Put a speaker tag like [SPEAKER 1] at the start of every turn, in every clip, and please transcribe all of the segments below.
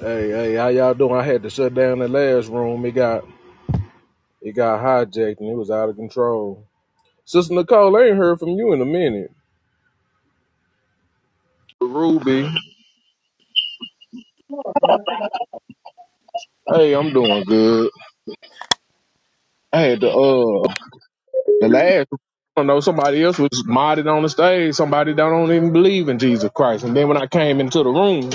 [SPEAKER 1] Hey, hey, how y'all doing? I had to shut down the last room. It got it got hijacked and it was out of control. Sister Nicole, I ain't heard from you in a minute. Ruby, hey, I'm doing good. I had to uh the last I know somebody else was modded on the stage. Somebody that don't even believe in Jesus Christ. And then when I came into the room,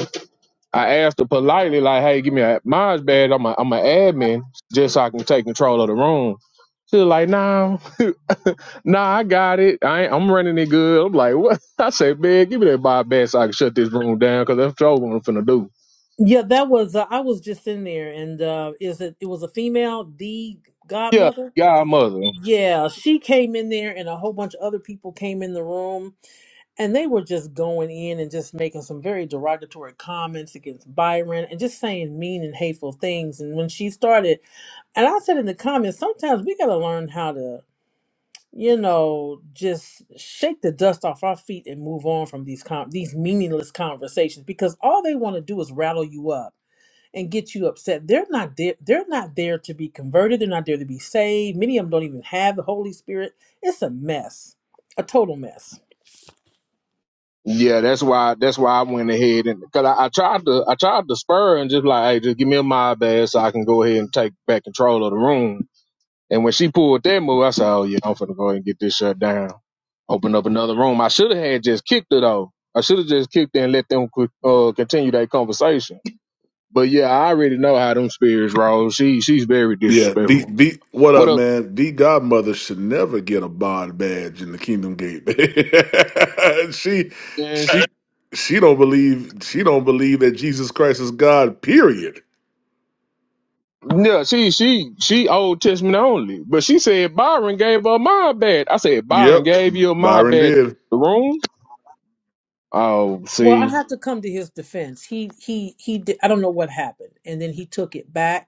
[SPEAKER 1] I asked her politely, like, "Hey, give me a mine's badge. I'm a I'm an admin, just so I can take control of the room." She was like, "Nah." Nah, I got it. I ain't, I'm running it good. I'm like, what? I say, man, give me that Bob Bass so I can shut this room down because that's all what I'm finna do.
[SPEAKER 2] Yeah, that was. Uh, I was just in there, and uh, is it? It was a female, the
[SPEAKER 1] Yeah,
[SPEAKER 2] godmother.
[SPEAKER 1] godmother.
[SPEAKER 2] Yeah, she came in there, and a whole bunch of other people came in the room, and they were just going in and just making some very derogatory comments against Byron, and just saying mean and hateful things. And when she started, and I said in the comments, sometimes we got to learn how to. you know, just shake the dust off our feet and move on from these con- these meaningless conversations because all they want to do is rattle you up and get you upset. They're not there. They're not there to be converted. They're not there to be saved. Many of them don't even have the Holy Spirit. It's a mess, a total mess.
[SPEAKER 1] Yeah, that's why. That's why I went ahead and because I, I tried to, I tried to spur her and just like, hey, just give me a mob Bass so I can go ahead and take back control of the room. And when she pulled that move, I said, oh yeah, I'm finna go ahead and get this shut down. Open up another room. I should have had just kicked her though. I should have just kicked her and let them co- uh, continue that conversation. But yeah, I already know how them spirits roll. She she's very
[SPEAKER 3] Yeah, the
[SPEAKER 1] disrespectful.
[SPEAKER 3] the what
[SPEAKER 1] What
[SPEAKER 3] up,
[SPEAKER 1] up?
[SPEAKER 3] man? The godmother should never get a bond badge in the Kingdom Gate. she
[SPEAKER 1] Is
[SPEAKER 3] she she don't believe she don't believe that Jesus Christ is God. Period.
[SPEAKER 1] yeah, she she she Old Testament only. But she said Byron gave her my bed. I said Byron
[SPEAKER 3] Yep,
[SPEAKER 1] gave you my
[SPEAKER 3] Byron
[SPEAKER 1] bed
[SPEAKER 3] did
[SPEAKER 1] the room. Oh,
[SPEAKER 2] Well, I
[SPEAKER 1] see,
[SPEAKER 2] have to come to his defense. He he he. Did, I don't know what happened, and then he took it back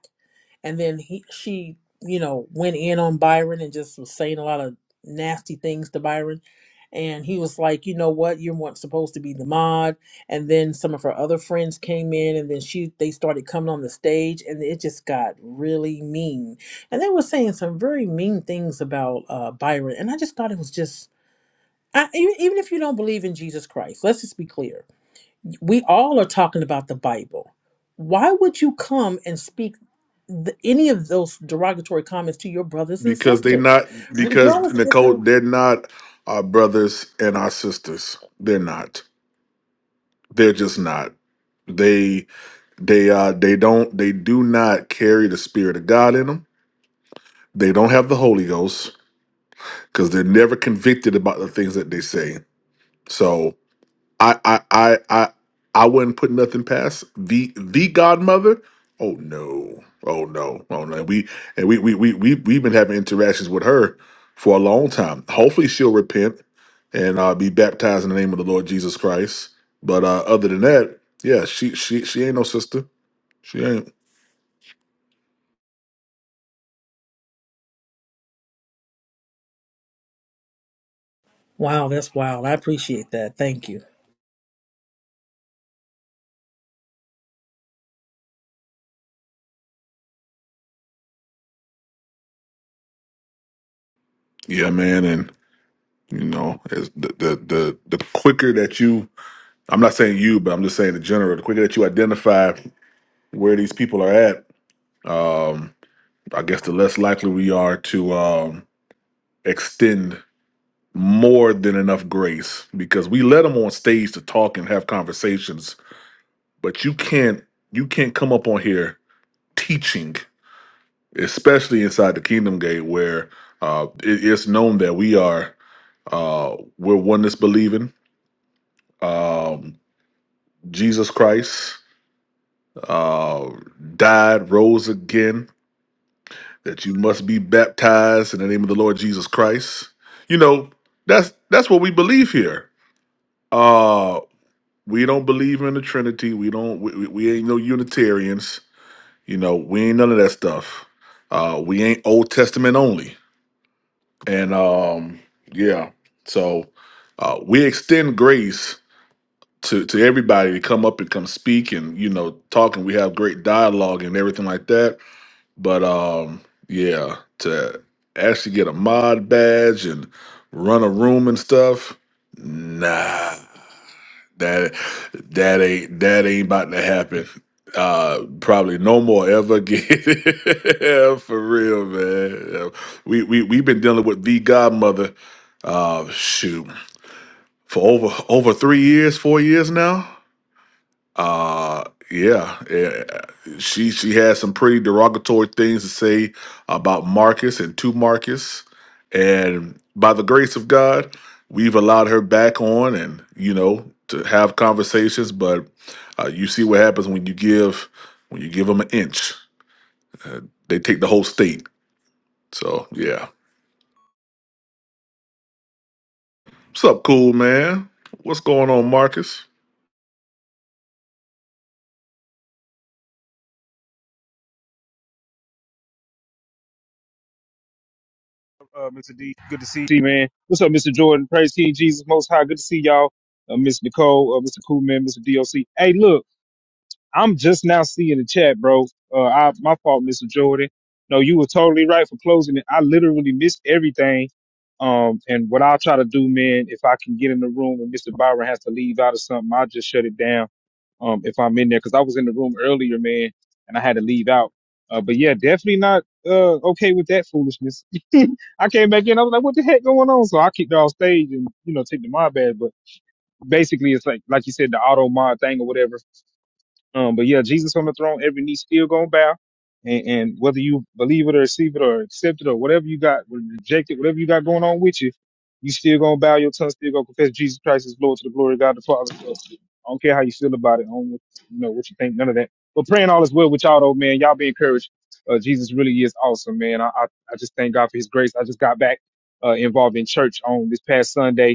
[SPEAKER 2] and then he she you know went in on Byron and just was saying a lot of nasty things to Byron and he was like you know what you weren't supposed to be the mod and then some of her other friends came in and then she they started coming on the stage and it just got really mean and they were saying some very mean things about uh Byron and I just thought it was just I, e- even if you don't believe in Jesus Christ, let's just be clear we all are talking about the Bible. Why would you come and speak the, any of those derogatory comments to your brothers and
[SPEAKER 3] because they
[SPEAKER 2] sisters?
[SPEAKER 3] not because
[SPEAKER 2] Regardless if
[SPEAKER 3] Nicole
[SPEAKER 2] you
[SPEAKER 3] they're not our brothers and our sisters. They're not. They're just not. They they uh they don't they do not carry the spirit of God in them. They don't have the Holy Ghost because they're never convicted about the things that they say. So I I I I I wouldn't put nothing past the the godmother. Oh no. Oh no. Oh no. We and we we we we we've been having interactions with her for a long time. Hopefully she'll repent and uh, be baptized in the name of the Lord Jesus Christ. But uh, other than that, yeah, she she she ain't no sister. She ain't.
[SPEAKER 2] Wow, that's wild. I appreciate that. Thank you.
[SPEAKER 3] Yeah, man, and you know, as the the the, the quicker that you I'm not saying you, but I'm just saying in general. The quicker that you identify where these people are at, um, I guess the less likely we are to um, extend more than enough grace because we let them on stage to talk and have conversations, but you can't you can't come up on here teaching, especially inside the Kingdom Gate where uh, it- it's known that we are uh, we're oneness believing. Um, Jesus Christ uh, died, rose again that you must be baptized in the name of the Lord Jesus Christ. You know, that's that's what we believe here. Uh we don't believe in the Trinity. We don't we, we we ain't no Unitarians. You know, we ain't none of that stuff. Uh we ain't Old Testament only. And um yeah. So uh we extend grace to to everybody to come up and come speak and you know talk and we have great dialogue and everything like that But um, yeah, to actually get a mod badge and run a room and stuff, nah, that that ain't that ain't about to happen. Uh, probably no more ever again. Yeah, For real, man. Yeah. We we we've been dealing with the godmother. Uh, shoot, for over over three years, four years now. Uh, yeah, eh, she she had some pretty derogatory things to say about Marcus and to Marcus, and by the grace of God, we've allowed her back on, and you know to have conversations. But uh, you see what happens when you give when you give them an inch, uh, they take the whole state. So yeah, what's up, cool man? What's going on, Marcus?
[SPEAKER 4] uh, Mr. D. Good to see you, man. What's up, Mr. Jordan? Praise King Jesus Most High. Good to see y'all. Uh, Miss Nicole, uh, Mr. Coolman, Mr. DOC. Hey, look, I'm just now seeing the chat, bro. Uh, I, my fault, Mr. Jordan. No, you were totally right for closing it. I literally missed everything. Um, and what I'll try to do, man, if I can get in the room and Mr. Byron has to leave out of something, I'll just shut it down um, if I'm in there, because I was in the room earlier, man, and I had to leave out. Uh, but yeah, definitely not uh, okay with that foolishness. I came back in, I was like, what the heck going on? So I kicked her off stage and you know took the mod badge. But basically, it's like like you said, the auto mod thing or whatever. Um, but yeah, Jesus on the throne, every knee still gonna bow. And, and whether you believe it or receive it or accept it or whatever you got, or reject it, whatever you got going on with you, you still gonna bow your tongue, still gonna confess Jesus Christ is Lord to the glory of God the Father. So I don't care how you feel about it. I don't know, you know what you think, none of that. But praying all is well with y'all though, man. Y'all be encouraged. Uh, Jesus really is awesome, man. I, I, I just thank God for his grace. I just got back uh, involved in church on this past Sunday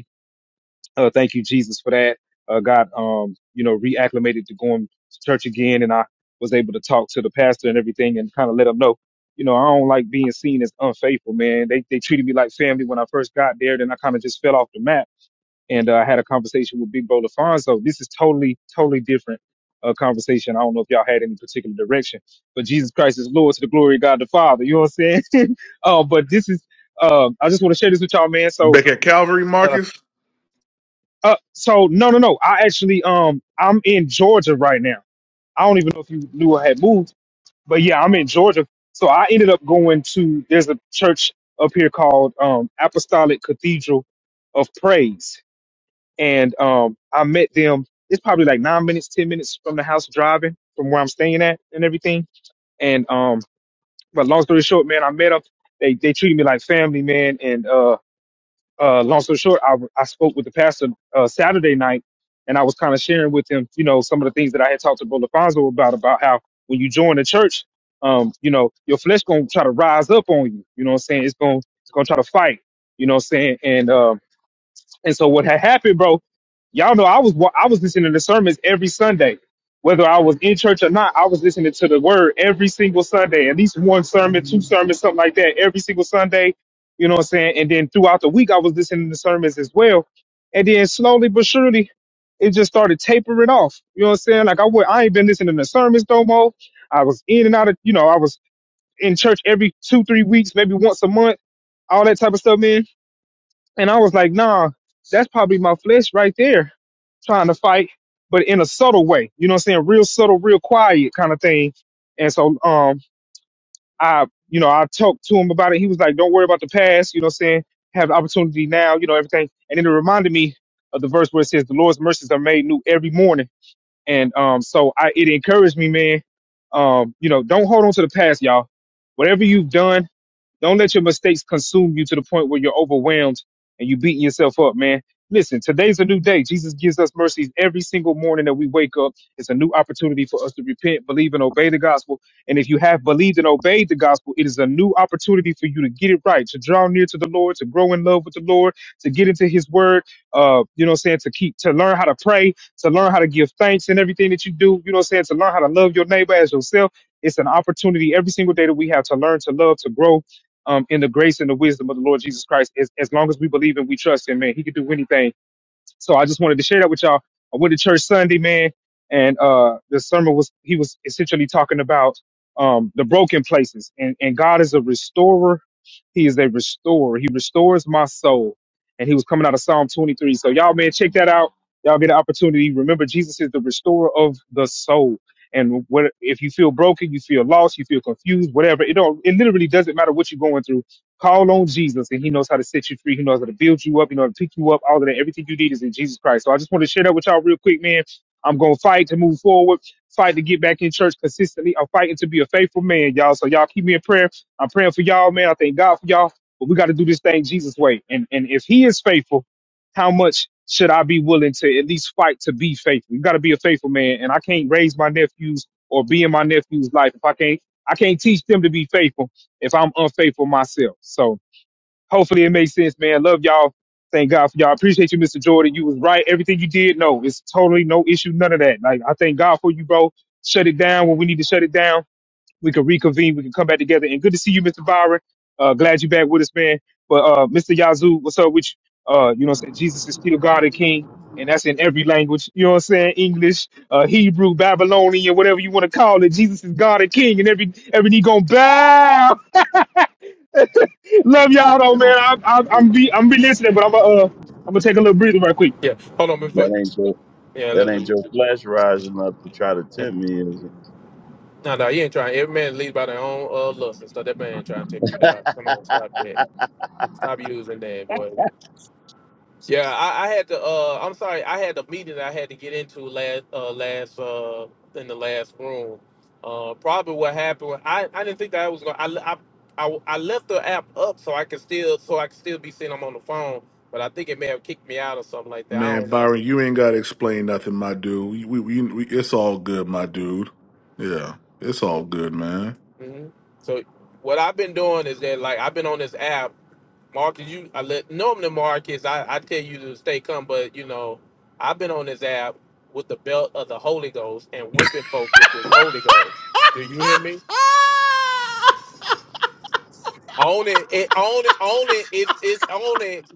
[SPEAKER 4] uh, thank you, Jesus, for that. Uh, got, um, you know, reacclimated to going to church again, and I was able to talk to the pastor and everything, and kind of let him know, you know, I don't like being seen as unfaithful, man. They they treated me like family when I first got there, then I kind of just fell off the map, and uh, I had a conversation with Big Bro Lafonso. This is totally, totally different. uh conversation. I don't know if y'all had any particular direction, but Jesus Christ is Lord to the glory of God the Father. You know what I'm saying? uh, but this is, um, I just want to share this with y'all, man. So,
[SPEAKER 3] Back at Calvary,
[SPEAKER 4] uh,
[SPEAKER 3] Marcus?
[SPEAKER 4] uh, so no, no, no. I actually, um, I'm in Georgia right now. I don't even know if you knew I had moved, but yeah, I'm in Georgia. So I ended up going to there's a church up here called um, Apostolic Cathedral of Praise, and um, I met them. It's probably like nine minutes, ten minutes from the house driving from where I'm staying at and everything. And um, but long story short, man, I met them. They they treated me like family, man, and uh uh, long story short, I, I spoke with the pastor uh, Saturday night, and I was kind of sharing with him, you know, some of the things that I had talked to Brother Fonzo about, about how when you join the church, um, you know, your flesh gonna try to rise up on you. You know what I'm saying? It's gonna it's gonna try to fight. You know what I'm saying? And uh, and so what had happened, bro, y'all know I was wa- I was listening to sermons every Sunday. Whether I was in church or not, I was listening to the word every single Sunday, at least one sermon, two sermons, something like that, every single Sunday. You know what I'm saying? And then throughout the week, I was listening to sermons as well. And then slowly but surely, it just started tapering off. You know what I'm saying? Like I would, I ain't been listening to sermons no more. I was in and out of, you know, I was in church every two, three weeks, maybe once a month, all that type of stuff, man and I was like, nah, that's probably my flesh right there trying to fight, but in a subtle way. You know what I'm saying? Real subtle, real quiet kind of thing. And so um I you know, I talked to him about it. He was like, Don't worry about the past, you know what I'm saying? Have the opportunity now, you know, everything. And then it reminded me of the verse where it says, The Lord's mercies are made new every morning. And um so I it encouraged me, man. Um, you know, don't hold on to the past, y'all. Whatever you've done, don't let your mistakes consume you to the point where you're overwhelmed and you beating yourself up, man. Listen, today's a new day. Jesus gives us mercies every single morning that we wake up. It's a new opportunity for us to repent, believe, and obey the gospel. And if you have believed and obeyed the gospel, it is a new opportunity for you to get it right, to draw near to the Lord, to grow in love with the Lord, to get into his word, uh, you know what I'm saying, to keep to learn how to pray, to learn how to give thanks in everything that you do, you know what I'm saying, to learn how to love your neighbor as yourself. It's an opportunity every single day that we have to learn to love, to grow, um, in the grace and the wisdom of the Lord Jesus Christ. As, as long as we believe and we trust Him, man, He can do anything. So I just wanted to share that with y'all. I went to church Sunday, man, and uh, the sermon was he was essentially talking about um, the broken places, and, and God is a restorer. He is a restorer. He restores my soul, and he was coming out of Psalm 23. So y'all, man, check that out. Y'all get an opportunity. Remember, Jesus is the restorer of the soul. And what if you feel broken, you feel lost, you feel confused, whatever. It don't. It literally doesn't matter what you're going through Call on Jesus and he knows how to set you free. He knows how to build you up. He knows how to pick you up. All of that, everything you need is in Jesus Christ. So I just want to share that with y'all real quick, man. I'm going to fight to move forward, fight to get back in church consistently. I'm fighting to be a faithful man, y'all. So y'all keep me in prayer. I'm praying for y'all, man. I thank God for y'all, but we got to do this thing Jesus way. And, and if he is faithful, how much should I be willing to at least fight to be faithful? You got to be a faithful man. And I can't raise my nephews or be in my nephew's life if I can't, I can't teach them to be faithful if I'm unfaithful myself. So hopefully it makes sense, man. Love y'all. Thank God for y'all. Appreciate you, Mr. Jordan. You was right. Everything you did, no, it's totally no issue, none of that. Like I thank God for you, bro. Shut it down when we need to shut it down. We can reconvene. We can come back together. And good to see you, Mr. Byron. Uh, glad you back with us, man. But uh, Mr. Yazoo, what's up with you? Uh, you know, what I'm saying Jesus is still God and King, and that's in every language. You know what I'm saying? English, uh, Hebrew, Babylonian, whatever you want to call it. Jesus is God and King, and every every knee gonna bow. Love
[SPEAKER 5] That
[SPEAKER 4] y'all
[SPEAKER 5] ain't
[SPEAKER 4] though,
[SPEAKER 5] your
[SPEAKER 4] man. I, I, I'm be I'm be listening, but I'm gonna uh I'm gonna take a little breather right quick.
[SPEAKER 6] Yeah, hold on before.
[SPEAKER 5] that ain't your
[SPEAKER 6] Yeah,
[SPEAKER 5] that
[SPEAKER 6] let
[SPEAKER 5] ain't
[SPEAKER 6] me.
[SPEAKER 5] your flesh rising up to try to
[SPEAKER 6] yeah.
[SPEAKER 5] tempt me. Is it?
[SPEAKER 6] No, no, you ain't trying. Every man leads by their own uh, lust and stuff. That man ain't trying to tip you down. Come on, stop that. Stop using that, boy. Yeah, I, I had to. Uh, I'm sorry. I had a meeting that I had to get into last, uh, last, uh, in the last room. Uh, probably what happened. was- I, I didn't think that I was going. to I, I, I, I left the app up so I could still, so I could still be seeing them on the phone. But I think it may have kicked me out or something like that. I
[SPEAKER 3] Man,
[SPEAKER 6] don't know.
[SPEAKER 3] Byron, you ain't gotta explain nothing, my dude. We, we, we, it's all good, my dude. Yeah, it's all good, man.
[SPEAKER 6] hmm So what I've been doing is that like I've been on this app Mark, you I let normally Mark is I, I tell you to stay calm, but you know, I've been on this app with the belt of the Holy Ghost and whipping folks with this Holy Ghost. Do you hear me? On it, it on it, on it, it's it's on it,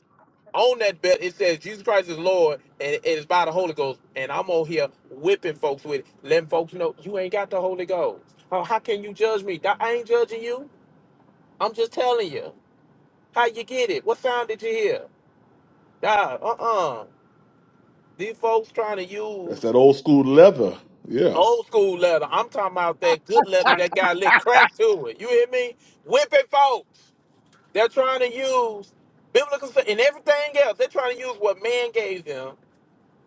[SPEAKER 6] on that belt. It says Jesus Christ is Lord, and it is by the Holy Ghost. And I'm on here whipping folks with it, letting folks know you ain't got the Holy Ghost. Oh, how can you judge me? Dawg, I ain't judging you. I'm just telling you how you get it. What sound did you hear? Nah, uh-uh. These folks trying to
[SPEAKER 3] That's
[SPEAKER 6] use
[SPEAKER 3] that old school leather. Yeah,
[SPEAKER 6] old school leather. I'm talking about that good leather that got lit crack to it. You hear me? Whipping folks. They're trying to use biblical stu- and everything else. They're trying to use what man gave them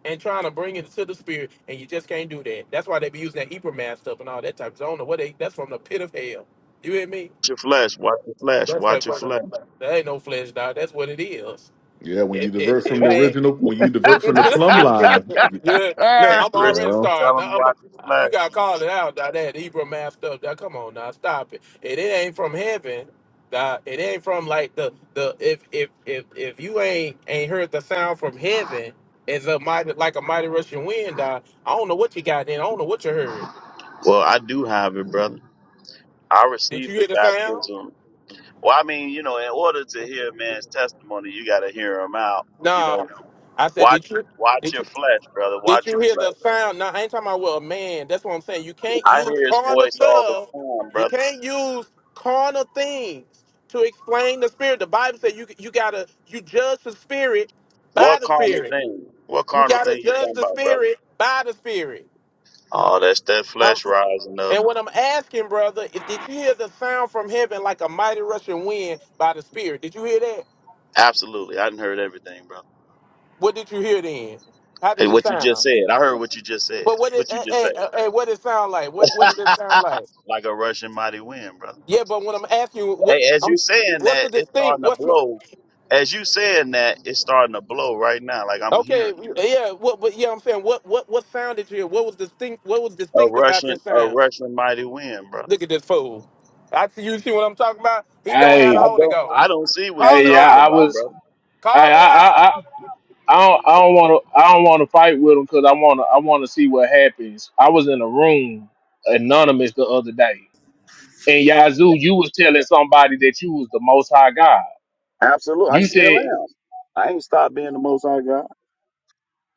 [SPEAKER 6] and trying to bring it to the spirit. And you just can't do that. That's why they be using that Eber mask stuff and all that type of stuff. I don't know what they that's from the pit of hell. You hear me?
[SPEAKER 5] Watch your flesh, watch your flesh,
[SPEAKER 6] That's that
[SPEAKER 5] watch your flesh.
[SPEAKER 6] that ain't no flesh dog. That's what it is.
[SPEAKER 3] yeah. When you
[SPEAKER 6] It, it,
[SPEAKER 3] divert
[SPEAKER 6] if
[SPEAKER 3] from the
[SPEAKER 6] it ain't
[SPEAKER 3] original, when you divert from the plumb line, you-
[SPEAKER 6] you look,
[SPEAKER 5] Hey
[SPEAKER 6] I'm already
[SPEAKER 5] Christopher,
[SPEAKER 3] yeah,
[SPEAKER 6] starting.
[SPEAKER 5] tell him
[SPEAKER 6] Now, I'm, uh,
[SPEAKER 5] watch his
[SPEAKER 6] you
[SPEAKER 5] flesh,
[SPEAKER 6] gotta
[SPEAKER 5] man.
[SPEAKER 6] call it out. Now, that Hebrew math stuff. Now, come on, now stop it. It, it ain't from heaven. Now, it ain't from like the the if if if if you ain't ain't heard the sound from heaven as a mighty like a mighty rushing wind. Now, I don't know what you got. Then I don't know what you heard.
[SPEAKER 5] Well, I do have it, brother. I
[SPEAKER 6] Did
[SPEAKER 5] received
[SPEAKER 6] you
[SPEAKER 5] the
[SPEAKER 6] hear the sound?
[SPEAKER 5] baptism. Well, I mean, you know, in order to hear a man's testimony, you gotta hear him out. You
[SPEAKER 6] Nah.
[SPEAKER 5] know,
[SPEAKER 6] I said,
[SPEAKER 5] watch
[SPEAKER 6] did
[SPEAKER 5] it,
[SPEAKER 6] you?
[SPEAKER 5] watch
[SPEAKER 6] Did you?
[SPEAKER 5] your flesh, brother.
[SPEAKER 6] Did
[SPEAKER 5] Watch
[SPEAKER 6] you
[SPEAKER 5] your
[SPEAKER 6] hear the
[SPEAKER 5] flesh.
[SPEAKER 6] sound? No, I ain't talking about well, man. That's what I'm saying. You can't
[SPEAKER 5] I
[SPEAKER 6] use
[SPEAKER 5] hear his
[SPEAKER 6] carnal
[SPEAKER 5] voice all the
[SPEAKER 6] stuff.
[SPEAKER 5] time,
[SPEAKER 6] You
[SPEAKER 5] brother.
[SPEAKER 6] can't use carnal things to explain the spirit. The Bible says you you gotta you judge the spirit by
[SPEAKER 5] What
[SPEAKER 6] the
[SPEAKER 5] carnal
[SPEAKER 6] spirit.
[SPEAKER 5] thing? What
[SPEAKER 6] You
[SPEAKER 5] carnal
[SPEAKER 6] gotta
[SPEAKER 5] thing you
[SPEAKER 6] judge
[SPEAKER 5] talking
[SPEAKER 6] the
[SPEAKER 5] about, brother?
[SPEAKER 6] spirit by the spirit.
[SPEAKER 5] Oh, that's that
[SPEAKER 6] Um,
[SPEAKER 5] flesh rising up.
[SPEAKER 6] and what I'm asking, brother, is did you hear the sound from heaven like a mighty rushing wind by the spirit? Did you hear that?
[SPEAKER 5] Absolutely. I didn't heard everything, brother.
[SPEAKER 6] What did you hear then? How did
[SPEAKER 5] Hey,
[SPEAKER 6] it
[SPEAKER 5] what you just
[SPEAKER 6] sound?
[SPEAKER 5] said. I heard what you just said.
[SPEAKER 6] But what did
[SPEAKER 5] What you
[SPEAKER 6] hey,
[SPEAKER 5] just
[SPEAKER 6] hey, hey, hey, what did it sound like? What what did
[SPEAKER 5] said.
[SPEAKER 6] it sound like?
[SPEAKER 5] like a Russian mighty wind, brother.
[SPEAKER 6] Yeah, but when I'm asking you what
[SPEAKER 5] Hey, as
[SPEAKER 6] I'm,
[SPEAKER 5] you saying
[SPEAKER 6] what's the
[SPEAKER 5] that, it's
[SPEAKER 6] distinct?
[SPEAKER 5] starting to
[SPEAKER 6] What's
[SPEAKER 5] blow. As you saying that, it's starting to blow right now. Like I'm
[SPEAKER 6] okay?
[SPEAKER 5] hearing it.
[SPEAKER 6] Yeah, what? But yeah, I'm saying what? What? What sound did you hear? What was distinct? What was
[SPEAKER 5] A
[SPEAKER 6] distinct about
[SPEAKER 5] Russian,
[SPEAKER 6] this
[SPEAKER 5] a
[SPEAKER 6] sound?
[SPEAKER 5] Russian mighty wind, brother.
[SPEAKER 6] Look at this fool. I see you see what I'm talking about. He don't have the
[SPEAKER 5] I
[SPEAKER 1] Hey,
[SPEAKER 6] Holy
[SPEAKER 5] don't,
[SPEAKER 6] Ghost.
[SPEAKER 5] I don't see what you
[SPEAKER 6] Call
[SPEAKER 1] hey,
[SPEAKER 6] it
[SPEAKER 1] yeah,
[SPEAKER 5] talking
[SPEAKER 6] out.
[SPEAKER 1] I
[SPEAKER 5] about,
[SPEAKER 1] was.
[SPEAKER 5] brother.
[SPEAKER 1] Hey,
[SPEAKER 6] Call it
[SPEAKER 1] I,
[SPEAKER 6] out.
[SPEAKER 1] I, I, I don't, I don't want to, I don't want to fight with him because I want to, I want to see what happens. I was in a room anonymous the other day, and Yazoo, you was telling somebody that you was the Most High God.
[SPEAKER 5] Absolutely. I
[SPEAKER 1] You
[SPEAKER 5] still
[SPEAKER 1] said.
[SPEAKER 5] am. I ain't stopped being the most high God.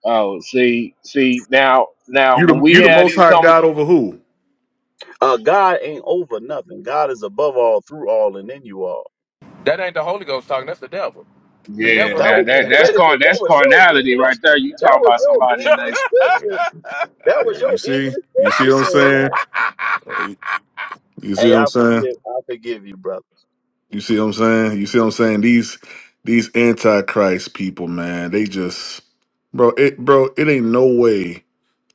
[SPEAKER 1] Oh, see, see now, now
[SPEAKER 3] you
[SPEAKER 1] when
[SPEAKER 3] the
[SPEAKER 1] we
[SPEAKER 3] you the
[SPEAKER 1] had
[SPEAKER 3] most
[SPEAKER 1] these
[SPEAKER 3] high God
[SPEAKER 1] conversations,
[SPEAKER 3] over who?
[SPEAKER 5] Uh, God ain't over nothing. God is above all, through all, and in you all.
[SPEAKER 6] That ain't the Holy Ghost talking. That's the devil. The
[SPEAKER 1] Yeah,
[SPEAKER 3] Yeah,
[SPEAKER 6] devil
[SPEAKER 5] That
[SPEAKER 1] now
[SPEAKER 5] was
[SPEAKER 6] think
[SPEAKER 1] that that's
[SPEAKER 5] wait a
[SPEAKER 6] anything.
[SPEAKER 1] car
[SPEAKER 5] minute. That
[SPEAKER 1] that's
[SPEAKER 5] was your
[SPEAKER 1] carnality right
[SPEAKER 5] English.
[SPEAKER 1] there. You
[SPEAKER 5] That
[SPEAKER 1] talking
[SPEAKER 5] was
[SPEAKER 1] about
[SPEAKER 5] your
[SPEAKER 1] somebody and they
[SPEAKER 5] English
[SPEAKER 3] yeah.
[SPEAKER 5] scripture. That
[SPEAKER 3] yeah.
[SPEAKER 5] was
[SPEAKER 3] You
[SPEAKER 5] your
[SPEAKER 3] see,
[SPEAKER 5] English
[SPEAKER 3] you see
[SPEAKER 5] scripture
[SPEAKER 3] what I'm
[SPEAKER 5] saying
[SPEAKER 3] saying?
[SPEAKER 5] that.
[SPEAKER 3] You see
[SPEAKER 5] Hey,
[SPEAKER 3] what I'm
[SPEAKER 5] I
[SPEAKER 3] saying?
[SPEAKER 5] forgive. I forgive you, brother.
[SPEAKER 3] You see what I'm saying? You see what I'm saying? These these antichrist people, man. They just, bro, it, bro, it ain't no way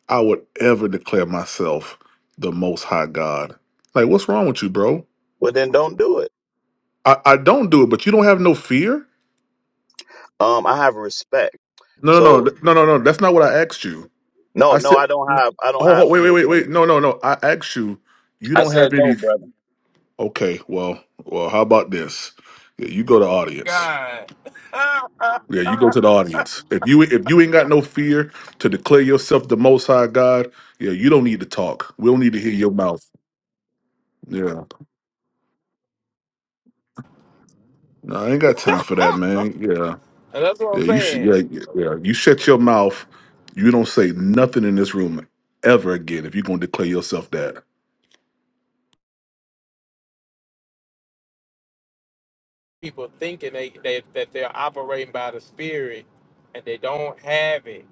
[SPEAKER 3] I would ever declare myself the most high God. Like, what's wrong with you, bro?
[SPEAKER 5] Well, then don't do it.
[SPEAKER 3] I, I don't do it, but you don't have no fear?
[SPEAKER 5] Um, I have respect.
[SPEAKER 3] No, no, no,
[SPEAKER 5] So
[SPEAKER 3] th- no, no, no. That's not what I asked you.
[SPEAKER 5] no,
[SPEAKER 3] I
[SPEAKER 5] no,
[SPEAKER 3] said,
[SPEAKER 5] I don't
[SPEAKER 3] no,
[SPEAKER 5] have. I don't
[SPEAKER 3] oh, oh,
[SPEAKER 5] have
[SPEAKER 3] wait, wait,
[SPEAKER 5] fear,
[SPEAKER 3] wait,
[SPEAKER 5] brother.
[SPEAKER 3] wait. No, no, no. I asked you, you
[SPEAKER 5] I
[SPEAKER 3] don't have
[SPEAKER 5] said no,
[SPEAKER 3] any.
[SPEAKER 5] brother.
[SPEAKER 3] Okay, well, well, how about this? Yeah, you go to the audience.
[SPEAKER 6] God.
[SPEAKER 3] Yeah, you go to the audience. If you if you ain't got no fear to declare yourself the most high God, yeah, you don't need to talk. We don't need to hear your mouth. Yeah. No, I ain't got time for that, man. Yeah.
[SPEAKER 6] And that's what
[SPEAKER 3] Yeah,
[SPEAKER 6] I'm
[SPEAKER 3] you should.
[SPEAKER 6] saying.
[SPEAKER 3] Yeah, yeah. yeah. You shut your mouth. You don't say nothing in this room ever again if you're gonna declare yourself that.
[SPEAKER 6] People thinking they, they that they're operating by the Spirit, and they don't have it.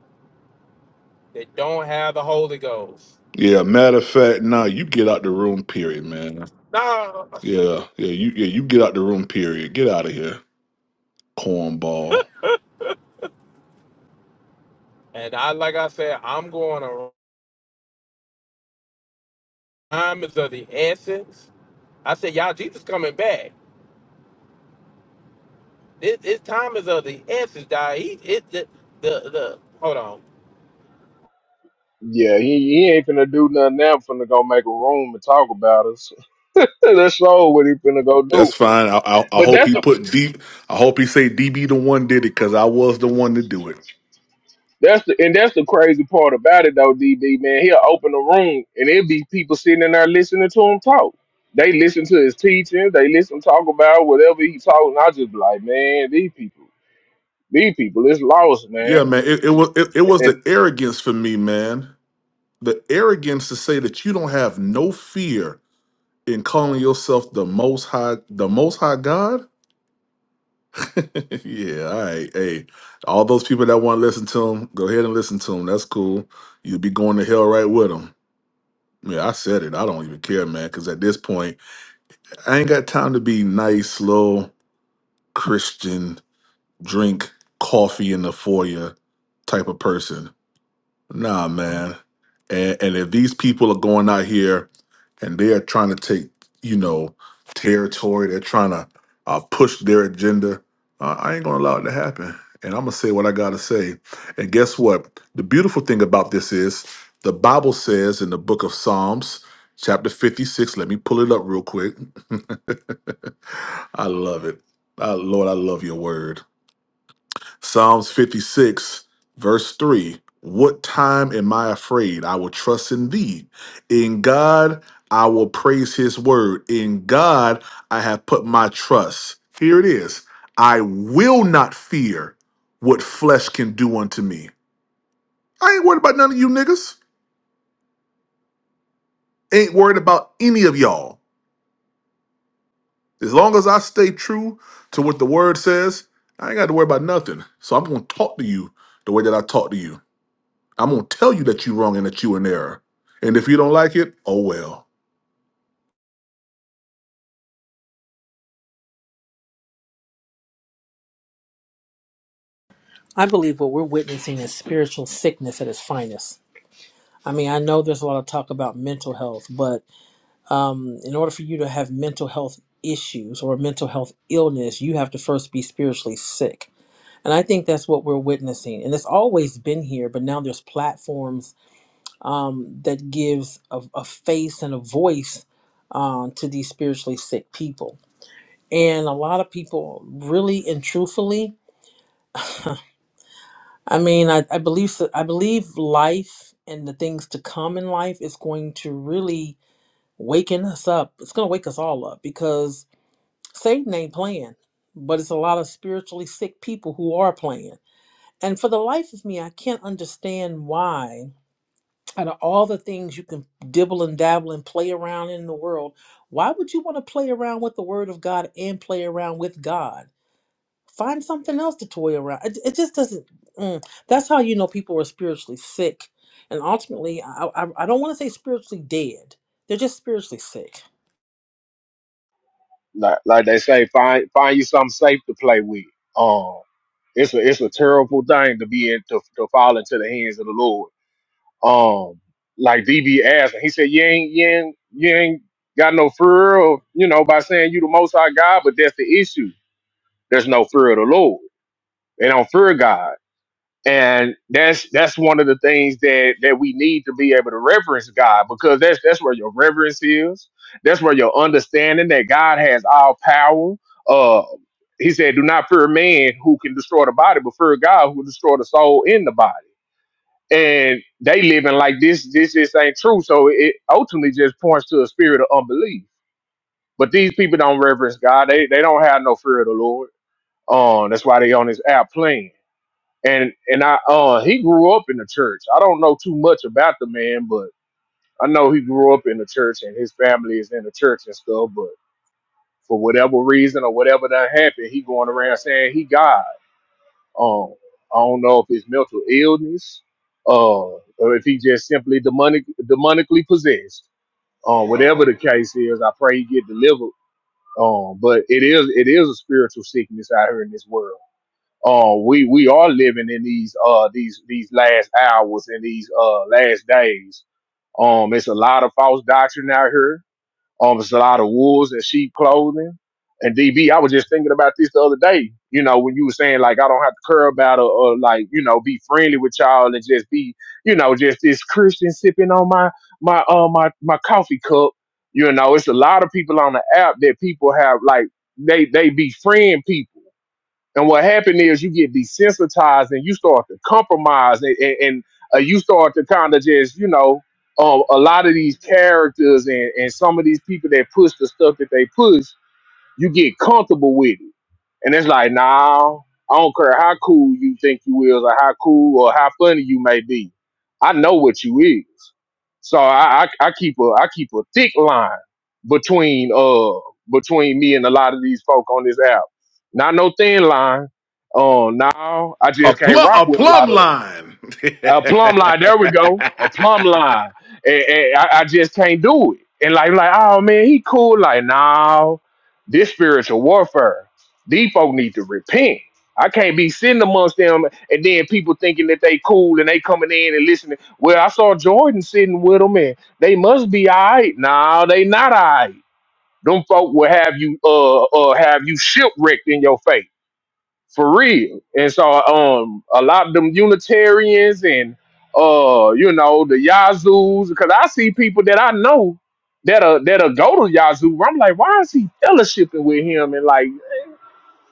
[SPEAKER 6] That don't have the Holy Ghost.
[SPEAKER 3] Yeah. Matter of fact, nah. You get out the room. Period, man.
[SPEAKER 6] nah.
[SPEAKER 3] Yeah. Yeah. You. Yeah. You get out the room. Period. Get out of here, cornball.
[SPEAKER 6] And I, like I said, I'm going to time is of the essence. I said, y'all, Jesus coming back. This, this time is of the essence, die. He, it, the, the, the, hold on.
[SPEAKER 1] yeah, he, he ain't finna do nothing now. Finna go make a room and talk about us. that's all what he finna go do.
[SPEAKER 3] That's fine. I, I, I
[SPEAKER 1] But
[SPEAKER 3] hope
[SPEAKER 1] that's
[SPEAKER 3] he
[SPEAKER 1] the
[SPEAKER 3] put deep. I hope he say DB the one did it because I was the one to do it.
[SPEAKER 1] that's the and that's the crazy part about it though, DB man. He'll open the room and it'll be people sitting in there listening to him talk. They listen to his teachings. They listen talk about whatever he talking. I just be like, man, these people, these people is lost,
[SPEAKER 3] Yeah,
[SPEAKER 1] man.
[SPEAKER 3] man. It, it was it, it was
[SPEAKER 1] and
[SPEAKER 3] the arrogance for me, man. The arrogance to say that you don't have no fear in calling yourself the most high the most high god yeah all right hey all those people that want to listen to him go ahead and listen to him that's cool you'll be going to hell right with him yeah i said it i don't even care man because at this point i ain't got time to be nice slow christian drink coffee in the foyer type of person Nah, man. And and if these people are going out here and they are trying to take, you know, territory, they're trying to uh, push their agenda, uh, I ain't gonna allow it to happen. And I'm gonna say what I gotta say. And guess what? The beautiful thing about this is the Bible says in the book of Psalms, chapter 56. Let me pull it up real quick. I love it. Ah, Lord, I love your word. Psalms 56, verse 3. What time am I afraid? I will trust in thee. In God, I will praise his word. In God, I have put my trust. Here it is. I will not fear what flesh can do unto me. I ain't worried about none of you niggas. Ain't worried about any of y'all. As long as I stay true to what the word says, I ain't got to worry about nothing. So I'm going to talk to you the way that I talk to you. I'm gonna tell you that you're wrong and that you're in error. And if you don't like it, oh well.
[SPEAKER 2] I believe what we're witnessing is spiritual sickness at its finest. I mean, I know there's a lot of talk about mental health, but um, in order for you to have mental health issues or mental health illness, you have to first be spiritually sick. And I think that's what we're witnessing. And it's always been here, but now there's platforms um, that gives a, a face and a voice um, to these spiritually sick people. And a lot of people, really and truthfully, I mean, I, I believe so- I believe life and the things to come in life is going to really waken us up. It's going to wake us all up because Satan ain't playing, but it's a lot of spiritually sick people who are playing. And for the life of me, I can't understand why out of all the things you can dibble and dabble and play around in the world, why would you want to play around with the Word of God and play around with God? Find something else to toy around. It, it just doesn't. mm. That's how you know people are spiritually sick, and ultimately, I I, I don't want to say spiritually dead. They're just spiritually sick.
[SPEAKER 1] like, like they say, find find you something safe to play with. Um, it's a it's a terrible thing to be in to, to fall into the hands of the Lord. Um, like DB asked, and he said, "You ain't you ain't you ain't got no fear of you know by saying you the Most High God, but that's the issue. There's no fear of the Lord. They don't fear God. and that's that's one of the things that that we need to be able to reverence God because that's that's where your reverence is. That's where your understanding that God has all power. Uh, he said, "Do not fear man who can destroy the body, but fear God who will destroy the soul in the body." And they living like this. This just ain't true. So it ultimately just points to a spirit of unbelief. But these people don't reverence God. They they don't have no fear of the Lord. Um, that's why they on this app playing and and I uh he grew up in the church. I don't know too much about the man, but I know he grew up in the church and his family is in the church and stuff. But for whatever reason or whatever that happened, he going around saying he God. Um, I don't know if it's mental illness, uh, or if he just simply demonic demonically possessed. Um, whatever the case is, I pray he get delivered. Um, but it is it is a spiritual sickness out here in this world uh, we we are living in these uh these these last hours and these uh last days. Um, it's a lot of false doctrine out here. Um, it's a lot of wolves and sheep clothing. And DB, I was just thinking about this the other day. You know, when you were saying like I don't have to care about or, or like you know be friendly with y'all and just be you know just this Christian sipping on my my uh my my coffee cup. You know, it's a lot of people on the app that people have like they they befriend people and what happened is you get desensitized and you start to compromise and, and, and uh, you start to kind of just, you know, um, a lot of these characters and, and some of these people that push the stuff that they push, you get comfortable with it. And it's like, nah, I don't care how cool you think you is or how cool or how funny you may be. I know what you is. So I, I, I keep a I keep a thick line between uh between me and a lot of these folk on this app. Not no thin line. Um, now I
[SPEAKER 3] A
[SPEAKER 1] just can't
[SPEAKER 3] plum,
[SPEAKER 1] rock
[SPEAKER 3] a
[SPEAKER 1] with a
[SPEAKER 3] plumb
[SPEAKER 1] lot of 'em
[SPEAKER 3] line.
[SPEAKER 1] a plumb line. There we go, a plumb line. And, and I, I just can't do it. And like, like, oh man, he cool. Like, now this spiritual warfare. These folk need to repent. I can't be sitting amongst them and then people thinking that they cool and they coming in and listening. Well, I saw Jordan sitting with them and they must be all right. No, they not all right. Them folk will have you uh uh have you shipwrecked in your face for real. And so, um, a lot of them Unitarians and uh, you know, the Yazoos, because I see people that I know that'll that'll go to Yazoo. I'm like, why is he fellowshipping with him? And like,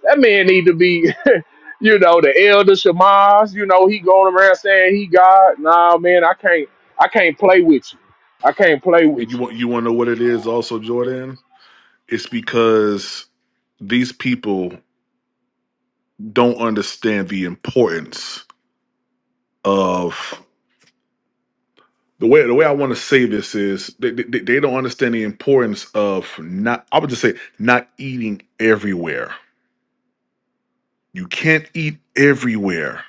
[SPEAKER 1] that man need to be, you know, the elder Shemaz. You know, he going around saying he God. Nah, man, I can't, I can't play with you. I can't play
[SPEAKER 3] And
[SPEAKER 1] with
[SPEAKER 3] you
[SPEAKER 1] you.
[SPEAKER 3] want you want to know what it is, also, Jordan? It's because these people don't understand the importance of the way. The way I want to say this is they, they, they don't understand the importance of not. I would just say not eating everywhere. You can't eat everywhere.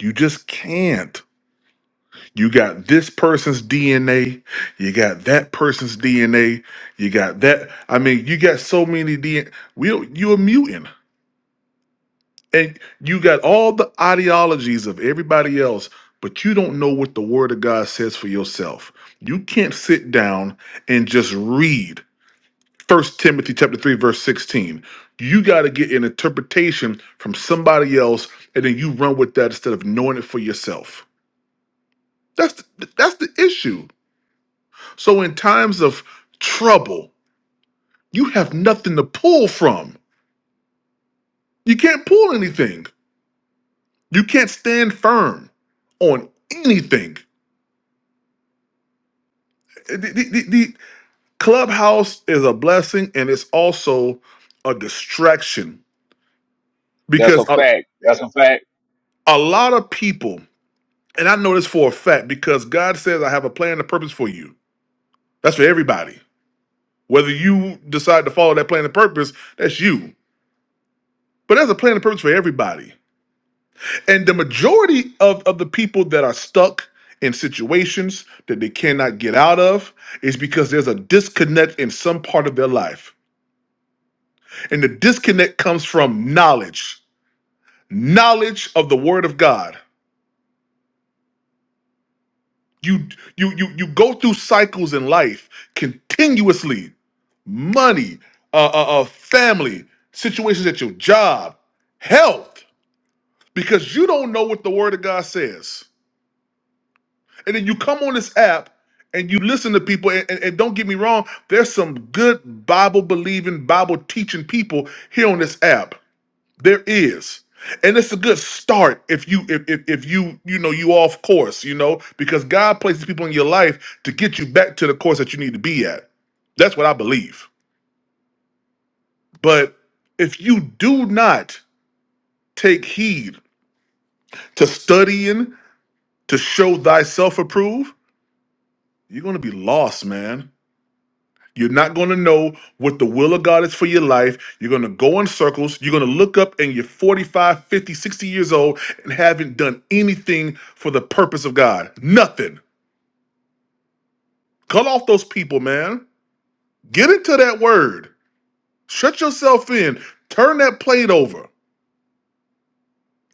[SPEAKER 3] You just can't. You got this person's DNA. You got that person's DNA. You got that. I mean, you got so many DNA. We, you're a mutant. And you got all the ideologies of everybody else, but you don't know what the Word of God says for yourself. You can't sit down and just read First Timothy chapter 3, verse 16. You got to get an interpretation from somebody else, and then you run with that instead of knowing it for yourself. That's the, that's the issue. So in times of trouble, you have nothing to pull from. You can't pull anything. You can't stand firm on anything. The, the- the- the clubhouse is a blessing and it's also a distraction
[SPEAKER 1] That's a
[SPEAKER 3] because a,
[SPEAKER 1] fact. That's a fact.
[SPEAKER 3] a lot of people, and I know this for a fact because God says, I have a plan and a purpose for you. That's for everybody. Whether you decide to follow that plan and purpose, that's you. But there's a plan and purpose for everybody And the majority of, of the people that are stuck in situations that they cannot get out of is because there's a disconnect in some part of their life. And the disconnect comes from knowledge. Knowledge of the word of God. You you you you go through cycles in life continuously. Money, uh, uh, uh family, situations at your job, health, because you don't know what the word of God says. And then you come on this app and you listen to people, and, and- and don't get me wrong, there's some good Bible believing, Bible teaching people here on this app. There is. And it's a good start if you if, if if you you know you off course, you know, because God places people in your life to get you back to the course that you need to be at. That's what I believe. But if you do not take heed to studying to show thyself approved, you're gonna be lost, man You're not going to know what the will of God is for your life. You're going to go in circles. You're going to look up and you're 45, 50, 60 years old and haven't done anything for the purpose of God. Nothing. Cut off those people, man. Get into that word. Shut yourself in. Turn that plate over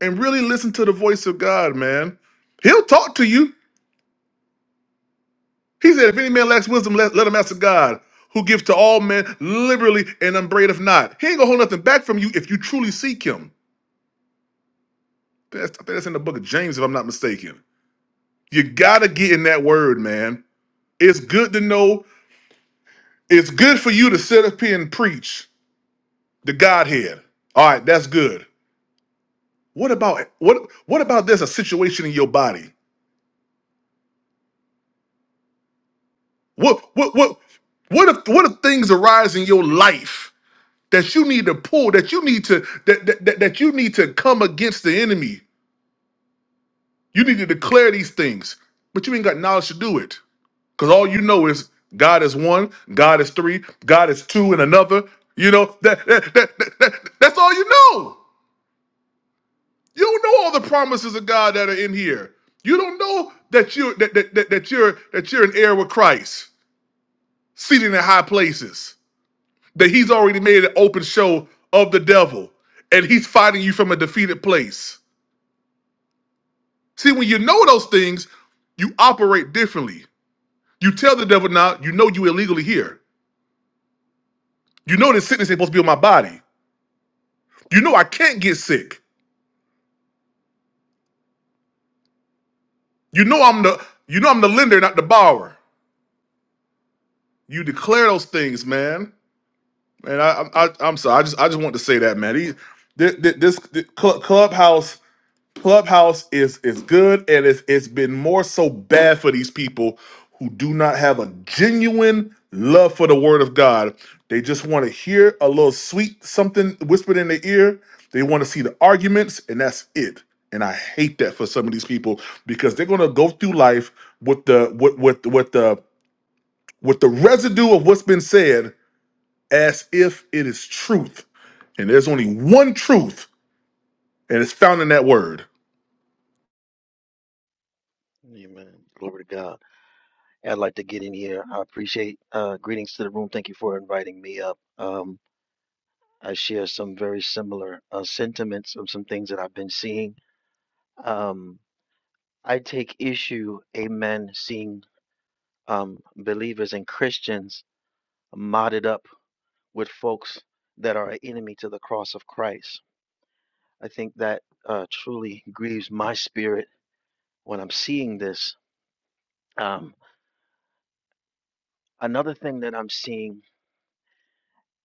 [SPEAKER 3] and really listen to the voice of God, man. He'll talk to you. He said, If any man lacks wisdom, let, let him ask of God, who gives to all men liberally and unbraideth not. He ain't going to hold nothing back from you if you truly seek him. That's, I think that's in the book of James, if I'm not mistaken. You gotta get in that word, man. It's good to know. It's good for you to sit up here and preach the Godhead. All right, that's good. What about what? What about there's a situation in your body? What? What? What? What if? What if things arise in your life that you need to pull? That you need to that that, that, that you need to come against the enemy. You need to declare these things, but you ain't got knowledge to do it. Because all you know is God is one, God is three, God is two, and another. You know, that, that, that, that- that- that's all you know. You don't know all the promises of God that are in here. You don't know that you're that, that, that, that you're that you're an heir with Christ, seated in high places, that he's already made an open show of the devil, and he's fighting you from a defeated place. See, when you know those things, you operate differently. You tell the devil now, you know you illegally here. You know this sickness ain't supposed to be on my body. You know I can't get sick. You know I'm the you know I'm the lender, not the borrower. You declare those things, man. And I, I, I I'm sorry. I just I just want to say that, man. He, this, this, this clubhouse Clubhouse is is good, and it's it's been more so bad for these people who do not have a genuine love for the Word of God. They just want to hear a little sweet something whispered in their ear. They want to see the arguments, and that's it. And I hate that for some of these people because they're gonna go through life with the with with with the with the residue of what's been said as if it is truth. And there's only one truth, and it's found in that word.
[SPEAKER 7] Amen. Glory to God. Hey, I'd like to get in here. I appreciate uh, greetings to the room. Thank you for inviting me up. Um, I share some very similar uh, sentiments of some things that I've been seeing. Um, I take issue, amen, seeing um, believers and Christians modded up with folks that are an enemy to the cross of Christ. I think that uh, truly grieves my spirit when I'm seeing this. Um, another thing that I'm seeing.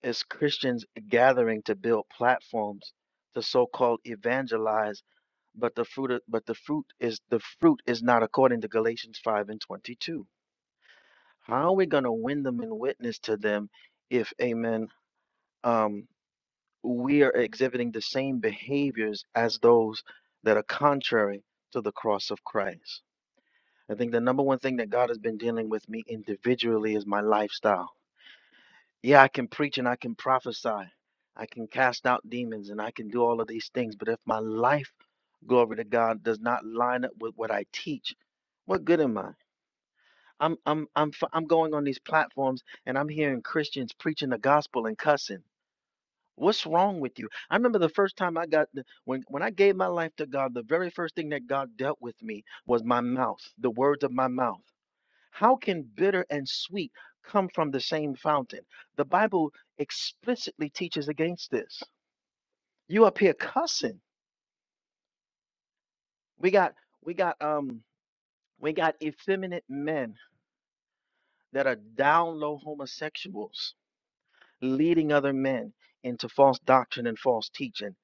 [SPEAKER 7] Is Christians gathering to build platforms to so-called evangelize, but the fruit of, but the fruit is the fruit is not according to Galatians 5 and 22. How are we going to win them and witness to them if amen um we are exhibiting the same behaviors as those that are contrary to the cross of Christ. I think the number one thing that God has been dealing with me individually is my lifestyle Yeah, I can preach and I can prophesy. I can cast out demons and I can do all of these things. But if my life, glory to God, does not line up with what I teach, what good am I? I'm I'm I'm f- I'm going on these platforms and I'm hearing Christians preaching the gospel and cussing. What's wrong with you? I remember the first time I got the, when when I gave my life to God, the very first thing that God dealt with me was my mouth, the words of my mouth. How can bitter and sweet come from the same fountain? The Bible explicitly teaches against this. You up here cussing. We got we got um we got effeminate men that are down low homosexuals leading other men into false doctrine and false teaching.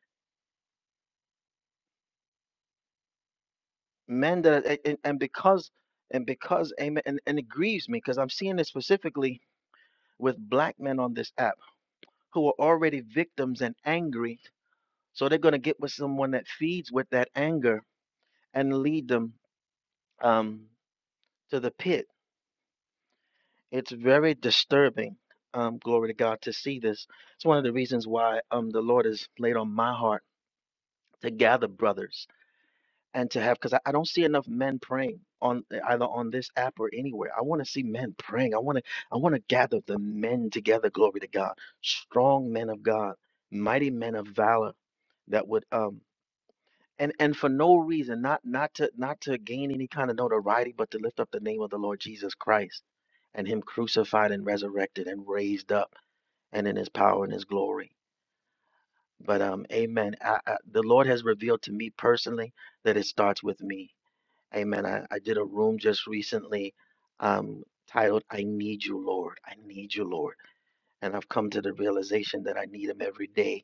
[SPEAKER 7] Men that are- and, and because and because amen and, and it grieves me because I'm seeing this specifically with black men on this app who are already victims and angry So they're going to get with someone that feeds with that anger and lead them um, to the pit. It's very disturbing, um, glory to God, to see this. It's one of the reasons why um, the Lord has laid on my heart to gather brothers and to have, because I, I don't see enough men praying on either on this app or anywhere. I want to see men praying. I want to I want to gather the men together, glory to God, strong men of God, mighty men of valor that would um, and and for no reason not not to not to gain any kind of notoriety but to lift up the name of the lord jesus christ and him crucified and resurrected and raised up and in his power and his glory but um amen I, I, the lord has revealed to me personally that it starts with me amen i, I did a room just recently um titled i need you lord i need you lord and i've come to the realization that i need him every day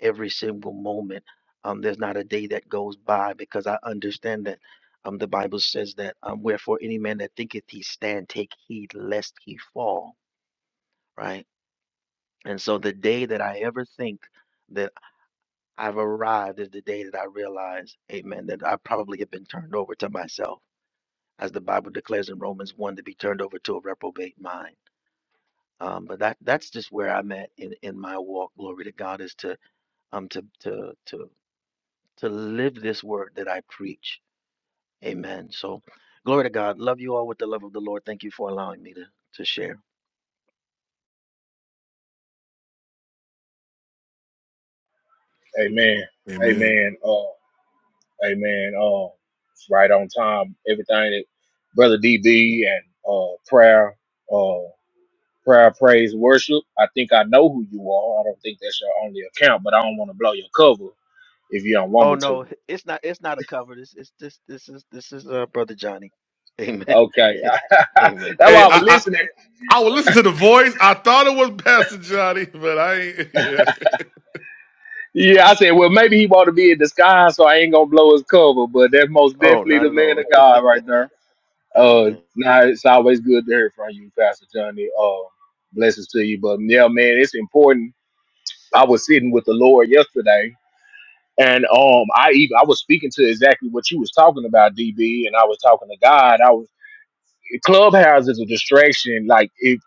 [SPEAKER 7] every single moment. Um, there's not a day that goes by because I understand that um, the Bible says that um, wherefore any man that thinketh he stand, take heed lest he fall, right? And so the day that I ever think that I've arrived is the day that I realize, amen, that I probably have been turned over to myself, as the Bible declares in Romans 1 to be turned over to a reprobate mind. Um, but that that's just where I'm at in, in my walk. Glory to God is to um to to to to live this word that I preach. Amen. So, glory to God. Love you all with the love of the Lord. Thank you for allowing me to to share.
[SPEAKER 1] Amen.
[SPEAKER 3] Amen.
[SPEAKER 1] Amen. Uh, Hey man, um, it's right on time. Everything that brother DB and uh prayer, uh prayer, praise, worship. I think I know who you are. I don't think that's your only account, but I don't want to blow your cover if you don't want
[SPEAKER 7] Oh
[SPEAKER 1] me to.
[SPEAKER 7] no, it's not. It's not a cover. This is this this is this is uh, brother Johnny. Amen.
[SPEAKER 1] Okay,
[SPEAKER 7] Amen.
[SPEAKER 1] that's why
[SPEAKER 3] Hey,
[SPEAKER 1] I was
[SPEAKER 3] I,
[SPEAKER 1] listening.
[SPEAKER 3] I would listen to the voice. I thought it was Pastor Johnny, but I ain't.
[SPEAKER 1] Yeah, I said, well, maybe he want to be in disguise, so I ain't gonna blow his cover. But that's most
[SPEAKER 7] Oh,
[SPEAKER 1] definitely
[SPEAKER 7] not
[SPEAKER 1] the
[SPEAKER 7] at
[SPEAKER 1] man
[SPEAKER 7] all.
[SPEAKER 1] of God right there. Uh,
[SPEAKER 7] Amen.
[SPEAKER 1] now it's always good to hear from you, Pastor Johnny. Uh, blessings to you. But yeah, man, it's important I was sitting with the Lord yesterday, and um, I even I was speaking to exactly what you was talking about, DB, and I was talking to God. I was Clubhouse is a distraction. Like if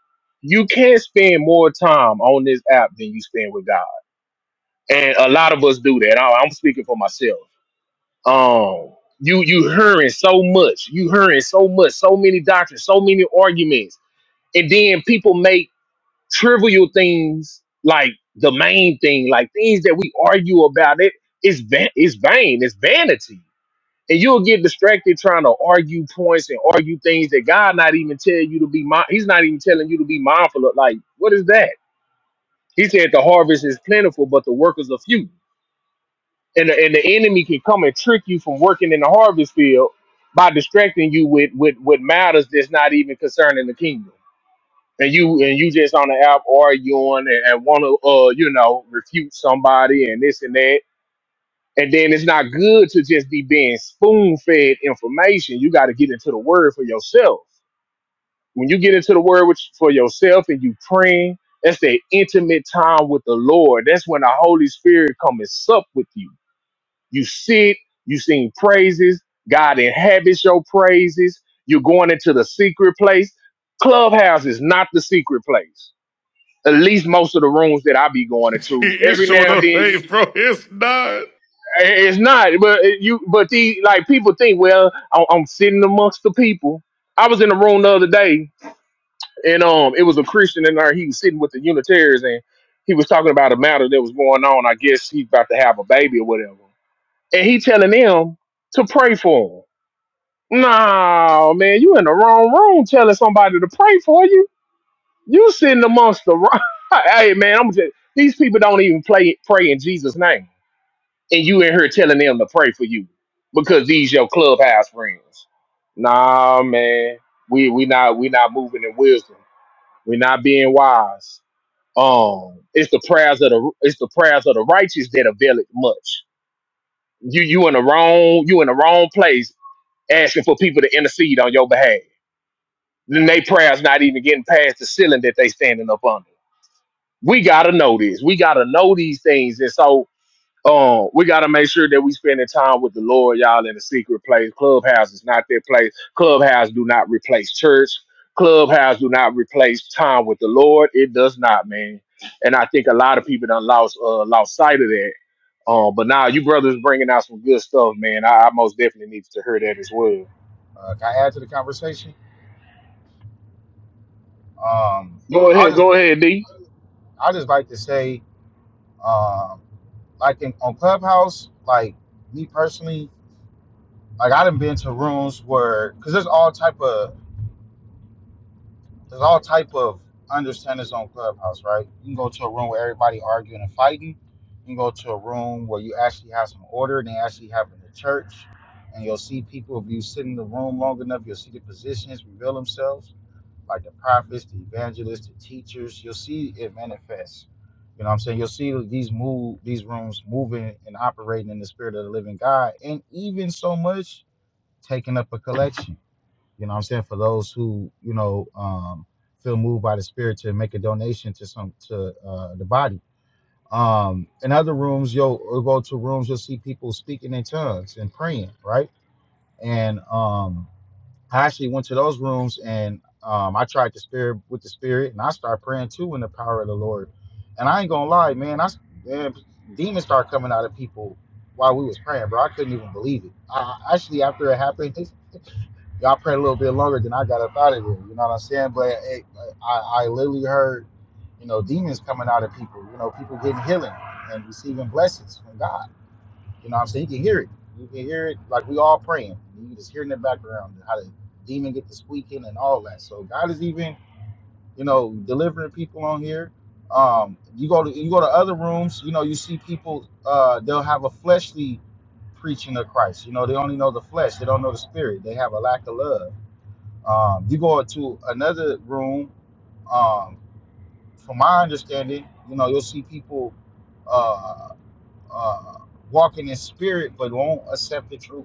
[SPEAKER 1] you can't spend more time on this app than you spend with God, and a lot of us do that. I, I'm speaking for myself. Um, you you hearing so much, you hearing so much, so many doctrines, so many arguments, and then people make trivial things like the main thing, like things that we argue about. It it's va- it's vain, it's vanity, and you'll get distracted trying to argue points and argue things that God not even tell you to be. Mind- He's not even telling you to be mindful of. Like what is that? He said the harvest is plentiful, but the workers are few, and the, and the enemy can come and trick you from working in the harvest field by distracting you with with with matters that's not even concerning the kingdom and you and you just on the app arguing and, and want to uh you know refute somebody and this and that and then it's not good to just be being spoon fed information you got to get into the word for yourself when you get into the word with, for yourself and you praying that's that intimate time with the lord that's when the holy spirit comes and sup with you you sit you sing praises god inhabits your praises you're going into the secret place clubhouse is not the secret place at least most of the rooms that I be going
[SPEAKER 3] Yeah, he
[SPEAKER 1] into.
[SPEAKER 3] is
[SPEAKER 1] Every
[SPEAKER 3] showing
[SPEAKER 1] now and
[SPEAKER 3] up.
[SPEAKER 1] then,
[SPEAKER 3] Hey, bro, it's not.
[SPEAKER 1] it's not. But you, but the like people think, well, I'm, I'm sitting amongst the people. I was in the room the other day, and um, it was a Christian in there. He was sitting with the Unitarians, and he was talking about a matter that was going on. I guess he's about to have a baby or whatever, and he telling them to pray for him. Nah, man, you in the wrong room telling somebody to pray for you You sitting amongst the rock. Hey man, I'm just these people don't even play pray in Jesus' name. And you in here telling them to pray for you because these your clubhouse friends. Nah man. We we not we not moving in wisdom. We're not being wise. Um it's the prayers of the it's the prayers of the righteous that avail it much. You you in the wrong you in the wrong place asking for people to intercede on your behalf. Then they prayers not even getting past the ceiling that they standing up on. we gotta know this. We gotta know these things, and so um, we gotta make sure that we spending time with the Lord, y'all, in a secret place. Clubhouse is not that place. Clubhouse do not replace church. Clubhouse do not replace time with the Lord. It does not, man. And I think a lot of people done lost uh, lost sight of that. Um, but now you brothers bringing out some good stuff, man. I, I most definitely need to hear that as well.
[SPEAKER 8] uh, can I add to the conversation? Um,
[SPEAKER 1] Go
[SPEAKER 8] I'll
[SPEAKER 1] ahead,
[SPEAKER 8] just
[SPEAKER 1] go ahead, D.
[SPEAKER 8] I just like to say, um, like in, on Clubhouse, like me personally, like I done been to rooms where because there's all type of there's all type of understandings on Clubhouse, right? You can go to a room where everybody arguing and fighting. You can go to a room where you actually have some order and they actually have in the church, and you'll see people if you sit in the room long enough, you'll see the positions reveal themselves like the prophets, the evangelists, the teachers. You'll see it manifest. You know what I'm saying? You'll see these move these rooms moving and operating in the spirit of the living God and even so much taking up a collection. You know what I'm saying? For those who, you know, um feel moved by the spirit to make a donation to some to uh the body. Um in other rooms you'll, you'll go to rooms you'll see people speaking in tongues and praying, right? And um I actually went to those rooms and um, I tried the spirit with the spirit, and I started praying too in the power of the Lord. And I ain't gonna lie, man, I man, demons started coming out of people while we was praying, bro. I couldn't even believe it. I, I- actually, after it happened, y'all prayed a little bit longer than I got up out of there. You know what I'm saying? But it, I, I literally heard, you know, demons coming out of people. You know, people getting healing and receiving blessings from God. You know what I'm saying? You can hear it. You can hear it like we all praying. You can just hear in the background how the demon get to squeaking and all that. So God is even, you know, delivering people on here. Um, you go to you go to other rooms, you know, you see people uh they'll have a fleshly preaching of Christ. You know, they only know the flesh, they don't know the spirit, they have a lack of love. Um, you go to another room, um, from my understanding, you know, you'll see people uh uh walking in spirit but won't accept the truth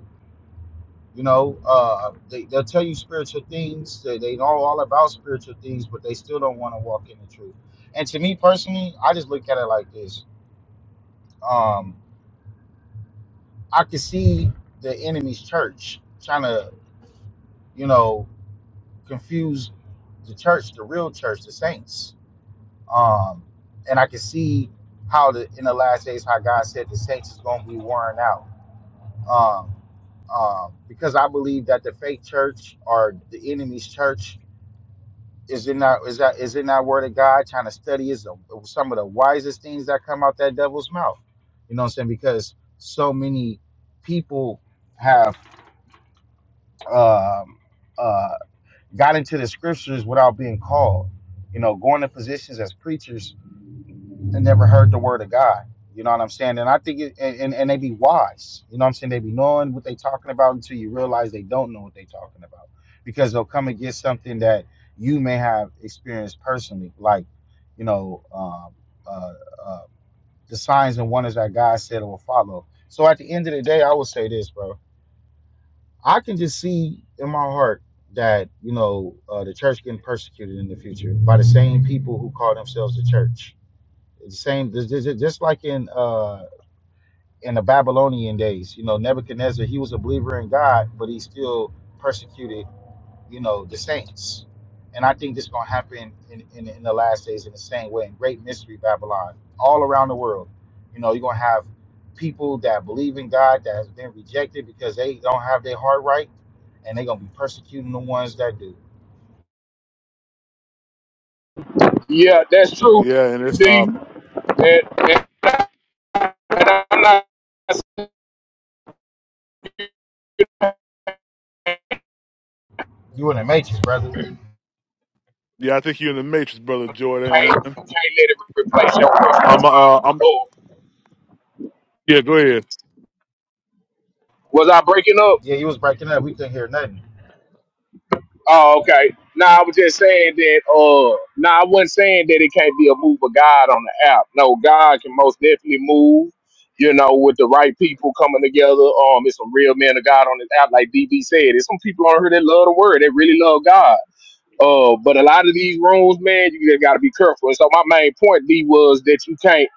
[SPEAKER 8] You know, uh, they, they'll tell you spiritual things. They, they know all about spiritual things, but they still don't want to walk in the truth. And to me personally, I just look at it like this. Um, I could see the enemy's church trying to, you know, confuse the church, the real church, the saints. Um, and I could see how the in the last days how God said the saints is going to be worn out. Um, um, because I believe that the fake church or the enemy's church is it not is that is it not word of God trying to study is the- some of the wisest things that come out that devil's mouth. You know what I'm saying? Because so many people have um, uh, got into the scriptures without being called. You know, going to positions as preachers and never heard the word of God. You know what I'm saying? And I think it, and, and they be wise. You know what I'm saying? They be knowing what they talking about until you realize they don't know what they talking about because they'll come and get something that you may have experienced personally, like you know um, uh, uh, the signs and wonders that God said will follow. So at the end of the day, I will say this, bro. I can just see in my heart that you know uh, the church getting persecuted in the future by the same people who call themselves the church the same, ju- ju- just like in uh, in the Babylonian days, you know, Nebuchadnezzar, he was a believer in God, but he still persecuted, you know, the saints. And I think this going to happen in, in, in the last days in the same way, in great mystery Babylon, all around the world. You know, you're going to have people that believe in God that has been rejected because they don't have their heart right, and they're going to be persecuting the ones that do.
[SPEAKER 1] Yeah, that's true,
[SPEAKER 3] Yeah, and it's uh,
[SPEAKER 1] D. And, and I'm not
[SPEAKER 8] You in the matrix, brother.
[SPEAKER 3] yeah. I think you're in the Matrix, brother
[SPEAKER 1] Can't,
[SPEAKER 3] Jordan.
[SPEAKER 1] let it replace your personal
[SPEAKER 3] I'm
[SPEAKER 1] time
[SPEAKER 3] uh,
[SPEAKER 1] with the
[SPEAKER 3] I'm
[SPEAKER 1] Lord.
[SPEAKER 3] yeah. Go ahead.
[SPEAKER 1] Was I breaking up?
[SPEAKER 8] Yeah, you was breaking up. We couldn't hear nothing.
[SPEAKER 1] Oh, okay. No, I was just saying that. Uh, no, I wasn't saying that it can't be a move of God on the app. No, God can most definitely move. You know, with the right people coming together. Um, it's some real men of God on this app, like DB said. There's some people on here that love the word. They really love God. Uh, but a lot of these rooms, man, you just got to be careful. And so my main point, D, was that you can't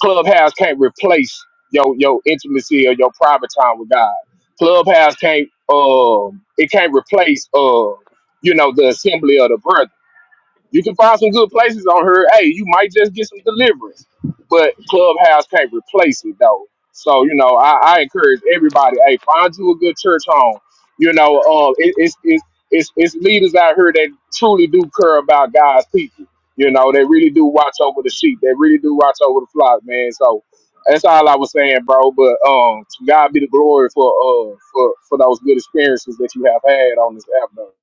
[SPEAKER 1] Clubhouse can't replace your your intimacy or your private time with God. Clubhouse can't um it can't replace uh you know the assembly of the brethren. You can find some good places on her. Hey, you might just get some deliverance. But Clubhouse can't replace it though. So, you know, I, I encourage everybody, hey, find you a good church home. You know, um it, it's it's it's it's leaders out here that truly do care about God's people. You know, they really do watch over the sheep. They really do watch over the flock, man. So that's all I was saying, bro. But um to God be the glory for uh for, for those good experiences that you have had on this app though.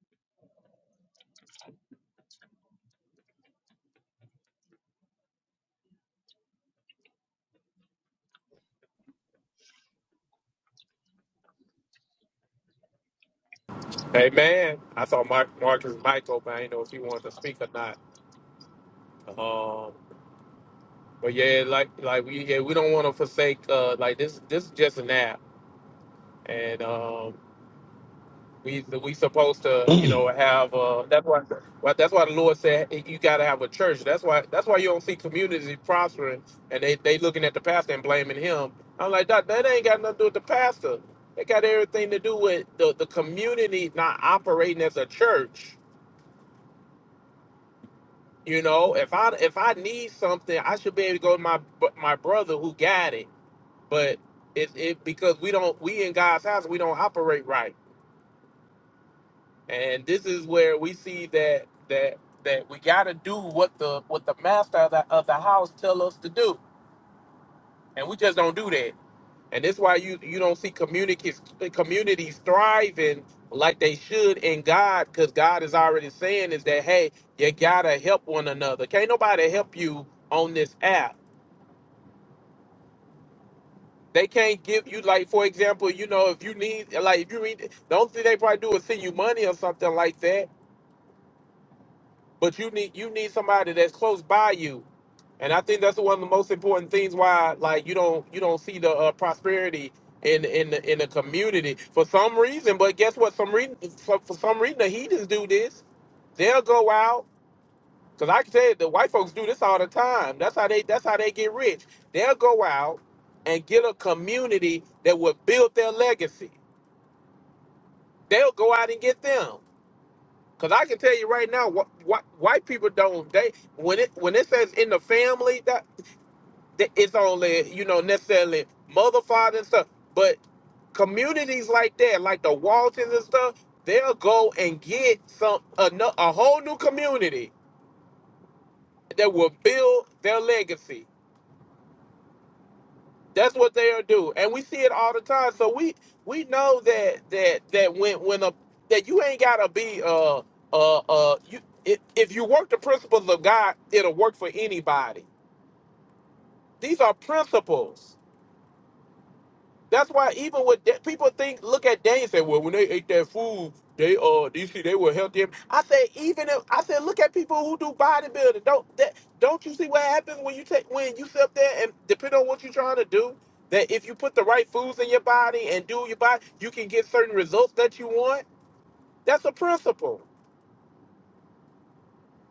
[SPEAKER 6] Hey, man. I saw Mark, Marcus Michael, but I didn't know if he wanted to speak or not. Um, but yeah, like, like we, yeah, we don't want to forsake, uh, like this, this is just an app. And, um, We we supposed to you know
[SPEAKER 9] Mm.
[SPEAKER 6] have uh that's why well, that's why the Lord said hey, you got to have a church. That's why that's why you don't see communities prospering and they they looking at the pastor and blaming him. I'm like that that ain't got nothing to do with the pastor. It got everything to do with the the community not operating as a church. You know, if I if I need something, I should be able to go to my my brother who got it. But it it because we don't we in God's house we don't operate right. And this is where we see that that that we got to do what the what the master of the, of the house tell us to do, and we just don't do that. And that's why you you don't see communities communities thriving like they should in God, because God is already saying is that hey, you gotta help one another. Can't nobody help you on this app. They can't give you like for example, you know, if you need like if you need the only thing they probably do is send you money or something like that. But you need you need somebody that's close by you And I think that's one of the most important things why like you don't you don't see the uh, prosperity in in the, in the community for some reason. But guess what? Some reason for, for some reason the heathens do this. They'll go out because I can tell you the white folks do this all the time. That's how they that's how they get rich. They'll go out and get a community that will build their legacy. They'll go out and get them. Cause I can tell you right now, what, what white people don't they when it when it says in the family that. th- it's only you know necessarily modified and stuff, but communities like that, like the Waltons and stuff, they'll go and get some a, nu- a whole new community that will build their legacy. That's what they'll do, and we see it all the time. So we we know that that that when when a that you ain't gotta be uh uh uh you if, if you work the principles of God, it'll work for anybody. These are principles. That's why even with da- people think look at Daniel and say, well, when they ate that food, they uh you see they were healthy. I said even if I said look at people who do bodybuilding. Don't that don't you see what happens when you take when you sit up there and depend on what you're trying to do, that if you put the right foods in your body and do your body, you can get certain results that you want. That's a principle.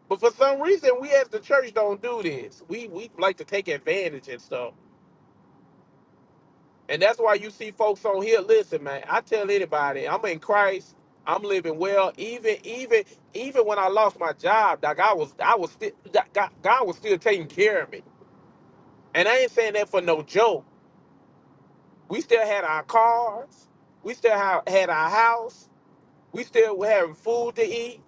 [SPEAKER 6] But for some reason we as the church don't do this. We we like to take advantage and stuff And that's why you see folks on here. Listen, man, I tell anybody, I'm in Christ. I'm living well. Even, even, even when I lost my job, like I was, I was still, like, God, God was still taking care of me. And I ain't saying that for no joke. We still had our cars. We still ha- had our house. We still were having food to eat.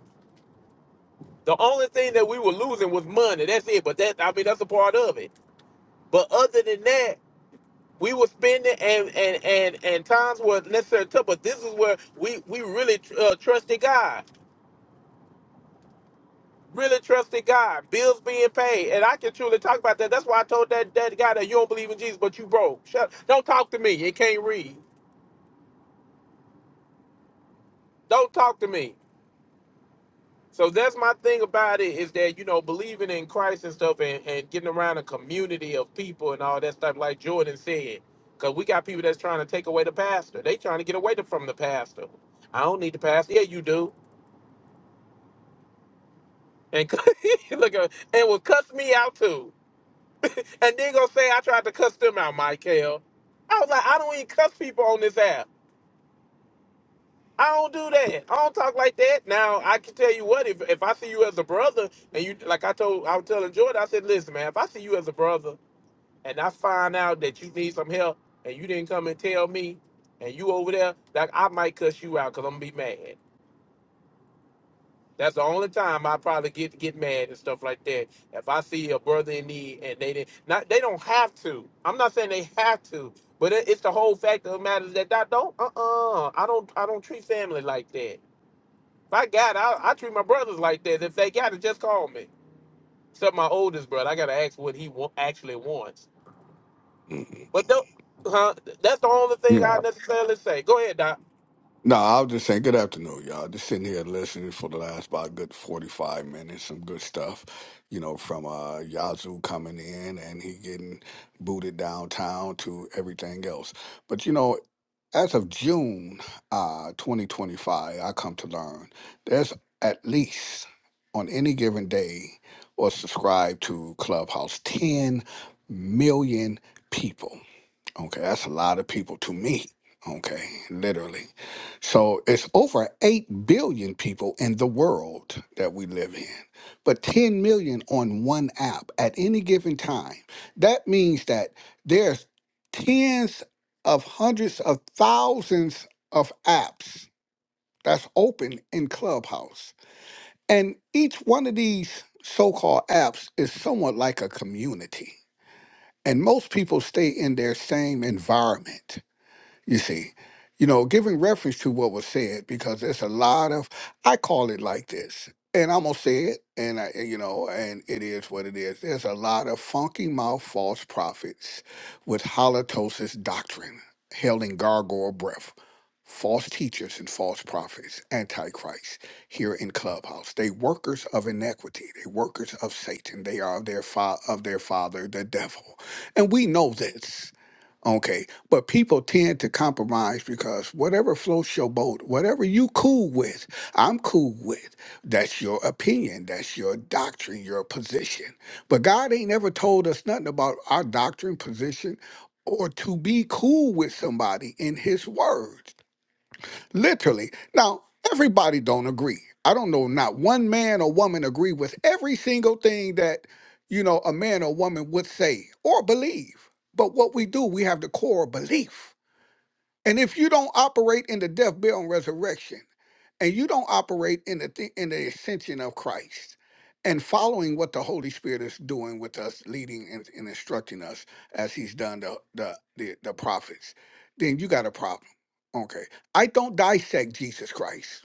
[SPEAKER 6] The only thing that we were losing was money. That's it. But that, I mean, that's a part of it. But other than that, we were spending and and and and times were necessary too, but this is where we we really uh, trusted God, really trusted God. Bills being paid, and I can truly talk about that. That's why I told that that guy that you don't believe in Jesus, but you broke. Shut, don't talk to me. You can't read. Don't talk to me. So that's my thing about it is that you know believing in Christ and stuff, and, and getting around a community of people and all that stuff, like Jordan said. Cause we got people that's trying to take away the pastor. They trying to get away the- from the pastor. I don't need the pastor. Yeah, you do. and look at and will cuss me out too. And then gonna say I tried to cuss them out, Michael. I was like, I don't even cuss people on this app. I don't do that. I don't talk like that. Now I can tell you what, if if I see you as a brother and you like I told I was telling Jordan, I said, listen, man, if I see you as a brother and I find out that you need some help and you didn't come and tell me and you over there, like I might cuss you out because I'm gonna be mad. That's the only time I probably get get mad and stuff like that. If I see a brother in need and they didn't, not they don't have to. I'm not saying they have to, but it, it's the whole fact of the matter is that I don't. Uh uh I don't. I don't treat family like that. If I got, it, I, I treat my brothers like that. If they got it, just call me. Except my oldest brother, I gotta ask what he wa- actually wants. But don't. Huh? That's the only thing I
[SPEAKER 9] No,
[SPEAKER 6] necessarily say. Go ahead, Doc.
[SPEAKER 9] no, I was just saying good afternoon, y'all. Just sitting here listening for the last about good forty five minutes, some good stuff, you know, from uh Yazoo coming in and he getting booted downtown to everything else. But you know, as of June uh twenty twenty five, I come to learn there's at least on any given day or subscribe to Clubhouse ten million people. Okay, that's a lot of people to me. Okay, literally. So it's over 8 billion people in the world that we live in, but 10 million on one app at any given time. That means that there's tens of hundreds of thousands of apps that's open in Clubhouse. And each one of these so called apps is somewhat like a community. And most people stay in their same environment you see you know giving reference to what was said because there's a lot of i call it like this and i'm gonna say it and i you know and it is what it is there's a lot of funky mouth false prophets with halitosis doctrine held in gargoyle breath false teachers and false prophets antichrist here in clubhouse they workers of iniquity they workers of satan they are of their fa- of their father the devil and we know this Okay. But people tend to compromise because whatever floats your boat, whatever you cool with, I'm cool with. That's your opinion. That's your doctrine, your position. But God ain't ever told us nothing about our doctrine, position, or to be cool with somebody in his word. Literally. Now, everybody don't agree. I don't know not one man or woman agree with every single thing that, you know, a man or woman would say or believe. But what we do, we have the core belief. And if you don't operate in the death, burial, and resurrection, and you don't operate in the thi- in the ascension of Christ and following what the Holy Spirit is doing with us, leading and, and instructing us as He's done the the the, the prophets, then you got a problem. Okay, I don't dissect Jesus Christ.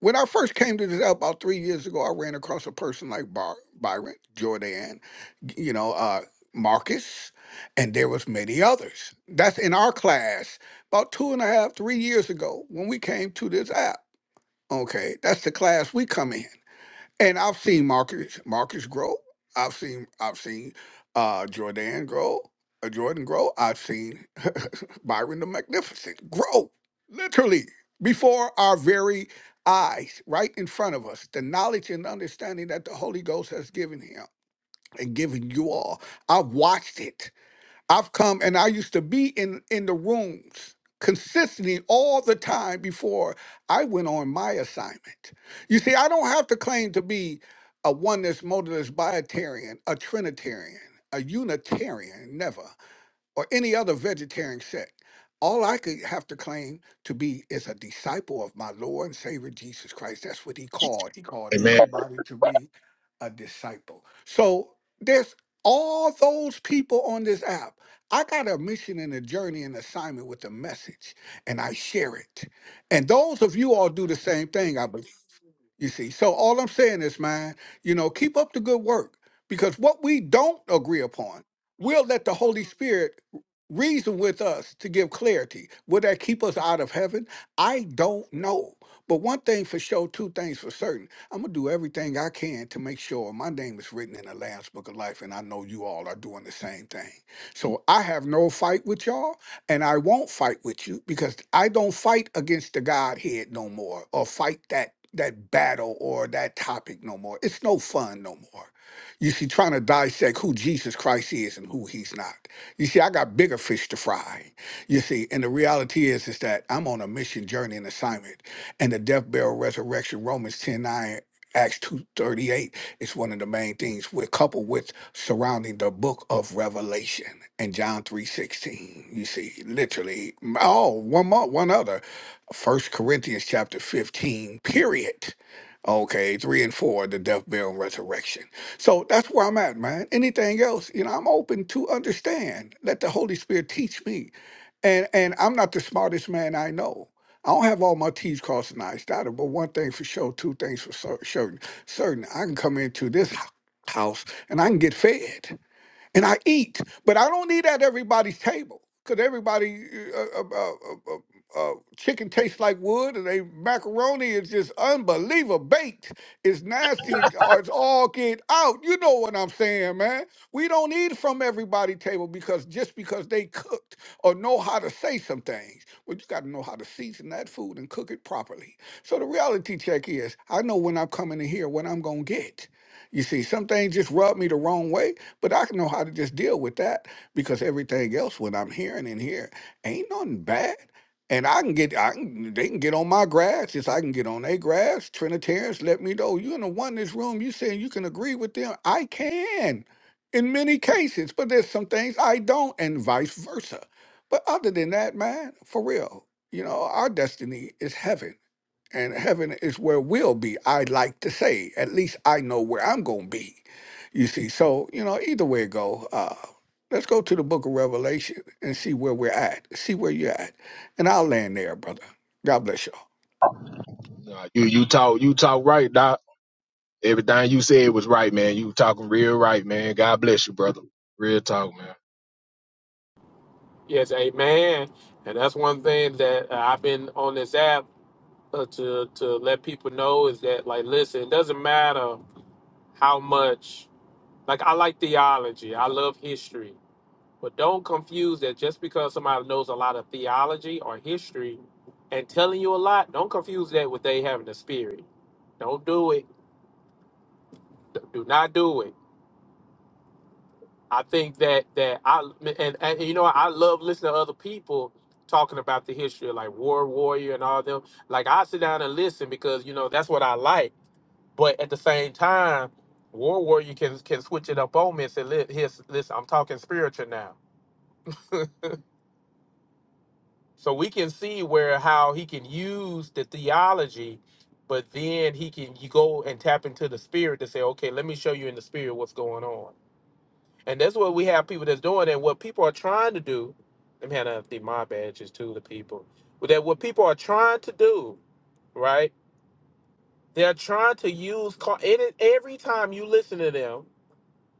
[SPEAKER 9] When I first came to this out about three years ago, I ran across a person like Bar- Byron, Jordan, you know, uh, Marcus, and there was many others. That's in our class about two and a half, three years ago when we came to this app Okay, that's the class we come in. And I've seen Marcus Marcus grow. I've seen I've seen uh Jordan grow, uh, Jordan grow. I've seen Byron the Magnificent grow. Literally before our very eyes, right in front of us, the knowledge and understanding that the Holy Ghost has given him and given you all. I've watched it. I've come and I used to be in in the rooms consistently all the time before I went on my assignment. You see, I don't have to claim to be a oneness, modalist, biotarian, a trinitarian, a unitarian, never or any other vegetarian sect. All I could have to claim to be is a disciple of my Lord and Savior Jesus Christ. That's what he called. He called
[SPEAKER 1] Hey man,
[SPEAKER 9] everybody to be a disciple. So there's all those people on this app. I got a mission and a journey and assignment with a message, and I share it. And those of you all do the same thing, I believe. You see, so all I'm saying is, man, you know, keep up the good work because what we don't agree upon, we'll let the Holy Spirit reason with us to give clarity. Will that keep us out of heaven? I don't know. But one thing for sure, two things for certain. I'm going to do everything I can to make sure my name is written in the Lamb's Book of Life, and I know you all are doing the same thing. So I have no fight with y'all and I won't fight with you because I don't fight against the Godhead no more or fight that that battle or that topic no more. It's no fun no more. You see, trying to dissect who Jesus Christ is and who he's not. You see, I got bigger fish to fry. You see, and the reality is is that I'm on a mission, journey, and assignment. And the death, burial, resurrection, Romans 10 9 Acts 2.38 is one of the main things. We're coupled with surrounding the book of Revelation and John 3.16. You see, literally, oh, one more, one other. First Corinthians chapter 15, period. Okay, three and four, the death, burial, and resurrection. So that's where I'm at, man. Anything else, you know, I'm open to understand. Let the Holy Spirit teach me. And and I'm not the smartest man I know. I don't have all my T's crossed and I's dotted, but one thing for sure, two things for cer- certain. Certain, I can come into this h- house and I can get fed and I eat, but I don't eat at everybody's table because everybody uh, uh, uh, uh, uh, uh, chicken tastes like wood, and they macaroni is just unbelievable baked. It's nasty, or it's all get out. You know what I'm saying, man? We don't eat from everybody's table because just because they cooked or know how to say some things, well, you got to know how to season that food and cook it properly. So the reality check is, I know when I'm coming in here what I'm gonna get. You see, some things just rub me the wrong way but I know how to just deal with that because everything else, what I'm hearing in here, ain't nothing bad. And I can get, I can, they can get on my grass. Yes, I can get on their grass. Trinitarians, let me know. You in the one this room, you saying you can agree with them. I can in many cases, but there's some things I don't, and vice versa. But other than that, man, for real, you know, our destiny is heaven and heaven is where we'll be. I like to say, at least I know where I'm going to be. You see, so you know, either way it go, uh, let's go to the Book of Revelation and see where we're at, see where you're at, and I'll land there, brother. God bless you.
[SPEAKER 1] nah, you you talk you talk right. Everything you said was right, man. You talking real right, man. God bless you, brother. Real talk, man.
[SPEAKER 6] Yes, amen. And that's one thing that uh, I've been on this app. uh, to to let people know is that like listen, it doesn't matter how much like I like theology, I love history, but don't confuse that just because somebody knows a lot of theology or history and telling you a lot, don't confuse that with they having the spirit. Don't do it. Do not do it. I think that that I and, and you know I love listening to other people talking about the history like war warrior and all them. Like I sit down and listen because you know that's what I like But at the same time, War Warrior can can switch it up on me and say, "Li- "His listen, I'm talking spiritual now." So we can see where how he can use the theology, but then he can you go and tap into the spirit to say, "Okay, let me show you in the spirit what's going on." And that's what we have people that's doing, and what people are trying to do. Let me hand out the my badges to the people. But That what people are trying to do, right? They're trying to use car- any every time you listen to them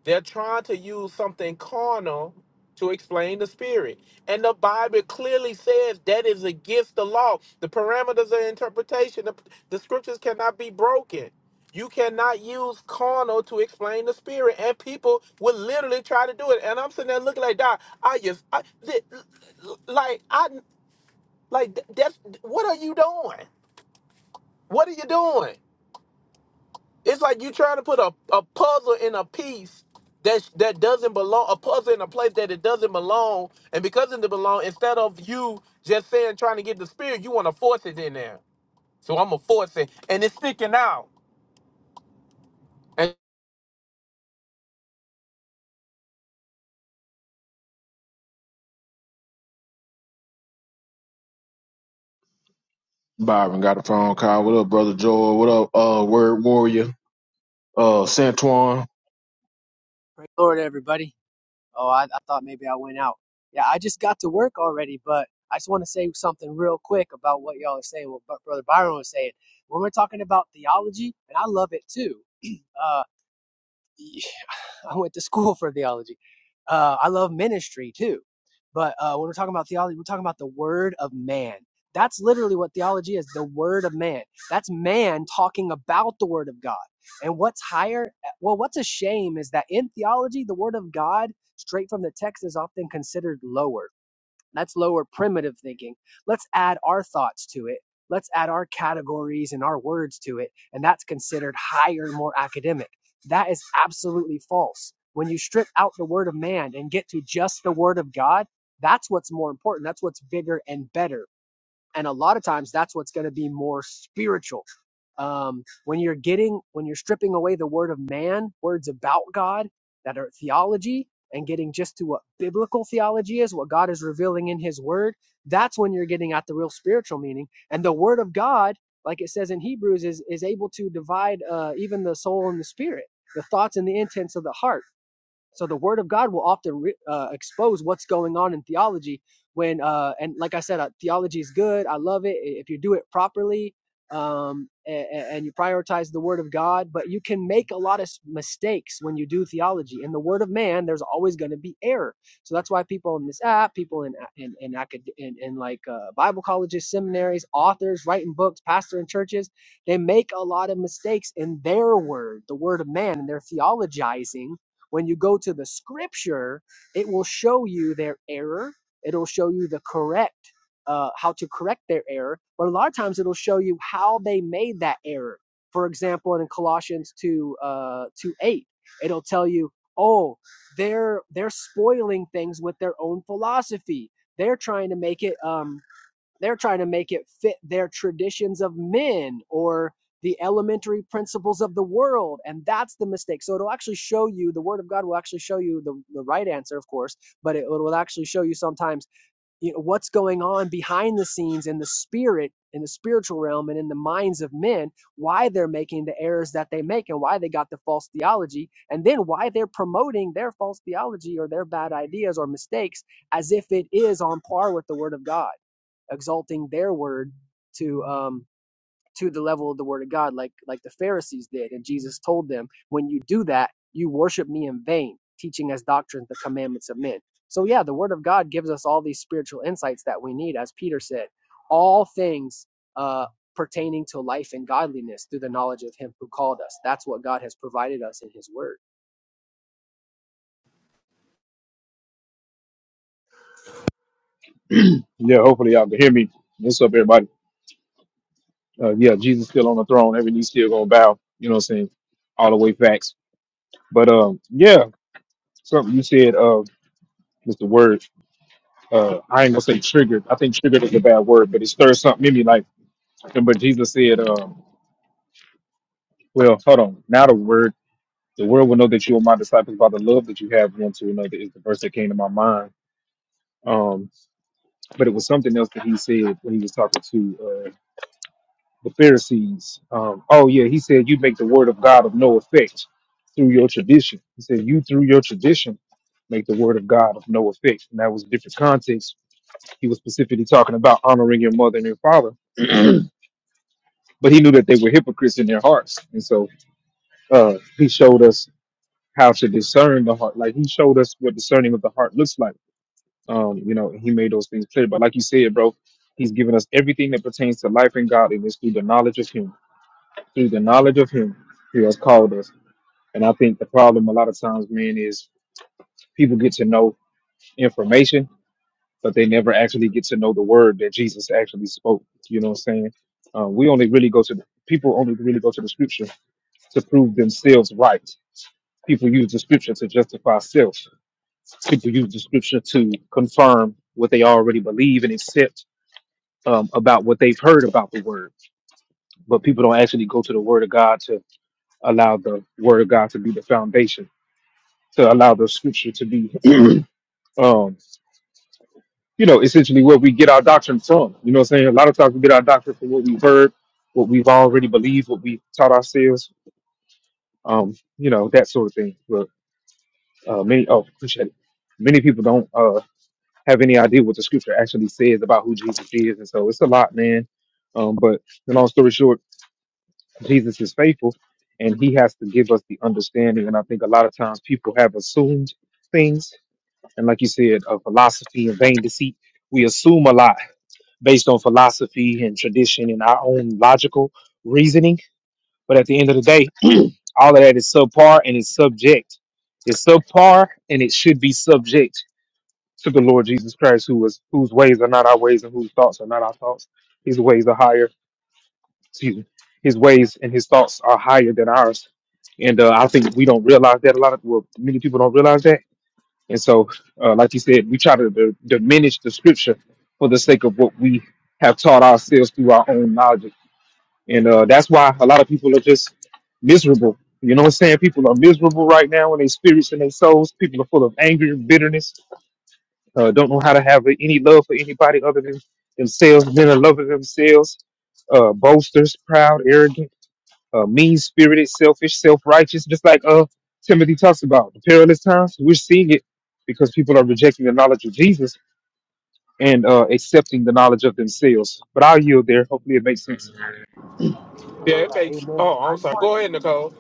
[SPEAKER 6] They're trying to use something carnal to explain the spirit. And the Bible clearly says that is against the law. The parameters of interpretation, the, the scriptures cannot be broken. You cannot use carnal to explain the spirit. And people will literally try to do it. And I'm sitting there looking like, "Doc, I just, I, li- li- like, I, like, that's, what are you doing? What are you doing? It's like you trying to put a, a puzzle in a piece that that doesn't belong, a puzzle in a place that it doesn't belong, and because it doesn't belong, instead of you just saying trying to get the spirit, you want to force it in there. So I'm gonna force it, and it's sticking out. And
[SPEAKER 1] Byron got a phone call. What up, brother Joel? What up, uh, Word Warrior? Uh,
[SPEAKER 10] Hey,
[SPEAKER 1] Santuan.
[SPEAKER 10] praise the Lord, everybody. Oh, I, I thought maybe I went out. Yeah, I just got to work already, but I just want to say something real quick about what y'all are saying, what Bro- Brother Byron was saying. When we're talking about theology, and I love it too. Uh, I went to school for theology. Uh, I love ministry too. But uh, when we're talking about theology, we're talking about the word of man. That's literally what theology is the word of man. That's man talking about the word of God. And what's higher, eh, well, what's a shame is that in theology, the word of God, straight from the text, is often considered lower that's lower primitive thinking. Let's add our thoughts to it. Let's add our categories and our words to it. And that's considered higher, more academic. That is absolutely false. When you strip out the word of man and get to just the word of God, that's what's more important. That's what's bigger and better and a lot of times that's what's going to be more spiritual um, when you're getting when you're stripping away the word of man words about god that are theology and getting just to what biblical theology is what god is revealing in his word that's when you're getting at the real spiritual meaning and the word of god like it says in hebrews is is able to divide uh, even the soul and the spirit the thoughts and the intents of the heart so the Word of God will often re- uh, expose what's going on in theology. When uh, and like I said, uh, theology is good. I love it if you do it properly um, and, and you prioritize the Word of God. But you can make a lot of mistakes when you do theology. In the Word of man, there's always going to be error. So that's why people in this app, people in in in, acad- in, in like uh, Bible colleges, seminaries, authors writing books, pastors in churches, they make a lot of mistakes in their word, the Word of man, and they're theologizing when you go to the scripture, it will show you their error. It'll show you the correct, uh, how to correct their error. But a lot of times it'll show you how they made that error. For example, in Colossians 2, uh, 2 8, it'll tell you, oh, they're, they're spoiling things with their own philosophy. They're trying to make it um, they're trying to make it fit their traditions of men or the elementary principles of the world and that's the mistake so it'll actually show you the word of god will actually show you the, the right answer of course but it will actually show you sometimes you know what's going on behind the scenes in the spirit in the spiritual realm and in the minds of men why they're making the errors that they make and why they got the false theology and then why they're promoting their false theology or their bad ideas or mistakes as if it is on par with the word of god exalting their word to um to the level of the word of God, like like the Pharisees did. And Jesus told them, when you do that, you worship me in vain, teaching as doctrines the commandments of men. So yeah, the word of God gives us all these spiritual insights that we need, as Peter said, all things uh, pertaining to life and godliness through the knowledge of Him who called us. That's what God has provided us in His Word.
[SPEAKER 4] Yeah, hopefully y'all can hear me. What's up, everybody? Uh, yeah, Jesus still on the throne. Every knee still gonna bow. You know what I'm saying? All the way facts. But um, yeah, something you said, uh, Mr. Word. Uh, I ain't gonna say triggered. I think triggered is a bad word, but it stirs something in me. Like, but Jesus said, um, well, hold on. Now the word, the world will know that you are my disciples by the love that you have one to another. Is the verse that came to my mind. Um. but it was something else that he said when he was talking to uh, the Pharisees. Um, oh yeah, he said you make the word of God of no effect through your tradition. He said you through your tradition make the word of God of no effect, and that was a different context. He was specifically talking about honoring your mother and your father, but he knew that they were hypocrites in their hearts, and so uh, he showed us how to discern the heart. Like he showed us what discerning of the heart looks like Um, you know, he made those things clear. But like you said, bro, he's given us everything that pertains to life and godliness through the knowledge of him. Through the knowledge of him, he has called us. And I think the problem a lot of times, man, is people get to know information, but they never actually get to know the word that Jesus actually spoke. You know what I'm saying? Uh, we only really go to the people only really go to the scripture to prove themselves right. People use the scripture to justify self. People use the scripture to confirm what they already believe and accept um, about what they've heard about the word, but people don't actually go to the word of God to allow the word of God to be the foundation, to allow the scripture to be, um, you know, essentially where we get our doctrine from. You know what I'm saying? A lot of times we get our doctrine from what we've heard, what we've already believed, what we taught ourselves, um, you know, that sort of thing. But uh, many, oh, appreciate it. Many people don't uh, have any idea what the scripture actually says about who Jesus is. And so it's a lot, man. Um, but the long story short, Jesus is faithful and he has to give us the understanding. And I think a lot of times people have assumed things. And like you said, uh, philosophy and vain deceit, we assume a lot based on philosophy and tradition and our own logical reasoning. But at the end of the day, all of that is subpar and it's subject. It's subpar and it should be subject to the Lord Jesus Christ, who was whose ways are not our ways and whose thoughts are not our thoughts. His ways are higher excuse me, his ways and his thoughts are higher than ours. And uh, I think we don't realize that a lot of well, many people don't realize that. And so, uh, like you said, we try to d- diminish the scripture for the sake of what we have taught ourselves through our own knowledge. And uh, that's why a lot of people are just miserable. You know what I'm saying? People are miserable right now in their spirits and their souls. People are full of anger, bitterness, uh, don't know how to have any love for anybody other than themselves, men are loving themselves, uh, boasters, proud, arrogant uh, mean spirited, selfish, self righteous, just like uh, Timothy talks about. The perilous times, we're seeing it because people are rejecting the knowledge of Jesus and uh, accepting the knowledge of themselves. But I'll yield there. Hopefully, it makes sense.
[SPEAKER 6] yeah, it
[SPEAKER 10] Uh,
[SPEAKER 6] makes.
[SPEAKER 10] amen.
[SPEAKER 6] Oh,
[SPEAKER 10] I
[SPEAKER 6] I'm
[SPEAKER 10] just
[SPEAKER 6] sorry.
[SPEAKER 10] want
[SPEAKER 6] Go ahead, Nicole.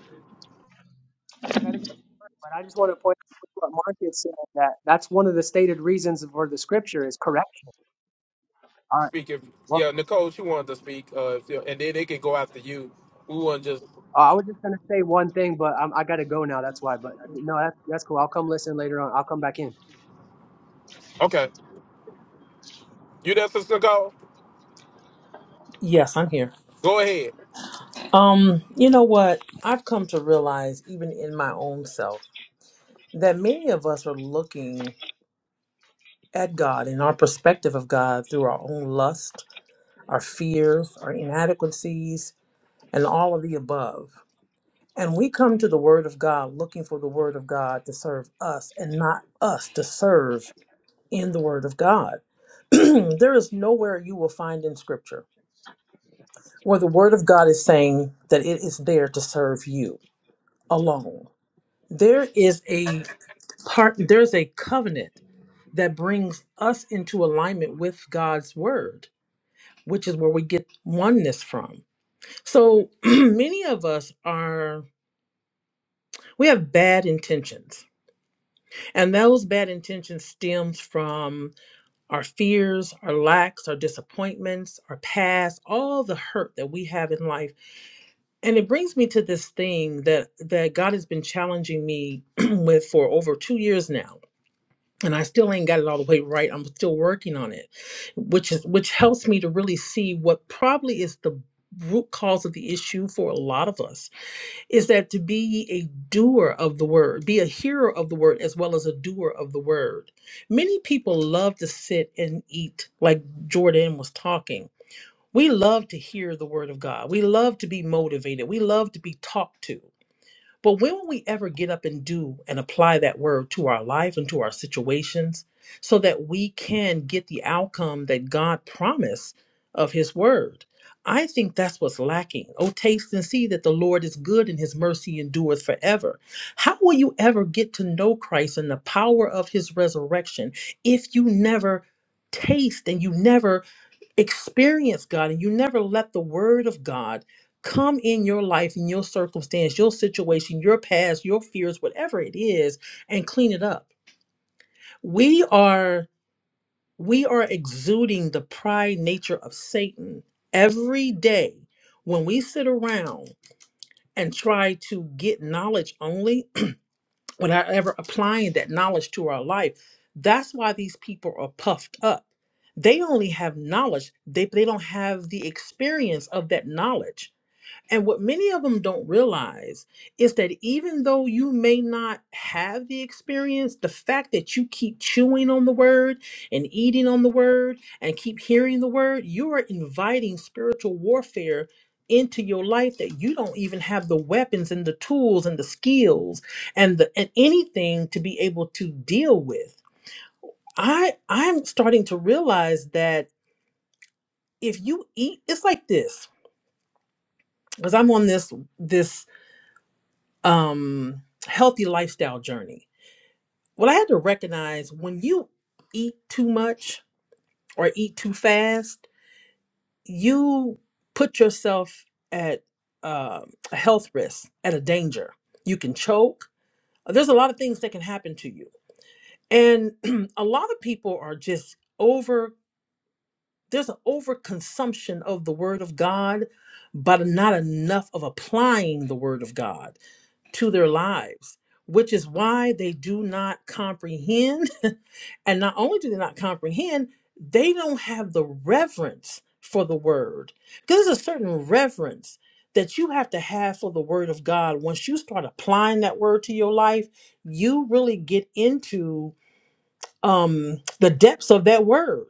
[SPEAKER 10] I gotta go, but I just want to point out what Mark is saying that that's one of the stated reasons for the Scripture is correction All right.
[SPEAKER 6] Speak if
[SPEAKER 10] Well,
[SPEAKER 6] yeah, Nicole, she wanted to speak, uh, if you- and then they can go after you. We want just
[SPEAKER 10] uh, I was just gonna say one thing, but I'm, I gotta go now. That's why. But uh, no, that's that's cool. I'll come listen later on. I'll come back in.
[SPEAKER 6] okay. You there, Sister Nicole?
[SPEAKER 2] Yes, I'm here.
[SPEAKER 6] Go ahead.
[SPEAKER 2] Um, you know what? I've come to realize, even in my own self, that many of us are looking at God and our perspective of God through our own lust our fears, our inadequacies, and all of the above. And we come to the Word of God looking for the Word of God to serve us and not us to serve in the Word of God. there is nowhere you will find in Scripture where the Word of God is saying that it is there to serve you alone. There is a part, there's a covenant that brings us into alignment with God's Word, which is where we get oneness from So many of us are we have bad intentions. And those bad intentions stems from our fears, our lacks, our disappointments, our past, all the hurt that we have in life. And it brings me to this thing that that God has been challenging me with for over 2 years now. And I still ain't got it all the way right. I'm still working on it, which is which helps me to really see what probably is the root cause of the issue for a lot of us is that to be ye a doer of the word, be a hearer of the word as well as a doer of the word. Many people love to sit and eat, like Jordan was talking. We love to hear the word of God. We love to be motivated. We love to be talked to. But when will we ever get up and do and apply that word to our life and to our situations so that we can get the outcome that God promised of his word? I think that's what's lacking. Oh, taste and see that the Lord is good and his mercy endureth forever. How will you ever get to know Christ and the power of his resurrection if you never taste and you never experience God and you never let the word of God come in your life, in your circumstance, your situation, your past, your fears, whatever it is, and clean it up. We are we are exuding the pride nature of Satan every day when we sit around and try to get knowledge only without ever applying that knowledge to our life. That's why these people are puffed up. They only have knowledge, they, they don't have the experience of that knowledge. And what many of them don't realize is that even though you may not have the experience, the fact that you keep chewing on the word and eating on the word and keep hearing the word, you are inviting spiritual warfare into your life that you don't even have the weapons and the tools and the skills and the and anything to be able to deal with. I I'm starting to realize that if you eat it's like this because I'm on this this um healthy lifestyle journey. Well, I had to recognize when you eat too much or eat too fast, you put yourself at uh, a health risk, at a danger. You can choke. There's a lot of things that can happen to you, and a lot of people are just over. There's an overconsumption of the Word of God, but not enough of applying the Word of God. to their lives, which is why they do not comprehend. and not only do they not comprehend, they don't have the reverence for the word. Because there's a certain reverence that you have to have for the word of God. Once you start applying that word to your life, you really get into um the depths of that word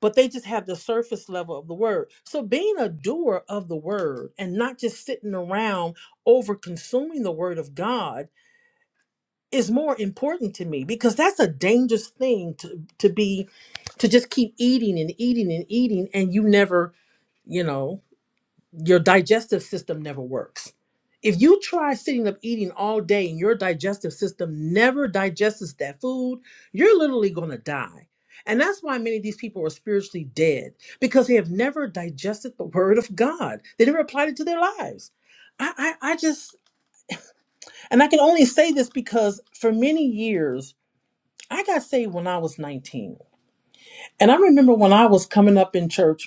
[SPEAKER 2] but they just have the surface level of the word so being a doer of the word and not just sitting around over consuming the word of god is more important to me because that's a dangerous thing to to be to just keep eating and eating and eating and you never you know your digestive system never works. If you try sitting up eating all day and your digestive system never digests that food, you're literally going to die. And that's why many of these people are spiritually dead because they have never digested the word of God. They never applied it to their lives. I, I, I just, and I can only say this because for many years, I got saved when I was 19. And I remember when I was coming up in church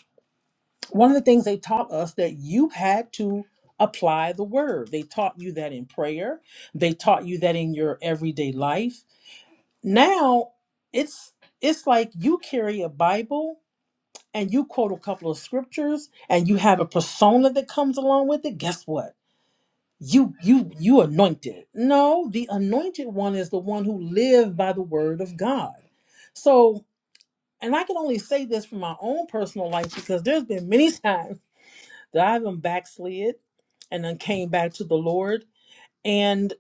[SPEAKER 2] one of the things they taught us that you had to apply the word. They taught you that in prayer. They taught you that in your everyday life. Now it's it's like you carry a Bible and you quote a couple of scriptures and you have a persona that comes along with it. Guess what? You you you anointed. No, the anointed one is the one who lived by the word of God. So and I can only say this from my own personal life because there's been many times that I have even backslid and then came back to the Lord. And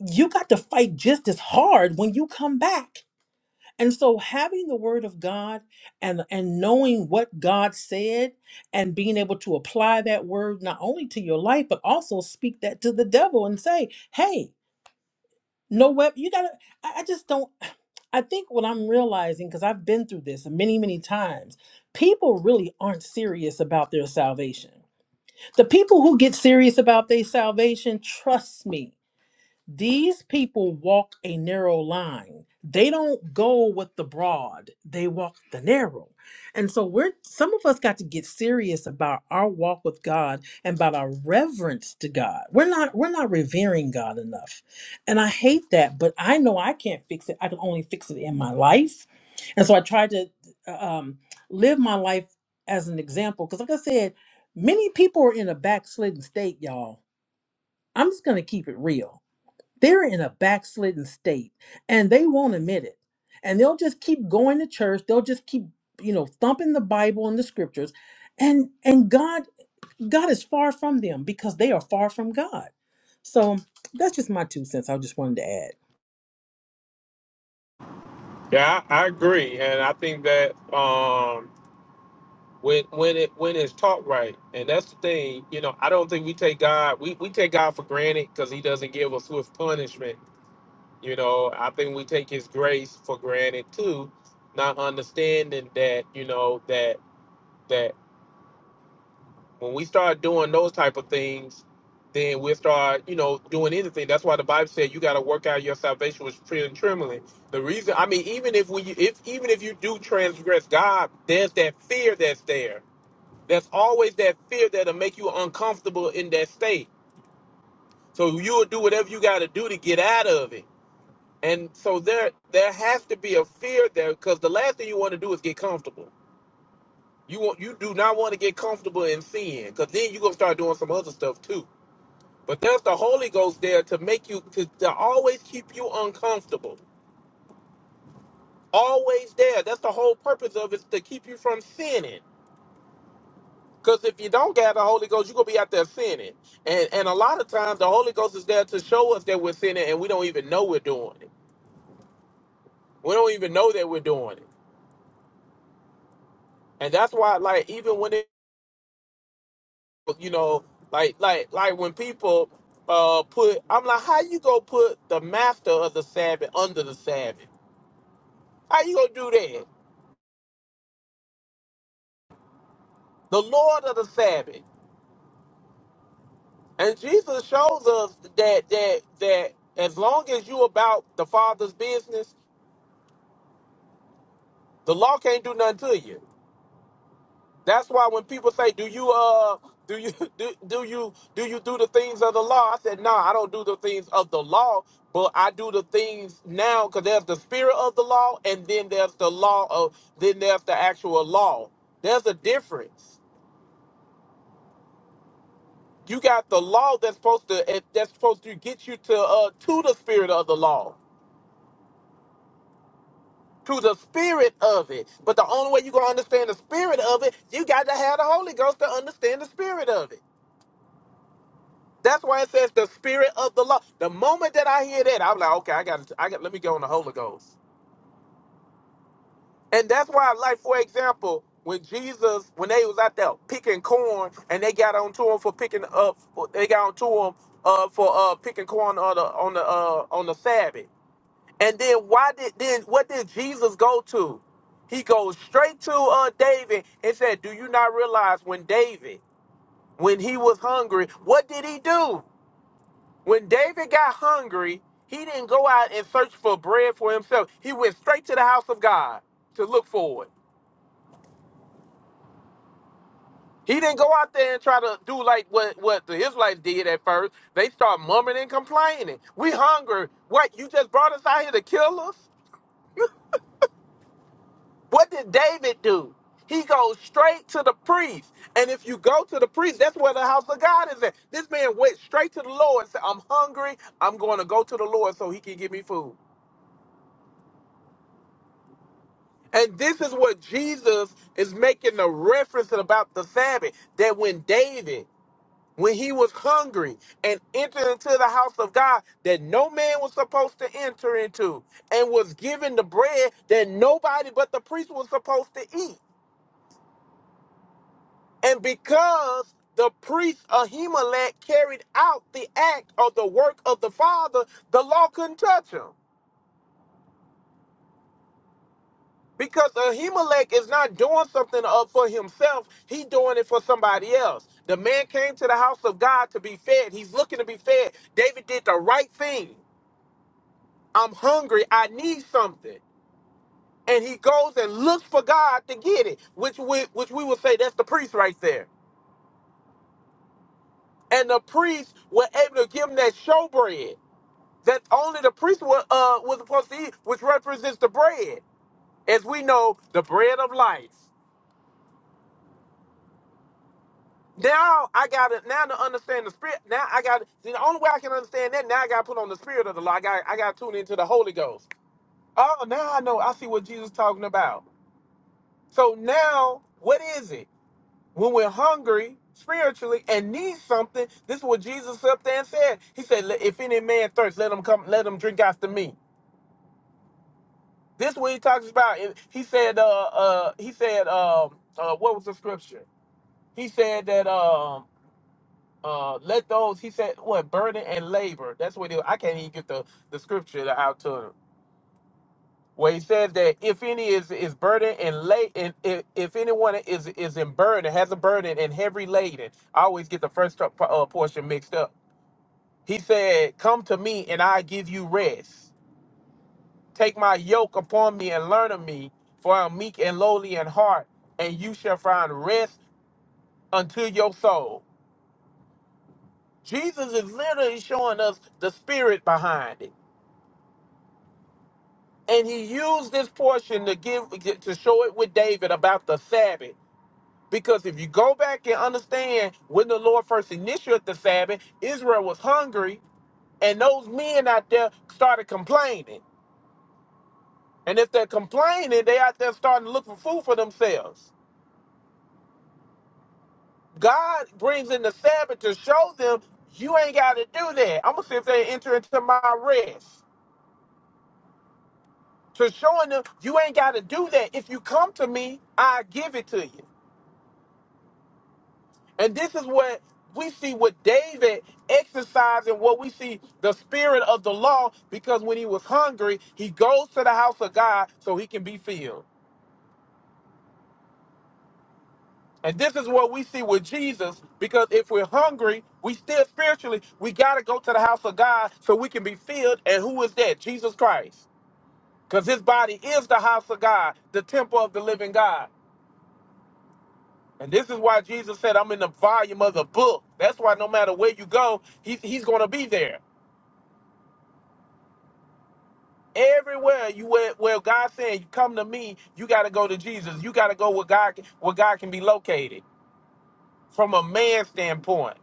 [SPEAKER 2] you got to fight just as hard when you come back. And so having the word of God and and knowing what God said and being able to apply that word not only to your life but also speak that to the devil and say, "Hey, no web, you got to I I just don't I think what I'm realizing because I've been through this many many times, people really aren't serious about their salvation The people who get serious about their salvation, trust me, these people walk a narrow line. They don't go with the broad, they walk the narrow. And so we're some of us got to get serious about our walk with God and about our reverence to God. We're not we're not revering God enough. And I hate that, but I know I can't fix it. I can only fix it in my life. And so I try to uh, um, live my life as an example because like I said, many people are in a backslidden state, y'all. I'm just going to keep it real they're in a backslidden state and they won't admit it. And they'll just keep going to church. They'll just keep, you know, thumping the Bible and the scriptures. And and God God is far from them because they are far from God. So that's just my two cents. I just wanted to add.
[SPEAKER 6] Yeah, I, I agree, and I think that um when when it when it's taught right and that's the thing you know i don't think we take god we, we take god for granted because he doesn't give us swift punishment you know i think we take his grace for granted too not understanding that you know that that when we start doing those type of things then we'll start you know doing anything that's why the bible said you got to work out your salvation with fear and trembling the reason i mean even if we if even if you do transgress god there's that fear that's there there's always that fear that'll make you uncomfortable in that state. So you'll do whatever you got to do to get out of it. And so there, there has to be a fear there because the last thing you want to do is get comfortable. You want, you do not want to get comfortable in sin because then you're gonna start doing some other stuff too. But there's the Holy Ghost there to make you to, to always keep you uncomfortable. Always there. That's the whole purpose of it is to keep you from sinning. Because if you don't get the Holy Ghost, you're going to be out there sinning. And, and a lot of times the Holy Ghost is there to show us that we're sinning and we don't even know we're doing it. We don't even know that we're doing it. And that's why, like, even when it, you know, like, like, like when people uh put, I'm like, how you going to put the master of the Sabbath under the Sabbath? How you going to do that? The Lord of the Sabbath. And Jesus shows us that, that, that as long as you about the Father's business, the law can't do nothing to you That's why when people say, "Do you uh do you do, do you do you do the things of the law?" I said, "No, I don't do the things of the law, but I do the things now because there's the spirit of the law, and then there's the law of then there's the actual law. There's a difference. You got the law that's supposed to eh, that's supposed to get you to uh to the spirit of the law." To the spirit of it, but the only way you gonna understand the spirit of it, you got to have the Holy Ghost to understand the spirit of it. That's why it says the spirit of the law. The moment that I hear that, I'm like, okay, I got, I got, let me go on the Holy Ghost. And that's why, like for example, when Jesus, when they was out there picking corn, and they got onto him for picking up, they got onto him uh, for uh, picking corn on the on the uh, on the Sabbath. And then why did then what did Jesus go to? He goes straight to uh, David and said, "Do you not realize when David, when he was hungry, what did he do?" When David got hungry, he didn't go out and search for bread for himself. He went straight to the house of God to look for it. He didn't go out there and try to do like what, what the Israelites did at first. They start mumbling and complaining. We hungry. What, you just brought us out here to kill us? What did David do? He goes straight to the priest. And if you go to the priest, that's where the house of God is at. This man went straight to the Lord and said, I'm hungry. I'm going to go to the Lord so he can give me food. And this is what Jesus is making a reference about the Sabbath that when David, when he was hungry and entered into the house of God that no man was supposed to enter into and was given the bread that nobody but the priest was supposed to eat. And because the priest Ahimelech carried out the act or the work of the Father, the law couldn't touch him. Because Ahimelech is not doing something up for himself, he doing it for somebody else. The man came to the house of God to be fed. He's looking to be fed. David did the right thing. I'm hungry. I need something. And he goes and looks for God to get it, which we which we would say that's the priest right there. And the priests were able to give him that showbread that only the priest were, uh, was supposed to eat, which represents the bread. As we know, the bread of life. Now I gotta now to understand the spirit. Now I got see the only way I can understand that. Now I gotta put on the spirit of the law. I got I gotta tune into the Holy Ghost. Oh, now I know. I see what Jesus talking about. So now what is it? When we're hungry spiritually and need something, this is what Jesus up there and said. He said, "Let- "If any man thirst, let him come. Let him drink after me." This is what he talks about. It- He said. Uh, uh, he said. Um, uh, what was the scripture? He said that. Um. uh let those he said what burden and labor that's what it, i can't even get the the scripture out to him where he says that if any is is burden and lay and if, if anyone is is in burden has a burden and heavy laden i always get the first tr- uh, portion mixed up he said come to me and i give you rest take my yoke upon me and learn of me for i'm meek and lowly in heart and you shall find rest unto your soul jesus is literally showing us the spirit behind it And he used this portion to give to show it with David about the Sabbath. Because if you go back and understand when the Lord first initiated the Sabbath, Israel was hungry, and those men out there started complaining. And if they're complaining, they out there starting to look for food for themselves. God brings in the Sabbath to show them you ain't got to do that. I'm gonna see if they enter into my rest. To showing them you ain't got to do that. If you come to me, I give it to you. And this is what we see with David exercising what we see the spirit of the law because when he was hungry, he goes to the house of God so he can be filled. And this is what we see with Jesus because if we're hungry, we still spiritually, we got to go to the house of God so we can be filled. And who is that? Jesus Christ. Because his body is the house of God, the temple of the living God. And this is why Jesus said, I'm in the volume of the book. That's why no matter where you go, he's, he's going to be there. Everywhere you where, where God saying you come to me, you got to go to Jesus. You got to go where God can- where God can be located from a man's standpoint.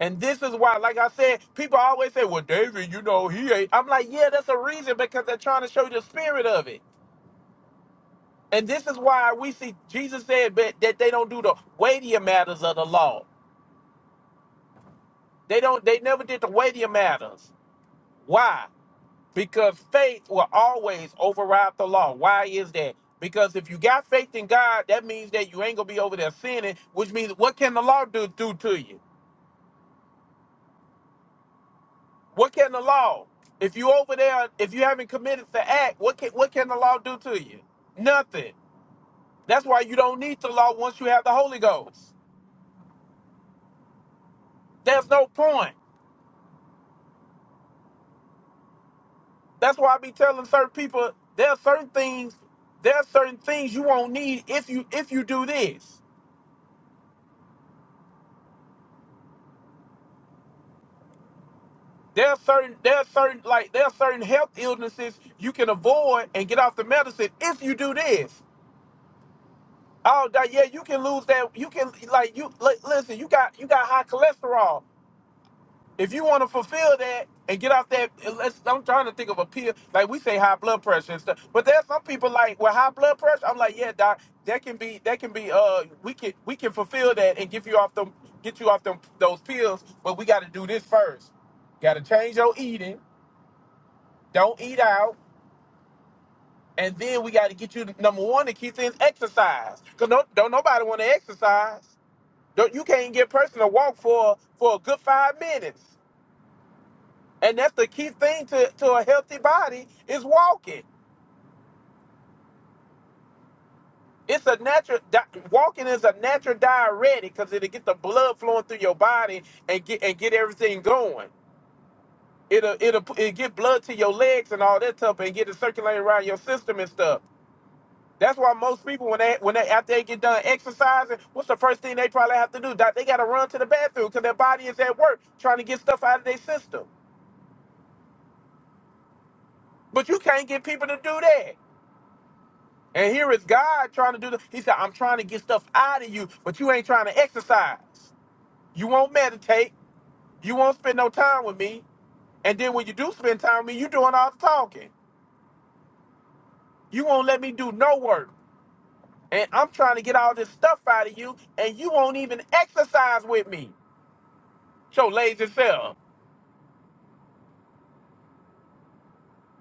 [SPEAKER 6] And this is why, like I said, people always say, "Well, David, you know he ain't." I'm like, yeah, that's a reason because they're trying to show you the spirit of it. And this is why we see Jesus said that, that they don't do the weightier matters of the law. They don't. They never did the weightier matters. Why? because faith will always override the law. Why is that? Because if you got faith in God, that means that you ain't gonna be over there sinning, which means what can the law do, do to you? What can the law? If you over there, if you haven't committed the act, what can what can the law do to you? Nothing. That's why you don't need the law once you have the Holy Ghost. There's no point. That's why I be telling certain people there are certain things, there are certain things you won't need if you if you do this. There are certain there are certain like there are certain health illnesses you can avoid and get off the medicine if you do this. Oh that yeah, you can lose that you can like you li- listen, you got you got high cholesterol. If you want to fulfill that and get off that unless I'm trying to think of a pill, like we say high blood pressure and stuff. But there's some people like with high blood pressure, I'm like, yeah, doc, that can be that can be uh we can we can fulfill that and give you off them get you off them those pills, but we gotta do this first. Gotta change your eating. Don't eat out. And then we got to get you to, number one to keep things exercise, cause no, don't nobody want to exercise. Don't you can't get a person to walk for for a good five minutes, and that's the key thing to to a healthy body is walking. It's a natural di- walking is a natural diuretic because it'll get the blood flowing through your body and get and get everything going. It'll it'll, it'll get blood to your legs and all that stuff and get it circulating around your system and stuff. That's why most people when they when they after they get done exercising, what's the first thing they probably have to do? Doc, They got to run to the bathroom because their body is at work trying to get stuff out of their system. But you can't get people to do that. And here is God trying to do the. He said, "I'm trying to get stuff out of you, but you ain't trying to exercise. You won't meditate. You won't spend no time with me. And then when you do spend time with me, you doing all the talking. You won't let me do no work. And I'm trying to get all this stuff out of you, and you won't even exercise with me. Your lazy self."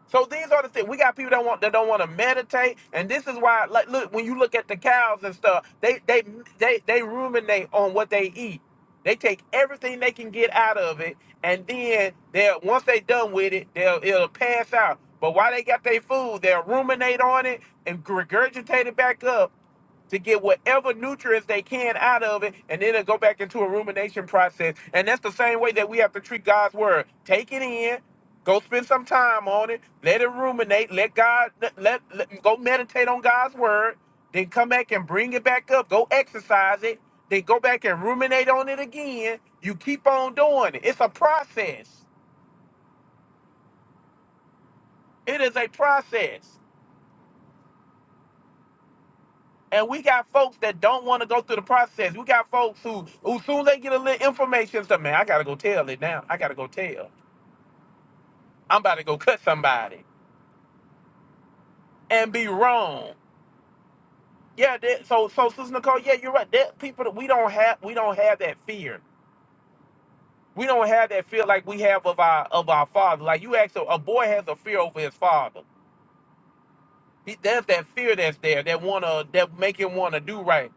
[SPEAKER 6] So these are the things we got people that want that don't want to meditate, and this is why. Like, look, when you look at the cows and stuff, they they they they ruminate on what they eat. They take everything they can get out of it, and then they'll once they done with it, they'll it'll pass out. But while they got their food, they'll ruminate on it and regurgitate it back up, to get whatever nutrients they can out of it, and then it'll go back into a rumination process. And that's the same way that we have to treat God's word. Take it in, go spend some time on it, let it ruminate, let God let, let, let- go meditate on God's word, then come back and bring it back up, go exercise it, then go back and ruminate on it again. You keep on doing it. It's a process. It is a process. And we got folks that don't want to go through the process. We got folks who, who soon as they get a little information, say, man, I gotta go tell it now. I gotta go tell. I'm about to go cut somebody and be wrong. Yeah, that, so so Sister Nicole, yeah, you're right. That people that we don't have we don't have that fear. We don't have that fear like we have of our of our father. Like you ask a, a boy has a fear over his father. He, there's that fear that's there that wanna that make him wanna do right.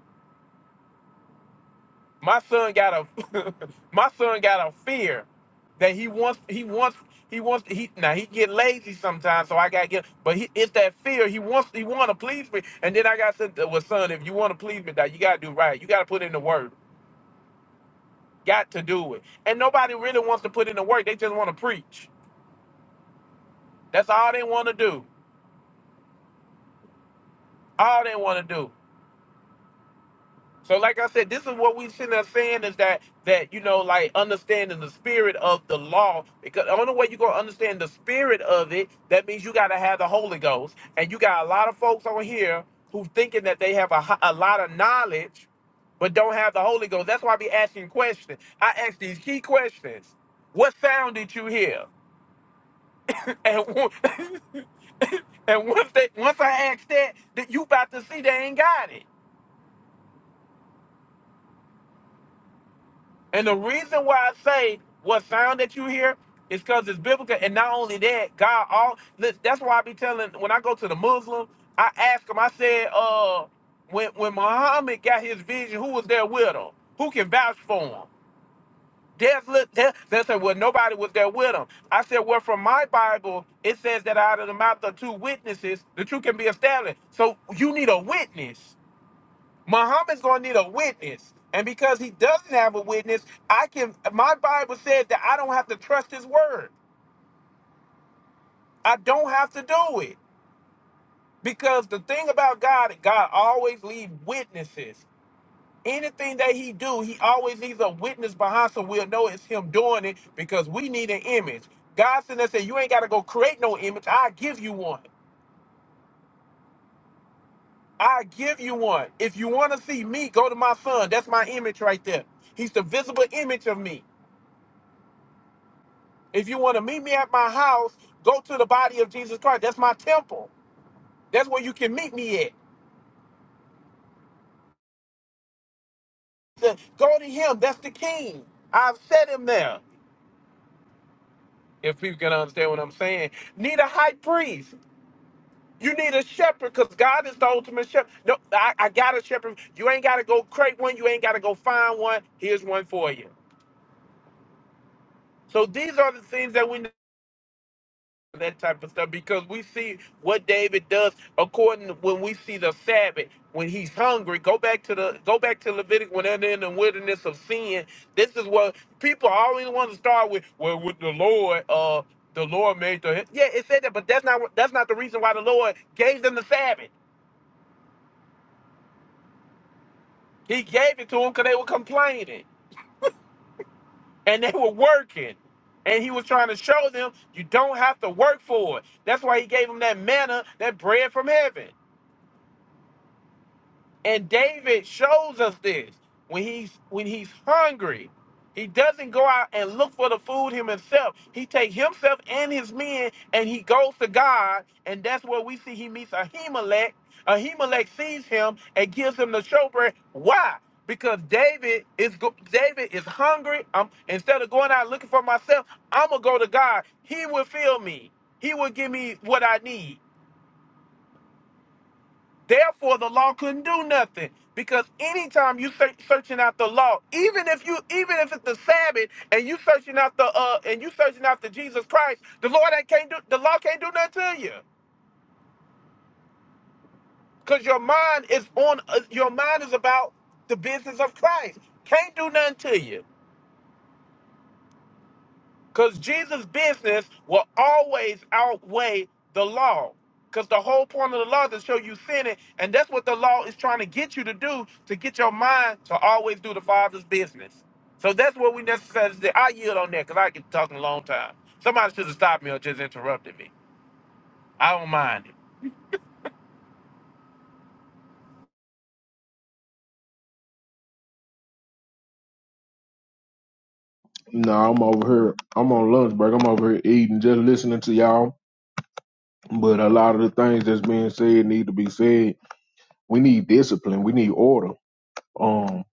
[SPEAKER 6] My son got a my son got a fear that he wants he wants he wants he now he get lazy sometimes so I gotta get but he, it's that fear he wants he want to please me and then I got said well son if you want to please me that you gotta do right you gotta put in the work got to do it and nobody really wants to put in the work they just want to preach that's all they want to do all they want to do So, like I said, this is what we sitting there saying is that that you know, like understanding the spirit of the law. Because the only way you're gonna understand the spirit of it, that means you gotta have the Holy Ghost. And you got a lot of folks on here who thinking that they have a, ho- a lot of knowledge, but don't have the Holy Ghost. That's why I be asking questions. I ask these key questions. What sound did you hear? And on- and once they once I ask that, that you about to see they ain't got it. And the reason why I say what sound that you hear is because it's biblical. And not only that, God all li- that's why I be telling when I go to the Muslim, I ask them, I said, uh, when when Muhammad got his vision, who was there with him? Who can vouch for him? There's li- there, they said, well, nobody was there with him. I said, well, from my Bible, it says that out of the mouth of two witnesses, the truth can be established. So you need a witness. Muhammad's going to need a witness. And because he doesn't have a witness, I can my Bible says that I don't have to trust his word. I don't have to do it. Because the thing about God, God always leaves witnesses. Anything that he do, he always leaves a witness behind so we'll know it's him doing it because we need an image. God sent us and said, you ain't got to go create no image. I give you one. I give you one. If you want to see me, go to my son. That's my image right there. He's the visible image of me. If you want to meet me at my house, go to the body of Jesus Christ. That's my temple. That's where you can meet me at. The- go to him. That's the king. I've set him there. If people can understand what I'm saying, need a high priest. You need a shepherd because God is the ultimate shepherd. No, I, I got a shepherd. You ain't got to go create one. You ain't got to go find one. Here's one for you. So these are the things that we that type of stuff because we see what David does according to when we see the Sabbath when he's hungry go back to the go back to Leviticus when they're in the wilderness of sin this is what people always want to start with well with the Lord uh the Lord made the yeah it said that but that's not what- that's not the reason why the Lord gave them the Sabbath he gave it to them because they were complaining and they were working and he was trying to show them you don't have to work for it that's why he gave them that manna that bread from heaven And David shows us this when he's when he's hungry. He doesn't go out and look for the food him himself. He takes himself and his men and he goes to God. And that's where we see he meets Ahimelech. Ahimelech sees him and gives him the showbread. Why? Because David is go- David is hungry. i instead of going out looking for myself, I'm gonna go to God. He will fill me. He will give me what I need. Therefore, the law couldn't do nothing because anytime you search, searching out the law, even if you, even if it's the Sabbath and you searching out the, uh, and you searching out the Jesus Christ, the Lord that can't do, the law can't do nothing to you because your mind is on, uh, your mind is about the business of Christ. Can't do nothing to you. Because Jesus' business will always outweigh the law. Because the whole point of the law is to show you sinning. And that's what the law is trying to get you to do to get your mind to always do the Father's business. So that's what we necessarily say. I yield on that because I get talking a long time. Somebody should have stopped me or just interrupted me. I don't mind it.
[SPEAKER 1] Nah, I'm over here. I'm on lunch break. I'm over here eating, just listening to y'all. But a lot of the things that's being said need to be said. We need discipline. We need order. Um,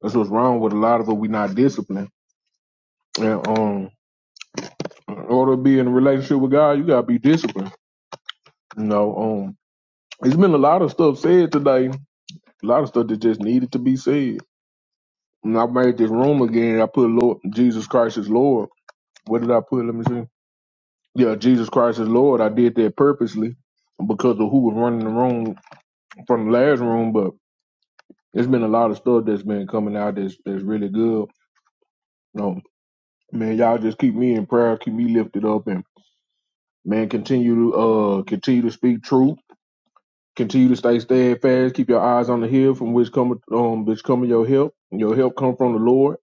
[SPEAKER 1] that's what's wrong with a lot of it. We not disciplined. And um, in order to be in a relationship with God, you gotta be disciplined. You know, um, it's been a lot of stuff said today A lot of stuff that just needed to be said. When I made this room again, I put Lord Jesus Christ is Lord. What did I put? Let me see. Yeah, Jesus Christ is Lord. I did that purposely because of who was running the room from the last room. But it's been a lot of stuff that's been coming out that's that's really good. No, man, y'all just keep me in prayer, keep me lifted up, and man, continue to uh continue to speak truth, continue to stay steadfast, keep your eyes on the hill from which come um which come your help. Your help come from the Lord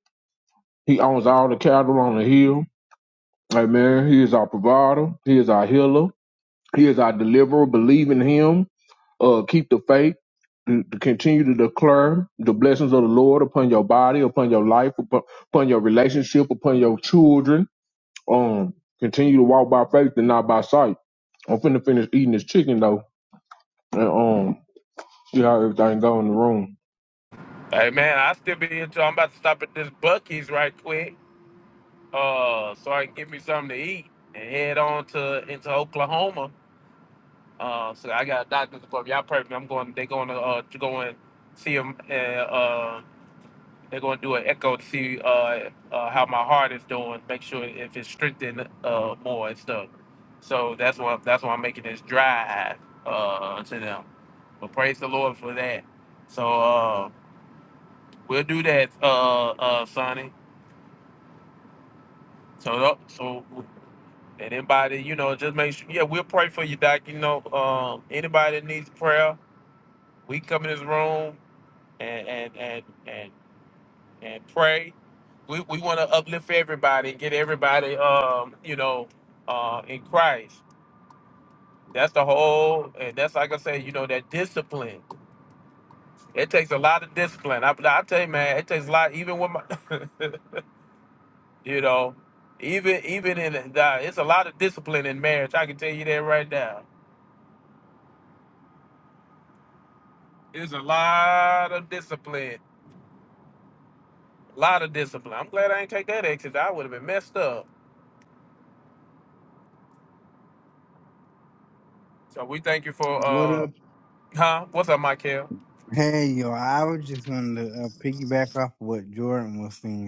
[SPEAKER 1] He owns all the cattle on the hill. Amen. He is our provider. He is our healer. He is our deliverer. Believe in him. Uh, keep the faith. To, to continue to declare the blessings of the Lord upon your body, upon your life, upon, upon your relationship, upon your children. Um, continue to walk by faith and not by sight. I'm finna finish eating this chicken though, and um, see how everything go in the room.
[SPEAKER 6] Hey, man, I still be here. too. I'm about to stop at this Bucky's right quick uh, so I can get me something to eat and head on to into Oklahoma Uh, so I got a doctor's appointment. Y'all perfect. I'm going. They're going to uh, to go and see him. And, uh, they're going to do an echo to see uh, uh, how my heart is doing. Make sure if it's strengthened uh, more and stuff. So that's why that's why I'm making this drive uh, to them. But praise the Lord for that. So uh, we'll do that, uh, uh, Sonny. So tho- so and anybody, you know, just make sure. Yeah, we'll pray for you, Doc. You know, um, anybody that needs prayer, we come in this room. and and and and, and pray. We, we want to uplift everybody and get everybody, um, you know, uh, in Christ. That's the whole, and that's like I say, you know, that discipline. It takes a lot of discipline. I, I tell you, man, it takes a lot. Even with my, you know, even even in the, it's a lot of discipline in marriage. I can tell you that right now. It's a lot of discipline. A lot of discipline. I'm glad I ain't take that exit. I would have been messed up. So we thank you for
[SPEAKER 11] What
[SPEAKER 6] uh
[SPEAKER 11] up?
[SPEAKER 6] Huh? What's up, Michael?
[SPEAKER 11] Hey, yo, I was just going to uh, piggyback off what Jordan was saying.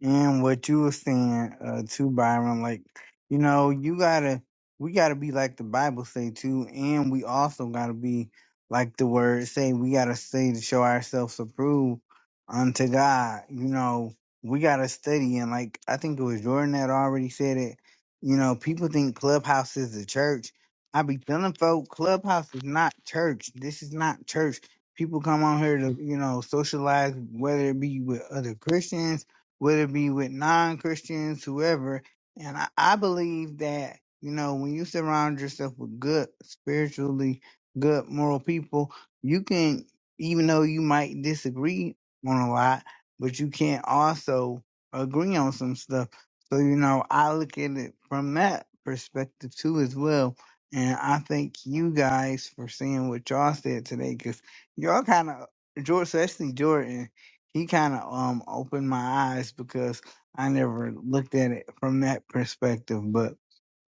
[SPEAKER 11] And what you were saying, uh, too, Byron, like, you know, you gotta, we gotta be like the Bible say too, and we also gotta be like the word say, we gotta stay to show ourselves approved unto God. You know, we gotta study, and like, I think it was Jordan that already said it. You know, people think Clubhouse is the church. I be telling folk, Clubhouse is not church. This is not church. People come on here to, you know, socialize, whether it be with other Christians whether it be with non Christians, whoever. And I, I believe that, you know, when you surround yourself with good, spiritually good, moral people, you can, even though you might disagree on a lot, but you can also agree on some stuff. So, you know, I look at it from that perspective too, as well. And I thank you guys for saying what y'all said today, because y'all kind of, George, especially Jordan. He kind of um opened my eyes because I never looked at it from that perspective. But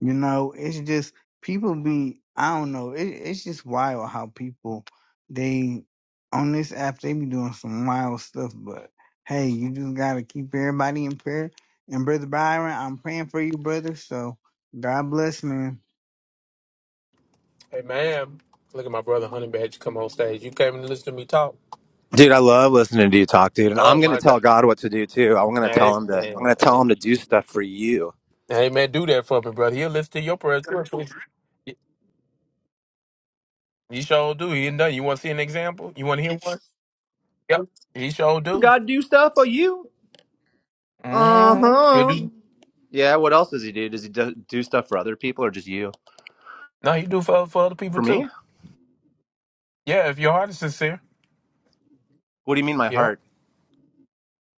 [SPEAKER 11] you know, it's just people be I don't know. It, it's just wild how people they on this app they be doing some wild stuff. But hey, you just gotta keep everybody in prayer. And brother Byron, I'm praying for you, brother. So God bless, man.
[SPEAKER 6] Hey, ma'am. Look at my brother Honey Badge come on stage. You came and listen to me talk.
[SPEAKER 12] Dude, I love listening to you talk, dude. And
[SPEAKER 6] Oh
[SPEAKER 12] I'm gonna
[SPEAKER 6] my God.
[SPEAKER 12] tell God what to do too. I'm gonna
[SPEAKER 6] Hey
[SPEAKER 12] tell him to I'm
[SPEAKER 6] man.
[SPEAKER 12] gonna
[SPEAKER 6] Hey,
[SPEAKER 12] tell him to do stuff for you.
[SPEAKER 6] hey man, do that for me, brother. He'll listen to your prayers. too. You sure do. He ain't done. You want to see an example? You want to hear one? Yep. He sure
[SPEAKER 12] You
[SPEAKER 6] do.
[SPEAKER 12] gotta do stuff for you.
[SPEAKER 6] Mm-hmm. He'll
[SPEAKER 12] Uh-huh.
[SPEAKER 6] do.
[SPEAKER 12] Yeah, what else does he do? Does he do, do stuff for other people or just you?
[SPEAKER 6] No, he do for for other people
[SPEAKER 12] For me?
[SPEAKER 6] too. Yeah, if your heart is sincere.
[SPEAKER 12] What do you mean my
[SPEAKER 6] Yep.
[SPEAKER 12] heart?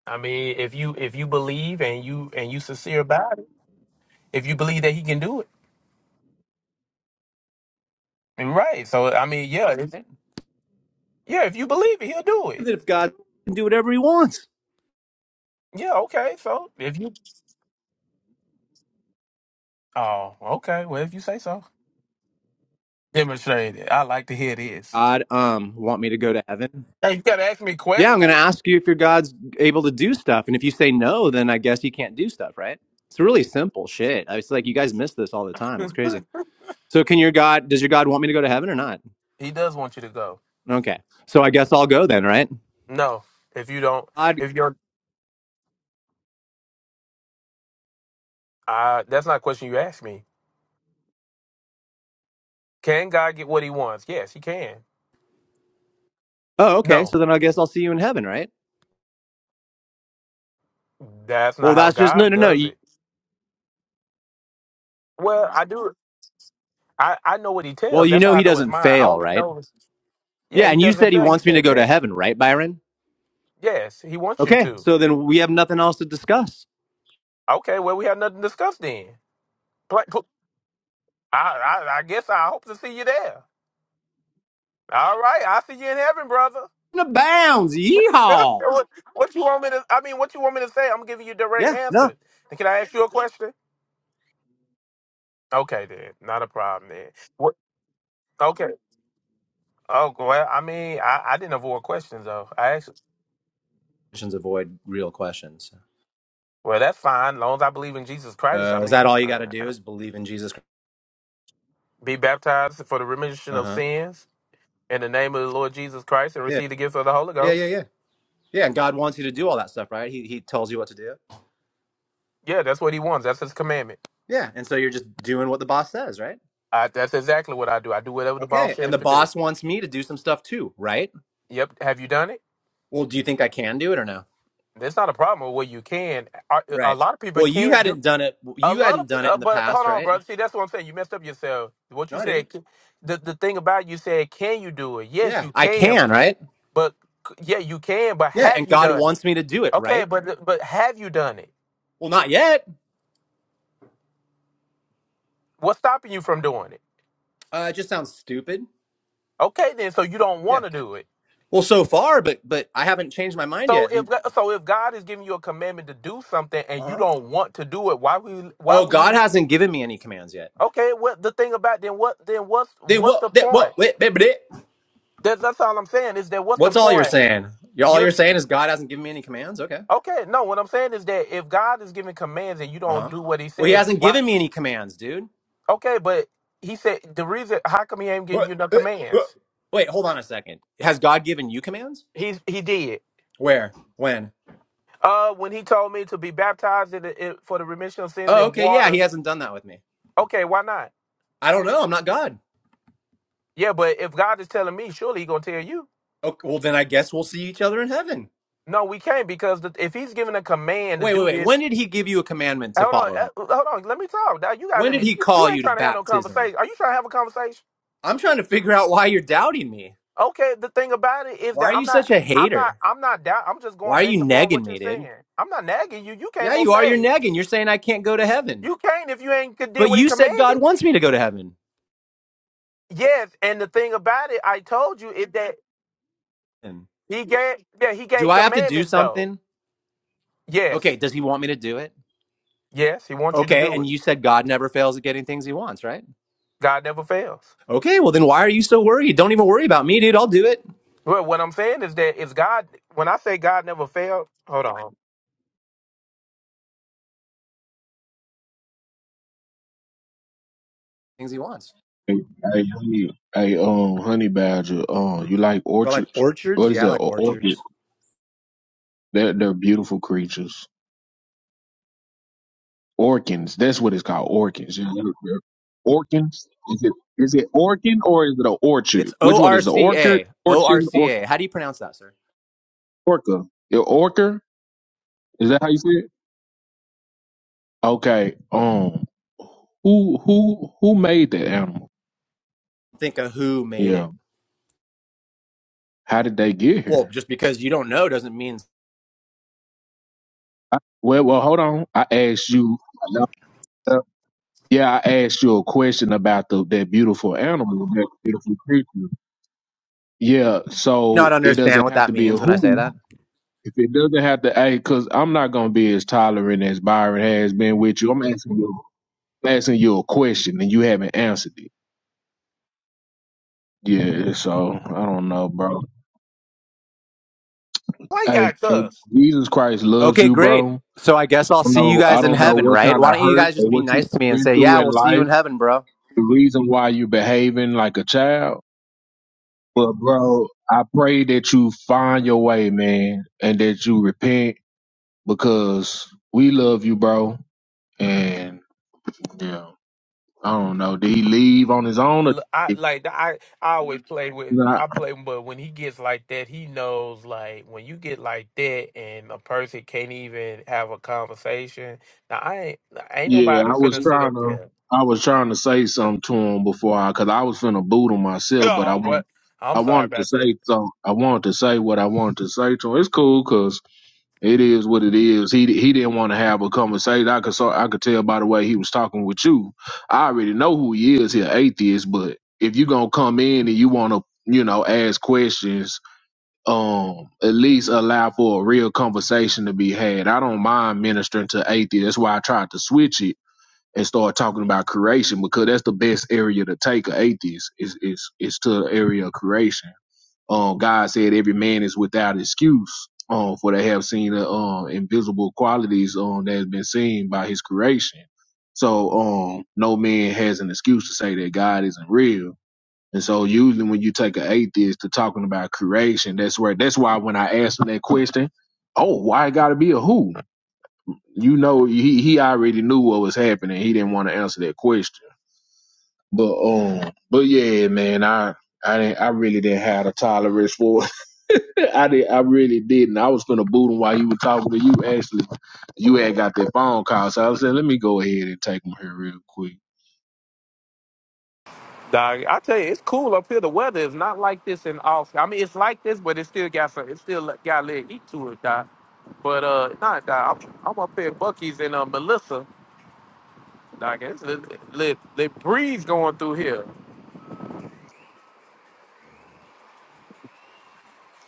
[SPEAKER 6] I mean, if you if you believe and you and you sincere about it, if you believe that he can do it, right? So I mean, yeah, if,
[SPEAKER 12] Right?
[SPEAKER 6] yeah. If you believe it, he'll do it.
[SPEAKER 12] That If God can do whatever he wants.
[SPEAKER 6] Yeah, okay. So if you oh, okay. Well, if you say so, demonstrate it. I like to hear this.
[SPEAKER 12] God um want me to go to heaven?
[SPEAKER 6] Hey, you gotta ask me
[SPEAKER 12] Yeah, I'm gonna
[SPEAKER 6] questions.
[SPEAKER 12] ask you if your God's able to do stuff. And if you say no, then I guess he can't do stuff, right? It's really simple shit. It's like you guys miss this all the time. It's crazy. So can your God does your God want me to go to heaven or not?
[SPEAKER 6] he does want you to go.
[SPEAKER 12] Okay. So I guess I'll go then, right?
[SPEAKER 6] No, if you don't,
[SPEAKER 12] God.
[SPEAKER 6] if you're, uh, that's not a question you asked me. Can God get what He wants? Yes, He can.
[SPEAKER 12] Oh, okay.
[SPEAKER 6] No,
[SPEAKER 12] So then I guess I'll see you in heaven, right?
[SPEAKER 6] that's not
[SPEAKER 12] Well,
[SPEAKER 6] how
[SPEAKER 12] that's just no,
[SPEAKER 6] God
[SPEAKER 12] no, no.
[SPEAKER 6] does
[SPEAKER 12] You-
[SPEAKER 6] it. Well, I do. I I know what He
[SPEAKER 12] Well,
[SPEAKER 6] tells.
[SPEAKER 12] you
[SPEAKER 6] That's how
[SPEAKER 12] know
[SPEAKER 6] I
[SPEAKER 12] he
[SPEAKER 6] know His
[SPEAKER 12] doesn't
[SPEAKER 6] mind. I
[SPEAKER 12] fail,
[SPEAKER 6] only
[SPEAKER 12] right?
[SPEAKER 6] know. His, yeah,
[SPEAKER 12] Yeah,
[SPEAKER 6] He
[SPEAKER 12] and you
[SPEAKER 6] doesn't
[SPEAKER 12] said he
[SPEAKER 6] fail. He
[SPEAKER 12] wants me to
[SPEAKER 6] said
[SPEAKER 12] go to
[SPEAKER 6] that.
[SPEAKER 12] heaven, right, Byron?
[SPEAKER 6] Yes, He wants you
[SPEAKER 12] Okay.
[SPEAKER 6] to.
[SPEAKER 12] So then we have nothing else to discuss.
[SPEAKER 6] Okay. Well, we have nothing to discuss then. I, I, I guess I hope to see you there. All right, I'll see you in heaven, brother.
[SPEAKER 12] The bounds. Yeehaw.
[SPEAKER 6] what, what you want me to? I mean, what you want me to say? I'm giving you direct
[SPEAKER 12] Yeah. No.
[SPEAKER 6] answers. Can I ask you a question? Okay, then, not a problem then. What? Okay. Oh well, I mean, I, I didn't avoid questions though. I asked.
[SPEAKER 12] Questions avoid real questions.
[SPEAKER 6] Well, that's fine, long as I believe in Jesus Christ. I
[SPEAKER 12] Uh, is that
[SPEAKER 6] mean,
[SPEAKER 12] all you
[SPEAKER 6] I,
[SPEAKER 12] got to do?
[SPEAKER 6] I-
[SPEAKER 12] Is believe in Jesus? Christ?
[SPEAKER 6] be baptized for the remission
[SPEAKER 12] Uh
[SPEAKER 6] of
[SPEAKER 12] huh.
[SPEAKER 6] sins in the name of the Lord Jesus Christ and
[SPEAKER 12] Yeah.
[SPEAKER 6] receive the gift of the Holy
[SPEAKER 12] Yeah. Yeah.
[SPEAKER 6] Ghost.
[SPEAKER 12] Yeah. Yeah. And God wants you to do all that stuff, right? He He tells you what to do.
[SPEAKER 6] Yeah, that's what he wants. That's his commandment.
[SPEAKER 12] Yeah. And so you're just doing what the boss says, right?
[SPEAKER 6] I, that's exactly what I do. I do whatever the boss
[SPEAKER 12] Okay. And
[SPEAKER 6] says
[SPEAKER 12] the
[SPEAKER 6] to do.
[SPEAKER 12] boss wants me to do some stuff too, right?
[SPEAKER 6] Yep. Have you done it?
[SPEAKER 12] Well, do you think I can do it or no?
[SPEAKER 6] That's not a problem. Well, you can. A, a
[SPEAKER 12] Right.
[SPEAKER 6] lot of people
[SPEAKER 12] Well, you
[SPEAKER 6] can do.
[SPEAKER 12] hadn't done it.
[SPEAKER 6] A
[SPEAKER 12] You
[SPEAKER 6] lot of,
[SPEAKER 12] hadn't done it
[SPEAKER 6] uh,
[SPEAKER 12] in the
[SPEAKER 6] but hold
[SPEAKER 12] past,
[SPEAKER 6] on,
[SPEAKER 12] right?
[SPEAKER 6] brother. See, that's what I'm saying. You messed up yourself. What
[SPEAKER 12] No,
[SPEAKER 6] you
[SPEAKER 12] I
[SPEAKER 6] said.
[SPEAKER 12] didn't.
[SPEAKER 6] c- The the thing about it, you said, can you do it? Yes,
[SPEAKER 12] Yeah.
[SPEAKER 6] you
[SPEAKER 12] I
[SPEAKER 6] can.
[SPEAKER 12] can, right?
[SPEAKER 6] But c- yeah, you can. But
[SPEAKER 12] Yeah.
[SPEAKER 6] have
[SPEAKER 12] And
[SPEAKER 6] you
[SPEAKER 12] God
[SPEAKER 6] done it?
[SPEAKER 12] wants me to do it,
[SPEAKER 6] Okay,
[SPEAKER 12] right?
[SPEAKER 6] but uh, but have you done it?
[SPEAKER 12] Well, not yet.
[SPEAKER 6] What's stopping you from doing it?
[SPEAKER 12] Uh, it just sounds stupid.
[SPEAKER 6] Okay, then. So you don't want
[SPEAKER 12] Yeah.
[SPEAKER 6] to do it.
[SPEAKER 12] Well, so far, but but I haven't changed my mind
[SPEAKER 6] So
[SPEAKER 12] yet.
[SPEAKER 6] if
[SPEAKER 12] And
[SPEAKER 6] so, if God is giving you a commandment to do something and you
[SPEAKER 12] uh-huh.
[SPEAKER 6] don't want to do it, why would why
[SPEAKER 12] oh,
[SPEAKER 6] would He?
[SPEAKER 12] God hasn't given me any commands yet.
[SPEAKER 6] Okay, what the thing about then? What then? What's
[SPEAKER 12] They
[SPEAKER 6] what's
[SPEAKER 12] what?
[SPEAKER 6] the
[SPEAKER 12] They,
[SPEAKER 6] point?
[SPEAKER 12] what? Wait, wait, wait.
[SPEAKER 6] That's, that's all I'm saying is that what's the
[SPEAKER 12] What's all you're
[SPEAKER 6] point?
[SPEAKER 12] saying? You're, all
[SPEAKER 6] You
[SPEAKER 12] you're saying is God hasn't given me any commands. Okay.
[SPEAKER 6] okay? No, what I'm saying is that if God is giving commands and you
[SPEAKER 12] Uh
[SPEAKER 6] don't
[SPEAKER 12] huh.
[SPEAKER 6] do what He
[SPEAKER 12] Well, He
[SPEAKER 6] says,
[SPEAKER 12] hasn't
[SPEAKER 6] why?
[SPEAKER 12] given me any commands, dude.
[SPEAKER 6] Okay, but He said the reason. How come He ain't giving
[SPEAKER 12] What?
[SPEAKER 6] you no
[SPEAKER 12] Uh, uh,
[SPEAKER 6] commands?
[SPEAKER 12] Wait, hold on a second. Has God given you commands?
[SPEAKER 6] He's He did.
[SPEAKER 12] Where? When?
[SPEAKER 6] Uh, when He told me to be baptized in the, in, for the remission of sins
[SPEAKER 12] Oh,
[SPEAKER 6] in
[SPEAKER 12] okay, yeah, he
[SPEAKER 6] water.
[SPEAKER 12] hasn't done that with me.
[SPEAKER 6] Okay, why not?
[SPEAKER 12] I don't know, I'm not God.
[SPEAKER 6] Yeah, but if God is telling me, surely He gonna tell you.
[SPEAKER 12] Okay, well, then I guess we'll see each other in heaven.
[SPEAKER 6] No, we can't because the, if He's giving a command to
[SPEAKER 12] Wait, wait,
[SPEAKER 6] do
[SPEAKER 12] wait. When
[SPEAKER 6] this.
[SPEAKER 12] did he give you a commandment to
[SPEAKER 6] Hold on,
[SPEAKER 12] follow him?
[SPEAKER 6] uh, hold on. Let me talk. Now you gotta
[SPEAKER 12] When
[SPEAKER 6] let
[SPEAKER 12] did
[SPEAKER 6] me.
[SPEAKER 12] he
[SPEAKER 6] You
[SPEAKER 12] call
[SPEAKER 6] ain't
[SPEAKER 12] you to
[SPEAKER 6] trying to have no
[SPEAKER 12] baptism?
[SPEAKER 6] conversation. Are you trying to have a conversation?
[SPEAKER 12] I'm trying to figure out why you're doubting me.
[SPEAKER 6] Okay, the thing about it is
[SPEAKER 12] Why
[SPEAKER 6] that
[SPEAKER 12] are
[SPEAKER 6] I'm
[SPEAKER 12] you
[SPEAKER 6] not,
[SPEAKER 12] such a
[SPEAKER 6] I'm not,
[SPEAKER 12] hater?
[SPEAKER 6] I'm not doubt. I'm just going
[SPEAKER 12] Why are you
[SPEAKER 6] based upon
[SPEAKER 12] negging
[SPEAKER 6] what you're
[SPEAKER 12] me, dude?
[SPEAKER 6] saying. I'm not nagging you. You came
[SPEAKER 12] Yeah,
[SPEAKER 6] on
[SPEAKER 12] you are. You're
[SPEAKER 6] stage.
[SPEAKER 12] negging. You're saying I can't go to heaven.
[SPEAKER 6] You can't if you ain't could did
[SPEAKER 12] But
[SPEAKER 6] what he
[SPEAKER 12] you said
[SPEAKER 6] commanded.
[SPEAKER 12] God wants me to go to heaven.
[SPEAKER 6] Yes, and the thing about it, I told you is that he gave, yeah, he
[SPEAKER 12] Do
[SPEAKER 6] gave
[SPEAKER 12] I have to do
[SPEAKER 6] commandments though.
[SPEAKER 12] something? Okay,
[SPEAKER 6] Yes,
[SPEAKER 12] does he want me to do it?
[SPEAKER 6] yes, he wants you to
[SPEAKER 12] Okay,
[SPEAKER 6] do
[SPEAKER 12] and
[SPEAKER 6] it.
[SPEAKER 12] you said God never fails at getting things he wants, right?
[SPEAKER 6] God never fails.
[SPEAKER 12] Okay, well then why are you so worried? Don't even worry about me, dude. I'll do it.
[SPEAKER 6] Well, what I'm saying is that it's God. When I say God never failed, hold on.
[SPEAKER 12] Things he wants.
[SPEAKER 1] Hey, hey, honey, hey, um, honey badger, um, you like
[SPEAKER 12] Or like
[SPEAKER 1] orchards?
[SPEAKER 12] orchards?
[SPEAKER 1] What is
[SPEAKER 12] Yeah, I
[SPEAKER 1] that?
[SPEAKER 12] like
[SPEAKER 1] Or- Orchid?
[SPEAKER 12] orchards.
[SPEAKER 1] They're they're beautiful creatures. Orkins. That's what it's called. Orkins. Yeah. they're- they're- Orkins. Is it is it orkin or is it an orchard?
[SPEAKER 12] It's
[SPEAKER 1] Which
[SPEAKER 12] O
[SPEAKER 1] one
[SPEAKER 12] R
[SPEAKER 1] is it?
[SPEAKER 12] C
[SPEAKER 1] Orchard,
[SPEAKER 12] A. O R
[SPEAKER 1] orchid,
[SPEAKER 12] C
[SPEAKER 1] or
[SPEAKER 12] A. How do you pronounce that, sir?
[SPEAKER 1] orca? Your orca? Is that how you say it? Okay. Um. Who who who made that animal?
[SPEAKER 12] Think of who made
[SPEAKER 1] Yeah.
[SPEAKER 12] it.
[SPEAKER 1] How did they get
[SPEAKER 12] Well,
[SPEAKER 1] here?
[SPEAKER 12] just because you don't know doesn't mean
[SPEAKER 1] I, well, well, hold on. I asked you. no, no. Yeah, I asked you a question about the that beautiful animal, that beautiful creature. Yeah.
[SPEAKER 12] not
[SPEAKER 1] So it
[SPEAKER 12] understand
[SPEAKER 1] doesn't
[SPEAKER 12] what
[SPEAKER 1] have
[SPEAKER 12] that
[SPEAKER 1] to be a
[SPEAKER 12] means when I
[SPEAKER 1] who.
[SPEAKER 12] say that.
[SPEAKER 1] If it doesn't have to, hey, because I'm not gonna be as tolerant as Byron has been with you. I'm asking you, I'm asking you a question, and you haven't answered it. Yeah, so I don't know, bro.
[SPEAKER 6] Why you
[SPEAKER 1] Hey,
[SPEAKER 6] got
[SPEAKER 1] hey,
[SPEAKER 6] cuss?
[SPEAKER 1] Jesus Christ loves
[SPEAKER 12] Okay,
[SPEAKER 1] you,
[SPEAKER 12] great.
[SPEAKER 1] bro.
[SPEAKER 12] So I guess I'll
[SPEAKER 1] I don't
[SPEAKER 12] see you
[SPEAKER 1] know, I
[SPEAKER 12] guys in
[SPEAKER 1] don't know
[SPEAKER 12] heaven,
[SPEAKER 1] what
[SPEAKER 12] right?
[SPEAKER 1] kind of
[SPEAKER 12] Why don't you
[SPEAKER 1] hurt
[SPEAKER 12] guys just
[SPEAKER 1] or
[SPEAKER 12] be
[SPEAKER 1] what you've
[SPEAKER 12] nice to me and
[SPEAKER 1] been
[SPEAKER 12] say,
[SPEAKER 1] through
[SPEAKER 12] "Yeah,
[SPEAKER 1] in
[SPEAKER 12] we'll see you
[SPEAKER 1] life.
[SPEAKER 12] in heaven, bro."
[SPEAKER 1] The reason why you're behaving like a child, but bro, I pray that you find your way, man, and that you repent because we love you, bro. And yeah. I don't know. Did he leave on his own? Or
[SPEAKER 6] l- I
[SPEAKER 1] if
[SPEAKER 6] like I I always play with
[SPEAKER 1] not,
[SPEAKER 6] I play, but when he gets like that, he knows like when you get like that and a person can't even have a conversation. Now I ain't ain't
[SPEAKER 1] yeah,
[SPEAKER 6] nobody
[SPEAKER 1] I was
[SPEAKER 6] finna sit
[SPEAKER 1] trying
[SPEAKER 6] up
[SPEAKER 1] to.
[SPEAKER 6] there.
[SPEAKER 1] I was trying to say something to him before I, cause I was finna boot him myself, but I
[SPEAKER 6] Oh
[SPEAKER 1] want,
[SPEAKER 6] what?
[SPEAKER 1] I
[SPEAKER 6] I'm sorry
[SPEAKER 1] wanted to
[SPEAKER 6] about that.
[SPEAKER 1] say something. I wanted to say what I wanted to say to him. It's cool, cause it is what it is. He he didn't want to have a conversation. I could so I could tell by the way he was talking with you. I already know who he is. He an atheist, but if you gonna come in and you wanna, you know, ask questions um at least allow for a real conversation to be had. I don't mind ministering to atheists. That's why I tried to switch it and start talking about creation because that's the best area to take an atheist is is is to the area of creation. Um God said every man is without excuse. Um, for they have seen the um invisible qualities um that has been seen by his creation. So um no man has an excuse to say that God isn't real and so usually when you take an atheist to talking about creation, that's where that's why when I asked him that question, oh, why it gotta be a who? You know, he he already knew what was happening. He didn't want to answer that question. But um, but yeah, man, I I didn't I really didn't have a tolerance for it. I did I really didn't. I was gonna boot him while you were talking to you. Actually, you had got that phone call, so I said, let me go ahead and take him here real quick.
[SPEAKER 6] Dog, I tell you, it's cool up here. The weather is not like this in Austin. I mean, it's like this, but it still got some. It still got a little heat to it, dog. But uh, nah, dog, I'm, I'm up here at Bucky's and uh, Melissa. Dog, it's a little, little, little breeze going through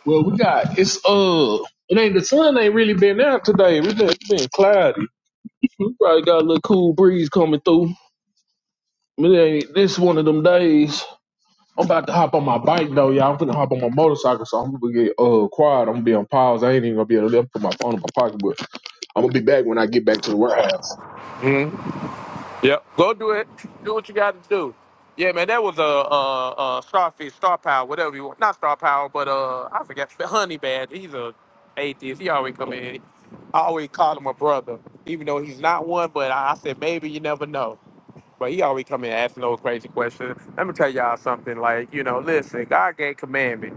[SPEAKER 1] Well, we got it's uh, it ain't the sun ain't really been out today. We just it's been cloudy. We probably got a little cool breeze coming through. But it ain't this one of them days. I'm about to hop on my bike though, y'all. I'm finna hop on my motorcycle, so I'm gonna get uh quiet. I'm gonna be on pause. I ain't even gonna be able to put my phone in my pocket, but I'm gonna be back when I get back to the warehouse.
[SPEAKER 6] here. Yep. Go do it. Do what you got to do. Yeah, man, that was a uh, uh, starfish, star power, whatever you want. Not star power, but uh, I forgot. Honey Bad. He's a atheist. He always come in. I always call him a brother, even though he's not one. But I, I said maybe you never know. But he always come in asking those crazy questions. Let me tell y'all something. Like you know, listen, God gave commandments.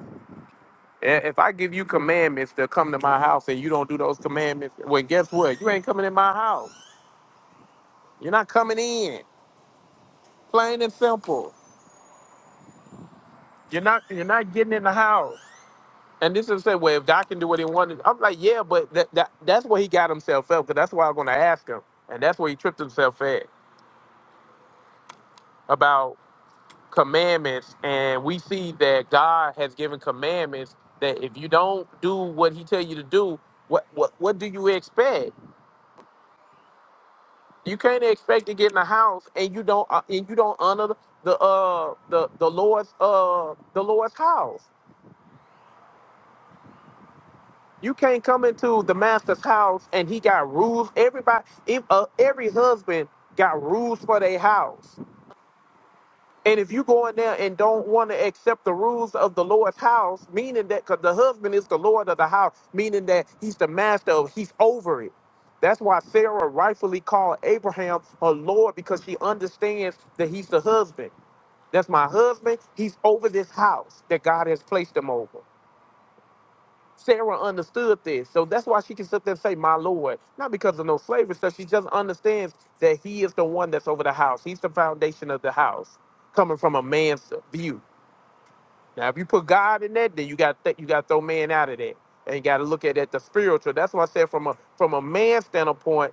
[SPEAKER 6] I- If I give you commandments to come to my house and you don't do those commandments, well, guess what? You ain't coming in my house. You're not coming in. Plain and simple. You're not you're not getting in the house. And this is the way if God can do what he wanted, I'm like, yeah, but that, that that's where he got himself up, because that's why I'm gonna ask him. And that's where he tripped himself at about commandments. And we see that God has given commandments that if you don't do what he tell you to do, what what what do you expect? You can't expect to get in the house and you don't uh, and you don't honor the uh the the Lord's uh the Lord's house. You can't come into the master's house and he got rules. Everybody, if, uh, every husband got rules for their house. And if you go in there and don't want to accept the rules of the Lord's house, meaning that because the husband is the Lord of the house, meaning that he's the master of, he's over it. That's why Sarah rightfully called Abraham her Lord because she understands that he's the husband. That's my husband. He's over this house that God has placed him over. Sarah understood this. So that's why she can sit there and say, My Lord. Not because of no slavery stuff. She just understands that he is the one that's over the house. He's the foundation of the house, coming from a man's view. Now, if you put God in that, then you got th- you got to throw man out of that. And you got to look at it at the spiritual. That's why I said from a from a man's standpoint,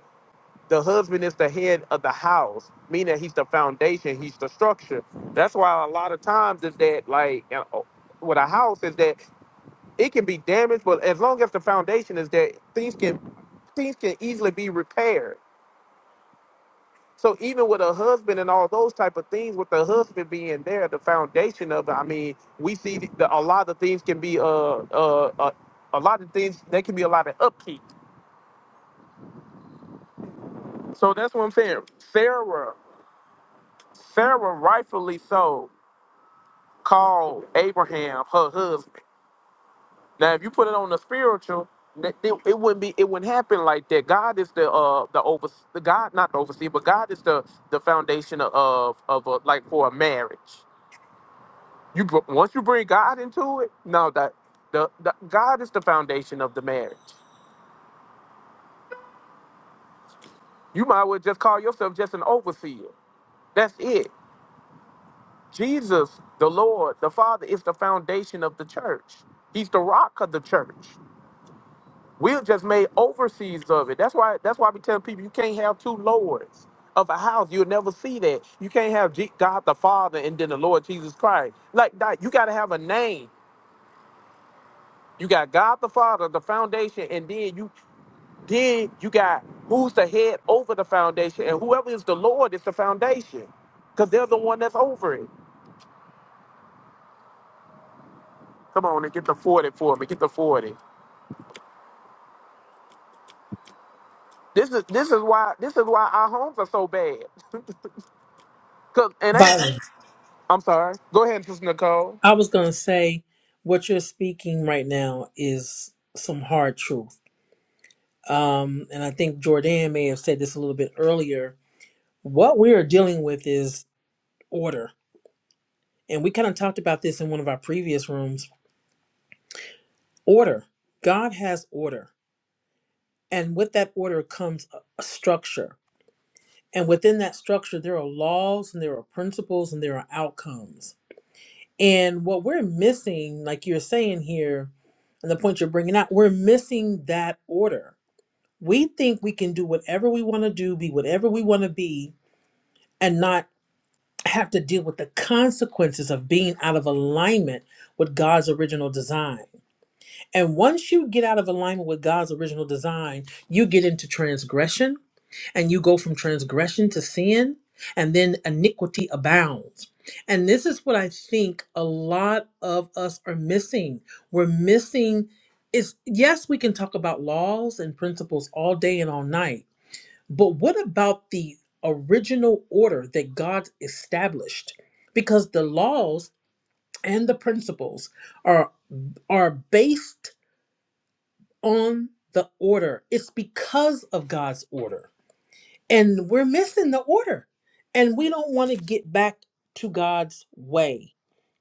[SPEAKER 6] the husband is the head of the house, meaning that he's the foundation, he's the structure. That's why a lot of times is that like you know, with a house is that it can be damaged, but as long as the foundation is there, things can things can easily be repaired. So even with a husband and all those type of things, with the husband being there, the foundation of it. I mean, we see the, a lot of things can be uh uh, uh a lot of things. There can be a lot of upkeep. So that's what I'm saying. Sarah, Sarah rightfully so called Abraham her husband. Now, if you put it on the spiritual, that- it, it wouldn't be, it wouldn't happen like that. God is the uh the over the God, not the overseer, but God is the the foundation of of a, like for a marriage. You br- once you bring God into it, no, that the, the God is the foundation of the marriage. You might well just call yourself just an overseer. That's it. Jesus, the Lord, the Father, is the foundation of the church. He's the rock of the church. We've just made overseas of it. That's why that's why we tell people you can't have two lords of a house. You'll never see that. You can't have G- God the Father and then the Lord Jesus Christ. Like that, you gotta have a name. You got God the Father, the foundation, and then you then you got who's the head over the foundation, and whoever is the Lord is the foundation. Because they're the one that's over it. Come on and get the 40 for me. Get the 40. This is this is why this is why our homes are so bad. Cause it ain't
[SPEAKER 2] Byron,
[SPEAKER 6] I'm sorry. Go ahead, Sister Nicole.
[SPEAKER 2] I was gonna say what you're speaking right now is some hard truth. Um, and I think Jordan may have said this a little bit earlier. What we are dealing with is order and we kind of talked about this in one of our previous rooms order god has order and with that order comes a, a structure and within that structure there are laws and there are principles and there are outcomes and what we're missing like you're saying here and the point you're bringing out we're missing that order we think we can do whatever we want to do be whatever we want to be and not have to deal with the consequences of being out of alignment with god's original design And once you get out of alignment with God's original design, you get into transgression and you go from transgression to sin, and then iniquity abounds. And this is what I think a lot of us are missing. We're missing is yes, we can talk about laws and principles all day and all night, but what about the original order that God established? Because the laws and the principles are are based on the order. It's because of God's order. And we're missing the order. And we don't want to get back to God's way,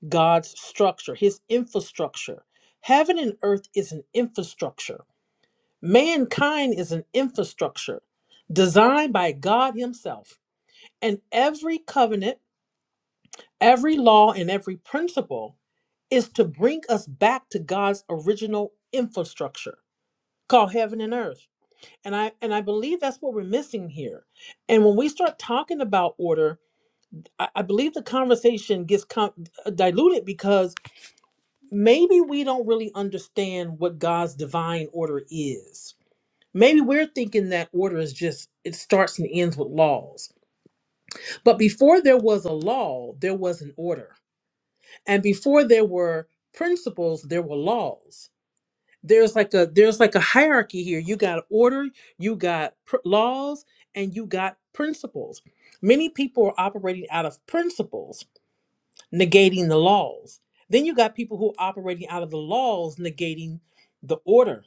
[SPEAKER 2] God's structure, his infrastructure. Heaven and earth is an infrastructure. Mankind is an infrastructure designed by God himself. And every covenant, every law, and every principle is to bring us back to God's original infrastructure called heaven and earth. And I and I believe that's what we're missing here. And when we start talking about order, I, I believe the conversation gets com- diluted because maybe we don't really understand what God's divine order is. Maybe we're thinking that order is just it starts and ends with laws. But before there was a law, there was an order. And before there were principles, there were laws. there's like a there's like a hierarchy here you got order you got pr- laws and you got principles many people are operating out of principles negating the laws then you got people who are operating out of the laws negating the order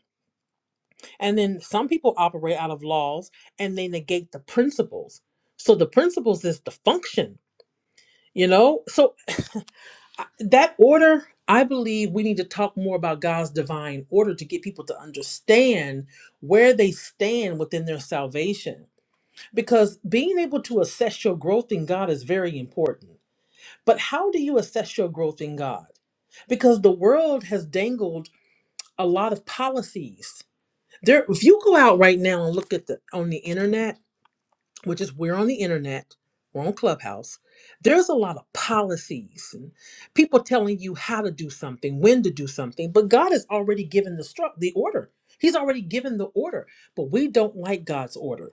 [SPEAKER 2] and then some people operate out of laws and they negate the principles so the principles is the function you know so that order i believe we need to talk more about god's divine order to get people to understand where they stand within their salvation because being able to assess your growth in god is very important but how do you assess your growth in god because the world has dangled a lot of policies there if you go out right now and look at the on the internet which is we're on the internet, we're on Clubhouse, there's a lot of policies and people telling you how to do something, when to do something, but God has already given the struct the order. He's already given the order, but we don't like God's order.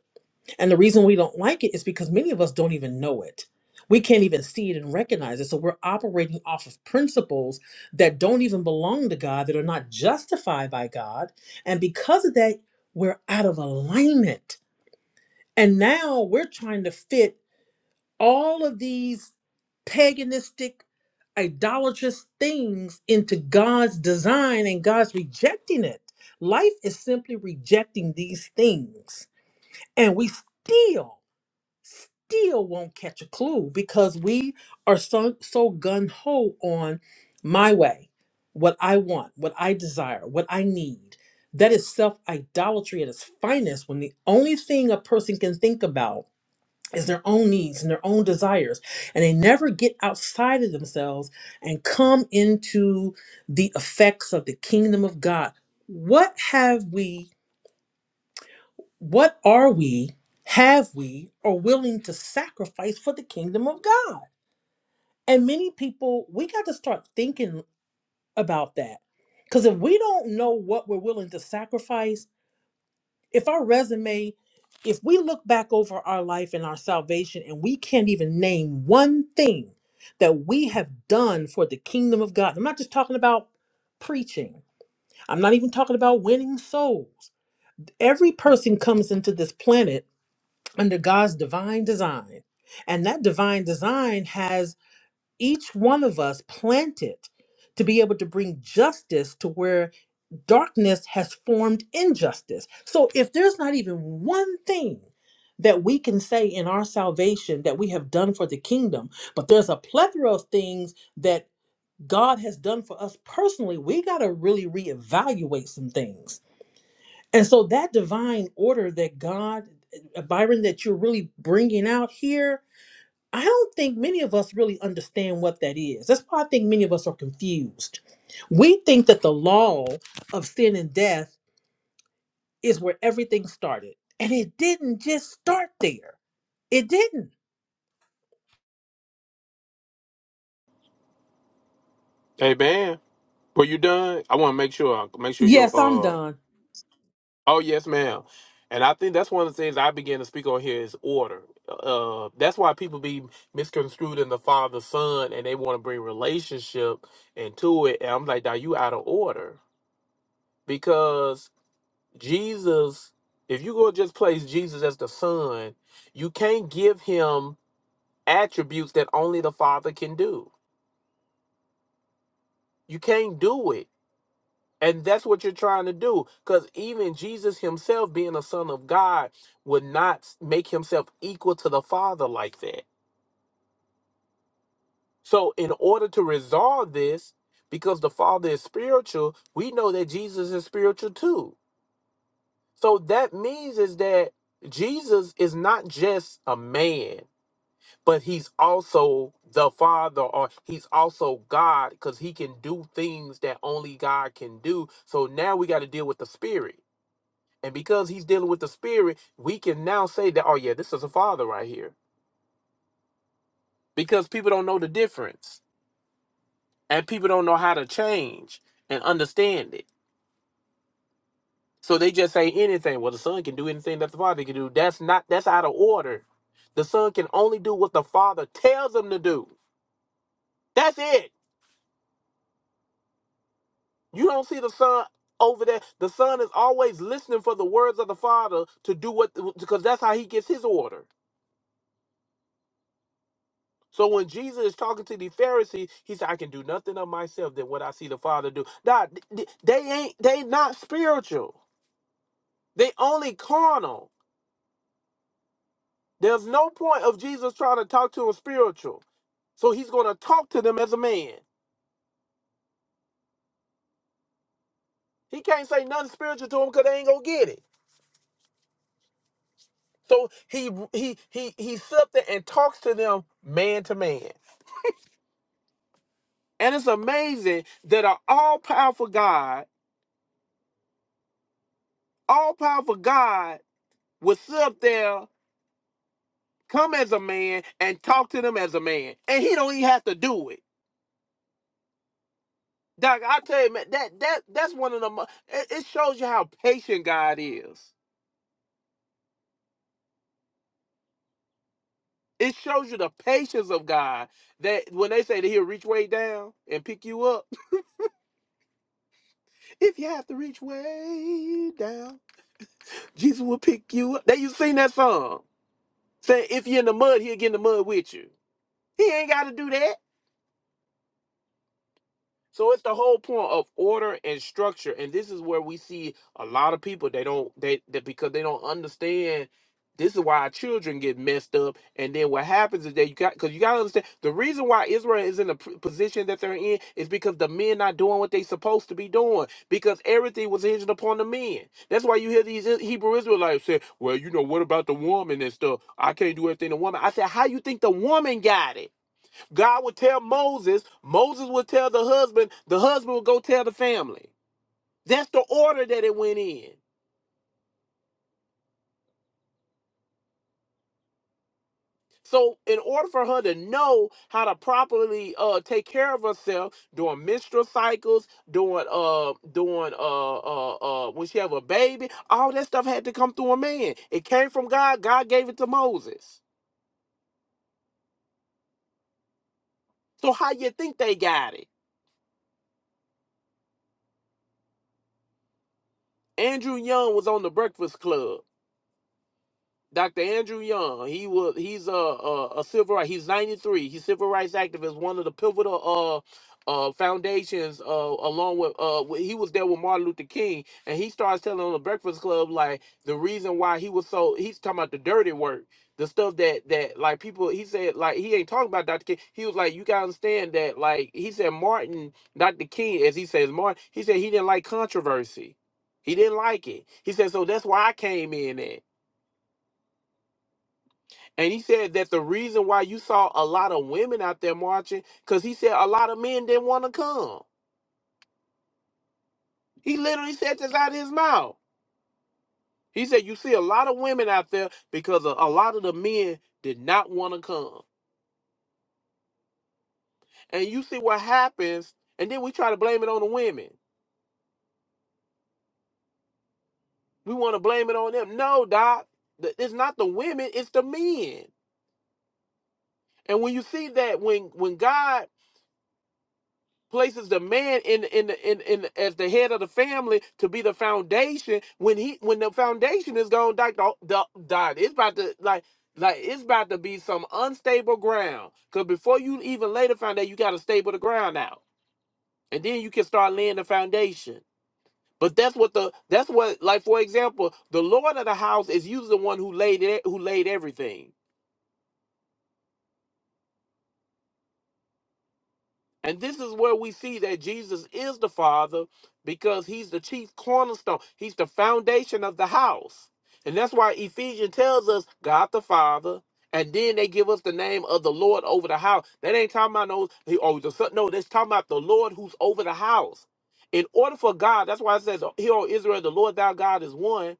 [SPEAKER 2] And the reason we don't like it is because many of us don't even know it. We can't even see it and recognize it. So we're operating off of principles that don't even belong to God, that are not justified by God. And because of that, we're out of alignment and now we're trying to fit all of these paganistic, idolatrous things into God's design, and God's rejecting it. Life is simply rejecting these things. And we still, still won't catch a clue because we are so, so gun ho on my way, what I want, what I desire, what I need. That is self idolatry at its finest when the only thing a person can think about is their own needs and their own desires and they never get outside of themselves and come into the effects of the kingdom of god what have we what are we have we or willing to sacrifice for the kingdom of god and many people we got to start thinking about that because if we don't know what we're willing to sacrifice if our resume, if we look back over our life and our salvation and we can't even name one thing that we have done for the kingdom of God, I'm not just talking about preaching, I'm not even talking about winning souls. Every person comes into this planet under God's divine design, and that divine design has each one of us planted to be able to bring justice to where darkness has formed injustice. So if there's not even one thing that we can say in our salvation that we have done for the kingdom, but there's a plethora of things that God has done for us personally, we got to really reevaluate some things. And so that divine order that God, uh, Byron, that you're really bringing out here, I don't think many of us really understand what that is. That's why I think many of us are confused. We think that the law of sin and death is where everything started. And it didn't just start there. It didn't.
[SPEAKER 6] Hey man, were you done? I want to make sure make sure your
[SPEAKER 2] Yes, I'm
[SPEAKER 6] uh
[SPEAKER 2] done.
[SPEAKER 6] oh yes ma'am, and I think that's one of the things I began to speak on here is order. Uh, that's why people be misconstrued in the father son, and they want to bring relationship into it. And I'm like, now you out of order because Jesus, if you go just place Jesus as the son, you can't give him attributes that only the father can do. You can't do it And that's what you're trying to do. Because even Jesus himself, being a son of God, would not make himself equal to the Father like that. So, in order to resolve this, because the Father is spiritual, we know that Jesus is spiritual too. So, that means is that Jesus is not just a man, but he's also the Father or he's also God because he can do things that only God can do. So, now we got to deal with the Spirit. And because he's dealing with the spirit, we can now say that, oh yeah, this is a father right here. Because people don't know the difference. And people don't know how to change and understand it. So they just say anything. Well, the son can do anything that the father can do. That's not that's out of order. The son can only do what the father tells him to do. That's it. You don't see the son over there. The son is always listening for the words of the father to do what because that's how he gets his order. So when Jesus is talking to the Pharisees, he said, "I can do nothing of myself than what I see the Father do." Nah, th- th- they ain't they not spiritual. They only carnal. There's no point of Jesus trying to talk to them spiritual. So he's going to talk to them as a man. He can't say nothing spiritual to them because they ain't gonna get it. So he he he he sits there and talks to them man to man. And it's amazing that an all powerful God, all powerful God, would sit up there Come as a man and talk to them as a man, and he don't even have to do it. Doc, I tell you, man, that that that's one of the. mo- It, it shows you how patient God is. It shows you the patience of God. That when they say that He'll reach way down and pick you up, if you have to reach way down, Jesus will pick you up. They you sing that song. Say if you're in the mud, He'll get in the mud with you. He ain't got to do that. So it's the whole point of order and structure, and this is where we see a lot of people they don't they, they because they don't understand. This is why our children get messed up, and then what happens is that you got because you got to understand the reason why Israel is in the p- position that they're in is because the men not doing what they supposed to be doing because everything was hinged upon the men. That's why you hear these I- Hebrew Israelites say, "Well, you know what about the woman and stuff? I can't do everything the woman." I said, "How you think the woman got it?" God would tell Moses, Moses would tell the husband, the husband would go tell the family. That's the order that it went in. So, in order for her to know how to properly uh, take care of herself during menstrual cycles, during uh, during uh, uh, uh, when she have a baby, all that stuff had to come through a man. It came from God. God gave it to Moses. So, how you think they got it? Andrew Young was on the Breakfast Club. Dr. Andrew Young, he was he's a a, a civil right. He's 93. He's civil rights activist, one of the pivotal uh uh foundations uh along with uh wh- he was there with Martin Luther King and he starts telling on the Breakfast Club like the reason why he was so he's talking about the dirty work, the stuff that that like people he said like he ain't talking about Dr. King. He was like you gotta understand that like he said Martin Dr. King as he says Martin he said he didn't like controversy. He didn't like it. He said so that's why I came in at. And he said that the reason why you saw a lot of women out there marching, because he said a lot of men didn't want to come. He literally said this out of his mouth. He said, You see a lot of women out there because a, a lot of the men did not want to come. And you see what happens, and then we try to blame it on the women. We want to blame it on them. No, Doc, th- it's not the women, it's the men. And when you see that, when when God places the man in in in in as the head of the family to be the foundation when he when the foundation is gone die, die, die. it's about to like like it's about to be some unstable ground because before you even lay the foundation you got to stable the ground out and then you can start laying the foundation but that's what the that's what like for example the lord of the house is usually the one who laid it who laid everything And this is where we see that Jesus is the Father because he's the chief cornerstone, he's the foundation of the house. And that's why Ephesians tells us God the Father. And then they give us the name of the Lord over the house. That ain't talking about no, he- oh, the son. No, that's talking about the Lord who's over the house. In order for God, that's why it says, Hear, O Israel, the Lord thou God is one.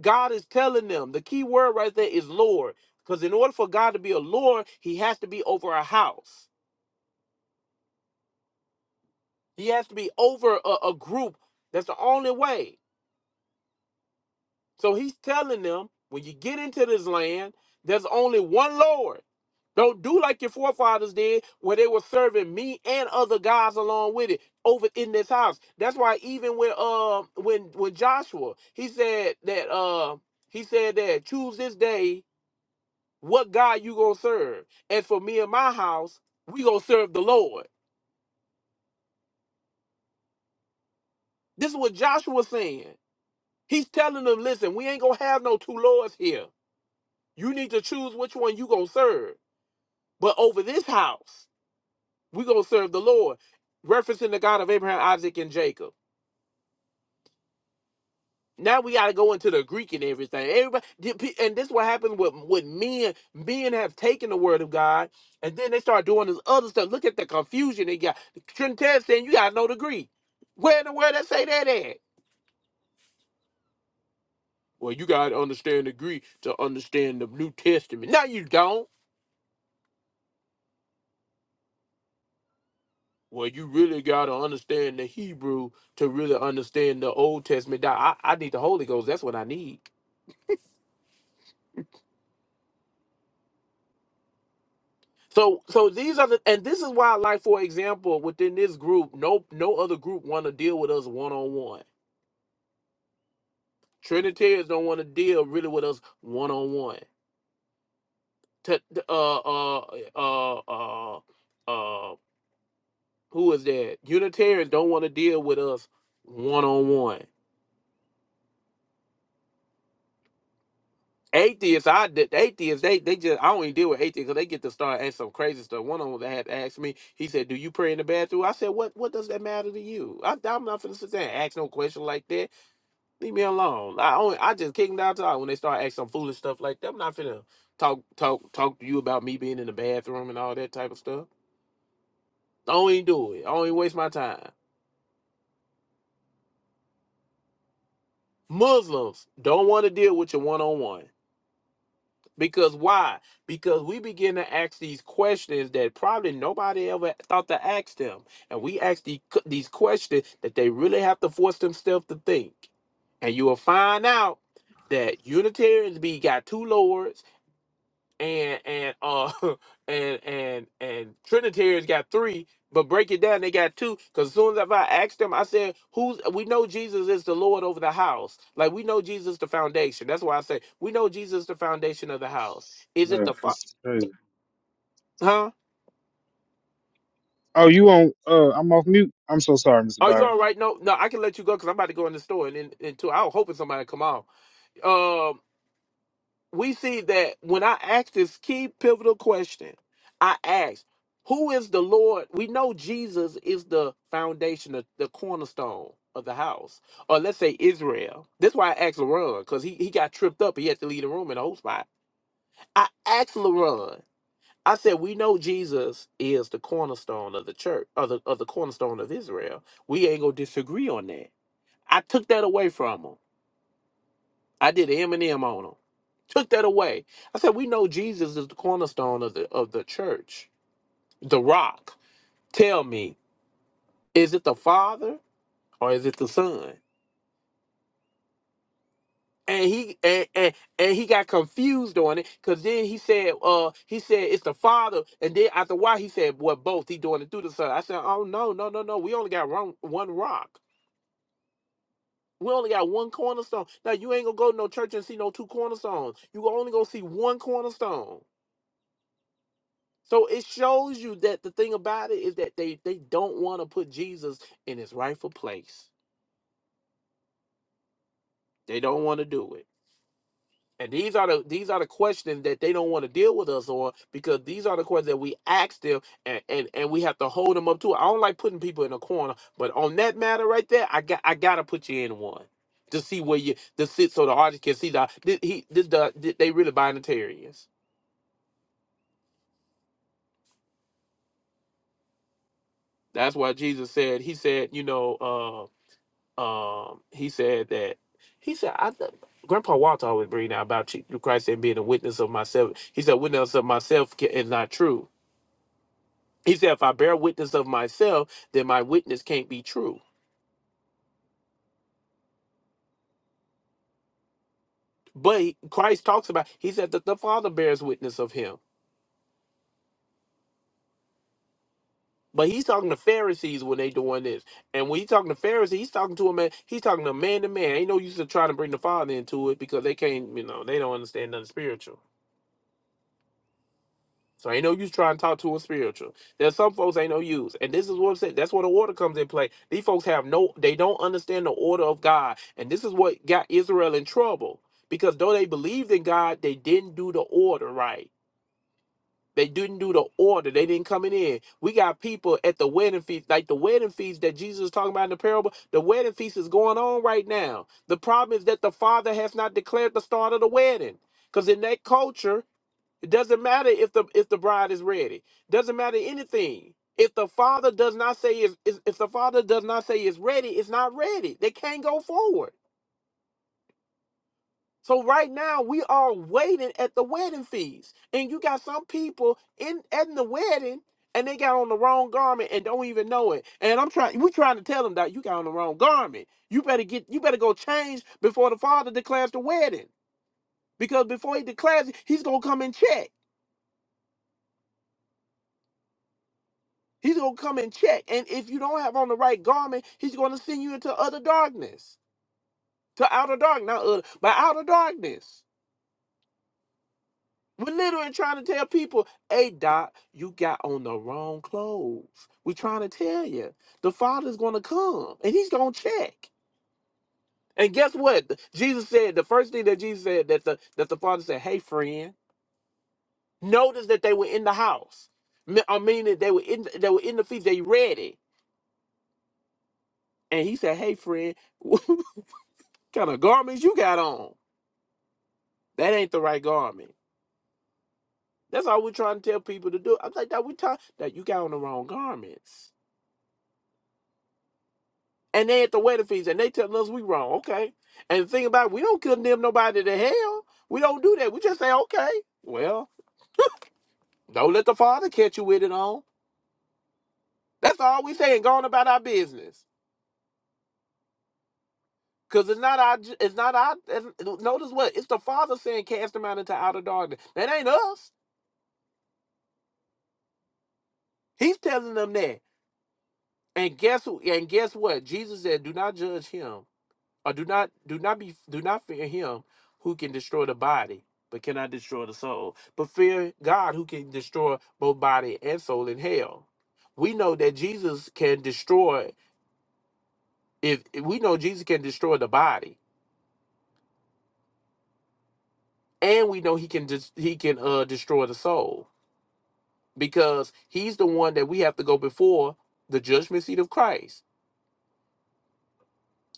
[SPEAKER 6] God is telling them, the key word right there is Lord. Because in order for God to be a Lord, he has to be over a house. He has to be over a, a group. That's the only way. So he's telling them when you get into this land, there's only one Lord. Don't do like your forefathers did where they were serving me and other gods along with it over in this house. That's why even when uh when when Joshua he said that uh he said that choose this day what God you gonna serve. And for me and my house, we gonna serve the Lord. This is what Joshua saying. He's telling them, listen, we ain't gonna have no two lords here. You need to choose which one you gonna serve. But over this house, we gonna serve the Lord. Referencing the God of Abraham, Isaac, and Jacob. Now we gotta go into the Greek and everything. Everybody, and this is what happens with with men. Men have taken the word of God, and then they start doing this other stuff. Look at the confusion they got. Trinidad saying you gotta know the Greek. Where in the world they say that at? Well, you gotta understand the Greek to understand the New Testament. No, you don't. Well, you really got to understand the Hebrew to really understand the Old Testament. Now, I, I need the Holy Ghost. That's what I need. So, so these are the, and this is why, like for example, within this group, no, no other group want to deal with us one on one. Trinitarians don't want to deal really with us one on one. To uh uh uh uh uh, who is that? Unitarians don't want to deal with us one on one. Atheists, I did atheists, they they just I don't even deal with atheists because they get to start asking some crazy stuff. One of them had asked me, he said, Do you pray in the bathroom? I said, What what does that matter to you? I am not finna sit there and ask no question like that. Leave me alone. I only I just kick them down to when they start asking some foolish stuff like that. I'm not finna talk talk talk to you about me being in the bathroom and all that type of stuff. Don't even do it. I don't even waste my time. Muslims don't want to deal with you one on one. Because why? Because we begin to ask these questions that probably nobody ever thought to ask them. And we ask the, these questions that they really have to force themselves to think. And you will find out that Unitarians be got two lords and and uh and and and Trinitarians got three, but break it down, they got two. Because as soon as if I asked them, I said, "Who's we know Jesus is the Lord over the house. Like we know Jesus the foundation. That's why I say we know Jesus the foundation of the house. Is it the
[SPEAKER 4] Man,
[SPEAKER 6] fa-
[SPEAKER 4] this is crazy.
[SPEAKER 6] huh?
[SPEAKER 4] Oh, you on? Uh, I'm off mute. I'm so sorry, Mr.
[SPEAKER 6] Are you
[SPEAKER 4] Byron.
[SPEAKER 6] all right? No, no, I can let you go because I'm about to go in the store and in, in two. I was hoping somebody come on. we see that when I ask this key pivotal question, I ask, who is the Lord? We know Jesus is the foundation, of the cornerstone of the house, or let's say Israel. That's why I asked LaRon, because he, he got tripped up. He had to leave the room in the whole spot. I asked LaRon, I said, we know Jesus is the cornerstone of the church, of the, of the cornerstone of Israel. We ain't going to disagree on that. I took that away from him. I did an Eminem on him. Took that away. I said, we know Jesus is the cornerstone of the of the church, the rock. Tell me, is it the Father or is it the Son? And he and and, and he got confused on it because then he said, uh, he said it's the Father, and then after a while he said, well, both. He doing it through the Son. I said, oh no, no, no, no. We only got one one rock. We only got one cornerstone. Now you ain't gonna go to no church and see no two cornerstones. You only gonna see one cornerstone. So it shows you that the thing about it is that they they don't want to put Jesus in his rightful place. They don't want to do it. And these are the these are the questions that they don't want to deal with us on because these are the questions that we ask them and, and and we have to hold them up to. it. I don't like putting people in a corner, but on that matter right there, I got I gotta put you in one to see where you to sit so the audience can see that this, he this the, they really binitarians. That's why Jesus said he said you know. uh, um, he said that he said I th- Grandpa Walter always bring out about Je- Christ and being a witness of myself. He said witness of myself ca- is not true. He said if I bear witness of myself, then my witness can't be true. But he- Christ talks about he said that the Father bears witness of him. But he's talking to Pharisees when they doing this, and when he's talking to Pharisees, he's talking to a man. He's talking to man to man. Ain't no use of trying to bring the Father into it because they can't, you know, they don't understand nothing spiritual. So ain't no use trying to talk to a spiritual. There's some folks ain't no use. And this is what I'm saying. That's where the order comes in play. These folks have no they don't understand the order of God. And this is what got Israel in trouble. Because though they believed in God, they didn't do the order right. They didn't do the order. They didn't come in. in. We got people at the wedding feast, like the wedding feast that Jesus is talking about in the parable. The wedding feast is going on right now. The problem is that the father has not declared the start of the wedding. Because in that culture, it doesn't matter if the if the bride is ready. Doesn't matter anything. If the father does not say is is- if the father does not say it's ready, it's not ready. They can't go forward. So right now we are waiting at the wedding feast, and you got some people in at the wedding, and they got on the wrong garment and don't even know it. And I'm trying, we trying to tell them that you got on the wrong garment. You better get, you better go change before the father declares the wedding, because before he declares it, he's gonna come and check. He's going to come and check. And if you don't have on the right garment, he's going to send you into utter darkness, to outer dark, not utter, but outer darkness. We're literally trying to tell people, hey, Doc, you got on the wrong clothes. We're trying to tell you. The Father's going to come and he's going to check. And guess what? The- Jesus said, the first thing that Jesus said, that the, that the Father said, hey, friend, notice that they were in the house. Me- I mean, that they were in, they were in the feast, they ready. And he said, hey, friend, kind of garments you got on? That ain't the right garment. That's all we're trying to tell people to do. I'm like that we talk that you got on the wrong garments. And they at the wedding feast and they telling us we wrong. Okay. And the thing about it, we don't condemn nobody to hell. We don't do that. We just say, okay, well, don't let the father catch you with it on. That's all we saying, going about our business. Cause it's not our it's not our notice what? It's the father saying cast them out into outer darkness. That ain't us. He's telling them that. And guess who- and guess what? Jesus said, "Do not judge him, or do not do not be do not fear him who can destroy the body, but cannot destroy the soul. But fear God who can destroy both body and soul in hell." We know that Jesus can destroy. If if we know Jesus can destroy the body, and we know he can dis, he can uh destroy the soul because he's the one that we have to go before the judgment seat of Christ,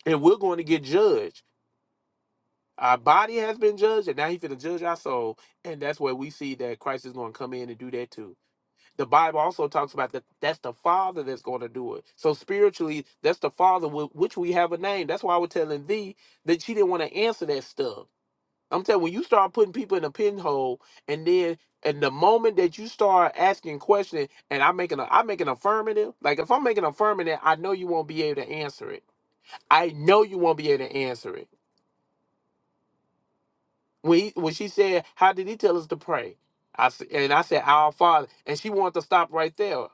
[SPEAKER 6] and we're going to get judged Our body has been judged, and now he's going to judge our soul. And that's where we see that Christ is going to come in and do that too. The Bible also talks about that that's the Father that's going to do it. So spiritually, that's the Father with which we have a name. That's why I was telling thee that she didn't want to answer that stuff. I'm telling you, when you start putting people in a pinhole, and then and the moment that you start asking questions, and I'm making a I'm making affirmative. Like if I'm making affirmative, I know you won't be able to answer it. I know you won't be able to answer it. when he, when she said, "How did he tell us to pray?" I s- and I said, "Our Father," and she wanted to stop right there.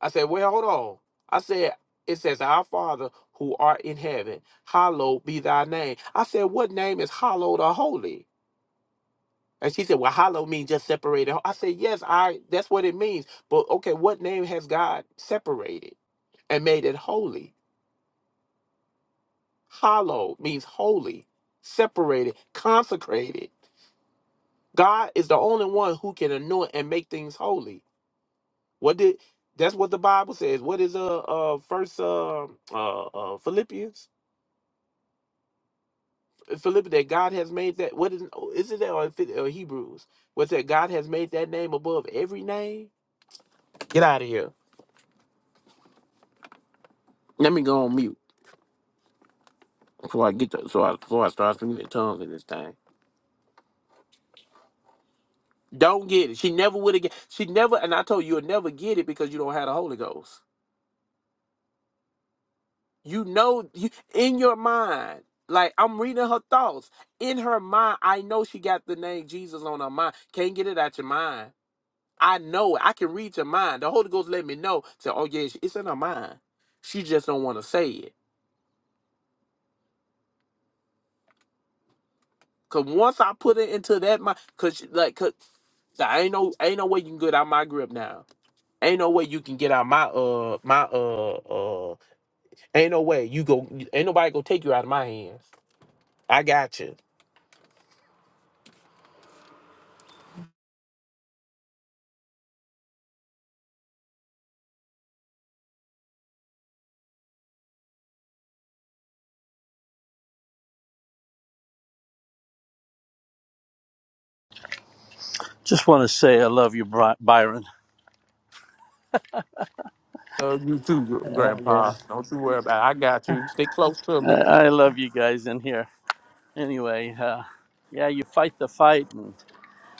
[SPEAKER 6] I said, "Well, hold on." I said, "It says, Our Father who art in heaven, hallowed be thy name." I said, "What name is hallowed or holy?" And she said, "Well, hallowed means just separated." I said, "Yes, I. That's what it means." But okay, what name has God separated and made it holy? Hallowed means holy, separated, consecrated. God is the only one who can anoint and make things holy. What did that's what the Bible says. What is uh uh first uh uh, uh Philippians Philippians that God has made that what is oh, is it that or, if or Hebrews? What's that God has made that name above every name? Get out of here. Let me go on mute before I get to, so I before I start speaking in tongues in this thing. Don't get it. She never would have get she never and I told you you'll never get it because you don't have the Holy Ghost. You know, you, in your mind, like I'm reading her thoughts. In her mind, I know she got the name Jesus on her mind. Can't get it out your mind. I know it. I can read your mind. The Holy Ghost let me know. Say, oh yeah, it's in her mind. She just don't want to say it. Cause once I put it into that mind, cause she- like, cause I ain't no, ain't no way you can get out my grip now. Ain't no way you can get out my uh my uh uh. Ain't no way you go. Ain't nobody gonna take you out of my hands. I got you.
[SPEAKER 13] Just want to say I love you, Bri- Byron.
[SPEAKER 6] Love you too, gr-
[SPEAKER 13] Uh,
[SPEAKER 6] Grandpa.
[SPEAKER 13] yeah,
[SPEAKER 6] Don't you worry about it. I got you. Stay close to me.
[SPEAKER 13] I-, I love you guys in here. Anyway, uh, yeah, you fight the fight, and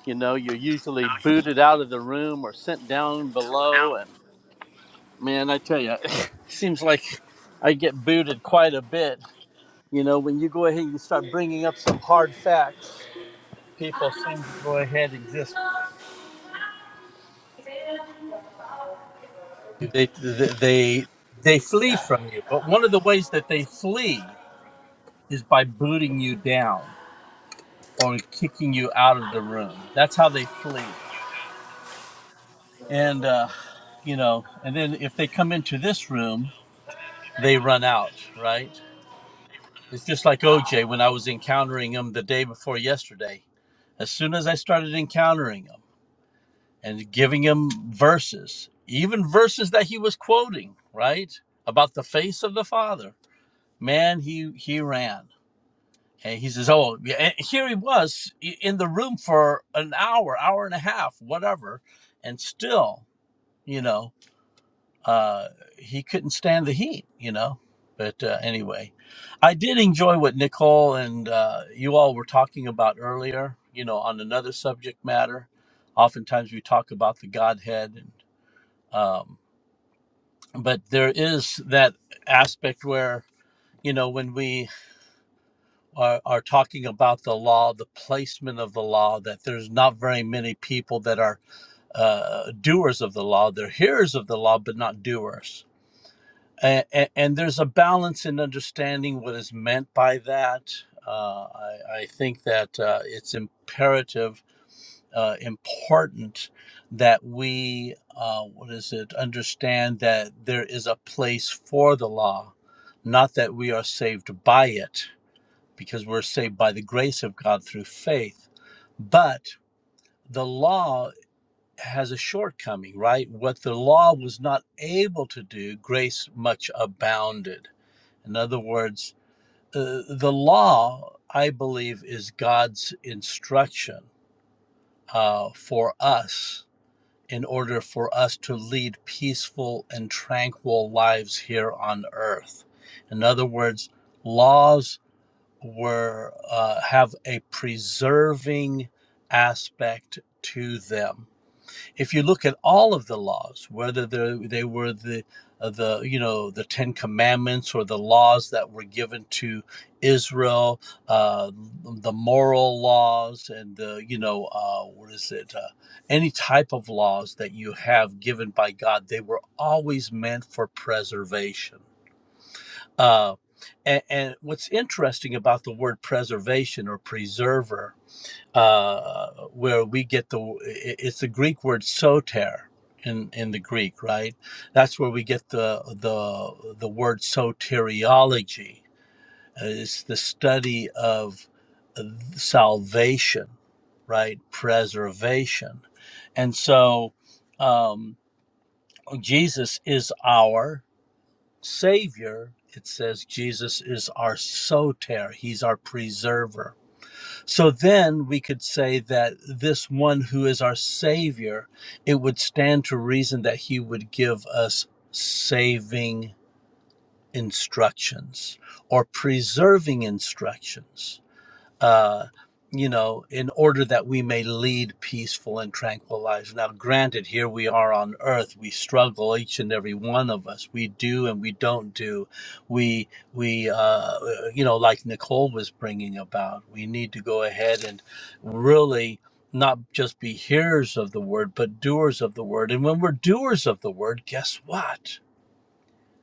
[SPEAKER 13] you know you're usually booted out of the room or sent down below. And man, I tell you, it seems like I get booted quite a bit. You know, when you go ahead and you start bringing up some hard facts, people seem to go ahead and just they they they, they flee from you. But one of the ways that they flee is by booting you down or kicking you out of the room. That's how they flee. And, uh, you know, and then if they come into this room, they run out, right? It's just like OJ when I was encountering him the day before yesterday. As soon as I started encountering him and giving him verses, even verses that he was quoting, right? About the face of the Father, man, he, he ran And he says, "Oh, yeah." And here he was in the room for an hour, hour and a half, whatever, and still, you know, uh, he couldn't stand the heat, you know. But uh, anyway, I did enjoy what Nicole and uh, you all were talking about earlier, you know, on another subject matter. Oftentimes we talk about the Godhead, and, um, but there is that aspect where, you know, when we are, are talking about the law, the placement of the law, that there's not very many people that are uh, doers of the law. They're hearers of the law, but not doers. And, and, and there's a balance in understanding what is meant by that. Uh, I, I think that uh, it's imperative, uh, important that we, uh, what is it, understand that there is a place for the law, not that we are saved by it because we're saved by the grace of God through faith. But the law has a shortcoming, right? What the law was not able to do, grace much abounded. In other words, uh, the law, I believe, is God's instruction uh, for us in order for us to lead peaceful and tranquil lives here on earth. In other words, laws were uh, have a preserving aspect to them. If you look at all of the laws, whether they were the uh, the you know the Ten Commandments or the laws that were given to Israel, uh, the moral laws and the you know uh, what is it uh, any type of laws that you have given by God, they were always meant for preservation uh, and, and what's interesting about the word preservation or preserver, uh, where we get the it's the Greek word soter in in the Greek, right? That's where we get the the the word soteriology. Uh, It's the study of uh, salvation, right? Preservation, and so um, Jesus is our Savior, it says Jesus is our soter, he's our preserver. So then we could say that this one who is our Savior, it would stand to reason that he would give us saving instructions or preserving instructions uh, you know, in order that we may lead peaceful and tranquil lives. Now, granted, here we are on earth. We struggle, each and every one of us. We do and we don't do. We, we, uh, you know, like Nicole was bringing about, we need to go ahead and really not just be hearers of the word, but doers of the word. And when we're doers of the word, guess what?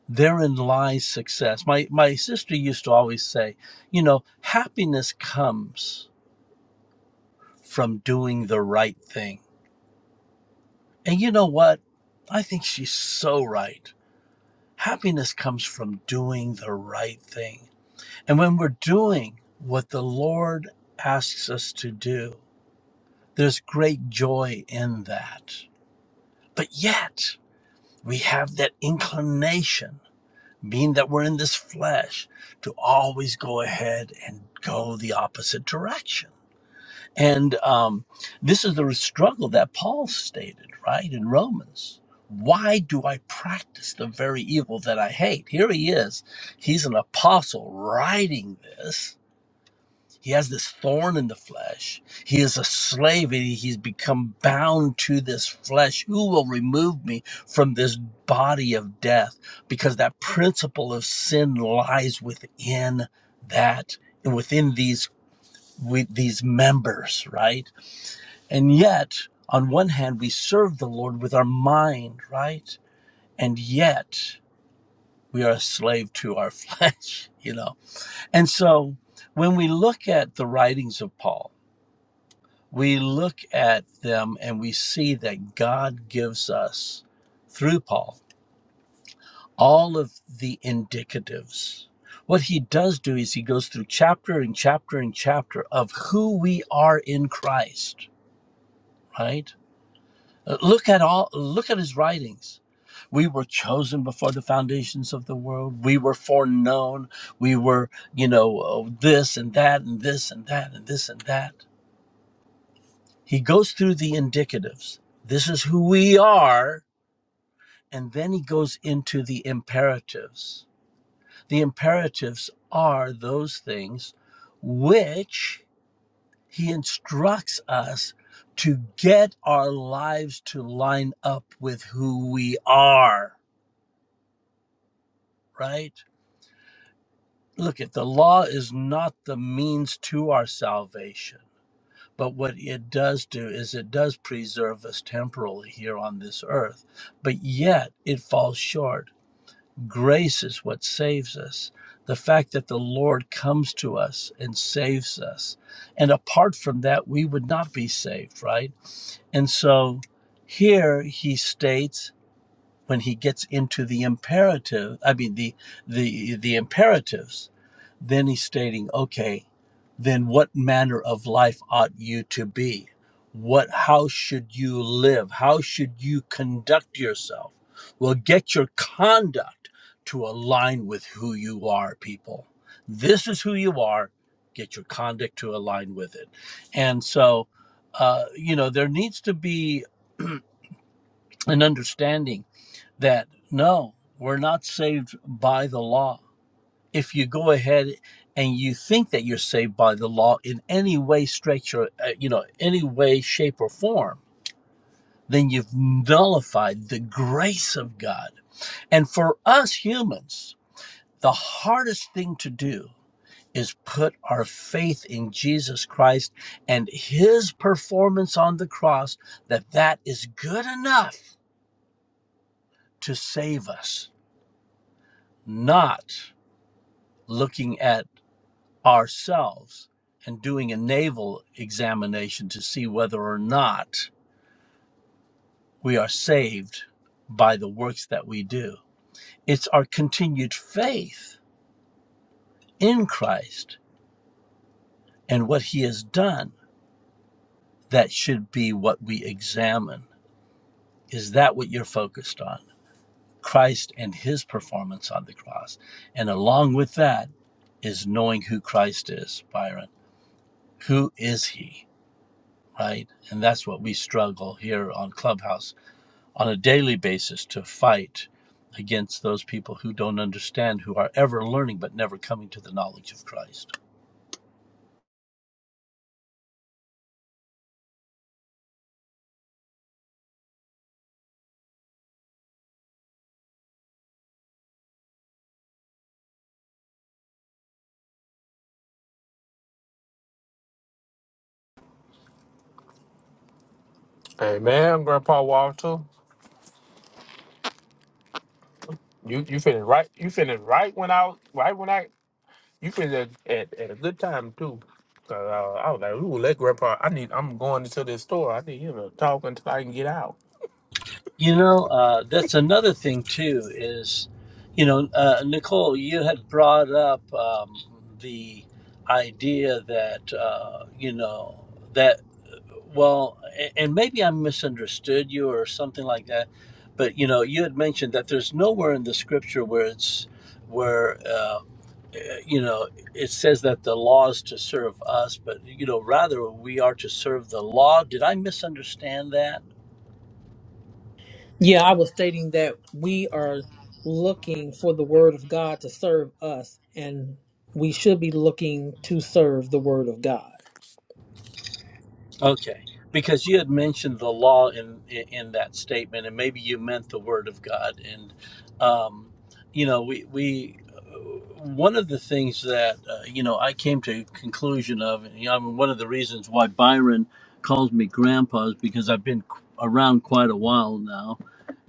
[SPEAKER 13] Therein lies success. My, my sister used to always say, you know, happiness comes from doing the right thing. And you know what? I think she's so right. Happiness comes from doing the right thing. And when we're doing what the Lord asks us to do, there's great joy in that. But yet, we have that inclination, being that we're in this flesh, to always go ahead and go the opposite direction. And um, this is the struggle that Paul stated, right, in Romans. Why do I practice the very evil that I hate? Here he is. He's an apostle writing this. He has this thorn in the flesh. He is a slave. and He's become bound to this flesh. Who will remove me from this body of death? Because that principle of sin lies within that, within these with these members, right? And yet, on one hand, we serve the Lord with our mind, right? And yet, we are a slave to our flesh, you know? And so, when we look at the writings of Paul, we look at them and we see that God gives us, through Paul, all of the indicatives. What he does do is he goes through chapter and chapter and chapter of who we are in Christ, right? Uh, Look at all look at his writings. We were chosen before the foundations of the world. We were foreknown. We were, you know, uh, this and that and this and that and this and that. He goes through the indicatives. This is who we are, and then he goes into the imperatives. The imperatives are those things which he instructs us to get our lives to line up with who we are. right? Look at the law is not the means to our salvation, but what it does do is it does preserve us temporally here on this earth, but yet it falls short. Grace is what saves us. The fact that the Lord comes to us and saves us. And apart from that, we would not be saved, right? And so here he states when he gets into the imperative i mean the the the imperatives then he's stating okay then what manner of life ought you to be what how should you live how should you conduct yourself well get your conduct to align with who you are people this is who you are get your conduct to align with it and so uh, you know there needs to be an understanding that no, we're not saved by the law. If you go ahead and you think that you're saved by the law in any way, stretch, or uh, you know, any way, shape, or form, then you've nullified the grace of God. And for us humans, the hardest thing to do is put our faith in Jesus Christ and his performance on the cross that that is good enough to save us not looking at ourselves and doing a naval examination to see whether or not we are saved by the works that we do. It's our continued faith in Christ and what he has done that should be what we examine. Is that what you're focused on? Christ and his performance on the cross. And along with that is knowing who Christ is, Byron. Who is he? Right? And that's what we struggle here on Clubhouse on a daily basis to fight against those people who don't understand, who are ever learning but never coming to the knowledge of Christ.
[SPEAKER 6] Hey man, Grandpa Walter, you you finished right. You finished right when I was right when I you finished at, at, at a good time too. 'Cause, uh, I was like, ooh, let Grandpa. I need. I'm going into this store. I need him to talk until I can get out.
[SPEAKER 13] You know, uh, that's another thing too. Is you know, uh, Nicole, you had brought up um, the idea that uh, you know that well, a- and maybe I misunderstood you or something like that. But you know, you had mentioned that there's nowhere in the scripture where it's where. um, uh, you know, it says that the law is to serve us, but you know, rather we are to serve the law. Did I misunderstand that?
[SPEAKER 2] Yeah, I was stating that we are looking for the word of God to serve us, and we should be looking to serve the word of God.
[SPEAKER 13] Okay, because you had mentioned the law in in, in that statement, and maybe you meant the Word of God. And um, you know, we we uh, one of the things that uh, you know I came to a conclusion of, and you know, I mean, one of the reasons why Byron calls me Grandpa is because I've been qu- around quite a while now,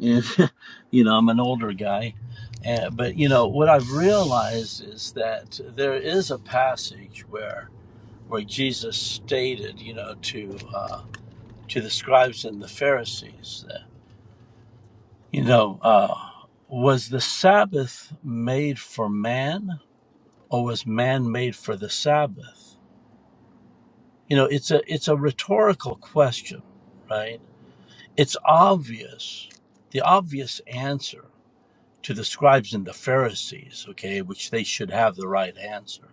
[SPEAKER 13] and you know I'm an older guy. And, but you know what I've realized is that there is a passage where Jesus stated, you know, to uh, to the scribes and the Pharisees, that, you know, uh, was the Sabbath made for man, or was man made for the Sabbath? You know, it's a it's a rhetorical question, right? It's obvious, the obvious answer to the scribes and the Pharisees, okay, which they should have the right answer,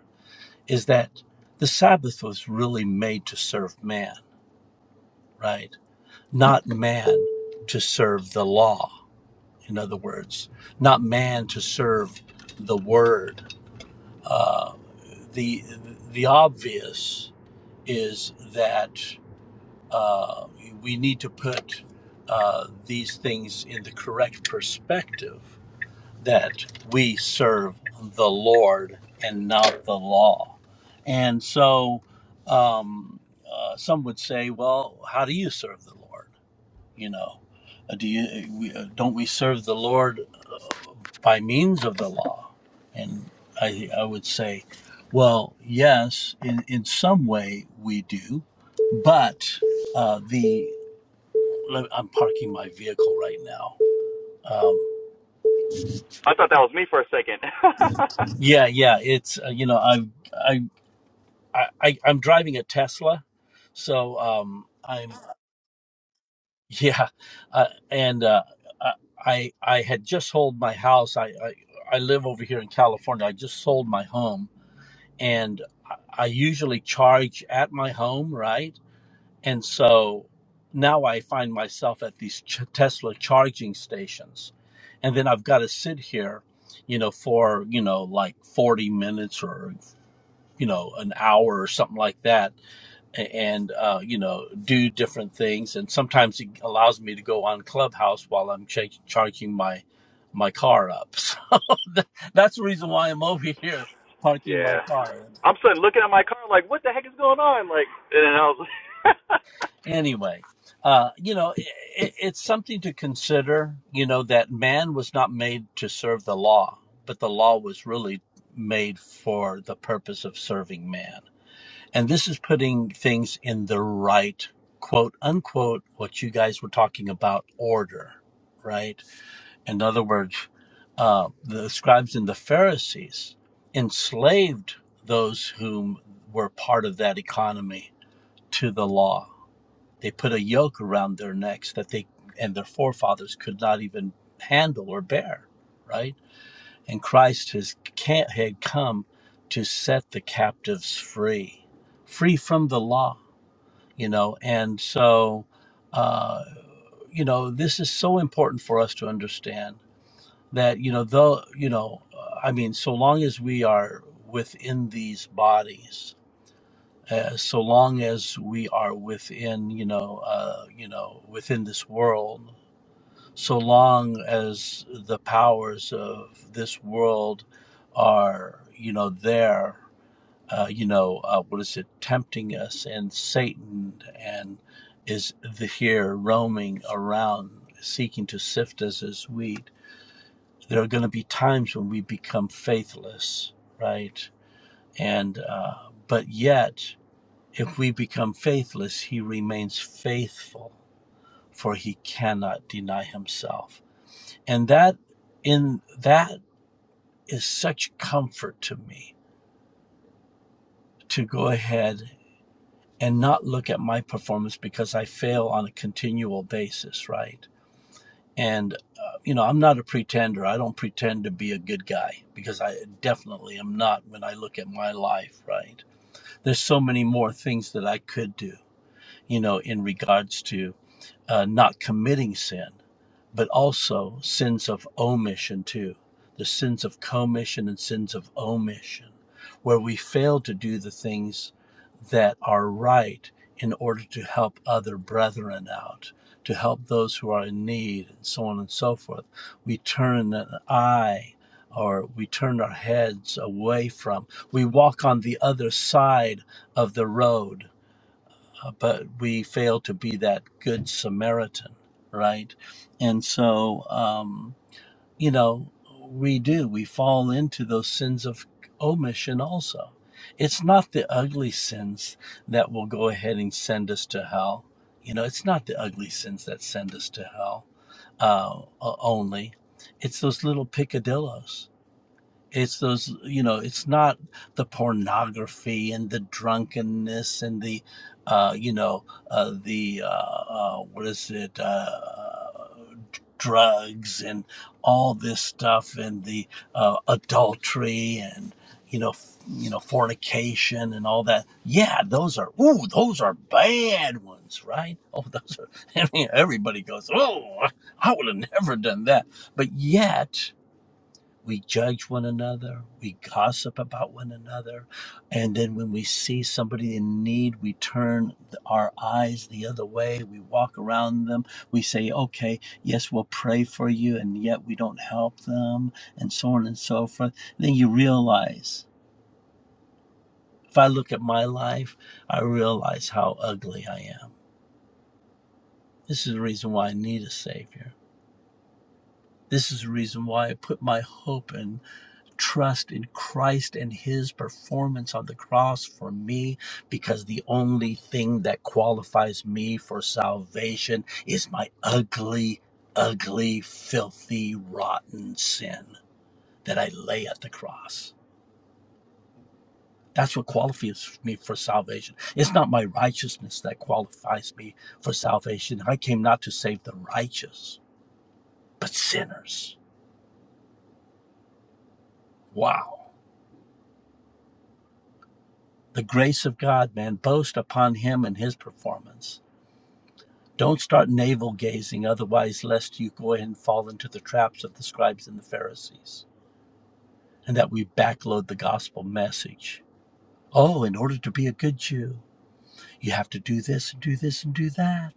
[SPEAKER 13] is that the Sabbath was really made to serve man, right? not man to serve the law. In other words, not man to serve the word. Uh, the the obvious is that uh, we need to put uh, these things in the correct perspective. That we serve the Lord and not the law, and so um, uh, some would say, "Well, how do you serve the Lord?" You know, Uh, do you uh, we, uh, don't we serve the Lord by means of the law? And I I would say, well, yes, in in some way we do, but uh, the I'm parking my vehicle right now. Um,
[SPEAKER 14] I thought that was me for a second.
[SPEAKER 13] yeah, yeah, it's uh, you know I I I I- am driving a Tesla, so um, I'm Yeah, uh, and uh, I I had just sold my house. I, I I live over here in California. I just sold my home, and I I usually charge at my home, right? And so now I find myself at these ch- Tesla charging stations, and then I've got to sit here, you know, for you know like forty minutes or you know an hour or something like that and uh, you know do different things and sometimes it allows me to go on clubhouse while i'm cha- charging my my car up so tha- that's the reason why i'm over here parking my
[SPEAKER 14] Yeah.
[SPEAKER 13] car
[SPEAKER 14] I'm suddenly looking at my car like, what the heck is going on? Like, and then I was, like.
[SPEAKER 13] anyway uh, you know i it, it's something to consider you know that man was not made to serve the law but the law was really made for the purpose of serving man And this is putting things in the right, quote unquote, what you guys were talking about, order, right? In other words, uh, the scribes and the Pharisees enslaved those whom were part of that economy to the law. They put a yoke around their necks that they and their forefathers could not even handle or bear, right? And Christ has can't had come to set the captives free, free from the law you know and so uh you know this is so important for us to understand that you know though you know uh, i mean so long as we are within these bodies uh, so long as we are within you know uh you know within this world so long as the powers of this world are you know there uh, you know, uh, what is it, tempting us, and Satan and is the, here roaming around seeking to sift us as wheat. There are going to be times when we become faithless, right? And uh, but yet, if we become faithless, He remains faithful, for He cannot deny Himself, and that in that is such comfort to me to go ahead and not look at my performance because I fail on a continual basis, right? And, uh, you know, I'm not a pretender. I don't pretend to be a good guy because I definitely am not when I look at my life, right? There's so many more things that I could do, you know, in regards to uh, not committing sin, but also sins of omission too, the sins of commission and sins of omission, where we fail to do the things that are right in order to help other brethren out, to help those who are in need, and so on and so forth. We turn an eye or we turn our heads away from, we walk on the other side of the road uh, but we fail to be that good Samaritan, right? And so, um, you know, we do, we fall into those sins of omission also. It's not the ugly sins that will go ahead and send us to hell. You know, it's not the ugly sins that send us to hell uh, only. It's those little picadillos it's those you know it's not the pornography and the drunkenness and the uh you know uh the uh, uh what is it uh d- drugs and all this stuff and the uh adultery and you know f- you know fornication and all that yeah those are ooh those are bad ones right oh those are I mean, everybody goes oh i would have never done that but yet we judge one another, we gossip about one another, and then when we see somebody in need, we turn our eyes the other way, we walk around them, we say, okay, yes, we'll pray for you, and yet we don't help them, and so on and so forth. And then you realize, if I look at my life, I realize how ugly I am. This is the reason why I need a Savior. This is the reason why I put my hope in trust in Christ and his performance on the cross for me because the only thing that qualifies me for salvation is my ugly, ugly, filthy, rotten sin that I lay at the cross. That's what qualifies me for salvation. It's not my righteousness that qualifies me for salvation. I came not to save the righteous, but sinners. Wow. The grace of God, man, boast upon him and his performance Don't start navel gazing, otherwise, lest you go ahead and fall into the traps of the scribes and the Pharisees, and that we backload the gospel message. Oh, in order to be a good Jew, you have to do this and do this and do that.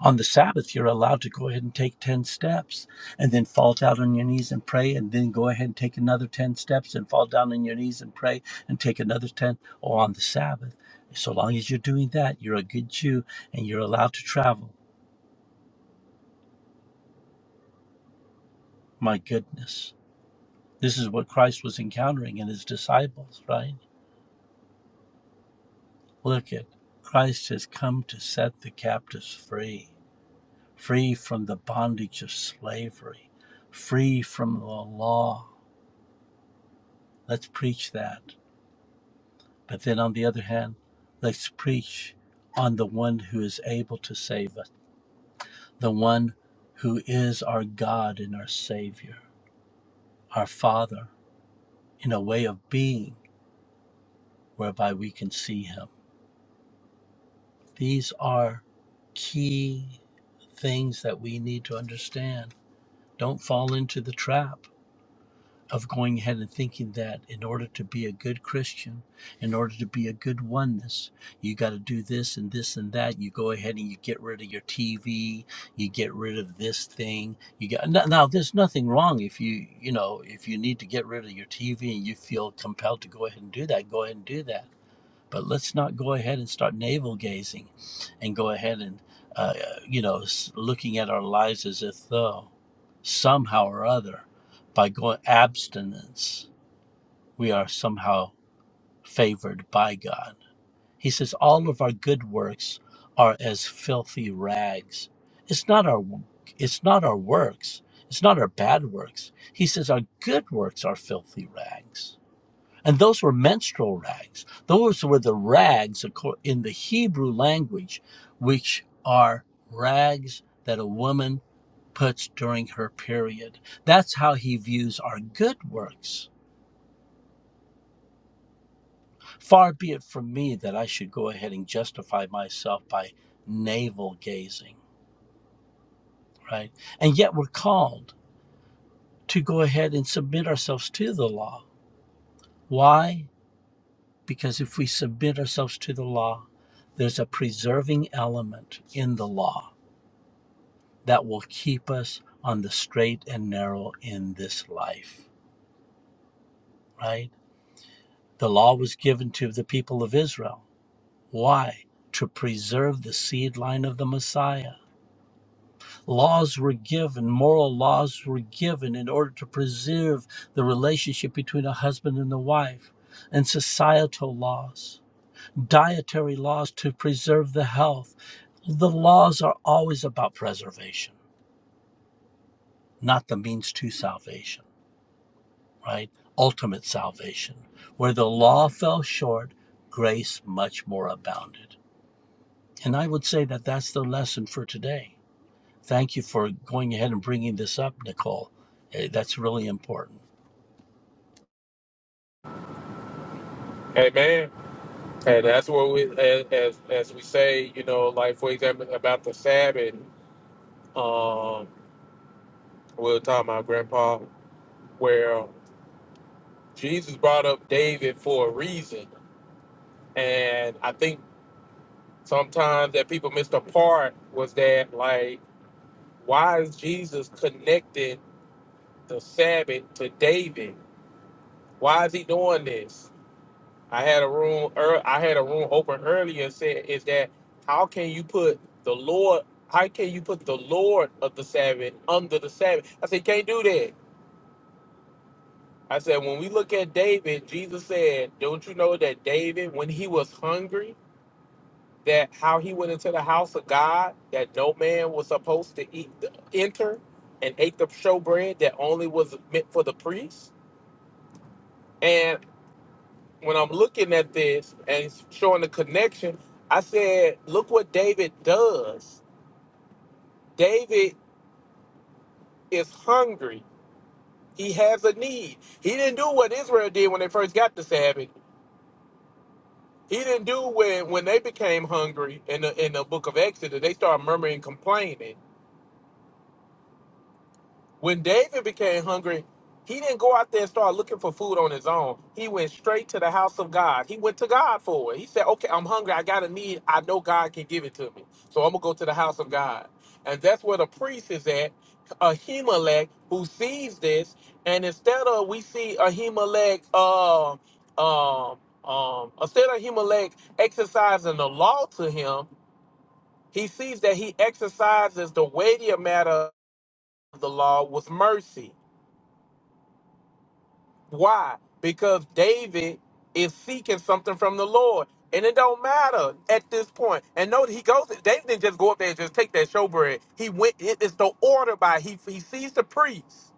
[SPEAKER 13] On the Sabbath, you're allowed to go ahead and take 10 steps and then fall down on your knees and pray, and then go ahead and take another 10 steps and fall down on your knees and pray and take another 10 Oh, on the Sabbath. So long as you're doing that, you're a good Jew and you're allowed to travel. My goodness. This is what Christ was encountering in his disciples, right? Look at Christ has come to set the captives free, free from the bondage of slavery, free from the law. Let's preach that. But then on the other hand, let's preach on the one who is able to save us, the one who is our God and our Savior, our Father, in a way of being whereby we can see Him. These are key things that we need to understand. Don't fall into the trap of going ahead and thinking that in order to be a good Christian, in order to be a good oneness, you got to do this and this and that. You go ahead and you get rid of your TV, you get rid of this thing. You got now, there's nothing wrong if you, you know, if you need to get rid of your TV and you feel compelled to go ahead and do that, go ahead and do that but let's not go ahead and start navel gazing and go ahead and uh, you know looking at our lives as if though somehow or other by going abstinence we are somehow favored by god he says all of our good works are as filthy rags it's not our it's not our works it's not our bad works he says our good works are filthy rags and those were menstrual rags. Those were the rags in the Hebrew language, which are rags that a woman puts during her period. That's how he views our good works. Far be it from me that I should go ahead and justify myself by navel gazing, right? And yet we're called to go ahead and submit ourselves to the law. Why? because if we submit ourselves to the law, there's a preserving element in the law that will keep us on the straight and narrow in this life, right? The law was given to the people of Israel. Why? To preserve the seed line of the Messiah. Laws were given, moral laws were given in order to preserve the relationship between a husband and a wife, and societal laws dietary laws to preserve the health. The laws are always about preservation, not the means to salvation, right? Ultimate salvation. Where the law fell short, grace much more abounded. And I would say that that's the lesson for today. Thank you for going ahead and bringing this up, Nicole. Eh, That's really important.
[SPEAKER 6] Hey man, and that's what we as as, as we say. You know, like for example about the Sabbath. Um, we were talking about Grandpa, where Jesus brought up David for a reason. And I think sometimes that people missed the part was that like, why is Jesus connected the Sabbath to David? Why is he doing this? I had a room ear- I had a room open earlier and said is that how can you put the Lord how can you put the Lord of the Sabbath under the Sabbath? I said, you can't do that. I said, when we look at David, Jesus said, Don't you know that David, when he was hungry, that how he went into the house of God that no man was supposed to eat enter and ate the showbread that only was meant for the priests. And when I'm looking at this and it's showing the connection, I said, look what David does. David is hungry. He has a need. He didn't do what Israel did when they first got the Sabbath. He didn't do when when they became hungry in the in the book of Exodus. They started murmuring, and complaining When David became hungry, he didn't go out there and start looking for food on his own. He went straight to the house of God. He went to God for it. He said, Okay, I'm hungry. I got a need. I know God can give it to me. So I'm going to go to the house of God. And that's where the priest is at, Ahimelech, who sees this. And instead of, we see Ahimelech, uh, um, um, instead of Ahimelech exercising the law to him, he sees that he exercises the weightier matter of the law with mercy. Why? Because David is seeking something from the Lord. And it don't matter at this point. And note he goes, David didn't just go up there and just take that showbread. He went, it- it's the order by, he, he sees the priest.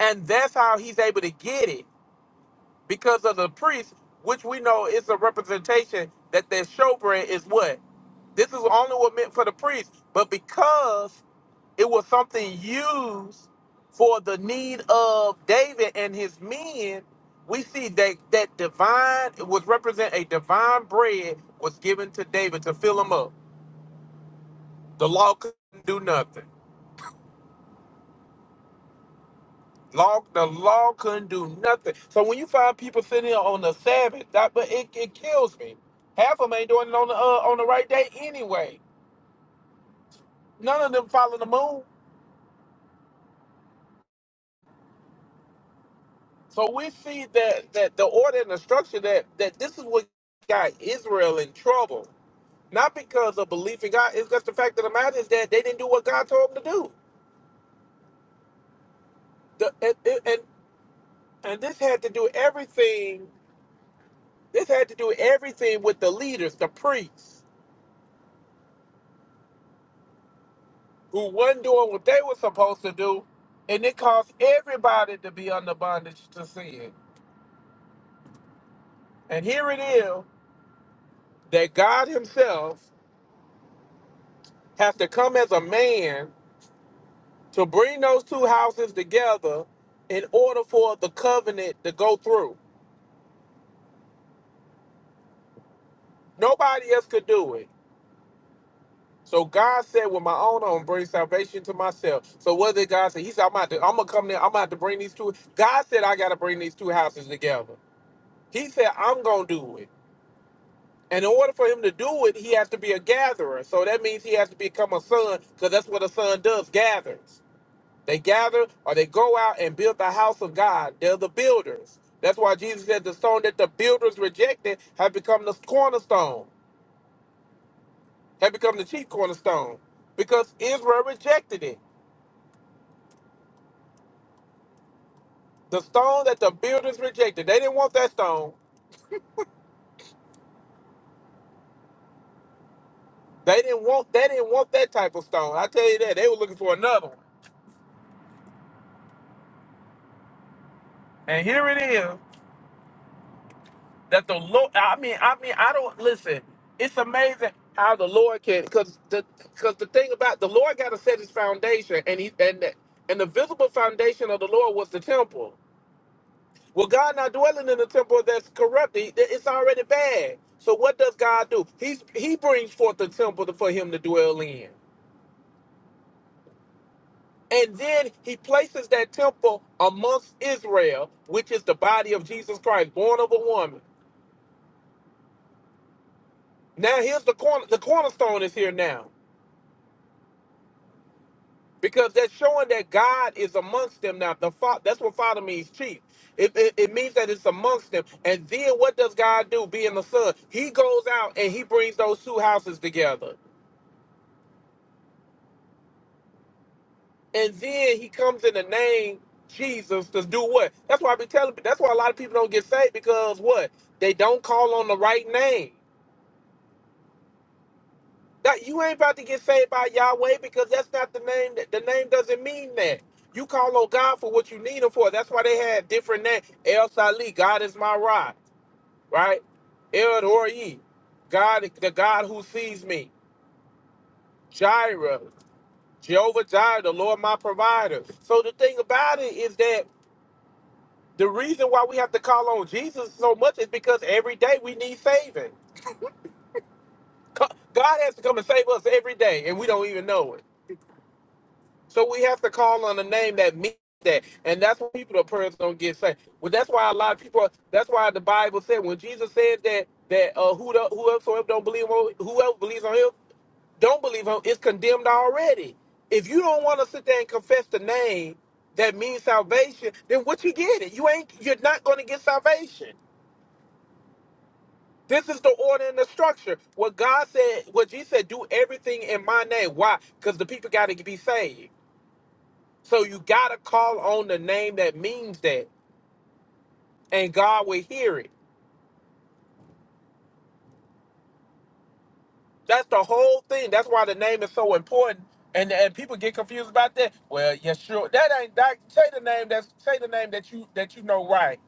[SPEAKER 6] And that's how he's able to get it because of the priest, which we know is a representation that that showbread is what? This is only what meant for the priest, but because it was something used for the need of David and his men, we see that that divine it was represent a divine bread was given to David to fill him up. The law couldn't do nothing. Law, the law couldn't do nothing. So when you find people sitting here on the Sabbath, that but it, it kills me. Half of them ain't doing it on the uh, on the right day anyway. None of them follow the moon. So we see that that the order and the structure that that this is what got Israel in trouble. Not because of belief in God, it's just the fact of the matter is that they didn't do what God told them to do. The, and, and and and this had to do everything. This had to do everything with the leaders, the priests, who wasn't doing what they were supposed to do, and it caused everybody to be under bondage to sin. And here it is that God Himself has to come as a man to bring those two houses together in order for the covenant to go through. Nobody else could do it. So God said, with my own arm, bring salvation to myself. So what did God say? He said, I'm about to, I'm gonna come there, I'm about to bring these two. God said, I gotta bring these two houses together. He said, I'm gonna do it. And in order for him to do it, he has to be a gatherer. So that means he has to become a son, because that's what a son does, gathers. They gather or they go out and build the house of God. They're the builders. That's why Jesus said the stone that the builders rejected have become the cornerstone, have become the chief cornerstone because Israel rejected it. The stone that the builders rejected. They didn't want that stone. They didn't want they didn't want that type of stone. I tell you that. They were looking for another one. And here it is. that the Lord. I mean, I mean, I don't listen. It's amazing how the Lord can, because the because the thing about the Lord got to set His foundation, and He and the, and the visible foundation of the Lord was the temple. Well, God not dwelling in the temple that's corrupted. It's already bad. So what does God do? He's He brings forth the temple to- for Him to dwell in. And then he places that temple amongst Israel, which is the body of Jesus Christ, born of a woman. Now here's the corner. The cornerstone is here now. because that's showing that God is amongst them now. The fa- that's what Father means, chief. It, it, it means that it's amongst them. And then what does God do? Being the Son, He goes out and He brings those two houses together, and then He comes in the name Jesus to do what? That's why I be telling. That's why a lot of people don't get saved because what? They don't call on the right name. That you ain't about to get saved by Yahweh because that's not the name. That the name doesn't mean that. You call on God for what you need Him for. That's why they had different names. El Sali, God is my rod, right? El Dori, God, the God who sees me. Jireh, Jehovah Jireh, the Lord my provider. So the thing about it is that the reason why we have to call on Jesus so much is because every day we need saving. Co- God has to come and save us every day, and we don't even know it. So we have to call on a name that means that, and that's why people the prayers don't get saved. Well, that's why a lot of people. That's why the Bible said when Jesus said that that uh, who the, whoever don't believe on whoever believes on him don't believe on him is condemned already. If you don't want to sit there and confess the name that means salvation, then what you get it? You ain't. You're not going to get salvation. This is the order and the structure. What God said, what Jesus said, do everything in my name. Why? Because the people got to be saved. So you gotta call on the name that means that, and God will hear it. That's the whole thing. That's why the name is so important. And and people get confused about that. Well, yeah, sure. That ain't that. Say the name. That's say the name that you that you know right.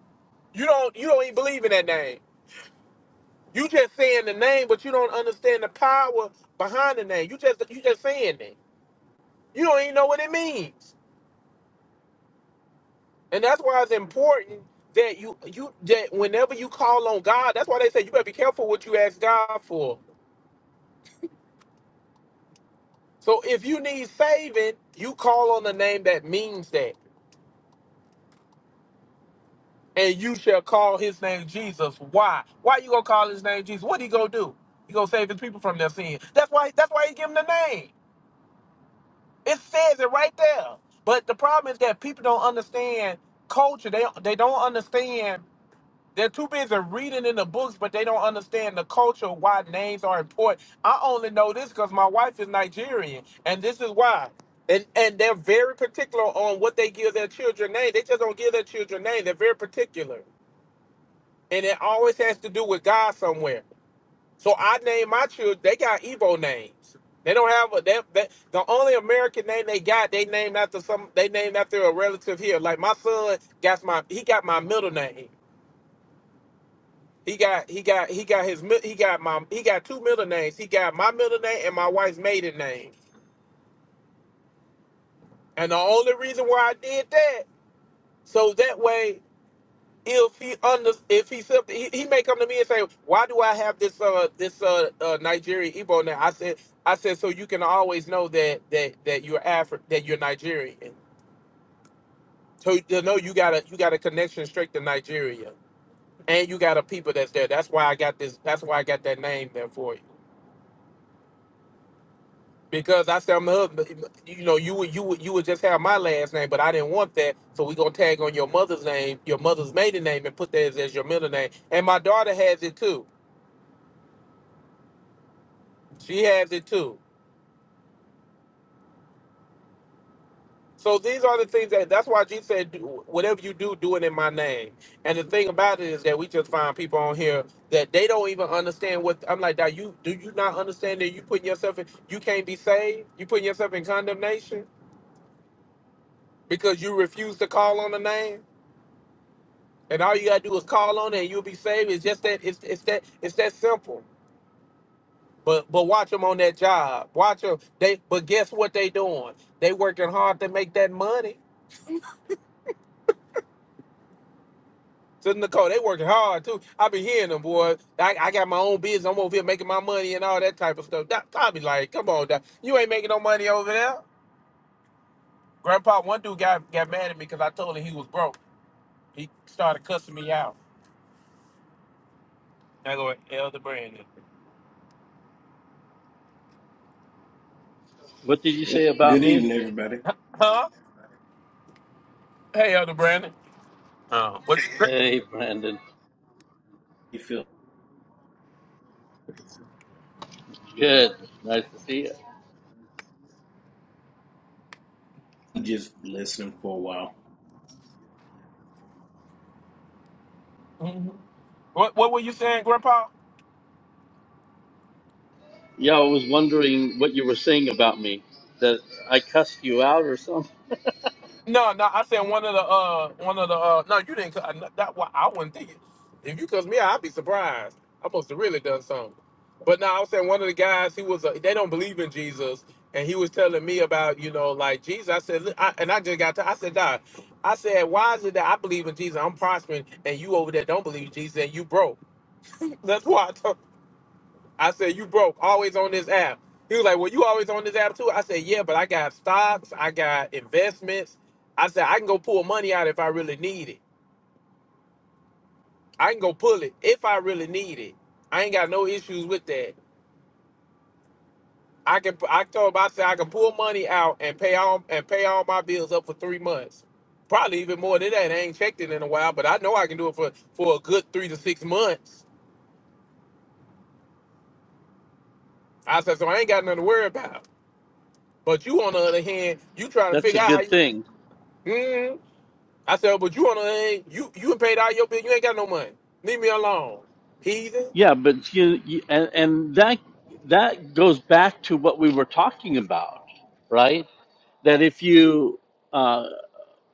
[SPEAKER 6] You don't you don't even believe in that name. You just saying the name, but you don't understand the power behind the name. You just you just saying it. You don't even know what it means. And that's why it's important that you you that whenever you call on God, that's why they say you better be careful what you ask God for So if you need saving, you call on the name that means that. And you shall call his name Jesus. Why? Why you gonna call his name Jesus? What he gonna do? He gonna save his people from their sin. That's why that's why he give him the name. It says it right there. But the problem is that people don't understand culture. They they don't understand They're too busy reading in the books, but they don't understand the culture, why names are important. I only know this because my wife is Nigerian, and this is why. And and they're very particular on what they give their children name. They just don't give their children name. They're very particular, and it always has to do with God somewhere. So I name my children. They got Igbo names. They don't have a. They, they, the only American name they got, they named after some. They named after a relative here. Like my son got my. He got my middle name. He got he got he got his mid- he got my he got two middle names. He got my middle name and my wife's maiden name. And the only reason why I did that so that way if he under if he sub- he, he may come to me and say why do I have this uh this uh, uh Nigerian Igbo now I said I said so you can always know that that that you're Afri- that you're Nigerian. So you know you got a you got a connection straight to Nigeria and you got a people that's there. That's why I got this. That's why I got that name there for you. Because I said I'm husband, you know, you would you would you would just have my last name, but I didn't want that, so we gonna tag on your mother's name, your mother's maiden name, and put that as, as your middle name. And my daughter has it too; she has it too. So these are the things that that's why Jesus said, "Do- whatever you do, do it in my name. And the thing about it is that we just find people on here that they don't even understand what I'm like. That you do you not understand that you putting yourself in, you can't be saved, you putting yourself in condemnation because you refuse to call on the name And all you gotta do is call on it and you'll be saved. It's just that it's it's that it's that simple. But but watch them on that job. Watch them. They but guess what they doing? They working hard to make that money. So Nicole, they working hard too. I be hearing them, boy. I, I got my own business. I'm over here making my money and all that type of stuff. Doc, I be like, come on, Doc. you ain't making no money over there. Grandpa, one dude got got mad at me because I told him he was broke. He started cussing me out. I go, Elder Brandon.
[SPEAKER 13] What did you
[SPEAKER 15] Eh,
[SPEAKER 13] say about
[SPEAKER 15] Good evening,
[SPEAKER 13] me?
[SPEAKER 15] everybody.
[SPEAKER 6] Huh? Hey, Elder Brandon. Oh, what?
[SPEAKER 13] And then,
[SPEAKER 15] You feel
[SPEAKER 13] good. Nice to see you.
[SPEAKER 15] just listening for a while.
[SPEAKER 6] What what were you saying, Grandpa?
[SPEAKER 13] Yeah, I was wondering what you were saying about me. That I cussed you out or something.
[SPEAKER 6] No, no, I said one of the uh one of the uh no, you didn't. I- That why I wouldn't think it. If you cuss me out, I'd be surprised. I must have really done something. But no, I was saying one of the guys. He was. A, they don't believe in Jesus, and he was telling me about you know like Jesus. I said, "Look," I, and I just got to. I said, Nah. I said, why is it that I believe in Jesus? I'm prospering, and you over there don't believe in Jesus, and you broke. That's why. I told. I said, you broke, always on this app. He was like, well, you always on this app too? I said, yeah, but I got stocks, I got investments. I said, I can go pull money out if I really need it. I can go pull it if I really need it. I ain't got no issues with that. I can, I told him, I said, I can pull money out and pay all, and pay all my bills up for three months. Probably even more than that. I ain't checked it in a while, but I know I can do it for, for a good three to six months. I said, so I ain't got nothing to worry about. But you, on the other hand, you trying to
[SPEAKER 13] That's a
[SPEAKER 6] figure out how
[SPEAKER 13] good
[SPEAKER 6] you,
[SPEAKER 13] thing.
[SPEAKER 6] Mhm. I said, but you on the ain't you you paid all your bill. You ain't got no money. Leave me alone, heathen.
[SPEAKER 13] Yeah, but you, you and, and that that goes back to what we were talking about, right? That if you uh,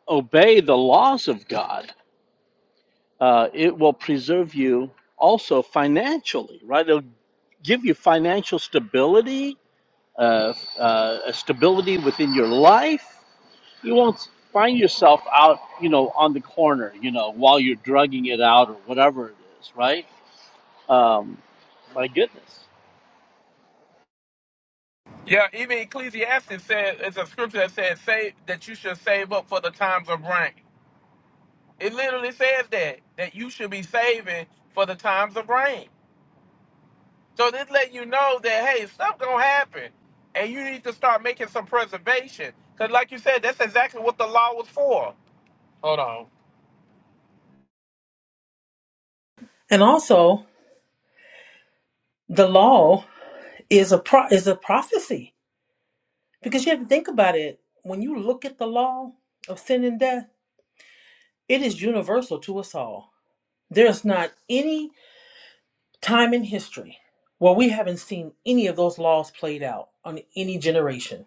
[SPEAKER 13] obey the laws of God, uh, it will preserve you also financially, right? It'll give you financial stability, uh, uh, a stability within your life. You won't find yourself out, you know, on the corner, you know, while you're drugging it out or whatever it is, right? Um, my goodness.
[SPEAKER 6] Yeah, even Ecclesiastes said it's a scripture that says save that you should save up for the times of rain. It literally says that that you should be saving for the times of rain. So this let you know that hey, stuff gonna happen, and you need to start making some preservation. Cause like you said, that's exactly what the law was for. Hold on.
[SPEAKER 2] And also, the law is a pro- is a prophecy because you have to think about it. When you look at the law of sin and death, it is universal to us all. There's not any Time in history Well, we haven't seen any of those laws played out on any generation.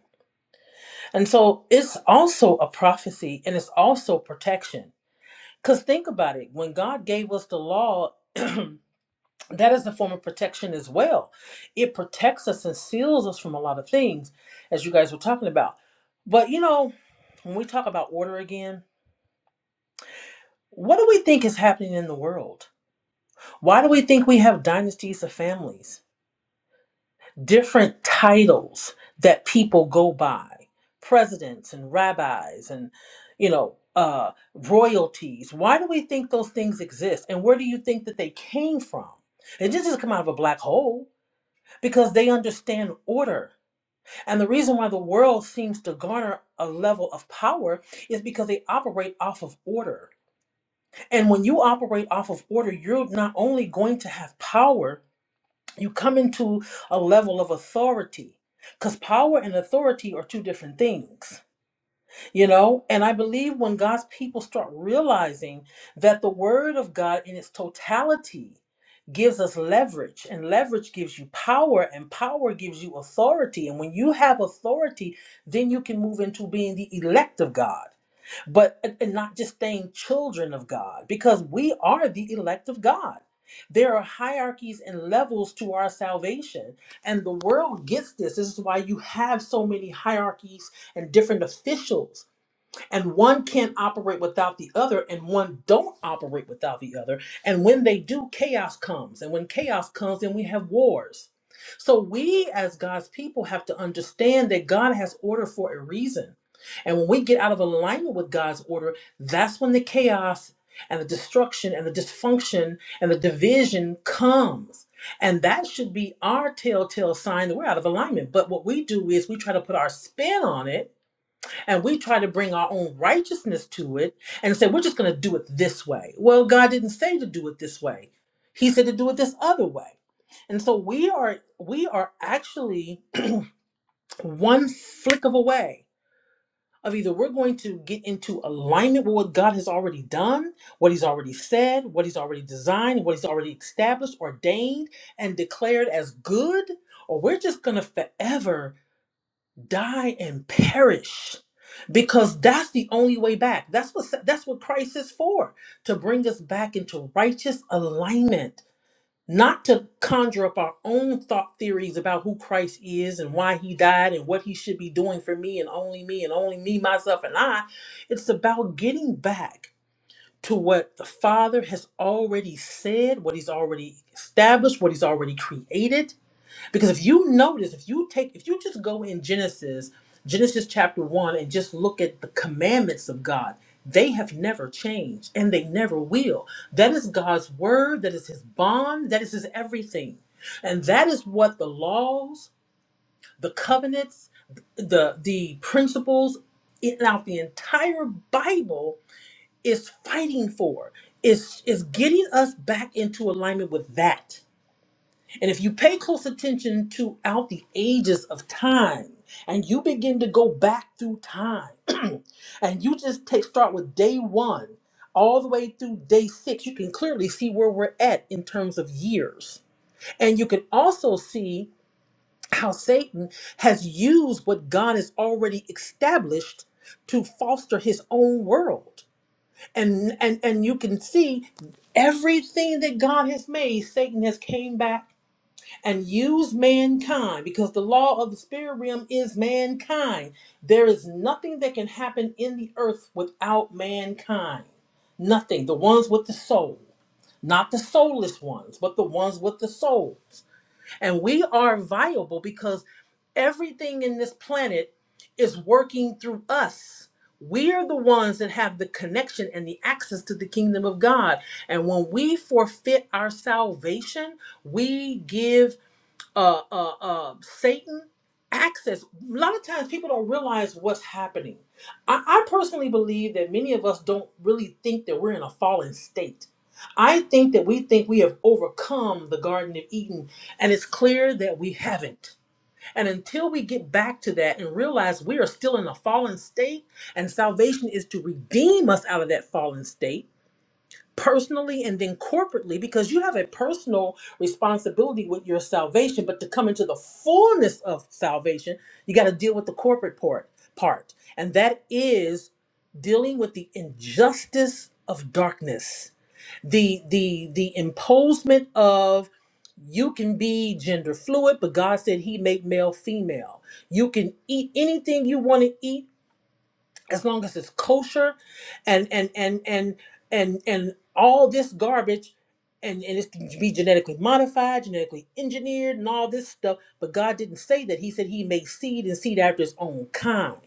[SPEAKER 2] And so it's also a prophecy and it's also protection. Because think about it when God gave us the law, that is a form of protection as well. It protects us and seals us from a lot of things, as you guys were talking about. But you know, when we talk about order again, what do we think is happening in the world? Why do we think we have dynasties of families? different titles that people go by presidents and rabbis and you know uh royalties why do we think those things exist and where do you think that they came from it didn't just come out of a black hole because they understand order and the reason why the world seems to garner a level of power is because they operate off of order and when you operate off of order you're not only going to have power you come into a level of authority because power and authority are two different things you know and i believe when god's people start realizing that the word of god in its totality gives us leverage and leverage gives you power and power gives you authority and when you have authority then you can move into being the elect of god but and not just staying children of God, because we are the elect of God. There are hierarchies and levels to our salvation, and the world gets this. This is why you have so many hierarchies and different officials and one can't operate without the other and one don't operate without the other and when they do chaos comes and when chaos comes then we have wars so we as god's people have to understand that god has order for a reason and when we get out of alignment with god's order that's when the chaos and the destruction and the dysfunction and the division comes and that should be our telltale sign that we're out of alignment but what we do is we try to put our spin on it and we try to bring our own righteousness to it and say we're just going to do it this way. Well, God didn't say to do it this way. He said to do it this other way. And so we are we are actually one flick of away of either we're going to get into alignment with what God has already done, what he's already said, what he's already designed, what he's already established, ordained and declared as good, or we're just going to forever die and perish because that's the only way back that's what that's what christ is for to bring us back into righteous alignment not to conjure up our own thought theories about who christ is and why he died and what he should be doing for me and only me and only me myself and i it's about getting back to what the father has already said what he's already established what he's already created because if you notice, if you take, if you just go in Genesis, Genesis chapter one, and just look at the commandments of God, they have never changed and they never will. That is God's word, that is his bond, that is his everything. And that is what the laws, the covenants, the the principles throughout the entire Bible is fighting for, is is getting us back into alignment with that. And if you pay close attention to out the ages of time, and you begin to go back through time, and you just take start with day one all the way through day six, you can clearly see where we're at in terms of years. And you can also see how Satan has used what God has already established to foster his own world. And and and you can see everything that God has made, Satan has came back and use mankind because the law of the spirit realm is mankind. There is nothing that can happen in the earth without mankind. Nothing. The ones with the soul, not the soulless ones, but the ones with the souls. And we are viable because everything in this planet is working through us. We are the ones that have the connection and the access to the kingdom of God. And when we forfeit our salvation, we give uh, uh, uh, Satan access. A lot of times people don't realize what's happening. I, I personally believe that many of us don't really think that we're in a fallen state. I think that we think we have overcome the Garden of Eden, and it's clear that we haven't. And until we get back to that and realize we are still in a fallen state, and salvation is to redeem us out of that fallen state personally and then corporately because you have a personal responsibility with your salvation but to come into the fullness of salvation you got to deal with the corporate part part and that is dealing with the injustice of darkness the the the imposement of you can be gender fluid but god said he made male female you can eat anything you want to eat as long as it's kosher and and and and and and all this garbage and and it can be genetically modified genetically engineered and all this stuff but god didn't say that he said he made seed and seed after his own kind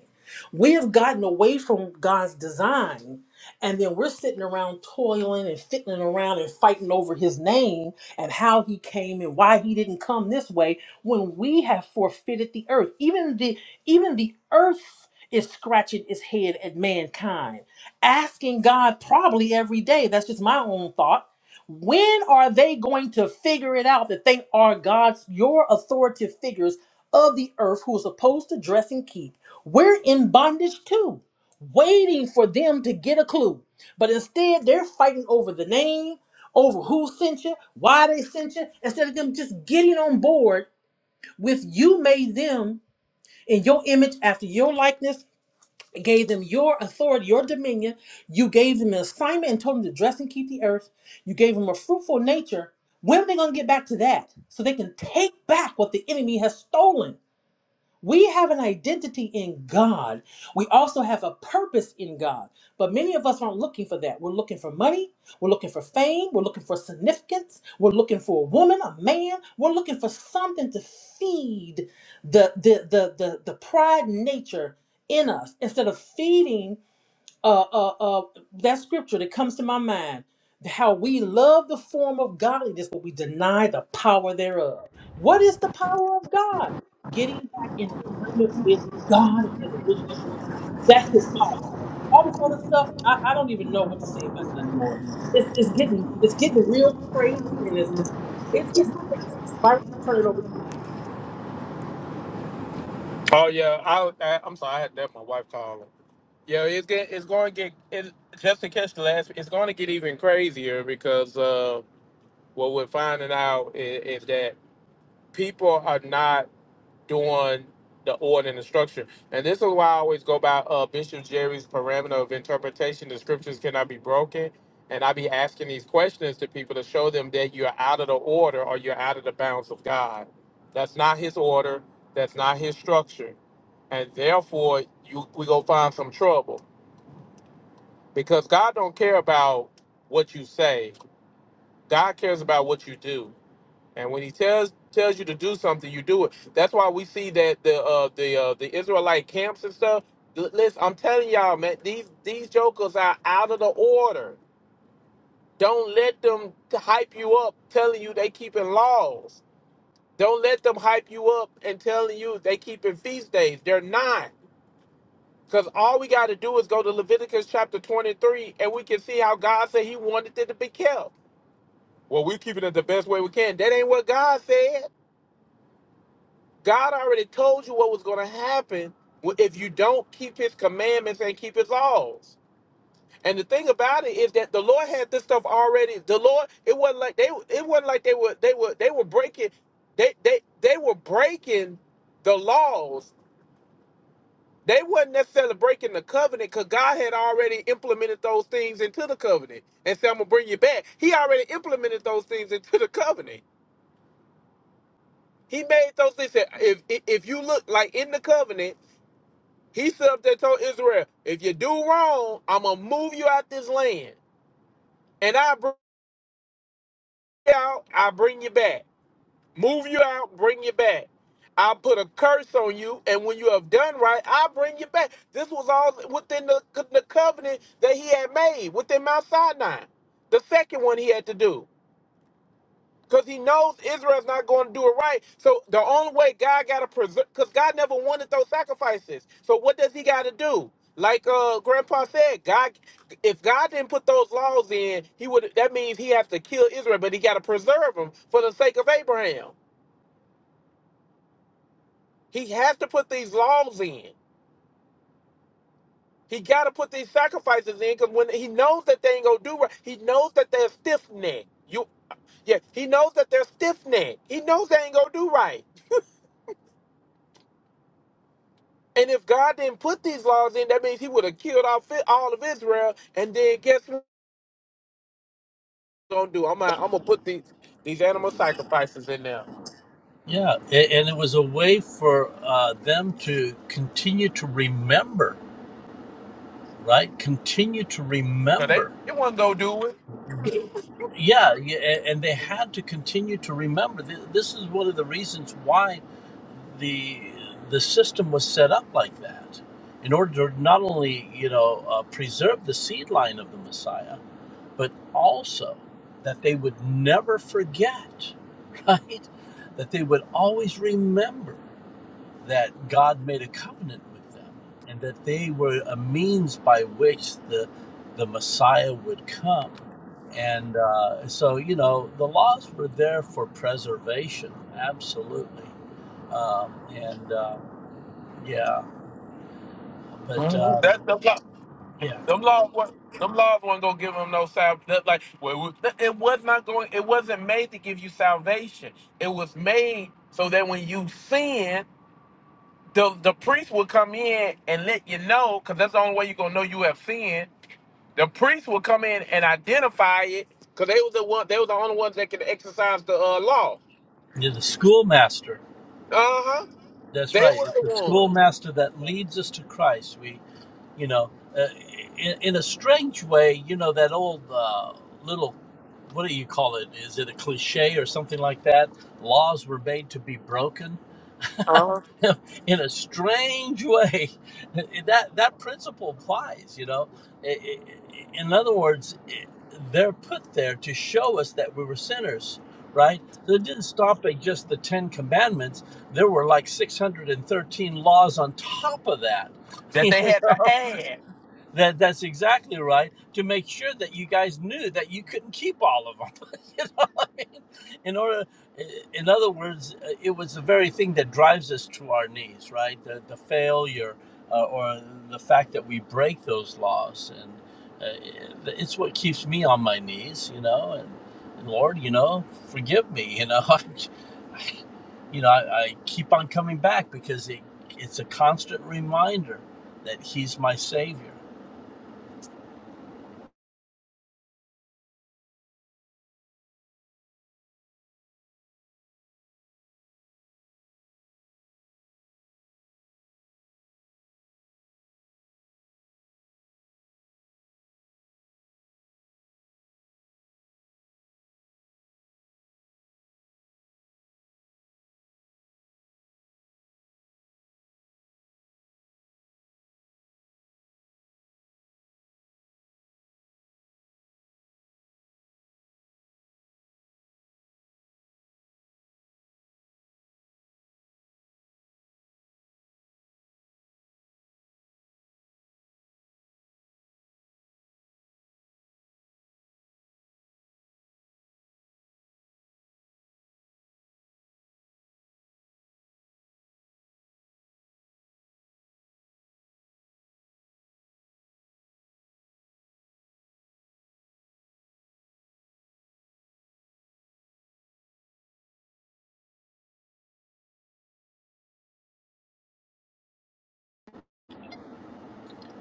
[SPEAKER 2] we have gotten away from god's design and then we're sitting around toiling and fiddling around and fighting over his name and how he came and why he didn't come this way when we have forfeited the earth even the even the earth is scratching its head at mankind, asking God probably every day. That's just my own thought. When are they going to figure it out that they are God's, your authoritative figures of the earth who are supposed to dress and keep? We're in bondage too, waiting for them to get a clue. But instead, they're fighting over the name, over who sent you, why they sent you, instead of them just getting on board with you made them in your image after your likeness gave them your authority, your dominion. You gave them an assignment and told them to dress and keep the earth. You gave them a fruitful nature. When are they going to get back to that? So they can take back what the enemy has stolen. We have an identity in God. We also have a purpose in God. But many of us aren't looking for that. We're looking for money. We're looking for fame. We're looking for significance. We're looking for a woman, a man. We're looking for something to feed the the the the, the pride nature in us instead of feeding uh, uh, uh, that scripture that comes to my mind how we love the form of godliness, but we deny the power thereof. What is the power of God? Getting back in alignment with God and His original design. That's His power. All this other stuff, I, I don't even know what to say about it anymore. It's, it's getting it's getting real crazy, and it's it's getting crazy. Byron, I'm gonna turn it over to you.
[SPEAKER 6] Oh yeah, I, I I'm sorry. I had that my wife calling. Yo, it's get, it's going to get it, just to catch the last. It's going to get even crazier because uh, what we're finding out is, is that people are not doing the order and the structure, and this is why I always go by uh, Bishop Jerry's parameter of interpretation. The scriptures cannot be broken, and I be asking these questions to people to show them that you're out of the order or you're out of the bounds of God. That's not His order. That's not His structure, and therefore you we go find some trouble because God don't care about what you say. God cares about what you do. And when He tells tells you to do something, you do it. That's why we see that the uh, the uh, the Israelite camps and stuff. L- Listen, I'm telling y'all, man, these these jokers are out of the order. Don't let them hype you up, telling you they keeping laws. Don't let them hype you up and telling you they keeping feast days. They're not. Because all we got to do is go to Leviticus chapter 23 and we can see how God said he wanted it to be kept. Well, we're keeping it the best way we can. That ain't what God said. God already told you what was going to happen if you don't keep his commandments and keep his laws. And the thing about it is that the Lord had this stuff already. The Lord, it wasn't like they it wasn't like they were they were they were breaking they they they were breaking the laws. They wasn't necessarily breaking the covenant because God had already implemented those things into the covenant and said, I'm gonna bring you back. He already implemented those things into the covenant. He made those things. that If if you look like in the covenant, he stood up there and told Israel, if you do wrong, I'm gonna move you out this land, and I bring you out, I bring you back. Move you out, bring you back. I put a curse on you, and when you have done right, I bring you back. This was all within the, the covenant that he had made within Mount Sinai. The second one he had to do. Because he knows Israel's not going to do it right. So the only way God got to preserve, because God never wanted those sacrifices. So what does he got to do? Like uh, Grandpa said, God, if God didn't put those laws in, he would. That means he has to kill Israel, but he got to preserve them for the sake of Abraham. He has to put these laws in. He got to put these sacrifices in because when he knows that they ain't gonna do right, he knows that they're stiff necked. You, yeah, he knows that they're stiff necked. He knows they ain't gonna do right. And if God didn't put these laws in, that means He would have killed all, all of Israel. And then guess what? I'm gonna do? I'm gonna, I'm gonna put these these animal sacrifices in there.
[SPEAKER 13] Yeah, a- and it was a way for uh, them to continue to remember, right? Continue to
[SPEAKER 6] Cause they,
[SPEAKER 13] remember.
[SPEAKER 6] they wasn't gonna do it.
[SPEAKER 13] Yeah, yeah, a- and they had to continue to remember. Th- This is one of the reasons why the the system was set up like that, in order to not only you know uh, preserve the seed line of the Messiah, but also that they would never forget, right? That they would always remember. that God made a covenant with them and that they were a means by which the the Messiah would come. And uh, so, you know, the laws were there for preservation, absolutely. Um, and um, yeah, but
[SPEAKER 6] Mhm.
[SPEAKER 13] um,
[SPEAKER 6] That's the law.
[SPEAKER 13] yeah,
[SPEAKER 6] Them laws was them laws wasn't gonna give them no salvation. Like well, we- it was not going. It wasn't made to give you salvation. It was made so that when you sin, the the priest would come in and let you know. Cause that's the only way you are gonna know you have sinned The priests would come in and identify it because they was the one. They were the only ones that could exercise the uh, law.
[SPEAKER 13] you're the schoolmaster.
[SPEAKER 6] Uh huh.
[SPEAKER 13] That's
[SPEAKER 6] They
[SPEAKER 13] right. It's
[SPEAKER 6] were
[SPEAKER 13] the
[SPEAKER 6] the ones.
[SPEAKER 13] schoolmaster that leads us to Christ. we. you know uh, in, in a strange way you know that old uh, little what do you call it is it a cliche or something like that laws were made to be broken
[SPEAKER 6] Uh huh.
[SPEAKER 13] in a strange way that that principle applies you know I- I- in other words i they're put there to show us that we were sinners right so it didn't stop at just the 10 commandments there were like 613 laws on top of that
[SPEAKER 6] That they had to add.
[SPEAKER 13] That that's exactly right. To make sure that you guys knew that you couldn't keep all of them. you know what I mean? In order, in other words, uh, it was the very thing that drives us to our knees, right? The the failure uh, or the fact that we break those laws, and uh, it's what keeps me on my knees, you know. And, and Lord, you know, forgive me, you know. I, you know, I, I keep on coming back because it, it's a constant reminder that He's my Savior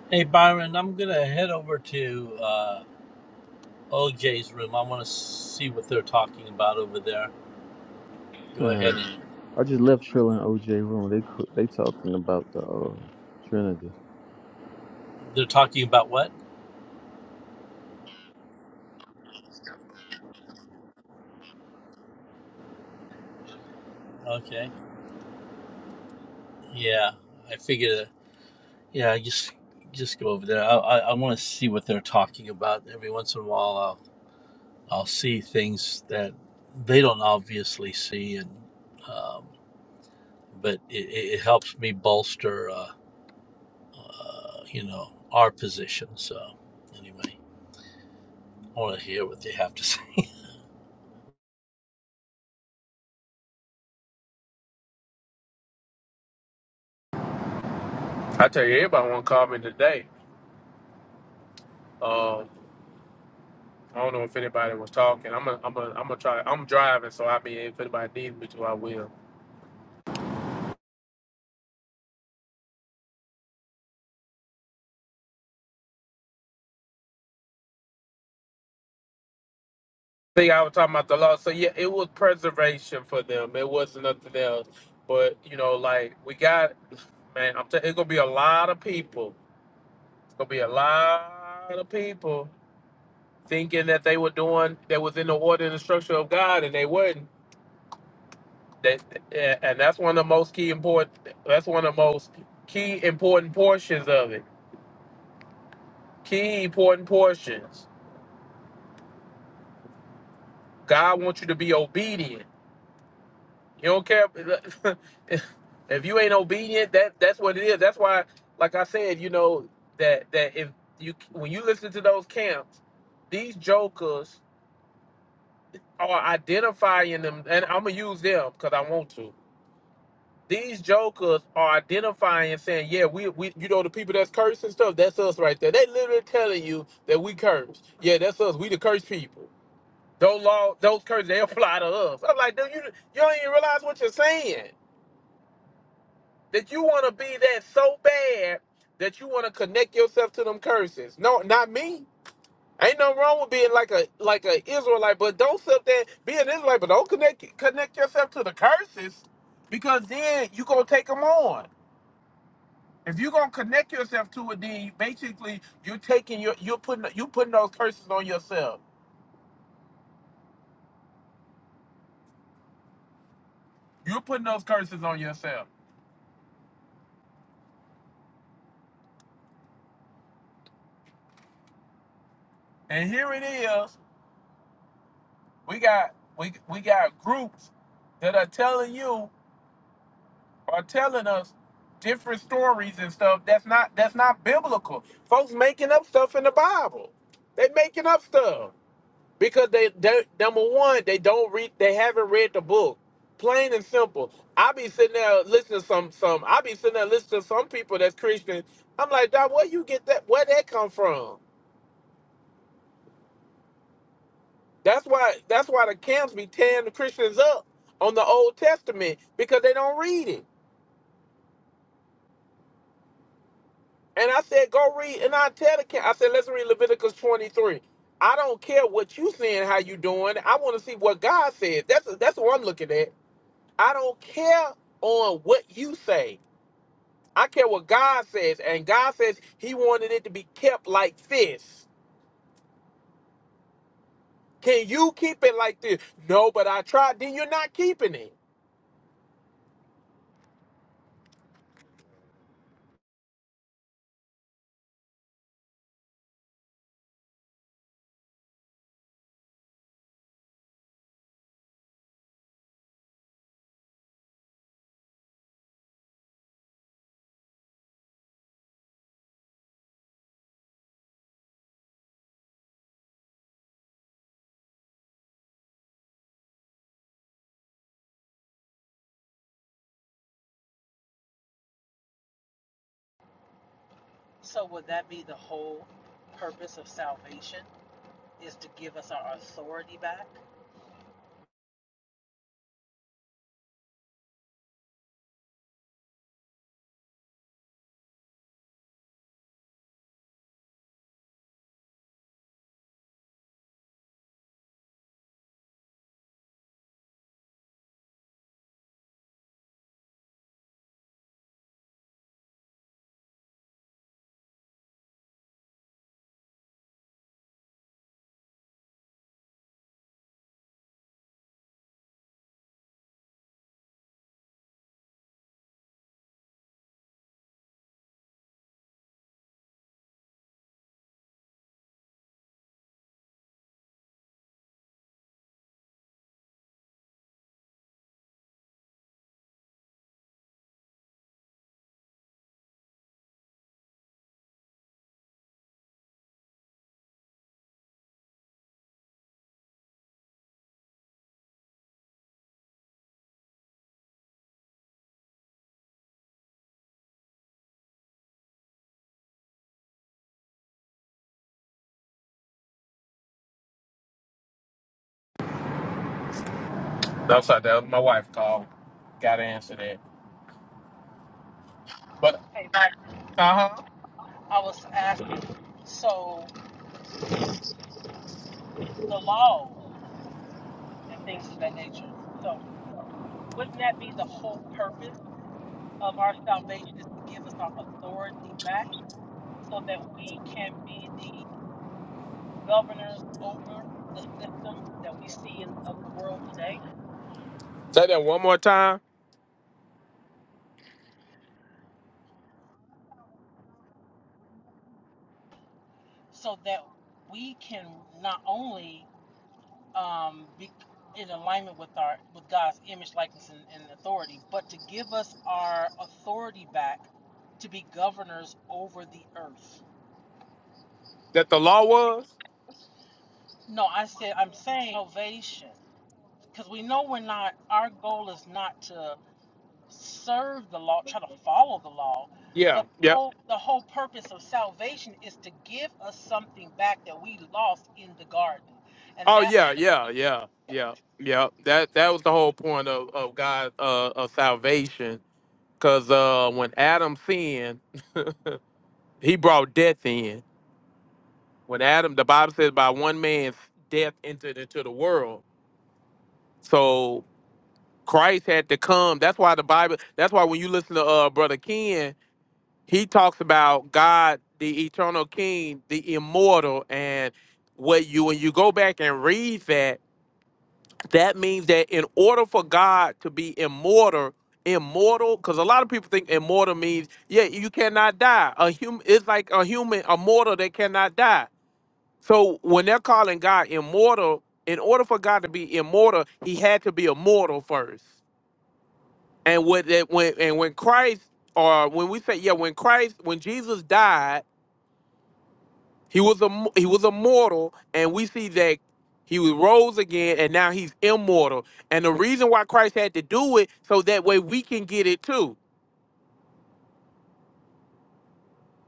[SPEAKER 13] Hey Byron, I'm gonna head over to uh, OJ's room. I want to see what they're talking about over there.
[SPEAKER 16] All
[SPEAKER 13] Go ahead
[SPEAKER 16] right.
[SPEAKER 13] and
[SPEAKER 16] I just left Trill and OJ room. They cr- they talking about the uh, Trinity.
[SPEAKER 13] they're talking about what? Okay. Yeah, I figured. uh, Yeah, just just go over there. I I, I want to see what they're talking about. Every once in a while, I'll I'll see things that they don't obviously see, and um, but it, it it helps me bolster, uh, uh, you know, our position. So anyway. want to hear what they have to say.
[SPEAKER 6] I tell you, everybody want to call me today. Um, I don't know if anybody was talking. I'm gonna, I'm gonna, I'm gonna try. I'm driving, so I mean, if anybody needs me to, I will. think I was talking about the law. So yeah, it was preservation for them. It wasn't nothing else. But you know, like we got, man, I'm. T- it's gonna be a lot of people gonna be a lot of people thinking that they were doing that was in the order and the structure of God, and they wasn't. That and that's one of the most key important. That's one of the most key important portions of it. Key important portions. God wants you to be obedient. You don't care if if you ain't obedient. That that's what it is. That's why, like I said, you know that that if you when you listen to those camps, these jokers are identifying them, and I'm gonna use them because I want to. These jokers are identifying, saying, "Yeah, we, we, you know, the people that's cursed and stuff, that's us right there." They literally telling you that we curse. Yeah, that's us. We the cursed people. Those law, those curses, they apply to us. I'm like, dude, you, you don't even realize what you're saying. That you want to be that so bad that you want to connect yourself to them curses. No, not me. Ain't nothing wrong with being like a like a Israelite, but don't sit there be an Israelite, but don't connect connect yourself to the curses because then you gonna take them on. If you gonna connect yourself to it, then you- basically you're taking your you're putting you putting those curses on yourself. You're putting those curses on yourself. And here it is, we got we we got groups that are telling you are telling us different stories and stuff that's not that's not biblical. Folks making up stuff in the Bible. They making up stuff because they, they number one they don't read they haven't read the book. Plain and simple. I be sitting there listening to some some I be sitting there listening to some people that's Christian. I'm like, Doc, where you get that? Where that come from? That's why that's why the camps be tearing the Christians up on the Old Testament because they don't read it. And I said, go read. And I tell the kid, I said, let's read Leviticus 23. I don't care what you saying, how you doing. I want to see what God said. That's that's what I'm looking at. I don't care on what you say. I care what God says. And God says he wanted it to be kept like this. Can you keep it like this? No, but I tried. Then you're not keeping it.
[SPEAKER 2] So,
[SPEAKER 6] No, sorry, that was my wife called. Gotta answer that. But
[SPEAKER 2] hey, Byron,
[SPEAKER 6] uh-huh.
[SPEAKER 2] I was asking. So, the law and things of that nature. wouldn't that be the whole purpose of our salvation is to give us our authority back so that we can be the governors over the system that we see in, of the world today
[SPEAKER 6] Say that one more time.
[SPEAKER 2] so that we can not only um, be in alignment with our with God's image likeness and, and authority but to give us our authority back to be governors over the earth
[SPEAKER 6] That the law was?
[SPEAKER 2] no I said I'm saying salvation because we know we're not our goal is not to serve the law try to follow the law
[SPEAKER 6] Yeah.
[SPEAKER 2] but the
[SPEAKER 6] Yep.
[SPEAKER 2] whole, the whole purpose of salvation is to give us something back that we lost in the garden and
[SPEAKER 6] Oh
[SPEAKER 2] that
[SPEAKER 6] yeah, yeah, yeah, yeah, yeah. That that was the whole point of of God uh, of salvation. Cause uh, when Adam sinned, he brought death in. When Adam, the Bible says, by one man's death entered into the world. So Christ had to come. That's why the Bible. That's why when you listen to uh, Brother Ken, he talks about God, the eternal King, the immortal, and what you when you go back and read that that means that in order for God to be immortal, immortal, because a lot of people think immortal means, yeah, you cannot die. A human it's like a human, a mortal that cannot die. So when they're calling God immortal, in order for God to be immortal, he had to be a mortal first. And what that when and when Christ or when we say, yeah, when Christ, when Jesus died he was a he was a mortal, and we see that he was rose again, and now he's immortal. And the reason why Christ had to do it so that way we can get it too.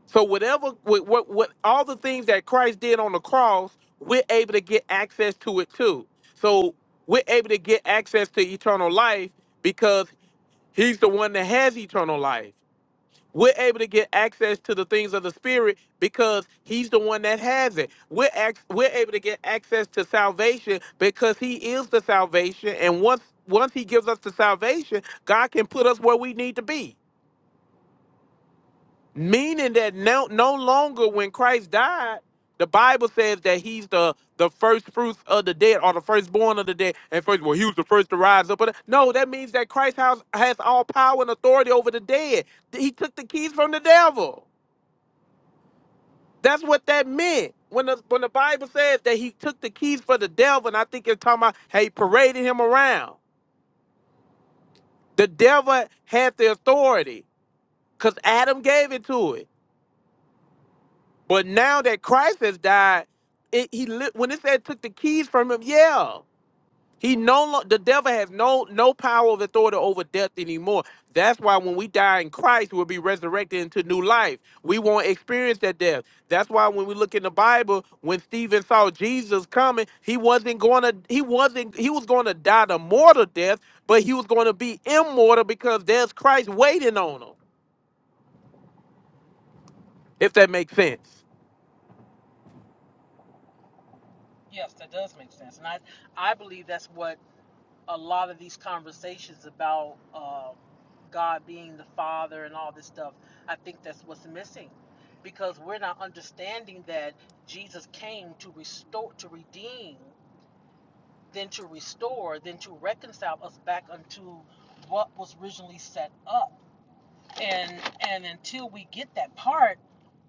[SPEAKER 6] So whatever what what, what all the things that Christ did on the cross, we're able to get access to it too. So we're able to get access to eternal life because he's the one that has eternal life. We're able to get access to the things of the spirit because he's the one that has it. We're ac- we're able to get access to salvation because he is the salvation. And once once he gives us the salvation, God can put us where we need to be. Meaning that no no longer when Christ died, the Bible says that he's the the first fruits of the dead or the firstborn of the dead. And first, well, he was the first to rise up. But no, that means that Christ has, has all power and authority over the dead. He took the keys from the devil. That's what that meant. When the when the Bible says that he took the keys for the devil, and I think it's talking about how he paraded him around. The devil had the authority because Adam gave it to it. But now that Christ has died, it, he li- when it said took the keys from him, yeah. He no lo- the devil has no no power of authority over death anymore. That's why when we die in Christ, we'll be resurrected into new life. We won't experience that death. That's why when we look in the Bible, when Stephen saw Jesus coming, he wasn't going to he wasn't he was going to die the mortal death, but he was going to be immortal because there's Christ waiting on him. If that makes sense.
[SPEAKER 2] yes that does make sense and i i believe that's what a lot of these conversations about um, god being the father and all this stuff i think that's what's missing because we're not understanding that jesus came to restore to redeem than to restore, than to reconcile us back unto what was originally set up. And and until we get that part,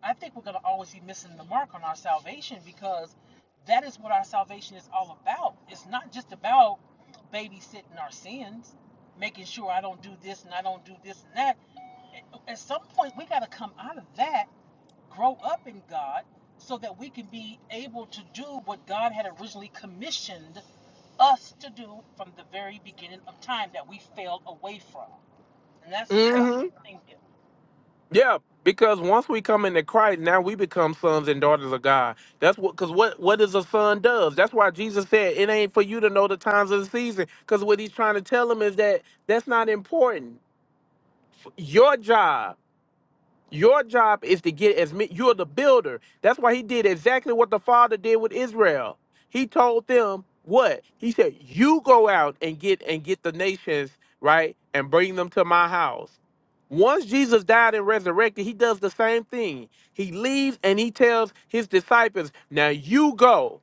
[SPEAKER 2] I think we're gonna always be missing the mark on our salvation because that is what our salvation is all about. It's not just about babysitting our sins, making sure I don't do this and I don't do this and that. At at some point, we got to come out of that grow up in God so that we can be able to do what God had originally commissioned us to do from the very beginning of time that we failed away from. And that's just what I'm thinking.
[SPEAKER 6] Yeah, because once we come into Christ, now we become sons and daughters of God. That's what, because what what is a son does. That's why Jesus said it ain't for you to know the times of the season. Because what he's trying to tell them is that that's not important. Your job your job is to get as many. You're the builder. That's why he did exactly what the father did with Israel. He told them what he said. You go out and get and get the nations right and bring them to my house. Once Jesus died and resurrected, he does the same thing. He leaves and he tells his disciples, "Now you go."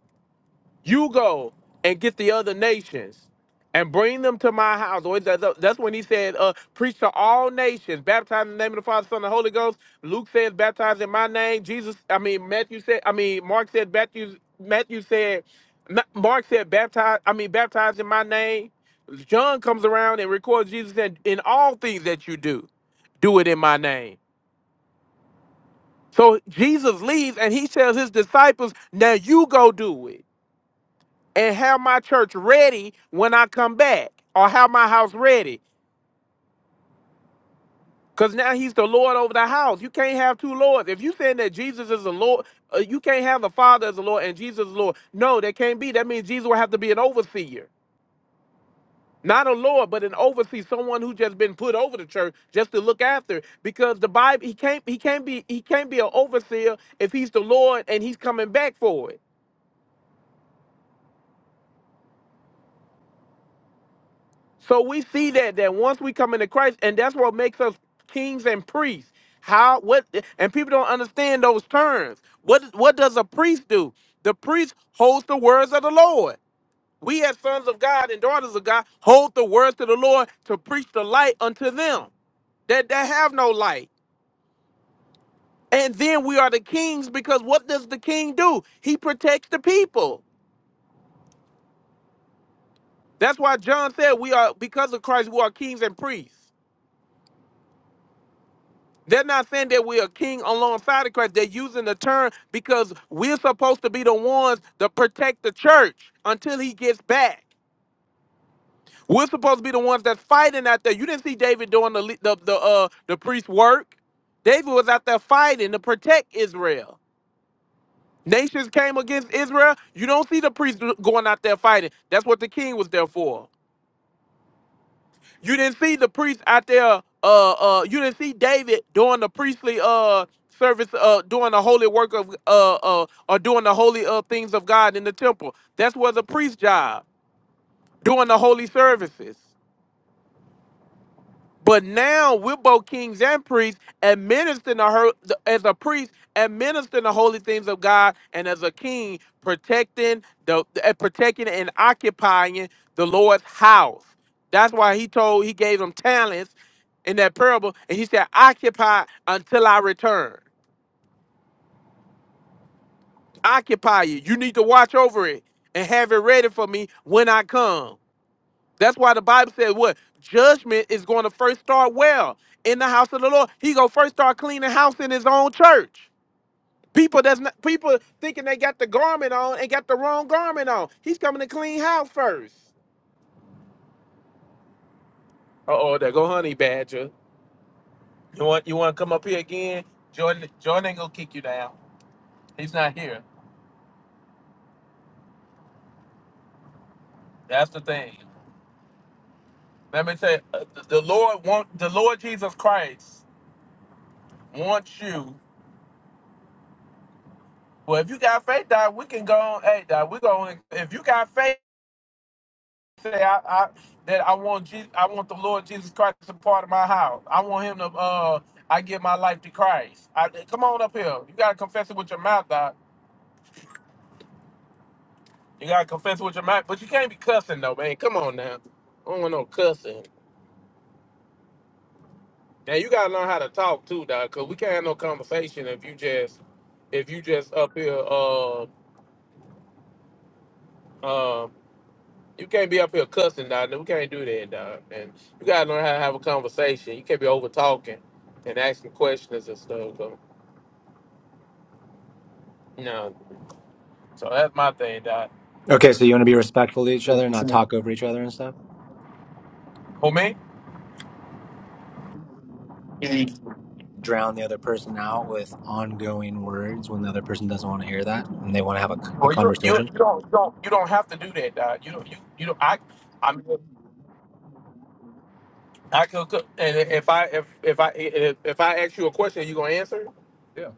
[SPEAKER 6] You go and get the other nations and bring them to my house. Or is that- That's when he said, uh, preach to all nations, baptize in the name of the Father, Son, and the Holy Ghost. Luke says, baptize in my name. Jesus, I mean, Matthew said, I mean, Mark said, Matthew, Matthew said, Ma- Mark said, baptize, I mean, baptize in my name. John comes around and records Jesus said, in all things that you do, do it in my name. So Jesus leaves and he tells his disciples, now you go do it and have my church ready when I come back, or have my house ready. Because now he's the Lord over the house. You can't have two Lords. If you saying that Jesus is the Lord, uh, you can't have the Father as the Lord and Jesus is Lord. No, that can't be. That means Jesus will have to be an overseer. Not a Lord, but an overseer, someone who just been put over the church just to look after. it. Because the Bible, he can't, he can't be, he can't be an overseer if he's the Lord and he's coming back for it. So we see that that once we come into Christ, and that's what makes us kings and priests. How what and people don't understand those terms. What what does a priest do? The priest holds the words of the Lord. We as sons of God and daughters of God hold the words to the Lord to preach the light unto them that, that have no light. And then we are the kings because what does the king do? He protects the people. That's why John said we are because of Christ we are kings and priests. They're not saying that we are king alongside of Christ. They're using the term because we're supposed to be the ones to protect the church until he gets back. We're supposed to be the ones that's fighting out there. You didn't see David doing the le- the the, uh, the priest work. David was out there fighting to protect Israel. Nations came against Israel. You don't see the priest going out there fighting. That's what the king was there for. You didn't see the priest out there. Uh, uh, you didn't see David doing the priestly uh service, uh, doing the holy work of uh, uh, or doing the holy uh things of God in the temple. That's was a priest's job, doing the holy services. But now we're both kings and priests, administering the, her- as a priest, administering the holy things of God, and as a king, protecting the uh, protecting and occupying the Lord's house. That's why he told he gave them talents in that parable, and he said, "Occupy until I return. Occupy it. You need to watch over it and have it ready for me when I come." That's why the Bible says, what judgment is going to first start well in the house of the Lord. He gonna first start cleaning house in his own church. People that's not people thinking they got the garment on and got the wrong garment on. He's coming to clean house first. Uh oh, there go Honey Badger. You want you want to come up here again? Jordan Jordan ain't gonna kick you down. He's not here. That's the thing. Let me tell you, uh, the the Lord want the Lord Jesus Christ wants you. Well, if you got faith, dog, we can go on. Hey, dog, we going. If you got faith. say I, I that I want Jesus, I want the Lord Jesus Christ to part of my house. I want Him to. Uh, I give my life to Christ. I, come on up here. You gotta confess it with your mouth, Doc. You gotta confess it with your mouth, but you can't be cussing though, man. Come on now. I don't want no cussing. Now you gotta learn how to talk too, Doc, cause we can't have no conversation if you just if you just up here. Uh, uh, you can't be up here cussing, Doc. We can't do that, Doc. And you gotta learn how to have a conversation. You can't be over talking and asking questions and stuff. No, so that's my thing, Dot. The,
[SPEAKER 12] Okay, so you want to be respectful to each other, and not talk over each other and stuff.
[SPEAKER 6] oh man,
[SPEAKER 12] drown the other person out with ongoing words when the other person doesn't want to hear that and they want to have a, a
[SPEAKER 6] well you you
[SPEAKER 12] conversation.
[SPEAKER 6] you don't you don't you don't have to do that, Dot. You don't you you don't I I mean I could could- and if I if if I if, if I ask you a question, you gonna answer?
[SPEAKER 12] Yeah.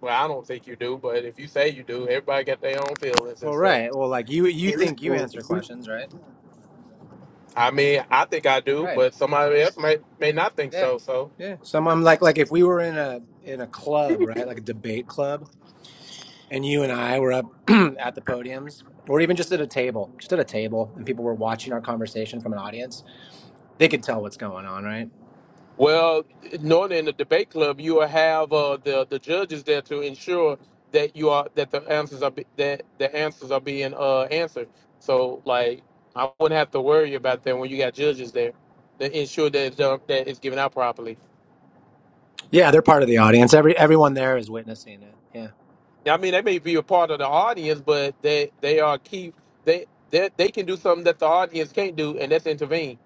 [SPEAKER 6] Well, I don't think you do, but if you say you do, everybody got their own feelings and
[SPEAKER 12] Well,
[SPEAKER 6] stuff.
[SPEAKER 12] right. Well, like you, you think you answer questions, right?
[SPEAKER 6] I mean, I think I do,
[SPEAKER 12] Right.
[SPEAKER 6] but
[SPEAKER 12] Yeah.
[SPEAKER 6] somebody else may may not think
[SPEAKER 12] Yeah.
[SPEAKER 6] so. so.
[SPEAKER 12] Yeah. So I'm like, like if we were in a in a club, right, like a debate club, and you and I were up at the podiums, or even just at a table, just at a table, and people were watching our conversation from an audience, they could tell what's going on, right?
[SPEAKER 6] Well, normally in the debate club, you will have uh, the the judges there to ensure that you are that the answers are be, that the answers are being uh, answered. So, like, I wouldn't have to worry about that when you got judges there to ensure that it's done, that it's given out properly.
[SPEAKER 12] Yeah, they're part of the audience. Every everyone there is witnessing it. Yeah.
[SPEAKER 6] I mean, they may be a part of the audience, but they they are key. They they they can do something that the audience can't do, and that's intervene.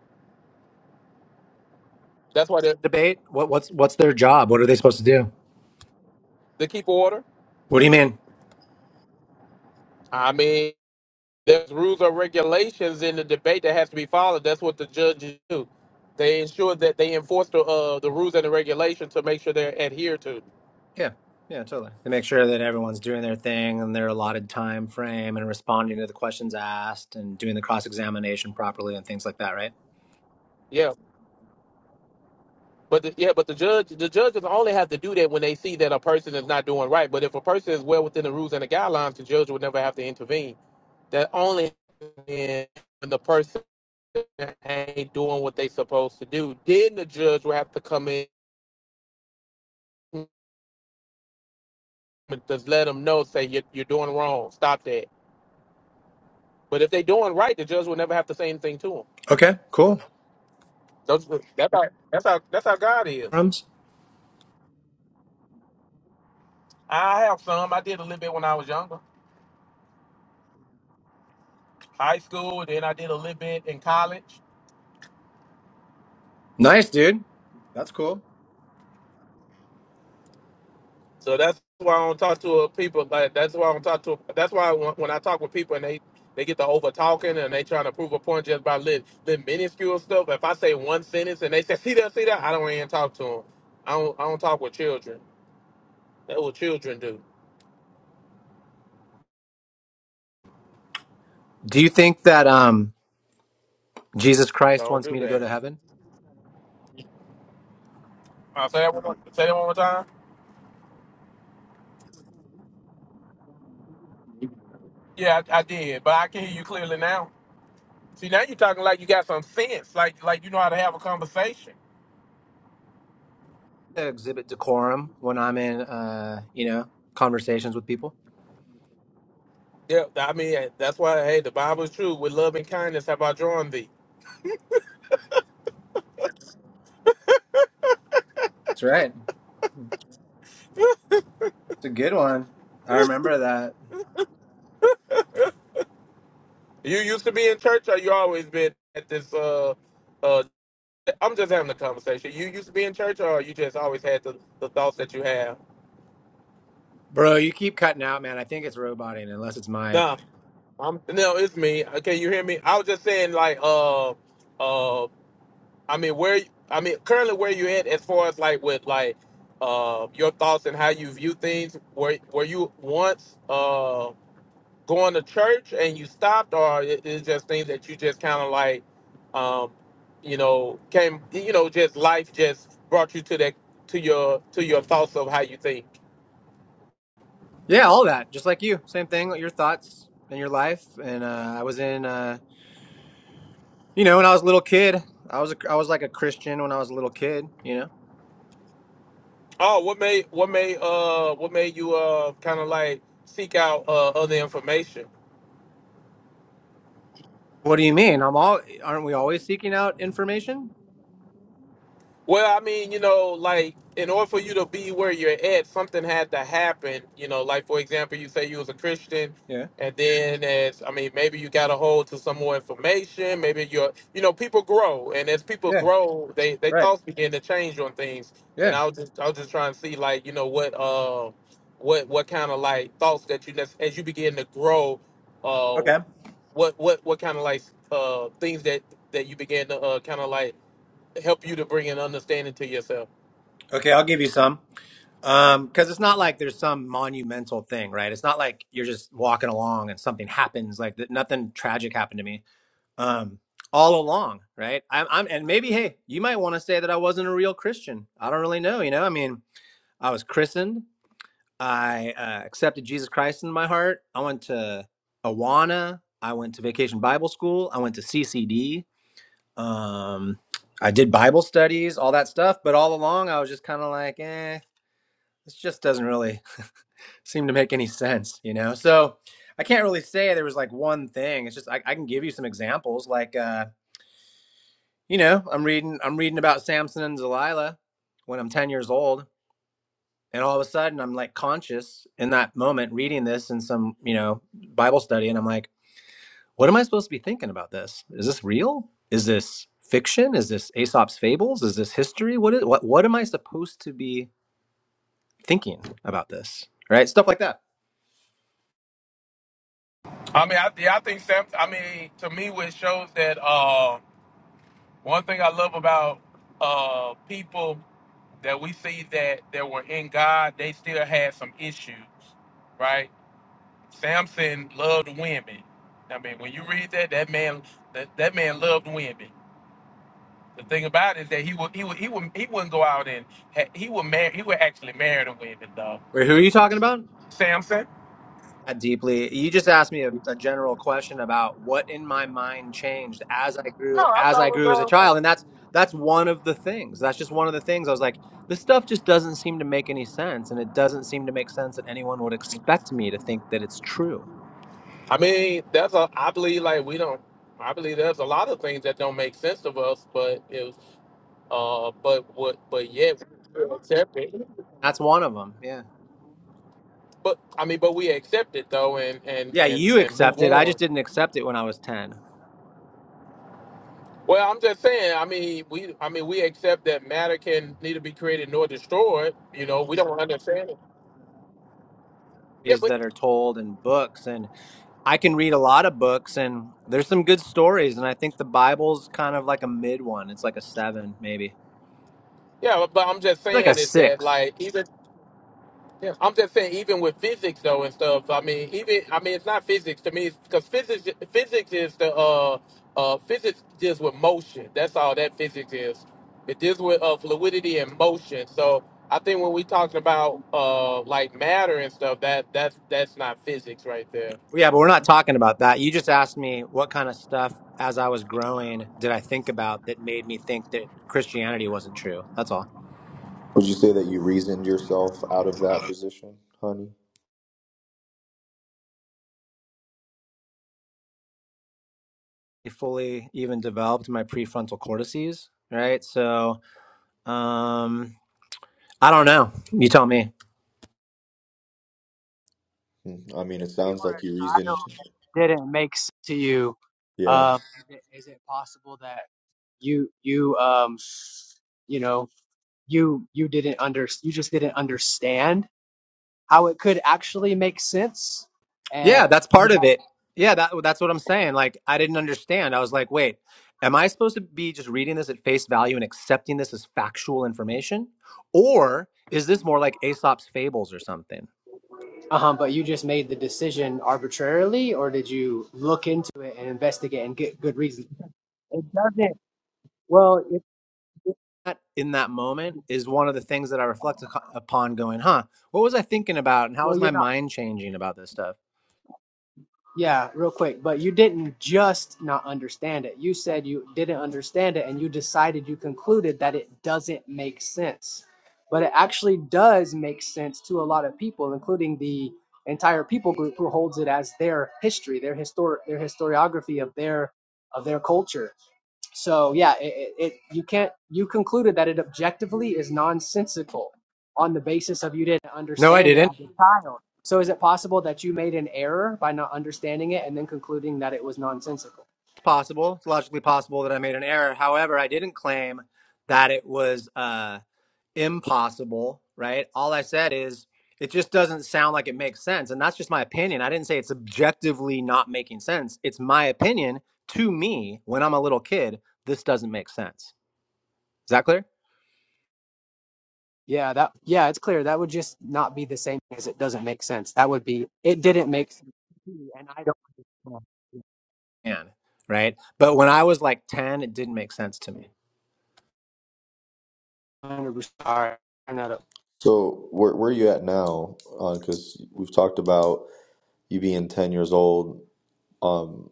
[SPEAKER 6] That's why the
[SPEAKER 12] debate? What what's what's their job? What are they supposed to do?
[SPEAKER 6] the keep order.
[SPEAKER 12] What do you mean?
[SPEAKER 6] I mean. There's rules or regulations in the debate that has to be followed. That's what the judges do. They ensure that they enforce the uh, the rules and the regulations to make sure they're adhered to.
[SPEAKER 12] Yeah, yeah, totally. They make sure that everyone's doing their thing and their allotted time frame and responding to the questions asked and doing the cross examination properly and things like that, right?
[SPEAKER 6] Yeah, but the, yeah, but the judge the judges only have to do that when they see that a person is not doing right. But if a person is well within the rules and the guidelines, the judge would never have to intervene. That only in when the person ain't doing what they supposed to do. Then the judge will have to come in, and just let them know, say you're, you're doing wrong. Stop that But if they doing right, the judge will never have to say anything to them.
[SPEAKER 12] Okay, cool.
[SPEAKER 6] Those, that's, how, that's how that's how God is. I have some. I did a little bit when I was younger, high school. Then I did a little bit in college.
[SPEAKER 12] Nice, dude. That's cool.
[SPEAKER 6] So that's why I don't talk to uh, people. Like that's why I don't talk to. That's why when, when I talk with people and they they get to over talking and they trying to prove a point just by little, little minuscule stuff. If I say one sentence and they say see that see that, I don't even talk to them. I don't I don't talk with children. That's what children do.
[SPEAKER 12] Do you think that um Jesus
[SPEAKER 6] I
[SPEAKER 12] Christ
[SPEAKER 6] don't
[SPEAKER 12] wants
[SPEAKER 6] do
[SPEAKER 12] me to go
[SPEAKER 6] that.
[SPEAKER 12] to heaven?
[SPEAKER 6] I say that one, more- say that one more time. Yeah, I, I did, but I can hear you clearly now. See, now you're talking like you got some sense, like like you know how to have a conversation.
[SPEAKER 12] I exhibit decorum when I'm in uh, you know, conversations with people.
[SPEAKER 6] Yeah, I mean that's why. Hey, the Bible is true. With love and kindness have I drawn thee.
[SPEAKER 12] That's right. It's a good one. I
[SPEAKER 6] you
[SPEAKER 12] remember that.
[SPEAKER 6] used to be in church, or you always been at this? Uh, uh, I'm just having a conversation. You used to be in church, or you just always had the, the thoughts that you have.
[SPEAKER 12] Bro, you keep cutting out, man. I think it's roboting, unless it's my
[SPEAKER 6] Nah, I'm no, it's me. Okay, you hear me? I was just saying, like, uh, uh, I mean, where I mean, currently where you at as far as like with like uh your thoughts and how you view things? Were were you once uh going to church and you stopped, or it, it's just things that you just kind of like um you know came you know just life just brought you to that to your to your thoughts of how you think.
[SPEAKER 12] yeah, all that. Just like you, same thing. Your thoughts and your life. And uh, I was in, uh, you know, when I was a little kid, I was a, I was like a Christian when I was a little kid. You know,
[SPEAKER 6] Oh, what made what made uh what made you uh kind of like seek out uh other information?
[SPEAKER 12] what do you mean? I'm all. Aren't we always seeking out information?
[SPEAKER 6] Well, I mean, you know, like in order for you to be where you're at, something had to happen. You know, like for example, you say you was a Christian,
[SPEAKER 12] Yeah.
[SPEAKER 6] and then as I mean, maybe you got a hold to some more information. Maybe you're, you know, people grow, and as people
[SPEAKER 12] Yeah.
[SPEAKER 6] grow, they they
[SPEAKER 12] Right.
[SPEAKER 6] thoughts begin to change on things. And
[SPEAKER 12] Yeah.
[SPEAKER 6] I was just I was just trying to see like you know what uh what what kind of like thoughts that you nec- as you begin to grow, uh
[SPEAKER 12] Okay.
[SPEAKER 6] what what what kind of like uh things that that you began to uh kind of like help you to bring an understanding to yourself?
[SPEAKER 12] Okay. I'll give you some. Um, because it's not like there's some monumental thing, right? It's not like you're just walking along and something happens. Like that, nothing tragic happened to me um, all along, right? I'm, I'm, and maybe, hey, you might want to say that I wasn't a real Christian. I don't really know. You know, I mean, I was christened. I uh, accepted Jesus Christ in my heart. I went to Awana. I went to Vacation Bible School. I went to CCD. Um, I did Bible studies, all that stuff. But all along, I was just kind of like, eh, this just doesn't really seem to make any sense, you know? So I can't really say there was like one thing. It's just, I, I can give you some examples. Like, uh, you know, I'm reading I'm reading about Samson and Delilah when I'm 10 years old and all of a sudden I'm like conscious in that moment reading this in some, you know, Bible study and I'm like, what am I supposed to be thinking about this? Is this real? Is this fiction? Is this Aesop's fables? Is this history? What is what what am I supposed to be thinking about this? Right? Stuff like that.
[SPEAKER 6] I mean, I, yeah, I think Sam. I mean, to me, it shows that uh, one thing I love about uh, people that we see that that were in God, they still had some issues, right? Samson loved women. I mean, when you read that, that man, that, that man loved women. The thing about it is that he would, he would, he would, he wouldn't go out and ha- he would marry. He would actually marry the women, though.
[SPEAKER 12] Wait, who are you talking about?
[SPEAKER 6] Samson.
[SPEAKER 12] that deeply. You just asked me a, a general question about what in my mind changed as I grew as I grew as a child, and that's that's one of the things. That's just one of the things. I was like, this stuff just doesn't seem to make any sense, and it doesn't seem to make sense that anyone would expect me to think that it's true.
[SPEAKER 6] I mean, that's a. I believe like we don't. I believe there's a lot of things that don't make sense of us, but it was, uh, but what, but yet we accept it.
[SPEAKER 12] That's one of them. Yeah,
[SPEAKER 6] But I mean, but we accept it though, and and
[SPEAKER 12] yeah.
[SPEAKER 6] and
[SPEAKER 12] You
[SPEAKER 6] and move
[SPEAKER 12] accept it. I just
[SPEAKER 6] on.
[SPEAKER 12] didn't accept it when I was ten.
[SPEAKER 6] Well, I'm just saying. I mean, we. I mean, we accept that matter can neither be created nor destroyed. You know, we don't understand it. Yeah,
[SPEAKER 12] These
[SPEAKER 6] but
[SPEAKER 12] that are told in books, and I can read a lot of books, and there's some good stories, and I think the Bible's kind of like a mid one. It's like a seven, maybe
[SPEAKER 6] yeah, but I'm just
[SPEAKER 12] like a
[SPEAKER 6] saying is that
[SPEAKER 12] six.
[SPEAKER 6] like even Yeah, I'm just saying, even with physics though and stuff. I mean, even I mean, it's not physics to me because physics physics is the uh uh physics deals with motion. That's all that physics is. It deals with uh, fluidity and motion. So I think when we talking about uh like matter and stuff, that that's that's not physics right there.
[SPEAKER 12] Yeah, but we're not talking about that. You just asked me what kind of stuff as I was growing did I think about that made me think that Christianity wasn't true. That's all.
[SPEAKER 17] Would you say that you reasoned yourself out of that position, honey?
[SPEAKER 12] I fully even developed my prefrontal cortices, right? So, um, I don't know. You tell me.
[SPEAKER 17] Hmm. I mean, it
[SPEAKER 10] If you
[SPEAKER 17] sounds like you
[SPEAKER 10] were a child,
[SPEAKER 17] reasoned.
[SPEAKER 10] didn't make sense to you.
[SPEAKER 17] Yeah.
[SPEAKER 10] Um, is it is it possible that you you um you know you you didn't under you just didn't understand how it could actually make sense?
[SPEAKER 12] Yeah,
[SPEAKER 10] And
[SPEAKER 12] that's part of it. Yeah, that that's what I'm saying. Like I didn't understand. I was like, "Wait, am I supposed to be just reading this at face value and accepting this as factual information?" Or is this more like Aesop's fables or something?
[SPEAKER 10] uh-huh, but you just made the decision arbitrarily, or did you look into it and investigate and get good reason? It doesn't. Well, it, it-
[SPEAKER 12] that in that moment is one of the things that I reflect upon going, huh, what was I thinking about and how
[SPEAKER 10] well,
[SPEAKER 12] was
[SPEAKER 10] you're
[SPEAKER 12] my
[SPEAKER 10] not.
[SPEAKER 12] mind changing about this stuff?
[SPEAKER 10] Yeah, real quick, but you didn't just not understand it. You said you didn't understand it and you decided, you concluded that it doesn't make sense. But it actually does make sense to a lot of people, including the entire people group who holds it as their history, their historic their historiography of their of their culture. So yeah, it, it, you can't you concluded that it objectively is nonsensical on the basis of you didn't
[SPEAKER 12] No, I
[SPEAKER 10] understand it
[SPEAKER 12] didn't.
[SPEAKER 10] as a child. So is it possible that you made an error by not understanding it and then concluding that it was nonsensical?
[SPEAKER 12] It's possible. It's logically possible that I made an error. However, I didn't claim that it was uh, impossible, right? All I said is it just doesn't sound like it makes sense. And that's just my opinion. I didn't say it's objectively not making sense. It's my opinion to me when I'm a little kid, this doesn't make sense. Is that clear?
[SPEAKER 10] Yeah, that yeah, it's clear. That would just not be the same as it doesn't make sense. That would be it didn't make sense to me, and I don't understand. one
[SPEAKER 12] can, right? But when I was like 10, it didn't make sense to me.
[SPEAKER 10] Hundred percent. All right, turn that up.
[SPEAKER 17] So where where are you at now? Because we've talked about you being ten years old. Um,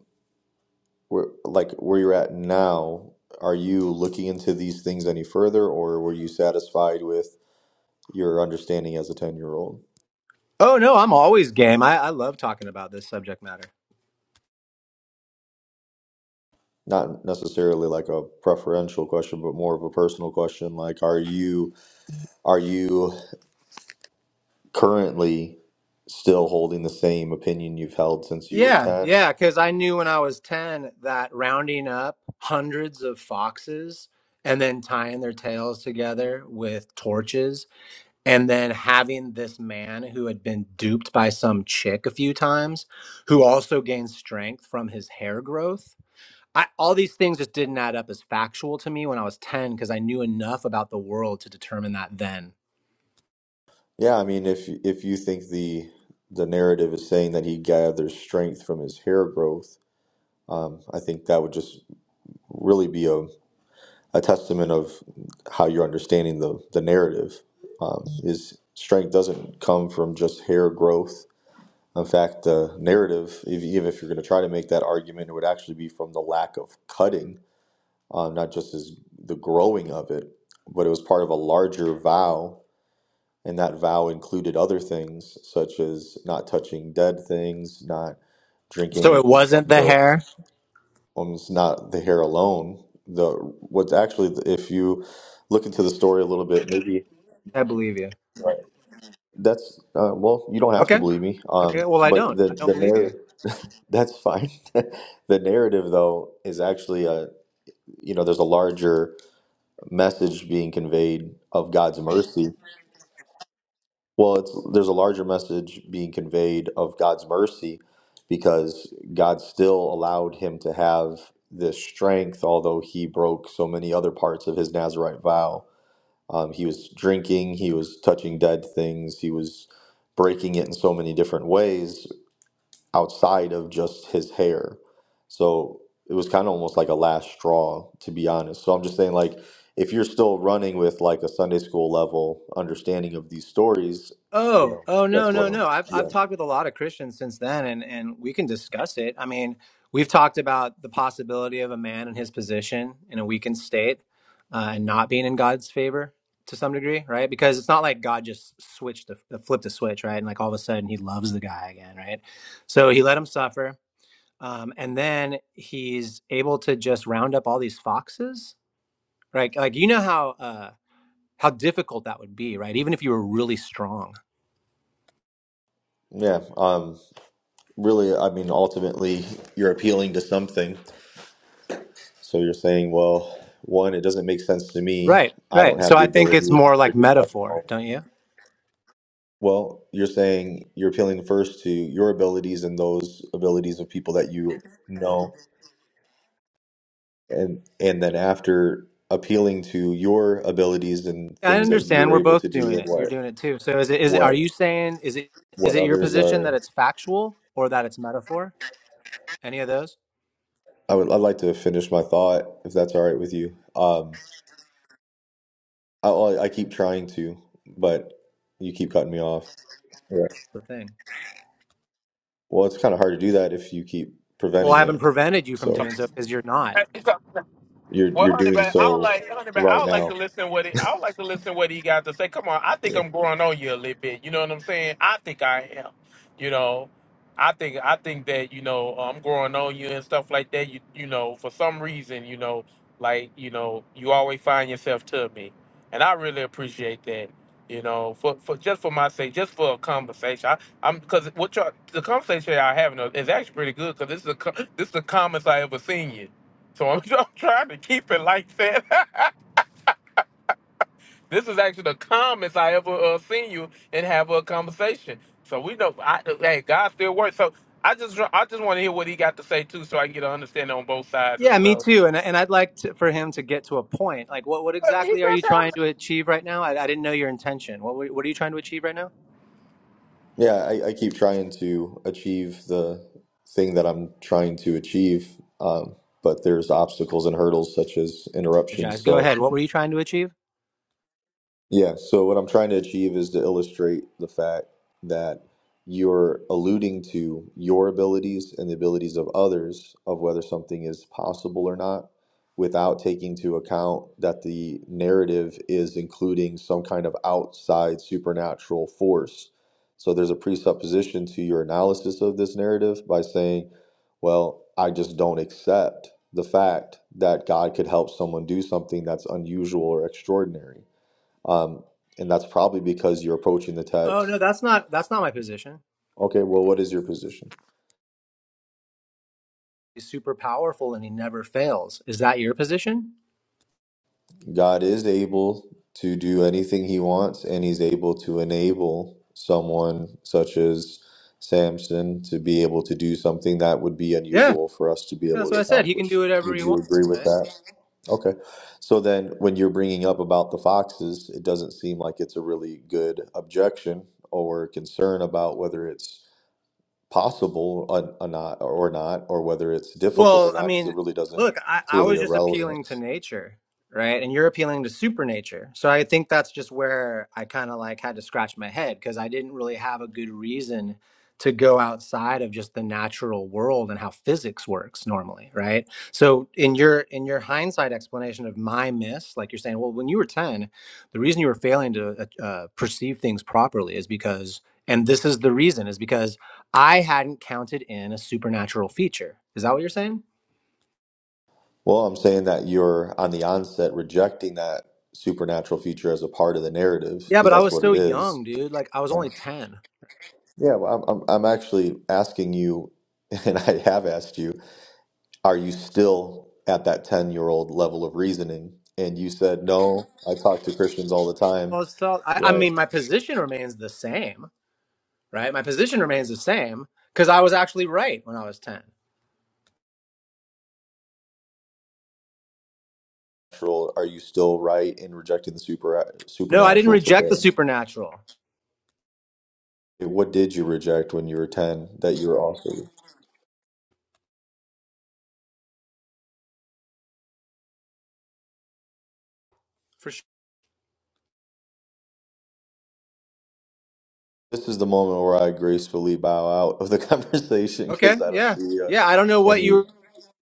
[SPEAKER 17] where like where you're at now? Are you looking into these things any further, or were you satisfied with your understanding as a ten year old?
[SPEAKER 12] Oh, no, I'm always game. I, I love talking about this subject matter.
[SPEAKER 17] Not necessarily like a preferential question, but more of a personal question. Like, are you are you currently still holding the same opinion you've held since you were
[SPEAKER 12] Yeah,
[SPEAKER 17] 10
[SPEAKER 12] yeah, because I knew when I was 10 that rounding up hundreds of foxes and then tying their tails together with torches and then having this man who had been duped by some chick a few times who also gained strength from his hair growth I, all these things just didn't add up as factual to me when I was 10 because I knew enough about the world to determine that then.
[SPEAKER 17] yeah i mean if if you think the the narrative is saying that he gathers strength from his hair growth um, i think that would just really be a, a testament of how you're understanding the the narrative um, is strength doesn't come from just hair growth in fact the narrative if, even if you're going to try to make that argument it would actually be from the lack of cutting uh, not just as the growing of it, but it was part of a larger vow, and that vow included other things such as not touching dead things, not drinking
[SPEAKER 12] So it
[SPEAKER 17] anything from
[SPEAKER 12] wasn't the
[SPEAKER 17] the.
[SPEAKER 12] hair?
[SPEAKER 17] Um, it's not the hair alone. The what's actually, if you look into the story a little bit, maybe
[SPEAKER 12] I believe you.
[SPEAKER 17] Right. that's uh, well, you don't have to
[SPEAKER 12] Okay.
[SPEAKER 17] believe me. Um,
[SPEAKER 12] Okay. Well, I
[SPEAKER 17] but
[SPEAKER 12] don't.
[SPEAKER 17] the
[SPEAKER 12] I don't
[SPEAKER 17] the
[SPEAKER 12] believe you.
[SPEAKER 17] narrative that's fine. the narrative though is actually a you know there's a larger message being conveyed of God's mercy. Well, it's there's a larger message being conveyed of God's mercy because God still allowed him to have this strength, although he broke so many other parts of his Nazarite vow. Um, he was drinking, he was touching dead things, he was breaking it in so many different ways outside of just his hair. So it was kind of almost like a last straw, to be honest. So I'm just saying, like, if you're still running with like a Sunday school level understanding of these stories, you
[SPEAKER 12] Oh,
[SPEAKER 17] know,
[SPEAKER 12] oh no,
[SPEAKER 17] that's what
[SPEAKER 12] no,
[SPEAKER 17] I'm,
[SPEAKER 12] no. I've I've
[SPEAKER 17] yeah.
[SPEAKER 12] talked with a lot of Christians since then and and we can discuss it. I mean, we've talked about the possibility of a man in his position in a weakened state uh, and not being in God's favor to some degree, right? Because it's not like God just switched the, the flipped the switch, right? And like all of a sudden he loves the guy again, right? So he let him suffer. Um, and then he's able to just round up all these foxes, right? Like you know how uh how difficult that would be, right? Even if you were really strong
[SPEAKER 17] Yeah. Um, really, I mean, ultimately, you're appealing to something. So you're saying, well, one, it doesn't make sense to me.
[SPEAKER 12] Right,
[SPEAKER 17] I don't
[SPEAKER 12] right. So
[SPEAKER 17] have the
[SPEAKER 12] I think
[SPEAKER 17] ability,
[SPEAKER 12] it's more
[SPEAKER 17] neither
[SPEAKER 12] like
[SPEAKER 17] do I.
[SPEAKER 12] metaphor,
[SPEAKER 17] No.
[SPEAKER 12] don't you?
[SPEAKER 17] Well, you're saying you're appealing first to your abilities and those abilities of people that you know and and then after appealing to your abilities and
[SPEAKER 12] Yeah, I
[SPEAKER 17] things that you were
[SPEAKER 12] understand. We're
[SPEAKER 17] able to
[SPEAKER 12] both
[SPEAKER 17] do
[SPEAKER 12] doing
[SPEAKER 17] and
[SPEAKER 12] it. You're
[SPEAKER 17] what
[SPEAKER 12] doing it too. So is it is it are
[SPEAKER 17] what
[SPEAKER 12] you saying is it is
[SPEAKER 17] what
[SPEAKER 12] it your
[SPEAKER 17] others
[SPEAKER 12] position that
[SPEAKER 17] are
[SPEAKER 12] it's factual or that it's metaphor? Any of those?
[SPEAKER 17] I would I'd like to finish my thought if that's all right with you. Um I I I keep trying to, but you keep cutting me off. Yeah.
[SPEAKER 12] The thing.
[SPEAKER 17] Well, it's kind of hard to do that if you keep
[SPEAKER 12] Well, I
[SPEAKER 17] preventing
[SPEAKER 12] haven't
[SPEAKER 17] it.
[SPEAKER 12] prevented you from
[SPEAKER 17] So
[SPEAKER 12] doing so because you're not.
[SPEAKER 17] you're
[SPEAKER 6] Well,
[SPEAKER 17] you're
[SPEAKER 6] honey,
[SPEAKER 17] doing
[SPEAKER 6] but I would
[SPEAKER 17] so
[SPEAKER 6] like, honey, but I
[SPEAKER 17] right
[SPEAKER 6] would like to
[SPEAKER 17] now.
[SPEAKER 6] listen what he, I would like to listen what he got to say. Come on, I think I'm growing on you a little bit. You know what I'm saying? I think I am. You know, I think I think that you know uh, I'm growing on you and stuff like that. You you know, for some reason, you know, like you know, you always find yourself to me, and I really appreciate that. You know, for, for just for my sake, just for a conversation. I, I'm because what y'all the conversation y'all having is actually pretty good because this is the co- this is the calmest I ever seen you. So I'm, I'm trying to keep it like that. this is actually the calmest I ever uh, seen you and have a conversation. So we know, I, hey, God still works. So I just, I just want to hear what he got to say too, so I can get an understanding on both sides and
[SPEAKER 12] Yeah, me
[SPEAKER 6] stuff.
[SPEAKER 12] too. And and I'd like to, for him to get to a point. Like, what what
[SPEAKER 6] But he
[SPEAKER 12] exactly are you
[SPEAKER 6] just have-
[SPEAKER 12] trying to achieve right now? I, I didn't know your intention. What were- what are you trying to achieve right now?
[SPEAKER 17] Yeah, I, I keep trying to achieve the thing that I'm trying to achieve, um, but there's obstacles and hurdles such as interruptions.
[SPEAKER 12] Apologize. Go
[SPEAKER 17] So
[SPEAKER 12] ahead. What were you trying to achieve?
[SPEAKER 17] yeah, so what I'm trying to achieve is to illustrate the fact that you're alluding to your abilities and the abilities of others of whether something is possible or not without taking into account that the narrative is including some kind of outside supernatural force. So there's a presupposition to your analysis of this narrative by saying, well, I just don't accept the fact that God could help someone do something that's unusual or extraordinary um, and that's probably because you're approaching the
[SPEAKER 12] Oh
[SPEAKER 17] text.
[SPEAKER 12] no, that's not that's not my position.
[SPEAKER 17] Okay, well, what is your position?
[SPEAKER 12] he's super powerful and he never fails. Is that your position?
[SPEAKER 17] God is able to do anything he wants, and he's able to enable someone such as Samson to be able to do something that would be
[SPEAKER 12] Yeah.
[SPEAKER 17] unusual for us to be able
[SPEAKER 12] That's
[SPEAKER 17] to
[SPEAKER 12] what I said. He can do
[SPEAKER 17] accomplish.
[SPEAKER 12] whatever
[SPEAKER 17] Would
[SPEAKER 12] he
[SPEAKER 17] you
[SPEAKER 12] wants,
[SPEAKER 17] agree with
[SPEAKER 12] right?
[SPEAKER 17] that? Okay. So then when you're bringing up about the foxes, it doesn't seem like it's a really good objection or concern about whether it's possible or, or not or not or whether it's difficult
[SPEAKER 12] Well,
[SPEAKER 17] or
[SPEAKER 12] I
[SPEAKER 17] not because
[SPEAKER 12] mean,
[SPEAKER 17] it really doesn't
[SPEAKER 12] look, I,
[SPEAKER 17] it's
[SPEAKER 12] I
[SPEAKER 17] really
[SPEAKER 12] was just
[SPEAKER 17] irrelevant
[SPEAKER 12] appealing to nature, right? And you're appealing to supernature. So I think that's just where I kind of like had to scratch my head because I didn't really have a good reason to go outside of just the natural world and how physics works normally, right? So in your in your hindsight explanation of my miss, like you're saying, well, when you were 10, the reason you were failing to uh, uh, perceive things properly is because and this is the reason is because I hadn't counted in a supernatural feature. Is that what you're saying?
[SPEAKER 17] well i'm saying that you're on the onset rejecting that supernatural feature as a part of the narrative
[SPEAKER 12] Yeah,
[SPEAKER 17] because
[SPEAKER 12] but I
[SPEAKER 17] that's
[SPEAKER 12] was
[SPEAKER 17] what it
[SPEAKER 12] still young,
[SPEAKER 17] is
[SPEAKER 12] dude. Like I was
[SPEAKER 17] Right.
[SPEAKER 12] only ten.
[SPEAKER 17] yeah well, I'm, I'm, I'm actually asking you and i have asked you are you still at that 10 year old level of reasoning and you said no i talk to christians all the
[SPEAKER 12] I
[SPEAKER 17] time
[SPEAKER 12] was still. I, I
[SPEAKER 17] right
[SPEAKER 12] mean, my position remains the same, right? My position remains the same because I was actually right when I was ten.
[SPEAKER 17] Supernatural, are you still right in rejecting the super
[SPEAKER 12] No, I didn't
[SPEAKER 17] supernatural
[SPEAKER 12] reject the
[SPEAKER 17] today
[SPEAKER 12] supernatural
[SPEAKER 17] Hey, What did you reject when you were 10 that you were also?
[SPEAKER 12] for sure.
[SPEAKER 17] This is the moment where I gracefully bow out of the conversation
[SPEAKER 12] Okay,
[SPEAKER 17] because I don't
[SPEAKER 12] yeah,
[SPEAKER 17] see uh,
[SPEAKER 12] yeah. I don't know what
[SPEAKER 17] any
[SPEAKER 12] you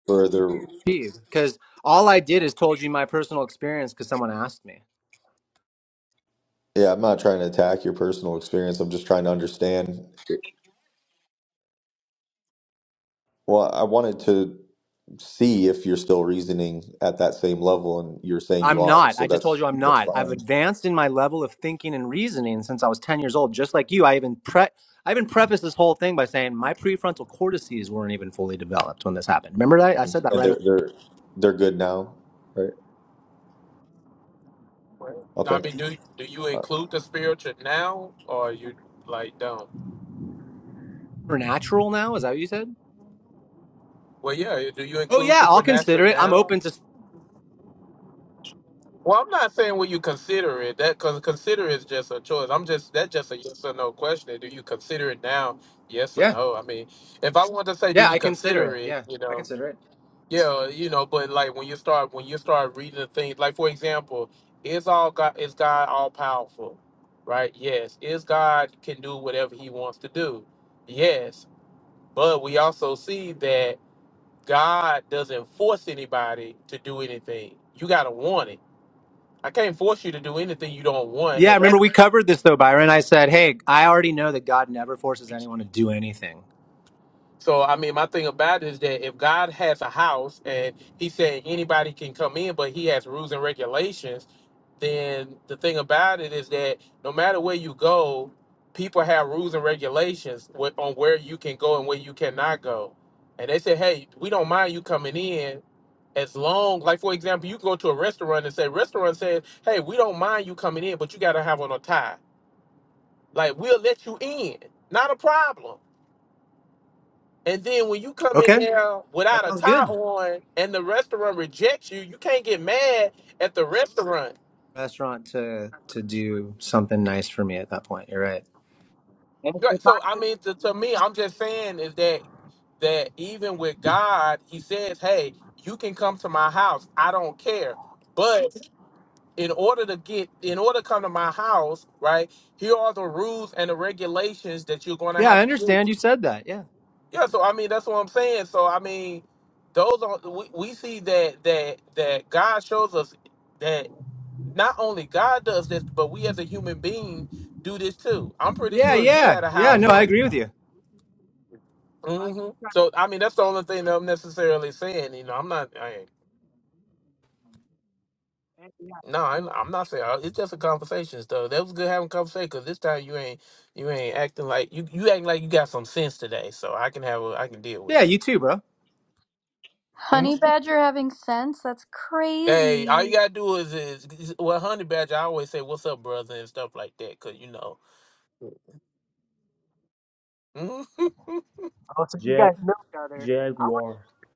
[SPEAKER 17] further.
[SPEAKER 12] achieve because all I did is told you my personal experience because someone asked me.
[SPEAKER 17] Yeah, I'm not trying to attack your personal experience. I'm just trying to understand. Well, I wanted to see if you're still reasoning at that same level, and you're saying you
[SPEAKER 12] I'm
[SPEAKER 17] are.
[SPEAKER 12] not.
[SPEAKER 17] So
[SPEAKER 12] I just told you
[SPEAKER 17] that's
[SPEAKER 12] I'm
[SPEAKER 17] that's
[SPEAKER 12] not. I've
[SPEAKER 17] fine.
[SPEAKER 12] advanced in my level of thinking and reasoning since I was 10 years old, just like you. I even pre I even prefaced this whole thing by saying my prefrontal cortices weren't even fully developed when this happened. Remember that? I said that
[SPEAKER 17] And
[SPEAKER 12] right
[SPEAKER 17] they're
[SPEAKER 12] away.
[SPEAKER 17] they're they're good now, right?
[SPEAKER 6] I
[SPEAKER 17] Okay,
[SPEAKER 6] mean, do do you
[SPEAKER 17] Uh,
[SPEAKER 6] include the spiritual now, or you like don't?
[SPEAKER 12] We're natural now, is that what you said?
[SPEAKER 6] Well, yeah. Do you
[SPEAKER 12] Oh
[SPEAKER 6] include
[SPEAKER 12] yeah, I'll
[SPEAKER 6] supernatural
[SPEAKER 12] consider it. I'm
[SPEAKER 6] now?
[SPEAKER 12] open to
[SPEAKER 6] Well, I'm not saying what you consider it. That because consider is just a choice. I'm just that's just a yes or no question. Do you consider it now? Yes or
[SPEAKER 12] Yeah.
[SPEAKER 6] no. I mean, if I want to say, do
[SPEAKER 12] Yeah,
[SPEAKER 6] you
[SPEAKER 12] I consider
[SPEAKER 6] consider
[SPEAKER 12] it.
[SPEAKER 6] it?
[SPEAKER 12] Yeah.
[SPEAKER 6] You
[SPEAKER 12] I
[SPEAKER 6] know,
[SPEAKER 12] consider it.
[SPEAKER 6] yeah, you know. But like when you start when you start reading the things, like for example, is all God is God all powerful, right? Yes. Is God can do whatever He wants to do? Yes. But we also see that God doesn't force anybody to do anything. You got to want it I can't force you to do anything you don't want.
[SPEAKER 12] Yeah,
[SPEAKER 6] And that,
[SPEAKER 12] remember we covered this though, Byron. I said, "Hey, I already know that God never forces anyone to do anything."
[SPEAKER 6] so, I mean, my thing about it is that if God has a house and He said anybody can come in, but He has rules and regulations, then the thing about it is that no matter where you go, people have rules and regulations wh- on where you can go and where you cannot go. And they say, hey, we don't mind you coming in as long, like for example, you can go to a restaurant and say, restaurant says, hey, we don't mind you coming in, but you got to have on a tie Like we'll let you in, not a problem. And then when you come in
[SPEAKER 12] Okay.
[SPEAKER 6] there
[SPEAKER 12] That
[SPEAKER 6] without a
[SPEAKER 12] sounds
[SPEAKER 6] tie
[SPEAKER 12] good.
[SPEAKER 6] on and the restaurant rejects you, you can't get mad at the restaurant.
[SPEAKER 12] Restaurant to to do something nice for me at that point. You're right.
[SPEAKER 10] And- and-
[SPEAKER 6] Right. So I mean, to, to me, I'm just saying is that that even with God, He says, "Hey, you can come to my house. I don't care." But in order to get, in order to come to my house, right? Here are the rules and the regulations that you're going to
[SPEAKER 12] Yeah,
[SPEAKER 6] have
[SPEAKER 12] I
[SPEAKER 6] to do.
[SPEAKER 12] understand you said that. Yeah.
[SPEAKER 6] Yeah, so I mean that's what I'm saying. So I mean, those are we, we see that that that God shows us that not only God does this, but we as a human being do this too. I'm pretty
[SPEAKER 12] Yeah,
[SPEAKER 6] sure if you
[SPEAKER 12] yeah.
[SPEAKER 6] had a
[SPEAKER 12] Yeah,
[SPEAKER 6] house
[SPEAKER 12] no, I
[SPEAKER 6] or
[SPEAKER 12] agree with you.
[SPEAKER 6] hmm so I mean that's the only thing that I'm necessarily saying. You know, I'm not. I ain't,
[SPEAKER 10] and- yeah.
[SPEAKER 6] no, I'm, I'm not saying uh, it's just a conversation though. That was good having a conversation because this time you ain't you ain't acting like you you acting like you got some sense today. So I can have a, I can deal
[SPEAKER 12] Yeah,
[SPEAKER 6] with
[SPEAKER 12] you too,
[SPEAKER 6] you.
[SPEAKER 12] bro.
[SPEAKER 18] Honey Badger having sense? That's
[SPEAKER 6] Hey, all you
[SPEAKER 18] crazy.
[SPEAKER 6] gotta do is is is- well, honey badger. I always say, "What's up, brother?" and stuff like that, cause you know, mhm,
[SPEAKER 10] Oh, so you
[SPEAKER 16] Yeah.
[SPEAKER 10] guys know each other.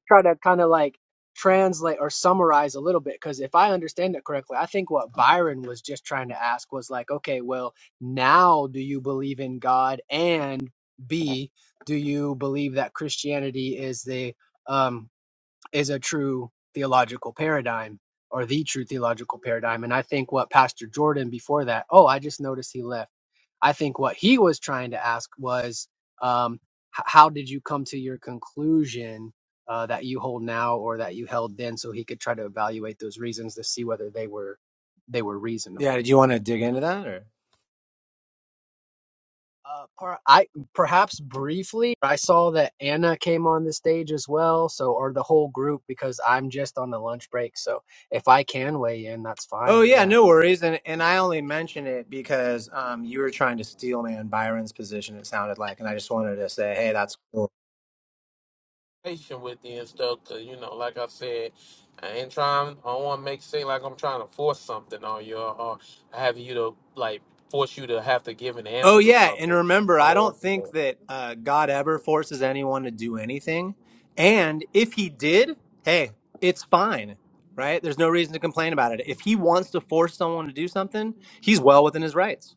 [SPEAKER 10] try to kind of like translate or summarize a little bit because if I understand it correctly, I think what Byron was just trying to ask was like, okay, well, now do you believe in God? And B, do you believe that Christianity is the um is a true theological paradigm or the true theological paradigm? And I think what Pastor Jordan before that, oh, I just noticed he left I think what he was trying to ask was, um, h- how did you come to your conclusion uh, that you hold now or that you held then? So he could try to evaluate those reasons to see whether they were they were reasonable.
[SPEAKER 12] Yeah, did you want to dig into that or?
[SPEAKER 10] Uh, per, I perhaps briefly I saw that Anna came on the stage as well, so or the whole group because I'm just on the lunch break. So if I can weigh in, that's
[SPEAKER 12] Oh
[SPEAKER 10] fine.
[SPEAKER 12] yeah,
[SPEAKER 10] Yeah.
[SPEAKER 12] no worries. And and I only mention it because um you were trying to steal man Byron's position it sounded like and I just wanted to say, "Hey, that's cool."
[SPEAKER 6] patient with you and stuff, cause you know, like I said, I ain't trying. I don't want to make it seem like I'm trying to force something on you, or, or have you to like force you to have to give an
[SPEAKER 12] Oh
[SPEAKER 6] answer to
[SPEAKER 12] yeah, and
[SPEAKER 6] something.
[SPEAKER 12] remember,
[SPEAKER 6] I
[SPEAKER 12] I
[SPEAKER 6] don't want.
[SPEAKER 12] don't think
[SPEAKER 6] to.
[SPEAKER 12] that uh God ever forces anyone to do anything. And if he did, hey, it's fine. Right? There's no reason to complain about it. If he wants to force someone to do something, he's well within his rights.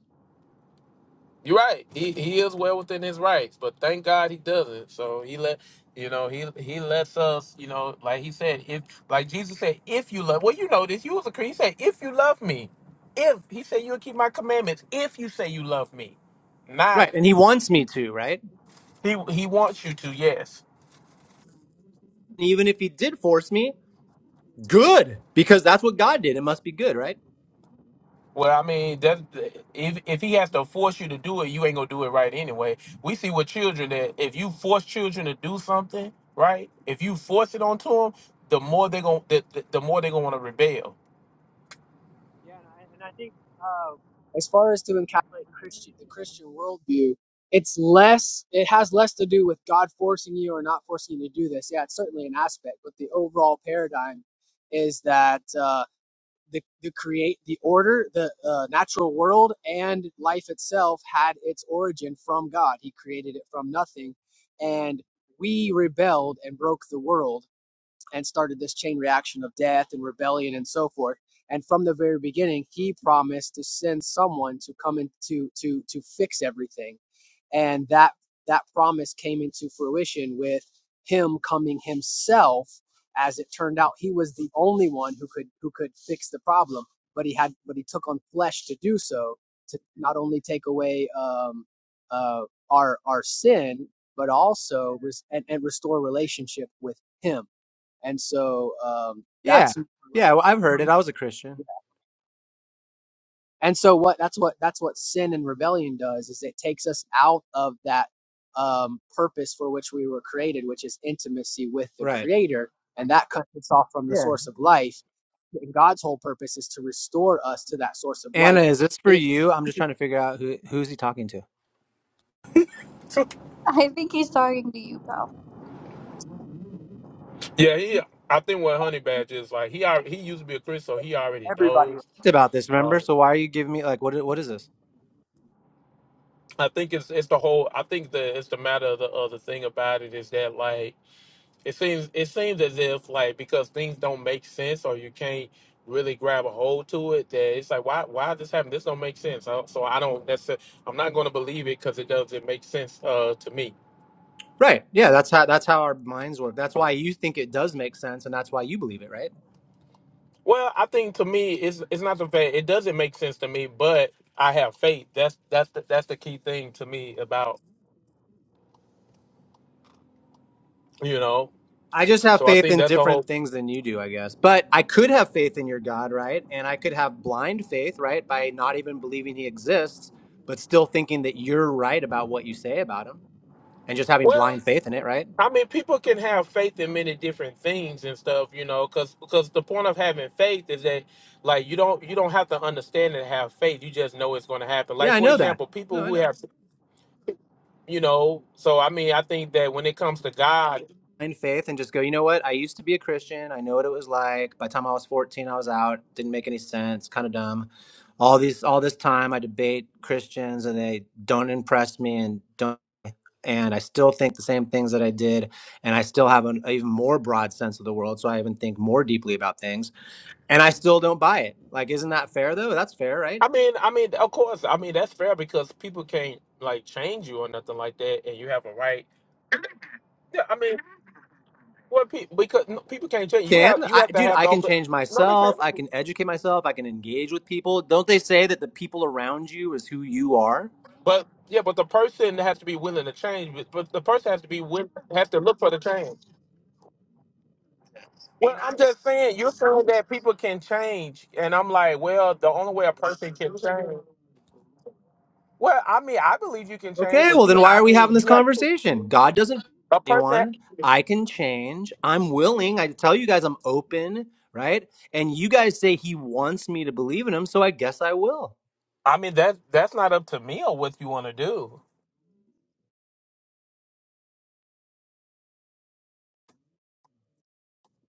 [SPEAKER 6] You're right. He he is well within his rights, but thank God he doesn't. So he let you know he he lets us you know like he said if like Jesus said if you love well you know this you was a Christian he said if you love me if he said you'll keep my commandments if you say you love me not
[SPEAKER 12] Right. And he wants me to, right?
[SPEAKER 6] he he wants you to yes
[SPEAKER 12] And even if he did force me, good, because that's what God did. It must be good, right?
[SPEAKER 6] Well, I mean, that if if he has to force you to do it, you ain't gonna do it right anyway. We see with children that if you force children to do something, right? If you force it onto them, the more they gonna the, the, the more they gonna want to rebel.
[SPEAKER 10] Yeah, and I and I think um, as far as to encapsulate Christian the Christian worldview, it's less it has less to do with God forcing you or not forcing you to do this. Yeah, it's certainly an aspect, but the overall paradigm is that uh, the the create the order, the uh, natural world and life itself had its origin from God. He created it from nothing, and we rebelled and broke the world and started this chain reaction of death and rebellion and so forth. And from the very beginning, he promised to send someone to come in to to to fix everything, and that that promise came into fruition with him coming himself. As it turned out, he was the only one who could who could fix the problem, but he had but he took on flesh to do so to not only take away um, uh, our our sin, but also res- and, and restore relationship with him and so um,
[SPEAKER 12] Yeah.
[SPEAKER 10] that's like
[SPEAKER 12] Yeah. Well, I've heard it.
[SPEAKER 10] the
[SPEAKER 12] I was a Christian.
[SPEAKER 10] and so what that's what that's what sin and rebellion does is it takes us out of that um, purpose for which we were created, which is intimacy with the
[SPEAKER 12] Right.
[SPEAKER 10] Creator, and that cuts us off from the
[SPEAKER 12] Yeah.
[SPEAKER 10] source of life. And God's whole purpose is to restore us to that source of
[SPEAKER 12] Anna,
[SPEAKER 10] life.
[SPEAKER 12] is this for
[SPEAKER 10] If
[SPEAKER 12] you? I'm just trying to figure out who who's he talking to.
[SPEAKER 18] I think he's talking to you, pal.
[SPEAKER 6] Yeah, he. I think what Honey Badger is like, he al- he used to be a Christian, so he already knows.
[SPEAKER 12] Talked About this, remember?
[SPEAKER 6] Um,
[SPEAKER 12] So why are you giving me like what? i- What is this?
[SPEAKER 6] I think it's it's the whole. I think the it's the matter of the other thing about it is that like. it seems it seems as if like because things don't make sense or you can't really grab a hold to it that it's like why why this happened this don't make sense so, so i don't necessarily i'm not going to believe it because it doesn't make sense uh to me
[SPEAKER 12] Right. Yeah. That's how that's how our minds work. That's why you think it does make sense, and that's why you believe it, right?
[SPEAKER 6] well i think to me it's it's not the fact it doesn't make sense to me but i have faith that's that's the, that's the key thing to me about you know
[SPEAKER 12] I just have
[SPEAKER 6] so i
[SPEAKER 12] faith
[SPEAKER 6] think
[SPEAKER 12] in
[SPEAKER 6] that's a whole
[SPEAKER 12] different things than you do, I guess. But I could have faith in your God, right? And I could have blind faith, right? By not even believing he exists, but still thinking that you're right about what you say about him and just having
[SPEAKER 6] well
[SPEAKER 12] blind faith in it, right?
[SPEAKER 6] I mean, people can have faith in many different things and stuff, you know, because because the point of having faith is that like you don't you don't have to understand and have faith. You just know it's going to happen.
[SPEAKER 12] Yeah,
[SPEAKER 6] Like
[SPEAKER 12] I
[SPEAKER 6] for
[SPEAKER 12] know that.
[SPEAKER 6] example,
[SPEAKER 12] No,
[SPEAKER 6] people
[SPEAKER 12] I
[SPEAKER 6] who
[SPEAKER 12] know.
[SPEAKER 6] have you know. So I mean, I think that when it comes to God,
[SPEAKER 12] Blind faith and just go, you know what? I used to be a Christian. I know what it was like. By the time I was 14, I was out. Didn't make any sense. Kind of dumb. All these all this time I debate Christians and they don't impress me and don't and I still think the same things that I did, and I still have an even more broad sense of the world, so I even think more deeply about things, and I still don't buy it. Like, isn't that fair though? That's fair, right?
[SPEAKER 6] I mean, I mean, of course, I mean that's fair because people can't like change you or nothing like that, and you have a right. Yeah, I mean, what people because no, people can't change you have
[SPEAKER 12] Can
[SPEAKER 6] you
[SPEAKER 12] I,
[SPEAKER 6] have to
[SPEAKER 12] dude?
[SPEAKER 6] have
[SPEAKER 12] I
[SPEAKER 6] the
[SPEAKER 12] can
[SPEAKER 6] open.
[SPEAKER 12] change
[SPEAKER 6] No, they
[SPEAKER 12] myself.
[SPEAKER 6] can't.
[SPEAKER 12] I can educate myself. I can engage with people. Don't they say that the people around you is who you are?
[SPEAKER 6] But yeah, but the person has to be willing to change. But, but the person has to be willing, has to look for the change. Well, I'm just saying, you're saying that people can change, and I'm like, well, the only way a person can change. Well, I mean, I believe you can change,
[SPEAKER 12] Okay,
[SPEAKER 6] but
[SPEAKER 12] well
[SPEAKER 6] you,
[SPEAKER 12] then why
[SPEAKER 6] I
[SPEAKER 12] are we
[SPEAKER 6] mean,
[SPEAKER 12] having this
[SPEAKER 6] you have
[SPEAKER 12] conversation? God doesn't
[SPEAKER 6] a person.
[SPEAKER 12] anyone. I can change. I'm willing. I tell you guys I'm open, right? And you guys say he wants me to believe in him, so I guess I will.
[SPEAKER 6] I mean, that that's not up to me on what you want to do.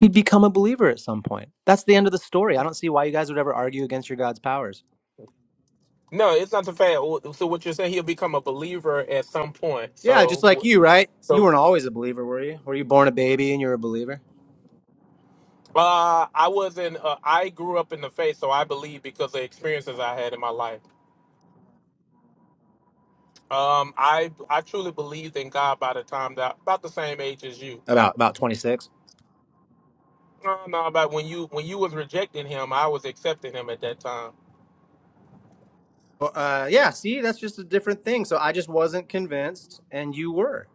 [SPEAKER 12] You'd become a believer at some point. That's the end of the story. I don't see why you guys would ever argue against your God's powers.
[SPEAKER 6] No, it's not the fact. oh, So what you're saying, he'll become a believer at some point.
[SPEAKER 12] Yeah, just
[SPEAKER 6] So,
[SPEAKER 12] like
[SPEAKER 6] wh-
[SPEAKER 12] you, right? You
[SPEAKER 6] so
[SPEAKER 12] weren't always a believer, were you? Were you born a baby and you were a believer?
[SPEAKER 6] uh, I wasn't. Uh, I grew up in the faith, so I believe because of experiences I had in my life. Um, I I truly believed in God by the time that about the same age as you.
[SPEAKER 12] About about 26.
[SPEAKER 6] No, no, about when you when you was rejecting him, I was accepting him at that time.
[SPEAKER 12] Well, uh, yeah, see, that's just a different thing. So I just wasn't convinced and you were.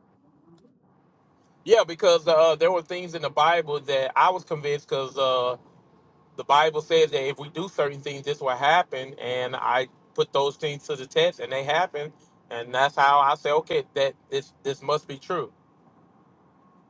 [SPEAKER 6] Yeah, because uh, there were things in the Bible that I was convinced because uh, the Bible says that if we do certain things, this will happen, and I put those things to the test, and they happened, and that's how I say, okay, that this this must be true.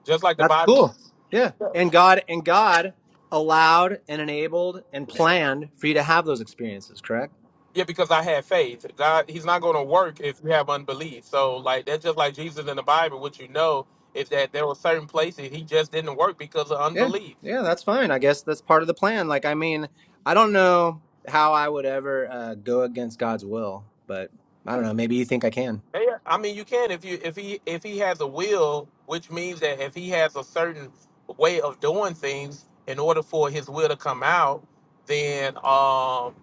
[SPEAKER 6] Just like the
[SPEAKER 12] That's
[SPEAKER 6] Bible.
[SPEAKER 12] cool. Yeah. And God and God allowed and enabled and planned for you to have those experiences, correct?
[SPEAKER 6] Yeah, because I had faith. God, He's not going to work if you have unbelief. So, like that's just like Jesus in the Bible. What you know is that there were certain places He just didn't work because of
[SPEAKER 12] Yeah,
[SPEAKER 6] unbelief.
[SPEAKER 12] yeah, that's fine. I guess that's part of the plan. Like, I mean, I don't know how I would ever uh, go against God's will, but I don't know. Maybe you think I can.
[SPEAKER 6] Yeah, I mean, you can if you if he if he has a will, which means that if he has a certain way of doing things in order for his will to come out, then um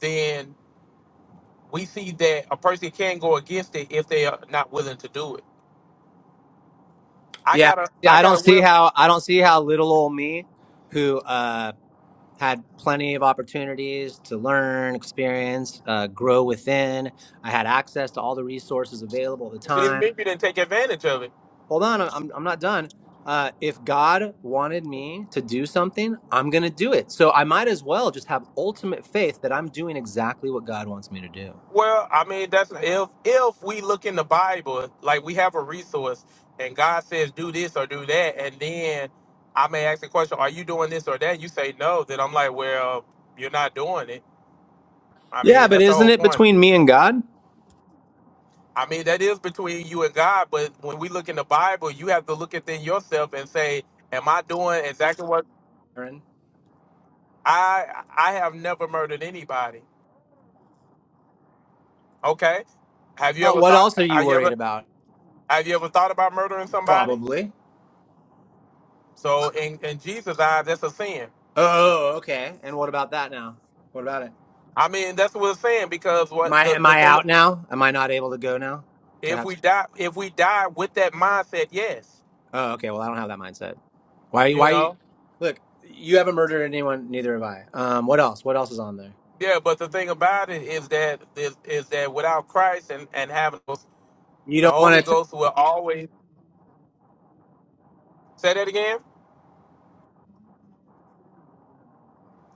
[SPEAKER 6] then we see that a person can go against it if they are not willing to do it. I
[SPEAKER 12] Yeah,
[SPEAKER 6] got a
[SPEAKER 12] yeah.
[SPEAKER 6] I
[SPEAKER 12] I
[SPEAKER 6] got
[SPEAKER 12] don't
[SPEAKER 6] a
[SPEAKER 12] see
[SPEAKER 6] will.
[SPEAKER 12] how. I don't see how little old me, who uh, had plenty of opportunities to learn, experience, uh, grow within. I had access to all the resources available at the
[SPEAKER 6] See,
[SPEAKER 12] time.
[SPEAKER 6] maybe you didn't take advantage of it
[SPEAKER 12] hold on, I- am I'm not done. Uh, if God wanted me to do something, I'm going to do it. So I might as well just have ultimate faith that I'm doing exactly what God wants me to do.
[SPEAKER 6] Well, I mean, that's if if we look in the Bible, like we have a resource, and God says do this or do that, and then I may ask the question, "Are you doing this or that?" You say no, then I'm like, "Well, you're not doing it." I
[SPEAKER 12] Yeah,
[SPEAKER 6] mean,
[SPEAKER 12] but
[SPEAKER 6] that's the
[SPEAKER 12] isn't
[SPEAKER 6] whole
[SPEAKER 12] it
[SPEAKER 6] point.
[SPEAKER 12] between me and God?
[SPEAKER 6] I mean, that is between you and God, but when we look in the Bible, you have to look within yourself and say, "Am I doing exactly what
[SPEAKER 12] Aaron?
[SPEAKER 6] I I have never murdered anybody?" Okay, have you
[SPEAKER 12] Uh,
[SPEAKER 6] ever
[SPEAKER 12] what
[SPEAKER 6] thought?
[SPEAKER 12] else are you
[SPEAKER 6] Have you
[SPEAKER 12] worried
[SPEAKER 6] ever
[SPEAKER 12] about?
[SPEAKER 6] have you ever thought about murdering somebody?
[SPEAKER 12] Probably.
[SPEAKER 6] So in, in Jesus' eyes, that's a sin.
[SPEAKER 12] Oh, okay. And what about that now? What about it?
[SPEAKER 6] I mean, that's what it's saying because
[SPEAKER 12] Am
[SPEAKER 6] what
[SPEAKER 12] I
[SPEAKER 6] the,
[SPEAKER 12] am
[SPEAKER 6] the
[SPEAKER 12] I
[SPEAKER 6] thing
[SPEAKER 12] out now? Am I not able to go now? To
[SPEAKER 6] if
[SPEAKER 12] have?
[SPEAKER 6] we die if we die with that mindset, yes.
[SPEAKER 12] Oh, okay. Well, I don't have that mindset. Why?
[SPEAKER 6] You
[SPEAKER 12] Why you?
[SPEAKER 6] know?
[SPEAKER 12] Look, you haven't murdered anyone. Neither have I. Um, what else? What else is on there?
[SPEAKER 6] Yeah, but the thing about it is that is, is that without Christ and, and having those-
[SPEAKER 12] You
[SPEAKER 6] the
[SPEAKER 12] don't
[SPEAKER 6] Holy
[SPEAKER 12] want to.
[SPEAKER 6] Ghost will always say that again.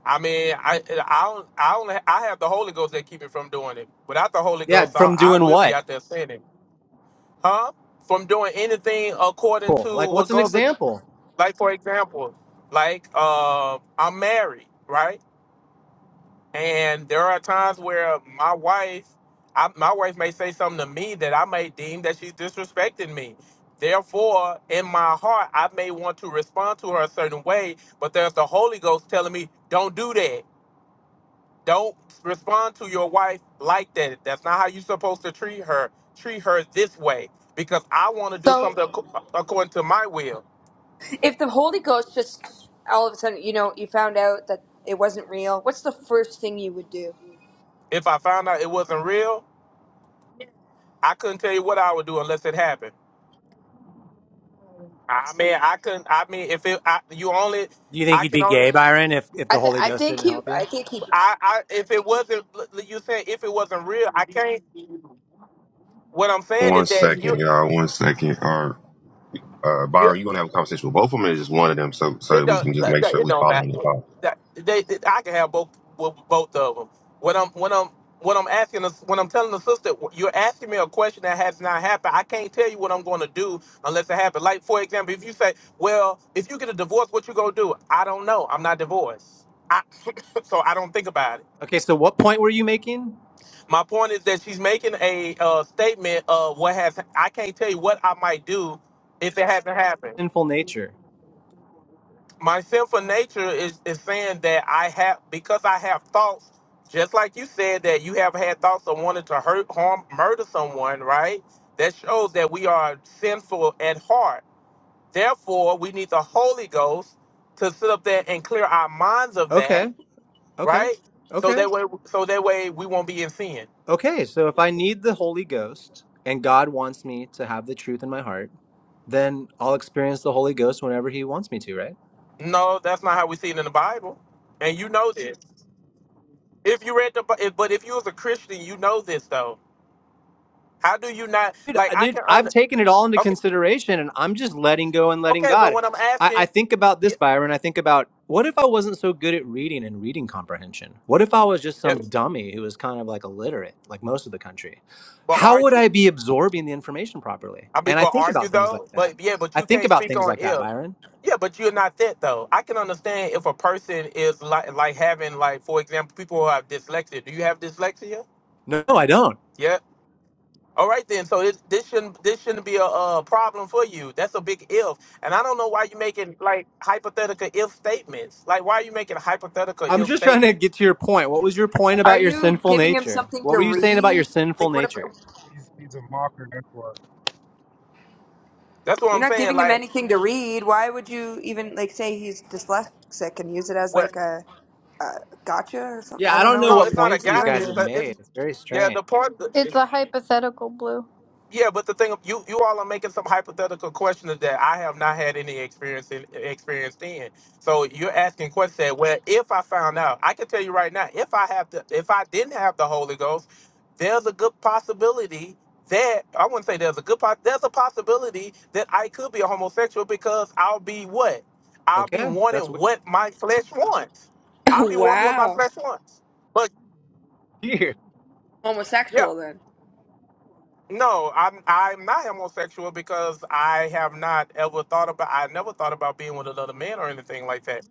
[SPEAKER 6] I mean, I I don't, I only I have the Holy Ghost that keep me from doing it. Without the Holy
[SPEAKER 12] Yeah,
[SPEAKER 6] Ghost, I,
[SPEAKER 12] from
[SPEAKER 6] I
[SPEAKER 12] doing
[SPEAKER 6] will be
[SPEAKER 12] what?
[SPEAKER 6] out there sinning. huh? From doing anything according
[SPEAKER 12] Cool.
[SPEAKER 6] to
[SPEAKER 12] Like,
[SPEAKER 6] what
[SPEAKER 12] what's an
[SPEAKER 6] goes
[SPEAKER 12] example?
[SPEAKER 6] like for example, like uh, I'm married, right? And there are times where my wife, I, my wife may say something to me that I may deem that she's disrespecting me. Therefore, in my heart, I may want to respond to her a certain way, but there's the Holy Ghost telling me, "Don't do that." Don't respond to your wife like that. That's not how you're supposed to treat her. Treat her this way because I want to do
[SPEAKER 19] So,
[SPEAKER 6] something ac- according to my will.
[SPEAKER 19] if the Holy Ghost just all of a sudden, you know, you found out that it wasn't real, what's the first thing you would do?
[SPEAKER 6] If I found out it wasn't real, I couldn't tell you what I would do unless it happened. I mean, I couldn't. I mean, if it, I, you only,
[SPEAKER 12] Do you think
[SPEAKER 6] I
[SPEAKER 12] you'd
[SPEAKER 6] can
[SPEAKER 12] be
[SPEAKER 6] only,
[SPEAKER 12] gay, Byron, if if
[SPEAKER 19] I
[SPEAKER 12] the
[SPEAKER 19] think
[SPEAKER 12] Holy
[SPEAKER 19] I
[SPEAKER 12] Ghost
[SPEAKER 19] think
[SPEAKER 12] didn't
[SPEAKER 19] he
[SPEAKER 12] help you?
[SPEAKER 19] I think he
[SPEAKER 6] I, I, if it wasn't, you said if it wasn't real, I can't. What I'm saying
[SPEAKER 20] One
[SPEAKER 6] is that
[SPEAKER 20] second,
[SPEAKER 6] you,
[SPEAKER 20] y'all. One second. Or uh,
[SPEAKER 6] you
[SPEAKER 20] Byron, you gonna have a conversation with both of them, or just one of them, so so
[SPEAKER 6] It
[SPEAKER 20] that we can
[SPEAKER 6] don't.
[SPEAKER 20] just
[SPEAKER 6] That,
[SPEAKER 20] make
[SPEAKER 6] that-
[SPEAKER 20] sure
[SPEAKER 6] it
[SPEAKER 20] we
[SPEAKER 6] don't matter.
[SPEAKER 20] following the call.
[SPEAKER 6] That they, they- I can have both bo- both of them. When I'm when I'm when I'm asking us when I'm telling the sister, you're asking me a question that has not happened. I can't tell you what I'm going to do unless it happens. Like for example, if you say, "Well, if you get a divorce, what you gonna do?" I don't know. I'm not divorced. I, so I don't think about it.
[SPEAKER 12] Okay, so what point were you making?
[SPEAKER 6] My point is that she's making a uh, statement of what has. I can't tell you what I might do if it hasn't happened.
[SPEAKER 12] Sinful nature.
[SPEAKER 6] my sinful nature is, is saying that I have because I have thoughts, just like you said that you have had thoughts of wanting to hurt, harm, murder someone, right? That shows that we are sinful at heart. Therefore, we need the Holy Ghost to sit up there and clear our minds of that,
[SPEAKER 12] Okay, okay,
[SPEAKER 6] right? So
[SPEAKER 12] okay,
[SPEAKER 6] that way, so that way we won't be in sin.
[SPEAKER 12] okay. So if I need the Holy Ghost and God wants me to have the truth in my heart, then I'll experience the Holy Ghost whenever He wants me to, right?
[SPEAKER 6] No, that's not how we see it in the Bible, and you know this. If you read the, Bi- if, but if you was a Christian, you know this though. How do you not
[SPEAKER 12] dude,
[SPEAKER 6] like?
[SPEAKER 12] I-
[SPEAKER 6] I
[SPEAKER 12] dude,
[SPEAKER 6] can
[SPEAKER 12] I've
[SPEAKER 6] under,
[SPEAKER 12] taken it all into
[SPEAKER 6] okay.
[SPEAKER 12] consideration and I'm just letting go and letting
[SPEAKER 6] Okay, but
[SPEAKER 12] God.
[SPEAKER 6] when I'm
[SPEAKER 12] I, I
[SPEAKER 6] asking,
[SPEAKER 12] think about
[SPEAKER 6] yeah,
[SPEAKER 12] this, Byron. I think about what if I wasn't so good at reading and reading comprehension? What if I was just
[SPEAKER 6] yep.
[SPEAKER 12] some dummy who was kind of like illiterate, like most of the country?
[SPEAKER 6] But
[SPEAKER 12] How
[SPEAKER 6] are
[SPEAKER 12] would
[SPEAKER 6] you?
[SPEAKER 12] I be absorbing the information properly?
[SPEAKER 6] I mean,
[SPEAKER 12] And I
[SPEAKER 6] but
[SPEAKER 12] think
[SPEAKER 6] are you
[SPEAKER 12] about things like
[SPEAKER 6] though?
[SPEAKER 12] that.
[SPEAKER 6] But yeah, but
[SPEAKER 12] I
[SPEAKER 6] you
[SPEAKER 12] think
[SPEAKER 6] can't
[SPEAKER 12] about
[SPEAKER 6] speak
[SPEAKER 12] things
[SPEAKER 6] on
[SPEAKER 12] like that,
[SPEAKER 6] if.
[SPEAKER 12] Byron.
[SPEAKER 6] Yeah, but you're not that though. I can understand if a person is like like having like for example, people who have dyslexia. Do you have dyslexia?
[SPEAKER 12] No, I don't.
[SPEAKER 6] Yeah. All right then. So this this shouldn't this shouldn't be a, uh problem for you. That's a big if. And I don't know why you're making like hypothetical if statements. Like why are you making hypothetical
[SPEAKER 12] I'm
[SPEAKER 6] if
[SPEAKER 12] just trying to
[SPEAKER 6] statements?
[SPEAKER 12] get to your point. What was your point
[SPEAKER 19] Are
[SPEAKER 12] about your
[SPEAKER 19] you
[SPEAKER 12] sinful
[SPEAKER 19] giving him
[SPEAKER 12] nature?
[SPEAKER 19] something
[SPEAKER 12] What
[SPEAKER 19] to
[SPEAKER 12] were you saying about
[SPEAKER 19] read?
[SPEAKER 12] your sinful
[SPEAKER 19] Like what if
[SPEAKER 12] nature?
[SPEAKER 4] He's, he's a mocker, that's why.
[SPEAKER 6] That's what
[SPEAKER 19] you're
[SPEAKER 6] I'm
[SPEAKER 19] not
[SPEAKER 6] saying.
[SPEAKER 19] giving him
[SPEAKER 6] Like
[SPEAKER 19] anything to read? Why would you even like say he's dyslexic and use it as
[SPEAKER 6] what?
[SPEAKER 19] like a, a gotcha or something?
[SPEAKER 12] Yeah,
[SPEAKER 19] I
[SPEAKER 12] I
[SPEAKER 19] don't
[SPEAKER 12] don't
[SPEAKER 19] know what
[SPEAKER 12] know
[SPEAKER 6] No,
[SPEAKER 12] what
[SPEAKER 6] it's
[SPEAKER 19] you're,
[SPEAKER 6] not a
[SPEAKER 12] points these
[SPEAKER 19] you're doing
[SPEAKER 6] gotcha.
[SPEAKER 12] guys
[SPEAKER 6] It's
[SPEAKER 19] here.
[SPEAKER 12] have
[SPEAKER 6] a, it's
[SPEAKER 12] made. It's very
[SPEAKER 6] yeah,
[SPEAKER 12] strange.
[SPEAKER 6] the point.
[SPEAKER 18] It's a hypothetical blue.
[SPEAKER 6] Yeah, but the thing you you all are making some hypothetical questions that I have not had any experience in experienced in. So you're asking questions that well, if I found out, I can tell you right now, if I have the if I didn't have the Holy Ghost, there's a good possibility that I wouldn't say there's a good po- there's a possibility that I could be a homosexual because I'll be what I'll be
[SPEAKER 12] Okay, that's
[SPEAKER 6] wanting
[SPEAKER 12] weird.
[SPEAKER 6] what my flesh wants. I'll be wanting what my
[SPEAKER 19] wow.
[SPEAKER 6] flesh wants. But
[SPEAKER 12] Here.
[SPEAKER 6] yeah.
[SPEAKER 19] Homosexual then.
[SPEAKER 6] No, I'm I'm not homosexual because I have not ever thought about I never thought about being with another man or anything like that.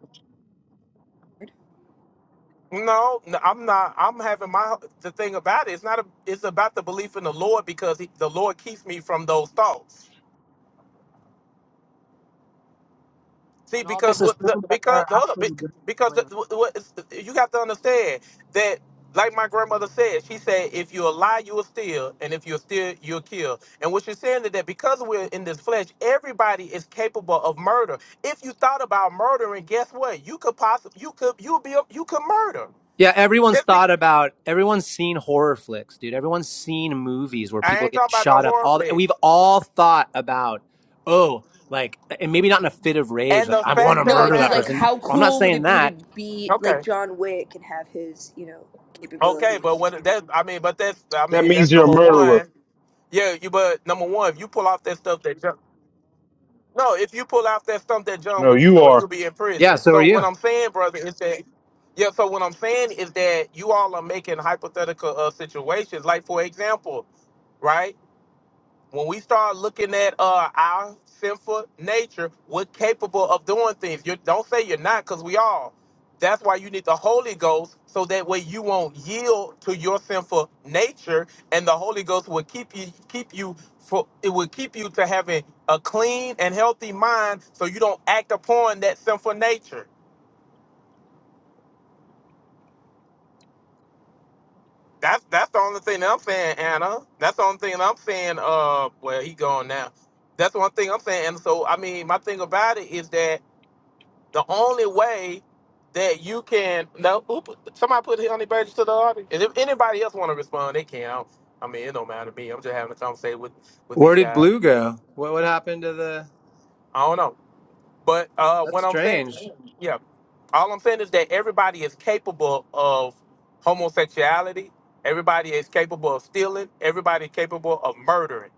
[SPEAKER 6] No, no I'm not. I'm having my the thing about it. It's not a. It's about the belief in the Lord because he, the Lord keeps me from those thoughts. See,
[SPEAKER 10] and all
[SPEAKER 6] because
[SPEAKER 10] this
[SPEAKER 6] what the,
[SPEAKER 10] assumes that
[SPEAKER 6] because
[SPEAKER 10] they're
[SPEAKER 6] hold up,
[SPEAKER 10] actually
[SPEAKER 6] bec-
[SPEAKER 10] good
[SPEAKER 6] because the,
[SPEAKER 10] believers.
[SPEAKER 6] what, what- you have to understand that, like my grandmother said, she said, if you a lie, you will steal, and if you steal, you'll kill. And what she's saying is that because we're in this flesh, everybody is capable of murder. If you thought about murdering, guess what? You could possibly you could you be a, you could murder.
[SPEAKER 12] Yeah, everyone's
[SPEAKER 6] Just be,
[SPEAKER 12] thought about everyone's seen horror flicks, dude. Everyone's seen movies where
[SPEAKER 6] I
[SPEAKER 12] people
[SPEAKER 6] ain't
[SPEAKER 12] get
[SPEAKER 6] talking about no
[SPEAKER 12] shot up.
[SPEAKER 6] horror
[SPEAKER 12] All
[SPEAKER 6] flick.
[SPEAKER 12] we've all thought about, oh, like and maybe not in a fit of rage,
[SPEAKER 6] And
[SPEAKER 12] like
[SPEAKER 6] the
[SPEAKER 12] I want to
[SPEAKER 6] fact of
[SPEAKER 19] No,
[SPEAKER 6] the
[SPEAKER 19] it'd
[SPEAKER 12] murder
[SPEAKER 19] be
[SPEAKER 12] that
[SPEAKER 19] like
[SPEAKER 6] matter,
[SPEAKER 12] person.
[SPEAKER 19] how
[SPEAKER 12] Well, I'm not
[SPEAKER 19] cool would
[SPEAKER 12] saying
[SPEAKER 19] it be
[SPEAKER 12] that.
[SPEAKER 19] to be
[SPEAKER 6] okay,
[SPEAKER 19] like John Wick and have his, you know,
[SPEAKER 6] okay, but
[SPEAKER 19] capabilities?
[SPEAKER 6] when that I mean, but that's I
[SPEAKER 4] That
[SPEAKER 6] mean
[SPEAKER 4] means
[SPEAKER 6] that's
[SPEAKER 4] you're a
[SPEAKER 6] number
[SPEAKER 4] murderer.
[SPEAKER 6] one. Yeah, you but number one, if you pull off that stuff that John No, if you pull off that stuff that John
[SPEAKER 4] No,
[SPEAKER 6] Wick
[SPEAKER 4] you
[SPEAKER 6] doing,
[SPEAKER 4] are.
[SPEAKER 6] you'll be in
[SPEAKER 12] Yeah,
[SPEAKER 6] prison.
[SPEAKER 12] so are
[SPEAKER 6] So what
[SPEAKER 12] you.
[SPEAKER 6] I'm saying, brother, is that yeah, so what I'm saying is that you all are making hypothetical uh, situations. Like for example, right? when we start looking at uh, our sinful nature, we're capable of doing things. You don't say you're not, because we all. That's why you need the Holy Ghost, so that way you won't yield to your sinful nature, and the Holy Ghost will keep you keep you for it will keep you to having a clean and healthy mind, so you don't act upon that sinful nature. That's that's the only thing that I'm saying, Anna. That's the only thing that I'm saying. Uh, well, he gone now. That's one thing I'm saying. And so, I mean, my thing about it is that The only way that you can no, who put, somebody put honey badger to the audience. And if anybody else want to respond, they can. I, don't- I mean, it don't matter to me. I'm just having a conversation with with
[SPEAKER 12] Where
[SPEAKER 6] these
[SPEAKER 12] did
[SPEAKER 6] guys.
[SPEAKER 12] Blue go? What what happened to the
[SPEAKER 6] I don't know, but uh,
[SPEAKER 12] That's
[SPEAKER 6] what I'm saying,
[SPEAKER 12] strange.
[SPEAKER 6] yeah, all I'm saying is that everybody is capable of homosexuality. Everybody is capable of stealing. Everybody is capable of murdering.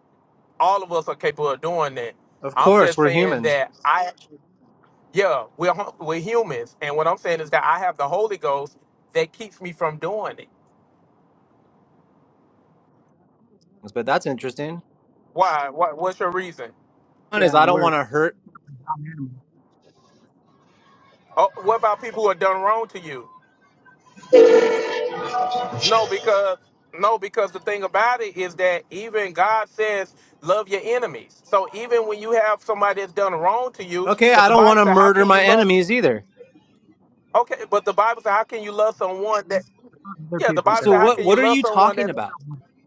[SPEAKER 6] All of us are capable of doing that.
[SPEAKER 12] Of
[SPEAKER 6] I'm
[SPEAKER 12] course,
[SPEAKER 6] just
[SPEAKER 12] we're
[SPEAKER 6] saying
[SPEAKER 12] humans.
[SPEAKER 6] that I Yeah, we're hu- we're humans, and what I'm saying is that I have the Holy Ghost that keeps me from doing it.
[SPEAKER 12] But that's interesting.
[SPEAKER 6] Why? What? What's your reason?
[SPEAKER 12] One
[SPEAKER 10] Yeah,
[SPEAKER 12] is I
[SPEAKER 10] and
[SPEAKER 12] don't
[SPEAKER 10] we're
[SPEAKER 12] want to hurt.
[SPEAKER 10] not animals.
[SPEAKER 6] Oh, what about people who have done wrong to you? No, because no, because the thing about it is that even God says love your enemies. So even when you have somebody that's done wrong to you,
[SPEAKER 12] Okay,
[SPEAKER 6] because
[SPEAKER 12] I
[SPEAKER 6] the
[SPEAKER 12] don't want
[SPEAKER 6] Bible
[SPEAKER 12] to
[SPEAKER 6] says, how
[SPEAKER 12] murder
[SPEAKER 6] can you
[SPEAKER 12] my
[SPEAKER 6] love?
[SPEAKER 12] enemies either.
[SPEAKER 6] Okay, but the Bible says, how can you love someone that?
[SPEAKER 10] other
[SPEAKER 6] Yeah, the
[SPEAKER 10] people
[SPEAKER 12] Okay,
[SPEAKER 6] Bible
[SPEAKER 10] could.
[SPEAKER 12] So
[SPEAKER 6] says, how
[SPEAKER 12] what
[SPEAKER 6] can you
[SPEAKER 12] what are
[SPEAKER 6] love
[SPEAKER 12] you
[SPEAKER 6] someone that?
[SPEAKER 12] talking about?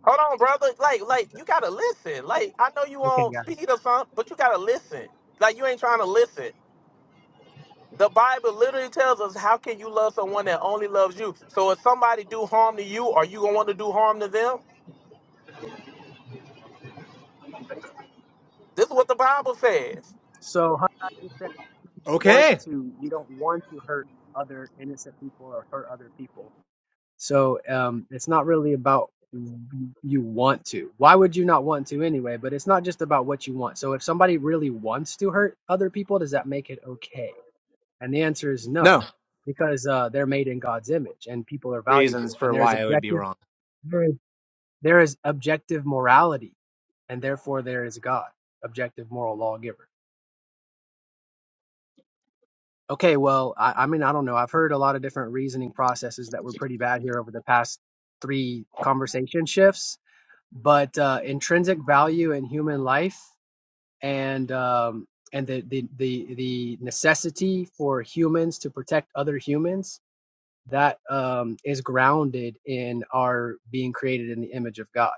[SPEAKER 6] Hold on, brother. Like, like you gotta listen. Like, I know you
[SPEAKER 10] Okay,
[SPEAKER 6] on
[SPEAKER 10] yeah.
[SPEAKER 6] speed or something, but you gotta listen. Like, you ain't trying to listen. The Bible literally tells us how can you love someone that only loves you. So if somebody do harm to you, are you gonna want to do harm to them? This is what the Bible says.
[SPEAKER 10] So. Hunter, want
[SPEAKER 12] Okay.
[SPEAKER 10] to you don't want to hurt other innocent people or hurt other people so um it's not really about you want to why would you not want to anyway but it's not just about what you want so if somebody really wants to hurt other people does that make it okay and the answer is no
[SPEAKER 12] no.
[SPEAKER 10] because uh they're made in god's image and people are valuable
[SPEAKER 12] reasons
[SPEAKER 10] and
[SPEAKER 12] for
[SPEAKER 10] there's
[SPEAKER 12] why I would be
[SPEAKER 10] objective
[SPEAKER 12] wrong.
[SPEAKER 10] there is, there is objective morality and therefore there is god objective moral lawgiver Okay, well, I, I mean, I don't know. I've heard a lot of different reasoning processes that were pretty bad here over the past three conversation shifts, but uh, intrinsic value in human life and um, and the, the the the necessity for humans to protect other humans that um, is grounded in our being created in the image of God.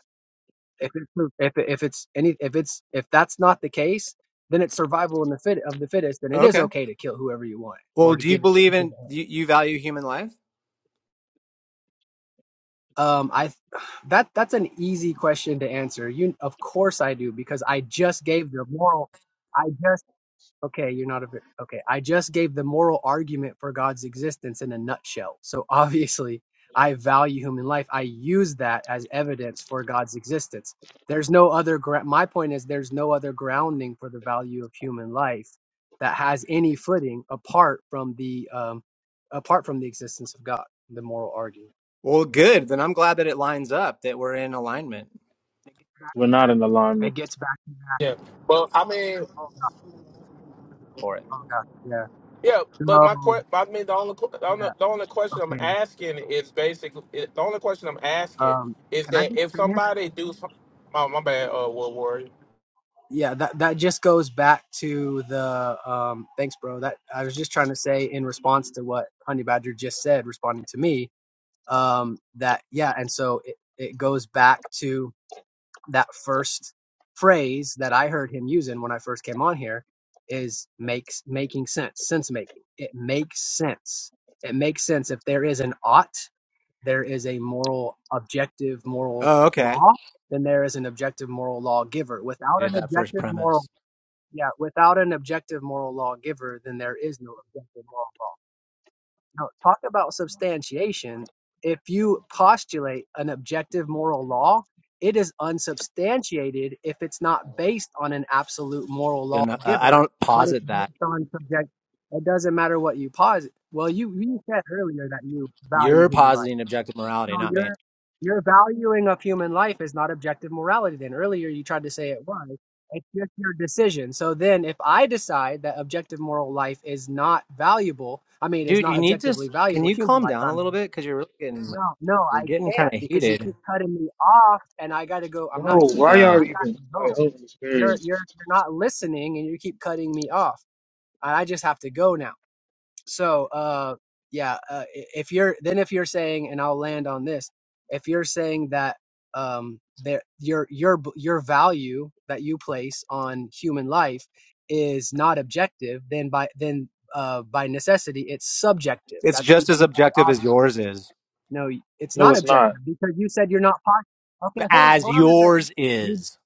[SPEAKER 10] If it's if, it- if it's any if it's if that's not the case, then it's survival in the fit of the fittest, then it is
[SPEAKER 12] Okay.
[SPEAKER 10] okay to kill whoever you want
[SPEAKER 12] Well,
[SPEAKER 10] or to
[SPEAKER 12] do you
[SPEAKER 10] get.
[SPEAKER 12] believe in you, you value human life?
[SPEAKER 10] Um, I that that's an easy question to answer. You, of course, I do because I just gave the moral. I just okay. You're not a bit okay. I just gave the moral argument for God's existence in a nutshell. So obviously, I value human life. I use that as evidence for God's existence. There's no other. Gra- my point is, there's no other grounding for the value of human life that has any footing apart from the um, apart from the existence of God. The moral argument.
[SPEAKER 12] Well, good. Then I'm glad that it lines up that we're in alignment
[SPEAKER 10] It gets back
[SPEAKER 4] We're
[SPEAKER 10] to,
[SPEAKER 4] not in
[SPEAKER 10] that.
[SPEAKER 4] alignment.
[SPEAKER 10] it gets back to that.
[SPEAKER 6] Yeah, but I mean,
[SPEAKER 10] Oh,
[SPEAKER 12] for it.
[SPEAKER 10] oh gosh, yeah.
[SPEAKER 6] yeah, but
[SPEAKER 10] So,
[SPEAKER 6] my que- I mean, the only, que- the only
[SPEAKER 10] yeah,
[SPEAKER 6] the only question I'm
[SPEAKER 10] okay.
[SPEAKER 6] asking is basically the only question I'm asking
[SPEAKER 10] Um,
[SPEAKER 6] is
[SPEAKER 10] can I
[SPEAKER 6] that
[SPEAKER 10] just
[SPEAKER 6] if
[SPEAKER 10] finish?
[SPEAKER 6] somebody do, some- oh my bad, uh, we'll Warrior.
[SPEAKER 10] Yeah, that, that just goes back to the, um, thanks, bro. That I was just trying to say in response to what Honey Badger just said, responding to me, um, that, yeah, and so it, it goes back to that first phrase that I heard him using when I first came on here is makes making sense, sense making. It makes sense. It makes sense if there is an ought, there is a moral objective moral
[SPEAKER 12] Oh, okay.
[SPEAKER 10] law, then there is an objective moral law giver. Without
[SPEAKER 12] Did
[SPEAKER 10] an
[SPEAKER 12] that first
[SPEAKER 10] objective moral
[SPEAKER 12] premise?
[SPEAKER 10] yeah, without an objective moral law giver, then there is no objective moral law. Now, talk about substantiation. If you postulate an objective moral law, it is unsubstantiated if it's not based on an absolute moral
[SPEAKER 12] And uh,
[SPEAKER 10] lawgiver,
[SPEAKER 12] I don't
[SPEAKER 10] but it's
[SPEAKER 12] posit that.
[SPEAKER 10] based on subject. It doesn't matter what you posit. Well, you, you said earlier that you value
[SPEAKER 12] You're
[SPEAKER 10] human life.
[SPEAKER 12] positing objective
[SPEAKER 10] So
[SPEAKER 12] morality, not me,
[SPEAKER 10] your your valuing of human life is not objective morality. Then earlier you tried to say it was. It's just your decision. So then, if I decide that objective moral life is not valuable, I mean, is
[SPEAKER 12] dude.
[SPEAKER 10] not
[SPEAKER 12] You need to.
[SPEAKER 10] objectively
[SPEAKER 12] s- Can
[SPEAKER 10] valuable,
[SPEAKER 12] you
[SPEAKER 10] human
[SPEAKER 12] calm
[SPEAKER 10] life,
[SPEAKER 12] down
[SPEAKER 10] I
[SPEAKER 12] a little
[SPEAKER 10] mean,
[SPEAKER 12] bit? Because you're really getting like,
[SPEAKER 10] no, no,
[SPEAKER 12] you're
[SPEAKER 10] I
[SPEAKER 12] getting kind
[SPEAKER 10] can't
[SPEAKER 12] of
[SPEAKER 10] because you
[SPEAKER 12] heated.
[SPEAKER 10] keep cutting me off, and I gotta go. I'm not
[SPEAKER 4] No,
[SPEAKER 10] heated.
[SPEAKER 4] why
[SPEAKER 12] Uh,
[SPEAKER 4] y'all
[SPEAKER 10] I
[SPEAKER 4] even
[SPEAKER 10] gotta
[SPEAKER 4] like
[SPEAKER 10] go.
[SPEAKER 4] open the
[SPEAKER 10] You're
[SPEAKER 4] spirit?
[SPEAKER 10] you're you're not listening, and you keep cutting me off. I I just have to go now. So, uh, yeah, uh, if you're then if you're saying, and I'll land on this, if you're saying that um, there your your your value that you place on human life is not objective, then by then uh, by necessity it's subjective.
[SPEAKER 12] it's
[SPEAKER 10] That's the
[SPEAKER 12] just as
[SPEAKER 10] only other
[SPEAKER 12] objective as
[SPEAKER 10] option.
[SPEAKER 12] yours is.
[SPEAKER 10] No, it's
[SPEAKER 4] No,
[SPEAKER 10] not
[SPEAKER 4] it's not.
[SPEAKER 10] objective because you said you're not. Pos- okay, hold on,
[SPEAKER 12] As
[SPEAKER 10] hold on a second.
[SPEAKER 12] yours
[SPEAKER 10] You
[SPEAKER 12] is.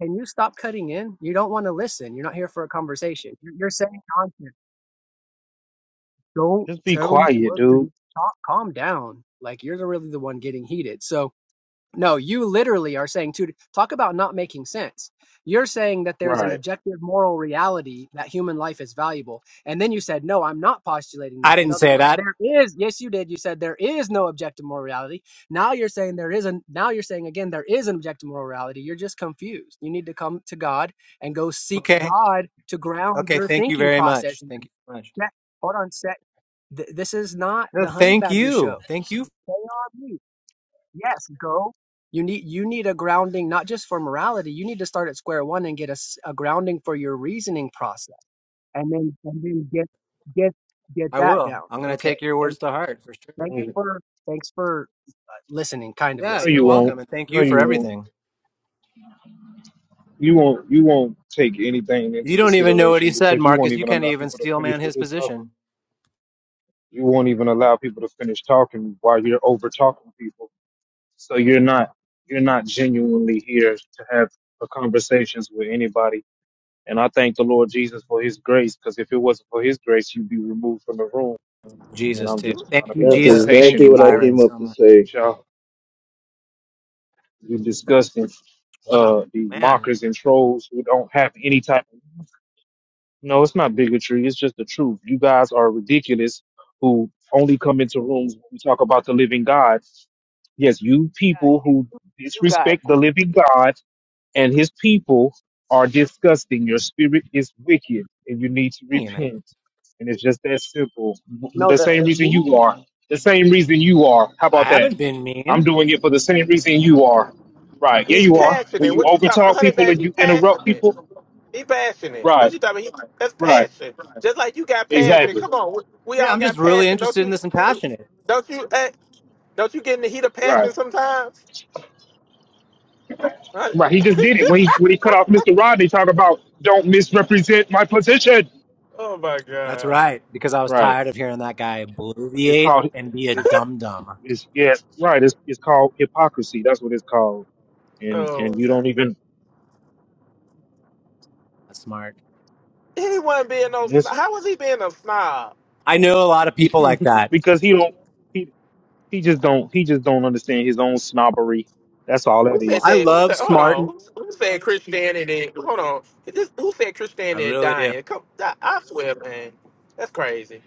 [SPEAKER 10] can you stop cutting in? You don't want to listen. You're not here for a conversation. You're, you're saying nonsense. Don't
[SPEAKER 4] Just be
[SPEAKER 10] tell me
[SPEAKER 4] quiet,
[SPEAKER 10] what to
[SPEAKER 4] dude.
[SPEAKER 10] do. Calm, calm down. Like you're the- really the one getting heated. So no, you literally are saying two. Talk about not making sense. You're saying that there's an
[SPEAKER 4] Right.
[SPEAKER 10] objective moral reality that human life is valuable. And then you said, no, I'm not postulating
[SPEAKER 12] I
[SPEAKER 10] that. In
[SPEAKER 12] didn't
[SPEAKER 10] other
[SPEAKER 12] say
[SPEAKER 10] words,
[SPEAKER 12] that.
[SPEAKER 10] there is, yes, you did. You said there is no objective moral reality. Now you're saying there isn't, now you're saying again, there is an objective moral reality. You're just confused. You need to come to God and go seek
[SPEAKER 12] Okay.
[SPEAKER 10] God to ground
[SPEAKER 12] Okay.
[SPEAKER 10] your
[SPEAKER 12] Thank you
[SPEAKER 10] thinking
[SPEAKER 12] very much.
[SPEAKER 10] process. And
[SPEAKER 12] Thank you so much.
[SPEAKER 10] set- Hold on, set. Th- this is not
[SPEAKER 12] No,
[SPEAKER 10] the honey
[SPEAKER 12] thank
[SPEAKER 10] badger
[SPEAKER 12] you.
[SPEAKER 10] show.
[SPEAKER 12] Thank
[SPEAKER 10] So
[SPEAKER 12] you.
[SPEAKER 10] stay on mute. Yes, go. You need you need a grounding not just for morality. You need to start at square one and get a, s- a grounding for your reasoning process, and then and then get get get
[SPEAKER 12] I
[SPEAKER 10] that
[SPEAKER 12] will.
[SPEAKER 10] down.
[SPEAKER 12] I'm going to
[SPEAKER 10] Okay.
[SPEAKER 12] take your
[SPEAKER 10] Thanks,
[SPEAKER 12] words to heart for sure.
[SPEAKER 10] thanks
[SPEAKER 4] No,
[SPEAKER 10] for thanks for uh, listening, kind of
[SPEAKER 12] Yeah,
[SPEAKER 10] listening.
[SPEAKER 12] you're
[SPEAKER 4] you won't.
[SPEAKER 12] welcome. And thank
[SPEAKER 4] No,
[SPEAKER 12] you
[SPEAKER 4] you
[SPEAKER 12] for
[SPEAKER 4] won't.
[SPEAKER 12] everything.
[SPEAKER 4] You won't you won't take anything
[SPEAKER 12] You
[SPEAKER 4] into
[SPEAKER 12] don't even know what he
[SPEAKER 4] consideration
[SPEAKER 12] said,
[SPEAKER 4] because you won't
[SPEAKER 12] Marcus. You
[SPEAKER 4] even
[SPEAKER 12] can't
[SPEAKER 4] allow
[SPEAKER 12] even
[SPEAKER 4] people to
[SPEAKER 12] steel
[SPEAKER 4] finish
[SPEAKER 12] man
[SPEAKER 4] what
[SPEAKER 12] his
[SPEAKER 4] they're talking.
[SPEAKER 12] position.
[SPEAKER 4] You won't even allow people to finish talking while you're over talking people. So you're not you're not genuinely here to have a conversations with anybody. And I thank the Lord Jesus for His grace because if it wasn't for His grace, you'd be removed from the room. And
[SPEAKER 12] Jesus,
[SPEAKER 4] I'm
[SPEAKER 12] too.
[SPEAKER 4] just trying
[SPEAKER 12] Thank
[SPEAKER 4] to
[SPEAKER 12] you,
[SPEAKER 4] be
[SPEAKER 21] That's
[SPEAKER 4] more
[SPEAKER 12] Jesus, and thank
[SPEAKER 4] patient
[SPEAKER 21] exactly
[SPEAKER 12] you,
[SPEAKER 4] with
[SPEAKER 21] what I
[SPEAKER 4] folks.
[SPEAKER 12] Byron,
[SPEAKER 21] came up
[SPEAKER 12] so
[SPEAKER 21] to
[SPEAKER 12] much.
[SPEAKER 21] say.
[SPEAKER 4] But y'all, you disgusting
[SPEAKER 12] Wow.
[SPEAKER 4] uh, these
[SPEAKER 12] Man,
[SPEAKER 4] mockers and trolls who don't have any type of No, it's not bigotry. It's just the truth. You guys are ridiculous who only come into rooms when we talk about the living God. Yes, you people who
[SPEAKER 10] You guys,
[SPEAKER 4] disrespect the living God and his people are disgusting. Your spirit is wicked and you need to
[SPEAKER 12] mean.
[SPEAKER 4] repent. And it's just that simple.
[SPEAKER 10] no
[SPEAKER 4] The
[SPEAKER 10] the
[SPEAKER 4] same
[SPEAKER 10] the
[SPEAKER 4] reason you
[SPEAKER 10] move.
[SPEAKER 4] are. The same reason you are. How
[SPEAKER 12] I
[SPEAKER 4] about that?
[SPEAKER 12] haven't been
[SPEAKER 4] I'm
[SPEAKER 12] mean.
[SPEAKER 4] doing it for the same reason you are. Right. Yeah,
[SPEAKER 6] He's
[SPEAKER 4] you are. When
[SPEAKER 6] passionate.
[SPEAKER 4] you
[SPEAKER 6] What you talking?
[SPEAKER 4] overtalk
[SPEAKER 6] Honey
[SPEAKER 4] people
[SPEAKER 6] Badger,
[SPEAKER 4] and
[SPEAKER 6] he
[SPEAKER 4] you interrupt
[SPEAKER 6] passionate.
[SPEAKER 4] people.
[SPEAKER 6] He passionate. What
[SPEAKER 4] Right.
[SPEAKER 6] you talking? about? He, that's
[SPEAKER 4] Right.
[SPEAKER 6] passion. Just like you got passion.
[SPEAKER 4] Exactly.
[SPEAKER 6] Come on, we, we
[SPEAKER 12] Yeah,
[SPEAKER 6] all
[SPEAKER 12] I'm
[SPEAKER 6] got
[SPEAKER 12] just really
[SPEAKER 6] passion. Don't
[SPEAKER 12] interested in
[SPEAKER 6] you?
[SPEAKER 12] this and passionate.
[SPEAKER 6] Don't you? eh, don't you get in the heat of
[SPEAKER 4] Right.
[SPEAKER 6] passion sometimes? Honey-
[SPEAKER 4] Right. He just did it when he when he cut off Mr. Rodney. Talk about don't misrepresent my position.
[SPEAKER 6] oh my
[SPEAKER 12] That's
[SPEAKER 6] god.
[SPEAKER 12] right, because I was
[SPEAKER 4] Right.
[SPEAKER 12] tired of hearing that guy
[SPEAKER 4] It's
[SPEAKER 12] bloviate
[SPEAKER 4] called.
[SPEAKER 12] and be a
[SPEAKER 4] It's
[SPEAKER 12] dum dum.
[SPEAKER 4] it's yeah. Right. It's it's called hypocrisy. That's what it's called. And and
[SPEAKER 6] Oh
[SPEAKER 4] you
[SPEAKER 6] my god.
[SPEAKER 4] don't even
[SPEAKER 12] That's smart.
[SPEAKER 6] He wasn't being no. snob.
[SPEAKER 4] this
[SPEAKER 6] How was he being a snob?
[SPEAKER 12] I know a lot of people like that.
[SPEAKER 4] because he don't he he just don't he just don't understand his own snobbery. That's all
[SPEAKER 6] Who
[SPEAKER 4] that
[SPEAKER 12] Well,
[SPEAKER 6] said
[SPEAKER 4] is.
[SPEAKER 12] I
[SPEAKER 6] that? Who
[SPEAKER 12] love
[SPEAKER 6] said? Hold
[SPEAKER 12] smart.
[SPEAKER 6] on. Who, who said Christianity? Hold on. This, who said
[SPEAKER 12] I
[SPEAKER 6] Christianity
[SPEAKER 12] really do.
[SPEAKER 6] dying? Come, I, I swear, man. That's crazy.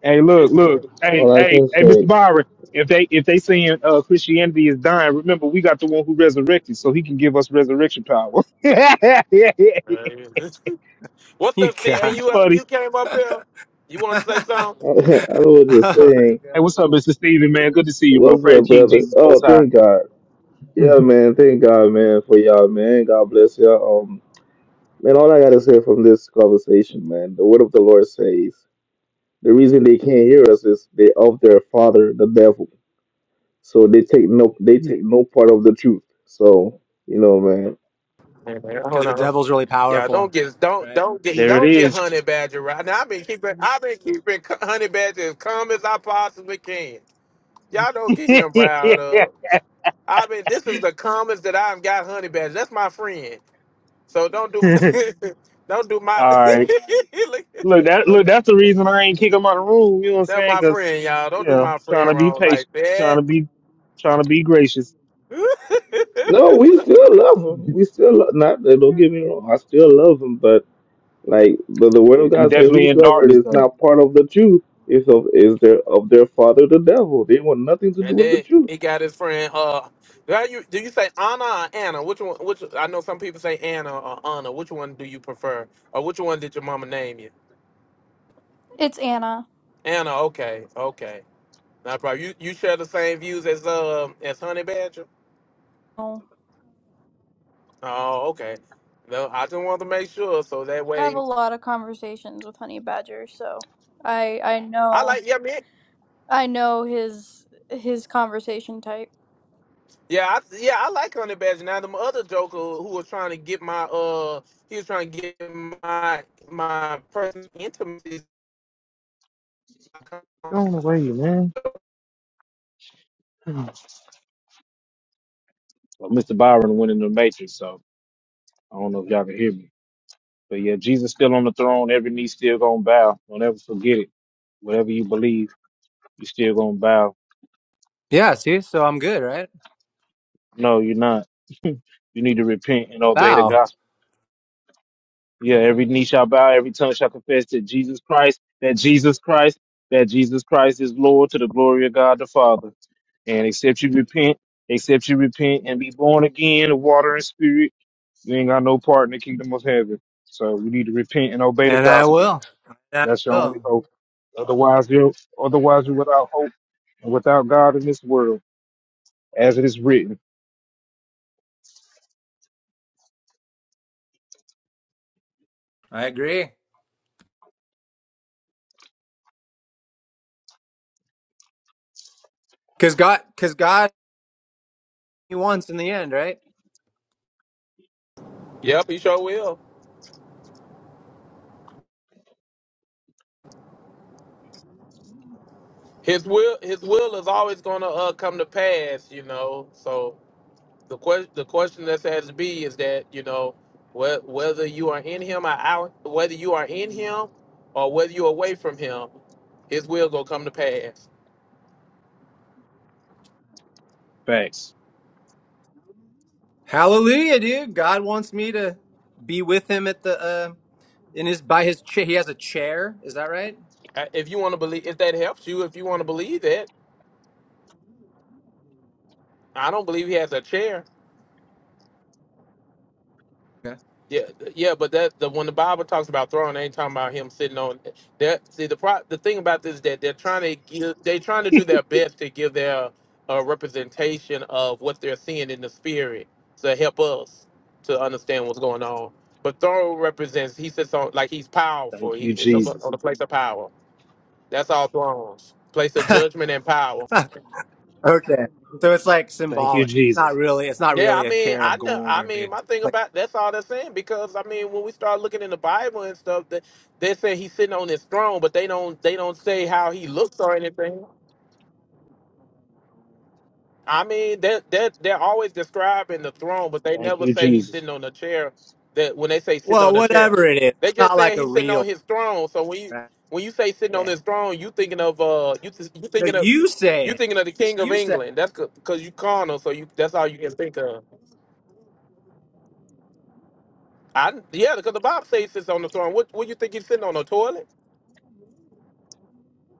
[SPEAKER 4] Hey, look, look. Hey,
[SPEAKER 21] All I
[SPEAKER 4] hey,
[SPEAKER 21] can
[SPEAKER 4] hey, Mr.
[SPEAKER 21] say,
[SPEAKER 4] Byron. If they if they saying uh, Christianity is dying, remember we got the one who resurrected, so he can give us resurrection power.
[SPEAKER 6] What's
[SPEAKER 12] You
[SPEAKER 6] up, Steven?
[SPEAKER 12] guys.
[SPEAKER 4] That's
[SPEAKER 6] You up?
[SPEAKER 4] funny.
[SPEAKER 6] You came up here. You want to say something?
[SPEAKER 21] I was just
[SPEAKER 12] Oh my
[SPEAKER 21] saying,
[SPEAKER 12] God.
[SPEAKER 4] Hey, what's up, Mr. Steven, man? Good to see you, bro.
[SPEAKER 21] what's
[SPEAKER 4] Praise
[SPEAKER 21] up,
[SPEAKER 4] King
[SPEAKER 21] brother?
[SPEAKER 4] Jesus
[SPEAKER 21] Oh,
[SPEAKER 4] Most High.
[SPEAKER 21] thank God. Yeah, man. Thank God, man, for y'all, man. God bless y'all. Um, man, all I gotta say from this conversation, man, the word of the Lord says the reason they can't hear us is they of their father, the devil. So they take no, they take no part of the truth. So you know, man.
[SPEAKER 6] Hey, man,
[SPEAKER 12] Because
[SPEAKER 6] hold
[SPEAKER 12] the
[SPEAKER 6] on.
[SPEAKER 12] devil's really
[SPEAKER 6] Yeah, don't
[SPEAKER 12] powerful,
[SPEAKER 6] get don't
[SPEAKER 12] right?
[SPEAKER 6] don't get
[SPEAKER 4] There it
[SPEAKER 6] don't get
[SPEAKER 4] is.
[SPEAKER 6] honey badger right now. I've been keeping I've been keeping c- honey badger as calm as I possibly can. Y'all don't get
[SPEAKER 4] All
[SPEAKER 6] him riled up. I've been this is the calmest that I've got honey badger. That's my friend. So don't do don't do my
[SPEAKER 4] right.
[SPEAKER 6] Look,
[SPEAKER 4] Look, that look. That's the reason I ain't kick him out of the room. You know what I'm
[SPEAKER 6] that's
[SPEAKER 4] saying?
[SPEAKER 6] my
[SPEAKER 4] 'Cause
[SPEAKER 6] friend, y'all. Don't
[SPEAKER 4] you
[SPEAKER 6] do
[SPEAKER 4] know,
[SPEAKER 6] my
[SPEAKER 4] trying
[SPEAKER 6] friend
[SPEAKER 4] to be
[SPEAKER 6] wrong like
[SPEAKER 4] patient, trying
[SPEAKER 6] that.
[SPEAKER 4] to be, trying to be gracious.
[SPEAKER 21] No, we still love him. We still lo- not. Don't get me wrong. I still love him, but. Like the, the word
[SPEAKER 4] Yeah,
[SPEAKER 21] of
[SPEAKER 4] he
[SPEAKER 21] God said,
[SPEAKER 4] definitely in
[SPEAKER 21] whosoever
[SPEAKER 4] darkness
[SPEAKER 21] is
[SPEAKER 4] though.
[SPEAKER 21] not part of the truth is of is their of their father the devil. They want nothing to do
[SPEAKER 6] And
[SPEAKER 21] with the
[SPEAKER 6] then
[SPEAKER 21] truth.
[SPEAKER 6] he got his friend. Uh, do you do you say Anna or Anna? Which one? Which I know some people say Anna or Anna. Which one do you prefer? Or which one did your mama name you?
[SPEAKER 18] It's Anna.
[SPEAKER 6] Anna. Okay. Okay. Not a problem. You you share the same views as um as Honey Badger.
[SPEAKER 18] Oh,
[SPEAKER 6] Oh, okay. No, I just wanted to make sure so that
[SPEAKER 18] I have a
[SPEAKER 6] way
[SPEAKER 18] lot of conversations with Honey Badger, so I I
[SPEAKER 6] I
[SPEAKER 18] know
[SPEAKER 6] like yeah man
[SPEAKER 18] I know his his conversation type.
[SPEAKER 6] yeah I, yeah I like Honey Badger. Now the other Joker who was trying to get my uh he was trying to get my my personal intimacies.
[SPEAKER 4] Going away, man. Well, Mr. Byron went in the matrix, so I don't know if y'all can hear me. But yeah, Jesus still on the throne. Every knee still gonna bow. Don't ever forget it. Whatever you believe, you still gonna bow.
[SPEAKER 12] Yeah, see, so I'm good, right?
[SPEAKER 4] No, you're not. You need to repent and obey the
[SPEAKER 12] Wow,
[SPEAKER 4] gospel. Yeah, every knee shall bow, every tongue shall confess that Jesus Christ, that Jesus Christ, that Jesus Christ is Lord to the glory of God the Father. And except you repent, except you repent and be born again of water and spirit, you ain't got no part in the kingdom of heaven. So we need to repent and obey the
[SPEAKER 12] and I
[SPEAKER 4] gospel.
[SPEAKER 12] will, and
[SPEAKER 4] That's
[SPEAKER 12] I
[SPEAKER 4] your only
[SPEAKER 12] will.
[SPEAKER 4] hope. Otherwise, you're otherwise you're without hope and without God in this world, as it is written.
[SPEAKER 12] I agree. Because God, because God, He wants in the end, right?
[SPEAKER 6] Yep, he sure will. His will, his will is always going to uh, come to pass, you know. So the question, the question that has to be is that you know whe- whether you are in him or out, whether you are in him or whether you're away from him, his will gonna come to pass.
[SPEAKER 4] Facts.
[SPEAKER 12] Hallelujah, dude. God wants me to be with Him at the uh, in His by His chair. He has a chair. Is that right?
[SPEAKER 6] Uh, If you want to believe, if that helps you, if you want to believe that, I don't believe he has a chair.
[SPEAKER 12] Okay.
[SPEAKER 6] Yeah, th- yeah, but that the when the Bible talks about throne, they ain't talking about him sitting on that. See, the pro, the thing about this is that they're trying to give, they trying to do their best to give their uh, representation of what they're seeing in the spirit to help us to understand what's going on. But throne represents he sits on like he's powerful.
[SPEAKER 4] Thank you,
[SPEAKER 6] He it's on
[SPEAKER 4] Jesus.
[SPEAKER 6] on the place of power. That's all thrones, place of judgment and power.
[SPEAKER 12] okay. So it's like
[SPEAKER 4] Thank you,
[SPEAKER 12] symbolic.
[SPEAKER 4] Jesus.
[SPEAKER 12] Not really. It's not
[SPEAKER 6] Yeah, I
[SPEAKER 12] really a
[SPEAKER 6] mean,
[SPEAKER 12] chair
[SPEAKER 6] I
[SPEAKER 12] of
[SPEAKER 6] know.
[SPEAKER 12] gold
[SPEAKER 6] I
[SPEAKER 12] or a
[SPEAKER 6] mean,
[SPEAKER 12] big.
[SPEAKER 6] my thing
[SPEAKER 12] Like,
[SPEAKER 6] about that's all they're saying because I mean, when we start looking in the Bible and stuff, they, they say he's sitting on his throne, but they don't they don't say how he looks or anything. I mean, they that they're, they're always describing the throne, but they
[SPEAKER 4] Thank
[SPEAKER 6] never
[SPEAKER 4] you,
[SPEAKER 6] say he's
[SPEAKER 4] Jesus.
[SPEAKER 6] sitting on a chair. That when they say sitting
[SPEAKER 12] well,
[SPEAKER 6] on a chair,
[SPEAKER 12] whatever it is,
[SPEAKER 6] they
[SPEAKER 12] it's
[SPEAKER 6] just
[SPEAKER 12] not like
[SPEAKER 6] saying
[SPEAKER 12] a
[SPEAKER 6] he's sitting on
[SPEAKER 12] real.
[SPEAKER 6] his throne. So when you
[SPEAKER 12] Right.
[SPEAKER 6] when you say sitting on
[SPEAKER 12] Yeah.
[SPEAKER 6] his throne, you thinking of uh you th- you
[SPEAKER 12] No,
[SPEAKER 6] thinking of
[SPEAKER 12] you say
[SPEAKER 6] you
[SPEAKER 12] it.
[SPEAKER 6] thinking of the King of
[SPEAKER 12] You say it.
[SPEAKER 6] England. That's because you carnal, so you that's all you can think of. I yeah, because the Bible says he sits on the throne. What what you think he's sitting on the toilet?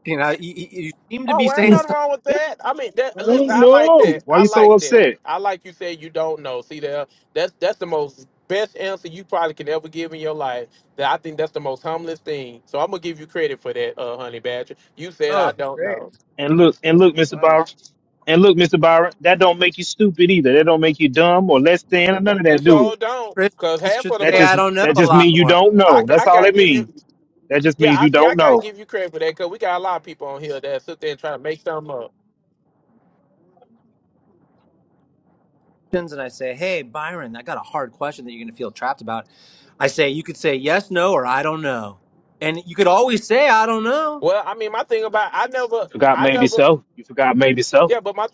[SPEAKER 12] You know, you, you you seem to
[SPEAKER 6] Oh,
[SPEAKER 12] be
[SPEAKER 6] well, ain't
[SPEAKER 12] saying
[SPEAKER 6] nothing
[SPEAKER 12] something
[SPEAKER 6] wrong with
[SPEAKER 12] different.
[SPEAKER 6] that. I mean, that
[SPEAKER 4] I don't
[SPEAKER 6] listen, I like
[SPEAKER 4] know.
[SPEAKER 6] that.
[SPEAKER 4] Why
[SPEAKER 6] I
[SPEAKER 4] you so
[SPEAKER 6] like that.
[SPEAKER 4] upset?
[SPEAKER 6] I like you said you don't know. See there, that's that's the most best answer you probably can ever give in your life. That I think that's the most humblest thing. So I'm gonna give you credit for that, uh, honey badger. You said I
[SPEAKER 12] Oh,
[SPEAKER 6] don't
[SPEAKER 12] great.
[SPEAKER 6] know,
[SPEAKER 4] And look, and look, Mr.
[SPEAKER 12] Wow.
[SPEAKER 4] Byron. And look, Mr. Byron, that don't make you stupid either. That don't make you dumb or less than or none of
[SPEAKER 6] and
[SPEAKER 4] that, do
[SPEAKER 6] so
[SPEAKER 4] it.
[SPEAKER 6] don't, cause
[SPEAKER 12] Christians
[SPEAKER 6] half
[SPEAKER 12] should
[SPEAKER 6] of the
[SPEAKER 4] That
[SPEAKER 12] say,
[SPEAKER 6] per-
[SPEAKER 12] I
[SPEAKER 4] just
[SPEAKER 12] don't know
[SPEAKER 4] that
[SPEAKER 12] a
[SPEAKER 4] just
[SPEAKER 12] lot
[SPEAKER 4] means you
[SPEAKER 12] more.
[SPEAKER 4] don't
[SPEAKER 6] I,
[SPEAKER 4] know. That's
[SPEAKER 6] I
[SPEAKER 4] all
[SPEAKER 6] gotta
[SPEAKER 4] it
[SPEAKER 6] give you
[SPEAKER 4] means. That just
[SPEAKER 6] yeah
[SPEAKER 4] means
[SPEAKER 6] I
[SPEAKER 4] you
[SPEAKER 6] see I
[SPEAKER 4] don't
[SPEAKER 6] gotta
[SPEAKER 4] know.
[SPEAKER 6] give you credit for that, cause we got a lot of people on here that sit there and try to make something up.
[SPEAKER 12] Christians, And I say, hey, Byron, I got a hard question that you're going to feel trapped about. I say, you could say yes, no, or I don't know. And you could always say, I don't know.
[SPEAKER 6] Well, I mean my thing about I never
[SPEAKER 4] Forgot
[SPEAKER 6] I
[SPEAKER 4] maybe
[SPEAKER 6] never
[SPEAKER 4] so. You forgot maybe so.
[SPEAKER 6] Yeah, but my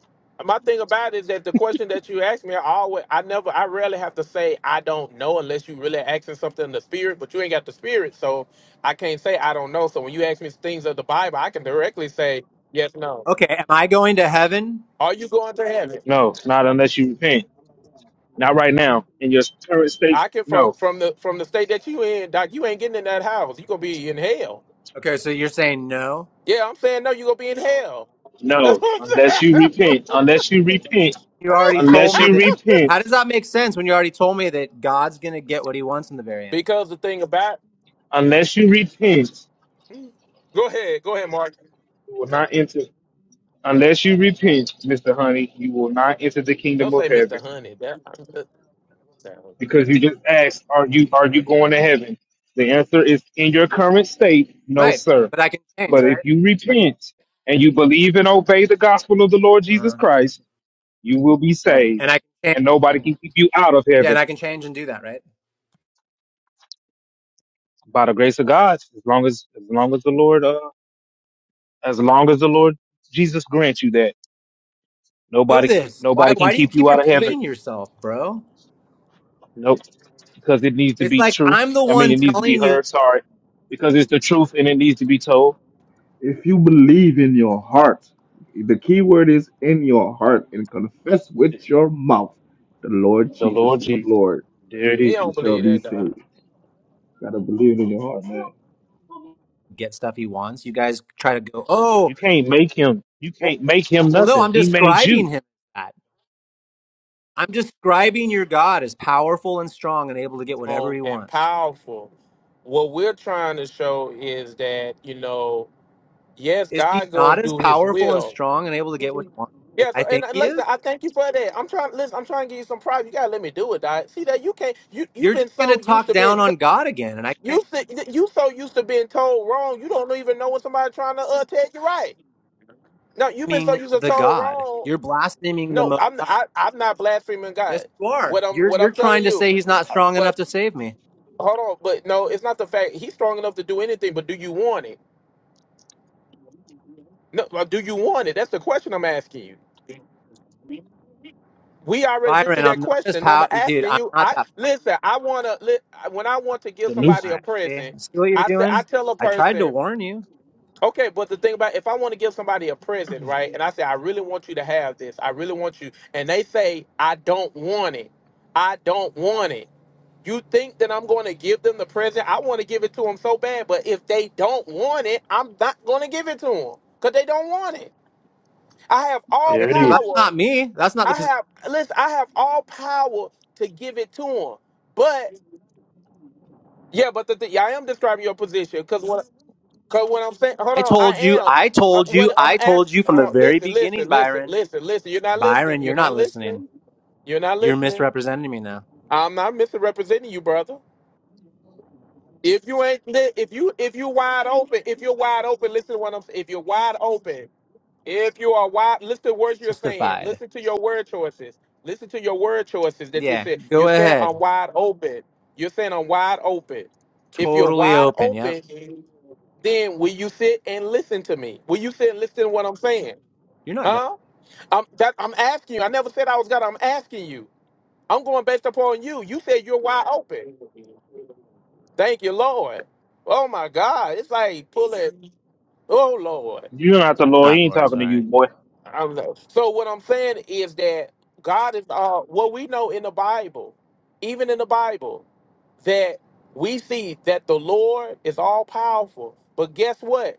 [SPEAKER 6] my thing about it is that the question that you asked me, I always, I never, I rarely have to say I don't know unless you really asking something in the spirit. But you ain't got the spirit, so I can't say I don't know. So when you ask me things of the Bible, I can directly say yes, no.
[SPEAKER 12] Okay. Am I going to heaven?
[SPEAKER 6] Are you going to heaven?
[SPEAKER 4] No, not unless you repent. Not right now. In your current state,
[SPEAKER 6] I can from
[SPEAKER 4] no.
[SPEAKER 6] from the from the state that you in, doc. You ain't getting in that house. You gonna be in hell.
[SPEAKER 12] Okay. So you're saying no?
[SPEAKER 6] Yeah, I'm saying no. You gonna be in hell. That's
[SPEAKER 4] No.
[SPEAKER 6] what
[SPEAKER 4] Unless
[SPEAKER 6] I'm
[SPEAKER 4] you
[SPEAKER 6] saying.
[SPEAKER 4] repent. Unless you repent.
[SPEAKER 12] You already told
[SPEAKER 4] Unless
[SPEAKER 12] me
[SPEAKER 4] you
[SPEAKER 12] that. How
[SPEAKER 4] repent.
[SPEAKER 12] does that make sense when you already told me that God's going to get what he wants in the very end?
[SPEAKER 6] because the thing about
[SPEAKER 4] Unless you repent.
[SPEAKER 6] go ahead, go ahead, Mark.
[SPEAKER 4] You will not enter. Unless you repent, Mr. Honey, you will not enter the kingdom
[SPEAKER 6] Don't
[SPEAKER 4] of
[SPEAKER 6] say Mr.
[SPEAKER 4] heaven.
[SPEAKER 6] Honey. That,
[SPEAKER 4] Because you just asked, are you are you going to heaven? The answer is in your current state, no
[SPEAKER 12] Right.
[SPEAKER 4] sir.
[SPEAKER 12] But I can change,
[SPEAKER 4] But if
[SPEAKER 12] right?
[SPEAKER 4] you
[SPEAKER 12] I can.
[SPEAKER 4] repent and you believe and obey the gospel of the Lord Jesus
[SPEAKER 12] uh
[SPEAKER 4] Christ, you will be
[SPEAKER 12] Right. And
[SPEAKER 4] saved.
[SPEAKER 12] I can change.
[SPEAKER 4] And nobody can keep you out of
[SPEAKER 12] Yeah, and
[SPEAKER 4] heaven
[SPEAKER 12] I can change and do that, right?
[SPEAKER 4] by the grace of God, as long as as long as the Lord uh, as long as the Lord Jesus grants you that.
[SPEAKER 12] Know
[SPEAKER 4] Nobody can
[SPEAKER 12] this. Why
[SPEAKER 4] nobody can
[SPEAKER 12] why do you
[SPEAKER 4] keep
[SPEAKER 12] keep
[SPEAKER 4] you out of
[SPEAKER 6] see,
[SPEAKER 4] heaven.
[SPEAKER 12] repeating yourself, bro?
[SPEAKER 4] No, because it needs to
[SPEAKER 12] It's
[SPEAKER 4] be
[SPEAKER 12] like
[SPEAKER 4] truth.
[SPEAKER 12] I'm the
[SPEAKER 4] I mean,
[SPEAKER 12] one
[SPEAKER 4] it needs to be
[SPEAKER 12] telling you
[SPEAKER 4] heard. Sorry, because it's the truth and it needs to be told.
[SPEAKER 21] If you believe in your heart, the key word is in your heart, and confess with your mouth, the Lord
[SPEAKER 4] The
[SPEAKER 21] Jesus
[SPEAKER 4] Lord
[SPEAKER 21] is
[SPEAKER 4] Jesus,
[SPEAKER 21] Lord,
[SPEAKER 4] there it
[SPEAKER 6] He
[SPEAKER 4] is.
[SPEAKER 21] you
[SPEAKER 6] don't
[SPEAKER 21] shall
[SPEAKER 6] believe
[SPEAKER 21] be
[SPEAKER 6] that dog.
[SPEAKER 21] saved. gotta believe in your heart, man.
[SPEAKER 12] get stuff he wants. You guys try to go, oh,
[SPEAKER 4] You can't make him. You
[SPEAKER 12] well,
[SPEAKER 4] can't make him
[SPEAKER 12] well no,
[SPEAKER 4] nothing.
[SPEAKER 12] I'm
[SPEAKER 4] He made
[SPEAKER 12] describing
[SPEAKER 4] you.
[SPEAKER 12] him as that. I'm describing your God as powerful and strong and able to get whatever
[SPEAKER 6] Strong
[SPEAKER 12] he
[SPEAKER 6] and
[SPEAKER 12] wants.
[SPEAKER 6] powerful. What we're trying to show is that you know, yes,
[SPEAKER 12] Is he
[SPEAKER 6] God gonna
[SPEAKER 12] not as
[SPEAKER 6] do His
[SPEAKER 12] powerful and
[SPEAKER 6] will.
[SPEAKER 12] strong and able to get what he wants as
[SPEAKER 6] Yeah.
[SPEAKER 12] I
[SPEAKER 6] So and
[SPEAKER 12] think
[SPEAKER 6] uh,
[SPEAKER 12] he
[SPEAKER 6] listen,
[SPEAKER 12] is?
[SPEAKER 6] I thank you for that. I'm trying. Listen, I'm trying to give you some pride. You gotta let me do it, dog. See that you can't. You you've
[SPEAKER 12] You're
[SPEAKER 6] been
[SPEAKER 12] just going to
[SPEAKER 6] so used
[SPEAKER 12] talk
[SPEAKER 6] to
[SPEAKER 12] down
[SPEAKER 6] being. T-
[SPEAKER 12] on God again, and I can't
[SPEAKER 6] you si- you so used to being told wrong. You don't even know when somebody trying to uh, tell you right. No, you've been so
[SPEAKER 12] blaspheming
[SPEAKER 6] used to
[SPEAKER 12] the
[SPEAKER 6] told
[SPEAKER 12] God.
[SPEAKER 6] wrong.
[SPEAKER 12] You're blaspheming the
[SPEAKER 6] No,
[SPEAKER 12] Most
[SPEAKER 6] I'm
[SPEAKER 12] High.
[SPEAKER 6] I, I'm not blaspheming
[SPEAKER 12] Yes,
[SPEAKER 6] God.
[SPEAKER 12] you are.
[SPEAKER 6] What I'm
[SPEAKER 12] You're
[SPEAKER 6] what
[SPEAKER 12] you're
[SPEAKER 6] I'm telling
[SPEAKER 12] trying to
[SPEAKER 6] you.
[SPEAKER 12] say he's not strong enough to save me,
[SPEAKER 6] Hold on, but no, it's not the fact he's strong enough to do anything. But do you want it? No, like, do you want it? That's the question I'm asking you. We already been through
[SPEAKER 12] Byron.
[SPEAKER 6] that
[SPEAKER 12] I'm not as
[SPEAKER 6] question. Now I'm
[SPEAKER 12] pow, dude.
[SPEAKER 6] asking
[SPEAKER 12] I'm
[SPEAKER 6] you.
[SPEAKER 12] not
[SPEAKER 6] I
[SPEAKER 12] that.
[SPEAKER 6] listen. I wanna li- when I want to give
[SPEAKER 4] The new.
[SPEAKER 6] somebody
[SPEAKER 12] All
[SPEAKER 6] a
[SPEAKER 12] right, see,
[SPEAKER 6] present,
[SPEAKER 12] see what you're
[SPEAKER 6] I say I
[SPEAKER 12] doing.
[SPEAKER 6] tell a
[SPEAKER 12] I tried to
[SPEAKER 6] person,
[SPEAKER 12] warn you.
[SPEAKER 6] okay. But the thing about if I want to give somebody a present, right? And I say I really want you to have this. I really want you, and they say I don't want it. I don't want it. You think that I'm going to give them the present? I want to give it to them so bad, but if they don't want it, I'm not going to give it to them because they don't want it. I have all
[SPEAKER 12] Okay.
[SPEAKER 4] There it
[SPEAKER 12] Well, that's
[SPEAKER 4] is.
[SPEAKER 6] power.
[SPEAKER 12] not me. That's not the
[SPEAKER 6] I
[SPEAKER 12] position.
[SPEAKER 6] have listen. I have all power to give it to them, but yeah, but the, thing yeah, I am describing your position because what because what I'm saying. Hold
[SPEAKER 12] I
[SPEAKER 6] on, I
[SPEAKER 12] told you.
[SPEAKER 6] am.
[SPEAKER 12] I
[SPEAKER 6] Uh,
[SPEAKER 12] told
[SPEAKER 6] what
[SPEAKER 12] you.
[SPEAKER 6] I'm
[SPEAKER 12] I told you
[SPEAKER 6] asking.
[SPEAKER 12] from
[SPEAKER 6] Hold
[SPEAKER 12] the
[SPEAKER 6] on.
[SPEAKER 12] very
[SPEAKER 6] Listen,
[SPEAKER 12] beginning,
[SPEAKER 6] listen, listen,
[SPEAKER 12] Byron.
[SPEAKER 6] listen, listen. You're not listening.
[SPEAKER 12] Byron,
[SPEAKER 6] You're
[SPEAKER 12] you're
[SPEAKER 6] not
[SPEAKER 12] not listening.
[SPEAKER 6] listening. You're not
[SPEAKER 12] You're
[SPEAKER 6] listening.
[SPEAKER 12] misrepresenting me now.
[SPEAKER 6] I'm not misrepresenting you, brother. If you ain't li- if you if you wide open, if you're wide open, listen to what I'm saying. If you're wide open, if you are wide, listen to words you're saying.
[SPEAKER 12] Justified.
[SPEAKER 6] Listen to your word choices. Listen to your word choices that you
[SPEAKER 12] Yeah.
[SPEAKER 6] said. You're
[SPEAKER 12] Go
[SPEAKER 6] saying
[SPEAKER 12] ahead.
[SPEAKER 6] I'm wide open. You're saying I'm wide open. If you're
[SPEAKER 12] Totally
[SPEAKER 6] wide
[SPEAKER 12] open. Yep.
[SPEAKER 6] open, then will you sit and listen to me? Will you sit and listen to what I'm saying?
[SPEAKER 12] You're not God.
[SPEAKER 6] Huh? I'm that I'm asking you. I never said I was gonna. I'm asking you. I'm going based upon you. You said you're wide open. Thank you, Lord. Oh my God. It's like pulling. Oh Lord.
[SPEAKER 4] You're not the Lord. He
[SPEAKER 12] Not
[SPEAKER 4] ain't
[SPEAKER 12] Lord.
[SPEAKER 4] talking to you,
[SPEAKER 12] Sorry.
[SPEAKER 4] boy.
[SPEAKER 6] I'm like, so what I'm saying is that God is uh what we know in the Bible, even in the Bible, that we see that the Lord is all powerful. But guess what?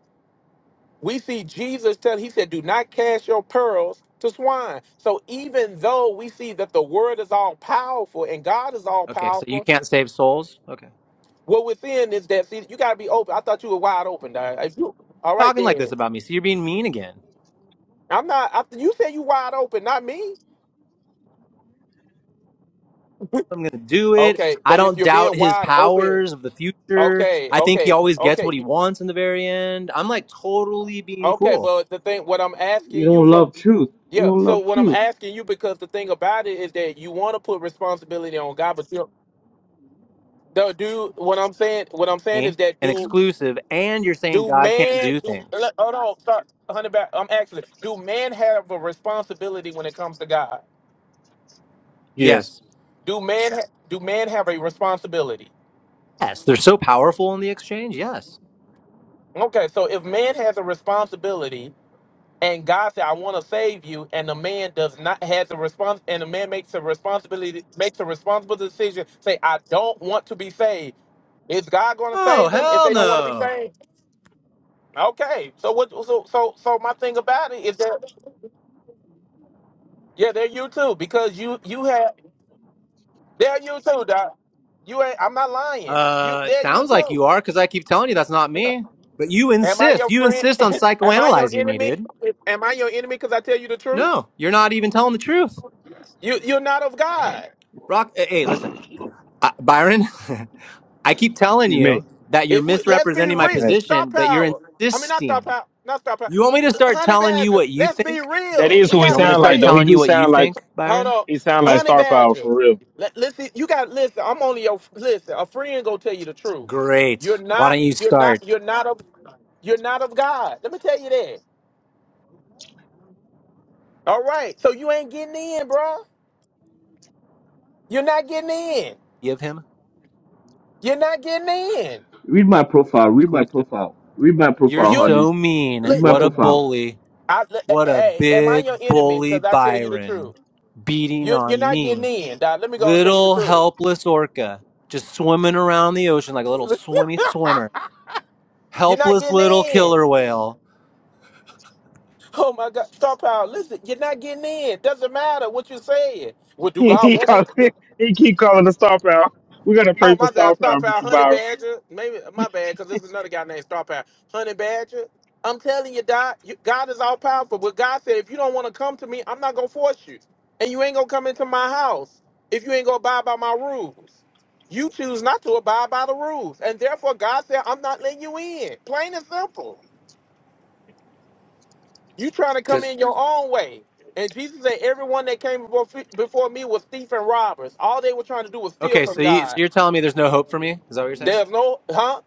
[SPEAKER 6] We see Jesus tell he said, Do not cast your pearls to swine. So even though we see that the word is all powerful and God is all
[SPEAKER 12] Okay. So you
[SPEAKER 6] powerful,
[SPEAKER 12] can't save souls. Okay.
[SPEAKER 6] What we're seeing is that see, you gotta be open. I thought you were wide open, dog. If you all right
[SPEAKER 12] Talking like this
[SPEAKER 6] then.
[SPEAKER 12] about me. So you're being mean again.
[SPEAKER 6] I'm not I, you said you wide open, not me.
[SPEAKER 12] I'm gonna do it.
[SPEAKER 6] Okay,
[SPEAKER 12] I
[SPEAKER 6] but if
[SPEAKER 12] don't
[SPEAKER 6] you're
[SPEAKER 12] doubt
[SPEAKER 6] being
[SPEAKER 12] his
[SPEAKER 6] wide open,
[SPEAKER 12] powers of the future.
[SPEAKER 6] okay,
[SPEAKER 12] I think he
[SPEAKER 6] okay,
[SPEAKER 12] always gets what
[SPEAKER 6] okay,
[SPEAKER 12] he wants in the very end. I'm like totally being
[SPEAKER 6] okay,
[SPEAKER 12] cool.
[SPEAKER 6] but the thing what I'm
[SPEAKER 21] You
[SPEAKER 6] asking you
[SPEAKER 21] don't
[SPEAKER 6] for
[SPEAKER 21] love truth. You
[SPEAKER 6] yeah,
[SPEAKER 21] don't
[SPEAKER 6] so
[SPEAKER 21] love
[SPEAKER 6] what I'm
[SPEAKER 21] truth.
[SPEAKER 6] asking you because the thing about it is that you wanna put responsibility on God, but you do do what I'm saying what I'm saying is
[SPEAKER 12] me
[SPEAKER 6] that
[SPEAKER 12] and
[SPEAKER 6] do
[SPEAKER 12] exclusive, and you're saying
[SPEAKER 6] do
[SPEAKER 12] God can't
[SPEAKER 6] man
[SPEAKER 12] do
[SPEAKER 6] do
[SPEAKER 12] things.
[SPEAKER 6] hold on, start hundred back I'm actually do man have a responsibility when it comes to God?
[SPEAKER 4] Yes.
[SPEAKER 12] Yes.
[SPEAKER 6] Do men do man have a responsibility?
[SPEAKER 12] Yes, they're so powerful in the exchange. Yes.
[SPEAKER 6] Okay, so if man has a responsibility and God said, "I want to save you," and the man does not has a response, and the man makes a responsibility makes a responsible decision, say, "I don't want to be saved." Is God going to
[SPEAKER 12] Oh,
[SPEAKER 6] save them if
[SPEAKER 12] hell
[SPEAKER 6] they don't want to be
[SPEAKER 12] no.
[SPEAKER 6] saved? Okay, so what? So so so my thing about it is that yeah, they're you too because you you have they're you too, doc. You ain't. I'm not lying. You
[SPEAKER 12] Uh, it
[SPEAKER 6] they're you
[SPEAKER 12] sounds like you are
[SPEAKER 6] too.
[SPEAKER 12] because I keep telling you that's not me. But you
[SPEAKER 6] Am I
[SPEAKER 12] insist.
[SPEAKER 6] your
[SPEAKER 12] You
[SPEAKER 6] friend?
[SPEAKER 12] insist on
[SPEAKER 6] Am I your
[SPEAKER 12] psychoanalyzing me,
[SPEAKER 6] enemy?
[SPEAKER 12] dude.
[SPEAKER 6] Am I your enemy because I tell you the truth?
[SPEAKER 12] No, you're not even telling the truth.
[SPEAKER 6] You you're not of God.
[SPEAKER 12] Rock. eh, Hey, listen, uh, Byron. I keep telling
[SPEAKER 4] Excuse
[SPEAKER 12] you
[SPEAKER 4] me.
[SPEAKER 12] that you're
[SPEAKER 6] If we let's be
[SPEAKER 12] misrepresenting my
[SPEAKER 4] That's
[SPEAKER 6] real,
[SPEAKER 4] nasty.
[SPEAKER 6] star
[SPEAKER 12] position, but you're
[SPEAKER 6] power. I mean not star
[SPEAKER 12] insisting.
[SPEAKER 6] power, not star power.
[SPEAKER 12] You want me to start
[SPEAKER 6] Honey
[SPEAKER 12] telling you
[SPEAKER 6] Badger,
[SPEAKER 12] what you
[SPEAKER 6] let's be
[SPEAKER 12] think?
[SPEAKER 4] That
[SPEAKER 6] real.
[SPEAKER 4] is
[SPEAKER 6] We
[SPEAKER 4] who he
[SPEAKER 12] You
[SPEAKER 6] gotta
[SPEAKER 12] want me
[SPEAKER 6] be
[SPEAKER 12] to
[SPEAKER 4] sound like,
[SPEAKER 12] start
[SPEAKER 4] though.
[SPEAKER 6] real.
[SPEAKER 4] He
[SPEAKER 12] telling
[SPEAKER 4] do
[SPEAKER 12] you what you
[SPEAKER 4] sound like
[SPEAKER 12] think,
[SPEAKER 6] Hold
[SPEAKER 12] Byron?
[SPEAKER 6] on,
[SPEAKER 4] he sound like
[SPEAKER 6] Honey
[SPEAKER 4] star power
[SPEAKER 6] Badger.
[SPEAKER 4] for real.
[SPEAKER 6] Let, listen, you got listen. I'm only your listen. A friend gonna tell you the truth.
[SPEAKER 12] Great.
[SPEAKER 6] You're
[SPEAKER 12] Why
[SPEAKER 6] not.
[SPEAKER 12] don't you
[SPEAKER 6] You're
[SPEAKER 12] start?
[SPEAKER 6] not. You're not of. You're not of God. Let me tell you that. All right. So you ain't getting in, bro. You're not getting in.
[SPEAKER 12] Give him
[SPEAKER 6] You're not getting in.
[SPEAKER 21] Read my profile. Read my
[SPEAKER 12] exclusive.
[SPEAKER 21] profile. Read my
[SPEAKER 12] You're
[SPEAKER 21] profile,
[SPEAKER 6] You,
[SPEAKER 21] honey.
[SPEAKER 12] so mean.
[SPEAKER 21] Read
[SPEAKER 6] look,
[SPEAKER 21] my
[SPEAKER 12] What a
[SPEAKER 6] look,
[SPEAKER 21] profile.
[SPEAKER 12] bully.
[SPEAKER 6] I, look,
[SPEAKER 12] What a
[SPEAKER 6] hey, am I
[SPEAKER 12] big
[SPEAKER 6] your enemy?
[SPEAKER 12] bully,
[SPEAKER 6] Because I tell you the
[SPEAKER 12] Byron.
[SPEAKER 6] truth.
[SPEAKER 12] Beating
[SPEAKER 6] You, you're
[SPEAKER 12] on
[SPEAKER 6] not getting
[SPEAKER 12] me.
[SPEAKER 6] in, dog. Let me go and tell you the
[SPEAKER 12] Little
[SPEAKER 6] truth.
[SPEAKER 12] helpless orca. Just swimming around the ocean like a little swimmy swimmer.
[SPEAKER 6] You're not
[SPEAKER 12] Helpless
[SPEAKER 6] getting
[SPEAKER 12] little
[SPEAKER 6] in.
[SPEAKER 12] killer whale.
[SPEAKER 6] Oh my God, Star Power, listen, you're not getting in. Doesn't matter what you saying. Well, do
[SPEAKER 4] he
[SPEAKER 6] God
[SPEAKER 4] he,
[SPEAKER 6] want
[SPEAKER 4] call,
[SPEAKER 6] me?
[SPEAKER 4] he keep calling the star power. we got to
[SPEAKER 6] Oh,
[SPEAKER 4] pray for
[SPEAKER 6] my God,
[SPEAKER 4] star
[SPEAKER 6] Star
[SPEAKER 4] power,
[SPEAKER 6] Power
[SPEAKER 4] Mister
[SPEAKER 6] Honey
[SPEAKER 4] Byron.
[SPEAKER 6] Badger. Maybe my bad, because there's another guy named Star Power Honey Badger. I'm telling you, Doc, you, God is all powerful. But God said, if you don't want to come to me, I'm not gonna force you, and you ain't gonna come into my house if you ain't gonna abide by my rules. You choose not to abide by the rules, and therefore God said, I'm not letting you in. Plain and simple. You trying to come
[SPEAKER 22] Does
[SPEAKER 6] in your own way. And Jesus said, everyone that came before, before me was thief and robbers. All they were trying to do was steal
[SPEAKER 12] Okay,
[SPEAKER 6] from
[SPEAKER 12] so, you, so
[SPEAKER 6] God.
[SPEAKER 12] you're telling me there's no hope for me? Is that what you're saying?
[SPEAKER 6] There's no, huh?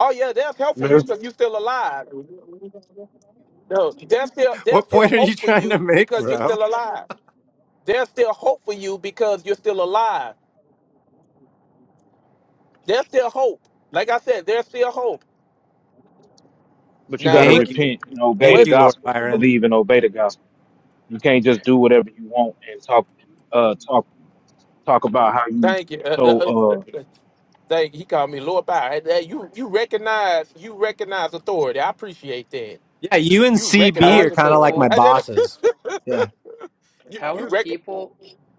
[SPEAKER 6] Oh yeah, there's help for
[SPEAKER 4] Man,
[SPEAKER 6] you because you're still alive. No, there's still there's
[SPEAKER 12] What
[SPEAKER 6] still
[SPEAKER 12] point are you
[SPEAKER 6] hope for
[SPEAKER 12] trying to
[SPEAKER 6] you
[SPEAKER 12] make,
[SPEAKER 6] because you're
[SPEAKER 12] bro?
[SPEAKER 6] still alive. There's still hope for you because you're still alive. There's still hope. Like I said, there's still hope.
[SPEAKER 4] But you
[SPEAKER 6] Now
[SPEAKER 4] gotta
[SPEAKER 6] what
[SPEAKER 12] Thank you.
[SPEAKER 4] repent and obey
[SPEAKER 12] Thank
[SPEAKER 4] the
[SPEAKER 6] what?
[SPEAKER 12] you, Lord
[SPEAKER 4] gospel and
[SPEAKER 12] Byron.
[SPEAKER 4] believe and obey the gospel. You can't just do whatever you want and talk, uh, talk, talk about how you
[SPEAKER 6] Thank you. Uh, uh,
[SPEAKER 4] so.
[SPEAKER 6] uh, Thank he called me Lord Bow. Hey, hey, you you recognize you recognize authority. I appreciate that.
[SPEAKER 12] Yeah, you and
[SPEAKER 6] You
[SPEAKER 22] how
[SPEAKER 12] CB
[SPEAKER 22] are
[SPEAKER 6] recognize
[SPEAKER 12] are kind of like
[SPEAKER 6] authority.
[SPEAKER 12] my
[SPEAKER 22] people
[SPEAKER 6] I did-
[SPEAKER 12] bosses. Yeah.
[SPEAKER 6] you
[SPEAKER 22] how
[SPEAKER 6] you
[SPEAKER 22] are
[SPEAKER 6] rec-
[SPEAKER 22] people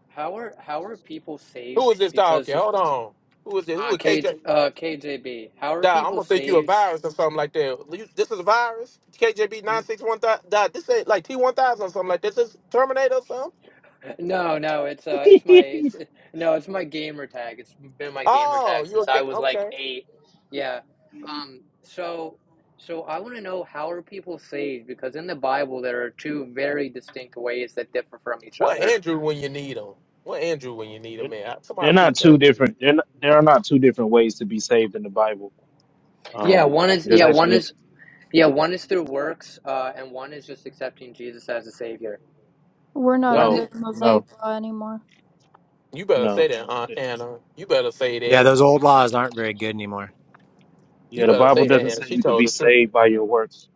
[SPEAKER 22] how are how are people
[SPEAKER 6] who
[SPEAKER 22] saved
[SPEAKER 6] is this talking?
[SPEAKER 22] because
[SPEAKER 6] Hold on. Who is it? Who
[SPEAKER 22] uh
[SPEAKER 6] is
[SPEAKER 22] K
[SPEAKER 6] KJ?
[SPEAKER 22] uh KJB how are
[SPEAKER 6] Dog, I'm
[SPEAKER 22] people
[SPEAKER 6] gonna think you a
[SPEAKER 22] saved?
[SPEAKER 6] virus or something like that. You- This is a virus. KJB nine six one thousand. Dog, this ain't like T one thousand or something like this. This is Terminator or something.
[SPEAKER 22] No, no, it's
[SPEAKER 4] Uh,
[SPEAKER 22] uh it's my it's it, no, it's my gamer tag. It's been my gamer
[SPEAKER 6] Oh,
[SPEAKER 22] tag
[SPEAKER 6] you
[SPEAKER 22] since I
[SPEAKER 6] okay?
[SPEAKER 22] was like
[SPEAKER 6] Okay.
[SPEAKER 22] 8. Yeah. Um so so I want to know how are people saved because in the Bible there are two very distinct ways that differ from each
[SPEAKER 6] What
[SPEAKER 22] other.
[SPEAKER 6] Andrew when you need him? What Andrew when you need him,
[SPEAKER 4] they're
[SPEAKER 6] man?
[SPEAKER 4] they're
[SPEAKER 6] Somebody
[SPEAKER 4] not
[SPEAKER 6] peep
[SPEAKER 4] two
[SPEAKER 6] Andrew.
[SPEAKER 4] different. They're not, there are not two different ways to be saved in the Bible.
[SPEAKER 22] Yeah,
[SPEAKER 4] Um,
[SPEAKER 22] one is
[SPEAKER 4] there's
[SPEAKER 22] yeah, one
[SPEAKER 4] actually
[SPEAKER 22] is Yeah, one is through works, uh, and one is just accepting Jesus as a savior.
[SPEAKER 18] We're not
[SPEAKER 22] One,
[SPEAKER 4] no,
[SPEAKER 18] under
[SPEAKER 22] is-
[SPEAKER 18] the
[SPEAKER 4] no,
[SPEAKER 18] Mosaic law anymore.
[SPEAKER 6] You better
[SPEAKER 4] no.
[SPEAKER 6] say that, Aunt Anna. You better say that.
[SPEAKER 12] Yeah, those old laws aren't very good anymore.
[SPEAKER 6] You
[SPEAKER 4] Yeah, the
[SPEAKER 6] better
[SPEAKER 4] Bible
[SPEAKER 6] say that,
[SPEAKER 4] doesn't
[SPEAKER 6] Hannah.
[SPEAKER 4] say
[SPEAKER 6] She
[SPEAKER 4] you could
[SPEAKER 6] told
[SPEAKER 4] be
[SPEAKER 6] the truth.
[SPEAKER 4] saved by your works.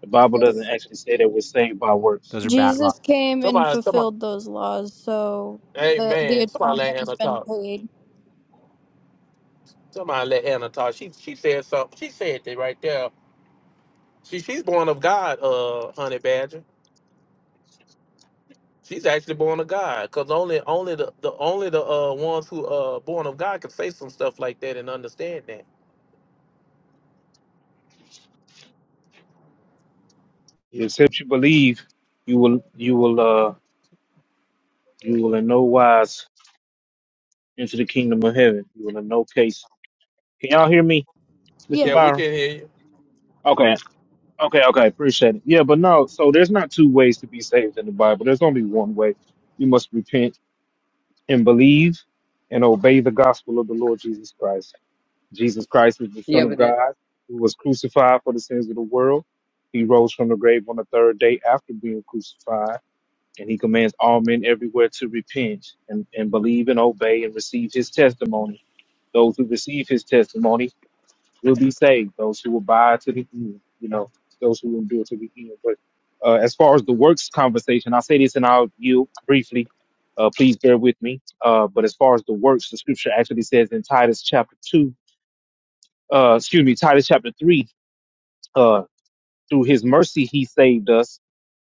[SPEAKER 4] The Bible doesn't
[SPEAKER 18] Jesus
[SPEAKER 4] actually say that we're saved by works.
[SPEAKER 12] Those are bad laws.
[SPEAKER 18] Jesus came and
[SPEAKER 6] Somebody, somebody,
[SPEAKER 18] fulfilled those laws, so
[SPEAKER 6] hey
[SPEAKER 18] the the
[SPEAKER 6] man, somebody let
[SPEAKER 18] atonement has
[SPEAKER 6] Hannah
[SPEAKER 18] been
[SPEAKER 6] talk.
[SPEAKER 18] paid.
[SPEAKER 6] Somebody let Hannah talk. She she said something. She said that right there. She she's born of God, uh, honey badger. She's actually born of God, cause only only the, the only the uh ones who uh born of God can say some stuff like that and understand that.
[SPEAKER 4] Except you believe, you will, you will, uh, you will in no wise into the kingdom of heaven. You will in no case. Can y'all hear me, Mr.
[SPEAKER 6] Yeah,
[SPEAKER 18] Yeah.
[SPEAKER 6] we
[SPEAKER 4] Byron?
[SPEAKER 6] can hear you,
[SPEAKER 4] Okay. Okay, okay, appreciate it. Yeah, but no, so there's not two ways to be saved in the Bible. There's only one way. You must repent and believe and obey the gospel of the Lord Jesus Christ. Jesus Christ is the
[SPEAKER 22] yeah,
[SPEAKER 4] Son of
[SPEAKER 22] but then,
[SPEAKER 4] God who was crucified for the sins of the world. He rose from the grave on the third day after being crucified, and he commands all men everywhere to repent and, and believe and obey and receive his testimony. Those who receive his testimony will be saved. Those who will abide to the end, you know, those who will endure to the end. But uh, as far as the works conversation, I'll say this and I'll yield briefly. Uh, please bear with me. Uh, but as far as the works, the scripture actually says in Titus chapter 2, uh, excuse me, Titus chapter 3, uh, through his mercy he saved us,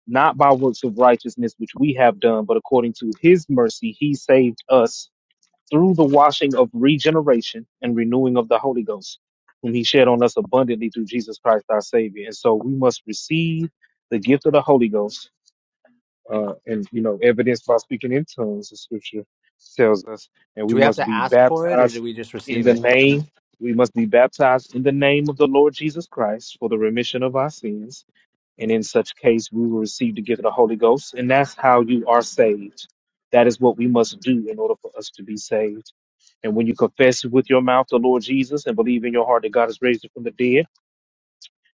[SPEAKER 4] not by works of righteousness which we have done, but according to his mercy he saved us through the washing of regeneration and renewing of the Holy Ghost, whom he shed on us abundantly through Jesus Christ our Savior. And so we must receive the gift of the Holy Ghost, uh, and you know, evidenced by speaking in tongues, the scripture tells us, and we
[SPEAKER 12] Do we have
[SPEAKER 4] must
[SPEAKER 12] to
[SPEAKER 4] be
[SPEAKER 12] ask for it or do
[SPEAKER 4] baptized
[SPEAKER 12] we just
[SPEAKER 4] in
[SPEAKER 12] receive
[SPEAKER 4] the
[SPEAKER 12] it?
[SPEAKER 4] name. We must be baptized in the name of the Lord Jesus Christ for the remission of our sins and in such case we will receive the gift of the Holy Ghost, and that's how you are saved. That is what we must do in order for us to be saved. And when you confess with your mouth the Lord Jesus and believe in your heart that God has raised him from the dead,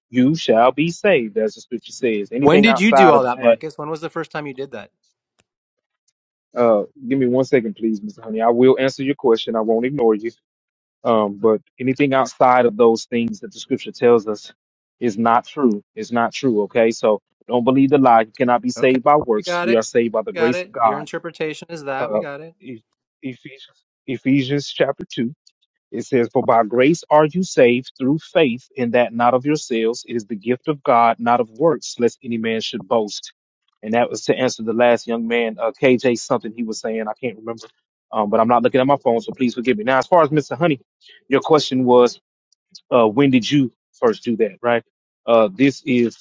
[SPEAKER 4] you shall be saved, as the scripture says.
[SPEAKER 12] When
[SPEAKER 4] Anything
[SPEAKER 12] did you do
[SPEAKER 4] outside
[SPEAKER 12] all
[SPEAKER 4] of
[SPEAKER 12] that,
[SPEAKER 4] that,
[SPEAKER 12] Marcus? When was the first time you did that?
[SPEAKER 4] uh, give me one second, please, Mr. Honey. I will answer your question. I won't ignore you. Um, but anything outside of those things that the scripture tells us is not true. It's not true. Okay. So don't believe the lie. You cannot be
[SPEAKER 12] Okay,
[SPEAKER 4] saved by
[SPEAKER 12] we
[SPEAKER 4] works.
[SPEAKER 12] got
[SPEAKER 4] We
[SPEAKER 12] it.
[SPEAKER 4] are saved by the
[SPEAKER 12] We got
[SPEAKER 4] grace
[SPEAKER 12] it.
[SPEAKER 4] of
[SPEAKER 12] Your
[SPEAKER 4] God.
[SPEAKER 12] interpretation is that. We
[SPEAKER 4] Uh,
[SPEAKER 12] got it.
[SPEAKER 4] E- Ephesians, Ephesians chapter 2. It says, For by grace are you saved through faith, and that not of yourselves. It is the gift of God, not of works, lest any man should boast. And that was to answer the last young man, uh, KJ, something he was saying. I can't remember, um, but I'm not looking at my phone, so please forgive me. Now, as far as Mr. Honey, your question was, uh, When did you first do that, right? Uh, this is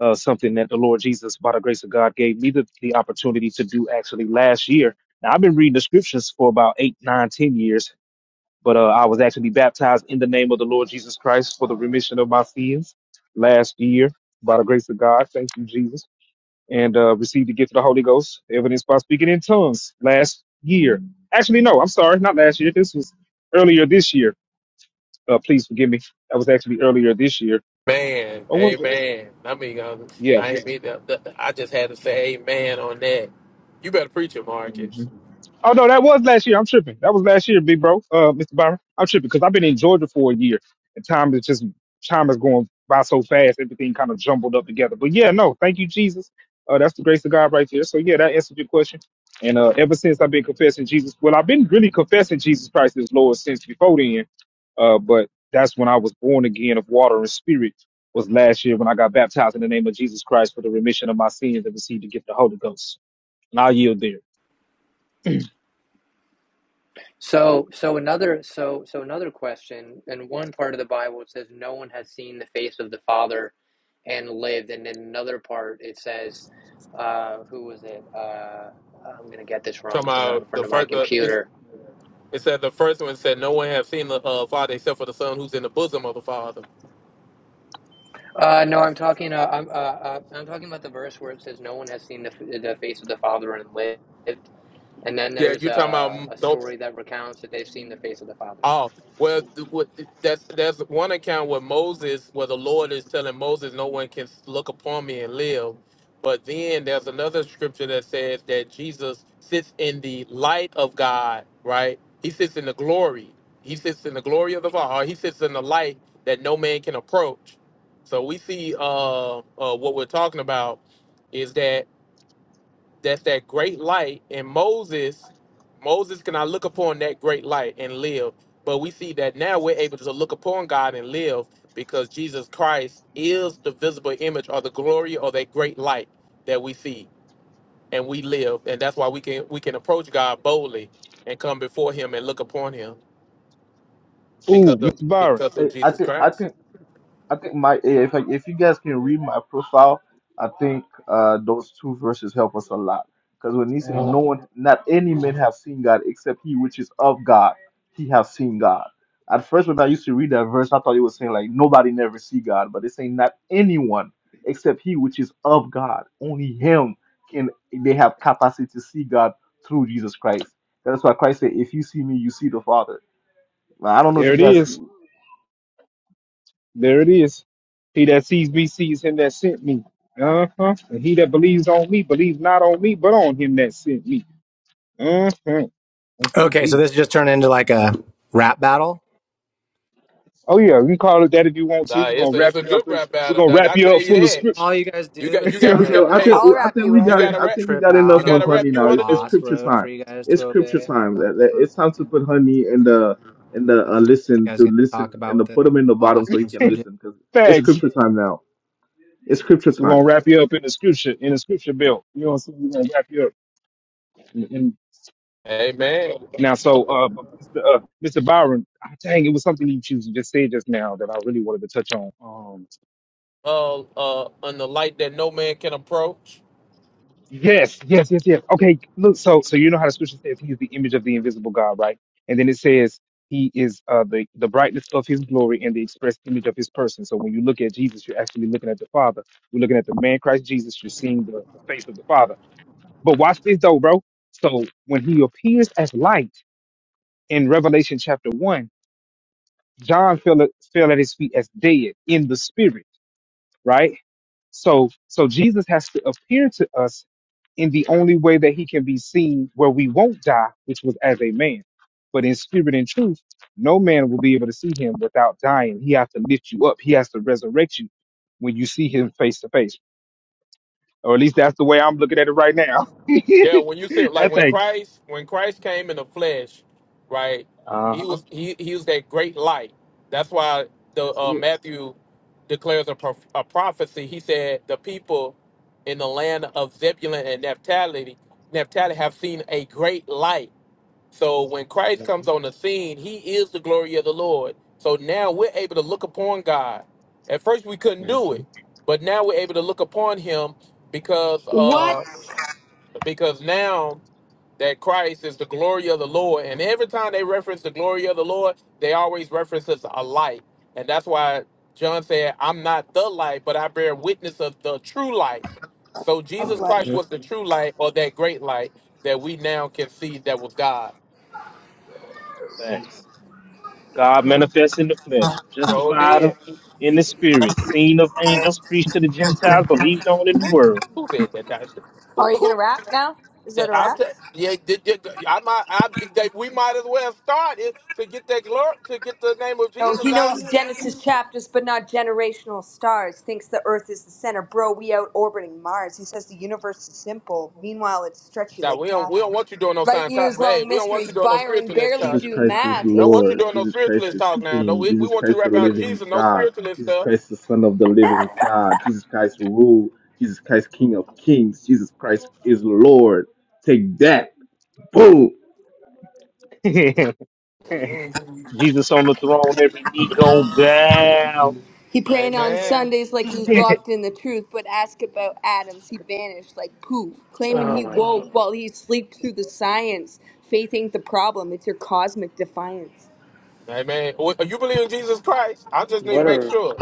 [SPEAKER 4] uh, something that the Lord Jesus, by the grace of God, gave me the, the opportunity to do actually last year. Now, I've been reading the scriptures for about eight, nine, ten years but uh, I was actually baptized in the name of the Lord Jesus Christ for the remission of my sins last year by the grace of God. Thank you, Jesus. And uh, received the gift of the Holy Ghost, evidenced by speaking in tongues last year. Actually, no, I'm sorry, not last year. This was earlier this year. Uh, please forgive me. That was actually earlier this year.
[SPEAKER 6] man.
[SPEAKER 4] Or was it?
[SPEAKER 6] Amen. I mean, um,
[SPEAKER 4] Yeah.
[SPEAKER 6] I ain't mean that. that- I just had to say amen on that. You better preach it,
[SPEAKER 4] Mm-hmm.
[SPEAKER 6] Marcus.
[SPEAKER 4] Oh no, that was last year. I'm tripping. That was last year, big bro, uh, Mr. Byron. I'm tripping because I've been in Georgia for a year, and time is just time is going by so fast. Everything kind of jumbled up together. But yeah, no, thank you, Jesus. Uh, that's the grace of God right there. So yeah, that answered your question. And uh, ever since I've been confessing Jesus, well, I've been really confessing Jesus Christ as Lord since before then. Uh, but that's when I was born again of water and spirit. Was last year when I got baptized in the name of Jesus Christ for the remission of my sins and received the gift of the Holy Ghost. And I yield there.
[SPEAKER 22] so so another so so another question. In one part of the Bible, it says no one has seen the face of the Father and lived, and in another part, it says, uh, who was it? Uh, I'm gonna get this wrong,
[SPEAKER 6] Talking
[SPEAKER 22] so I'm not in
[SPEAKER 6] about the
[SPEAKER 22] front of my
[SPEAKER 6] first. Uh, you,
[SPEAKER 22] computer.
[SPEAKER 6] It said the first one said, "No one has seen the uh, Father except for the Son, who's in the bosom of the Father."
[SPEAKER 22] Uh, no, I'm talking. Uh, I'm uh, uh, I'm talking about the verse where it says no one has seen the f- the face of the Father and lived. And then
[SPEAKER 6] Yeah,
[SPEAKER 22] there's
[SPEAKER 6] you talking about
[SPEAKER 22] a, a
[SPEAKER 6] mm, no?
[SPEAKER 22] story that recounts that they've seen the face of the Father.
[SPEAKER 6] Oh, well, th- what- that's that's one account where Moses, where the Lord is telling Moses, "No one can look upon me and live." But then there's another scripture that says that Jesus sits in the light of God, right? He sits in the glory. He sits in the glory of the Father. He sits in the light that no man can approach. So we see uh, uh, what we're talking about is that That's that great light. And Moses, Moses cannot look upon that great light and live. But we see that now we're able to look upon God and live because Jesus Christ is the visible image or the glory or that great light that we see and we live. And that's why we can we can approach God boldly and come before him and look upon him because
[SPEAKER 4] Ooh,
[SPEAKER 6] of
[SPEAKER 4] Mr. Byron.
[SPEAKER 6] because of
[SPEAKER 21] Hey, I
[SPEAKER 6] Jesus
[SPEAKER 21] think I think
[SPEAKER 6] Christ.
[SPEAKER 21] I think my yeah, if I, if you guys can read my profile, I think uh, those two verses help us a lot. Because when he said, "No one, not any man, have seen God except He which is of God, He have seen God." At first, when I used to read that verse, I thought it was saying like nobody never see God, but it's saying not anyone except He which is of God. Only Him can they have capacity to see God through Jesus Christ. That's why Christ said, "If you see me, you see the Father." Now, I don't know if
[SPEAKER 4] There
[SPEAKER 21] you
[SPEAKER 4] it
[SPEAKER 21] guys
[SPEAKER 4] is. There it is. He that sees me sees him that sent me. Uh huh. And he that believes on me believes not on me, but on him that sent me. Uh huh. Thank you,
[SPEAKER 12] Okay, so
[SPEAKER 4] Jesus.
[SPEAKER 12] this just turned into like a rap battle.
[SPEAKER 4] Oh yeah, we can call it that if you want to.
[SPEAKER 6] Nah,
[SPEAKER 4] We're
[SPEAKER 6] it's
[SPEAKER 4] gonna
[SPEAKER 6] a it's
[SPEAKER 4] wrap
[SPEAKER 6] a
[SPEAKER 4] you
[SPEAKER 6] good
[SPEAKER 4] up in.
[SPEAKER 6] rap
[SPEAKER 4] We're
[SPEAKER 6] battle,
[SPEAKER 4] gonna
[SPEAKER 6] Doug.
[SPEAKER 4] wrap
[SPEAKER 6] I
[SPEAKER 4] you
[SPEAKER 6] tell
[SPEAKER 4] up
[SPEAKER 6] you
[SPEAKER 4] full of
[SPEAKER 6] that.
[SPEAKER 4] scripture.
[SPEAKER 12] All you guys
[SPEAKER 6] You
[SPEAKER 12] do
[SPEAKER 6] got
[SPEAKER 12] is just
[SPEAKER 6] you
[SPEAKER 4] we're
[SPEAKER 6] got you
[SPEAKER 21] Okay,
[SPEAKER 6] got
[SPEAKER 21] well,
[SPEAKER 12] like
[SPEAKER 21] I
[SPEAKER 6] hey,
[SPEAKER 21] think
[SPEAKER 4] gonna
[SPEAKER 19] I'll
[SPEAKER 21] well, I
[SPEAKER 19] wrap
[SPEAKER 21] think
[SPEAKER 19] you
[SPEAKER 21] we
[SPEAKER 6] you
[SPEAKER 19] up.
[SPEAKER 21] got it.
[SPEAKER 6] got a
[SPEAKER 21] I
[SPEAKER 6] rap
[SPEAKER 21] think we
[SPEAKER 12] trip
[SPEAKER 21] got
[SPEAKER 6] you
[SPEAKER 12] out
[SPEAKER 21] enough
[SPEAKER 6] got
[SPEAKER 12] on
[SPEAKER 21] on
[SPEAKER 6] a rap
[SPEAKER 12] what
[SPEAKER 21] honey
[SPEAKER 6] you
[SPEAKER 12] the
[SPEAKER 21] now. It-
[SPEAKER 6] wanna
[SPEAKER 21] It's
[SPEAKER 6] do?
[SPEAKER 12] boss
[SPEAKER 21] scripture
[SPEAKER 12] wrote for
[SPEAKER 21] time.
[SPEAKER 12] you guys
[SPEAKER 21] It's
[SPEAKER 12] to
[SPEAKER 21] scripture
[SPEAKER 12] obey. Is
[SPEAKER 21] time.
[SPEAKER 12] that what
[SPEAKER 21] That- that-
[SPEAKER 12] You want?
[SPEAKER 21] It's time
[SPEAKER 12] Yeah. You
[SPEAKER 21] to put honey in the in
[SPEAKER 12] guys
[SPEAKER 21] the uh,
[SPEAKER 12] gonna you
[SPEAKER 21] listen
[SPEAKER 12] guys
[SPEAKER 21] to
[SPEAKER 12] gonna
[SPEAKER 21] listen
[SPEAKER 12] talk about
[SPEAKER 21] and
[SPEAKER 12] what
[SPEAKER 21] to
[SPEAKER 12] the
[SPEAKER 21] put him in the
[SPEAKER 12] boss
[SPEAKER 21] bottom so he
[SPEAKER 12] wants you
[SPEAKER 21] can
[SPEAKER 12] to do?
[SPEAKER 21] listen because it's
[SPEAKER 4] fags.
[SPEAKER 21] scripture time now. It's scripture
[SPEAKER 4] We're
[SPEAKER 21] time.
[SPEAKER 4] gonna wrap you up in the scripture in the scripture belt. You know what I'm saying? We're gonna wrap you up. And, and
[SPEAKER 6] Amen.
[SPEAKER 4] now, so uh, but Mr. Uh, Mr. Byron, ah, dang, it was something you choose just said just now that I really wanted to touch on. Um,
[SPEAKER 6] Uh, uh, in the light that no man can approach.
[SPEAKER 4] Yes, yes, yes, yes. Okay, look, so so you know how the scripture says he is the image of the invisible God, right? And then it says he is uh the, the brightness of his glory and the express image of his person. So when you look at Jesus, you're actually looking at the Father. You're looking at the man Christ Jesus, you're seeing the, the face of the Father. But watch this though, bro. So when he appears as light in Revelation chapter one, John fell at, fell at his feet as dead in the spirit right? So so Jesus has to appear to us in the only way that he can be seen where we won't die, which was as a man. But in spirit and truth, no man will be able to see him without dying. He has to lift you up. He has to resurrect you when you see him face to face. Or at least that's the way I'm looking at it right now.
[SPEAKER 6] Yeah, when you feel like
[SPEAKER 4] that's
[SPEAKER 6] when
[SPEAKER 4] a
[SPEAKER 6] Christ, when Christ came in the flesh, right?
[SPEAKER 4] uh
[SPEAKER 6] He
[SPEAKER 4] huh.
[SPEAKER 6] was he he was that great light. That's why the uh, Matthew declares a, prof- a prophecy. He said the people in the land of Zebulun and Naphtali, Naphtali have seen a great light. So when Christ comes on the scene, he is the glory of the Lord. So now we're able to look upon God. At first we couldn't do it,
[SPEAKER 4] Mm-hmm.
[SPEAKER 6] but now we're able to look upon him because
[SPEAKER 19] What?
[SPEAKER 6] uh because now that Christ is the glory of the Lord. And every time they reference the glory of the Lord, they always reference us a light. And that's why John said, I'm not the light, but I bear witness of the true light. So Jesus
[SPEAKER 19] Okay.
[SPEAKER 6] Christ
[SPEAKER 4] Mm-hmm.
[SPEAKER 6] was the true light or that great light that we now can see that was God.
[SPEAKER 4] Thanks. God manifests in the flesh,
[SPEAKER 6] So
[SPEAKER 4] justified of,
[SPEAKER 6] did.
[SPEAKER 4] in the spirit, seen of angels, preached to the Gentiles, believed on in the world.
[SPEAKER 6] Who said that? that who,
[SPEAKER 19] Are you
[SPEAKER 6] who,
[SPEAKER 19] gonna rap now? Is
[SPEAKER 6] that
[SPEAKER 19] that a
[SPEAKER 6] I'm t-
[SPEAKER 19] rap?
[SPEAKER 6] yeah, did you, I might, I, that we might as well start it to get that glory, to get the name of
[SPEAKER 19] No, he
[SPEAKER 6] Jesus out.
[SPEAKER 19] knows Genesis chapters, but not generational stars. Thinks the Earth is the center. Bro, we out orbiting Mars. He says the universe is simple. Meanwhile, it's stretchy
[SPEAKER 6] Now
[SPEAKER 19] like
[SPEAKER 6] we don't, we
[SPEAKER 19] taffy.
[SPEAKER 6] don't want you doing no
[SPEAKER 19] Light
[SPEAKER 6] scientific.
[SPEAKER 19] years
[SPEAKER 6] Hey,
[SPEAKER 19] long
[SPEAKER 6] we don't want you
[SPEAKER 19] mysteries.
[SPEAKER 6] doing no
[SPEAKER 19] Byron
[SPEAKER 6] spiritualist
[SPEAKER 19] barely
[SPEAKER 6] talk.
[SPEAKER 21] Jesus
[SPEAKER 19] do
[SPEAKER 21] Christ is
[SPEAKER 19] math.
[SPEAKER 6] We
[SPEAKER 19] You
[SPEAKER 6] don't want you
[SPEAKER 21] Lord.
[SPEAKER 19] see.
[SPEAKER 6] doing no
[SPEAKER 21] Jesus Christ
[SPEAKER 6] spiritualist
[SPEAKER 21] is
[SPEAKER 6] talk now. No,
[SPEAKER 21] King.
[SPEAKER 6] we, we
[SPEAKER 21] Jesus
[SPEAKER 6] want you to
[SPEAKER 21] Christ the
[SPEAKER 6] rap out
[SPEAKER 21] living
[SPEAKER 6] Jesus, no
[SPEAKER 21] God.
[SPEAKER 6] spiritualist
[SPEAKER 21] Jesus
[SPEAKER 6] stuff.
[SPEAKER 21] Christ the Son of the living God. Jesus Christ rule. Jesus Christ King of Kings. Jesus Christ is Lord. Take that. Boom.
[SPEAKER 4] Jesus
[SPEAKER 6] Mhm.
[SPEAKER 4] on the throne, every knee gonna bow.
[SPEAKER 19] He prayed on
[SPEAKER 6] Amen.
[SPEAKER 19] Sundays like he's locked in the truth, but ask about Adams, he vanished like poof, claiming
[SPEAKER 22] Oh
[SPEAKER 19] he
[SPEAKER 22] my!
[SPEAKER 19] woke while he slept through the science. Faith ain't the problem, it's your cosmic defiance.
[SPEAKER 6] Amen. Well, You believe in Jesus Christ? I just need to
[SPEAKER 22] What
[SPEAKER 6] make
[SPEAKER 22] are
[SPEAKER 6] sure.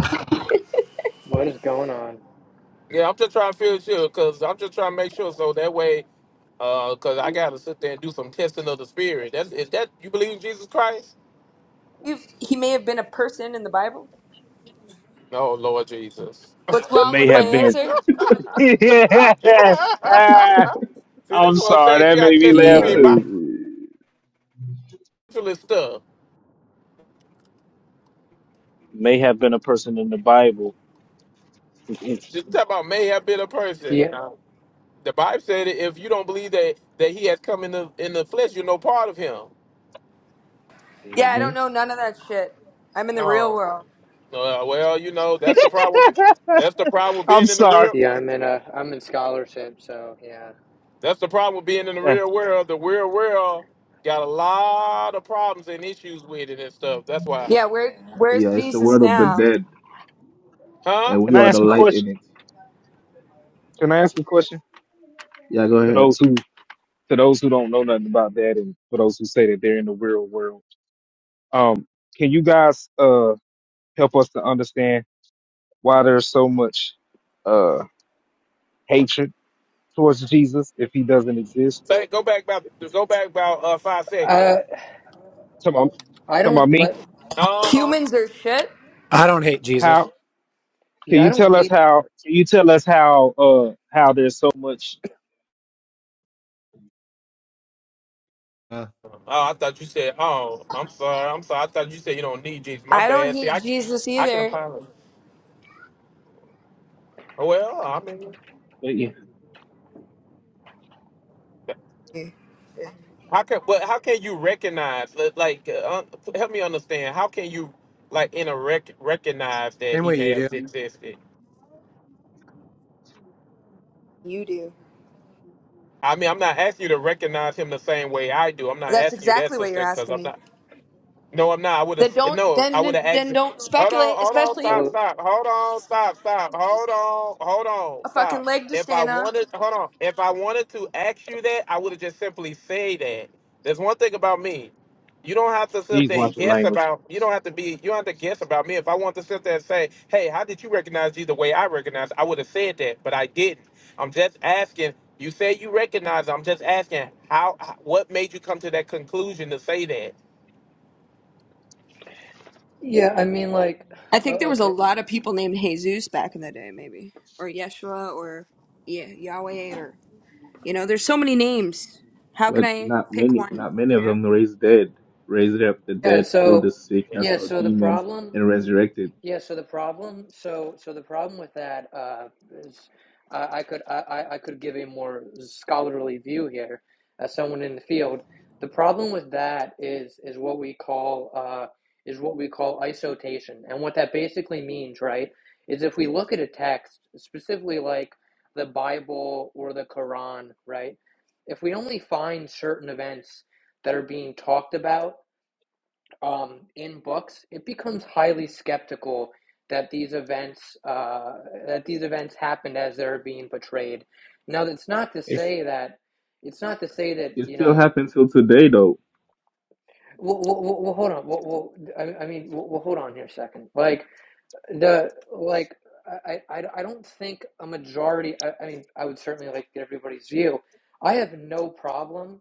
[SPEAKER 22] what is going on?
[SPEAKER 6] Yeah, I'm just trying to feel sure because I'm just trying to make sure so that way, because I gotta sit there and do some testing of the spirit. That's is that you believe in Jesus Christ?
[SPEAKER 19] If he may have been a person in the Bible.
[SPEAKER 6] No, Lord Jesus.
[SPEAKER 19] What's wrong
[SPEAKER 4] May
[SPEAKER 19] with my
[SPEAKER 4] have been.
[SPEAKER 19] answer?
[SPEAKER 4] Ah,
[SPEAKER 6] See, this
[SPEAKER 4] I'm
[SPEAKER 6] is what I'm
[SPEAKER 4] sorry,
[SPEAKER 6] saying. You
[SPEAKER 4] that
[SPEAKER 6] gotta
[SPEAKER 4] made me
[SPEAKER 6] test the
[SPEAKER 4] laugh
[SPEAKER 6] spirit
[SPEAKER 22] Ye-
[SPEAKER 21] Uh,
[SPEAKER 6] by
[SPEAKER 4] too.
[SPEAKER 6] actual stuff.
[SPEAKER 4] May have been a person in the Bible.
[SPEAKER 6] Just talk about may have been a person.
[SPEAKER 22] Yeah,
[SPEAKER 6] No. The Bible said that if you don't believe that that he has come in the in the flesh, you're no part of him.
[SPEAKER 19] Yeah, I don't
[SPEAKER 4] Mhm.
[SPEAKER 19] know none of that shit. I'm in the real
[SPEAKER 6] No.
[SPEAKER 19] world.
[SPEAKER 6] Uh, well, you know that's the problem. with be- That's the problem with
[SPEAKER 4] I'm
[SPEAKER 6] being in the
[SPEAKER 4] sorry.
[SPEAKER 6] real.
[SPEAKER 22] yeah. I'm in a I'm in scholarship, so yeah.
[SPEAKER 6] That's the problem with being in the real world. The real world got a lot of problems and issues with it and stuff. That's why,
[SPEAKER 19] Yeah, where where's
[SPEAKER 21] yeah, it's the
[SPEAKER 19] Jesus
[SPEAKER 21] word of the
[SPEAKER 4] Mhm.
[SPEAKER 19] now?
[SPEAKER 21] dead.
[SPEAKER 6] huh?
[SPEAKER 21] and we
[SPEAKER 4] Can I
[SPEAKER 21] are the
[SPEAKER 4] ask a
[SPEAKER 21] light in
[SPEAKER 4] question?
[SPEAKER 21] it.
[SPEAKER 4] Can I ask a question
[SPEAKER 21] Yeah, go
[SPEAKER 4] to
[SPEAKER 21] ahead.
[SPEAKER 4] those who to those who don't know nothing about that, and for those who say that they're in the real world? Um, can you guys uh help us to understand why there's so much uh hatred towards Jesus if he doesn't exist or
[SPEAKER 6] Say, go back about
[SPEAKER 4] if he's
[SPEAKER 6] go back about uh, five seconds.
[SPEAKER 22] Uh,
[SPEAKER 4] talking about,
[SPEAKER 22] I
[SPEAKER 4] talking about
[SPEAKER 22] don't
[SPEAKER 4] me?
[SPEAKER 22] let.
[SPEAKER 6] Uh huh.
[SPEAKER 19] Humans are shit.
[SPEAKER 12] I don't hate Jesus.
[SPEAKER 4] How can
[SPEAKER 22] Yeah, I
[SPEAKER 4] you
[SPEAKER 22] don't
[SPEAKER 4] tell us
[SPEAKER 22] hate.
[SPEAKER 4] how can you tell us how uh how there's so much
[SPEAKER 12] Uh,
[SPEAKER 6] Oh, I thought you said. Oh, I'm sorry. I'm sorry. I thought you said you don't need Jesus. My
[SPEAKER 19] I don't
[SPEAKER 6] bad. See, I,
[SPEAKER 19] hate Jesus
[SPEAKER 6] I can
[SPEAKER 19] either.
[SPEAKER 6] apologize. Well, I mean,
[SPEAKER 4] but yeah,
[SPEAKER 6] how can but how can you recognize li- like uh, help me understand? How can you like in a rec- recognize that
[SPEAKER 12] same
[SPEAKER 6] he
[SPEAKER 12] way
[SPEAKER 6] may
[SPEAKER 12] you do.
[SPEAKER 6] have existed?
[SPEAKER 19] You do.
[SPEAKER 6] I mean, I'm not asking you to recognize him the same way I do. I'm not
[SPEAKER 19] That's
[SPEAKER 6] asking you that,
[SPEAKER 19] exactly what you're
[SPEAKER 6] sister, because
[SPEAKER 19] asking
[SPEAKER 6] I'm
[SPEAKER 19] me.
[SPEAKER 6] not. No, I'm not. I would
[SPEAKER 19] Then
[SPEAKER 6] have.
[SPEAKER 19] don't
[SPEAKER 6] No, I would have
[SPEAKER 19] then
[SPEAKER 6] asked.
[SPEAKER 19] then don't
[SPEAKER 6] Hold on,
[SPEAKER 19] speculate,
[SPEAKER 6] hold on,
[SPEAKER 19] especially
[SPEAKER 6] stop,
[SPEAKER 22] Oh,
[SPEAKER 6] stop, hold on, stop, stop, hold on, hold on,
[SPEAKER 19] a fucking
[SPEAKER 6] stop.
[SPEAKER 19] leg to
[SPEAKER 6] If I
[SPEAKER 19] stand on.
[SPEAKER 6] wanted, hold on, if I wanted to ask you that, I would have just simply say that. There's one thing about me. You don't have to sit
[SPEAKER 4] Jesus
[SPEAKER 6] there and guess about. You don't have to be. You don't have to guess about me. If I want to sit there and say, "Hey, how did you recognize you the way I recognize?" I would have said that, but I didn't. I'm just asking. You say you recognize. I'm just asking how. What made you come to that conclusion to say that?
[SPEAKER 22] yeah. I mean, like,
[SPEAKER 19] I think there
[SPEAKER 22] oh,
[SPEAKER 19] was a
[SPEAKER 22] okay.
[SPEAKER 19] lot of people named Jesus back in the day, maybe or Yeshua or yeah Yahweh or you know. There's so many names. How can
[SPEAKER 21] But
[SPEAKER 19] I
[SPEAKER 21] not
[SPEAKER 19] pick
[SPEAKER 21] many,
[SPEAKER 19] one?
[SPEAKER 21] not many
[SPEAKER 19] You
[SPEAKER 21] of
[SPEAKER 19] know.
[SPEAKER 21] them raised dead, raised up the
[SPEAKER 22] Yeah.
[SPEAKER 21] dead, healed the
[SPEAKER 22] So,
[SPEAKER 21] sick, cast
[SPEAKER 22] yeah.
[SPEAKER 21] out
[SPEAKER 22] So the
[SPEAKER 21] demons,
[SPEAKER 22] problem.
[SPEAKER 21] and resurrected.
[SPEAKER 22] Yeah, so the problem, so so the problem with that uh, is, I I could I I I could give a more scholarly view here as someone in the field. The problem with that is is what we call uh, is what we call isotation, and what that basically means, right, is if we look at a text, specifically like the Bible or the Quran, right, if we only find certain events that are being talked about um, in books, it becomes highly skeptical that these events uh, that these events happened as they're being portrayed. Now, that's not to
[SPEAKER 4] if
[SPEAKER 22] say that it's not to say that
[SPEAKER 21] It
[SPEAKER 22] you
[SPEAKER 21] still
[SPEAKER 22] know.
[SPEAKER 21] happens till today, though.
[SPEAKER 22] Well, well, well well, hold on. Well, well, I, I mean, well, well, hold on here a second. Like the like, I, I, I don't think a majority. I, I mean, I would certainly like to get everybody's view. I have no problem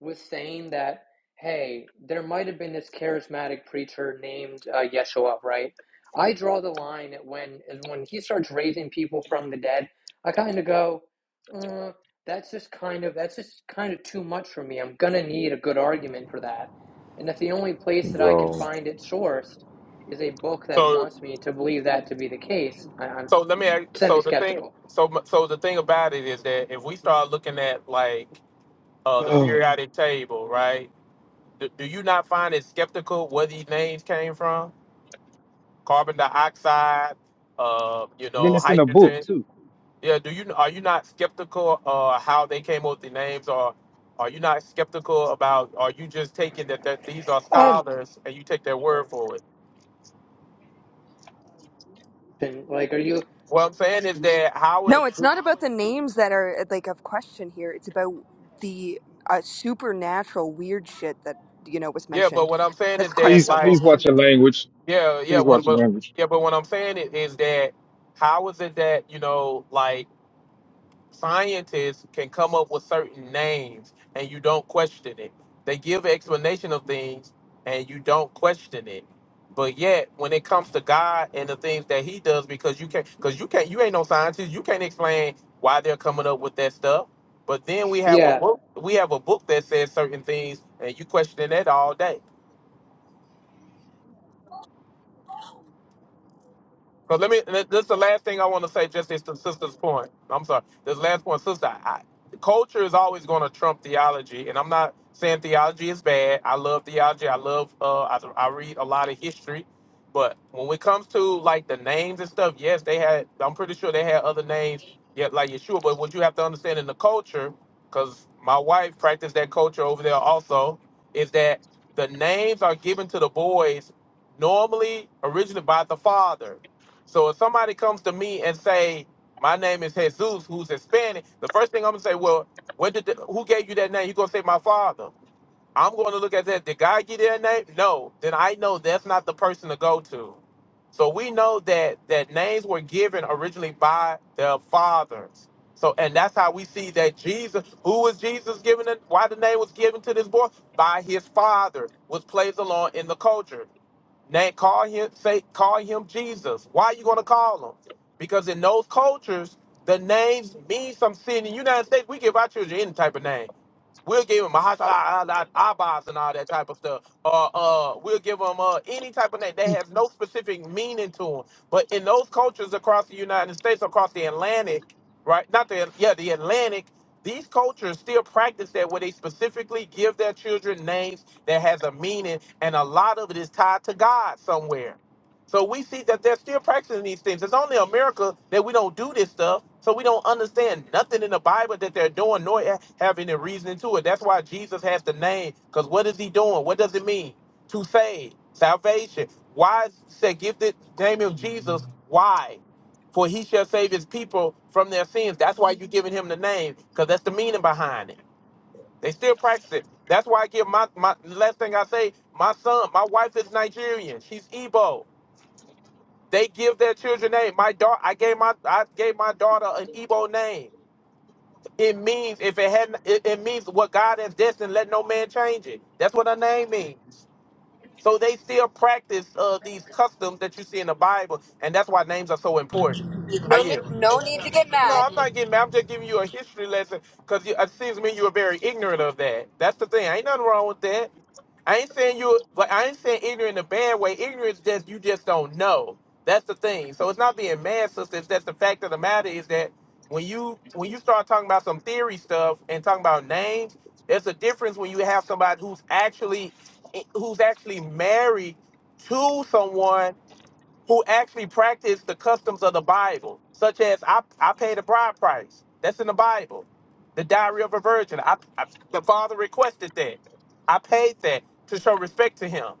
[SPEAKER 22] was saying that, hey, there might have been this charismatic preacher named uh, Yeshua, right? I draw the line at when is when he starts raising people from the dead. I kind of go, uh, that's just kind of that's just kind of too much for me. I'm gonna need a good argument for that, and if the only place that I can
[SPEAKER 17] bro.
[SPEAKER 22] find it sourced is a book that
[SPEAKER 6] So,
[SPEAKER 22] wants me to believe that to be the case, I, I'm
[SPEAKER 6] so let me. Ask,
[SPEAKER 22] semi
[SPEAKER 6] so the thing,
[SPEAKER 22] skeptical.
[SPEAKER 6] so m- so the thing about it is that if we start looking at like uh the
[SPEAKER 4] oh
[SPEAKER 6] periodic table, right? Do, do you not find it skeptical where these names came from? Carbon dioxide, uh, you
[SPEAKER 4] and then
[SPEAKER 6] know,
[SPEAKER 4] it's in a book
[SPEAKER 6] hydrogen.
[SPEAKER 4] too.
[SPEAKER 6] Yeah. Do you are you not skeptical uh how they came up with the names, or are you not skeptical about? Are you just taking that that these are
[SPEAKER 22] Um,
[SPEAKER 6] scholars and you take their
[SPEAKER 22] sorry.
[SPEAKER 6] word for it?
[SPEAKER 22] Like, are you?
[SPEAKER 6] What I'm saying is that how it.
[SPEAKER 19] No, it's not about the names that are like of question here. It's about the uh, supernatural weird shit that you know was
[SPEAKER 6] Yeah, but
[SPEAKER 19] mentioned.
[SPEAKER 6] what I'm saying
[SPEAKER 19] That's
[SPEAKER 6] is that
[SPEAKER 4] Please
[SPEAKER 6] like.
[SPEAKER 19] questionable.
[SPEAKER 4] please watch your language.
[SPEAKER 6] Yeah, yeah,
[SPEAKER 4] Please
[SPEAKER 6] what,
[SPEAKER 4] watch your
[SPEAKER 6] but
[SPEAKER 4] language.
[SPEAKER 6] yeah, but what I'm saying i- is that how is it that you know, like scientists can come up with certain names and you don't question it? They give explanation of things and you don't question it. But yet, when it comes to God and the things that He does, because you can't, because you can't, you ain't no scientist, you can't explain why they're coming up with that stuff. But then we have a
[SPEAKER 22] Yeah.
[SPEAKER 6] book, we have a book that says certain things, and you question it all day. Cause let me. th- This is the last thing I want to say. Just this to sister's point. I'm sorry. This last point, sister. I, culture is always going to trump theology, and I'm not saying theology is bad. I love theology. I love. Uh, I, I read a lot of history, but when it comes to like the names and stuff, yes, they had. I'm pretty sure they had other names. Yet, like Yeshua. But what you have to understand in the culture, because my wife practiced that culture over there also, is that the names are given to the boys normally originally by the father so if somebody comes to me and say, "My name is Jesus," who's Hispanic, the first thing I'm gonna say, "Well, when did the, who gave you that name?" You gonna say, "My father." I'm going to look at that. Did God give you that name? No. Then I know that's not the person to go to. So we know that that names were given originally by their fathers. So and that's how we see that Jesus, who was Jesus given, it, why the name was given to this boy by his father, was placed along in the culture. Now call him say call him Jesus. Why are you gonna call him? Because in those cultures, the names mean some sin. In the United States, we give our children any type of name. We'll give him a hashala abas and all that type of stuff. Or uh, we'll give him uh, any type of name that has no specific meaning to him. But in those cultures across the United States, across the Atlantic, right? Not the yeah, the Atlantic. These cultures still practice that, where they specifically give their children names that has a meaning, and a lot of it is tied to God somewhere. So we see that they're still practicing these things. It's only America that we don't do this stuff. So we don't understand nothing in the Bible that they're doing, nor ha- have any reasoning to it. That's why Jesus has the name, because what is he doing? What does it mean? To save, salvation. Why is say give the name of Jesus? Why? For he shall save his people from their sins. That's why you're giving him the name, because that's the meaning behind it. They still practice it. That's why I give my, my last thing I say, my son, my wife is Nigerian. She's Igbo. They give their children name. My daughter, I gave my I gave my daughter an Igbo name. It means if it hadn't, it, it means what God has destined. Let no man change it. That's what a name means. So they still practice uh, these customs that you see in the Bible, and that's why names are so important. I
[SPEAKER 19] No,
[SPEAKER 6] yield.
[SPEAKER 19] ne- no need to get
[SPEAKER 6] No,
[SPEAKER 19] mad.
[SPEAKER 6] I'm not getting mad. I'm just giving you a history lesson because it seems to me you were very ignorant of that. That's the thing. Ain't nothing wrong with that. I ain't saying you, but I ain't saying ignorant in a bad way. Ignorance just you just don't know. That's the thing. So it's not being mad, sister. It's just the fact of the matter is that when you when you start talking about some theory stuff and talking about names, there's a difference when you have somebody who's actually eh, who's actually married to someone who actually practice the customs of the Bible, such as I, I paid a bride price. That's in the Bible. The diary of a virgin. I, I, the father requested that. I paid that to show respect to him.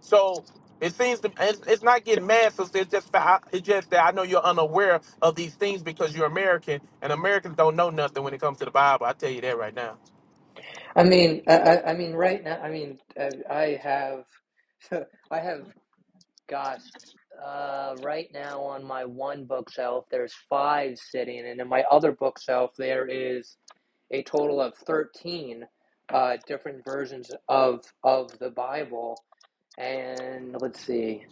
[SPEAKER 6] So it seems to, it's, it's not getting mad, so it's just fa- it's just that I know you're unaware of these things because you're American, and Americans don't know nothing when it comes to the Bible. I tell you that right now.
[SPEAKER 22] I mean, I, I I mean, right now, I mean, I, I have, I have, gosh, uh, right now on my one bookshelf, there's five sitting, and in my other bookshelf, there is a total of 13 uh, different versions of of the Bible. And let's see.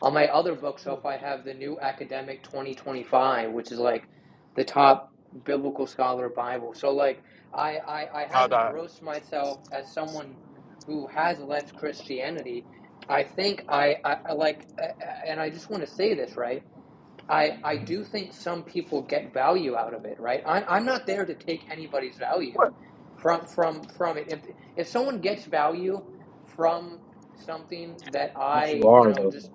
[SPEAKER 22] On my other bookshelf, I have the New Academic 2025, which is like the top biblical scholar Bible. So like I I, I
[SPEAKER 6] Oh,
[SPEAKER 22] have
[SPEAKER 6] dog.
[SPEAKER 22] engrossed myself as someone who has left Christianity. I think I, I, I like, uh, uh, and I just want to say this, right? I, I do think some people get value out of it, right? I, I'm not there to take anybody's value from from from it. If if someone gets value from something that
[SPEAKER 4] But you
[SPEAKER 22] I,
[SPEAKER 4] are
[SPEAKER 22] you know, just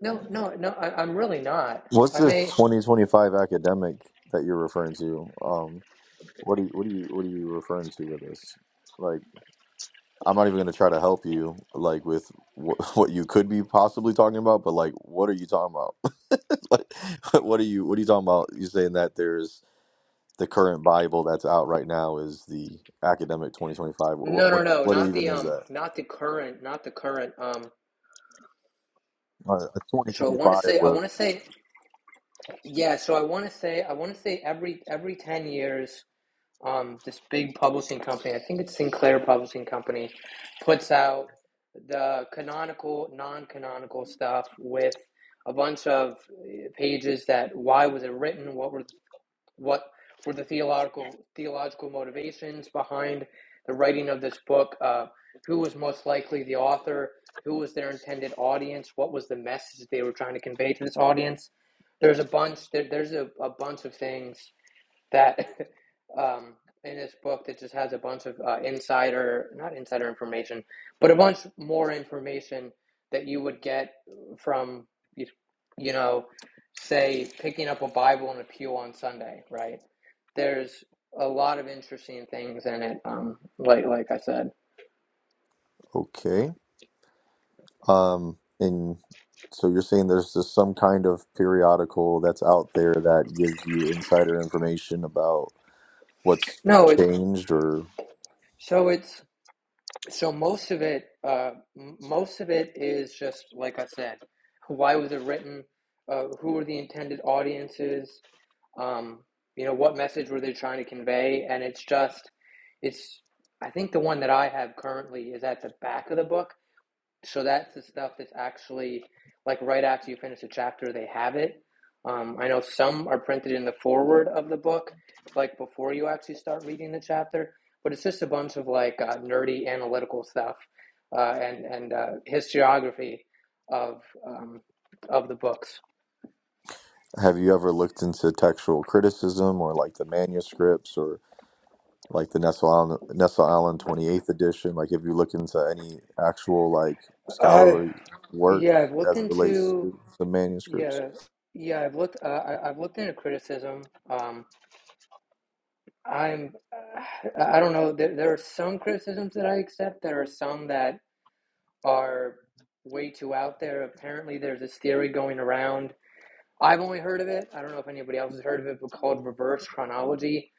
[SPEAKER 22] no, no, no, I, I'm really not.
[SPEAKER 17] What's
[SPEAKER 22] I
[SPEAKER 17] this
[SPEAKER 22] may
[SPEAKER 17] 2025 academic that you're referring to? Um, What do you what do you what are you referring to with this? Like, I'm not even gonna try to help you like with wh- what you could be possibly talking about, but like, what are you talking about? like, what are you what are you talking about? You saying that there's the current Bible that's out right now is the academic 2025. What
[SPEAKER 22] no, no,
[SPEAKER 17] what,
[SPEAKER 22] no,
[SPEAKER 17] what
[SPEAKER 22] not
[SPEAKER 17] even
[SPEAKER 22] the
[SPEAKER 17] is
[SPEAKER 22] um,
[SPEAKER 17] that?
[SPEAKER 22] not the current, not the current um.
[SPEAKER 17] Uh, a
[SPEAKER 22] So I want to
[SPEAKER 17] 2025.
[SPEAKER 22] say, I
[SPEAKER 17] was-
[SPEAKER 22] want to say, yeah. So I want to say, I want to say every every ten years, um, this big publishing company, I think it's Sinclair Publishing Company, puts out the canonical, non-canonical stuff with a bunch of eh, pages that why was it written, what were What were the theological theological motivations behind the writing of this book? Uh, who was most likely the author? Who was their intended audience? What was the message they were trying to convey to this audience? There's a bunch. There, there's a, a bunch of things that um, in this book that just has a bunch of uh, insider, not insider information, but a bunch more information that you would get from, you, you know, say picking up a Bible in a pew on Sunday, right? There's a lot of interesting things in it. Um, like like I said,
[SPEAKER 17] Okay. Um. And so you're saying there's just some kind of periodical that's out there that gives you insider information about what's
[SPEAKER 22] no, it's
[SPEAKER 17] changed or
[SPEAKER 22] so it's so most of it, uh, most of it is just like I said. Why was it written? Uh, who were the intended audiences? um, you know what message were they trying to convey and it's just it's i think the one that i have currently is at the back of the book so that's the stuff that's actually like right after you finish a chapter they have it um, i know some are printed in the forward of the book like before you actually start reading the chapter but it's just a bunch of like uh, nerdy analytical stuff uh, and and uh, historiography of um, of the books
[SPEAKER 17] have you ever looked into textual criticism or like the manuscripts or like the Nessel Allen, Nessa Allen 28th edition? Like, if you look into any actual like
[SPEAKER 22] uh,
[SPEAKER 17] scholarly work
[SPEAKER 22] yeah i've looked
[SPEAKER 17] as it relates
[SPEAKER 22] into
[SPEAKER 17] to the manuscripts,
[SPEAKER 22] Yeah, yeah, I've looked. Uh, I, I've looked into criticism. Um, I'm. uh, I don't know. There, there are some criticisms that I accept. There are some that are way too out there. Apparently, there's this theory going around. I've only heard of it. I don't know if anybody else has heard of it, but called reverse chronology,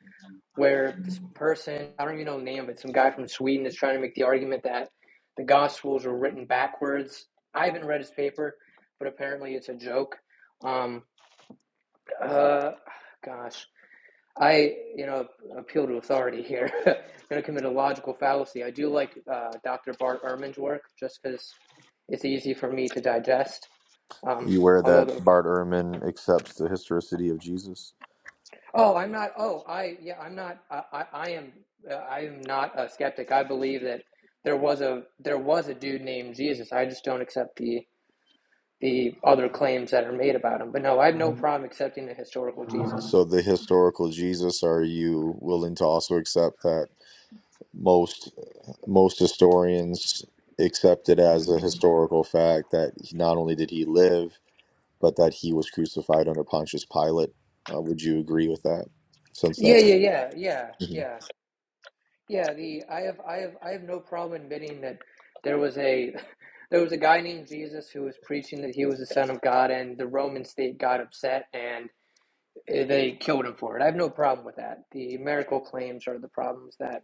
[SPEAKER 22] where this person, I don't even know the name of it, some guy from Sweden is trying to make the argument that the Gospels were written backwards. I haven't read his paper, but apparently it's a joke. Um. Uh, gosh, I you know appeal to authority here. I'm going to commit a logical fallacy. I do like uh, Dr. Bart Ehrman's work just because it's easy for me to digest. Um,
[SPEAKER 17] you aware
[SPEAKER 22] although
[SPEAKER 17] that
[SPEAKER 22] the
[SPEAKER 17] Bart Ehrman accepts the historicity of Jesus?
[SPEAKER 22] oh, I'm not. Oh, I yeah, I'm not. I I, I am. Uh, I am not a skeptic. I believe that there was a there was a dude named Jesus. I just don't accept the the other claims that are made about him. But no, I have no problem accepting the historical Jesus.
[SPEAKER 17] So the historical Jesus, are you willing to also accept that most most historians accept it as a historical fact that he- not only did he live, but that he was crucified under Pontius Pilate. Uh, would you agree with that? Since
[SPEAKER 22] Yeah,
[SPEAKER 17] that's
[SPEAKER 22] yeah, yeah, yeah,
[SPEAKER 17] Mhm.
[SPEAKER 22] yeah. Yeah, the I have I have I have no problem admitting that there was a there was a guy named Jesus who was preaching that he was the son of God and the Roman state got upset and eh, they killed him for it. I have no problem with that. The miracle claims are the problems that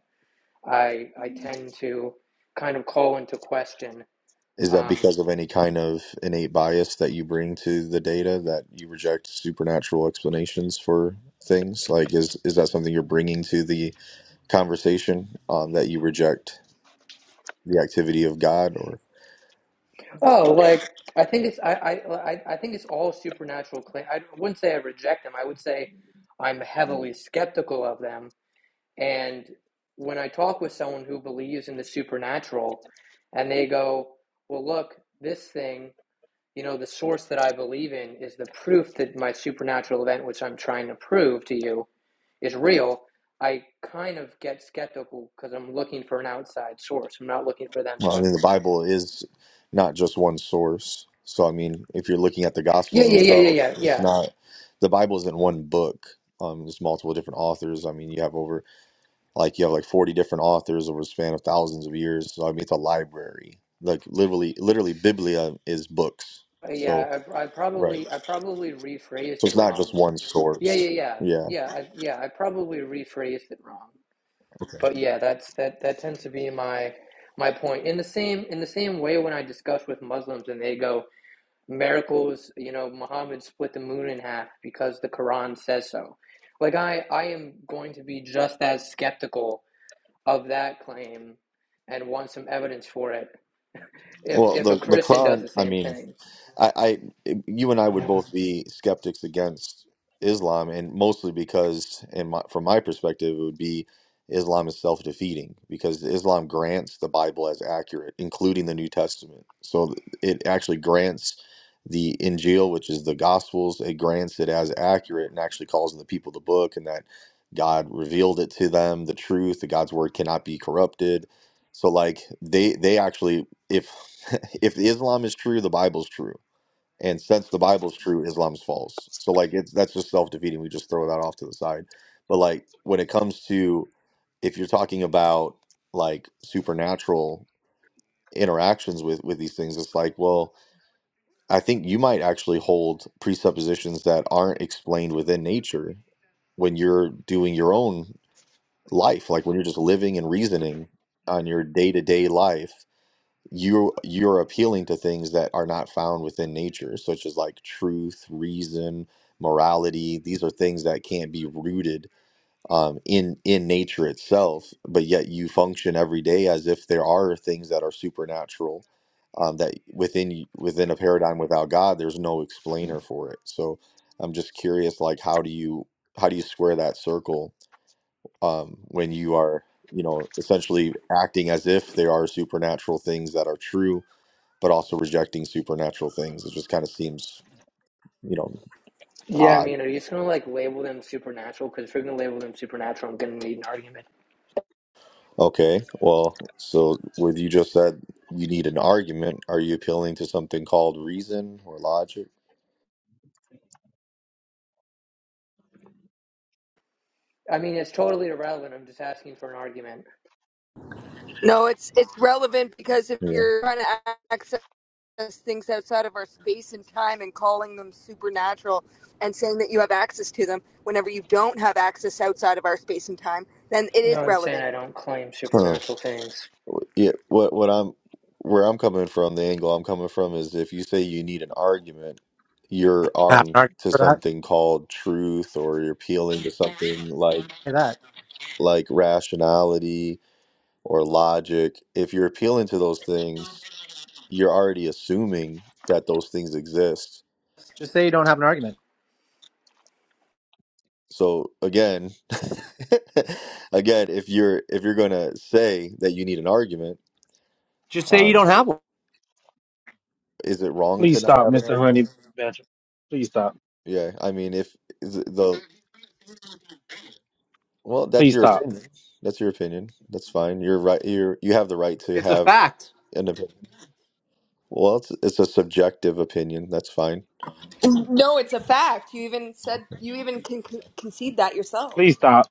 [SPEAKER 22] I I tend to kind of call into question.
[SPEAKER 17] is that
[SPEAKER 22] Um,
[SPEAKER 17] because of any kind of innate bias that you bring to the data that you reject supernatural explanations for things? Like, is is that something you're bringing to the conversation um, that you reject the activity of God, or
[SPEAKER 22] oh, like I think it's I I I I think it's all supernatural claim. I wouldn't say I reject them. I would say I'm heavily skeptical of them And when I talk with someone who believes in the supernatural and they go, well, look, this thing, you know, the source that I believe in is the proof that my supernatural event, which I'm trying to prove to you, is real. I kind of get skeptical because I'm looking for an outside source. I'm not looking for them
[SPEAKER 17] Well, I
[SPEAKER 22] to.
[SPEAKER 17] mean, the Bible is not just one source. So, I mean, if you're looking at the
[SPEAKER 22] Yeah,
[SPEAKER 17] Gospels
[SPEAKER 22] yeah, yeah, yeah,
[SPEAKER 17] themselves,
[SPEAKER 22] yeah,
[SPEAKER 17] it's
[SPEAKER 22] yeah,
[SPEAKER 17] not the Bible isn't one book. Um, there's multiple different authors. I mean, you have over like you have like 40 different authors over a span of thousands of years. So, I mean, it's a library. Like literally, literally, Biblia is books.
[SPEAKER 22] Uh,
[SPEAKER 17] So,
[SPEAKER 22] yeah. I, I
[SPEAKER 17] right.
[SPEAKER 22] probably, I probably rephrased
[SPEAKER 17] So
[SPEAKER 22] it
[SPEAKER 17] it's not just
[SPEAKER 22] wrong.
[SPEAKER 17] one
[SPEAKER 22] Yeah, yeah,
[SPEAKER 17] source.
[SPEAKER 22] yeah,
[SPEAKER 17] Yeah.
[SPEAKER 22] yeah, I, yeah. I probably rephrased it wrong.
[SPEAKER 17] Okay.
[SPEAKER 22] but yeah, that's that that tends to be my my point. In the same in the same way when I discuss with Muslims and they go miracles, you know, Muhammad split the moon in half because the Quran says so. Like I I am going to be just as skeptical of that claim and want some evidence for it if
[SPEAKER 17] Well,
[SPEAKER 22] if a
[SPEAKER 17] the the
[SPEAKER 22] Christian does
[SPEAKER 17] Quran.
[SPEAKER 22] the
[SPEAKER 17] I
[SPEAKER 22] same
[SPEAKER 17] mean,
[SPEAKER 22] thing.
[SPEAKER 17] I, I you and I would both be skeptics against Islam, and mostly because, in my, from my perspective, it would be Islam is self defeating because Islam grants the Bible as accurate, including the New Testament. So it actually grants the Injil, which is the Gospels, it grants it as accurate and actually calls on the people of the book and that God revealed it to them, the truth, that God's word cannot be corrupted. So like they they actually if if Islam is true, the Bible's true and since the Bible's true, Islam's false. So like it's that's just self defeating. We just throw that off to the side. But like when it comes to if you're talking about like supernatural interactions with with these things, it's like well, I think you might actually hold presuppositions that aren't explained within nature when you're doing your own life, like when you're just living and reasoning on your day to day life you you're appealing to things that are not found within nature such as like truth reason morality these are things that can't be rooted um, in in nature itself but yet you function every day as if there are things that are supernatural um, that within y- within a paradigm without god there's no explainer for it so i'm just curious like how do you how do you square that circle um, when you are you know essentially acting as if there are supernatural things that are true but also rejecting supernatural things. It just kind of seems, you know,
[SPEAKER 22] Yeah, I
[SPEAKER 17] odd.
[SPEAKER 22] mean, are you just gonna like label them supernatural? Because if you're gonna label them supernatural, I'm gonna need an argument.
[SPEAKER 17] Okay, well, so with you just said you need an argument, are you appealing to something called reason or logic?
[SPEAKER 22] I mean, it's totally irrelevant. I'm just asking for an argument.
[SPEAKER 19] No, it's it's relevant because if
[SPEAKER 17] Yeah.
[SPEAKER 19] you're trying to access us things outside of our space and time and calling them supernatural and saying that you have access to them whenever you don't have access outside of our space and time, then it
[SPEAKER 22] No,
[SPEAKER 19] is
[SPEAKER 22] I'm saying
[SPEAKER 19] relevant.
[SPEAKER 22] I don't claim
[SPEAKER 17] Huh.
[SPEAKER 22] supernatural things.
[SPEAKER 17] Yeah. What what I'm where I'm coming from, the angle I'm coming from is if you say you need an argument, you're
[SPEAKER 12] Have
[SPEAKER 17] arguing
[SPEAKER 12] an argument
[SPEAKER 17] to
[SPEAKER 12] for that.
[SPEAKER 17] something called truth or you're appealing to something like
[SPEAKER 12] Say that.
[SPEAKER 17] like rationality or logic. If you're appealing to those things you're already assuming that those things exist.
[SPEAKER 12] Just say you don't have an argument.
[SPEAKER 17] So again, again, if you're if you're gonna say that you need an argument,
[SPEAKER 12] Just say you
[SPEAKER 17] um,
[SPEAKER 12] don't have one.
[SPEAKER 17] is it wrong
[SPEAKER 4] please
[SPEAKER 17] to not
[SPEAKER 4] stop,
[SPEAKER 17] have an
[SPEAKER 4] Mr.
[SPEAKER 17] argument?
[SPEAKER 4] Honey Badger. Please stop.
[SPEAKER 17] Yeah, I mean, if is it the well, that's
[SPEAKER 4] Please
[SPEAKER 17] your
[SPEAKER 4] stop.
[SPEAKER 17] opinion. That's your opinion. That's fine. You're right. You're you have the right to
[SPEAKER 12] It's a
[SPEAKER 17] have
[SPEAKER 12] fact.
[SPEAKER 17] an opinion. Well, it's it's a subjective opinion. That's fine.
[SPEAKER 19] No, it's a fact. You even said you even can con- concede that yourself.
[SPEAKER 4] Please stop.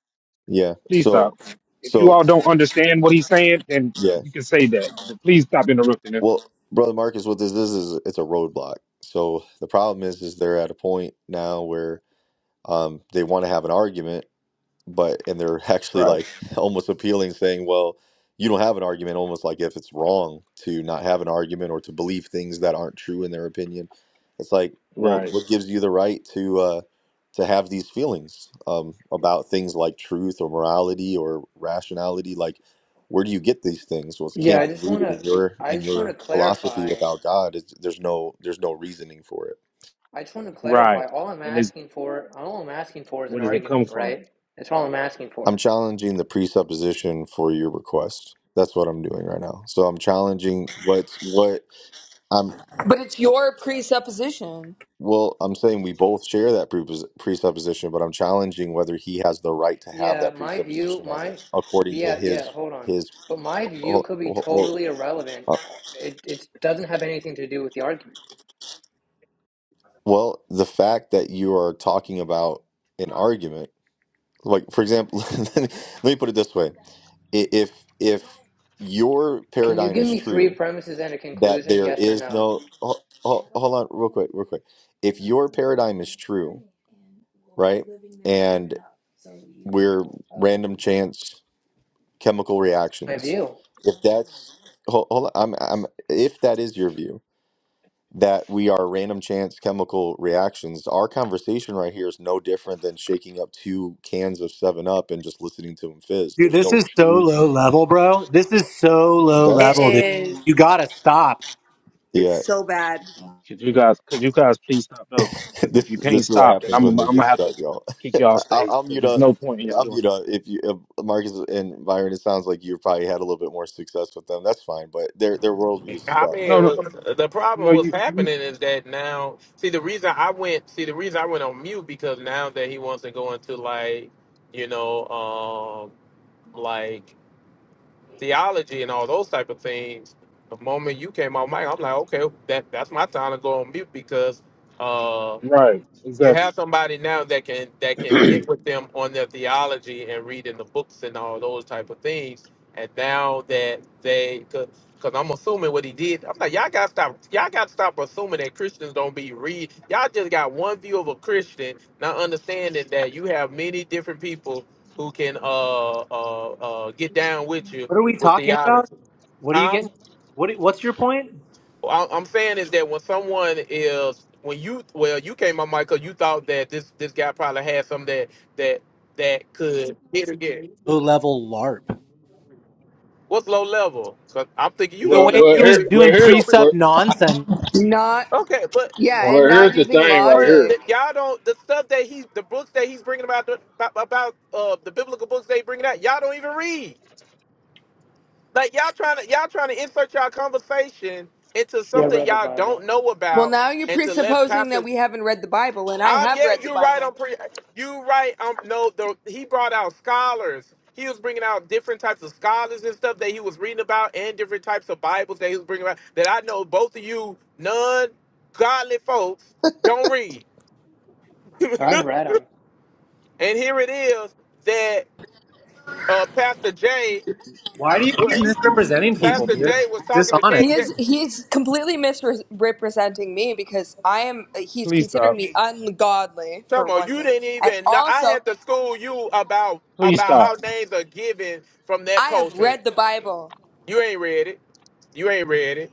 [SPEAKER 17] Yeah.
[SPEAKER 4] Please
[SPEAKER 17] So,
[SPEAKER 4] stop. If you
[SPEAKER 17] so
[SPEAKER 4] all don't understand what he's saying, then
[SPEAKER 17] yeah.
[SPEAKER 4] you can say that. But please stop interrupting him.
[SPEAKER 17] Well, brother Marcus, what this is is it's a roadblock. So the problem is, is they're at a point now where um, they want to have an argument, but and they're actually
[SPEAKER 4] Right.
[SPEAKER 17] like almost appealing saying well you don't have an argument almost like if it's wrong to not have an argument or to believe things that aren't true in their opinion it's like well
[SPEAKER 4] Right.
[SPEAKER 17] what gives you the right to uh to have these feelings um about things like truth or morality or rationality like where do you get these things well it
[SPEAKER 22] Yeah,
[SPEAKER 17] can't
[SPEAKER 22] I just
[SPEAKER 17] be
[SPEAKER 22] want
[SPEAKER 17] rooted
[SPEAKER 22] to.
[SPEAKER 17] in your
[SPEAKER 22] I
[SPEAKER 17] in
[SPEAKER 22] just want to
[SPEAKER 17] your philosophy
[SPEAKER 22] clarify.
[SPEAKER 17] without god it's, there's no there's no reasoning for it
[SPEAKER 22] I just want to clarify.
[SPEAKER 4] Right.
[SPEAKER 22] All I'm
[SPEAKER 4] And it's
[SPEAKER 22] asking for, all I'm asking for, is
[SPEAKER 4] where
[SPEAKER 22] an
[SPEAKER 4] does it come
[SPEAKER 22] argument,
[SPEAKER 4] from?
[SPEAKER 22] right? That's all I'm asking
[SPEAKER 17] I'm
[SPEAKER 22] for.
[SPEAKER 17] challenging the presupposition for your request. That's what I'm doing right now. So I'm challenging what's what I'm
[SPEAKER 19] But it's your presupposition.
[SPEAKER 17] well, I'm saying we both share that prepos- presupposition, but I'm challenging whether he has the right to have
[SPEAKER 22] Yeah,
[SPEAKER 17] that
[SPEAKER 22] my view,
[SPEAKER 17] presupposition as it,
[SPEAKER 22] my,
[SPEAKER 17] according to
[SPEAKER 22] yeah, yeah.
[SPEAKER 17] his
[SPEAKER 22] Hold on,
[SPEAKER 17] his
[SPEAKER 22] but my view
[SPEAKER 17] well,
[SPEAKER 22] could be
[SPEAKER 17] well,
[SPEAKER 22] totally irrelevant.
[SPEAKER 17] uh,
[SPEAKER 22] It it doesn't have anything to do with the argument.
[SPEAKER 17] well the fact that you are talking about an argument, like for example, let me put it this way: I- if if your
[SPEAKER 22] Can you
[SPEAKER 17] paradigm
[SPEAKER 22] give
[SPEAKER 17] is
[SPEAKER 22] me three
[SPEAKER 17] true,
[SPEAKER 22] premises and a
[SPEAKER 17] that
[SPEAKER 22] conclusion?
[SPEAKER 17] there
[SPEAKER 22] Yes or
[SPEAKER 17] is
[SPEAKER 22] no?
[SPEAKER 17] no ho- ho- hold on real quick real quick if your paradigm is true right and we're random chance chemical
[SPEAKER 22] My
[SPEAKER 17] reactions
[SPEAKER 22] view.
[SPEAKER 17] if that's hold, hold on I'm, I'm if that is your view that we are random chance chemical reactions our conversation right here is no different than shaking up two cans of 7 up and just listening to them fizz
[SPEAKER 12] Dude,
[SPEAKER 17] there's
[SPEAKER 12] this
[SPEAKER 17] no
[SPEAKER 12] is so
[SPEAKER 17] truth
[SPEAKER 12] low level, bro. This is so low
[SPEAKER 19] It
[SPEAKER 12] level,
[SPEAKER 17] that's
[SPEAKER 12] dude.
[SPEAKER 19] is.
[SPEAKER 12] You gotta stop.
[SPEAKER 17] yeah,
[SPEAKER 19] It's so bad.
[SPEAKER 4] Could you guys, could you guys please stop though? Because
[SPEAKER 17] this
[SPEAKER 4] if you can't
[SPEAKER 17] this is what
[SPEAKER 4] stop, then
[SPEAKER 17] happens
[SPEAKER 4] I'm,
[SPEAKER 17] when
[SPEAKER 4] gonna-
[SPEAKER 17] they
[SPEAKER 4] I'm
[SPEAKER 17] get
[SPEAKER 4] gonna have to
[SPEAKER 17] stuck, y'all.
[SPEAKER 4] kick y'all off
[SPEAKER 17] I'll,
[SPEAKER 4] stage.
[SPEAKER 17] I'll
[SPEAKER 4] Because
[SPEAKER 17] mute
[SPEAKER 4] there's
[SPEAKER 17] up.
[SPEAKER 4] no point in y'all
[SPEAKER 17] I'll
[SPEAKER 4] doing
[SPEAKER 17] mute up. If you if Marcus and Byron, it sounds like you've probably had a little bit more success with them. That's fine, but their their worldview is
[SPEAKER 6] I
[SPEAKER 17] stuck.
[SPEAKER 6] mean,
[SPEAKER 4] it. No,
[SPEAKER 6] it
[SPEAKER 4] no,
[SPEAKER 6] was, the
[SPEAKER 4] no.
[SPEAKER 6] problem was
[SPEAKER 4] You, you
[SPEAKER 6] happening is that now, see, the reason I went, see, the reason I went on mute because now that he wants to go into like, you know, um, like theology and all those type of things. The moment you came on mic, I'm like, okay, that that's my time to go on mute because uh,
[SPEAKER 4] right?
[SPEAKER 6] you
[SPEAKER 4] Exactly.
[SPEAKER 6] have somebody now that can that can get with them on their theology and reading the books and all those type of things. And now that they, because I'm assuming what he did, I'm like, y'all gotta stop, y'all gotta stop assuming that Christians don't be read. Y'all just got one view of a Christian, not understanding that you have many different people who can uh uh uh get down with you
[SPEAKER 12] What are we
[SPEAKER 6] with
[SPEAKER 12] talking about?
[SPEAKER 6] theology,
[SPEAKER 12] What are you
[SPEAKER 6] huh?
[SPEAKER 12] getting? What? What's your point?
[SPEAKER 6] I- I'm saying is that when someone is when you well you came on Michael, you thought that this this guy probably had some that that that could hit again.
[SPEAKER 12] Low level LARP.
[SPEAKER 6] What's low level? So I'm thinking you
[SPEAKER 12] The
[SPEAKER 6] low
[SPEAKER 1] Well,
[SPEAKER 12] way
[SPEAKER 6] level.
[SPEAKER 1] well,
[SPEAKER 6] You
[SPEAKER 12] he
[SPEAKER 6] don't
[SPEAKER 12] was
[SPEAKER 6] be
[SPEAKER 1] here, well,
[SPEAKER 6] you,
[SPEAKER 12] doing
[SPEAKER 6] you
[SPEAKER 1] here,
[SPEAKER 6] don't be
[SPEAKER 1] well,
[SPEAKER 12] precept nonsense
[SPEAKER 19] Not
[SPEAKER 6] okay, but
[SPEAKER 19] yeah,
[SPEAKER 12] for.
[SPEAKER 1] well,
[SPEAKER 19] and not
[SPEAKER 1] here's the
[SPEAKER 19] using
[SPEAKER 1] thing right
[SPEAKER 6] but
[SPEAKER 1] here.
[SPEAKER 19] logic.
[SPEAKER 6] the, y'all don't the stuff that he's the books that he's bringing about the, about about, uh the biblical books they bringing out. Y'all don't even read. Like y'all trying to y'all trying to insert y'all conversation into
[SPEAKER 22] Yeah, I've
[SPEAKER 6] something
[SPEAKER 22] read the
[SPEAKER 6] y'all don't
[SPEAKER 22] Bible.
[SPEAKER 6] know
[SPEAKER 19] Well,
[SPEAKER 6] about
[SPEAKER 19] now you're
[SPEAKER 6] and to let
[SPEAKER 19] presupposing that
[SPEAKER 6] pastors
[SPEAKER 19] we haven't read the Bible and I
[SPEAKER 6] Um,
[SPEAKER 19] have
[SPEAKER 6] yeah,
[SPEAKER 19] read the
[SPEAKER 6] you're right. I'm
[SPEAKER 19] Bible.
[SPEAKER 6] pretty. You right. Um, no, the he brought out scholars. He was bringing out different types of scholars and stuff that he was reading about, and different types of Bibles that he was bringing out. That I know both of you non-godly folks don't read. and
[SPEAKER 22] I've read them.
[SPEAKER 6] here it is that uh, Pastor Jay,
[SPEAKER 12] Why do you
[SPEAKER 6] what
[SPEAKER 12] keep misrepresenting people,
[SPEAKER 6] Pastor
[SPEAKER 12] dude?
[SPEAKER 6] Jay was
[SPEAKER 12] It's
[SPEAKER 6] talking to
[SPEAKER 12] dishonest.
[SPEAKER 19] He
[SPEAKER 6] KJ.
[SPEAKER 19] is he's completely misrepresenting me because I am he's
[SPEAKER 4] Please
[SPEAKER 19] considering
[SPEAKER 4] stop.
[SPEAKER 19] me ungodly for
[SPEAKER 6] Come on,
[SPEAKER 19] one
[SPEAKER 6] you
[SPEAKER 19] thing.
[SPEAKER 6] didn't
[SPEAKER 19] And
[SPEAKER 6] even. know. I
[SPEAKER 19] also,
[SPEAKER 6] had to school you about
[SPEAKER 4] Please
[SPEAKER 6] about how
[SPEAKER 4] stop.
[SPEAKER 6] names are given from that
[SPEAKER 19] I have
[SPEAKER 6] culture.
[SPEAKER 19] read the Bible.
[SPEAKER 6] You ain't read it. You ain't read it.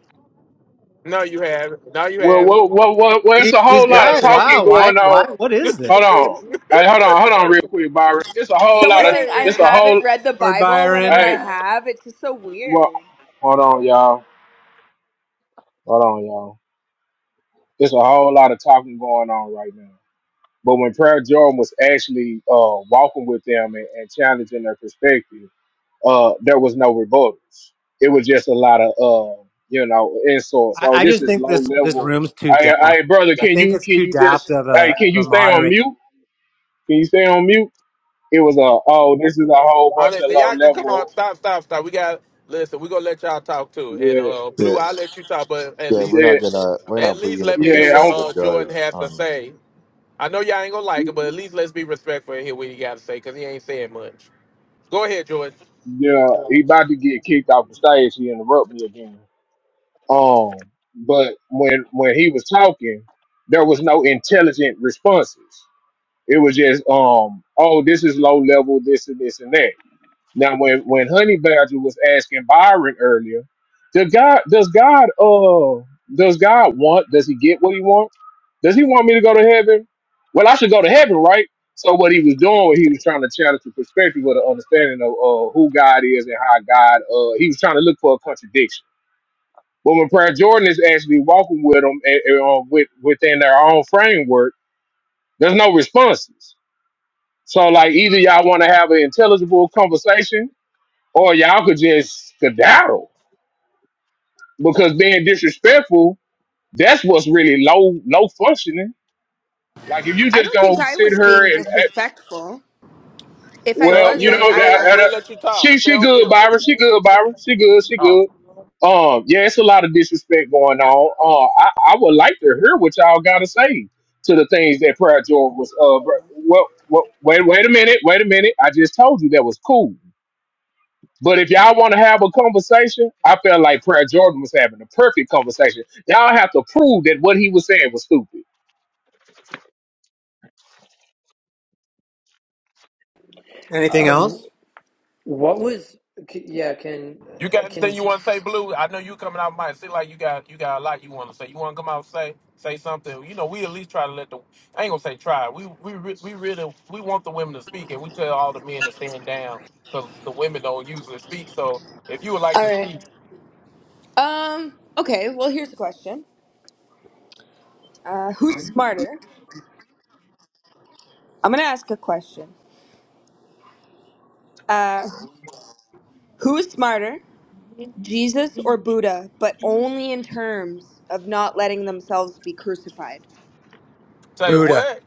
[SPEAKER 6] No, you haven't. No, you
[SPEAKER 1] Well,
[SPEAKER 6] haven't.
[SPEAKER 1] well, well, well, well it's
[SPEAKER 12] See,
[SPEAKER 1] a
[SPEAKER 12] These
[SPEAKER 1] whole
[SPEAKER 6] You
[SPEAKER 1] lot of
[SPEAKER 6] ain't
[SPEAKER 12] guys,
[SPEAKER 6] read
[SPEAKER 1] talking
[SPEAKER 12] wow, why,
[SPEAKER 1] going on
[SPEAKER 12] why, what is this?
[SPEAKER 1] Hold
[SPEAKER 6] it.
[SPEAKER 1] on. Hey, hold on, hold on real quick, Byron. It's a whole
[SPEAKER 6] you
[SPEAKER 19] Someone
[SPEAKER 1] lot of
[SPEAKER 19] saying
[SPEAKER 6] ain't
[SPEAKER 19] I
[SPEAKER 1] it's
[SPEAKER 6] read
[SPEAKER 1] a
[SPEAKER 6] it.
[SPEAKER 1] whole
[SPEAKER 19] haven't read the
[SPEAKER 12] Lord
[SPEAKER 19] Bible whenever
[SPEAKER 12] Byron.
[SPEAKER 19] I
[SPEAKER 1] hey
[SPEAKER 19] have, it's just so
[SPEAKER 1] well
[SPEAKER 19] weird.
[SPEAKER 1] hold on y'all. Hold on, y'all. It's a whole lot of talking going on right now. But when Prayer Jordan was actually uh walking with them and, and challenging their perspective, uh there was no rebuttals. It was just a lot of uh, you know, insults.
[SPEAKER 12] I,
[SPEAKER 1] Oh,
[SPEAKER 12] I
[SPEAKER 1] this
[SPEAKER 12] just
[SPEAKER 1] is
[SPEAKER 12] think
[SPEAKER 1] low
[SPEAKER 12] this this
[SPEAKER 1] level.
[SPEAKER 12] room's too
[SPEAKER 1] Hey,
[SPEAKER 12] daft.
[SPEAKER 1] hey brother,
[SPEAKER 12] I
[SPEAKER 1] can
[SPEAKER 12] think
[SPEAKER 1] you
[SPEAKER 12] it's
[SPEAKER 1] can
[SPEAKER 12] too
[SPEAKER 1] you just
[SPEAKER 12] daft of
[SPEAKER 1] hey
[SPEAKER 12] a,
[SPEAKER 1] can
[SPEAKER 12] of
[SPEAKER 1] you
[SPEAKER 12] a
[SPEAKER 1] stay on
[SPEAKER 12] moderator.
[SPEAKER 1] mute? Can you stay on mute? It was a oh, this is a whole bunch of
[SPEAKER 6] Honestly,
[SPEAKER 1] low
[SPEAKER 6] y'all can come
[SPEAKER 1] level.
[SPEAKER 6] on. Stop, stop, stop. We got listen. We gonna let y'all talk too. And
[SPEAKER 1] Yeah,
[SPEAKER 6] uh, Blue,
[SPEAKER 17] Yeah,
[SPEAKER 6] I'll let you talk, but at
[SPEAKER 17] yeah. We're
[SPEAKER 6] least,
[SPEAKER 1] yeah,
[SPEAKER 17] not gonna we're
[SPEAKER 6] at
[SPEAKER 17] not putting
[SPEAKER 6] least
[SPEAKER 17] in the
[SPEAKER 6] let me hear
[SPEAKER 17] position
[SPEAKER 1] yeah.
[SPEAKER 6] what
[SPEAKER 17] of
[SPEAKER 1] I'm,
[SPEAKER 17] the
[SPEAKER 6] uh Jordan
[SPEAKER 17] judge
[SPEAKER 6] has to
[SPEAKER 17] on
[SPEAKER 6] say. I know y'all ain't gonna like it, but at least let's be respectful and hear what he got to say because he ain't saying much. Go ahead, Jordan.
[SPEAKER 1] yeah, he about to get kicked off the stage. He interrupt me again. Um, but when when he was talking, there was no intelligent responses. It was just um, oh, this is low level, this and this and that. Now, when when Honey Badger was asking Byron earlier, does God does God uh does God want? Does he get what he want? Does he want me to go to heaven? Well, I should go to heaven, right? So what he was doing, he was trying to challenge the perspective with an understanding of uh, who God is and how God. Uh, he was trying to look for a contradiction. But when Prayer Jordan is actually walking with them and, and, uh, with, within their own framework, there's no responses. So like either y'all want to have an intelligible conversation or y'all could just skedaddle because being disrespectful that's what's really low low functioning like if you
[SPEAKER 19] I
[SPEAKER 1] just
[SPEAKER 19] don't
[SPEAKER 1] gonna
[SPEAKER 19] think I
[SPEAKER 1] sit
[SPEAKER 19] was
[SPEAKER 1] her
[SPEAKER 19] being
[SPEAKER 1] and eh,
[SPEAKER 19] disrespectful. If I
[SPEAKER 6] Stay
[SPEAKER 1] well
[SPEAKER 6] on
[SPEAKER 19] was,
[SPEAKER 1] you
[SPEAKER 6] mute,
[SPEAKER 19] I
[SPEAKER 1] know
[SPEAKER 19] I
[SPEAKER 6] Blue,
[SPEAKER 1] that-
[SPEAKER 19] uh,
[SPEAKER 6] and
[SPEAKER 1] that-
[SPEAKER 6] we'll
[SPEAKER 1] that-
[SPEAKER 6] let you
[SPEAKER 1] she
[SPEAKER 6] talk. Stay
[SPEAKER 1] she
[SPEAKER 6] on
[SPEAKER 1] good
[SPEAKER 6] mute.
[SPEAKER 1] byron she good byron she good she
[SPEAKER 6] Oh.
[SPEAKER 1] good um yeah it's a lot of disrespect going on uh i, I would like to hear what y'all gotta say to the things that prayer jordan was uh br- well, well wait wait a minute wait a minute i just told you that was cool But if y'all want to have a conversation, I felt like Prayer Jordan was having the perfect conversation. Y'all have to prove that what he was saying was stupid.
[SPEAKER 12] Anything
[SPEAKER 22] Uh,
[SPEAKER 12] else?
[SPEAKER 22] what was? Yeah, can
[SPEAKER 6] You
[SPEAKER 22] uh,
[SPEAKER 6] got anything
[SPEAKER 22] can
[SPEAKER 6] you want to say, Blue? I know you coming out might seem like you got you got a lot you want to say. You want to come out and say say something. You know, we at least try to let the I ain't gonna say try. We we re- we really we want the women to speak, and we tell all the men to stand down because the women don't usually speak. So if you would like
[SPEAKER 19] All
[SPEAKER 6] to
[SPEAKER 19] right.
[SPEAKER 6] speak,
[SPEAKER 19] Um okay, well here's the question. Uh who's smarter? I'm going to ask a question. Uh who is smarter? Jesus or Buddha, but only in terms of not letting themselves be crucified.
[SPEAKER 6] say
[SPEAKER 12] Buddha.
[SPEAKER 6] what?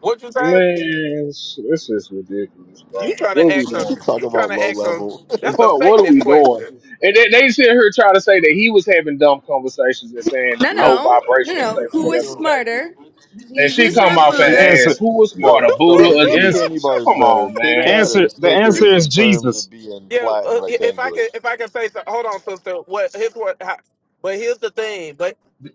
[SPEAKER 6] What you say?
[SPEAKER 1] Man, sh- this is ridiculous, bro.
[SPEAKER 6] You trying
[SPEAKER 1] What
[SPEAKER 6] to
[SPEAKER 1] are we
[SPEAKER 6] ask a
[SPEAKER 1] doing?
[SPEAKER 17] talk
[SPEAKER 6] you trying
[SPEAKER 17] about
[SPEAKER 6] to
[SPEAKER 17] low
[SPEAKER 6] ask a
[SPEAKER 17] level.
[SPEAKER 6] that's a
[SPEAKER 1] What what are we
[SPEAKER 6] Satanist
[SPEAKER 1] doing?
[SPEAKER 6] question.
[SPEAKER 1] And they, they sit here trying to say that he was having dumb conversations and saying
[SPEAKER 19] No,
[SPEAKER 4] I,
[SPEAKER 1] low
[SPEAKER 19] no, no,
[SPEAKER 1] vibration and stuff,
[SPEAKER 19] no. Who was
[SPEAKER 1] whatever the case.
[SPEAKER 19] smarter,
[SPEAKER 1] And she
[SPEAKER 19] Jesus
[SPEAKER 1] come
[SPEAKER 19] or
[SPEAKER 1] off
[SPEAKER 4] the
[SPEAKER 19] Buddha?
[SPEAKER 1] and ask,
[SPEAKER 4] answer,
[SPEAKER 1] "Who was
[SPEAKER 17] you know,
[SPEAKER 1] smarter,
[SPEAKER 17] no.
[SPEAKER 1] Buddha or
[SPEAKER 17] Which
[SPEAKER 4] the
[SPEAKER 17] which
[SPEAKER 4] answer,
[SPEAKER 17] candy
[SPEAKER 1] Jesus?"
[SPEAKER 17] bar is
[SPEAKER 1] Come
[SPEAKER 17] better,
[SPEAKER 1] on,
[SPEAKER 17] Kit
[SPEAKER 4] the
[SPEAKER 1] man.
[SPEAKER 17] Kat or
[SPEAKER 4] answer, the
[SPEAKER 17] Snickers,
[SPEAKER 4] answer is
[SPEAKER 17] in terms of
[SPEAKER 4] Jesus.
[SPEAKER 17] being
[SPEAKER 6] yeah,
[SPEAKER 17] flat
[SPEAKER 6] uh,
[SPEAKER 17] and
[SPEAKER 6] if I
[SPEAKER 17] rectangular?
[SPEAKER 6] can if I can say so, hold on, sister. What here's what? How, but here's the thing.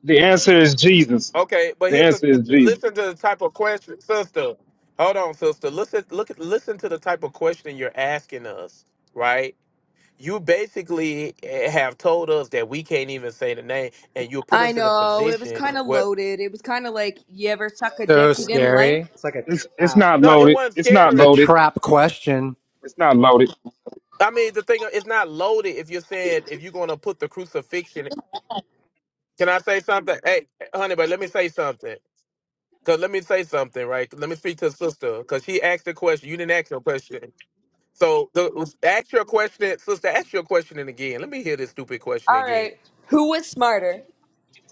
[SPEAKER 4] The answer is Jesus.
[SPEAKER 6] Okay, but
[SPEAKER 4] The
[SPEAKER 6] here's the
[SPEAKER 4] answer is Jesus.
[SPEAKER 6] listen to the type of question, sister. Hold on, sister. Listen, look, at- listen to the type of question you're asking us, right? You basically eh, have told us that we can't even say the name, and you put
[SPEAKER 19] I
[SPEAKER 6] us in a
[SPEAKER 19] know it was
[SPEAKER 6] position
[SPEAKER 19] kind of
[SPEAKER 6] where
[SPEAKER 19] loaded. It was kind of like you ever suck a
[SPEAKER 12] So
[SPEAKER 19] dick you didn't
[SPEAKER 12] scary.
[SPEAKER 19] like.
[SPEAKER 12] It's like a
[SPEAKER 4] It's, it's
[SPEAKER 12] trap.
[SPEAKER 4] not
[SPEAKER 6] no, it
[SPEAKER 4] loaded.
[SPEAKER 6] wasn't
[SPEAKER 4] It's
[SPEAKER 12] It's
[SPEAKER 4] not
[SPEAKER 12] a
[SPEAKER 6] scary.
[SPEAKER 4] loaded.
[SPEAKER 12] trap question.
[SPEAKER 4] It's not loaded.
[SPEAKER 6] I mean, the thing it's not loaded. If you're saying if you're going to put the crucifixion, can I say something? Hey, honey, but let me say something. Cause let me say something, right? Let me speak to sister, cause she asked the question. You didn't ask no question. So the, ask your question, sister. Ask your question and again. Let me hear this stupid question
[SPEAKER 19] All right,
[SPEAKER 6] again.
[SPEAKER 19] who was smarter,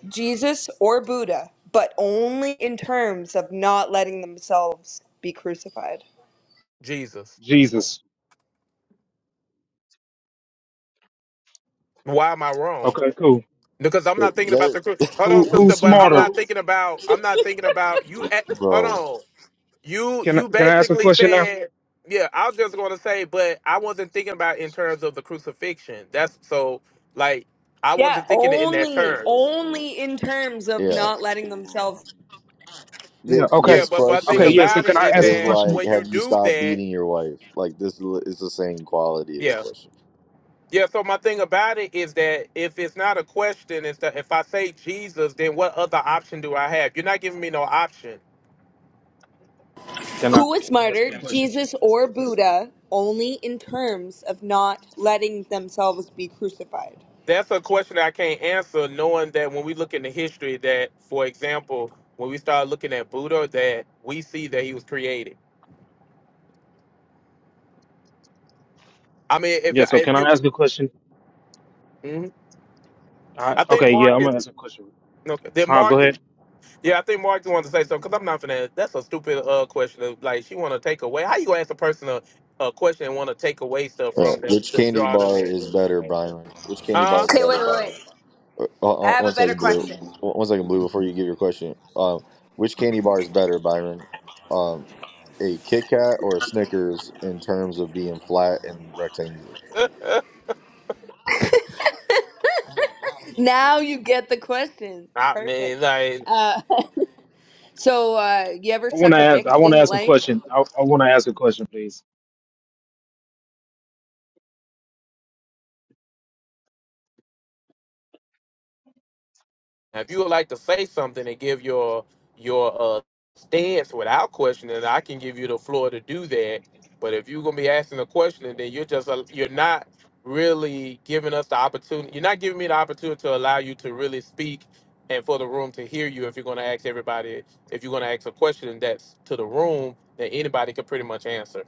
[SPEAKER 19] Jesus or Buddha? But only in terms of not letting themselves be crucified.
[SPEAKER 6] Jesus,
[SPEAKER 4] Jesus.
[SPEAKER 6] why am I wrong?
[SPEAKER 4] Okay, cool.
[SPEAKER 6] Because I'm
[SPEAKER 17] Uh,
[SPEAKER 6] not thinking about
[SPEAKER 17] that-
[SPEAKER 6] the. cru- Hold on,
[SPEAKER 4] Who,
[SPEAKER 6] sister.
[SPEAKER 4] who's
[SPEAKER 6] But I'm
[SPEAKER 4] smarter?
[SPEAKER 6] not
[SPEAKER 1] Blue.
[SPEAKER 6] thinking about. I'm not thinking about you. At, hold
[SPEAKER 17] bro,
[SPEAKER 6] on. You
[SPEAKER 4] Can, I-
[SPEAKER 6] you
[SPEAKER 4] can I ask a
[SPEAKER 6] basically
[SPEAKER 4] question now?
[SPEAKER 6] said. Yeah, I was just going to say, but I wasn't thinking about in terms of the crucifixion. That's so like I
[SPEAKER 19] Yeah,
[SPEAKER 6] wasn't thinking it in that
[SPEAKER 19] only,
[SPEAKER 6] terms.
[SPEAKER 19] only in terms of
[SPEAKER 17] yeah.
[SPEAKER 19] not letting themselves
[SPEAKER 17] Thi-
[SPEAKER 4] Yeah. Okay.
[SPEAKER 6] Yeah,
[SPEAKER 17] This
[SPEAKER 6] but but thing
[SPEAKER 4] Okay.
[SPEAKER 17] question
[SPEAKER 4] Yeah. So
[SPEAKER 6] about
[SPEAKER 4] can
[SPEAKER 6] it
[SPEAKER 4] I
[SPEAKER 6] is
[SPEAKER 4] ask a
[SPEAKER 17] is
[SPEAKER 6] that
[SPEAKER 4] question?
[SPEAKER 17] like,
[SPEAKER 6] when you
[SPEAKER 17] have you
[SPEAKER 6] do
[SPEAKER 17] stopped
[SPEAKER 6] that,
[SPEAKER 17] beating your wife? Like this li- is the same quality of a
[SPEAKER 6] yeah.
[SPEAKER 17] question.
[SPEAKER 6] Yeah, so my thing about it is that if it's not a question, is that if I say Jesus, then what other option do I have? You're not giving me no option.
[SPEAKER 4] Can I
[SPEAKER 19] Who was
[SPEAKER 4] can I ask
[SPEAKER 19] martyred,
[SPEAKER 4] a question?
[SPEAKER 19] Jesus or Buddha, only in terms of not letting themselves be crucified?
[SPEAKER 6] That's a question I can't answer, knowing that when we look into history, that for example, when we start looking at Buddha, that we see that he was created. I mean, if
[SPEAKER 4] Yeah, so
[SPEAKER 6] if
[SPEAKER 4] can
[SPEAKER 6] you,
[SPEAKER 4] I ask a question?
[SPEAKER 6] mhm.
[SPEAKER 4] I,
[SPEAKER 6] I think
[SPEAKER 4] okay,
[SPEAKER 6] Mark
[SPEAKER 4] yeah, I'm
[SPEAKER 6] is
[SPEAKER 4] gonna ask a question.
[SPEAKER 6] no, then
[SPEAKER 4] Uh,
[SPEAKER 6] Mark,
[SPEAKER 4] go
[SPEAKER 6] is-
[SPEAKER 4] ahead.
[SPEAKER 6] yeah, I think Mark wanted to say something because I'm not finna. That's a stupid uh question. Of, Like she want to take away. How you gonna ask a person a, a question and want to take away stuff
[SPEAKER 17] Uh,
[SPEAKER 6] from them
[SPEAKER 17] which
[SPEAKER 6] to
[SPEAKER 17] candy
[SPEAKER 6] draw them
[SPEAKER 17] bar is better,
[SPEAKER 6] there?
[SPEAKER 17] Byron? Which candy bar
[SPEAKER 6] Huh?
[SPEAKER 17] is
[SPEAKER 19] Okay,
[SPEAKER 17] better,
[SPEAKER 19] wait, wait, wait.
[SPEAKER 17] Byron? Uh,
[SPEAKER 19] I
[SPEAKER 17] uh, uh,
[SPEAKER 19] have a
[SPEAKER 17] one
[SPEAKER 19] better
[SPEAKER 17] second, Blue.
[SPEAKER 19] question.
[SPEAKER 17] One one second, Blue. Before you give your question, um, which candy bar is better, Byron? Um, a Kit Kat or a Snickers in terms of being flat and rectangular?
[SPEAKER 19] Now you get the question.
[SPEAKER 6] I mean,
[SPEAKER 19] Perfect.
[SPEAKER 6] like,
[SPEAKER 19] Uh, so, uh, you ever
[SPEAKER 4] I wanna
[SPEAKER 19] suck a
[SPEAKER 4] ask
[SPEAKER 19] dick
[SPEAKER 4] I
[SPEAKER 19] you
[SPEAKER 4] wanna
[SPEAKER 19] didn't
[SPEAKER 4] ask a
[SPEAKER 19] like?
[SPEAKER 4] question. I, I wanna ask a question, please.
[SPEAKER 6] if you would like to say something and give your your uh stance without questioning, I can give you the floor to do that. But if you're gonna be asking a question, then you're just a, you're not really giving us the opportunity. You're not giving me the opportunity to allow you to really speak and for the room to hear you. If you're gonna ask everybody, if you're gonna ask a question that's to the room, that anybody could pretty much answer.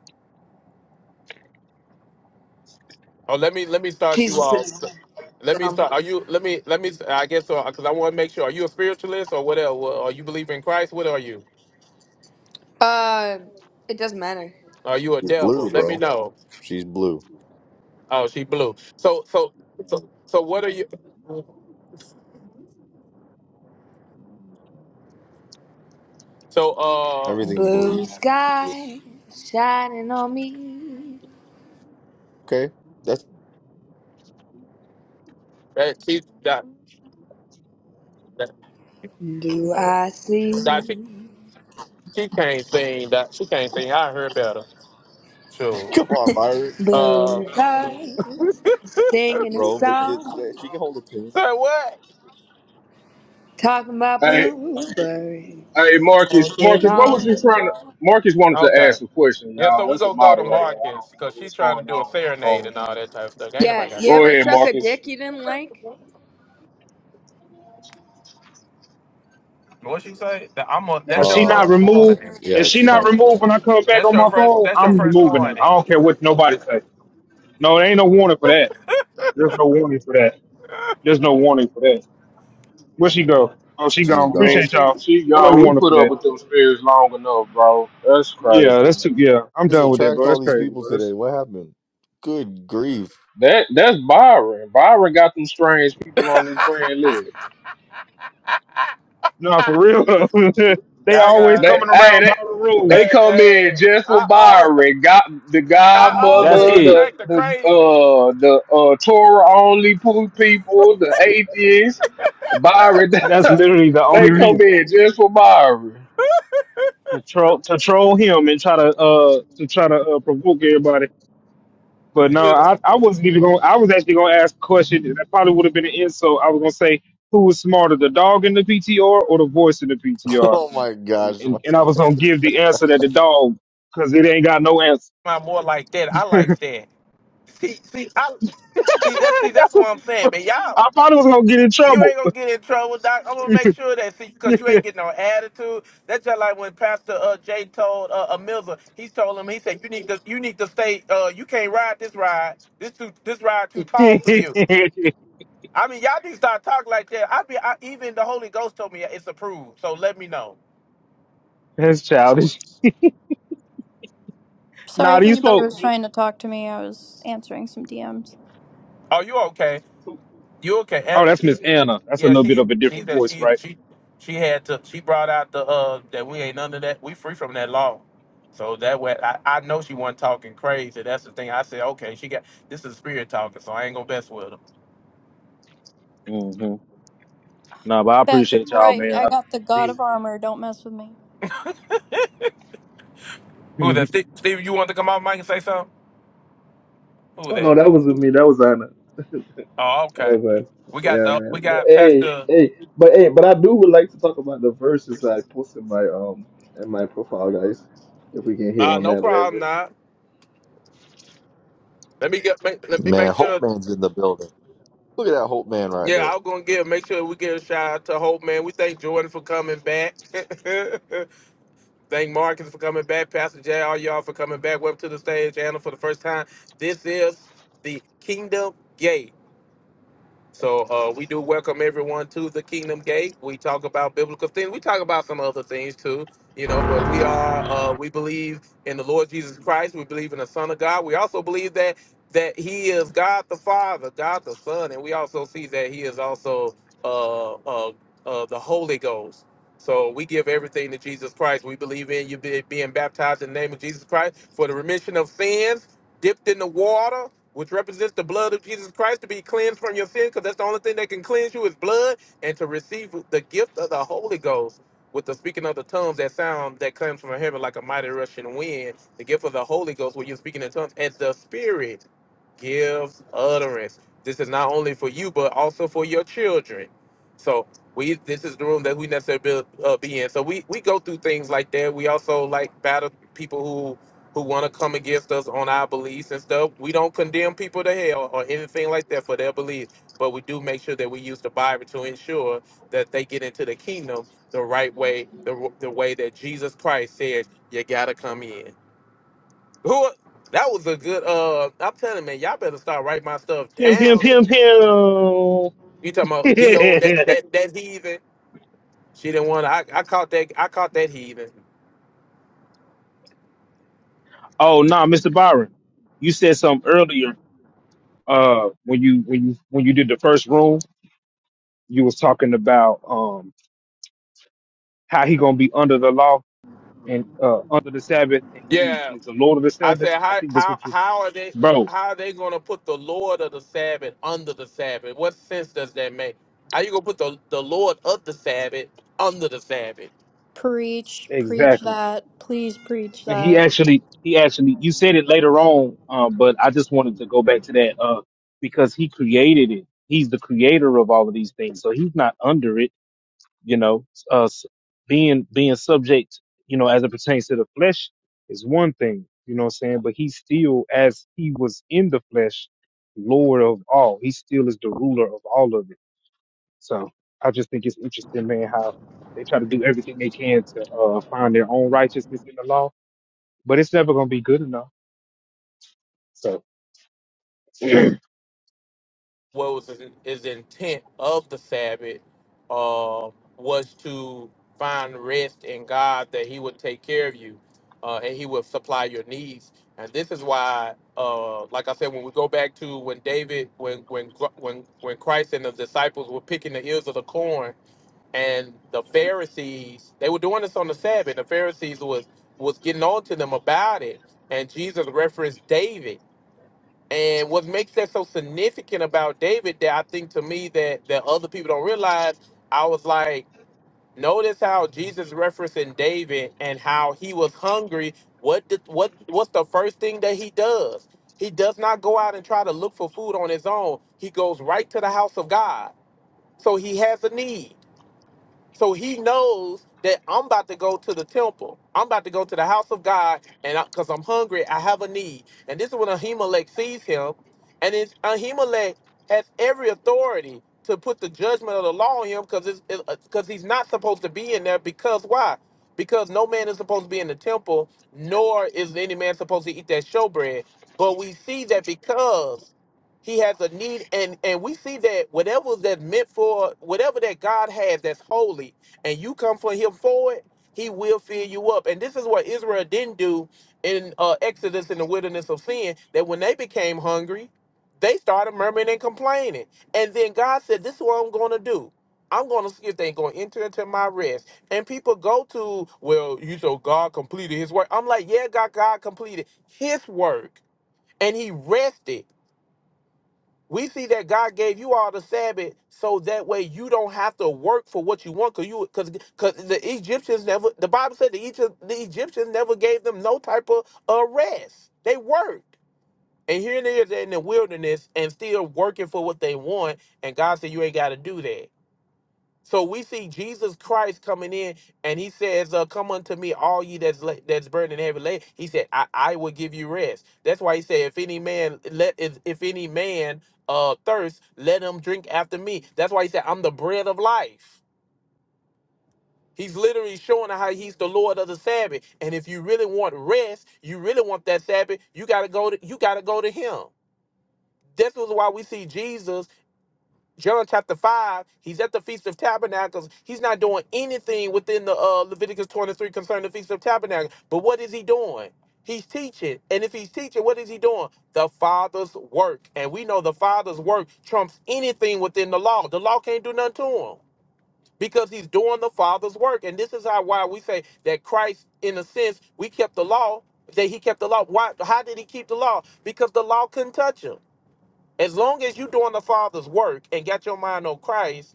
[SPEAKER 6] Oh, let me let me start you
[SPEAKER 19] Jesus
[SPEAKER 6] off.
[SPEAKER 19] is
[SPEAKER 6] Let me
[SPEAKER 19] dumb.
[SPEAKER 6] start. Are you? Let me. Let me. I guess so. Because I want to make sure. Are you a spiritualist or whatever? Are you believe in Christ? What are you?
[SPEAKER 19] Uh, it doesn't matter.
[SPEAKER 6] Are you a
[SPEAKER 17] She's
[SPEAKER 6] devil?
[SPEAKER 17] blue,
[SPEAKER 6] Let me
[SPEAKER 17] bro.
[SPEAKER 6] know.
[SPEAKER 17] She's blue.
[SPEAKER 6] Oh, she blew. So, so, so, so what are you? So, uh,
[SPEAKER 17] Everything
[SPEAKER 19] Blue
[SPEAKER 17] blue.
[SPEAKER 19] sky shining on me.
[SPEAKER 17] Okay, that's
[SPEAKER 6] that she that that,
[SPEAKER 19] Do I see
[SPEAKER 6] that she she can't sing. That she can't sing. I heard better. Sure.
[SPEAKER 17] come on, Byron.
[SPEAKER 6] Uh,
[SPEAKER 19] blue eyes singing a
[SPEAKER 17] bro, but th-
[SPEAKER 19] song?
[SPEAKER 17] she can hold a tune.
[SPEAKER 6] say what?
[SPEAKER 19] Talking about blueberries
[SPEAKER 1] Hey
[SPEAKER 19] all
[SPEAKER 1] Marcus,
[SPEAKER 19] day
[SPEAKER 1] Marcus, what was you
[SPEAKER 19] long.
[SPEAKER 1] trying to? Marcus wanted to
[SPEAKER 6] Okay.
[SPEAKER 1] ask a question,
[SPEAKER 6] Yeah. So
[SPEAKER 1] y'all.
[SPEAKER 6] we
[SPEAKER 1] That's a
[SPEAKER 6] gonna go to
[SPEAKER 1] moderator. I
[SPEAKER 6] Marcus
[SPEAKER 1] don't know
[SPEAKER 6] because she's
[SPEAKER 1] what's
[SPEAKER 6] trying to
[SPEAKER 1] going
[SPEAKER 6] do a
[SPEAKER 1] on.
[SPEAKER 6] serenade
[SPEAKER 1] Um,
[SPEAKER 6] and all that type of stuff. Ain't nobody
[SPEAKER 19] Yeah,
[SPEAKER 6] got
[SPEAKER 19] you
[SPEAKER 1] go
[SPEAKER 6] time.
[SPEAKER 19] ever
[SPEAKER 1] ahead,
[SPEAKER 19] suck a
[SPEAKER 1] Marcus.
[SPEAKER 19] dick you didn't like?
[SPEAKER 6] What she say? That I'm a.
[SPEAKER 4] Now if
[SPEAKER 6] That's your
[SPEAKER 4] she not
[SPEAKER 17] Oh,
[SPEAKER 6] first one.
[SPEAKER 4] removed
[SPEAKER 17] man.
[SPEAKER 4] if
[SPEAKER 17] yeah,
[SPEAKER 4] she
[SPEAKER 17] she
[SPEAKER 4] not
[SPEAKER 17] might be gone.
[SPEAKER 4] removed when I come back
[SPEAKER 6] That's
[SPEAKER 4] on
[SPEAKER 6] your
[SPEAKER 4] my
[SPEAKER 6] first.
[SPEAKER 4] phone,
[SPEAKER 6] That's your
[SPEAKER 4] I'm
[SPEAKER 6] first
[SPEAKER 4] removing
[SPEAKER 6] one.
[SPEAKER 4] her. I don't care what nobody say. No, there ain't no warning for that. There's no warning for that. There's no warning for that. Where she go? Oh she
[SPEAKER 17] She's
[SPEAKER 4] gone.
[SPEAKER 1] I mean,
[SPEAKER 17] gone.
[SPEAKER 4] Appreciate
[SPEAKER 1] she,
[SPEAKER 4] y'all.
[SPEAKER 1] she,
[SPEAKER 4] Ain't
[SPEAKER 6] Go
[SPEAKER 4] no
[SPEAKER 1] y'all,
[SPEAKER 6] ahead.
[SPEAKER 1] we
[SPEAKER 4] warning
[SPEAKER 1] put
[SPEAKER 4] for
[SPEAKER 1] up
[SPEAKER 4] that.
[SPEAKER 1] with them spirits long enough, bro. That's
[SPEAKER 4] Yeah,
[SPEAKER 1] crazy.
[SPEAKER 4] that's too
[SPEAKER 1] Man.
[SPEAKER 4] yeah, I'm
[SPEAKER 17] Let's
[SPEAKER 4] done with that,
[SPEAKER 17] attract
[SPEAKER 4] bro.
[SPEAKER 17] all
[SPEAKER 4] That's
[SPEAKER 17] these
[SPEAKER 4] crazy,
[SPEAKER 17] people
[SPEAKER 4] bro.
[SPEAKER 17] today.
[SPEAKER 4] That's
[SPEAKER 17] What happened? Good grief.
[SPEAKER 1] That, that's Byron. Byron got them strange people on his friend list.
[SPEAKER 4] no for real. they
[SPEAKER 6] Yeah, I
[SPEAKER 4] always
[SPEAKER 6] got.
[SPEAKER 1] They,
[SPEAKER 4] coming
[SPEAKER 1] hey,
[SPEAKER 4] around
[SPEAKER 1] they,
[SPEAKER 4] by the
[SPEAKER 1] they
[SPEAKER 4] rules.
[SPEAKER 6] Hey,
[SPEAKER 1] come in
[SPEAKER 6] hey,
[SPEAKER 1] just for
[SPEAKER 6] I always,
[SPEAKER 1] Byron. Got the
[SPEAKER 6] I
[SPEAKER 4] That's
[SPEAKER 6] always
[SPEAKER 1] godmother,
[SPEAKER 4] it.
[SPEAKER 1] the,
[SPEAKER 6] attract the
[SPEAKER 1] the,
[SPEAKER 6] crazies.
[SPEAKER 1] uh, the, uh, Torah only people, the atheists. Byron.
[SPEAKER 4] That's literally the
[SPEAKER 1] They
[SPEAKER 4] only
[SPEAKER 1] come
[SPEAKER 4] reason
[SPEAKER 1] in just for Myra.
[SPEAKER 4] to troll to troll him and try to uh to try to uh, provoke everybody. But no,
[SPEAKER 6] You know,
[SPEAKER 4] I, I wasn't even going. I was actually going to ask a question that probably would have been an insult. I was going to say who was smarter, the dog in the PTR or the voice in the PTR,
[SPEAKER 17] Oh my
[SPEAKER 4] and
[SPEAKER 17] gosh,
[SPEAKER 4] and,
[SPEAKER 17] Mike.
[SPEAKER 4] and I was going to give the answer that the dog because it ain't got no answer.
[SPEAKER 6] I'm more like that. I like that. See, see, I see that. See, that's
[SPEAKER 4] That's
[SPEAKER 6] what I'm saying,
[SPEAKER 4] what,
[SPEAKER 6] But y'all.
[SPEAKER 4] I probably was going to get in
[SPEAKER 6] You
[SPEAKER 4] trouble.
[SPEAKER 6] ain't gonna get in trouble, Doc. I'm gonna make sure that see, cause you ain't getting no attitude. That's just like when Pastor uh, Jay told uh, a Miller. He told him, he said, "You need to, you need to stay. Uh, you can't ride this ride. This too, this ride too tall for you." I mean, y'all need to start talking like that. I be, I, even the Holy Ghost told me it's approved. So let me know.
[SPEAKER 4] That's childish.
[SPEAKER 18] Sorry
[SPEAKER 4] Nah,
[SPEAKER 18] if
[SPEAKER 4] these
[SPEAKER 18] anybody
[SPEAKER 4] folk.
[SPEAKER 18] was trying to talk to me. I was answering some DMs.
[SPEAKER 6] Are you okay? You okay?
[SPEAKER 4] Oh,
[SPEAKER 6] And
[SPEAKER 4] that's
[SPEAKER 6] she,
[SPEAKER 4] Miss Anna. That's a
[SPEAKER 6] yeah,
[SPEAKER 4] little bit
[SPEAKER 6] she
[SPEAKER 4] of a
[SPEAKER 6] she
[SPEAKER 4] different
[SPEAKER 6] said
[SPEAKER 4] voice,
[SPEAKER 6] she
[SPEAKER 4] right?
[SPEAKER 6] she she had to she brought out the uh that we ain't none of that. We free from that law. So that way, I, I know she wasn't talking crazy. That's the thing. I said, okay, she got this is spirit talking, so I ain't gonna mess with her.
[SPEAKER 4] Mm-hmm. No, but I
[SPEAKER 18] That's
[SPEAKER 4] appreciate y'all,
[SPEAKER 18] right.
[SPEAKER 4] man.
[SPEAKER 18] I
[SPEAKER 4] I-
[SPEAKER 18] got the God
[SPEAKER 4] Jesus.
[SPEAKER 18] of Armor. Don't mess with me.
[SPEAKER 6] Who that?
[SPEAKER 4] pim,
[SPEAKER 6] Steve, Steve you want to come off mic and say something? Who
[SPEAKER 21] Oh no,
[SPEAKER 6] that?
[SPEAKER 21] that wasn't me. That was Anna.
[SPEAKER 6] Oh,
[SPEAKER 21] That
[SPEAKER 6] okay.
[SPEAKER 21] was Anna.
[SPEAKER 6] We got
[SPEAKER 21] Yeah,
[SPEAKER 6] the
[SPEAKER 21] man.
[SPEAKER 6] we
[SPEAKER 21] But
[SPEAKER 6] got
[SPEAKER 21] hey,
[SPEAKER 6] Pastor.
[SPEAKER 21] hey, but hey, but I do would like to talk about the verses I posted in my um in my profile, guys. If we can hit
[SPEAKER 6] Uh,
[SPEAKER 21] on that
[SPEAKER 6] no
[SPEAKER 21] a little
[SPEAKER 6] problem.
[SPEAKER 21] bit,
[SPEAKER 6] Nah, let me get make, let me
[SPEAKER 17] Man,
[SPEAKER 6] make
[SPEAKER 17] Hope
[SPEAKER 6] sure.
[SPEAKER 17] Man's in the building. Look at that Hope Man right
[SPEAKER 6] Yeah,
[SPEAKER 17] there.
[SPEAKER 6] I was gonna give make sure we give a shout out to Hope, man. We thank Jordan for coming back. Thank Marcus for coming back, Pastor Jay, all y'all for coming back. Welcome to the stage, Anna, for the first time. This is the Kingdom Gate. So uh, we do welcome everyone to the Kingdom Gate. We talk about biblical things. We talk about some other things too, you know. But we are uh, we believe in the Lord Jesus Christ. We believe in the Son of God. We also believe that that He is God the Father, God the Son, and we also see that He is also uh, uh, uh, the Holy Ghost. So we give everything to Jesus Christ. We believe in you be, being baptized in the name of Jesus Christ for the remission of sins, dipped in the water which represents the blood of Jesus Christ to be cleansed from your sin, because that's the only thing that can cleanse you is blood, and to receive the gift of the Holy Ghost with the speaking of the tongues, that sound that comes from heaven like a mighty rushing wind, the gift of the Holy Ghost where you're speaking in tongues, as the Spirit gives utterance. This is not only for you, but also for your children. So we, this is the room that we necessarily be, uh, be in. So we, we go through things like that. We also like battle people who who want to come against us on our beliefs and stuff. We don't condemn people to hell or anything like that for their beliefs, but we do make sure that we use the Bible to ensure that they get into the kingdom the right way, the the way that Jesus Christ said you gotta come in. Who? That was a good. Uh, I'm telling you, man, y'all better start writing my stuff
[SPEAKER 4] pim, pim,
[SPEAKER 6] down.
[SPEAKER 4] pim. oh,
[SPEAKER 6] You talking about do that
[SPEAKER 4] nah,
[SPEAKER 6] that that heathen? She didn't want. I I caught that. I caught that heathen.
[SPEAKER 4] Mr. Byron, you said something earlier. Uh, when you when you when you did the first room, you was talking about um how he gonna be under the law and uh under the Sabbath, and he
[SPEAKER 6] Yeah,
[SPEAKER 4] is the Lord of the
[SPEAKER 6] I
[SPEAKER 4] Sabbath.
[SPEAKER 6] said,
[SPEAKER 4] I
[SPEAKER 6] how
[SPEAKER 4] think that's
[SPEAKER 6] how
[SPEAKER 4] what you,
[SPEAKER 6] how are they
[SPEAKER 4] bro.
[SPEAKER 6] how are they going to put the Lord of the Sabbath under the Sabbath? What sense does that make? How you gonna put the the Lord of the Sabbath under the Sabbath?
[SPEAKER 18] Preach, preach
[SPEAKER 4] Exactly.
[SPEAKER 18] that. Please preach
[SPEAKER 4] And he
[SPEAKER 18] that.
[SPEAKER 4] actually, he actually, you said it later on, uh, but I just wanted to go back to that uh, because he created it. He's the creator of all of these things, so he's not under it. You know, uh, s- being being subject, you know, as it pertains to the flesh is one thing. You know what I'm saying? But he's still, as he was in the flesh, Lord of all. He still is the ruler of all of it. So I just think it's interesting, man, how they try to do everything they can to uh, find their own righteousness in the law but it's never gonna be good enough. So, and
[SPEAKER 6] What was his, his intent of the Sabbath? Uh, was to find rest in God that He would take care of you, uh, and He would supply your needs. And this is why, uh, like I said, when we go back to when David, when when when when Christ and the disciples were picking the ears of the corn and the Pharisees they were doing this on the Sabbath. The Pharisees was was getting on to them about it, and Jesus referenced David. And what makes that so significant about David that I think to me that that other people don't realize, I was like, notice how Jesus referencing David and how he was hungry. What did, what what's the first thing that he does? He does not go out and try to look for food on his own. He goes right to the house of God. So he has a need. So he knows that I'm about to go to the temple. I'm about to go to the house of God, and because I'm hungry, I have a need. And this is when Ahimelech sees him, and it's Ahimelech has every authority to put the judgment of the law on him because because he's not supposed to be in there. Because why? Because no man is supposed to be in the temple, nor is any man supposed to eat that showbread. But we see that because he has a need, and and we see that whatever that's meant for, whatever that God has that's holy, and you come for Him for it, He will fill you up. And this is what Israel didn't do in uh, Exodus in the wilderness of sin. That when they became hungry, they started murmuring and complaining, and then God said, "This is what I'm going to do." I'm going to see if they're going to enter into my rest. And people go to, well, you so God completed his work. I'm like, yeah, God, God completed his work and he rested. We see that God gave you all the Sabbath so that way you don't have to work for what you want because you because because the Egyptians never the Bible said the Egypt, the Egyptians never gave them no type of uh, rest. They worked. And here it is they're in the wilderness and still working for what they want. And God said you ain't gotta do that. So we see Jesus Christ coming in, and he says, uh, "Come unto me, all ye that's la- that's burdened and heavy laden." He said, I-, "I will give you rest." That's why he said, "If any man let if, if any man uh thirst, let him drink after me." That's why he said, "I'm the bread of life." He's literally showing how he's the Lord of the Sabbath. And if you really want rest, you really want that Sabbath, you gotta go to you gotta go to Him. This was why we see Jesus. John chapter 5, he's at the Feast of Tabernacles. He's not doing anything within the uh, Leviticus 23 concerning the Feast of Tabernacles. But what is he doing? He's teaching. And if he's teaching, what is he doing? The Father's work. And we know the Father's work trumps anything within the law. The law can't do nothing to him because he's doing the Father's work. And this is how why we say that Christ, in a sense, we kept the law, that he kept the law. Why? How did he keep the law? Because the law couldn't touch him. As long as you're doing the Father's work and got your mind on Christ,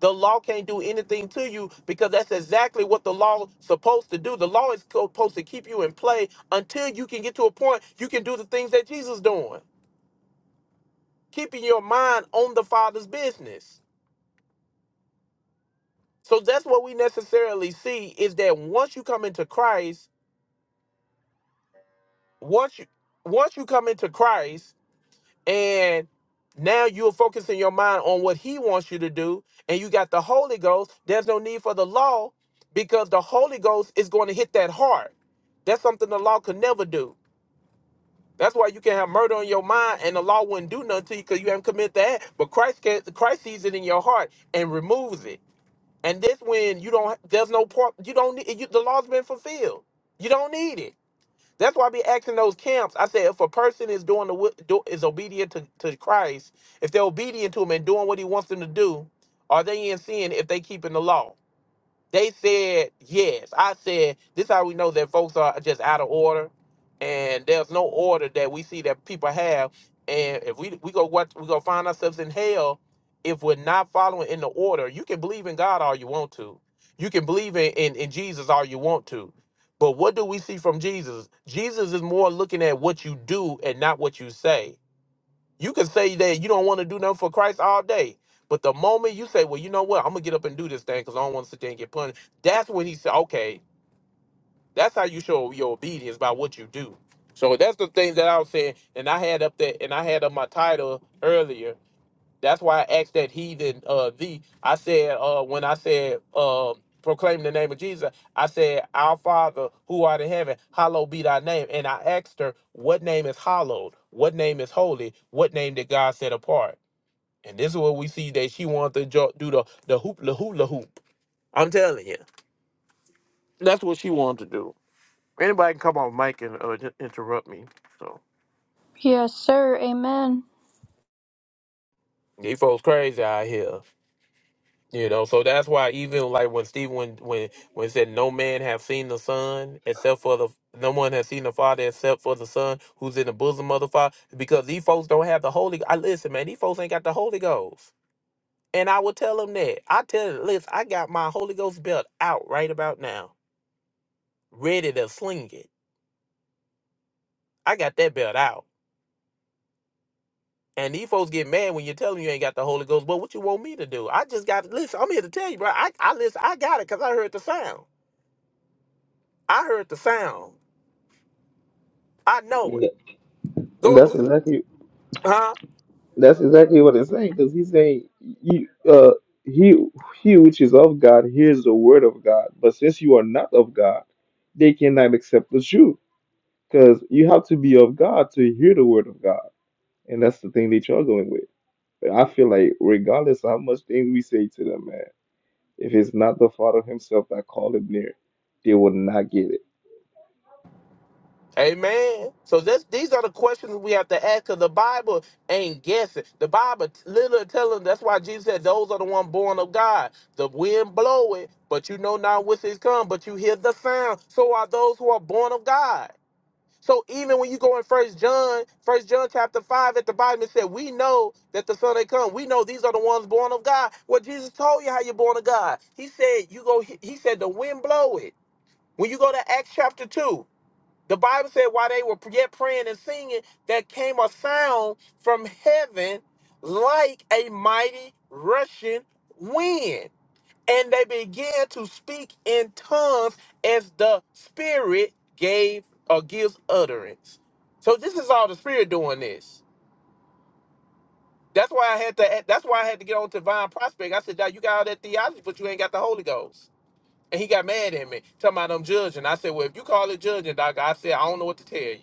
[SPEAKER 6] the law can't do anything to you because that's exactly what the law's supposed to do. The law is supposed to keep you in play until you can get to a point you can do the things that Jesus doing, keeping your mind on the Father's business. So that's what we necessarily see is that once you come into Christ, once you once you come into Christ, and now you're focusing your mind on what he wants you to do and you got the holy ghost there's no need for the law because the holy ghost is going to hit that hard that's something the law could never do that's why you can have murder on your mind and the law wouldn't do nothing to you because you haven't committed that but christ can christ sees it in your heart and removes it and this when you don't there's no part you don't need you, the law's been fulfilled you don't need it that's why I be asking those camps. I said, if a person is doing the wi- do, is obedient to, to Christ, if they're obedient to Him and doing what He wants them to do, are they in sin if they keeping the law? They said yes. I said this. is How we know that folks are just out of order, and there's no order that we see that people have. And if we we go what we go find ourselves in hell if we're not following in the order. You can believe in God all you want to. You can believe in in, in Jesus all you want to. But what do we see from Jesus? Jesus is more looking at what you do and not what you say. You can say that you don't want to do nothing for Christ all day. But the moment you say, well, you know what, I'm going to get up and do this thing because I don't want to sit there and get punished, that's when he said, okay, that's how you show your obedience by what you do. So that's the thing that I was saying. And I had up there, and I had up my title earlier. That's why I asked that heathen uh thee. I said uh when I said uh proclaim the name of Jesus, I said, Our Father who art in heaven, hallowed be thy name. And I asked her, What name is hallowed? What name is holy? What name did God set apart? And this is what we see that she wanted to jo- do the the hoop la hoop la hoop. I'm telling you. That's what she wanted to do. Anybody can come on mic and uh, ju- interrupt me. So
[SPEAKER 18] Yes, sir. Amen.
[SPEAKER 6] these folks crazy out here. You know, so that's why even like when Stephen when when when it said no man have seen the son except for the no one has seen the father except for the son who's in the bosom of the father because these folks don't have the holy. I listen, man, these folks ain't got the Holy Ghost, and I will tell them that. I tell them, listen, I got my Holy Ghost belt out right about now, ready to sling it. I got that belt out, and these folks get mad when you tell them you ain't got the Holy Ghost. But what you want me to do? I just got listen. I'm here to tell you, bro. I I listen. I got it because I heard the sound. I heard the sound. I know
[SPEAKER 21] and
[SPEAKER 6] it.
[SPEAKER 21] and
[SPEAKER 6] Go,
[SPEAKER 21] that's exactly
[SPEAKER 6] huh?
[SPEAKER 21] That's exactly what it's saying, because he's saying you uh he he which is of God hears the word of God, but since you are not of God, they cannot accept the truth. Because you have to be of God to hear the word of God. And that's the thing they're struggling with. But I feel like regardless how much things we say to them, man, if it's not the Father Himself that called him near, they will not get it.
[SPEAKER 6] Amen. So this, these are the questions we have to ask because the Bible ain't guessing. The Bible t- literally telling that's why Jesus said, Those are the one born of God. The wind blow it, but you know not which is come, but you hear the sound. So are those who are born of God. So even when you go in First John, First John chapter five at the bottom, it said, "We know that the Son had come. We know these are the ones born of God." Well, Jesus told you how you're born of God. He said, "You go." He he said, "The wind blow it." When you go to Acts chapter 2, the Bible said while they were yet praying and singing, there came a sound from heaven like a mighty rushing wind. And they began to speak in tongues as the Spirit gave or gives utterance. So this is all the Spirit doing this. That's why I had to. That's why I had to get on to Divine Prospect. I said, "Now you got all that theology, but you ain't got the Holy Ghost." And he got mad at me, talking about I'm judging. I said, Well, if you call it judging, Doc, I said, I don't know what to tell you.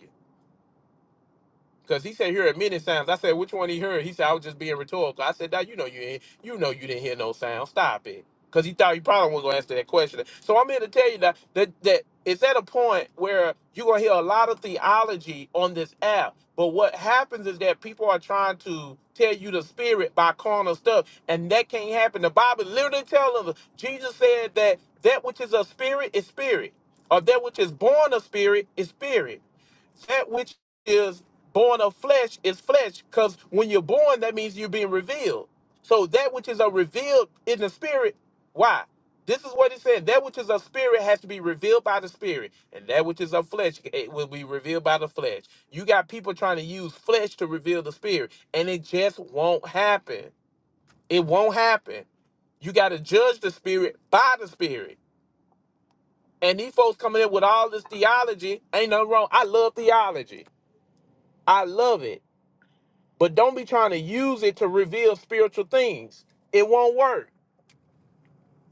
[SPEAKER 6] Cause he said hear it many sounds. I said which one he heard. He said I was just being rhetorical. I said now you know you ain't, you know you didn't hear no sound. Stop it. Cause he thought he probably wasn't gonna answer that question. So I'm here to tell you that that, that it's at a point where you're gonna hear a lot of theology on this app. But what happens is that people are trying to tell you the spirit by carnal stuff, and that can't happen. The Bible literally tells us. Jesus said that that which is a spirit is spirit, or that which is born of spirit is spirit. That which is born of flesh is flesh because when you're born that means you're being revealed so that which is a revealed in the spirit why this is what it said that which is a spirit has to be revealed by the spirit and that which is of flesh it will be revealed by the flesh you got people trying to use flesh to reveal the spirit and it just won't happen it won't happen you got to judge the spirit by the spirit and these folks coming in with all this theology ain't nothing wrong i love theology i love it But don't be trying to use it to reveal spiritual things. It won't work.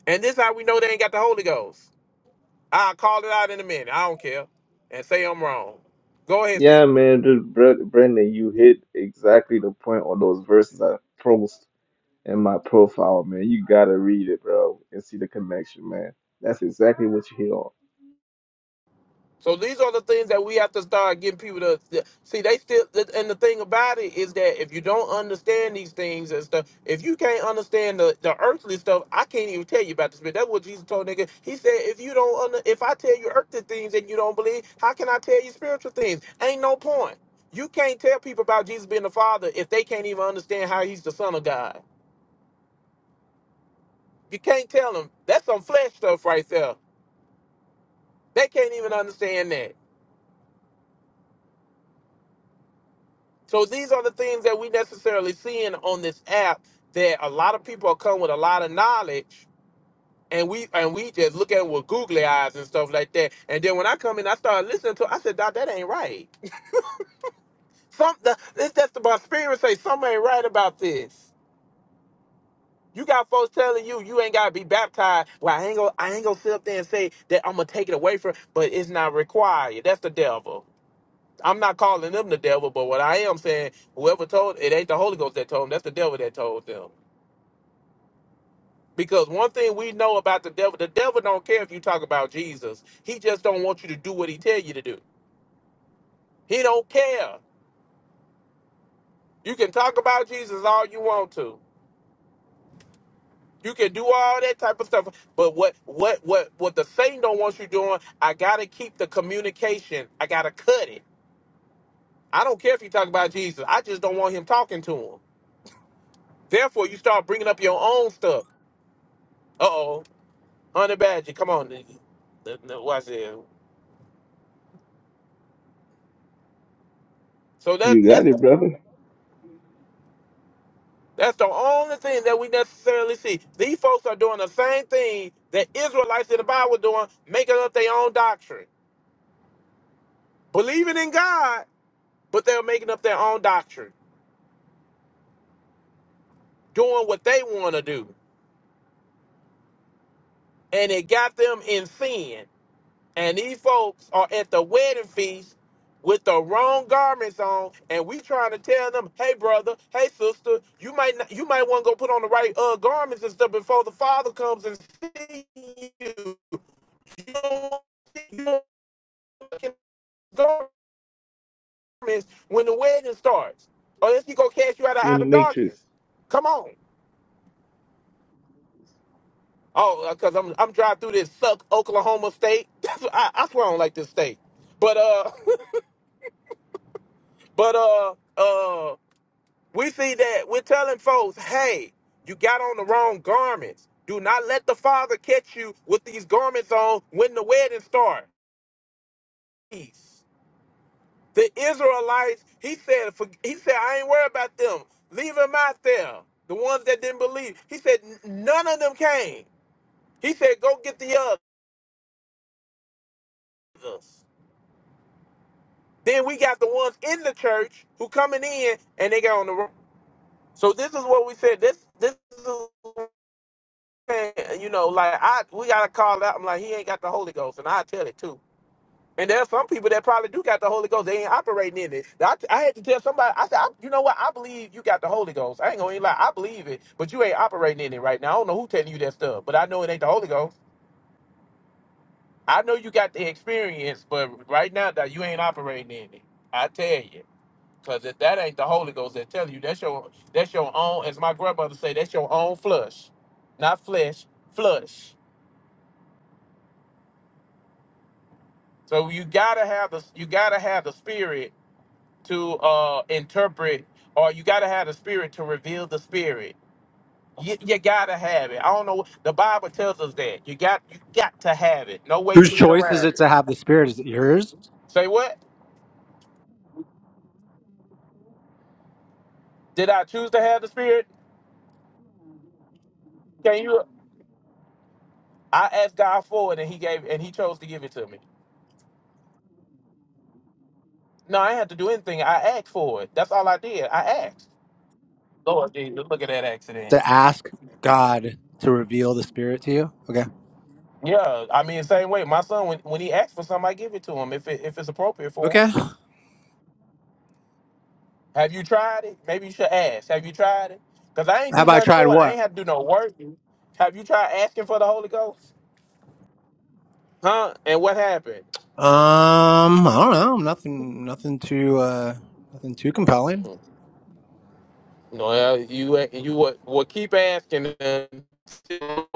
[SPEAKER 6] And this how we know they ain't got the Holy Ghost. I'll call it out in a minute. I don't care. And say I'm wrong. Go ahead,
[SPEAKER 21] Yeah,
[SPEAKER 6] Stephen.
[SPEAKER 21] man, just Bre- Brendan, you hit exactly the point on those verses I posed in my profile, man. You gotta read it, bro, and see the connection, man. That's exactly what you hear. on.
[SPEAKER 6] So these are the things that we have to start getting people to to- see. They still, and the thing about it is that if you don't understand these things and stuff, if you can't understand the, the earthly stuff, I can't even tell you about the spirit. That's what Jesus told nigga. He said, if you don't, under, if I tell you earthly things and you don't believe, how can I tell you spiritual things? Ain't no point. You can't tell people about Jesus being the Father if they can't even understand how He's the Son of God. You can't tell them. That's some flesh stuff right there. They can't even understand that. So these are the things that we necessarily seeing on this app that a lot of people come with a lot of knowledge and we and we just look at it with googly eyes and stuff like that. And then when I come in, I start listening to it, I said, Doc, that ain't right. Some the, this that's the spirit say something ain't right about this. You got folks telling you you ain't gotta be baptized. Well, I ain't gonna I ain't gonna sit up there and say that I'm gonna take it away from but it's not required. That's the devil. I'm not calling them the devil, but what I am saying, whoever told it ain't the Holy Ghost that told them, that's the devil that told them. Because one thing we know about the devil, the devil don't care if you talk about Jesus. He just don't want you to do what he tell you to do. He don't care. You can talk about Jesus all you want to. You can do all that type of stuff. But what what what what the Satan don't want you doing, I gotta keep the communication. I gotta cut it. I don't care if you talk about Jesus. I just don't want him talking to him. Therefore, you start bringing up your own stuff. Uh oh, honey badger, come on, nigga. Watch this. So that
[SPEAKER 21] You got
[SPEAKER 6] that's
[SPEAKER 21] it, brother.
[SPEAKER 6] That's the only thing that we necessarily see. These folks are doing the same thing that Israelites in the Bible were doing, making up their own doctrine. Believing in God, but they're making up their own doctrine, doing what they want to do. And it got them in sin. And these folks are at the wedding feast with the wrong garments on, and we trying to tell them, hey brother, hey sister, you might not, you might want to go put on the right uh garments and stuff before the father comes and see you. You don't fucking garments when the wedding starts. Unless he gonna cast you out of
[SPEAKER 21] You're in the
[SPEAKER 6] outer
[SPEAKER 21] matrix.
[SPEAKER 6] darkness. Come on. Oh, because I'm I'm driving through this suck Oklahoma state. That's I, I swear I don't like this state. But uh, but uh, uh, we see that we're telling folks, hey, you got on the wrong garments. Do not let the father catch you with these garments on when the wedding starts. The Israelites, he said, for, he said, I ain't worried about them. Leave them out there. The ones that didn't believe. He said, "N- none of them came. He said, go get the others. Then we got the ones in the church who coming in and they got on the road. So this is what we said. This this is you know, like I we gotta call out. I'm like, he ain't got the Holy Ghost, and I tell it too. And there are some people that probably do got the Holy Ghost. They ain't operating in it. I, I had to tell somebody. I said, I, you know what? I believe you got the Holy Ghost. I ain't gonna lie. I believe it, but you ain't operating in it right now. I don't know who telling you that stuff, but I know it ain't the Holy Ghost. I know you got the experience, but right now that you ain't operating in it. I tell you, because if that ain't the Holy Ghost that telling you, that's your that's your own. As my grandmother say, that's your own flesh, not flesh, flesh. So you gotta have the you gotta have the spirit to uh interpret or you gotta have the spirit to reveal the spirit you, you gotta have it i don't know the bible tells us that you got you got to have it no way you
[SPEAKER 12] Whose
[SPEAKER 6] can get
[SPEAKER 12] choice is
[SPEAKER 6] around
[SPEAKER 12] it
[SPEAKER 6] it
[SPEAKER 12] to have the spirit? Is it yours
[SPEAKER 6] say what did i choose to have the spirit can you i asked god for it and he gave and he chose to give it to me no i didn't have to do anything i asked for it that's all i did i asked lord jesus look at that accident
[SPEAKER 12] to ask God to reveal the spirit to you? Okay.
[SPEAKER 6] yeah i mean same way my son when, when he asks for something i give it to him if, it, if it's appropriate for him
[SPEAKER 12] Okay.
[SPEAKER 6] Have you tried it? Maybe you should ask. Have you tried it? Because I ain't do
[SPEAKER 12] Have I
[SPEAKER 6] nothing
[SPEAKER 12] tried
[SPEAKER 6] for it. I
[SPEAKER 12] what?
[SPEAKER 6] ain't had to do no work. Have you tried asking for the Holy Ghost? Huh? And what happened?
[SPEAKER 12] Um, I don't know. Nothing. Nothing too. uh Nothing too compelling.
[SPEAKER 6] Well, you you would, would keep asking. and-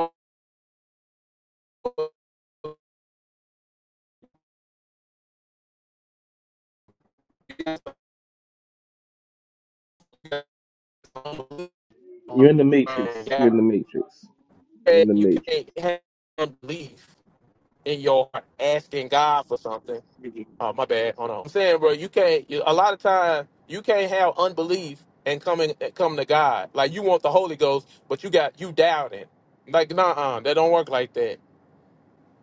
[SPEAKER 21] You're in the matrix. You're in the matrix. You're in the
[SPEAKER 6] You
[SPEAKER 21] matrix.
[SPEAKER 6] can't have unbelief in your heart asking God for something Oh, my bad. Hold on. I'm saying, bro, you can't. you- A lot of time, you can't have unbelief and coming come to God. Like you want the Holy Ghost, but you got you doubting. Like, nah, that don't work like that.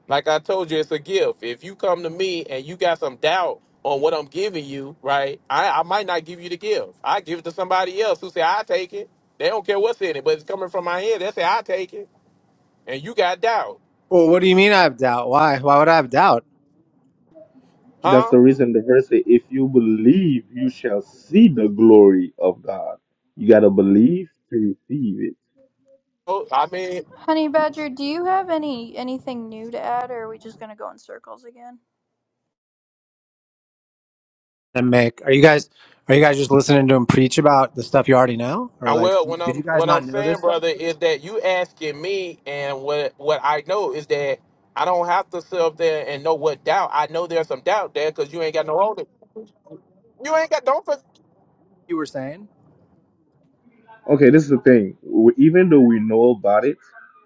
[SPEAKER 6] Like I told you, it's a gift. If you come to me and you got some doubt on what I'm giving you, right? I, I might not give you the gift. I give it to somebody else who say I take it. They don't care what's in it, but it's coming from my head. They say I take it, and you got doubt,
[SPEAKER 12] Well, what do you mean I have doubt? Why? Why would I have doubt?
[SPEAKER 21] That's
[SPEAKER 6] huh?
[SPEAKER 21] the reason the verse say, "If you believe, you shall see the glory of God." You gotta believe to receive it.
[SPEAKER 6] So, I mean,
[SPEAKER 18] Honey Badger, do you have any anything new to add, or are we just gonna go in circles again?
[SPEAKER 12] and Mick. Are you guys are you guys just listening to him preach about the stuff you already know? Or
[SPEAKER 6] I
[SPEAKER 12] like
[SPEAKER 6] will. What
[SPEAKER 12] did
[SPEAKER 6] I'm
[SPEAKER 12] you guys
[SPEAKER 6] what I'm
[SPEAKER 12] not know
[SPEAKER 6] saying,
[SPEAKER 12] this stuff?
[SPEAKER 6] brother, is that you asking me, and what what I know is that I don't have to sit up there and know what doubt. I know there's some doubt there because you ain't got no hold it. You ain't got don't. For,
[SPEAKER 12] You were saying?
[SPEAKER 21] Okay, this is the thing. W- Even though we know about it,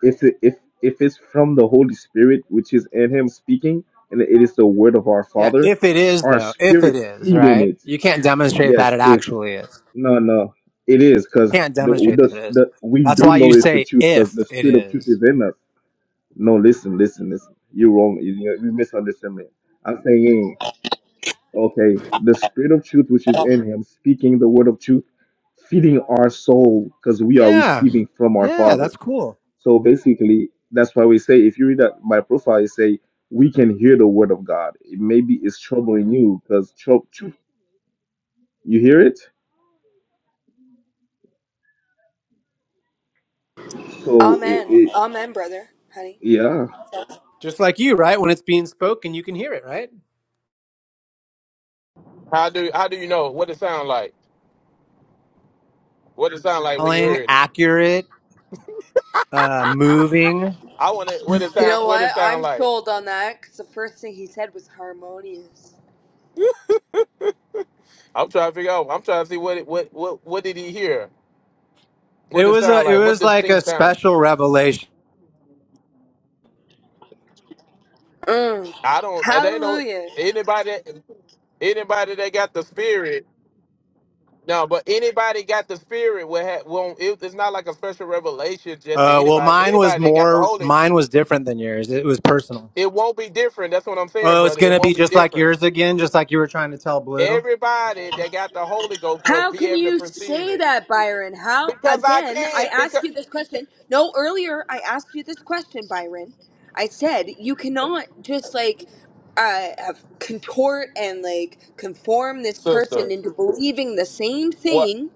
[SPEAKER 21] if it, if if it's from the Holy Spirit, which is in Him speaking, and it is the word of our
[SPEAKER 12] Yeah.
[SPEAKER 21] Father,
[SPEAKER 12] If it is
[SPEAKER 21] our
[SPEAKER 12] though, if it
[SPEAKER 21] spirit
[SPEAKER 12] is,
[SPEAKER 21] feed in
[SPEAKER 12] right?
[SPEAKER 21] it.
[SPEAKER 12] You can't demonstrate that
[SPEAKER 21] Yes,
[SPEAKER 12] it
[SPEAKER 21] if
[SPEAKER 12] actually is.
[SPEAKER 21] no, no, it is because
[SPEAKER 12] Can't
[SPEAKER 21] the,
[SPEAKER 12] demonstrate that
[SPEAKER 21] the
[SPEAKER 12] it is.
[SPEAKER 21] the we
[SPEAKER 12] That's
[SPEAKER 21] do
[SPEAKER 12] why
[SPEAKER 21] know
[SPEAKER 12] you
[SPEAKER 21] it's the
[SPEAKER 12] say
[SPEAKER 21] truth because
[SPEAKER 12] if
[SPEAKER 21] the
[SPEAKER 12] it
[SPEAKER 21] spirit of truth
[SPEAKER 12] is.
[SPEAKER 21] is in us. No, listen, listen, listen. You're wrong. You, you you misunderstand me. I'm saying. Okay, the spirit of truth which is in him, speaking the word of truth, feeding our soul because we are
[SPEAKER 12] Yeah.
[SPEAKER 21] receiving from our
[SPEAKER 12] Yeah,
[SPEAKER 21] Father.
[SPEAKER 12] that's cool.
[SPEAKER 21] So basically, that's why we say, if you read that my profile, you say we can hear the word of God. It maybe it's troubling you because truth. You hear it, so it,
[SPEAKER 19] Amen.
[SPEAKER 21] it
[SPEAKER 19] Amen, brother, honey.
[SPEAKER 21] yeah.
[SPEAKER 12] Just like you, right? When it's being spoken, you can hear it, right?
[SPEAKER 6] how do how do you know what it sound like? What it sound like when you
[SPEAKER 12] Telling,
[SPEAKER 6] heard it?
[SPEAKER 12] accurate, uh, moving.
[SPEAKER 6] I want to what it
[SPEAKER 19] You
[SPEAKER 6] sound
[SPEAKER 19] know
[SPEAKER 6] what
[SPEAKER 19] what?
[SPEAKER 6] it sound
[SPEAKER 19] I'm
[SPEAKER 6] like.
[SPEAKER 19] sold on that because the first thing he said was harmonious.
[SPEAKER 6] I'm trying to figure out. I'm trying to see what it what what what did he hear?
[SPEAKER 12] It
[SPEAKER 6] What it
[SPEAKER 12] was
[SPEAKER 6] sound
[SPEAKER 12] a, it
[SPEAKER 6] like? What
[SPEAKER 12] was
[SPEAKER 6] does
[SPEAKER 12] like
[SPEAKER 6] thing
[SPEAKER 12] a
[SPEAKER 6] sound?
[SPEAKER 12] special revelation.
[SPEAKER 19] Mm.
[SPEAKER 6] I don't. They know
[SPEAKER 19] Hallelujah.
[SPEAKER 6] anybody anybody that got the spirit. No, but anybody got the spirit will have won't it, it's not like a special revelation just to
[SPEAKER 12] Uh, well,
[SPEAKER 6] anybody.
[SPEAKER 12] mine was
[SPEAKER 6] Anybody that got the
[SPEAKER 12] more,
[SPEAKER 6] holy,
[SPEAKER 12] mine was different than yours. It was personal.
[SPEAKER 6] it won't be different. That's what I'm saying,
[SPEAKER 12] Oh, it's
[SPEAKER 6] brother. It
[SPEAKER 12] gonna
[SPEAKER 6] won't
[SPEAKER 12] be
[SPEAKER 6] be
[SPEAKER 12] just like
[SPEAKER 6] different.
[SPEAKER 12] yours again, just like you were trying to tell Blue.
[SPEAKER 6] Everybody that got the Holy Ghost will
[SPEAKER 19] How
[SPEAKER 6] be
[SPEAKER 19] can
[SPEAKER 6] able to
[SPEAKER 19] you
[SPEAKER 6] perceive
[SPEAKER 19] say
[SPEAKER 6] it.
[SPEAKER 19] that, Byron? How
[SPEAKER 6] Because I
[SPEAKER 19] again? I
[SPEAKER 6] can't.
[SPEAKER 19] ask
[SPEAKER 6] Because
[SPEAKER 19] you this question. No, earlier I asked you this question, Byron. I said you cannot just like uh, have- contort and like conform this
[SPEAKER 6] sister,
[SPEAKER 19] person into believing the same
[SPEAKER 6] what
[SPEAKER 19] thing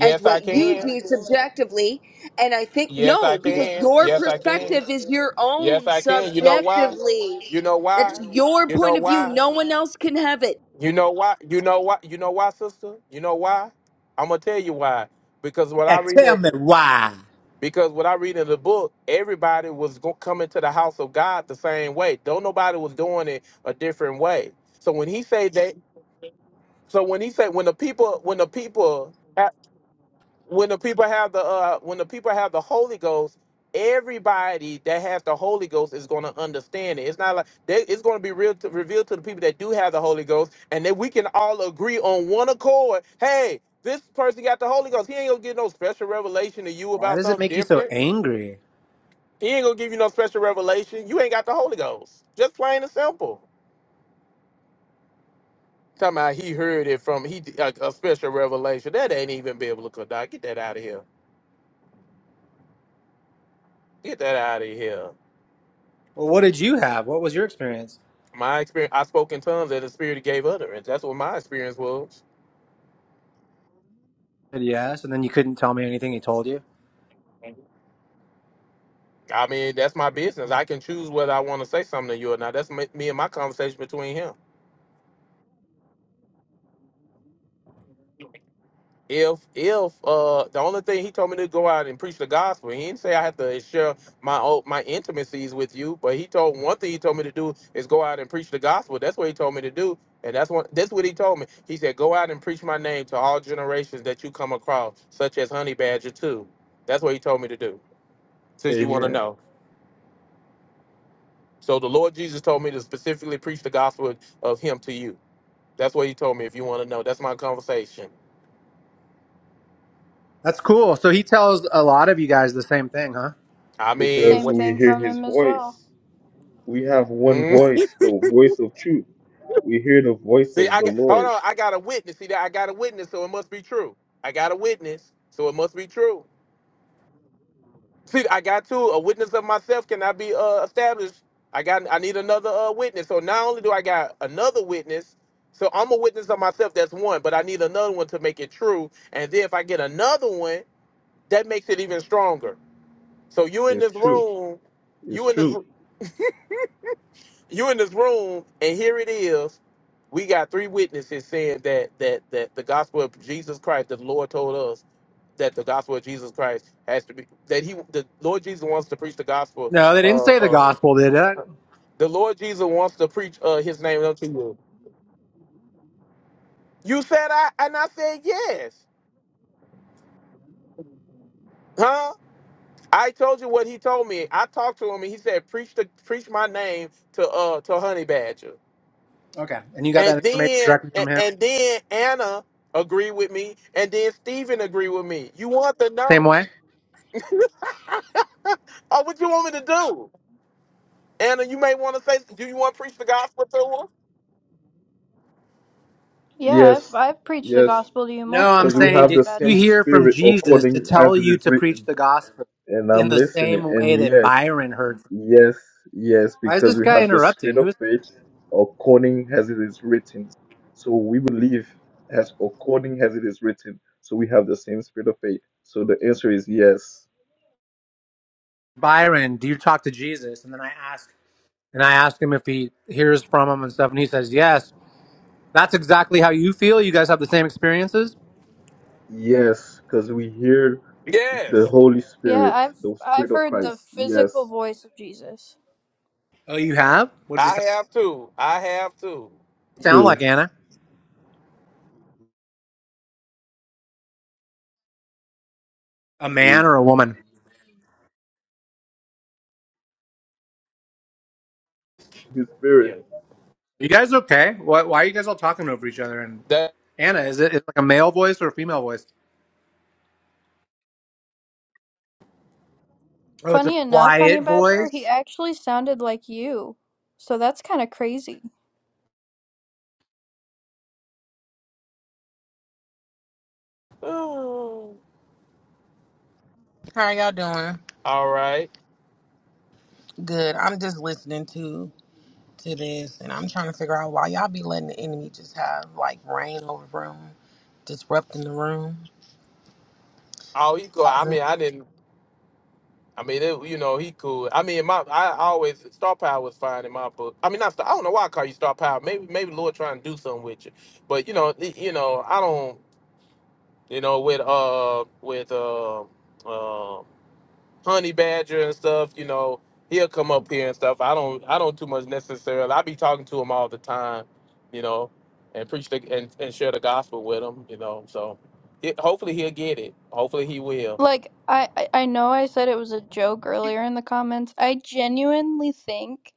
[SPEAKER 19] as what
[SPEAKER 6] I
[SPEAKER 19] you
[SPEAKER 6] can.
[SPEAKER 19] do subjectively. And I think
[SPEAKER 6] Yes I
[SPEAKER 19] no, because
[SPEAKER 6] can.
[SPEAKER 19] your
[SPEAKER 6] Yes I can.
[SPEAKER 19] perspective is your
[SPEAKER 6] Yes
[SPEAKER 19] own
[SPEAKER 6] I can. You know why?
[SPEAKER 19] subjectively.
[SPEAKER 6] You know
[SPEAKER 19] That's
[SPEAKER 6] why?
[SPEAKER 19] your
[SPEAKER 6] You know
[SPEAKER 19] point of view.
[SPEAKER 6] why?
[SPEAKER 19] No one else can have it.
[SPEAKER 6] You know why? You know why? You know why, sister? You know why? I'm gonna tell you why because when
[SPEAKER 12] Yeah,
[SPEAKER 6] I read
[SPEAKER 12] tell
[SPEAKER 6] that
[SPEAKER 12] me why.
[SPEAKER 6] Because what I read in the book, everybody was go- coming to the house of God the same way. Don't nobody was doing it a different way. So when he say that, so when he say when the people when the people ha- when the people have the uh, when the people have the Holy Ghost, everybody that has the Holy Ghost is going to understand it. It's not like they, it's going to be real to, revealed to the people that do have the Holy Ghost, and then we can all agree on one accord. Hey, this person got the Holy Ghost. He ain't gonna get no special revelation to you
[SPEAKER 12] Why
[SPEAKER 6] about
[SPEAKER 12] does it
[SPEAKER 6] something
[SPEAKER 12] make you so
[SPEAKER 6] different.
[SPEAKER 12] angry?
[SPEAKER 6] He ain't gonna give you no special revelation. You ain't got the Holy Ghost. Just plain and simple. Talking about he heard it from he a, a special revelation. That ain't even biblical, dog. Get that out of here. Get that out of here.
[SPEAKER 12] Well, what did you have? What was your experience?
[SPEAKER 6] My experience, I spoke in tongues and the Spirit gave utterance. That's what my experience was.
[SPEAKER 12] I said yes, and then you couldn't tell me anything he told you.
[SPEAKER 6] I mean, that's my business. I can choose whether I want to say something to you or not. That's me me and my conversation between him. if if uh the only thing he told me to go out and preach the gospel he didn't say i have to share my o- my intimacies with you but he told one thing he told me to do is go out and preach the gospel that's what he told me to do and that's what that's what he told me he said go out and preach my name to all generations that you come across such as honey badger too that's what he told me to do since you want to
[SPEAKER 21] Amen.
[SPEAKER 6] know so the lord jesus told me to specifically preach the gospel of him to you that's what he told me if you want to know that's my conversation
[SPEAKER 12] That's cool. So he tells a lot of you guys the same thing, huh?
[SPEAKER 6] i
[SPEAKER 18] The
[SPEAKER 6] mean
[SPEAKER 21] Because
[SPEAKER 18] same
[SPEAKER 6] what
[SPEAKER 21] we
[SPEAKER 18] thing
[SPEAKER 21] hear
[SPEAKER 18] from
[SPEAKER 21] His
[SPEAKER 18] him as well.
[SPEAKER 21] voice. We have one voice, the voice of truth. We hear the voice
[SPEAKER 6] See,
[SPEAKER 21] of
[SPEAKER 6] I
[SPEAKER 21] the
[SPEAKER 6] got hold
[SPEAKER 21] Lord.
[SPEAKER 6] on. I got a witness. See that I got a witness, so it must be true. I got a witness, so it must be true. See, I got two. A witness of myself cannot be uh, established. I got. I need another uh, witness. So not only do I got another witness, so I'm a witness of myself. That's one. But I need another one to make it true. And then if I get another one, that makes it even stronger. So you in
[SPEAKER 21] It's
[SPEAKER 6] this
[SPEAKER 21] true.
[SPEAKER 6] room,
[SPEAKER 21] It's
[SPEAKER 6] you in this.
[SPEAKER 21] true.
[SPEAKER 6] you in this room and here it is we got three witnesses saying that that that the gospel of jesus christ the lord told us that the gospel of jesus christ has to be that he the lord jesus wants to preach the gospel
[SPEAKER 12] No, they didn't
[SPEAKER 6] uh,
[SPEAKER 12] say the
[SPEAKER 6] uh
[SPEAKER 12] gospel, did it?
[SPEAKER 6] the lord jesus wants to preach uh his name unto you you said i and i said yes huh i told you what he told me i talked to him and he said preach the preach my name to uh to honey badger
[SPEAKER 12] Okay. And you got
[SPEAKER 6] And
[SPEAKER 12] that information
[SPEAKER 6] then
[SPEAKER 12] directly
[SPEAKER 6] and,
[SPEAKER 12] from him?
[SPEAKER 6] and then Anna agreed with me, and then Steven agreed with me. You want to
[SPEAKER 12] Same
[SPEAKER 6] know?
[SPEAKER 12] way?
[SPEAKER 6] Oh, what you want me to do? Anna, you may want to say, do you want to preach the gospel to her?
[SPEAKER 18] Yeah, I've
[SPEAKER 21] Yes.
[SPEAKER 18] I've preached the
[SPEAKER 21] Yes.
[SPEAKER 18] gospel to you
[SPEAKER 12] No,
[SPEAKER 18] multiple
[SPEAKER 12] I'm
[SPEAKER 21] because we
[SPEAKER 18] times,
[SPEAKER 12] saying,
[SPEAKER 21] have
[SPEAKER 18] Honey
[SPEAKER 21] the
[SPEAKER 12] did you
[SPEAKER 21] same
[SPEAKER 18] Badger.
[SPEAKER 12] hear from
[SPEAKER 21] spirit
[SPEAKER 12] Jesus to
[SPEAKER 21] according
[SPEAKER 12] tell
[SPEAKER 21] as it
[SPEAKER 12] you
[SPEAKER 21] is
[SPEAKER 12] to preach
[SPEAKER 21] written.
[SPEAKER 12] the gospel
[SPEAKER 21] And
[SPEAKER 12] in
[SPEAKER 21] I'm
[SPEAKER 12] the
[SPEAKER 21] listening.
[SPEAKER 12] same
[SPEAKER 21] And
[SPEAKER 12] way that
[SPEAKER 21] yes,
[SPEAKER 12] Byron heard? From
[SPEAKER 21] yes, yes,
[SPEAKER 12] Why is
[SPEAKER 21] because
[SPEAKER 12] this
[SPEAKER 21] we
[SPEAKER 12] guy
[SPEAKER 21] have the spirit
[SPEAKER 12] interrupting?
[SPEAKER 21] of
[SPEAKER 12] Who is
[SPEAKER 21] faith according as it is written. So we believe as according as it is written. So we have the same spirit of faith. So the answer is yes.
[SPEAKER 12] Byron? Do you talk to Jesus? And then I ask, and I ask him if he hears from him and stuff, and he says yes. That's exactly how you feel. You guys have the same experiences.
[SPEAKER 21] Yes, because we hear the
[SPEAKER 6] Yes,
[SPEAKER 21] Holy
[SPEAKER 18] Yeah,
[SPEAKER 21] Spirit,
[SPEAKER 18] I've
[SPEAKER 21] the Spirit
[SPEAKER 18] I've
[SPEAKER 21] of
[SPEAKER 18] heard the
[SPEAKER 21] Christ.
[SPEAKER 18] physical
[SPEAKER 21] Yes.
[SPEAKER 18] voice of Jesus.
[SPEAKER 12] Oh, you have. What does he
[SPEAKER 6] I
[SPEAKER 12] sound
[SPEAKER 6] have to. I have to.
[SPEAKER 12] sound
[SPEAKER 21] Two.
[SPEAKER 12] like, Anna? A man
[SPEAKER 21] And
[SPEAKER 12] or a woman?
[SPEAKER 21] His Spirit.
[SPEAKER 6] Yeah.
[SPEAKER 12] You guys okay? Why, why are you guys all talking over each other? And
[SPEAKER 6] That.
[SPEAKER 12] Anna, is it, is it like a male voice or a female voice? Oh, it's a
[SPEAKER 18] Funny enough, Honey
[SPEAKER 12] quiet
[SPEAKER 18] Badger,
[SPEAKER 12] voice.
[SPEAKER 18] he actually sounded like you. So that's kind of crazy.
[SPEAKER 6] Oh,
[SPEAKER 23] How are y'all doing?
[SPEAKER 6] All right.
[SPEAKER 23] Good. I'm just listening to to this and I'm trying to figure out why y'all be letting the enemy just have like reign over the room, disrupting the room.
[SPEAKER 6] Oh, he cool. I
[SPEAKER 23] causing-
[SPEAKER 6] mean, I didn't. I mean, it, you know, he cool. I mean, my I always Star Power was fine in my book. I mean, not Star, I don't know why I call you Star Power. Maybe maybe Lord trying to do something with you, but you know, you know, I don't. you know, with uh with uh, uh honey badger and stuff, you know, he'll come up here and stuff. I don't I don't too much necessarily. I be talking to him all the time, you know, and preach the and, and share the gospel with him, you know. So it, hopefully he'll get it. Hopefully he will.
[SPEAKER 18] Like I I I know I said it was a joke earlier in the comments. I genuinely think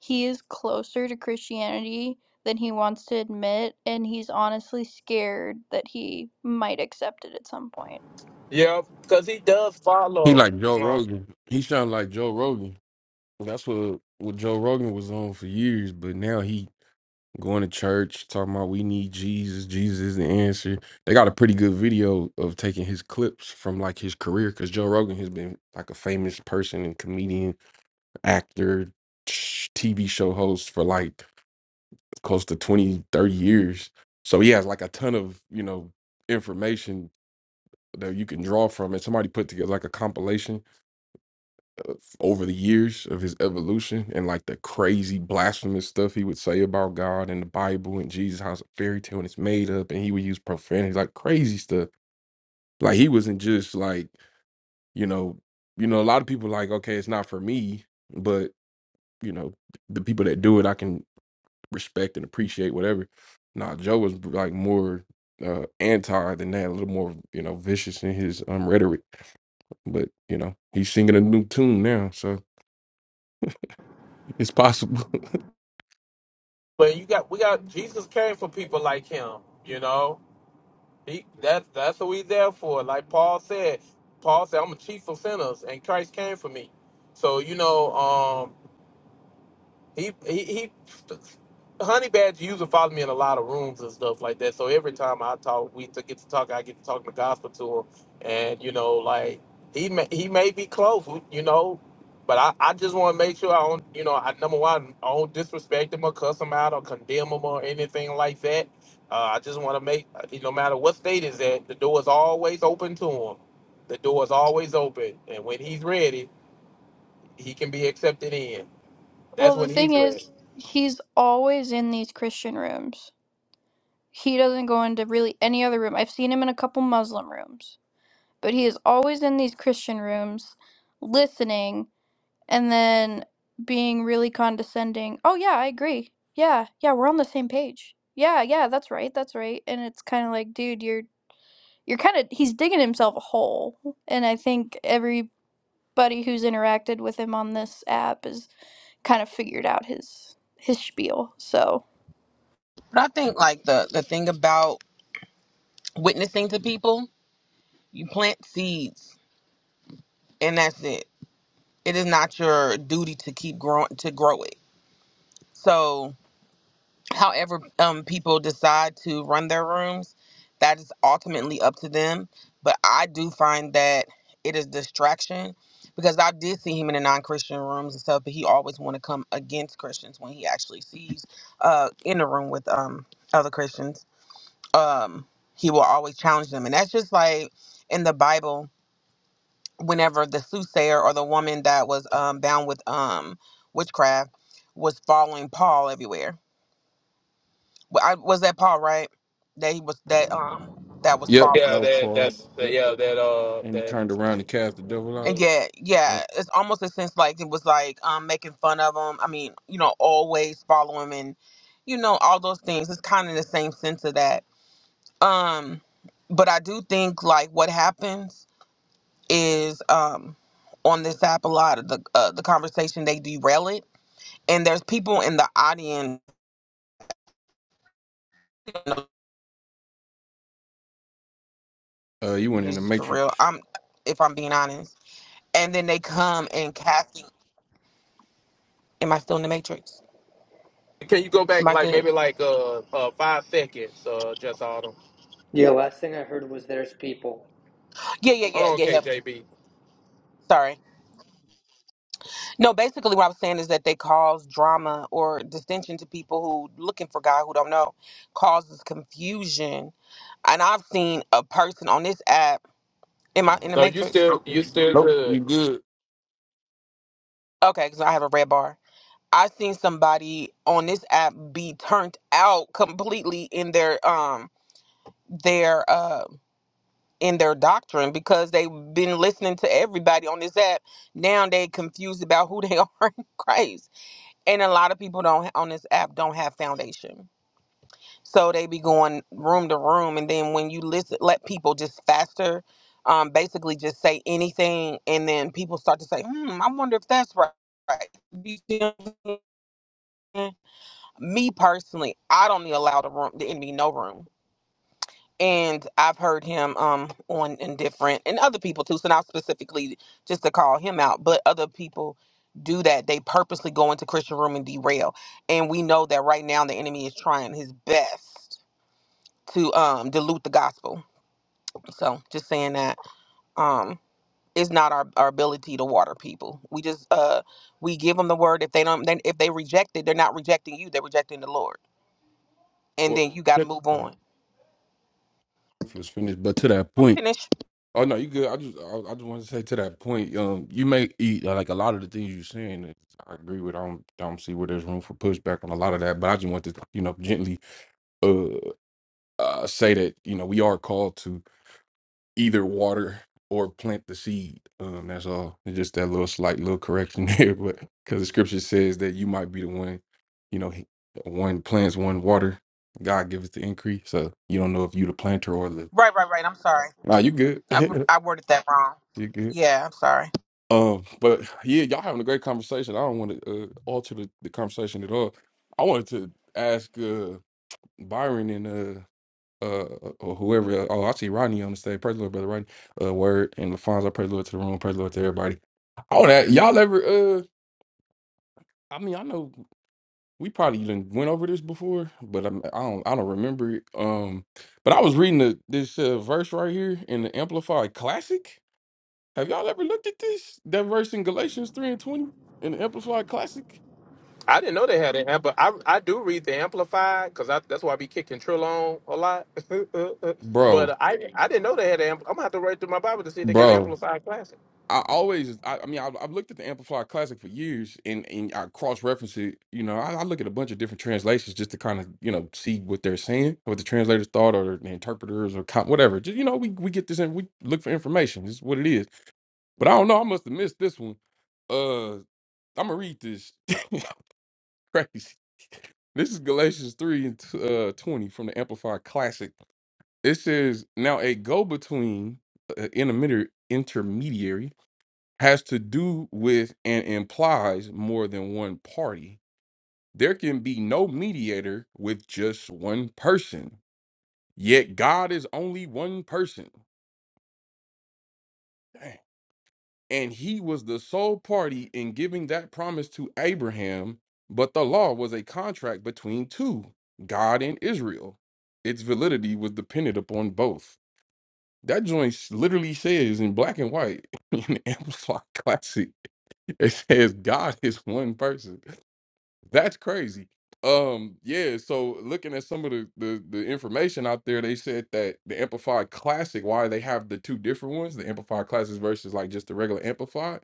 [SPEAKER 18] he is closer to Christianity than he wants to admit and he's honestly scared that he might accept it at some point.
[SPEAKER 6] Yeah, because he does
[SPEAKER 24] He
[SPEAKER 6] follow.
[SPEAKER 24] like Joe
[SPEAKER 6] uh,
[SPEAKER 24] Rogan. He sound like Joe Rogan. That's what what Joe Rogan was on for years, but now he going to church talking about we need Jesus. Jesus is the answer. They got a pretty good video of taking his clips from like his career because Joe Rogan has been like a famous person and comedian, actor, sh- TV show host for like close to 20, 30 years. So he has like a ton of you know information that you can draw from, and somebody put together like a compilation over the years of his evolution and like the crazy blasphemous stuff he would say about God and the Bible and Jesus, how it's a fairy tale and it's made up, and he would use profanity, like crazy stuff. Like he wasn't just like, you know, you know, a lot of people like, okay, it's not for me, but you know, the people that do it, I can respect and appreciate whatever. Nah, Joe was like more uh anti than that, a little more, you know, vicious in his um rhetoric. But, you know, he's singing a new tune now, so it's possible.
[SPEAKER 6] But you got we got Jesus came for people like him, you know. He, that that's what we there for. Like Paul said, Paul said, "I'm a chief of sinners, and Christ came for me." So you know, um, he he, he honey badger usually follow me in a lot of rooms and stuff like that so every time i talk we to get to talk i get to talk the gospel to him and you know like he may he may be close you know but i, I just want to make sure i don't you know i number one i don't disrespect him or cuss him out or condemn him or anything like that uh, i just want to make no matter what state is at the door is always open to him the door is always open and when he's ready he can be accepted in that's
[SPEAKER 18] Well, the
[SPEAKER 6] when
[SPEAKER 18] thing
[SPEAKER 6] he's ready
[SPEAKER 18] is, he's always in these Christian rooms. He doesn't go into really any other room. I've seen him in a couple Muslim rooms, but he is always in these Christian rooms listening and then being really condescending. Oh yeah, I agree. Yeah, yeah, we're on the same page. Yeah, yeah, that's right, that's right. And it's kind of like, dude, you're you're kind of he's digging himself a hole. And I think everybody who's interacted with him on this app has kind of figured out his his spiel. So
[SPEAKER 23] But I think like the the thing about witnessing to people, you plant seeds and that's it. It is not your duty to keep growing to grow it. So however um people decide to run their rooms that is ultimately up to them but i do find that it is distraction because i did see him in the non-christian rooms and stuff but he always want to come against christians when he actually sees uh in the room with um other christians um he will always challenge them and that's just like in the bible whenever the soothsayer or the woman that was um bound with um witchcraft was following paul everywhere I, was that Paul, right? That he was that um that was
[SPEAKER 24] Yep,
[SPEAKER 23] falling.
[SPEAKER 6] Yeah,
[SPEAKER 24] that was
[SPEAKER 6] that
[SPEAKER 24] Paul.
[SPEAKER 6] that's
[SPEAKER 24] Yep,
[SPEAKER 6] yeah that uh
[SPEAKER 24] and he
[SPEAKER 6] that.
[SPEAKER 24] turned around and cast the devil out.
[SPEAKER 23] And yeah, yeah,
[SPEAKER 24] Yep.
[SPEAKER 23] it's almost a sense like it was like um making fun of him. I mean, you know, always follow him and you know all those things. It's kind of the same sense of that. Um, but I do think like what happens is um on this app a lot of the uh, the conversation they derail it, and there's people in the audience. You know,
[SPEAKER 24] Uh, you went in the
[SPEAKER 23] Jesus for
[SPEAKER 24] matrix.
[SPEAKER 23] real. I'm if I'm being honest, and then they come and casting Am I still in the matrix?
[SPEAKER 6] Can you go back
[SPEAKER 23] Am I
[SPEAKER 6] like
[SPEAKER 23] good?
[SPEAKER 6] maybe like uh, uh five seconds? Uh, just autumn.
[SPEAKER 22] Yeah, last thing I heard was There's People.
[SPEAKER 23] Yeah, yeah,
[SPEAKER 6] Hold
[SPEAKER 23] yeah,
[SPEAKER 6] on,
[SPEAKER 23] yeah, yeah.
[SPEAKER 6] KJB.
[SPEAKER 23] Sorry. No, basically what I was saying is that they cause drama or distinction to people who looking for God who don't know, causes confusion. And I've seen a person on this app. Am I in the
[SPEAKER 6] No, you
[SPEAKER 23] matrix?
[SPEAKER 6] still you still
[SPEAKER 24] Nope,
[SPEAKER 6] good.
[SPEAKER 24] you good.
[SPEAKER 23] Okay, because I have a red bar. I've seen somebody on this app be turned out completely in their um their uh in their doctrine because they've been listening to everybody on this app. Now they confused about who they are in Christ. And a lot of people don't on this app don't have foundation. So they be going room to room and then when you listen let people just faster um basically just say anything and then people start to say, "Hmm, I wonder if that's right." You see what I'm saying? Me personally, I don't need allow the room the enemy no room. and I've heard him um on and different and other people too. So not specifically just to call him out, but other people do that. They purposely go into Christian room and derail. And we know that right now the enemy is trying his best to um dilute the gospel. So just saying that um it's not our, our ability to water people. We just uh we give them the word. If they don't then if they reject it, they're not rejecting you, they're rejecting the Lord. And
[SPEAKER 24] Well,
[SPEAKER 23] then you gotta
[SPEAKER 24] check-
[SPEAKER 23] move
[SPEAKER 24] oh,
[SPEAKER 23] on.
[SPEAKER 24] if you was finished, but to that
[SPEAKER 23] I'm
[SPEAKER 24] point.
[SPEAKER 23] finished.
[SPEAKER 24] Oh no, you good. I just, I, I just wanted to say to that point. Um, you may eat like a lot of the things you're saying. is- I agree with. I don't, I don't see where there's room for pushback on a lot of that. But I just want to, you know, gently, uh, uh, say that you know we are called to either water or plant the seed. Um, that's all. It's just that little slight little correction there, but because the scripture says that you might be the one, you know, he- one plants, one water. God giveth the increase. So you don't know if you the planter or the.
[SPEAKER 23] Right, right, right. I'm sorry.
[SPEAKER 24] Nah, you good.
[SPEAKER 23] I, I worded that wrong.
[SPEAKER 24] you good.
[SPEAKER 23] Yeah, I'm sorry.
[SPEAKER 24] Um, but yeah, y'all having a great conversation. I don't want to uh, alter the, the conversation at all. I wanted to ask uh Byron and uh, uh uh, or whoever uh, oh I see Rodney on the stage. Praise the Lord, brother Rodney. Uh word and LaFonso, praise the Lord to the room, praise the Lord to everybody. All that y'all ever uh I mean I know we probably even went over this before, but I'm, I don't I don't remember it. Um but I was reading the, this uh, verse right here in the Amplified Classic. Have y'all ever looked at this? That verse in Galatians 3 and 20 in the Amplified Classic?
[SPEAKER 6] I didn't know they had an amp, but I I do read the amplified because I that's why I be kicking Trill on a lot.
[SPEAKER 24] Bro,
[SPEAKER 6] but I I didn't know they had an amp. I'm gonna have to read through my Bible to see if they got an
[SPEAKER 24] bro.
[SPEAKER 6] amplified classic.
[SPEAKER 24] I always, I, I mean, I've, I've looked at the Amplified Classic for years, and and I cross reference it. You know, I, I look at a bunch of different translations just to kind of you know see what they're saying, what the translators thought, or the interpreters, or com- whatever. Just you know, we we get this and we look for information. This is what it is. But I don't know. I must have missed this one. Uh, I'm gonna read this. Crazy. This is Galatians three and t- uh, twenty from the Amplified Classic. It says, "Now a go between, uh, intermediary, intermediary." has to do with and implies more than one party. There can be no mediator with just one person, yet God is only one person. Dang. And he was the sole party in giving that promise to Abraham, but the law was a contract between two, God and Israel. Its validity was dependent upon both. That joint s- literally says in black and white in the Amplified Classic, it says God is one person. That's crazy. Um, yeah, so looking at some of the, the the information out there, they said that the Amplified Classic, why they have the two different ones, the Amplified Classics versus like just the regular Amplified,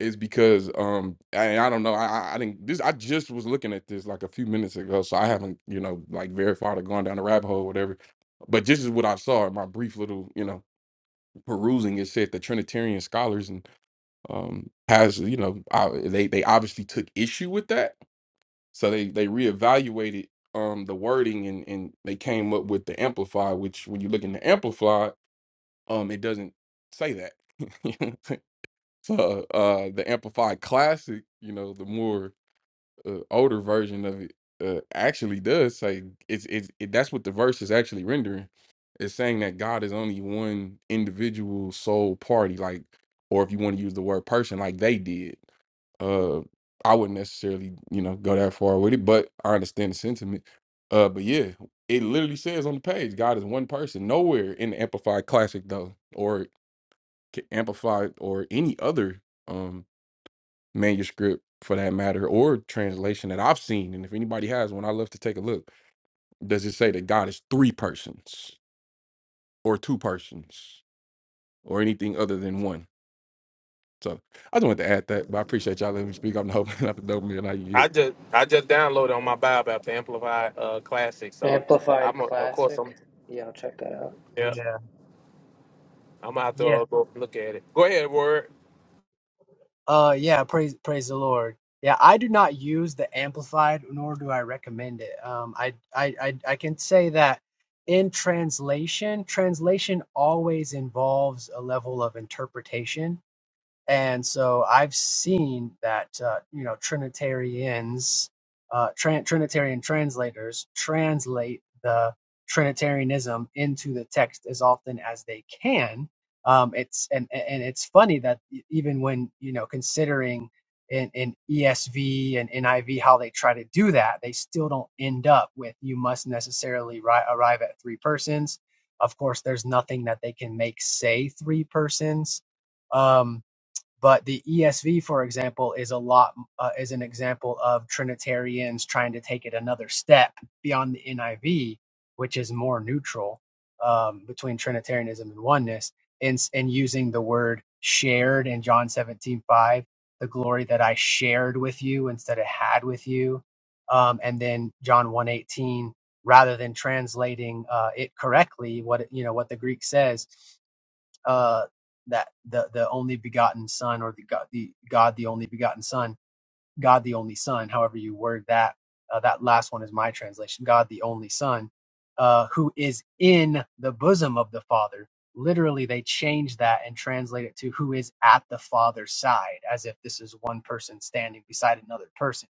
[SPEAKER 24] is because um I, I don't know, I I I didn't this I just was looking at this like a few minutes ago, so I haven't, you know, like verified or gone down the rabbit hole or whatever. But this is what I saw in my brief little, you know, perusing. It said the Trinitarian scholars and um has, you know, uh, they they obviously took issue with that so they they reevaluated um the wording and and they came up with the amplify, which when you look in the amplify, um it doesn't say that. You know what I'm saying? so uh the amplified classic, you know, the more uh, older version of it uh, actually does say it's it's it, that's what the verse is actually rendering. It's saying that God is only one individual soul party, like or if you want to use the word person, like they did uh, I wouldn't necessarily, you know, go that far with it, but I understand the sentiment. Uh, but yeah, it literally says on the page, God is one person. Nowhere in the Amplified Classic though, or K- Amplified or any other um manuscript for that matter, or translation that I've seen. And if anybody has one, I love to take a look. Does it say that God is three persons or two persons or anything other than one? So I just wanted to add that, but I appreciate y'all letting me speak. I'm hoping not the dope man. I you.
[SPEAKER 6] I just I just downloaded on my Bible app the amplified uh classic, so
[SPEAKER 22] Amplified
[SPEAKER 6] I'm a, of course
[SPEAKER 22] Classic.
[SPEAKER 6] I'm
[SPEAKER 22] Yeah, I'll check that out.
[SPEAKER 6] yeah
[SPEAKER 10] Yeah.
[SPEAKER 6] I'm gonna have to
[SPEAKER 10] Yeah.
[SPEAKER 6] uh, go look at it. Go ahead, word.
[SPEAKER 10] Uh, yeah, praise praise the Lord. Yeah, I do not use the amplified, nor do I recommend it. Um, I I I, I can say that in translation, translation always involves a level of interpretation. And so I've seen that, uh, you know, Trinitarians, uh, tran Trinitarian translators translate the Trinitarianism into the text as often as they can. Um, it's and and it's funny that e- even when you know considering in, in ESV and NIV how they try to do that, they still don't end up with you must necessarily ri- arrive at three persons. Of course, there's nothing that they can make say three persons Um, but the ESV, for example, is a lot uh, is an example of Trinitarians trying to take it another step beyond the NIV, which is more neutral um, between Trinitarianism and oneness, and and using the word shared in John seventeen five, the glory that I shared with you instead of had with you, um, and then John one eighteen, rather than translating uh, it correctly, what it- you know what the Greek says uh, that the the only begotten Son or the God the God the only begotten Son, God the only Son, however you word that. Uh, that last one is my translation. God the only Son, uh, who is in the bosom of the Father. Literally, they change that and translate it to who is at the Father's side, as if this is one person standing beside another person.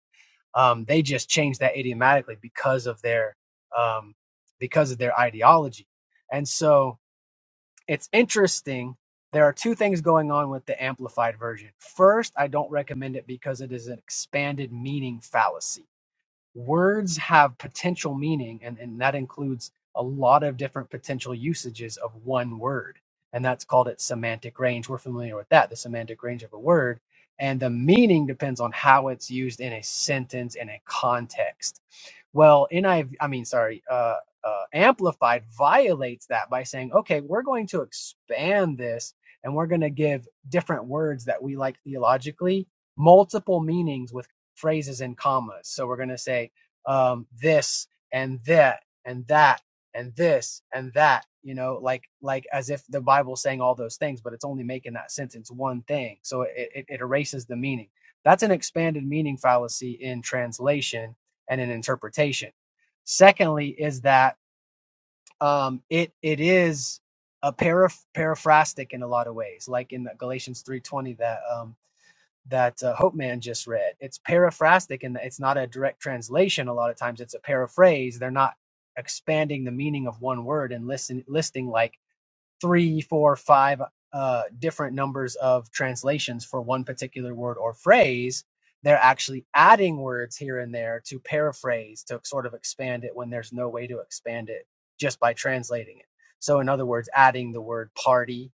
[SPEAKER 10] Um, they just change that idiomatically because of their um, because of their ideology, and so. It's interesting. There are two things going on with the amplified version. First, I don't recommend it because it is an expanded meaning fallacy words have potential meaning and, and that includes a lot of different potential usages of one word and that's called its semantic range we're familiar with that the semantic range of a word and the meaning depends on how it's used in a sentence and a context well niv i V, I mean sorry uh, uh, amplified violates that by saying okay we're going to expand this and we're going to give different words that we like theologically multiple meanings with." phrases in commas. So we're going to say um, this and that and that and this and that. You know, like like as if the Bible's saying all those things, but it's only making that sentence one thing. So it, it, it erases the meaning. That's an expanded meaning fallacy in translation and in interpretation. Secondly, is that um, it it is a paraph- paraphrastic in a lot of ways, like in the Galatians three twenty that um, that uh, Hope Man just read. It's paraphrastic and it's not a direct translation. A lot of times it's a paraphrase. They're not expanding the meaning of one word and listen, listing like three, four, five uh, different numbers of translations for one particular word or phrase. They're actually adding words here and there to paraphrase, to sort of expand it when there's no way to expand it just by translating it. So, in other words, adding the word party,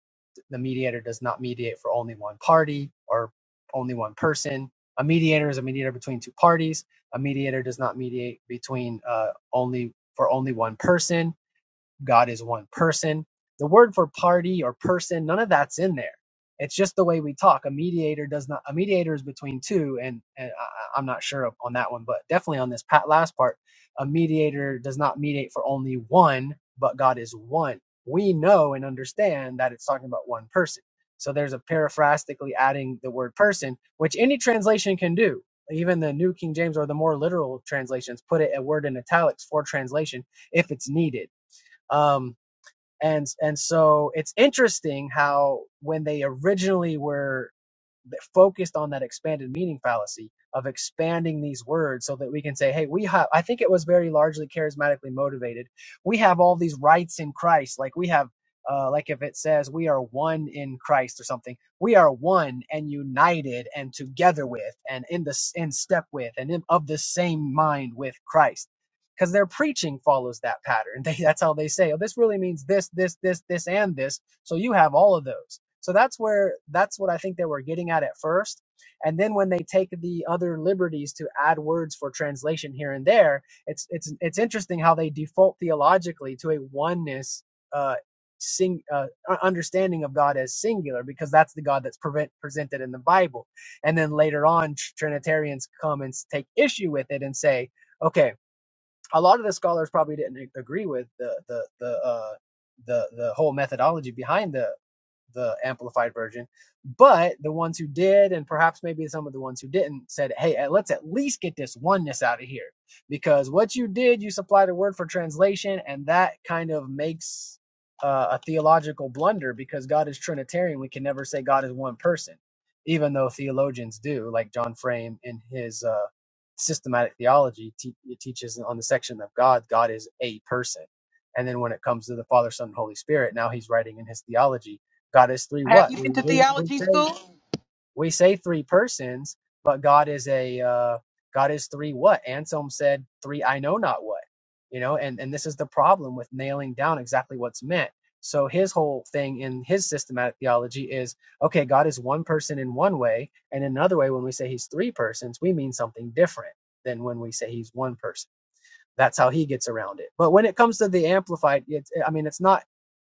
[SPEAKER 10] the mediator does not mediate for only one party or only one person. A mediator is a mediator between two parties. A mediator does not mediate between uh, only for only one person God is one person. The word for party or person, none of that's in there. It's just the way we talk. A mediator does not. A mediator is between two, and, and I, I- am not sure on that one, but definitely on this pat last part, a mediator does not mediate for only one, but God is one. We know and understand that it's talking about one person. So there's a paraphrastically adding the word person, which any translation can do. Even the New King James or the more literal translations put it a word in italics for translation if it's needed um, and and so it's interesting how when they originally were focused on that expanded meaning fallacy of expanding these words so that we can say, hey, we have, I think it was very largely charismatically motivated. We have all these rights in Christ. Like we have, uh, like if it says we are one in Christ or something, we are one and united and together with and in the in step with and in, of the same mind with Christ. Because their preaching follows that pattern. They, that's how they say, oh, this really means this, this, this, this, and this so you have all of those. So that's where that's what I think they were getting at at first. And then when they take the other liberties to add words for translation here and there, it's it's it's interesting how they default theologically to a oneness uh sing uh, understanding of God as singular because that's the God that's prevent, presented in the Bible. And then later on tr- Trinitarians come and s- take issue with it and say, okay, a lot of the scholars probably didn't ag- agree with the the the uh the the whole methodology behind the the amplified version. But the ones who did, and perhaps maybe some of the ones who didn't, said, hey, eh, let's at least get this oneness out of here. Because what you did, you supplied a word for translation, and that kind of makes uh, a theological blunder because God is Trinitarian. We can never say God is one person, even though theologians do, like John Frame in his uh, systematic theology te- it teaches on the section of God, God is a person. And then when it comes to the Father, Son, and Holy Spirit, now he's writing in his theology God is three
[SPEAKER 23] Have
[SPEAKER 10] what?
[SPEAKER 23] you
[SPEAKER 10] We
[SPEAKER 23] been to
[SPEAKER 10] we, we
[SPEAKER 23] theology
[SPEAKER 10] say
[SPEAKER 23] school?
[SPEAKER 10] we say three persons, but God is a uh, God is three what? Anselm said three I know not what. You know, and and this is the problem with nailing down exactly what's meant. So his whole thing in his systematic theology is okay, God is one person in one way, and in another way when we say he's three persons, we mean something different than when we say he's one person that's how he gets around it. But when it comes to the amplified, it's, I mean, it's not.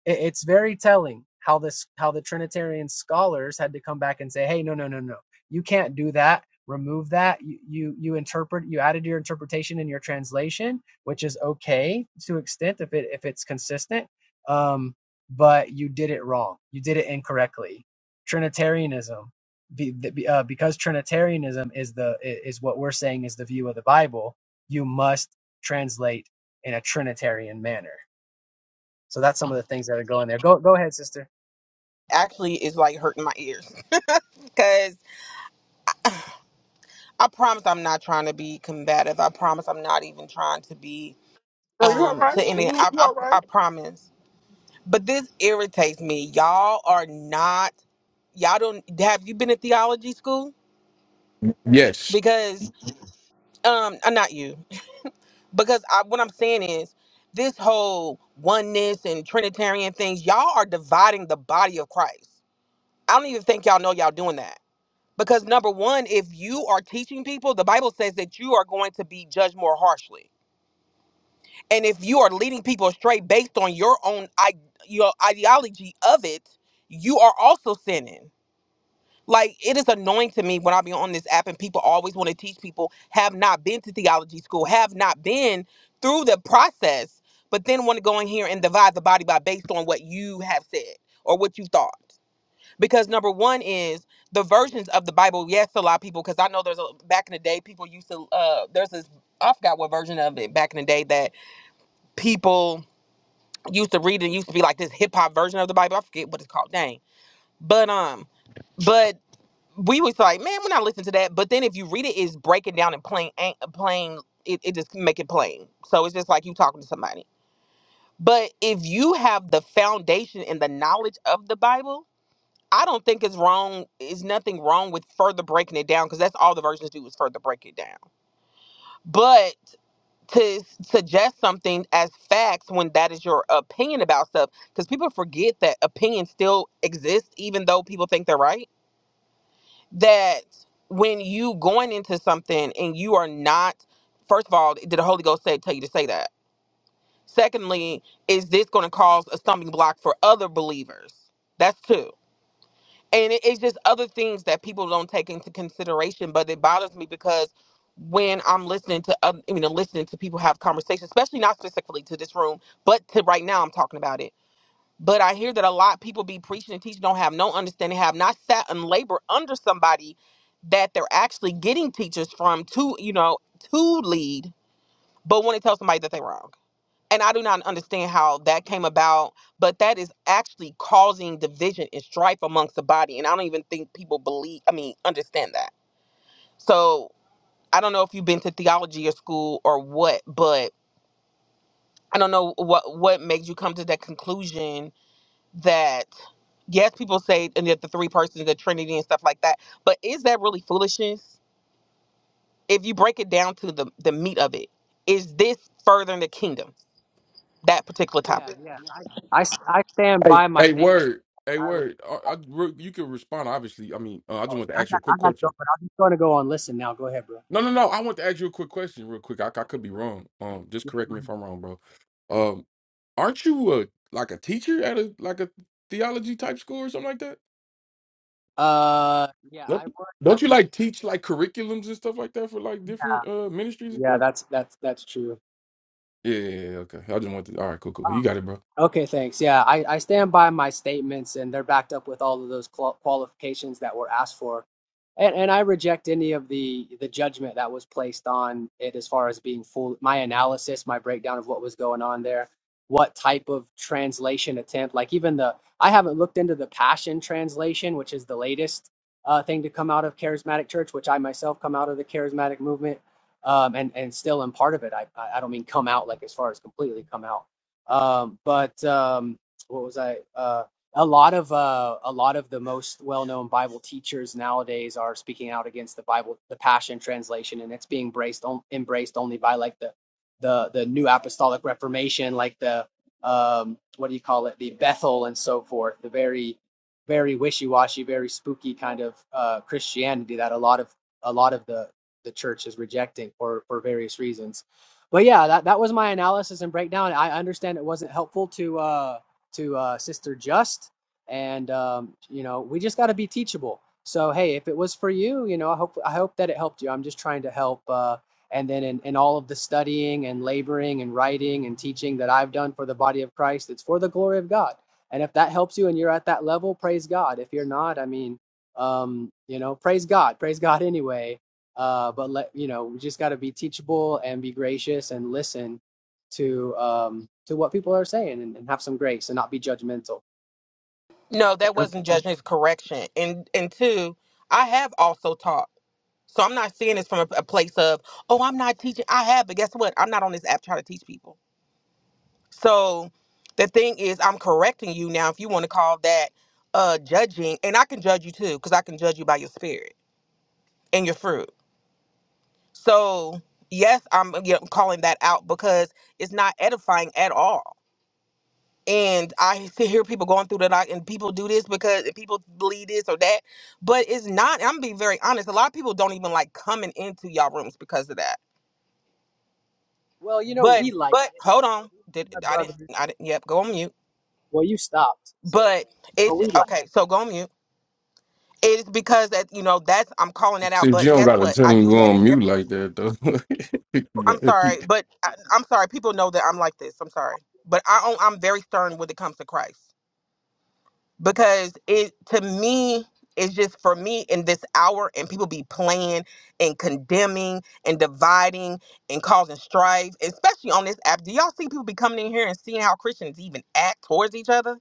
[SPEAKER 10] It, it's very telling how this how the Trinitarian scholars had to come back and say, "Hey, no, no, no, no, you can't do that. Remove that. You you, you interpret. You added your interpretation in your translation, which is okay to extent if it if it's consistent. Um, but you did it wrong. You did it incorrectly. Trinitarianism, be, be- uh, because Trinitarianism is the is what we're saying is the view of the Bible. You must translate in a Trinitarian manner. So that's some of the things that are going there. Go go ahead, sister.
[SPEAKER 23] Actually, it's like hurting my ears because I promise I'm not trying to be combative. I promise I'm not even trying to be
[SPEAKER 6] Oh, you all
[SPEAKER 23] um to
[SPEAKER 6] right?
[SPEAKER 23] any.
[SPEAKER 6] You,
[SPEAKER 23] I
[SPEAKER 6] you
[SPEAKER 23] I,
[SPEAKER 6] all
[SPEAKER 23] I
[SPEAKER 6] right?
[SPEAKER 23] promise. But this irritates me. Y'all are not. Y'all don't. Have you been to theology school?
[SPEAKER 24] Yes.
[SPEAKER 23] Because um, uh, not you. Because I, what I'm saying is. This whole oneness and Trinitarian things, y'all are dividing the body of Christ I don't even think y'all know y'all doing that. Because number one, if you are teaching people, the Bible says that you are going to be judged more harshly. And if you are leading people astray based on your own I- your ideology of it, you are also sinning. Like it is annoying to me when I be on this app and people always want to teach people have not been to theology school, have not been through the process, but then want to go in here and divide the body by based on what you have said or what you thought because number one is the versions of the Bible. Yes, a lot of people, because I know there's a back in the day people used to. Uh, there's this I forgot what version of it back in the day that people used to read. It used to be like this hip hop version of the Bible. I forget what it's called. Dang, but um, but we was like, man, we're not listening to that. But then if you read it, it's breaking down and plain, ain't- uh, plain. It, it just make it plain. So it's just like you talking to somebody. But if you have the foundation and the knowledge of the Bible I don't think it's wrong. Is nothing wrong with further breaking it down because that's all the versions do is further break it down. But to suggest something as facts when that is your opinion about stuff, because people forget that opinions still exist, even though people think they're right. That when you going into something and you are not, first of all, did the Holy Ghost say tell you to say that? Secondly, is this going to cause a stumbling block for other believers? That's two. and it, it's just other things that people don't take into consideration but it bothers me because when i'm listening to um, you know listening to people have conversations especially not specifically to this room but to right now i'm talking about it but i hear that a lot of people be preaching and teaching don't have no understanding have not sat in labor under somebody that they're actually getting teachers from to you know to lead but want to tell somebody that they're wrong and I do not understand how that came about, but that is actually causing division and strife amongst the body. And I don't even think people believe, I mean, understand that. So I don't know if you've been to theology or school or what, but I don't know what, what made you come to that conclusion that, yes, people say, and that the three persons, the Trinity and stuff like that, but is that really foolishness? If you break it down to the, the meat of it, is this furthering the kingdom, that particular
[SPEAKER 10] Yeah,
[SPEAKER 23] topic?
[SPEAKER 10] yeah. I, I I stand
[SPEAKER 24] Hey,
[SPEAKER 10] by my
[SPEAKER 24] hey,
[SPEAKER 10] statement.
[SPEAKER 24] word, hey,
[SPEAKER 10] I, re-
[SPEAKER 24] word. I, I, Ru- you can respond. Obviously, I mean, uh, I just want to
[SPEAKER 10] I
[SPEAKER 24] ask
[SPEAKER 10] got
[SPEAKER 24] you a quick
[SPEAKER 10] I got to go,
[SPEAKER 24] question.
[SPEAKER 10] but I'm just going to go on listen now. Go ahead, bro.
[SPEAKER 24] No, no, no. I want to ask you a quick question, real quick. I, I
[SPEAKER 10] Okay,
[SPEAKER 24] could be
[SPEAKER 10] go ahead.
[SPEAKER 24] wrong.
[SPEAKER 10] Go-
[SPEAKER 24] Um, just
[SPEAKER 10] Yeah,
[SPEAKER 24] correct
[SPEAKER 10] go
[SPEAKER 24] me if
[SPEAKER 10] ahead.
[SPEAKER 24] I'm wrong, bro. Um, aren't you a like a teacher at a like a theology type school or something like that?
[SPEAKER 10] Uh, yeah, I
[SPEAKER 24] Don't
[SPEAKER 10] work.
[SPEAKER 24] don't you like teach like curriculums and stuff like that for like different uh ministries and
[SPEAKER 10] Yeah,
[SPEAKER 24] stuff?
[SPEAKER 10] that's that's that's true.
[SPEAKER 24] Yeah, yeah, yeah, yeah. okay. I just want to. All right, cool, cool. cool. You got it, bro.
[SPEAKER 10] Okay, thanks. Yeah, I, I stand by my statements, and they're backed up with all of those qual- qualifications that were asked for. And, and I reject any of the, the judgment that was placed on it as far as being full. My analysis, my breakdown of what was going on there, what type of translation attempt, like even the, I haven't looked into the Passion Translation, which is the latest uh, thing to come out of Charismatic Church, which I myself come out of the Charismatic movement um, and, and still am part of it. I, I I don't mean come out like as far as completely come out um, but um, what was I? Uh, a lot of uh, a lot of the most well-known Bible teachers nowadays are speaking out against the Bible, the Passion Translation, and it's being embraced on, embraced only by like the the the New Apostolic Reformation, like the um, what do you call it, the Bethel and so forth, the very very wishy-washy, very spooky kind of uh, Christianity that a lot of a lot of the the church is rejecting for for various reasons but yeah, that, that was my analysis and breakdown. I understand it wasn't helpful to uh, to uh, Sister Just, and um, you know we just got to be teachable. So hey, if it was for you, you know I hope I hope that it helped you. I'm just trying to help. Uh, and then in, in all of the studying and laboring and writing and teaching that I've done for the body of Christ, it's for the glory of God. And if that helps you and you're at that level, praise God. If you're not, I mean, um, you know, praise God, praise God anyway uh, but let you know, we just got to be teachable and be gracious and listen to um, to what people are saying and, and have some grace and not be judgmental.
[SPEAKER 23] No, that wasn't judgment, it's correction. And and two, I have also taught. So I'm not seeing this from a, a place of, oh, I'm not teaching. I have, but guess what? I'm not on this app trying to teach people. So the thing is, I'm correcting you now if you want to call that uh judging, and I can judge you too, because I can judge you by your spirit and your fruit. So yes, I'm you know, calling that out because it's not edifying at all. and I see- hear people going through the like, and people do this because and people believe this or that, but it's not. I'm being very honest. A lot of people don't even like coming into y'all rooms because of that.
[SPEAKER 10] Well, you know,
[SPEAKER 23] But
[SPEAKER 10] we like
[SPEAKER 23] but
[SPEAKER 10] it, and
[SPEAKER 23] hold
[SPEAKER 10] so
[SPEAKER 23] on,
[SPEAKER 10] these
[SPEAKER 23] did
[SPEAKER 10] are my
[SPEAKER 23] I didn't
[SPEAKER 10] brothers.
[SPEAKER 23] I didn't? Yep, go on mute.
[SPEAKER 10] Well, you stopped, so
[SPEAKER 23] But
[SPEAKER 10] but
[SPEAKER 23] it's
[SPEAKER 10] we like.
[SPEAKER 23] okay. So go on mute. It's because that you know that's I'm calling that
[SPEAKER 24] See,
[SPEAKER 23] out.
[SPEAKER 24] you
[SPEAKER 23] But
[SPEAKER 24] don't
[SPEAKER 23] guess
[SPEAKER 24] got to
[SPEAKER 23] what?
[SPEAKER 24] tell
[SPEAKER 23] I
[SPEAKER 24] him to
[SPEAKER 23] do
[SPEAKER 24] go
[SPEAKER 23] that in
[SPEAKER 24] on mute
[SPEAKER 23] every.
[SPEAKER 24] like that, though. You
[SPEAKER 23] I'm
[SPEAKER 24] got
[SPEAKER 23] sorry,
[SPEAKER 24] it.
[SPEAKER 23] but I, I'm sorry. People know that I'm like this. I'm sorry, but I I'm very stern when it comes to Christ. because it to me it's just for me in this hour and people be playing and condemning and dividing and causing strife especially on this app do y'all see people be coming in here and seeing how christians even act towards each other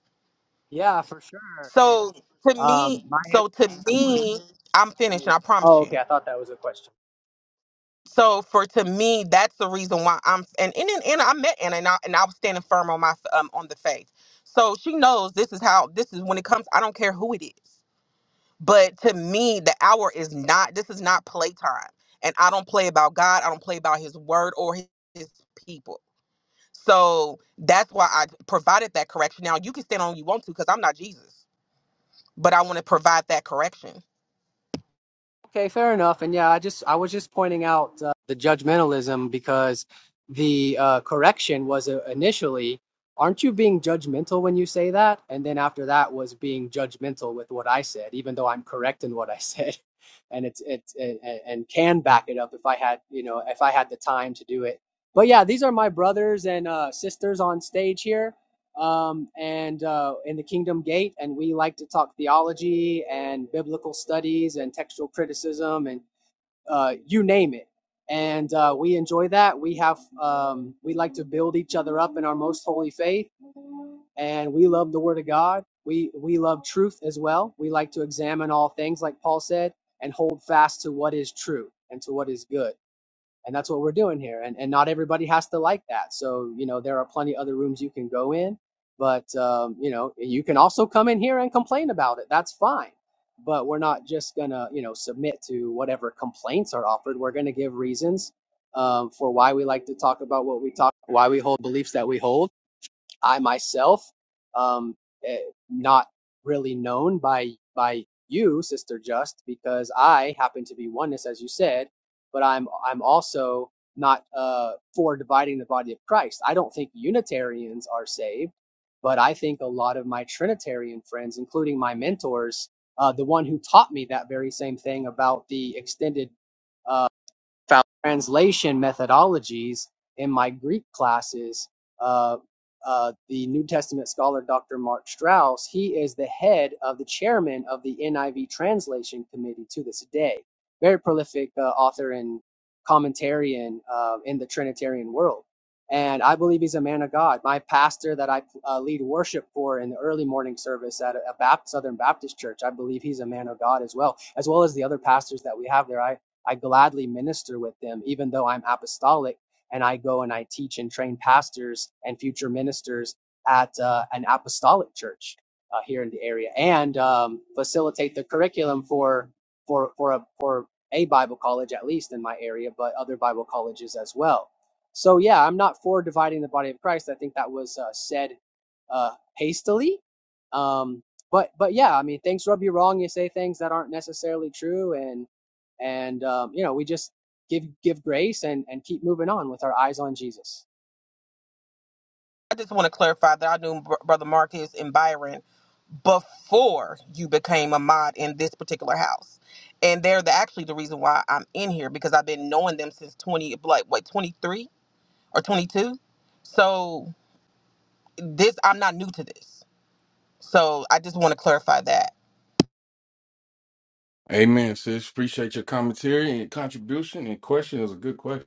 [SPEAKER 10] It. Yeah, for sure. And
[SPEAKER 23] so to
[SPEAKER 10] um,
[SPEAKER 23] me
[SPEAKER 10] my answer
[SPEAKER 23] so to
[SPEAKER 10] was,
[SPEAKER 23] me i'm finished and i promise
[SPEAKER 10] oh, okay.
[SPEAKER 23] you
[SPEAKER 10] I thought that was a question.
[SPEAKER 23] so for to me that's the reason why i'm and and, and, and i met anna and I, and I was standing firm on my um on the faith so she knows this is how this is when it comes i don't care who it is But to me, the hour is not, this is not playtime. And I don't play about God. I don't play about his word or his, his people. So that's why I provided that correction. Now, you can stand on you want to because I'm not Jesus, but I want to provide that correction.
[SPEAKER 10] Okay, fair enough. And yeah, I just I was just pointing out uh, the judgmentalism because the uh, correction was uh, initially, aren't you being judgmental when you say that? And then after that was being judgmental with what I said, even though I'm correct in what I said, and it's it's and, and can back it up if I had you know if I had the time to do it. But yeah, these are my brothers and uh, sisters on stage here um, and uh, in the Kingdom Gate, and we like to talk theology and biblical studies and textual criticism and uh, you name it. And uh, we enjoy that. We have um, we like to build each other up in our most holy faith, and we love the Word of God. We we love truth as well. We like to examine all things, like Paul said, and hold fast to what is true and to what is good and that's what we're doing here and, and not everybody has to like that so you know there are plenty of other rooms you can go in but um, you know you can also come in here and complain about it that's fine but we're not just gonna you know submit to whatever complaints are offered we're gonna give reasons um, for why we like to talk about what we talk why we hold beliefs that we hold I myself, um, eh, not really known by by you, Sister Just, because I happen to be oneness, as you said, but I'm I'm also not uh, for dividing the body of Christ. I don't think Unitarians are saved, but I think a lot of my Trinitarian friends, including my mentors, uh, the one who taught me that very same thing about the extended uh, found translation methodologies in my Greek classes, uh, uh, the New Testament scholar Dr. Mark Strauss, he is the head of the chairman of the NIV Translation Committee to this day. Very prolific uh, author and commentarian uh, in the Trinitarian world. And I believe he's a man of God. My pastor that I uh, lead worship for in the early morning service at a, a Baptist, Southern Baptist church, I believe he's a man of God as well, as well as the other pastors that we have there. I, I gladly minister with them, even though I'm apostolic and I go and I teach and train pastors and future ministers at uh, an apostolic church uh, here in the area and um, facilitate the curriculum for for for a for a Bible college at least in my area, but other Bible colleges as well. So yeah, I'm not for dividing the body of Christ. I think that was uh, said uh, hastily. Um, but but yeah, I mean, things rub you wrong. You say things that aren't necessarily true, and and um, you know we just give give grace and and keep moving on with our eyes on jesus
[SPEAKER 23] I just want to clarify that I knew Br- Brother Marcus and Byron before you became a mod in this particular house. And they're the, actually the reason why I'm in here because I've been knowing them since 20, like, what, 23 or 22? So. this I'm not new to this. So I just want to clarify that.
[SPEAKER 24] Amen, sis. Appreciate your commentary and contribution and question. It was a good question.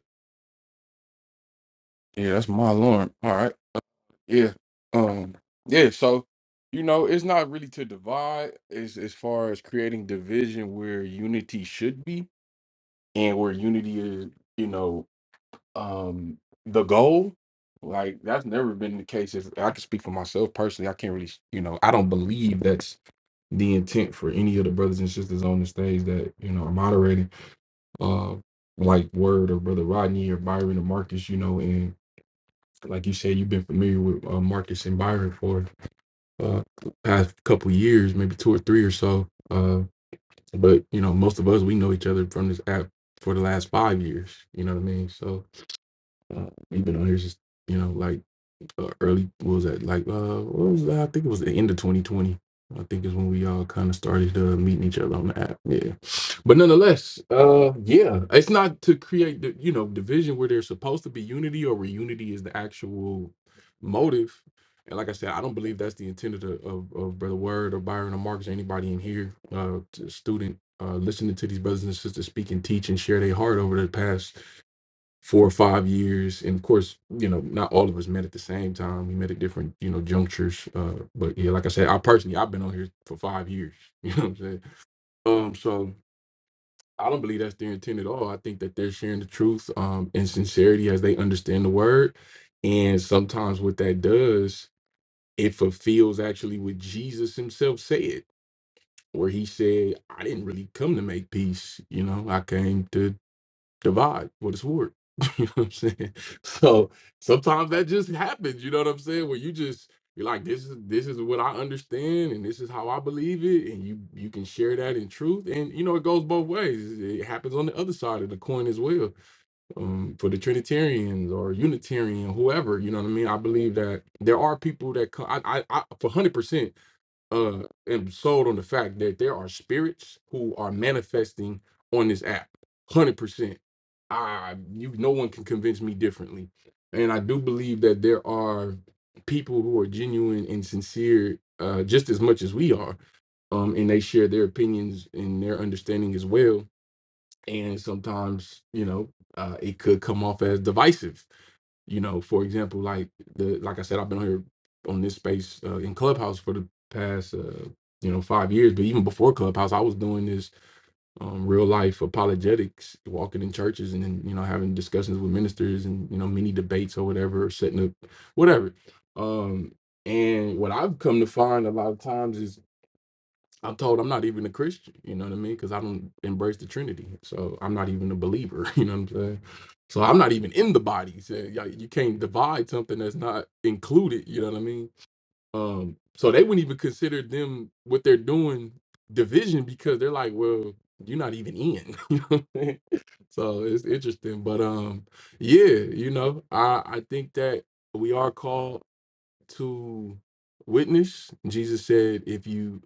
[SPEAKER 24] Yeah, that's my alarm. All right. Yeah. Um, yeah, so you know, it's not really to divide as as far as creating division where unity should be and where unity is, you know, um the goal. Like that's never been the case. If I can speak for myself personally, I can't really, you know, I don't believe that's the intent for any of the brothers and sisters on the stage that, you know, are moderating uh, like Word or Brother Rodney or Byron or Marcus, you know, and like you said, you've been familiar with uh, Marcus and Byron for uh, the past couple years, maybe two or three or so. Uh, but you know, most of us we know each other from this app for the last five years. You know what I mean? So uh, we've been on here just you know like uh, early what was that like uh what was that? I think it was the end of 2020. I think is when we all kind of started uh, meeting each other on the app. Yeah, but nonetheless, uh, yeah, it's not to create the you know division where there's supposed to be unity or where unity is the actual motive. And like I said, I don't believe that's the intent of, of, of Brother Word or Byron or Marcus or anybody in here, uh, t- student, uh, listening to these brothers and sisters speak and teach and share their heart over the past four or five years. And of course, you know, not all of us met at the same time. We met at different, you know, junctures. Uh, but yeah, like I said, I personally I've been on here for five years. You know what I'm saying? Um, so I don't believe that's their intent at all. I think that they're sharing the truth um and sincerity as they understand the word. And sometimes what that does, it fulfills actually what Jesus himself said, where he said, I didn't really come to make peace, you know, I came to divide with a sword. you know what I'm saying? So sometimes that just happens, you know what I'm saying? Where you just you're like, this is this is what I understand and this is how I believe it, and you you can share that in truth. And you know, it goes both ways. It happens on the other side of the coin as well. Um, for the Trinitarians or Unitarian, whoever, you know what I mean? I believe that there are people that come I I, I for one hundred percent uh am sold on the fact that there are spirits who are manifesting on this app 100% i you no one can convince me differently and i do believe that there are people who are genuine and sincere uh just as much as we are um and they share their opinions and their understanding as well and sometimes you know uh it could come off as divisive you know for example like the like i said i've been on here on this space uh, in clubhouse for the past uh, you know five years but even before clubhouse i was doing this um, real life apologetics walking in churches and then you know having discussions with ministers and you know mini debates or whatever setting up whatever um and what i've come to find a lot of times is I'm told I'm not even a Christian, you know what I mean? Because I don't embrace the Trinity. So I'm not even a believer, you know what I'm saying? So I'm not even in the body. So yeah, you can't divide something that's not included, you know what I mean? Um, so they wouldn't even consider them what they're doing division because they're like, well, you're not even in, you know what I'm saying? So it's interesting. But um, yeah, you know, I, I think that we are called to witness. Jesus said, if you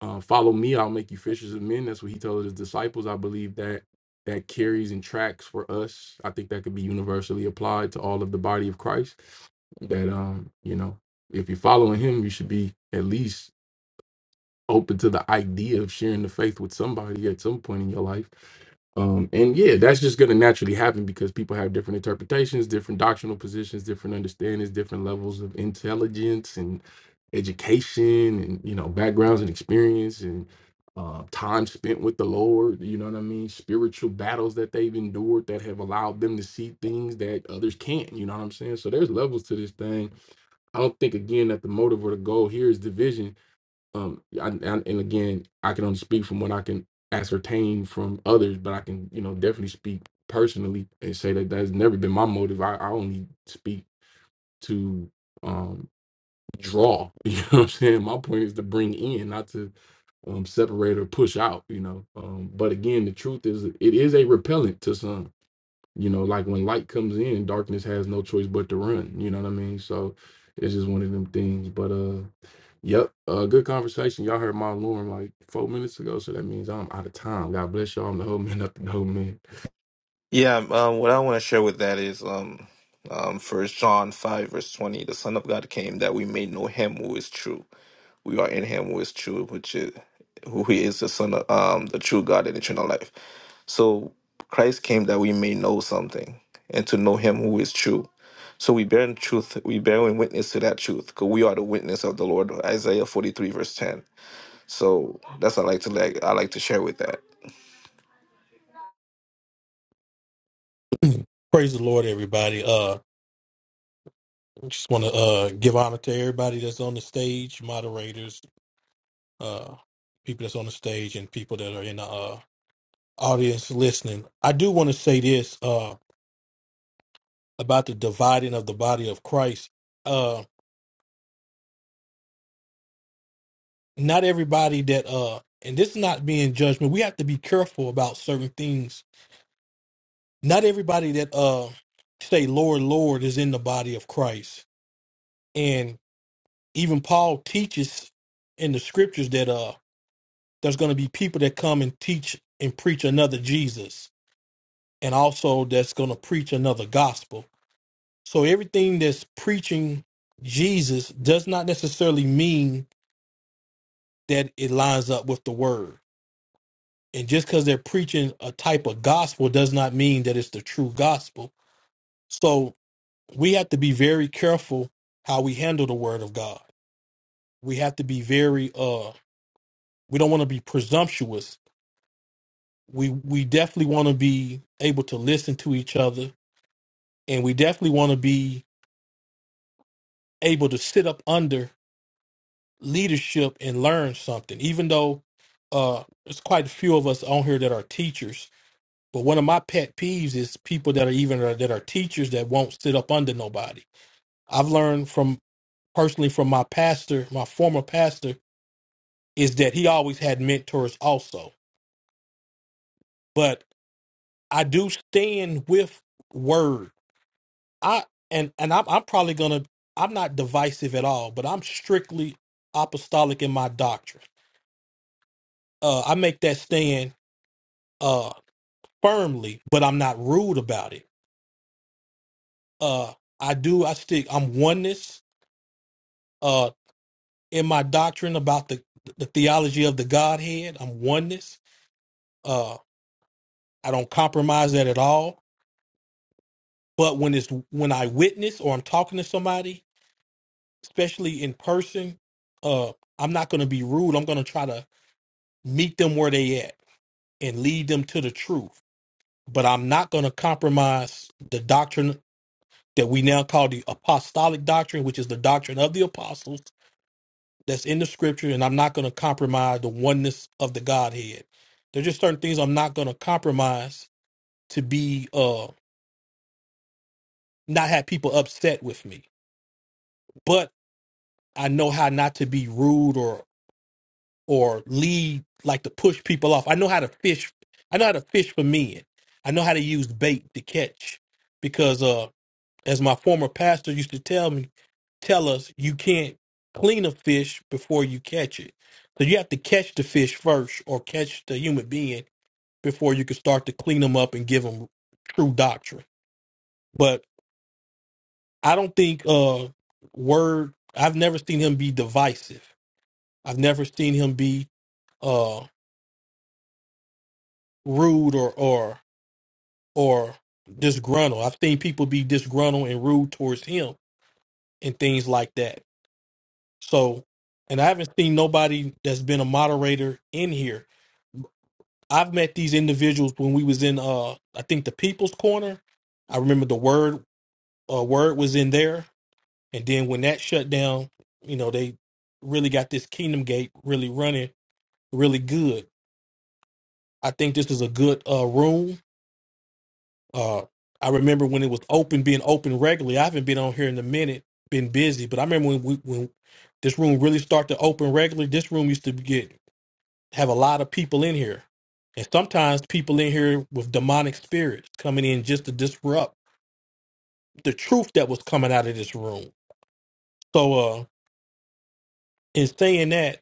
[SPEAKER 24] uh, follow me i'll make you fishers of men that's what he told his disciples i believe that that carries and tracks for us i think that could be universally applied to all of the body of christ that um you know if you're following him you should be at least open to the idea of sharing the faith with somebody at some point in your life. Um, and yeah, that's just going to naturally happen because people have different interpretations, different doctrinal positions, different understandings, different levels of intelligence and education, and you know backgrounds and experience and uh, time spent with the Lord. You know what I mean? Spiritual battles that they've endured that have allowed them to see things that others can't. You know what I'm saying? So there's levels to this thing. I don't think again that the motive or the goal here is division um I, and and again i can only speak from what i can ascertain from others but i can you know definitely speak personally and say that that's never been my motive i, I only speak to um draw you know what i'm saying my point is to bring in not to um separate or push out you know um but again the truth is it is a repellent to some you know, like when light comes in, darkness has no choice but to run. You know what I mean? So it's just one of them things. But uh Yep. Uh, good conversation. Y'all heard my alarm like four minutes ago, so that means I'm out of time. God bless y'all. I'm the whole man up the whole man.
[SPEAKER 21] Yeah, um, what I want to share with that is um, um, First John five verse twenty: the Son of God came that we may know Him who is true. We are in Him who is true, which is who He is, the Son of um, the true God and eternal life. So Christ came that we may know something and to know Him who is true. So we bear in truth, we bear in witness to that truth, because we are the witness of the Lord. Isaiah forty three verse ten. So that's what I like to like I like to share with that.
[SPEAKER 25] Praise the Lord, everybody. Uh, I just want to uh give honor to everybody that's on the stage, moderators, uh, people that's on the stage, and people that are in the uh, audience listening. I do want to say this uh about the dividing of the body of Christ. Uh, not everybody that uh, and this is not being judgment. We have to be careful about certain things. Not everybody that uh say Lord, Lord is in the body of Christ, and even Paul teaches in the scriptures that uh there's going to be people that come and teach and preach another Jesus, and also that's going to preach another gospel. So everything that's preaching Jesus does not necessarily mean that it lines up with the word. And just because they're preaching a type of gospel does not mean that it's the true gospel. So we have to be very careful how we handle the word of God. We have to be very uh we don't want to be presumptuous. We we definitely want to be able to listen to each other and we definitely want to be able to sit up under leadership and learn something even though uh there's quite a few of us on here that are teachers but one of my pet peeves is people that are even uh, that are teachers that won't sit up under nobody i've learned from personally from my pastor my former pastor is that he always had mentors also but i do stand with word I and and I'm I'm probably gonna I'm not divisive at all, but I'm strictly apostolic in my doctrine. Uh, I make that stand uh firmly, but I'm not rude about it. Uh, I do I stick I'm oneness uh in my doctrine about the the theology of the Godhead. I'm oneness. Uh, I don't compromise that at all. But when it's when I witness or I'm talking to somebody, especially in person, uh, I'm not gonna be rude. I'm gonna try to meet them where they at and lead them to the truth. But I'm not going to compromise the doctrine that we now call the apostolic doctrine, which is the doctrine of the apostles that's in the scripture. And I'm not going to compromise the oneness of the Godhead. There's just certain things I'm not going to compromise to be, uh, not have people upset with me. But I know how not to be rude or, or lead, like to push people off. I know how to fish. I know how to fish for men. I know how to use bait to catch because, uh, as my former pastor used to tell me, tell us, you can't clean a fish before you catch it. So you have to catch the fish first or catch the human being before you can start to clean them up and give them true doctrine. But I don't think uh word I've never seen him be divisive. I've never seen him be uh rude or or or disgruntled. I've seen people be disgruntled and rude towards him and things like that So, and I haven't seen nobody that's been a moderator in here. I've met these individuals when we was in uh I think the People's Corner. I remember the word uh, word was in there, and then when that shut down, you know they really got this Kingdom Gate really running really good. I think this is a good uh room. Uh, I remember when it was open, being open regularly. I haven't been on here in a minute, been busy, but I remember when we when this room really started to open regularly. This room used to get have a lot of people in here. And sometimes people in here with demonic spirits coming in just to disrupt the truth that was coming out of this room. So uh in saying that,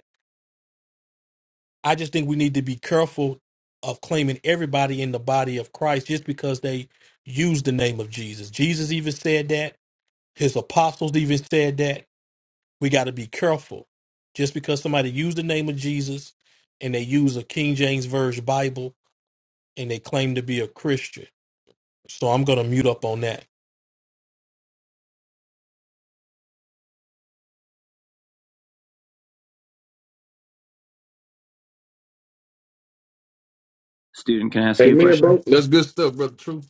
[SPEAKER 25] I just think we need to be careful of claiming everybody in the body of Christ just because they use the name of Jesus. Jesus even said that. His apostles even said that. We got to be careful. Just because somebody used the name of Jesus and they use a King James Version Bible and they claim to be a Christian So I'm gonna mute up on that.
[SPEAKER 26] Student, can I ask
[SPEAKER 24] Hey
[SPEAKER 26] you a
[SPEAKER 24] man,
[SPEAKER 26] question?
[SPEAKER 24] bro. That's good stuff, brother. Truth.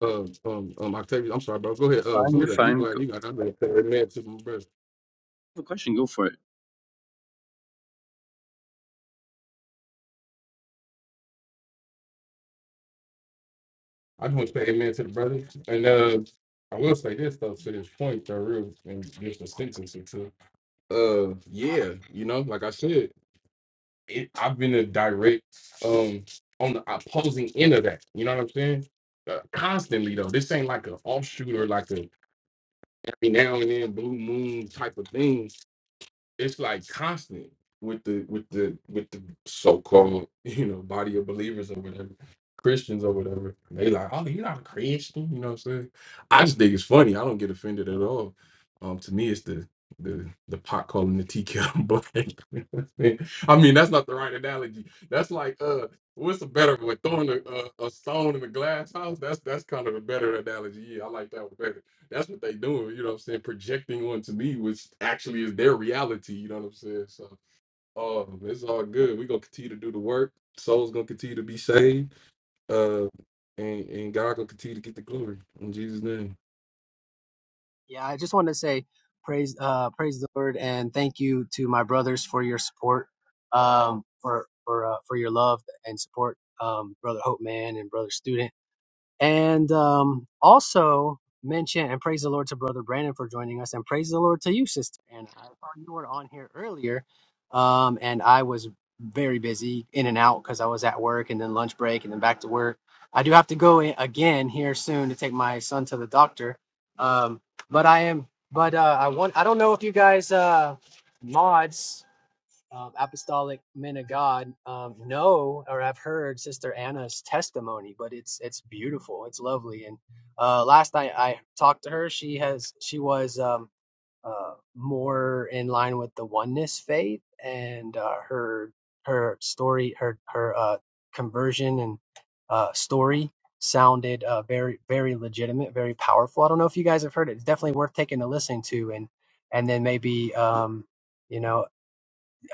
[SPEAKER 24] Uh, um, um, Octavius. I'm sorry, bro. Go
[SPEAKER 26] You're
[SPEAKER 24] ahead. Uh,
[SPEAKER 26] fine.
[SPEAKER 24] who
[SPEAKER 26] You're
[SPEAKER 24] was that? You go
[SPEAKER 26] fine.
[SPEAKER 24] ahead.
[SPEAKER 26] Go,
[SPEAKER 24] You got. I'm gonna say amen to my brother.
[SPEAKER 26] have a question. Go for it.
[SPEAKER 24] I just want to say amen to the brother. And uh, I will say this though, to this point, though, real and just a sentence or two. Uh, yeah. You know, like I said. it, I've been a direct um on the opposing end of that. You know what I'm saying? Uh, constantly though, this ain't like an offshoot or like a every now and then blue moon type of thing it's like constant with the with the with the so-called you know body of believers or whatever christians or whatever they like oh you're not a christian you know what i'm saying i just think it's funny i don't get offended at all um to me it's the the the pot calling the tea kettle black You know what I'm saying? i mean that's not the right analogy that's like uh what's the better one throwing a, a, a stone in a glass house that's that's kind of a better analogy yeah i like that one that's what they doing, you know what I'm saying? Projecting onto me, which actually is their reality, you know what I'm saying? So um it's all good. We're gonna continue to do the work. Souls gonna continue to be saved. Uh and, and God gonna continue to get the glory in Jesus' name.
[SPEAKER 10] yeah i just want to say praise uh praise the lord and thank you to my brothers for your support um for for uh, for your love and support um brother hope man and brother student And um, also mention and praise the Lord to Brother Brandon for joining us, and praise the Lord to you, Sister Anna. I thought you were on here earlier, um, and I was very busy in and out because I was at work and then lunch break and then back to work. I do have to go in again here soon to take my son to the doctor. Um, but I am, but uh, I want, I don't know if you guys, uh, mods um, apostolic men of God um, know or have heard Sister Anna's testimony, but it's it's beautiful, it's lovely. And uh, last night I talked to her. She has she was um, uh, more in line with the oneness faith, and uh, her her story, her her uh, conversion and uh, story sounded uh, very very legitimate, very powerful. I don't know if you guys have heard it. It's definitely worth taking a listen to, and and then maybe. Um, you know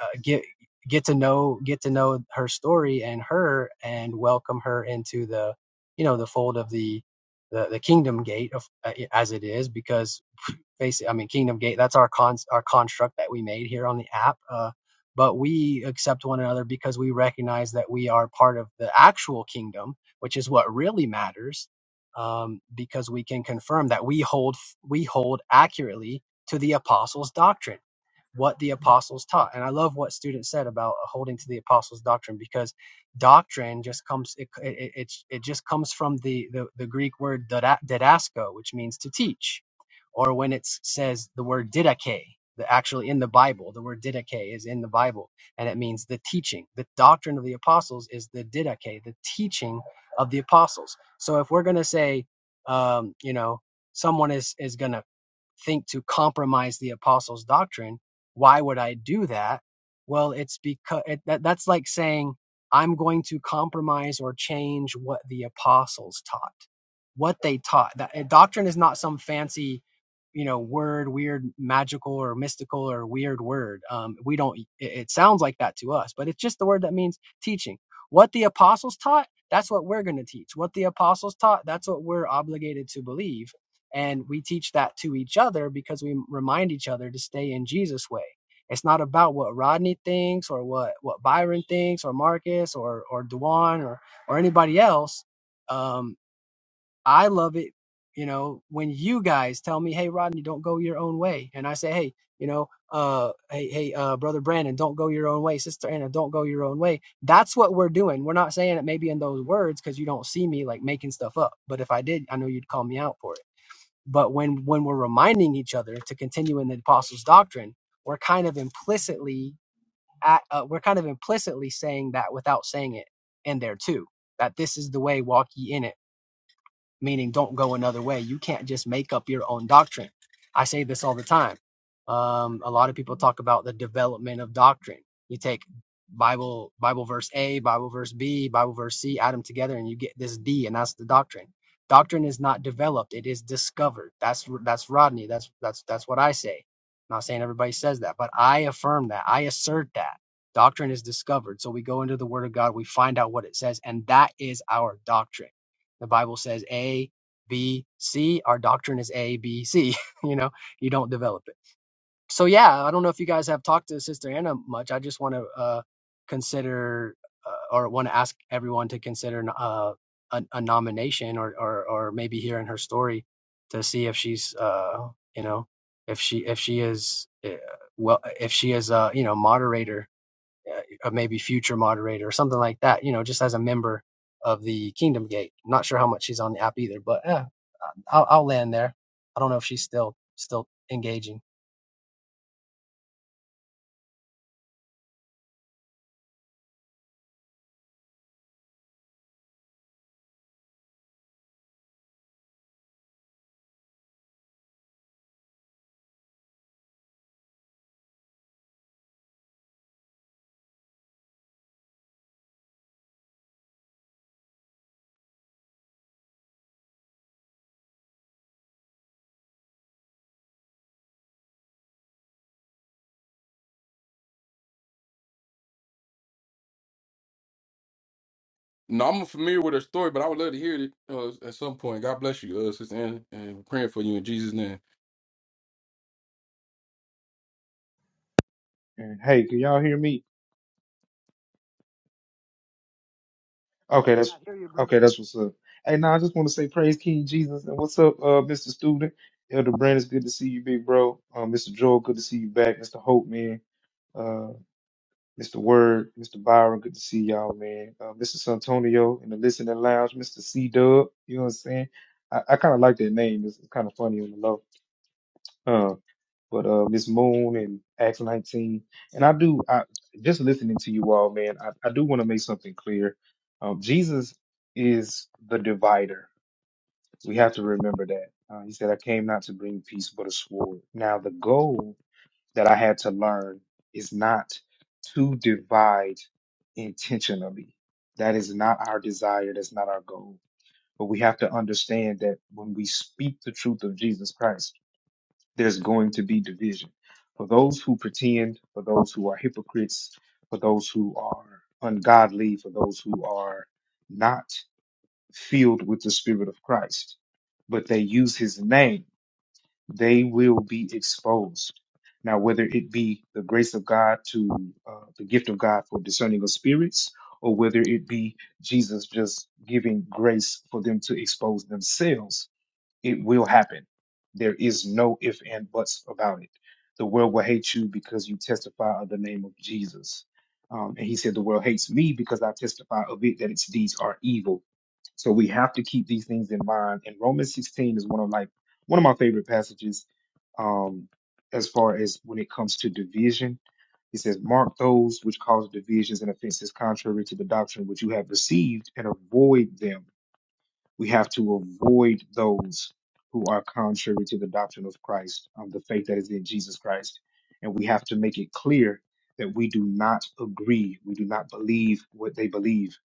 [SPEAKER 10] uh, get get to know get to know her story and her and welcome her into the you know the fold of the the, the kingdom gate of, uh, as it is because basically i mean kingdom gate that's our con our construct that we made here on the app uh, but we accept one another because we recognize that we are part of the actual kingdom which is what really matters um, because we can confirm that we hold we hold accurately to the apostles doctrine what the apostles taught. And I love what students said about holding to the apostles' doctrine because doctrine just comes it it, it, it just comes from the, the the Greek word didasko, which means to teach, or when it says the word didache. The, actually, in the Bible, the word didache is in the Bible, and it means the teaching. The doctrine of the apostles is the didache, the teaching of the apostles. So, if we're going to say, um, you know, someone is is going to think to compromise the apostles' doctrine, why would I do that? Well, it's because it, that, that's like saying I'm going to compromise or change what the apostles taught, what they taught. That, uh, doctrine is not some fancy, you know, word, weird, magical or mystical or weird word. Um, we don't. It, it sounds like that to us, but it's just the word that means teaching. What the apostles taught, that's what we're going to teach. What the apostles taught, that's what we're obligated to believe and we teach that to each other because we remind each other to stay in Jesus' way. It's not about what Rodney thinks or what, what Byron thinks or Marcus or, or Dewan or, or anybody else. Um, I love it, you know, when you guys tell me, hey, Rodney, don't go your own way. And I say, hey, you know, uh, hey, hey, uh, brother Brandon, don't go your own way. Sister Anna, don't go your own way. That's what we're doing. We're not saying it maybe in those words because you don't see me like making stuff up. But if I did, I know you'd call me out for it but when when we're reminding each other to continue in the apostles' doctrine, we're kind of implicitly at, uh, we're kind of implicitly saying that without saying it in there too. That this is the way, walk ye in it meaning don't go another way. You can't just make up your own doctrine. I say this all the time. Um, a lot of people talk about the development of doctrine. You take Bible Bible verse A, Bible verse B, Bible verse C, add them together, and you get this D, and that's the doctrine. Doctrine is not developed; it is discovered. That's that's Rodney. That's that's that's what I say. I'm not saying everybody says that, but I affirm that. I assert that doctrine is discovered. So we go into the Word of God, we find out what it says, and that is our doctrine the Bible says A, B, C. Our doctrine is A, B, C. you know, you don't develop it. So yeah, I don't know if you guys have talked to Sister Anna much. I just want to uh, consider uh, or want to ask everyone to consider uh, a, a nomination or, or or maybe hearing her story to see if she's uh, you know if she if she is uh, well if she is uh, you know moderator uh, a maybe future moderator or something like that, you know, just as a member of the Kingdom Gate. I'm not sure how much she's on the app either, but yeah, I'll, I'll land there. I don't know if she's still still engaging.
[SPEAKER 24] No, I'm familiar with her story, but I would love to hear it uh, at some point. God bless you, uh, sister, Ann, and we're praying for you in Jesus' name.
[SPEAKER 4] hey, can y'all hear me? Okay, that's
[SPEAKER 10] I hear you, bro.
[SPEAKER 4] okay. That's what's up. Hey, now I just want to say praise King Jesus and what's up, uh, Mr. Student, Elder Brand? It's good to see you, big bro. Uh, Mr. Joel, good to see you back. Mr. Hope, man. Uh, Mr. Word, Mr. Byron, good to see y'all, man. Uh, Mr. Santonio in the listening lounge, Mr. C Dub. You know what I'm saying? I, I kind of like that name. It's, it's kind of funny on the low. Uh, but uh, Miss Moon and Acts 19. And I do, I just listening to you all, man, I, I do want to make something clear. Um, Jesus is the divider. We have to remember that. Uh, he said, I came not to bring peace, but a sword. Now, the goal that I had to learn is not to divide intentionally. That is not our desire. That's not our goal. But we have to understand that when we speak the truth of Jesus Christ, there's going to be division. For those who pretend, for those who are hypocrites, for those who are ungodly, for those who are not filled with the Spirit of Christ, but they use his name, they will be exposed. Now, whether it be the grace of God to uh, the gift of God for discerning of spirits, or whether it be Jesus just giving grace for them to expose themselves it will happen. There is no if and buts about it. The world will hate you because you testify of the name of Jesus. Um, and he said, The world hates me because I testify of it that its deeds are evil. So we have to keep these things in mind. And Romans 16 is one of like one of my favorite passages um, as far as when it comes to division. He says, Mark those which cause divisions and offenses contrary to the doctrine which you have received and avoid them we have to avoid those who are contrary to the doctrine of Christ, of the faith that is in Jesus Christ. And we have to make it clear that we do not agree, we do not believe what they believe.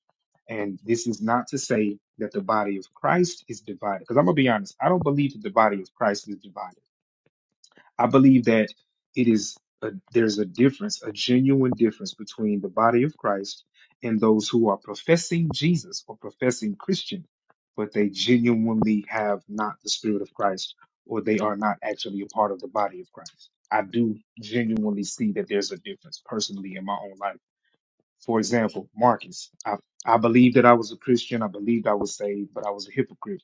[SPEAKER 4] And this is not to say that the body of Christ is divided. Because I'm going to be honest, I don't believe that the body of Christ is divided. I believe that it is a, there's a difference, a genuine difference between the body of Christ and those who are professing Jesus or professing Christian, but they genuinely have not the Spirit of Christ or they are not actually a part of the body of Christ. I do genuinely see that there's a difference personally in my own life. For example, Marcus, I, I believe that I was a Christian. I believed I was saved, but I was a hypocrite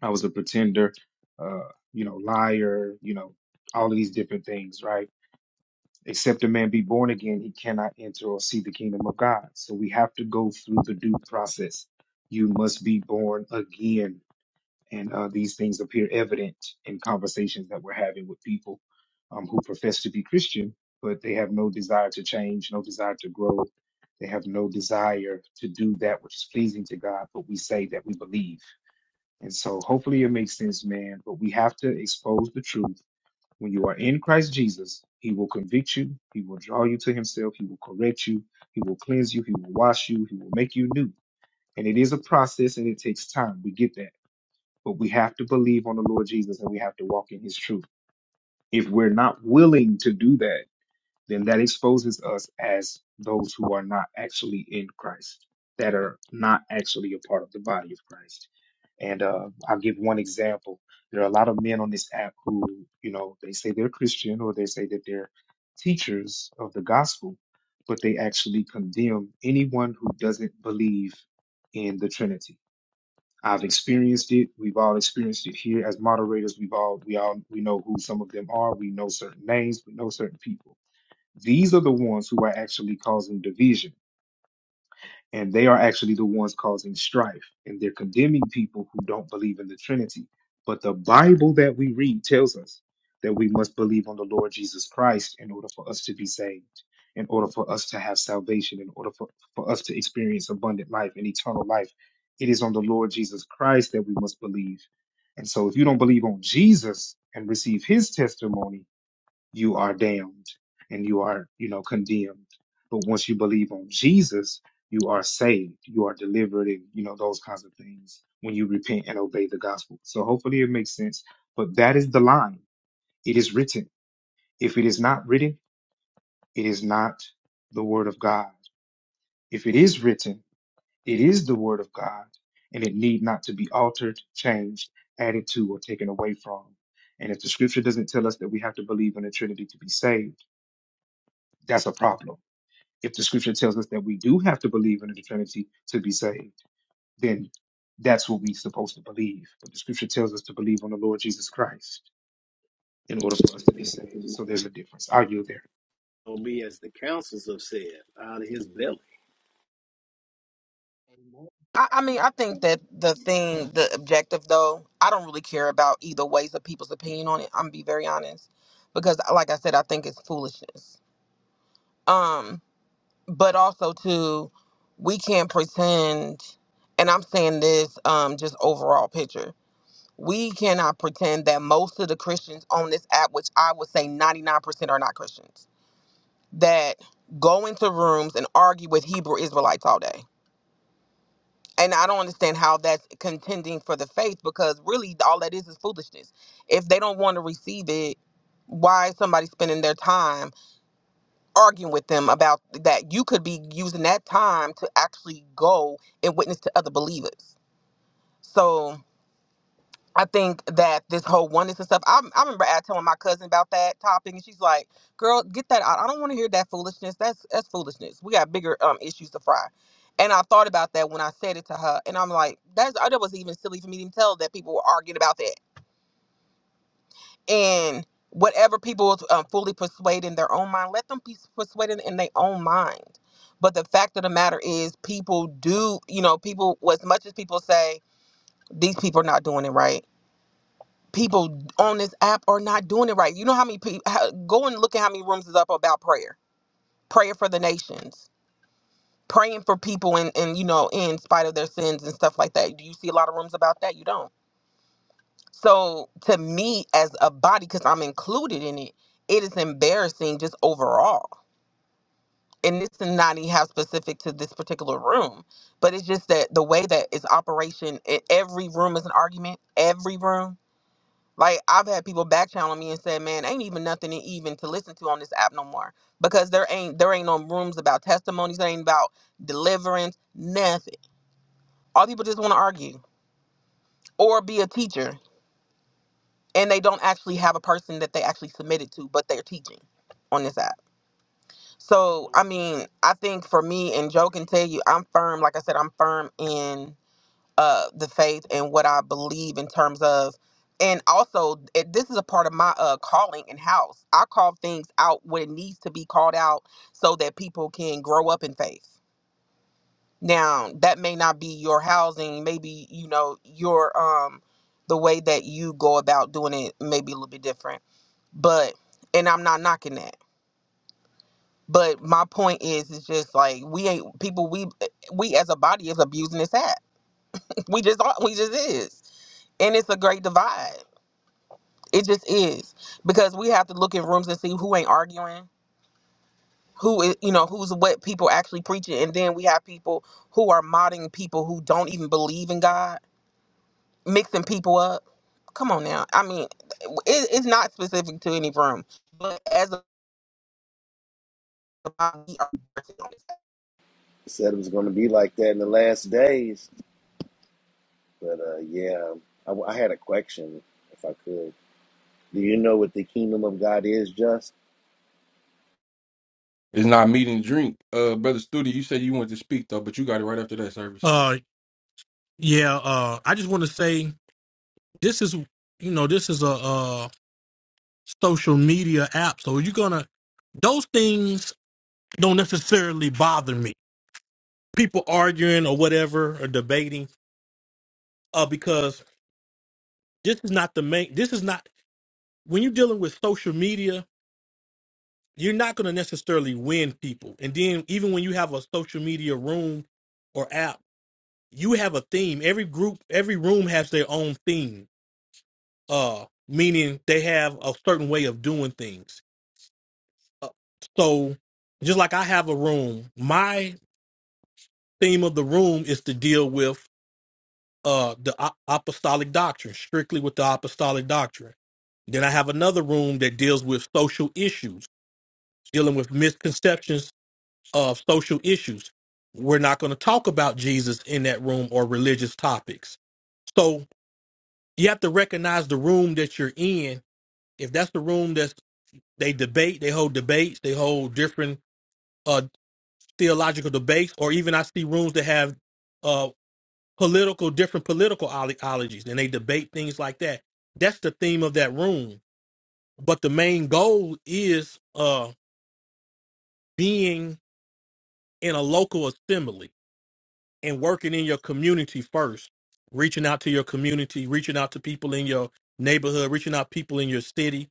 [SPEAKER 4] I was a pretender, uh, you know, liar, you know, all of these different things, right? Except a man be born again, he cannot enter or see the kingdom of God. So we have to go through the due process. You must be born again. And uh, these things appear evident in conversations that we're having with people um, who profess to be Christian, but they have no desire to change, no desire to grow. They have no desire to do that which is pleasing to God, but we say that we believe. And so hopefully it makes sense, man. But we have to expose the truth. When you are in Christ Jesus, he will convict you, he will draw you to himself, he will correct you, he will cleanse you, he will wash you, he will make you new. And it is a process and it takes time. We get that. But we have to believe on the Lord Jesus and we have to walk in his truth. If we're not willing to do that, then that exposes us as those who are not actually in Christ, that are not actually a part of the body of Christ. And uh, I'll give one example. There are a lot of men on this app who, you know, they say they're Christian or they say that they're teachers of the gospel, but they actually condemn anyone who doesn't believe in the Trinity. I've experienced it. We've all experienced it here as moderators. We've all we all we know who some of them are. We know certain names. We know certain people these are the ones who are actually causing division, and they are actually the ones causing strife, and they're condemning people who don't believe in the Trinity. But the Bible that we read tells us that we must believe on the Lord Jesus Christ in order for us to be saved, in order for us to have salvation, in order for, for us to experience abundant life and eternal life. It is on the Lord Jesus Christ that we must believe. And so if you don't believe on Jesus and receive his testimony, you are damned and you are, you know, condemned. But once you believe on Jesus, you are saved, you are delivered, and you know those kinds of things when you repent and obey the gospel. So hopefully it makes sense. But that is the line. It is written. If it is not written, it is not the word of God. If it is written, it is the word of God, and it need not to be altered, changed, added to, or taken away from. And if the scripture doesn't tell us that we have to believe in the Trinity to be saved, that's a problem if the scripture tells us that we do have to believe in the Trinity to be saved, then that's what we're supposed to believe. But the scripture tells us to believe on the Lord Jesus Christ in order for us to be saved. So there's a difference. I'll yield there.
[SPEAKER 15] going be as the councils have said, out of his belly.
[SPEAKER 23] I, I mean, I think that the thing, the objective though, I don't really care about either ways of people's opinion on it. I'm gonna be very honest. Because like I said, I think it's foolishness. Um, but also too, we can't pretend and I'm saying this um just overall picture. We cannot pretend that most of the Christians on this app, which I would say 99% are not Christians that go into rooms and argue with Hebrew Israelites all day. And I don't understand how that's contending for the faith because really all that is is foolishness. If they don't want to receive it, why is somebody spending their time arguing with them about that? You could be using that time to actually go and witness to other believers. So I think that this whole oneness and stuff. I, I remember I telling my cousin about that topic, and she's like, "Girl, get that out. I don't want to hear that foolishness. That's that's foolishness. We got bigger um issues to fry." And I thought about that when I said it to her, and I'm like, "That's that was even silly for me to tell that people were arguing about that." And whatever people um, fully persuade in their own mind, let them be persuaded in their own mind. But the fact of the matter is, people do, you know, people as much as people say these people are not doing it right people on this app are not doing it right. You know how many people go and look at how many rooms is up about prayer, prayer for the nations, praying for people and and you know in spite of their sins and stuff like that. Do you see a lot of rooms about that? You don't. So to me as a body, because I'm included in it, it is embarrassing just overall. And this is not even how specific to this particular room, but it's just that the way that it's operation. e- Every room is an argument. Every room Like I've had people back channel me and said, "Man, ain't even nothing to even to listen to on this app no more because there ain't there ain't no rooms about testimonies, there ain't about deliverance, nothing. All people just want to argue or be a teacher, and they don't actually have a person that they actually submitted to, but they're teaching on this app. So I mean, I think for me and Joe can tell you, I'm firm. Like I said, I'm firm in. uh the faith and what I believe in terms of and also it, this is a part of my uh calling in house. I call things out when it needs to be called out so that people can grow up in faith. Now, that may not be your housing, maybe you know your um the way that you go about doing it may be a little bit different. But and I'm not knocking that. But my point is it's just like we ain't people we we as a body is abusing this app. We just are we just is. And it's a great divide It just is because we have to look in rooms and see who ain't arguing, who is you know who's what people actually preaching, and then we have people who are modding people who don't even believe in God, mixing people up. Come on now, I mean, it, it's not specific to any room, but as a body,
[SPEAKER 27] said it was going to be like that in the last days. But uh, yeah, I, I had a question, if I could. Do you know what the kingdom of God is, just?
[SPEAKER 24] It's not meat and drink, uh, brother Studi. You said you wanted to speak though, but you got it right after that service.
[SPEAKER 25] Uh, yeah. Uh, I just want to say this is, you know, this is a, uh social media app, so you're gonna those things don't necessarily bother me. People arguing or whatever or debating, uh, because this is not the main. This is not when you're dealing with social media. You're not going to necessarily win people. And then even when you have a social media room or app, you have a theme. Every group, every room has their own theme. uh meaning they have a certain way of doing things Uh, so just like i have a room my theme of the room is to deal with uh the a- apostolic doctrine strictly with the apostolic doctrine then i have another room that deals with social issues dealing with misconceptions of social issues we're not going to talk about jesus in that room or religious topics so you have to recognize the room that you're in if that's the room that's They debate. They hold debates. They hold different uh, theological debates, or even I see rooms that have uh, political different political ideologies, and they debate things like that. That's the theme of that room. But the main goal is uh, being in a local assembly and working in your community first, reaching out to your community, reaching out to people in your neighborhood, reaching out people in your city.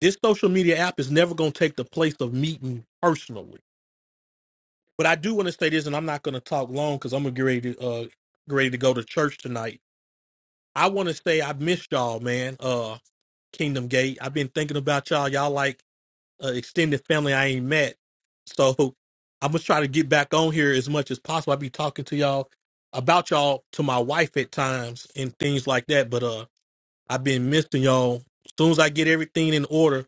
[SPEAKER 25] This social media app is never going to take the place of meeting personally But I do want to say this, and I'm not going to talk long because I'm gonna get ready to uh, get ready to go to church tonight. I want to say I missed y'all, man. Uh, Kingdom Gate. I've been thinking about y'all. Y'all like uh, extended family I ain't met. So I'm gonna try to get back on here as much as possible. I be talking to y'all about y'all to my wife at times and things like that. But uh, I've been missing y'all. As soon as I get everything in order,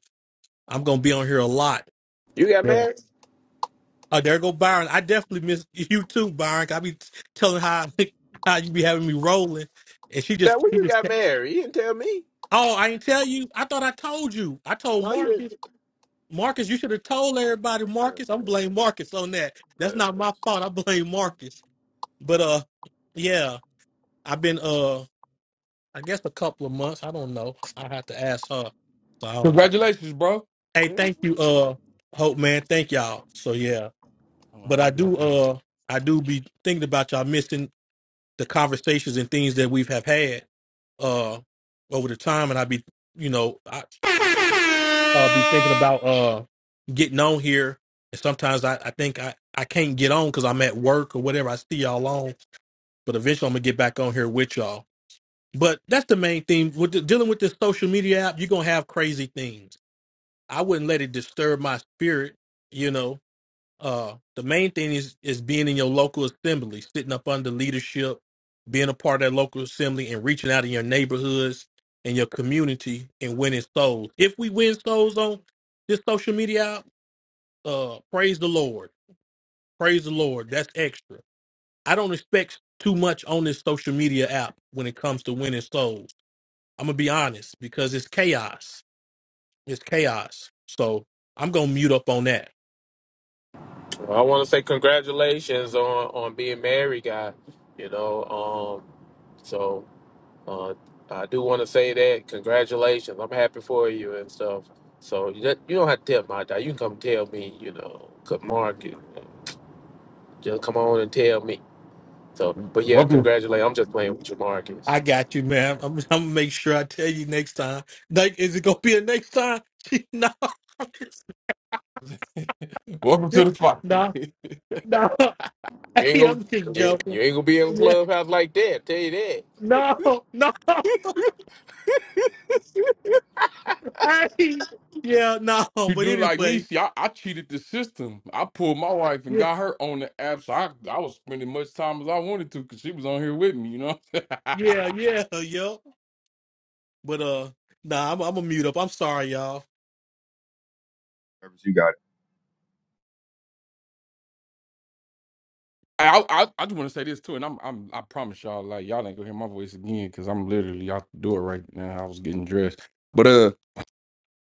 [SPEAKER 25] I'm gonna be on here a lot.
[SPEAKER 6] You got married?
[SPEAKER 25] Oh, there go Byron. I definitely miss you too, Byron. 'cause I be t- telling how how you be having me rolling, and she
[SPEAKER 6] That
[SPEAKER 25] just
[SPEAKER 6] when
[SPEAKER 25] she
[SPEAKER 6] you
[SPEAKER 25] just.
[SPEAKER 6] got
[SPEAKER 25] kept-
[SPEAKER 6] married, you didn't tell me.
[SPEAKER 25] Oh, I ain't tell you. I thought I told you. I told
[SPEAKER 6] No, you.
[SPEAKER 25] Marcus. Marcus, you should have told everybody. Marcus, I'm blame Marcus on that. That's not my fault. I blame Marcus. But uh, yeah, I've been uh, I guess a couple of months. I don't know. I have to ask her. So I don't know.
[SPEAKER 24] Congratulations, bro.
[SPEAKER 25] Hey, thank you, uh, Hope man. Thank y'all. So yeah,
[SPEAKER 24] Hold on,
[SPEAKER 25] but
[SPEAKER 24] let
[SPEAKER 25] I
[SPEAKER 24] me
[SPEAKER 25] do
[SPEAKER 24] get
[SPEAKER 25] uh, I do be thinking about y'all missing the conversations and things that we've have had uh over the time and i be you know i uh be thinking
[SPEAKER 24] out this.
[SPEAKER 25] about uh getting on here and sometimes i, I think i i can't get on because i'm at work or whatever i see y'all on but eventually i'm gonna get back on here with y'all but that's the main thing with the, dealing with this social media app you're gonna have crazy things i wouldn't let it disturb my spirit you know uh the main thing is is being in your local assembly sitting up under leadership being a part of that local assembly and reaching out in your neighborhoods and your community and winning souls if we win souls on this social media app, uh praise the lord praise the lord that's extra i don't expect too much on this social media app when it comes to winning souls i'm gonna be honest because it's chaos it's chaos so i'm gonna mute up on that
[SPEAKER 6] I want to say congratulations on on being married, guy. You know, um, so uh, I do want to say that congratulations. I'm happy for you and stuff. So you don't you don't have to tell my dad. You can come tell me. You know, could Mark, you know, just come on and tell me. So, but yeah,
[SPEAKER 24] Welcome,
[SPEAKER 6] congratulations. I'm just playing with you, Marcus.
[SPEAKER 25] I got you, ma'am. I'm, I'm gonna make sure I tell you next time. Like, is it gonna be a next time? no,
[SPEAKER 24] welcome to the fight.
[SPEAKER 25] no, no.
[SPEAKER 6] You ain't
[SPEAKER 25] Hey, I'm just
[SPEAKER 6] gonna you,
[SPEAKER 25] joking.
[SPEAKER 6] you ain't gonna be in
[SPEAKER 25] Yeah,
[SPEAKER 6] clubhouse like that. Tell you that.
[SPEAKER 25] no, no. Hey, yeah, no.
[SPEAKER 24] you
[SPEAKER 25] But
[SPEAKER 24] do like me?
[SPEAKER 25] anyway,
[SPEAKER 24] See, I, I cheated the system. I pulled my wife and
[SPEAKER 25] yeah,
[SPEAKER 24] got her on the app, so I, I was spending much time as I wanted to because she was on here with me. You know.
[SPEAKER 25] yeah, yeah, yo. But uh, nah, I'm, I'm gonna mute up. I'm sorry, y'all.
[SPEAKER 20] Service, You got it.
[SPEAKER 24] I, I I just want to say this too, and I'm I'm I promise y'all like y'all ain't gonna hear my voice again because I'm literally out the door right now. I was getting dressed, but uh.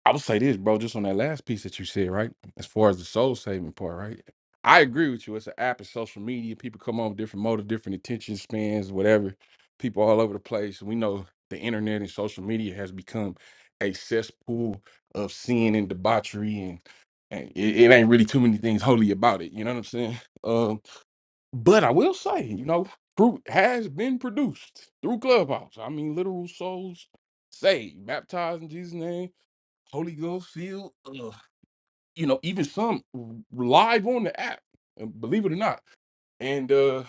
[SPEAKER 24] I'll say this, bro, just on that last piece that you said, right? As far as the soul saving part, right? I agree with you. It's an app, it's social media. People come on with different motives, different attention spans, whatever. People all over the place. We know the internet and social media has become a cesspool of sin and debauchery, and, and it, it ain't really too many things holy about it. You know what I'm saying? Um, but I will say, you know, fruit has been produced through Clubhouse. I mean, literal souls saved, baptized in Jesus' name Holy Ghost feel, uh, you know, even some live on the app, uh, believe it or not. And uh,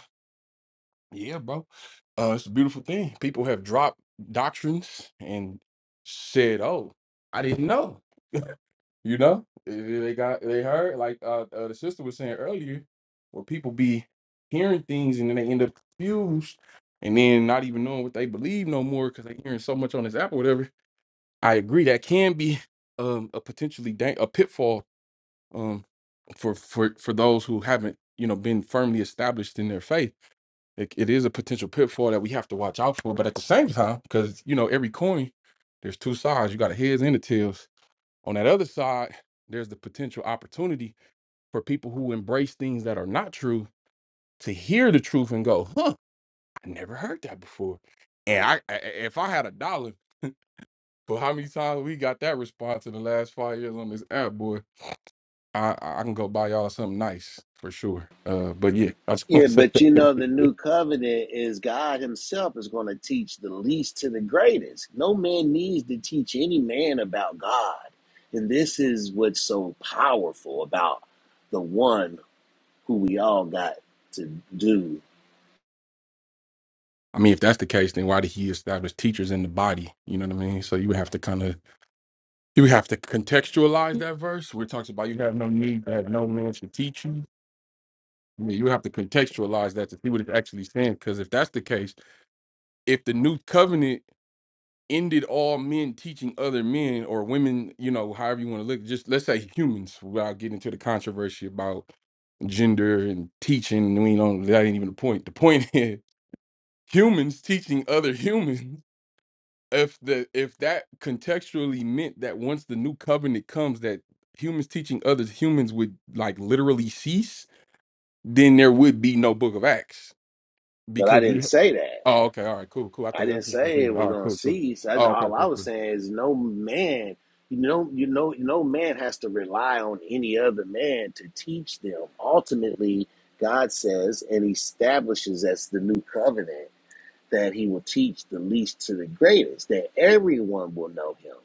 [SPEAKER 24] yeah, bro, uh, it's a beautiful thing. People have dropped doctrines and said, "Oh, I didn't know," you know. Eh, They got they heard like uh, uh, the sister was saying earlier, where people be hearing things and then they end up confused, and then not even knowing what they believe no more because they hearing so much on this app or whatever. I agree that can be um, a potentially dang- a pitfall um, for for for those who haven't you know been firmly established in their faith it, it is a potential pitfall that we have to watch out for but at the same time because you know every coin there's two sides you got the heads and the tails on that other side there's the potential opportunity for people who embrace things that are not true to hear the truth and go huh i never heard that before and i, I if i had a dollar for how many times we got that response in the last five years on this app boy I I can go buy y'all something nice for sure. Uh, but yeah, I just want
[SPEAKER 27] Yeah,
[SPEAKER 24] to say,
[SPEAKER 27] but
[SPEAKER 24] that.
[SPEAKER 27] you know, the new covenant is God Himself is going to teach the least to the greatest. No man needs to teach any man about God. And this is what's so powerful about the one who we all got to do.
[SPEAKER 24] I mean, if that's the case, then why did he establish teachers in the body? You know what I mean? So you would have to kind of you would have to contextualize that verse where it talks about you have no need that no man should teach you. I mean, you have to contextualize that to see what it's actually saying. Because if that's the case, if the new covenant ended all men teaching other men or women, you know, however you want to look, just let's say humans, without getting into the controversy about gender and teaching. We don't. That ain't even the point. The point is humans teaching other humans. If the if that contextually meant that once the new covenant comes, that humans teaching others humans would like literally cease, then there would be no Book of Acts
[SPEAKER 27] But I
[SPEAKER 24] because.
[SPEAKER 27] didn't
[SPEAKER 24] We,
[SPEAKER 27] say that.
[SPEAKER 24] oh, okay. All right. Cool. Cool. I
[SPEAKER 27] I
[SPEAKER 24] thought
[SPEAKER 27] didn't
[SPEAKER 24] that's what you were
[SPEAKER 27] say it
[SPEAKER 24] saying. All
[SPEAKER 27] was
[SPEAKER 24] right.
[SPEAKER 27] gonna
[SPEAKER 24] Cool. Cool.
[SPEAKER 27] cease. That's
[SPEAKER 24] Oh, okay.
[SPEAKER 27] all I
[SPEAKER 24] Cool.
[SPEAKER 27] was
[SPEAKER 24] Cool.
[SPEAKER 27] saying is no man, you know, you know, no man has to rely on any other man to teach them. Ultimately, God says and establishes as the new covenant that He will teach the least to the greatest, that everyone will know Him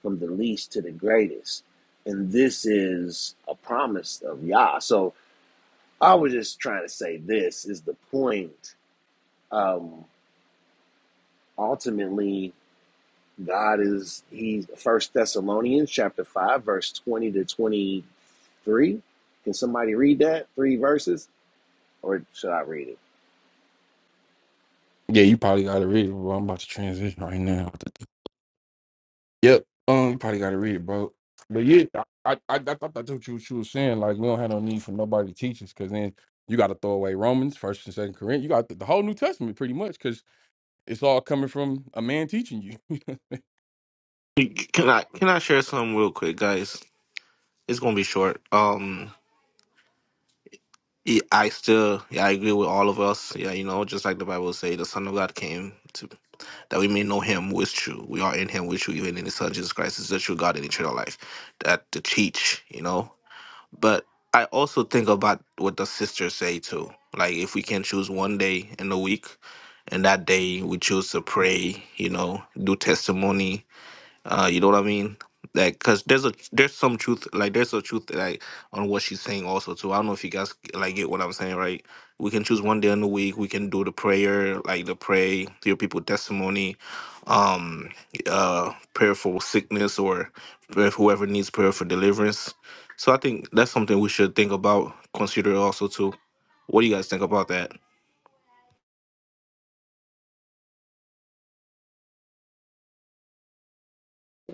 [SPEAKER 27] from the least to the greatest, and this is a promise of Yah. So I was just trying to say this is the point. Um, ultimately God is He's First Thessalonians chapter five, verse twenty to twenty-three. Can somebody read that three verses, or should I read it?
[SPEAKER 24] Yeah, you probably got to read. it, Well, I'm about to transition right now. Yep. Um, you probably gotta read it, bro. But yeah, I I, I, I thought that's what you, she was saying. Like we don't have no need for nobody to teach us, because then you got to throw away Romans, First and Second Corinthians. You got the, the whole New Testament pretty much, because it's all coming from a man teaching you.
[SPEAKER 21] Can I can I share some real quick, guys? It's gonna be short. Um, yeah, I still, yeah, I agree with all of us. Yeah, you know, just like the Bible say, the Son of God came to that we may know Him with true. We are in Him with true, even in His Son Jesus Christ is the true God in eternal life. That to teach, you know. But I also think about what the sisters say too. Like if we can choose one day in the week, and that day we choose to pray, you know, do testimony, uh, you know what I mean? Like, cause there's a there's some truth, like there's a truth like on what she's saying also too. I don't know if you guys like get what I'm saying, right? We can choose one day in the week. We can do the prayer, like the pray, hear people testimony, um, uh, prayer for sickness or prayer for whoever needs prayer for deliverance. So I think that's something we should think about, consider also too. What do you guys think about that?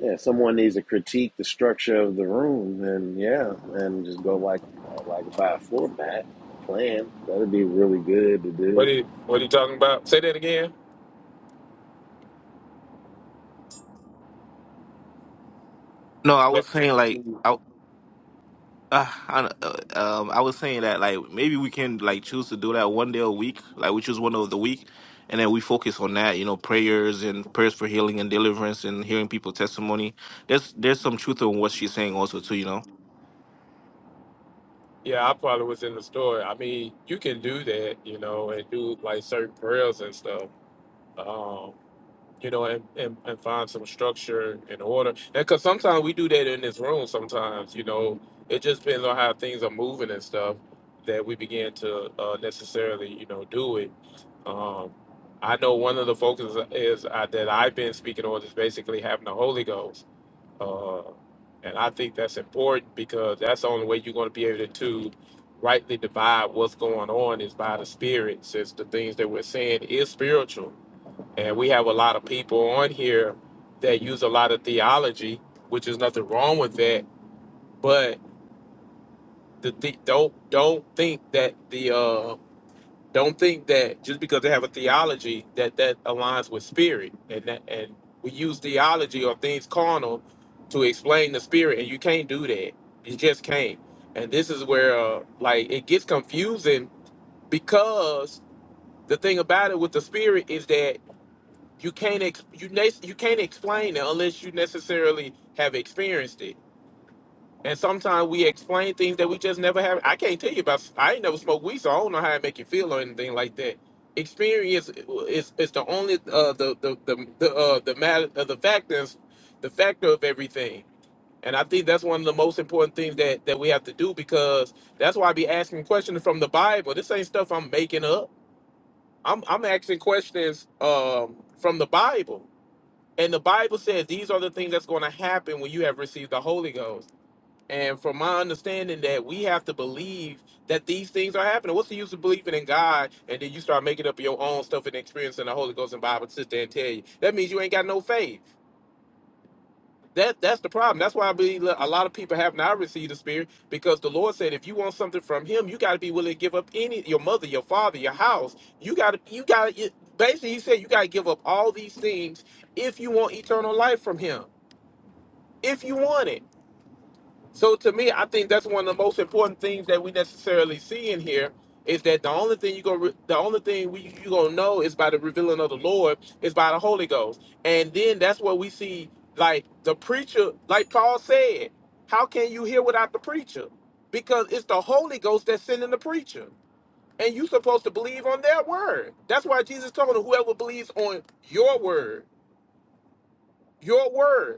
[SPEAKER 27] Yeah, someone needs to critique the structure of the room, and yeah, and just go like uh, like by a floor mat, a plan. That'd be really good to
[SPEAKER 6] What
[SPEAKER 27] do.
[SPEAKER 6] are, what are you talking about? Say that again.
[SPEAKER 21] No, I
[SPEAKER 6] Yeah,
[SPEAKER 21] was saying like I Uh, I, uh, um, I was saying that like maybe we can like choose to do that one day a week. Like we choose one day of the week, and then we focus on that. You know, prayers and prayers for healing and deliverance and hearing people testimony. There's there's some truth in what she's saying also too. You know.
[SPEAKER 6] yeah, I probably was in the store. I mean, you can do that, you know, and do like certain prayers and stuff. Um, you know, and, and, and find some structure and order. And because sometimes we do that in this room, sometimes, you know, it just depends on how things are moving and stuff that we begin to uh, necessarily, you know, do it. Um, I know one of the focuses is uh, that I've been speaking on is basically having the Holy Ghost. Uh, and I think that's important because that's the only way you're going to be able to, to rightly divide what's going on is by the Spirit, since the things that we're saying is spiritual and we have a lot of people on here that use a lot of theology, which is nothing wrong with that. But the, the don't don't think that the uh, don't think that just because they have a theology that that aligns with spirit, and that, and we use theology or things carnal to explain the spirit, and you can't do that. You just can't. And this is where uh, like it gets confusing because the thing about it with the spirit is that you can't ex- you ne- you can't explain it unless you necessarily have experienced it. And sometimes we explain things that we just never have. I can't tell you about. I ain't never smoked weed, so I don't know how it make you feel or anything like that. Experience is is the only uh, the the the the uh, the matter uh, the factors the factor of everything. And I think that's one of the most important things that that we have to do because that's why I be asking questions from the Bible. This ain't stuff I'm making up. I'm I'm asking questions um, from the Bible and the Bible says these are the things that's going to happen when you have received the Holy Ghost. And from my understanding, that we have to believe that these things are happening. What's the use of believing in God and then you start making up your own stuff and experiencing the Holy Ghost and Bible sit there and tell you? That means you ain't got no faith. That that's the problem. That's why I believe a lot of people have not received the Spirit because the Lord said if you want something from Him, you got to be willing to give up any your mother, your father, your house. You got to you got to basically He said you got to give up all these things if you want eternal life from Him if you want it. So to me, I think that's one of the most important things that we necessarily see in here is that the only thing you gonna re- the only thing we you gonna know is by the revealing of the Lord is by the Holy Ghost, and then that's what we see like the preacher, like Paul said, how can you hear without the preacher? Because it's the Holy Ghost that's sending the preacher, and you supposed to believe on their word. That's why Jesus told him, whoever believes on your word, your word.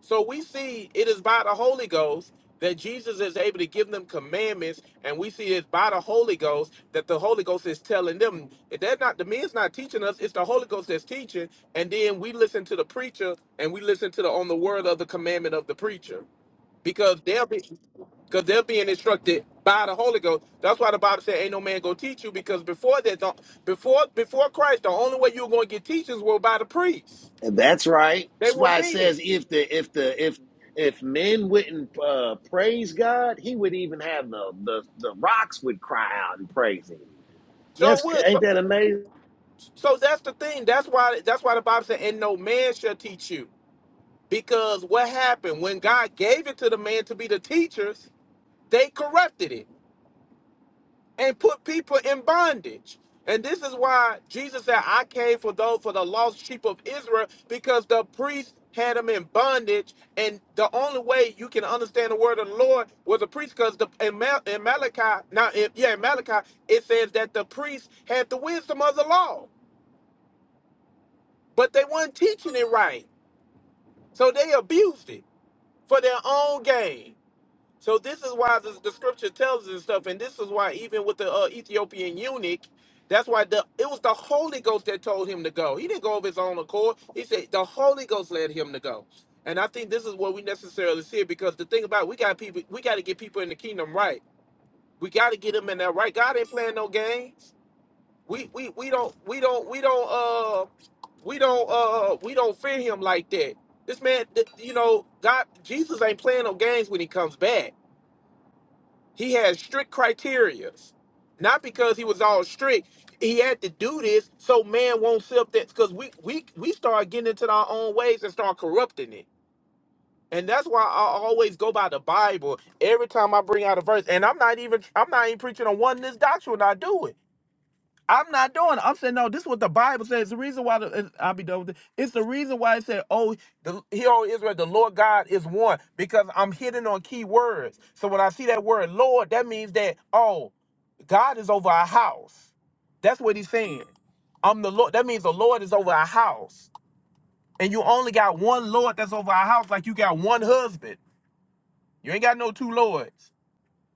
[SPEAKER 6] So we see it is by the Holy Ghost that Jesus is able to give them commandments, and we see it's by the Holy Ghost that the Holy Ghost is telling them. If They're not the man's not teaching us; it's the Holy Ghost that's teaching. And then we listen to the preacher, and we listen to the on the word of the commandment of the preacher, because they'll be because they're being instructed by the Holy Ghost. That's why the Bible said, "Ain't no man go teach you," because before that, the, before before Christ, the only way you were going to get teachers were by the priests.
[SPEAKER 27] And that's right.
[SPEAKER 6] They
[SPEAKER 27] That's
[SPEAKER 6] were
[SPEAKER 27] why it
[SPEAKER 6] men.
[SPEAKER 27] says if the if the if if men wouldn't uh, praise God, He would even have the, the the rocks would cry out and praise Him.
[SPEAKER 6] So
[SPEAKER 27] That's
[SPEAKER 6] would
[SPEAKER 27] ain't that amazing?
[SPEAKER 6] So that's the thing. That's why that's why the Bible said, and no man shall teach you. Because what happened when God gave it to the man to be the teachers, they corrupted it and put people in bondage. And this is why Jesus said, I came for those for the lost sheep of Israel, because the priests had them in bondage. And the only way you can understand the word of the Lord was a priest, because the in, Mal- in Malachi, now in, yeah, in Malachi, it says that the priests had the wisdom of the law, but they weren't teaching it right. So they abused it for their own gain. So this is why the, the scripture tells us and stuff, and this is why even with the uh, Ethiopian eunuch, that's why the it was the Holy Ghost that told him to go. He didn't go of his own accord. He said the Holy Ghost led him to go. And I think this is what we necessarily see it, because the thing about it, we got people, we got to get people in the kingdom right. We got to get them in that right. God ain't playing no games we we we don't we don't we don't uh we don't uh we don't fear him like that. This man, th- you know, God, Jesus ain't playing no games when he comes back. He has strict criterias, not because he was all strict. He had to do this so man won't slip that because we we we start getting into our own ways and start corrupting it. And that's why I always go by the Bible every time I bring out a verse. And I'm not even I'm not even preaching on oneness doctrine when I do it. I'm not doing it. I'm saying no. This is what the Bible says. The reason why the, I'll be done with it. It's the reason why it said, "Oh, the hero Israel, the Lord God is one," because I'm hitting on key words. So when I see that word "Lord," that means that oh, God is over our house. That's what he's saying. I'm the Lord. That means the Lord is over our house, and you only got one Lord that's over our house. Like you got one husband. You ain't got no two lords.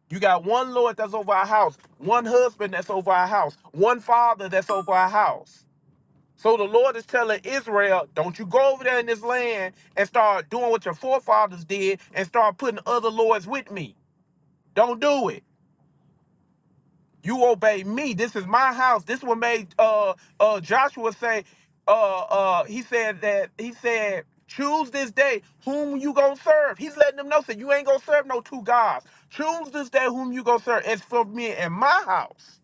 [SPEAKER 6] You got one Lord that's over our house, one husband that's over our house, one father that's over our house. So the Lord is telling Israel, don't you go over there in this land and start doing what your forefathers did and start putting other lords with me. Don't do it. You obey me. This is my house. This one made uh uh Joshua say, uh uh he said that he said Choose this day whom you gonna serve. He's letting them know that you ain't gonna serve no two gods. Choose this day whom you gonna serve. It's for me and my house.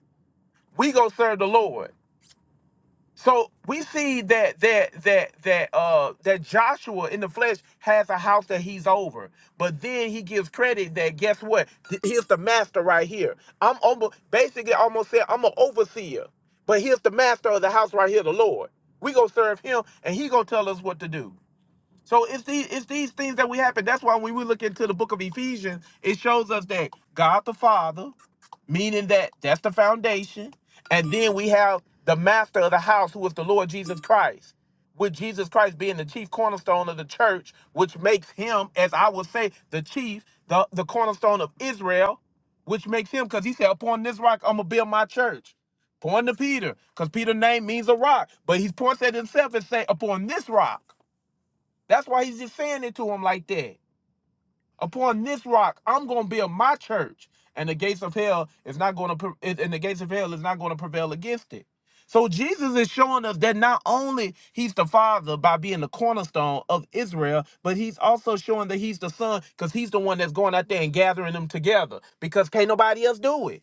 [SPEAKER 6] We gonna serve the Lord. So we see that that that that uh that Joshua in the flesh has a house that he's over, but then he gives credit that guess what? Th- Here's the master right here. I'm almost basically almost said I'm an overseer, but here's the master of the house right here, the Lord. We gonna serve him, and he gonna tell us what to do. So it's these it's these things that we happen. That's why when we look into the book of Ephesians, it shows us that God the Father, meaning that that's the foundation, and then we have the master of the house, who is the Lord Jesus Christ, with Jesus Christ being the chief cornerstone of the church, which makes him, as I would say, the chief, the, the cornerstone of Israel, which makes him, because he said, Upon this rock I'm gonna build my church. Point to Peter, because Peter's name means a rock. But he points at himself and say, Upon this rock. That's why he's just saying it to him like that. Upon this rock, I'm gonna build my church, and the gates of hell is not gonna pre- and the gates of hell is not gonna prevail against it. So Jesus is showing us that not only he's the father by being the cornerstone of Israel, but he's also showing that he's the son because he's the one that's going out there and gathering them together because can't nobody else do it.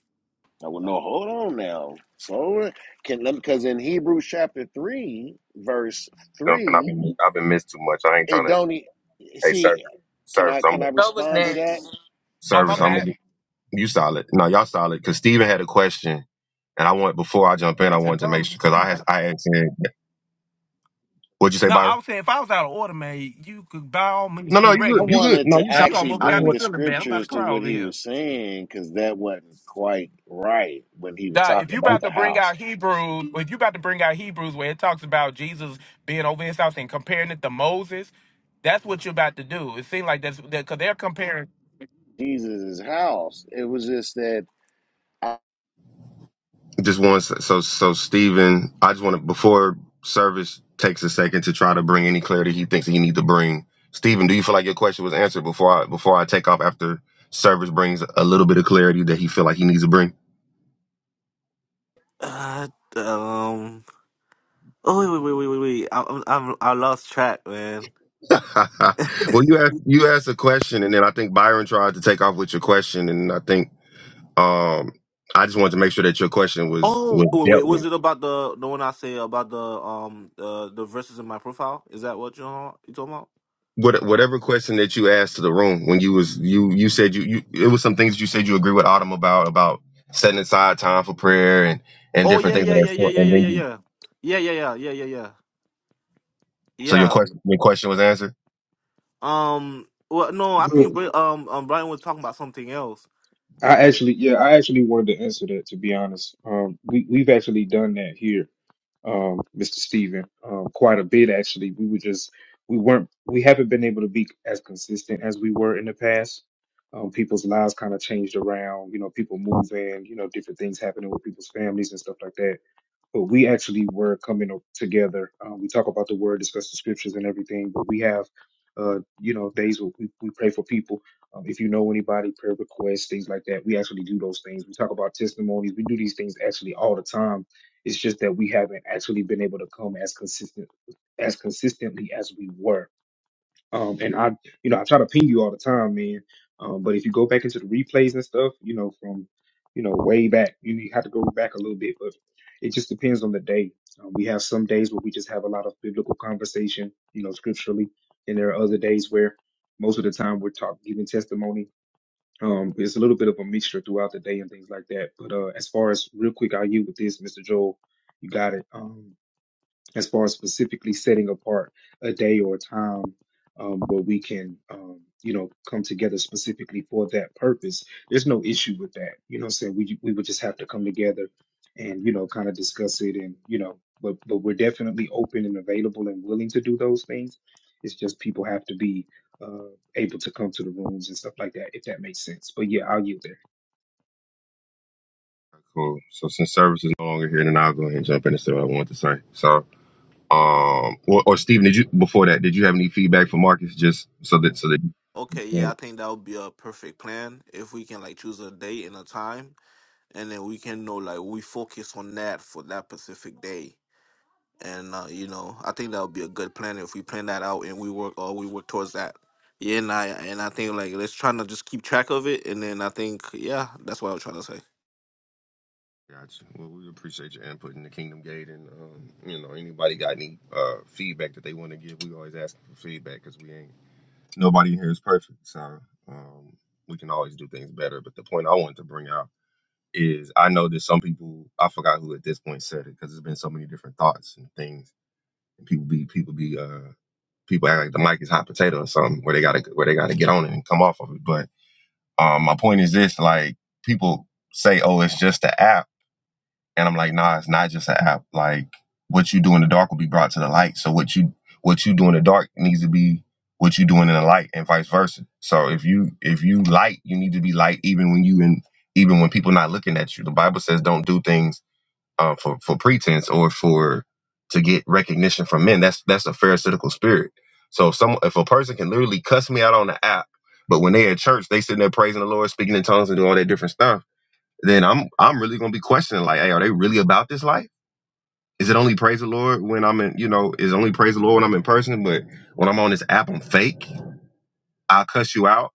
[SPEAKER 27] I would know. hold on now. So can let because in Hebrews chapter three, verse
[SPEAKER 20] Dump, and I've
[SPEAKER 27] three,
[SPEAKER 20] been I've been missed too much. I ain't
[SPEAKER 27] it
[SPEAKER 20] trying to.
[SPEAKER 27] don't e-
[SPEAKER 20] Hey, service,
[SPEAKER 27] see. Can
[SPEAKER 20] service.
[SPEAKER 27] I
[SPEAKER 20] I'm
[SPEAKER 27] can I
[SPEAKER 23] Joe was
[SPEAKER 27] respond to
[SPEAKER 23] next.
[SPEAKER 27] that?
[SPEAKER 6] Oh my
[SPEAKER 20] service. I'm
[SPEAKER 6] bad.
[SPEAKER 20] you solid. No, y'all solid. Cause Steven had a question, and I want before I jump in, I wanted to make sure because I had I had said, what'd you say,
[SPEAKER 6] No, I
[SPEAKER 20] Byron?
[SPEAKER 6] was saying if I was out of order, man, you could by all means
[SPEAKER 20] No, no, you
[SPEAKER 6] correct
[SPEAKER 27] I
[SPEAKER 20] good. You
[SPEAKER 6] me.
[SPEAKER 20] good.
[SPEAKER 27] wanted
[SPEAKER 20] No,
[SPEAKER 27] to
[SPEAKER 20] you
[SPEAKER 6] Now you
[SPEAKER 20] solid.
[SPEAKER 27] actually
[SPEAKER 6] almost
[SPEAKER 20] I know
[SPEAKER 6] got me
[SPEAKER 27] bring
[SPEAKER 20] what.
[SPEAKER 27] the
[SPEAKER 6] feeling bad. I'm about to
[SPEAKER 27] scriptures to
[SPEAKER 6] cry
[SPEAKER 27] what
[SPEAKER 6] over
[SPEAKER 27] he
[SPEAKER 6] here.
[SPEAKER 27] was saying because that wasn't quite right when he was
[SPEAKER 6] Dog, if
[SPEAKER 27] talking
[SPEAKER 6] you
[SPEAKER 27] about
[SPEAKER 6] about to
[SPEAKER 27] the
[SPEAKER 6] bring
[SPEAKER 27] house.
[SPEAKER 6] out Hebrews, if you about to bring out Hebrews where it talks about Jesus being over his house and comparing it to Moses, that's what you're about to do. It seems like that's because they're comparing.
[SPEAKER 27] Jesus' house. It was just that
[SPEAKER 20] just want so so Stephen, I just want to before service takes a second to try to bring any clarity he thinks he need to bring. Stephen, do you feel like your question was answered before I before I take off after service brings a little bit of clarity that he feel like he needs to bring?
[SPEAKER 21] Uh, um. Oh wait wait wait wait wait. wait. I, I'm I'm I lost track, man.
[SPEAKER 20] well, you asked you asked a question, and then I think Byron tried to take off with your question, and I think um I just wanted to make sure that your question was was
[SPEAKER 21] Oh wait wait.
[SPEAKER 20] dealt with.
[SPEAKER 21] Was it about the the one I say about the um the the verses in my profile? Is that what you you talking about?
[SPEAKER 20] What, whatever question that you asked to the room when you was you you said you, you it was some things that you said you agree with Autumn about about setting aside time for prayer and and
[SPEAKER 21] Oh
[SPEAKER 20] different
[SPEAKER 21] yeah
[SPEAKER 20] things of
[SPEAKER 21] yeah
[SPEAKER 20] that
[SPEAKER 21] yeah yeah
[SPEAKER 20] sort.
[SPEAKER 21] yeah
[SPEAKER 20] And
[SPEAKER 21] yeah
[SPEAKER 20] then you,
[SPEAKER 21] yeah yeah yeah yeah yeah yeah yeah yeah.
[SPEAKER 20] so your
[SPEAKER 21] Yeah.
[SPEAKER 20] question your question was answered.
[SPEAKER 21] Um. Well, no, I think
[SPEAKER 4] Well,
[SPEAKER 21] Bri- um um Brian was talking about something else.
[SPEAKER 4] I actually, yeah, I actually wanted to answer that, to be honest. Um, we, we've actually done that here. um, Mr. Steven, um, quite a bit actually. We were just we weren't we haven't been able to be as consistent as we were in the past. Um, people's lives kind of changed around, you know, people moving, you know, different things happening with people's families and stuff like that but we actually were coming up together. Um, we talk about the word, discuss the scriptures and everything, but we have, uh, you know, days where we, we pray for people. Um, if you know anybody, prayer requests, things like that, we actually do those things. We talk about testimonies. We do these things actually all the time. It's just that we haven't actually been able to come as consistent as consistently as we were um, and I, you know, I try to ping you all the time, man. Um, but if you go back into the replays and stuff, you know, from, you know, way back, you have to go back a little bit, but it just depends on the day. Um, we have some days where we just have a lot of biblical conversation, you know, scripturally, and there are other days where most of the time we're talking, giving testimony. Um, it's a little bit of a mixture throughout the day and things like that. But uh, as far as real quick, I'll yield with this, Mr. Joel. You got it. Um, as far as specifically setting apart a day or a time um, where we can, um, you know, come together specifically for that purpose. There's no issue with that. You know what I'm saying? We, we would just have to come together and, you know, kind of discuss it and, you know, but, but we're definitely open and available and willing to do those things. It's just people have to be uh, able to come to the rooms and stuff like that, if that makes sense. But yeah, I'll yield there.
[SPEAKER 20] Cool. So since service is no longer here, then I'll go ahead and jump in and say what I want to say. So um or, or Stephen, did you before that did you have any feedback for Marcus just so that so that
[SPEAKER 21] Okay, yeah,
[SPEAKER 20] you
[SPEAKER 21] I think that would be a perfect plan if we can like choose a date and a time, and then we can know like we focus on that for that specific day. And uh, you know, I think that would be a good plan if we plan that out and we work or we work towards that. Yeah, and I and I think like let's try to just keep track of it, and then I think yeah, that's what I was trying to say.
[SPEAKER 20] Gotcha. Well, we appreciate your input in the Kingdom Gate, and um, you know anybody got any uh, feedback that they want to give, we always ask for feedback because we ain't nobody here is perfect, so um, we can always do things better. But the point I wanted to bring out is I know that some people I forgot who at this point said it because there's been so many different thoughts and things, and people be people be uh people act like the mic is hot potato or something where they gotta where they gotta get on it and come off of it. But um, my point is this: like people say, "Oh, it's just the app." And I'm like, nah, it's not just an app. Like what you do in the dark will be brought to the light. So what you what you do in the dark needs to be what you doing in the light and vice versa. So if you if you light, you need to be light even when you in even when people not looking at you. The Bible says don't do things uh, for for pretense or for to get recognition from men. That's that's a pharisaical spirit. So if some if a person can literally cuss me out on the app, but when they at church, they sitting there praising the Lord, speaking in tongues and do all that different stuff then I'm I'm really gonna be questioning like, hey, are they really about this life? Is it only praise the Lord when I'm in, you know, is it only praise the Lord when I'm in person, but when I'm on this app, I'm fake. I'll cuss you out.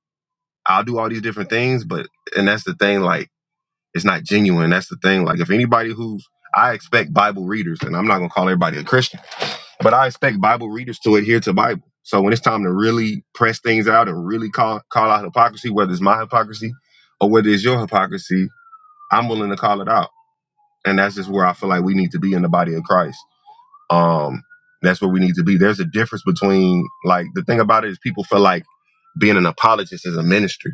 [SPEAKER 20] I'll do all these different things, but and that's the thing, like it's not genuine. That's the thing. Like if anybody who's I expect Bible readers, and I'm not gonna call everybody a Christian, but I expect Bible readers to adhere to Bible. So when it's time to really press things out and really call call out hypocrisy, whether it's my hypocrisy or whether it's your hypocrisy, I'm willing to call it out and that's just where I feel like we need to be in the body of Christ. Um, that's where we need to be. There's a difference between like the thing about it is people feel like being an apologist is a ministry,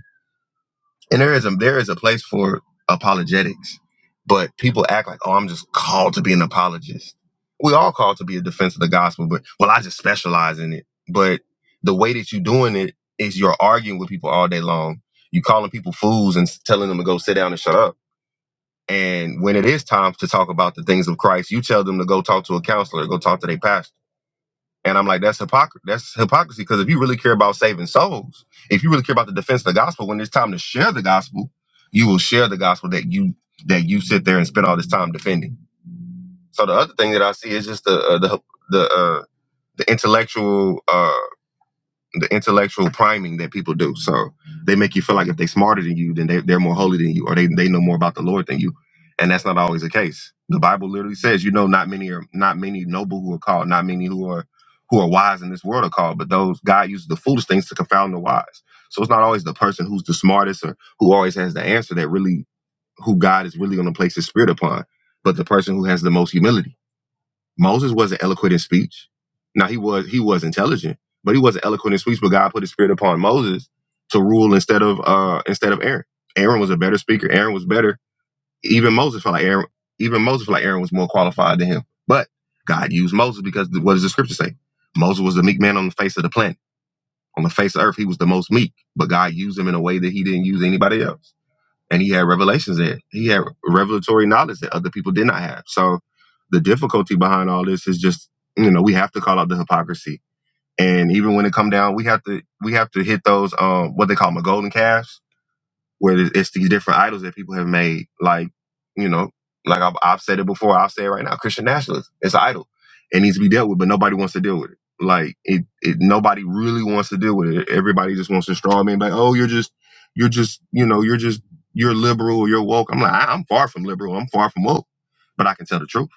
[SPEAKER 20] and there is a there is a place for apologetics, but people act like oh I'm just called to be an apologist. We all called to be a defense of the gospel, but well I just specialize in it. But the way that you're doing it is you're arguing with people all day long. You calling people fools and telling them to go sit down and shut up and when it is time to talk about the things of Christ, you tell them to go talk to a counselor, go talk to their pastor. And I'm like, that's hypocrisy. That's hypocrisy because if you really care about saving souls, if you really care about the defense of the gospel, when it's time to share the gospel, you will share the gospel that you that you sit there and spend all this time defending. So the other thing that I see is just the uh, the the uh, the intellectual. uh, the intellectual priming that people do. So they make you feel like if they're smarter than you, then they, they're more holy than you, or they, they know more about the Lord than you. And that's not always the case. The Bible literally says, you know, not many are not many noble who are called, not many who are who are wise in this world are called, but those God uses the foolish things to confound the wise. So it's not always the person who's the smartest or who always has the answer that really who God is really going to place his spirit upon, but the person who has the most humility Moses wasn't eloquent in speech. Now he was he was intelligent, but he wasn't eloquent in speech. But God put His Spirit upon Moses to rule instead of uh instead of Aaron. Aaron was a better speaker. Aaron was better. Even Moses felt like Aaron. Even Moses felt like Aaron was more qualified than him. But God used Moses because th- what does the Scripture say? Moses was the meek man on the face of the planet, on the face of earth. He was the most meek, but God used him in a way that He didn't use anybody else and he had revelations there. He had revelatory knowledge that other people did not have. So the difficulty behind all this is just, you know, we have to call out the hypocrisy. And even when it come down, we have to we have to hit those um what they call them, golden calves where it's these different idols that people have made. Like, you know, like I've, I've said it before, I'll say it right now. Christian nationalism, it's an idol. It needs to be dealt with, but nobody wants to deal with it. Like, it, it nobody really wants to deal with it. Everybody just wants to straw me and be like, oh, you're just, you're just, you know, you're just, you're liberal, or you're woke. I'm like, I, I'm far from liberal. I'm far from woke, but I can tell the truth.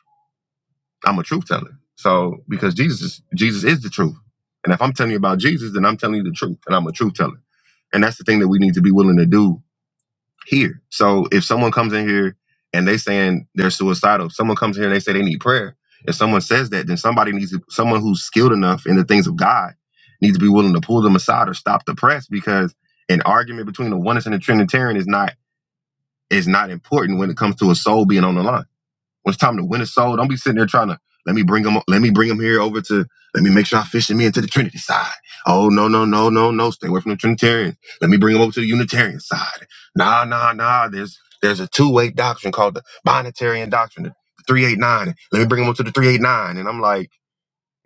[SPEAKER 20] I'm a truth teller. So because Jesus, is- Jesus is the truth. And if I'm telling you about Jesus, then I'm telling you the truth, and I'm a truth teller. And that's the thing that we need to be willing to do here. So if someone comes in here and they saying they're suicidal, if someone comes in here and they say they need prayer, if someone says that, then somebody needs to, someone who's skilled enough in the things of God needs to be willing to pull them aside or stop the press because an argument between the oneness and the Trinitarian is not is not important when it comes to a soul being on the line. When it's time to win a soul, don't be sitting there trying to let me bring them. Let me bring them here over to. Let me make sure I fishing me into the Trinity side. Oh no no no no no! Stay away from the Trinitarians. Let me bring them over to the Unitarian side. Nah nah nah. There's there's a two way doctrine called the Binitarian doctrine, the three eight nine. Let me bring them over to the three eight nine. And I'm like,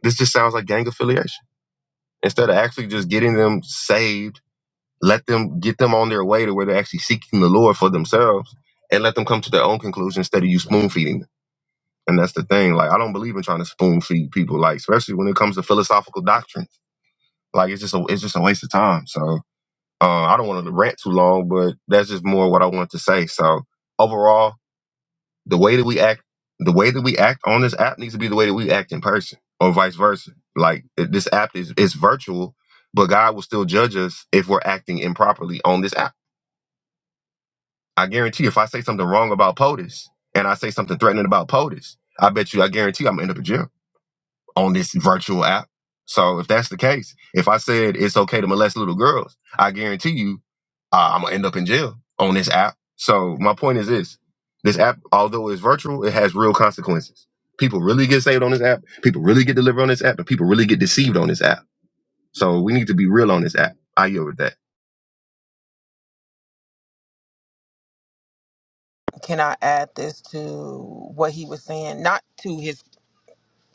[SPEAKER 20] this just sounds like gang affiliation. Instead of actually just getting them saved, let them get them on their way to where they're actually seeking the Lord for themselves, and let them come to their own conclusion instead of you spoon feeding them. And that's the thing. Like, I don't believe in trying to spoon feed people. Like, especially when it comes to philosophical doctrine. Like, it's just a it's just a waste of time. So, uh, I don't want to rant too long, but that's just more what I want to say. So, overall, the way that we act, the way that we act on this app needs to be the way that we act in person, or vice versa. Like, it- this app is is virtual, but God will still judge us if we're acting improperly on this app. I guarantee, if I say something wrong about POTUS and I say something threatening about POTUS, I bet you, I guarantee, I'm gonna end up in jail. on this virtual app. So if that's the case, if I said it's okay to molest little girls, I guarantee you uh, I'm gonna end up in jail on this app. So my point is this: this app, although it's virtual, it has real consequences. People really get saved on this app. People really get delivered on this app, and people really get deceived on this app. So we need to be real on this app. I yield with that.
[SPEAKER 23] Can I add this to what he was saying? Not to his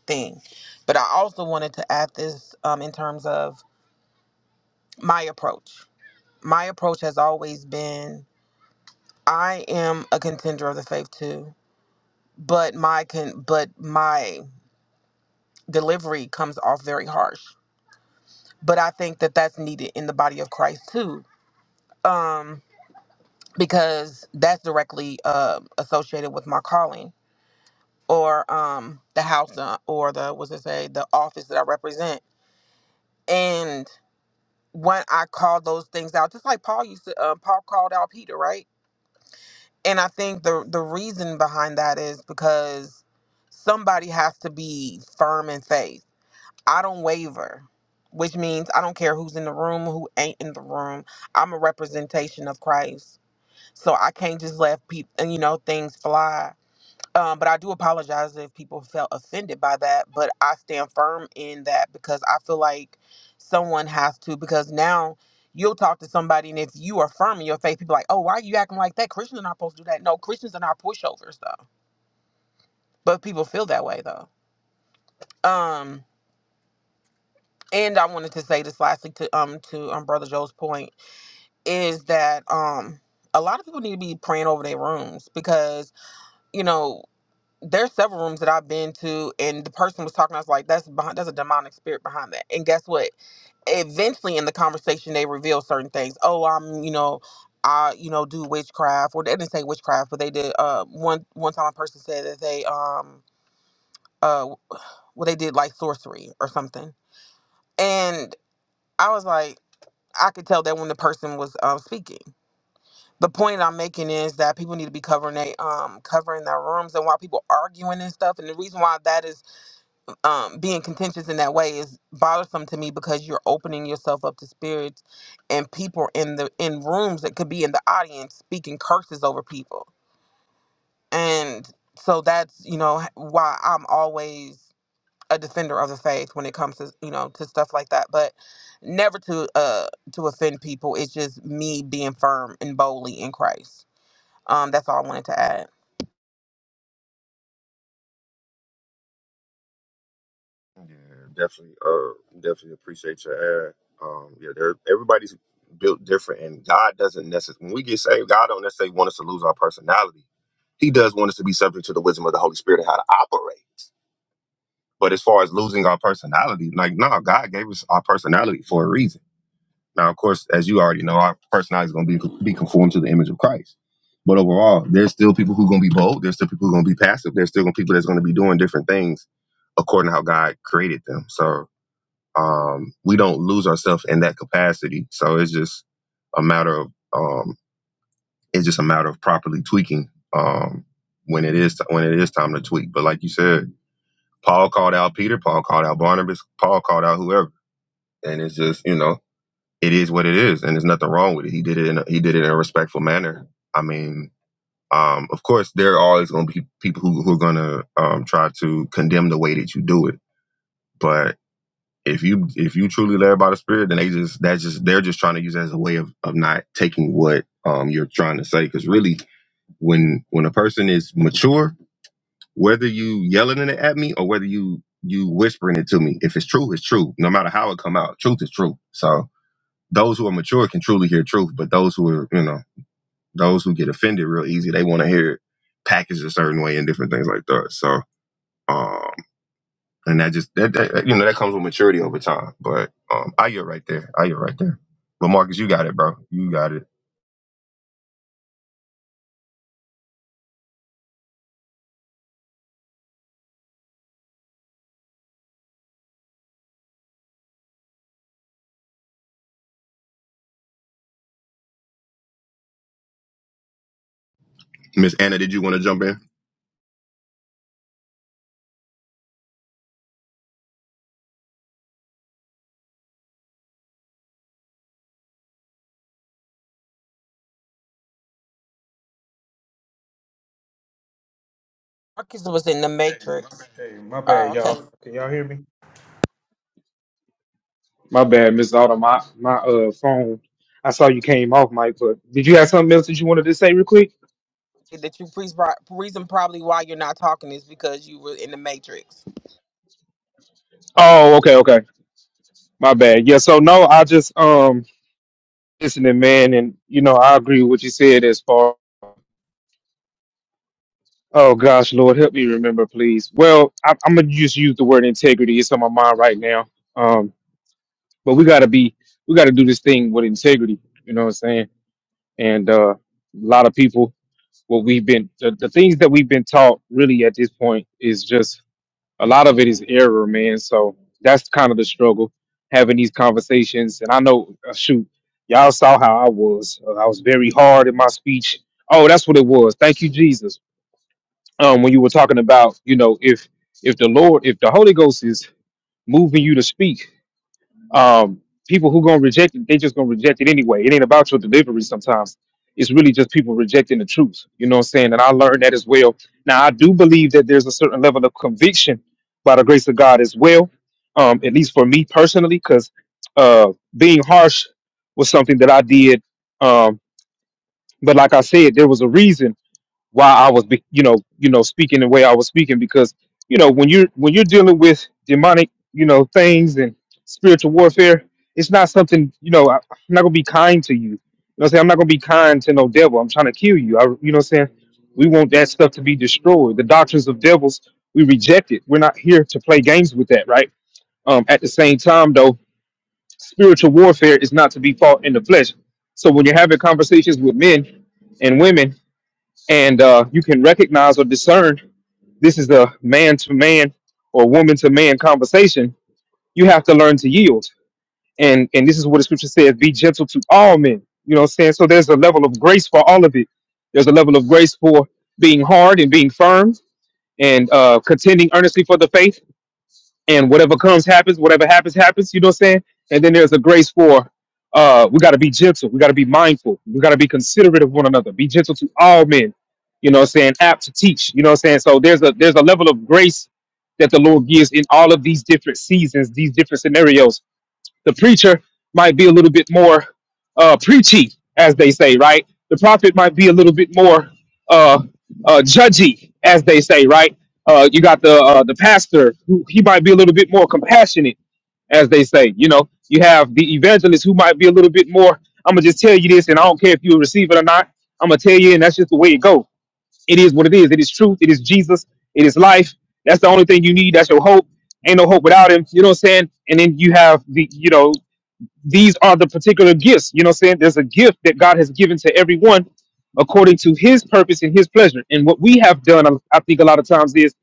[SPEAKER 23] thing, but I also wanted to add this um, in terms of my approach. My approach has always been I am a contender of the faith too, but my can but my delivery comes off very harsh. But I think that that's needed in the body of Christ too, um, because that's directly uh, associated with my calling or um, the house uh, or the what's it say the office that I represent. And when I call those things out, just like Paul used to, uh, Paul called out Peter, right? And I think the the reason behind that is because somebody has to be firm in faith. I don't waver, which means I don't care who's in the room, who ain't in the room. I'm a representation of Christ. So I can't just let people, you know, things fly. Um, but I do apologize if people felt offended by that. But I stand firm in that because I feel like someone has to. Because now you'll talk to somebody, and if you are firm in your faith, people are like, oh, why are you acting like that? Christians are not supposed to do that. No, Christians are not pushovers, though. But people feel that way, though. Um, and I wanted to say this lastly to um to um brother Joe's point is that um a lot of people need to be praying over their rooms because you know there's several rooms that I've been to, and the person was talking. I was like, "That's behind, that's a demonic spirit behind that." And guess what? Eventually, in the conversation, they reveal certain things. Oh, I'm, you know, I, you know, do witchcraft, or they didn't say witchcraft, but they did. Uh, one one time, a person said that they, um, uh, well, they did like sorcery or something, and I was like, I could tell that when the person was um speaking. The point I'm making is that people need to be covering they um covering their rooms and why people arguing and stuff. And the reason why that is um, being contentious in that way is bothersome to me because you're opening yourself up to spirits and people in the in rooms that could be in the audience speaking curses over people and so that's you know h- why i'm always a defender of the faith when it comes to you know to stuff like that but never to uh to offend people it's just me being firm and boldly in christ um that's all i wanted to add
[SPEAKER 20] Yeah, definitely. Uh, definitely appreciate your ad. Um, yeah, there. Everybody's built different, and God doesn't necessarily. When we get saved, God don't necessarily want us to lose our personality. He does want us to be subject to the wisdom of the Holy Spirit and how to operate. But as far as losing our personality, like no, God gave us our personality for a reason. Now, of course, as you already know, our personality is going to be be conformed to the image of Christ. But overall, there's still people who are going to be bold. There's still people who are going to be passive. There's still gonna be people that's going to be doing different things according to how God created them. So um, we don't lose ourselves in that capacity. So it's just a matter of um, it's just a matter of properly tweaking um, when it is when it is time to tweak. But like you said, Paul called out Peter, Paul called out Barnabas, Paul called out whoever, and it's just you know it is what it is, and there's nothing wrong with it. He did it in a, he did it in a respectful manner. I mean. Um, of course, there are always going to be people who, who are going to um, try to condemn the way that you do it, but. If you if you truly led by the Spirit, then they just that's just they're just trying to use it as a way of of not taking what um you're trying to say. Because really, when when a person is mature, whether you yelling it at me or whether you you whispering it to me, if it's true, it's true. No matter how it come out, truth is truth. So those who are mature can truly hear truth, but those who are you know those who get offended real easy, they want to hear it packaged a certain way and different things like that. So. Um, and that just that, that you know that comes with maturity over time. But um, I get right there. I get right there. But Marcus, you got it, bro. You got it. Miss Anna, did you want to jump in?
[SPEAKER 23] marcus was in the matrix oh okay.
[SPEAKER 4] My bad, Miss Autumn. My, my uh, phone, I saw you came off, Mike, but did you have something else that you wanted to say real quick?
[SPEAKER 23] that you pre- reason probably why you're not talking is because you were in the matrix.
[SPEAKER 4] Oh, okay, okay. My bad. Yeah, so no, I just um listening, man, and you know, I agree with what you said as far oh gosh, Lord, help me remember, please. Well, I I'm gonna just use the word integrity. It's on my mind right now. Um, but we gotta be we gotta do this thing with integrity, you know what I'm saying? And uh a lot of people what we've been the, the things that we've been taught really at this point is just a lot of it is error, man. So that's kind of the struggle having these conversations. And I know, uh, shoot, y'all saw how I was. Uh, I was very hard in my speech. Oh, that's what it was. Thank you, Jesus. Um, when you were talking about, you know, if if the Lord, if the Holy Ghost is moving you to speak, um, people who gonna reject it, they just gonna reject it anyway. It ain't about your delivery sometimes. It's really just people rejecting the truth. You know what I'm saying? And I learned that as well. Now I do believe that there's a certain level of conviction by the grace of God as well. Um, at least for me personally, because uh being harsh was something that I did. Um, but like I said, there was a reason why I was, be- you know, you know, speaking the way I was speaking because, you know, when you're when you're dealing with demonic, you know, things and spiritual warfare, it's not something, you know, I, I'm not gonna be kind to you. You know, what I'm saying I'm not gonna be kind to no devil. I'm trying to kill you. I, you know, what I'm saying we want that stuff to be destroyed. The doctrines of devils, we reject it. We're not here to play games with that, right? Um, at the same time, though, spiritual warfare is not to be fought in the flesh. So when you're having conversations with men, and women and uh, you can recognize or discern this is a man to man or woman to man conversation, you have to learn to yield. And and this is what the scripture says: be gentle to all men. You know what I'm saying? So there's a level of grace for all of it. There's a level of grace for being hard and being firm and uh, contending earnestly for the faith and whatever comes happens whatever happens happens you know what i'm saying and then there's a grace for uh we got to be gentle we got to be mindful we got to be considerate of one another be gentle to all men you know what i'm saying apt to teach you know what i'm saying so there's a there's a level of grace that the lord gives in all of these different seasons these different scenarios the preacher might be a little bit more uh, preachy, as they say, right? The prophet might be a little bit more uh, uh, judgy, as they say, right? Uh, you got the uh, the pastor who he might be a little bit more compassionate, as they say. You know, you have the evangelist who might be a little bit more. I'm gonna just tell you this, and I don't care if you receive it or not. I'm gonna tell you, and that's just the way it goes. It is what it is. It is truth. It is Jesus. It is life. That's the only thing you need. That's your hope. Ain't no hope without him. You know what I'm saying? And then you have the, you know, these are the particular gifts. You know what I'm saying? There's a gift that God has given to everyone according to his purpose and his pleasure. And what we have done, I I think a lot of times is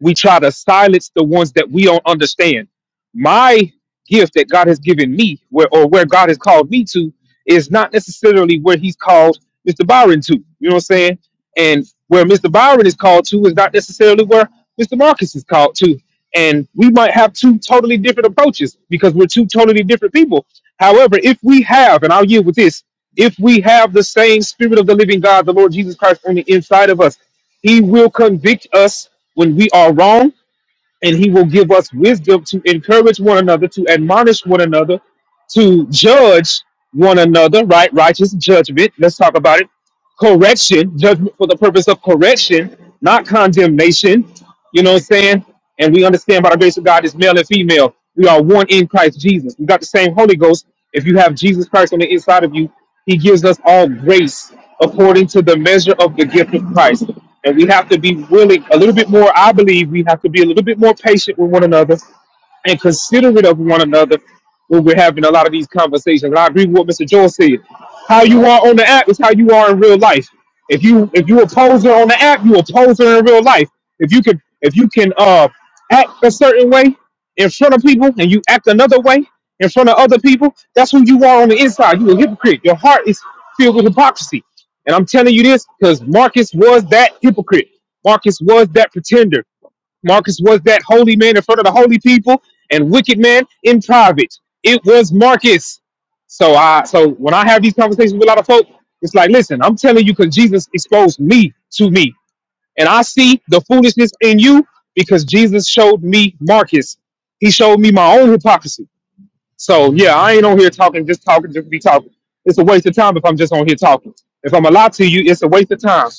[SPEAKER 4] we try to silence the ones that we don't understand. My gift that God has given me where or where God has called me to is not necessarily where he's called Mr. Byron to. You know what I'm saying? And where Mr. Byron is called to is not necessarily where Mr. Marcus is called to. And we might have two totally different approaches because we're two totally different people However, if we have, and I'll yield with this, if we have the same spirit of the living God, the Lord Jesus Christ, on the inside of us, he will convict us when we are wrong, and he will give us wisdom to encourage one another, to admonish one another, to judge one another, right? Righteous judgment. Let's talk about it correction, judgment for the purpose of correction, not condemnation. You know what I'm saying? And we understand by the grace of God is male and female. We are one in Christ Jesus. We got the same Holy Ghost. If you have Jesus Christ on the inside of you, He gives us all grace according to the measure of the gift of Christ. And we have to be willing a little bit more. I believe we have to be a little bit more patient with one another and considerate of one another when we're having a lot of these conversations. And I agree with what Mr. Joel said. How you are on the app is how you are in real life. If you if you a poser on the app, you a poser in real life. If you can if you can uh act a certain way in front of people and you act another way in front of other people, that's who you are on the inside. You a hypocrite. Your heart is filled with hypocrisy. And I'm telling you this because Marcus was that hypocrite. Marcus was that pretender. Marcus was that holy man in front of the holy people and wicked man in private. It was Marcus. So I so when I have these conversations with a lot of folk, it's like, listen, I'm telling you because Jesus exposed me to me. And I see the foolishness in you because Jesus showed me Marcus. He showed me my own hypocrisy. So yeah, I ain't on here talking, just talking, just be talking. It's a waste of time if I'm just on here talking. If I'm a lie to you, it's a waste of time.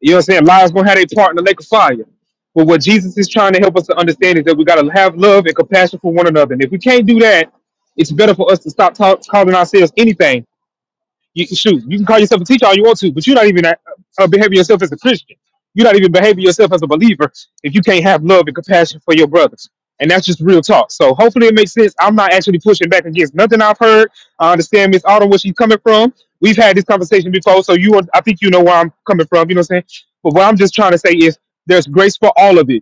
[SPEAKER 4] You know what I'm saying? Lies gonna have their part in the lake of fire. But what Jesus is trying to help us to understand is that we gotta have love and compassion for one another. And if we can't do that, it's better for us to stop talk, calling ourselves anything you can shoot. You can call yourself a teacher all you want to, but you're not even uh, uh, behaving yourself as a Christian. You're not even behaving yourself as a believer if you can't have love and compassion for your brothers. And that's just real talk. So hopefully it makes sense. I'm not actually pushing back against nothing I've heard. I understand Miss Autumn where she's coming from. We've had this conversation before, so you are, I think you know where I'm coming from. You know what I'm saying? But what I'm just trying to say is there's grace for all of it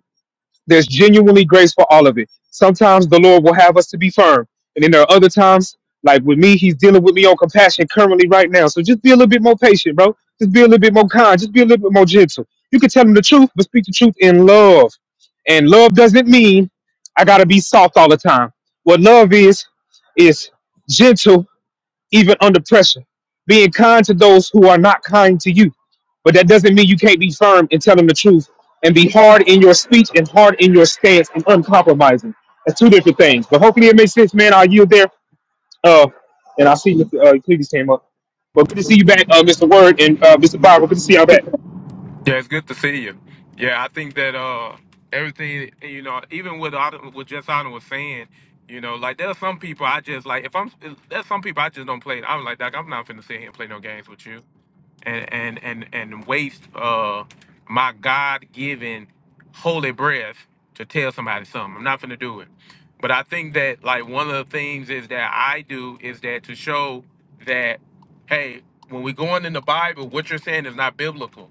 [SPEAKER 4] there's genuinely grace for all of it. Sometimes the Lord will have us to be firm. And then there are other times, like with me, he's dealing with me on compassion currently right now. So just be a little bit more patient, bro. Just be a little bit more kind. Just be a little bit more gentle. You can tell him the truth, but speak the truth in love. And love doesn't mean I gotta be soft all the time. What love is, is gentle even under pressure, being kind to those who are not kind to you. But that doesn't mean you can't be firm and tell them the truth and be hard in your speech and hard in your stance and uncompromising. That's two different things. But hopefully it makes sense, man. Are you there? Uh, and I see Mr. Uh, Cleveland came up. Well, good to see you back, uh, Mr. Word and uh, Mr. Bible. Good to see y'all back.
[SPEAKER 6] Yeah, it's good to see you. Yeah, I think that uh everything you know, even with Autumn- what just Jessana was saying, you know, like there are some people I just like. If I'm there's some people I just don't play. I'm like, Doc, I'm not finna sit here and play no games with you. and and and and waste uh my God given holy breath to tell somebody something. I'm not gonna do it. But I think that like one of the things is that I do is that to show that hey, when we're going in the Bible, what you're saying is not biblical.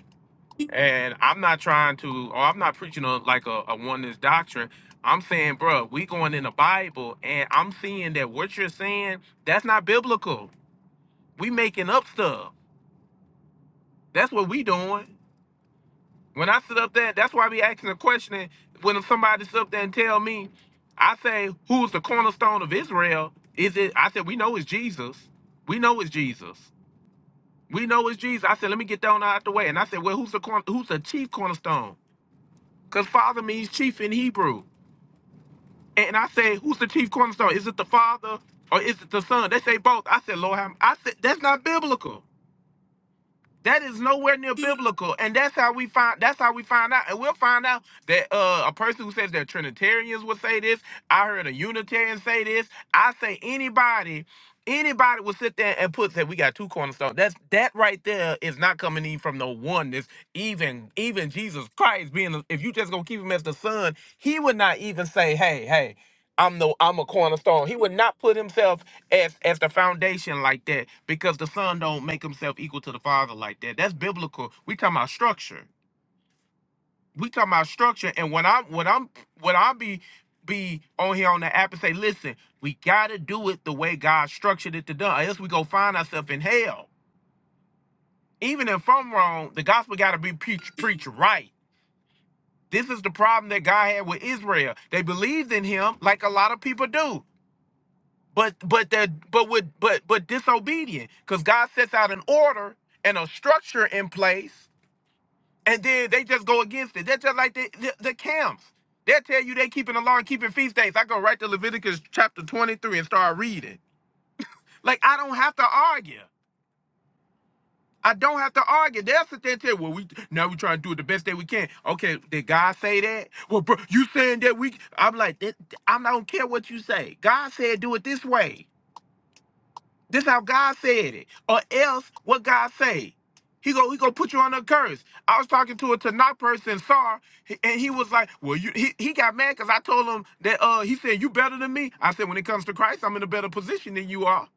[SPEAKER 6] And I'm not trying to or I'm not preaching on like a, a oneness doctrine. I'm saying, bro, we going in the Bible and I'm seeing that what you're saying, that's not biblical. We making up stuff. That's what we doing. When I sit up there, that's why I be asking the question. When somebody sit up there and tell me, I say, who is the cornerstone of Israel? Is it? I said, we know it's Jesus. We know it's Jesus. We know it's Jesus. I said, let me get down out the way. And I said, well, who's the corner, who's the chief cornerstone? Because father means chief in Hebrew. And I say, who's the chief cornerstone? Is it the father or is it the son? They say both. I said, Lord, I'm- I said that's not biblical. That is nowhere near biblical, and that's how we find. That's how we find out, and we'll find out that uh, a person who says that Trinitarians would say this. I heard a Unitarian say this. I say anybody, anybody would sit there and put that we got two cornerstones. That's that right there is not coming in from the oneness. Even even Jesus Christ being, the- if you just gonna keep him as the son, he would not even say, hey, hey. I'm the I'm a cornerstone. He would not put himself as as the foundation like that because the son don't make himself equal to the father like that. That's biblical. We talking about structure. We talking about structure. And when I'm when I'm when I be be on here on the app and say, listen, we gotta do it the way God structured it to do, or else we go find ourselves in hell. Even if I'm wrong, the gospel gotta be preached preached right. This is the problem that God had with Israel. They believed in him like a lot of people do but but that but with but but disobedient because god sets out an order and a structure in place and then they just go against it they're just like the, the, the camps they'll tell you they keeping the law and keeping feast days i go right to leviticus chapter 23 and start reading like i don't have to argue I don't have to argue. They'll sit there and tell, well, we now we trying to do it the best that we can. Okay, did God say that? Well, bro, you saying that we I'm like, that, I don't care what you say. God said do it this way. This how God said it. Or else what God say? He go, he go put you under a curse. I was talking to a Tanakh person, Sar, and he was like, "Well, you." He, he got mad because I told him that. Uh, he said, "You better than me." I said, "When it comes to Christ, I'm in a better position than you are.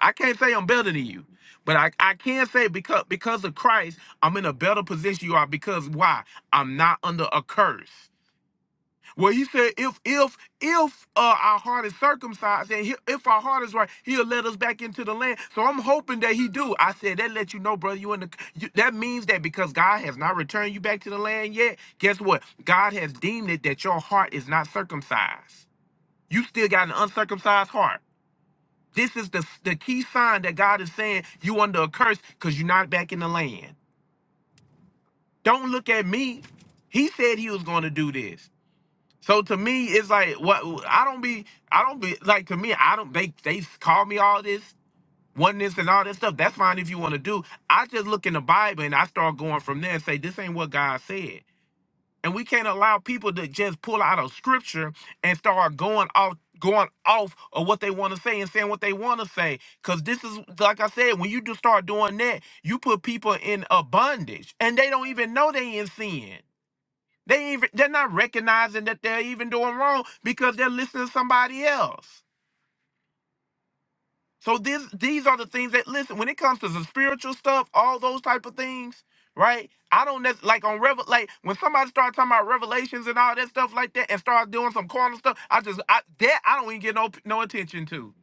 [SPEAKER 6] I can't say I'm better than you, but I, I can say because because of Christ, I'm in a better position you are. Because why? I'm not under a curse. Well, he said, if if if uh, our heart is circumcised and he, if our heart is right, he'll let us back into the land. So I'm hoping that he do. I said that let you know, brother. You in the you, that means that because God has not returned you back to the land yet. Guess what? God has deemed it that your heart is not circumcised. You still got an uncircumcised heart. This is the the key sign that God is saying you under a curse because you're not back in the land. Don't look at me. He said he was going to do this. So to me, it's like what I don't be. I don't be like to me. I don't. They they call me all this oneness and all this stuff. That's fine if you want to do. I just look in the Bible and I start going from there and say this ain't what God said. And we can't allow people to just pull out of scripture and start going off going off of what they want to say and saying what they want to say. Cause this is like I said, when you just start doing that, you put people in a bondage and they don't even know they in sin. They even they're not recognizing that they're even doing wrong because they're listening to somebody else. So this these are the things that listen when it comes to the spiritual stuff, all those type of things, right? I don't nec- like on revel like when somebody starts talking about revelations and all that stuff like that and start doing some corner stuff. I just I that I don't even get no no attention to.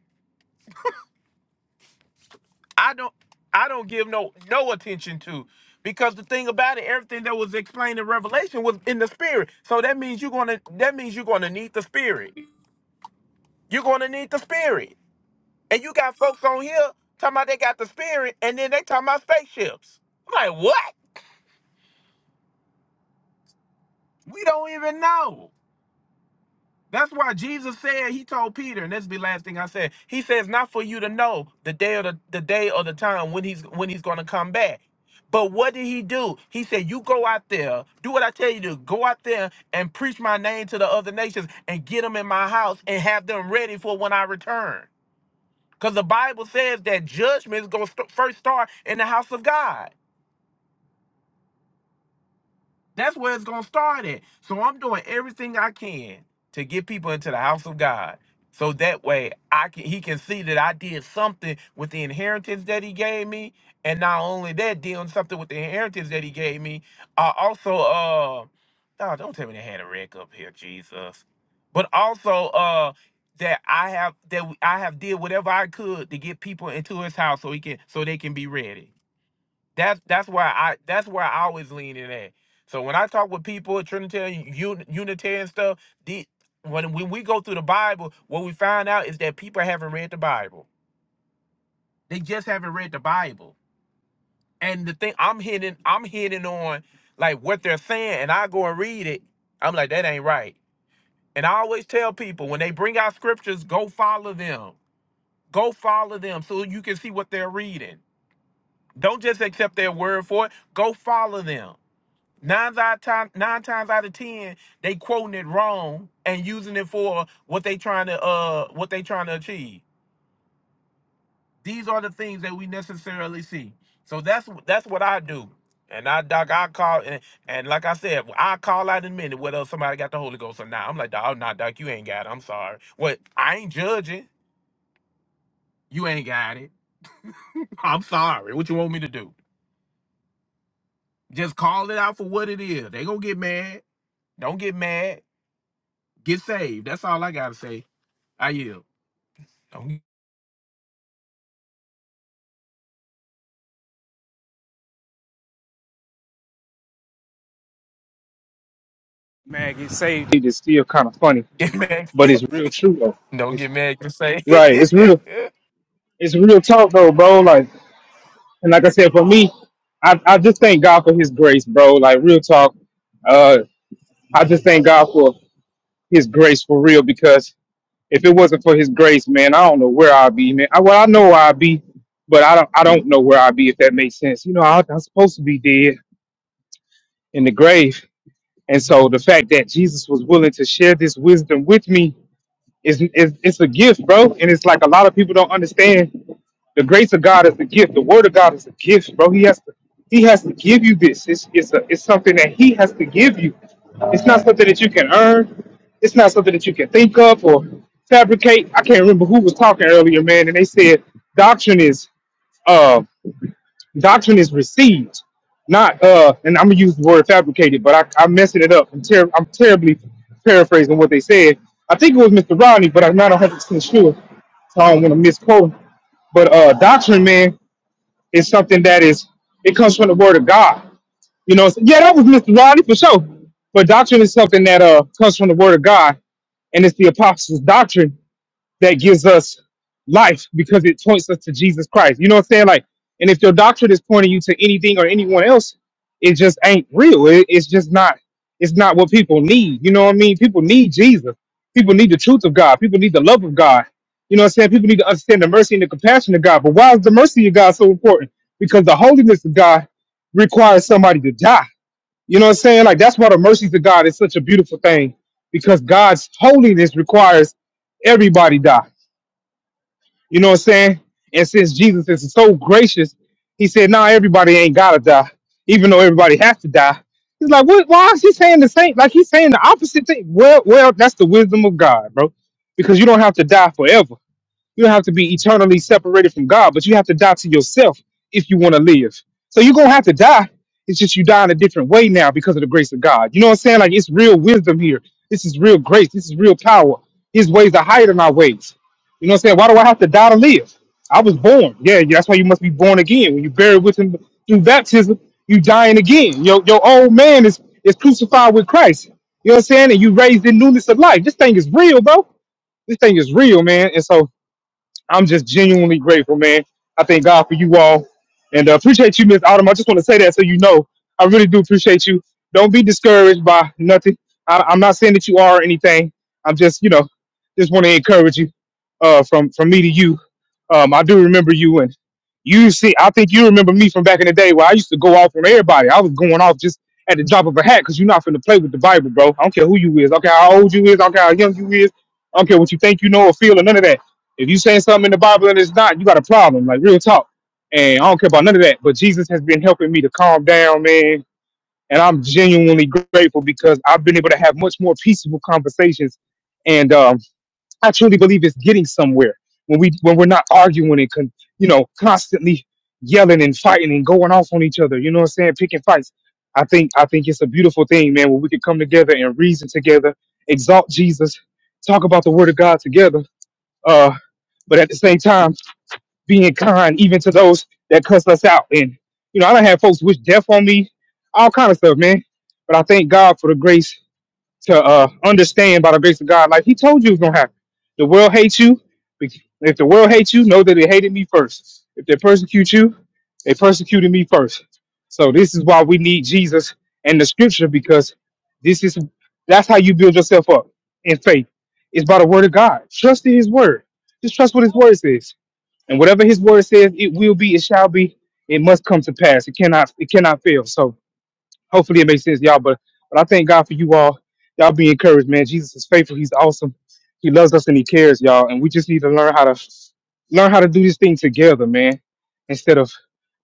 [SPEAKER 6] I don't I don't give no no attention to because the thing about it, everything that was explained in Revelation was in the spirit. So that means you're gonna that means you're gonna need the spirit. You're going to need the spirit. And you got folks on here talking about they got the spirit, and then they talking about spaceships. I'm like, what? We don't even know. That's why Jesus said, he told Peter, and this be the last thing I said. He says, not for you to know the day or the, the day or the time when he's when he's gonna come back. But what did he do? He said, You go out there, do what I tell you to, go out there and preach my name to the other nations and get them in my house and have them ready for when I return. Because the Bible says that judgment is going to st- first start in the house of God. That's where it's gonna start at. So I'm doing everything I can to get people into the house of God. So that way I can he can see that I did something with the inheritance that he gave me. And not only that, doing something with the inheritance that he gave me. Uh also uh oh, don't tell me they had a wreck up here, Jesus. But also uh that I have that I have did whatever I could to get people into his house so he can so they can be ready. That's that's where I that's where I always lean in at. So when I talk with people at Trinitarian Un, Unitarian stuff, the when when we go through the Bible, what we find out is that people haven't read the Bible. They just haven't read the Bible. And the thing I'm hitting I'm hitting on like what they're saying, and I go and read it. I'm like that ain't right. And I always tell people when they bring out scriptures, go follow them. Go follow them so you can see what they're reading. Don't just accept their word for it. Go follow them. Nine out time, nine times out of ten, they quoting it wrong and using it for what they trying to uh what they trying to achieve. These are the things that we necessarily see. So that's that's what I do. And I doc, I call and, and like I said, I call out in a minute whether somebody got the Holy Ghost or not. I'm like, dog, nah, doc, you ain't got it. I'm sorry. What I ain't judging. You ain't got it. I'm sorry. What you want me to do? Just call it out for what it is. They gonna get mad. Don't get mad. Get saved. That's all I gotta say. I yield. Don't
[SPEAKER 4] It is still kind of funny,
[SPEAKER 6] get mad.
[SPEAKER 4] but it's real true though.
[SPEAKER 6] Don't
[SPEAKER 4] It's
[SPEAKER 6] get mad to say.
[SPEAKER 4] right. It's real. It's real talk though, bro. Like And like I said, for me, I, I just thank God for his grace, bro. Like real talk. Uh I just thank God for his grace for real because if it wasn't for his grace, man, I don't know where I'd be, man. I, well, I know where I'd be, but I don't I don't know where I'd be if that makes sense. You know, I, I'm supposed to be dead in the grave. And so the fact that Jesus was willing to share this wisdom with me It's, it's it's a gift, bro, and it's like a lot of people don't understand. The grace of God is a gift. The Word of God is a gift, bro. He has to He has to give you this. It's it's a, it's something that He has to give you. It's not something that you can earn. It's not something that you can think up or fabricate. I can't remember who was talking earlier, man, and they said doctrine is. uh, Doctrine is received, not uh. And I'm gonna use the word fabricated, but I I'm messing it up. I'm ter- I'm terribly paraphrasing what they said. I think it was Mr. Rodney, but I'm not 100 percent sure, so I don't want to misquote. But uh, doctrine, man, is something that is it comes from the word of God. You know, so- yeah, that was Mr. Rodney for sure. But doctrine is something that uh comes from the word of God, and it's the apostles' doctrine that gives us life because it points us to Jesus Christ. You know what I'm saying? Like, and if your doctrine is pointing you to anything or anyone else, it just ain't real. It, it's just not. It's not what people need. You know what I mean? People need Jesus. People need the truth of God. People need the love of God. You know what I'm saying? People need to understand the mercy and the compassion of God. But why is the mercy of God so important? Because the holiness of God requires somebody to die. You know what I'm saying? Like that's why the mercies of God is such a beautiful thing because God's holiness requires everybody die. You know what I'm saying? And since Jesus is so gracious, he said, nah, everybody ain't gotta die, even though everybody has to die. He's like, what, why is he saying the same? Like he's saying the opposite thing. Well, well, that's the wisdom of God, bro. Because you don't have to die forever. You don't have to be eternally separated from God, but you have to die to yourself if you want to live. So you're gonna have to die. It's just you die in a different way now because of the grace of God. You know what I'm saying? Like it's real wisdom here. This is real grace. This is real power. His ways are higher than our ways. You know what I'm saying? Why do I have to die to live? I was born. Yeah, yeah, that's why you must be born again. When you buried with him through baptism, you dying again. Your your old man is is crucified with Christ. You know what I'm saying? And you raised in newness of life. This thing is real, bro. This thing is real, man. And so I'm just genuinely grateful, man. I thank God for you all, and uh, appreciate you, Miss Autumn. I just want to say that so you know, I really do appreciate you. Don't be discouraged by nothing. I, I'm not saying that you are or anything. I'm just, you know, just want to encourage you. Uh, from from me to you, um, I do remember you, and you see, I think you remember me from back in the day where I used to go off on everybody. I was going off just at the drop of a hat because you're not finna play with the Bible, bro. I don't care who you is. I don't care how old you is. I don't care how young you is. I don't care what you think you know or feel or none of that. If you saying something in the Bible and it's not, you got a problem. Like real talk. And I don't care about none of that. But Jesus has been helping me to calm down, man. And I'm genuinely grateful because I've been able to have much more peaceful conversations. And um, I truly believe it's getting somewhere when we when we're not arguing and con- you know constantly yelling and fighting and going off on each other. You know what I'm saying? Picking fights. I think I think it's a beautiful thing, man. When we can come together and reason together, exalt Jesus, talk about the Word of God together uh, but at the same time, being kind even to those that cuss us out. And you know, I don't have folks wish death on me, all kind of stuff, man. But I thank God for the grace to uh, understand by the grace of God. Like He told you it gonna happen. The world hates you. If the world hates you, know that it hated me first. If they persecute you, they persecuted me first. So this is why we need Jesus and the Scripture because this is that's how you build yourself up in faith. It's by the Word of God. Trust in His Word. Just trust what His Word says, and whatever His Word says, it will be, it shall be, it must come to pass. It cannot, it cannot fail. So hopefully it makes sense, y'all. But but I thank God for you all. Y'all be encouraged, man. Jesus is faithful. He's awesome. He loves us and he cares, y'all. And we just need to learn how to learn how to do this thing together, man, instead of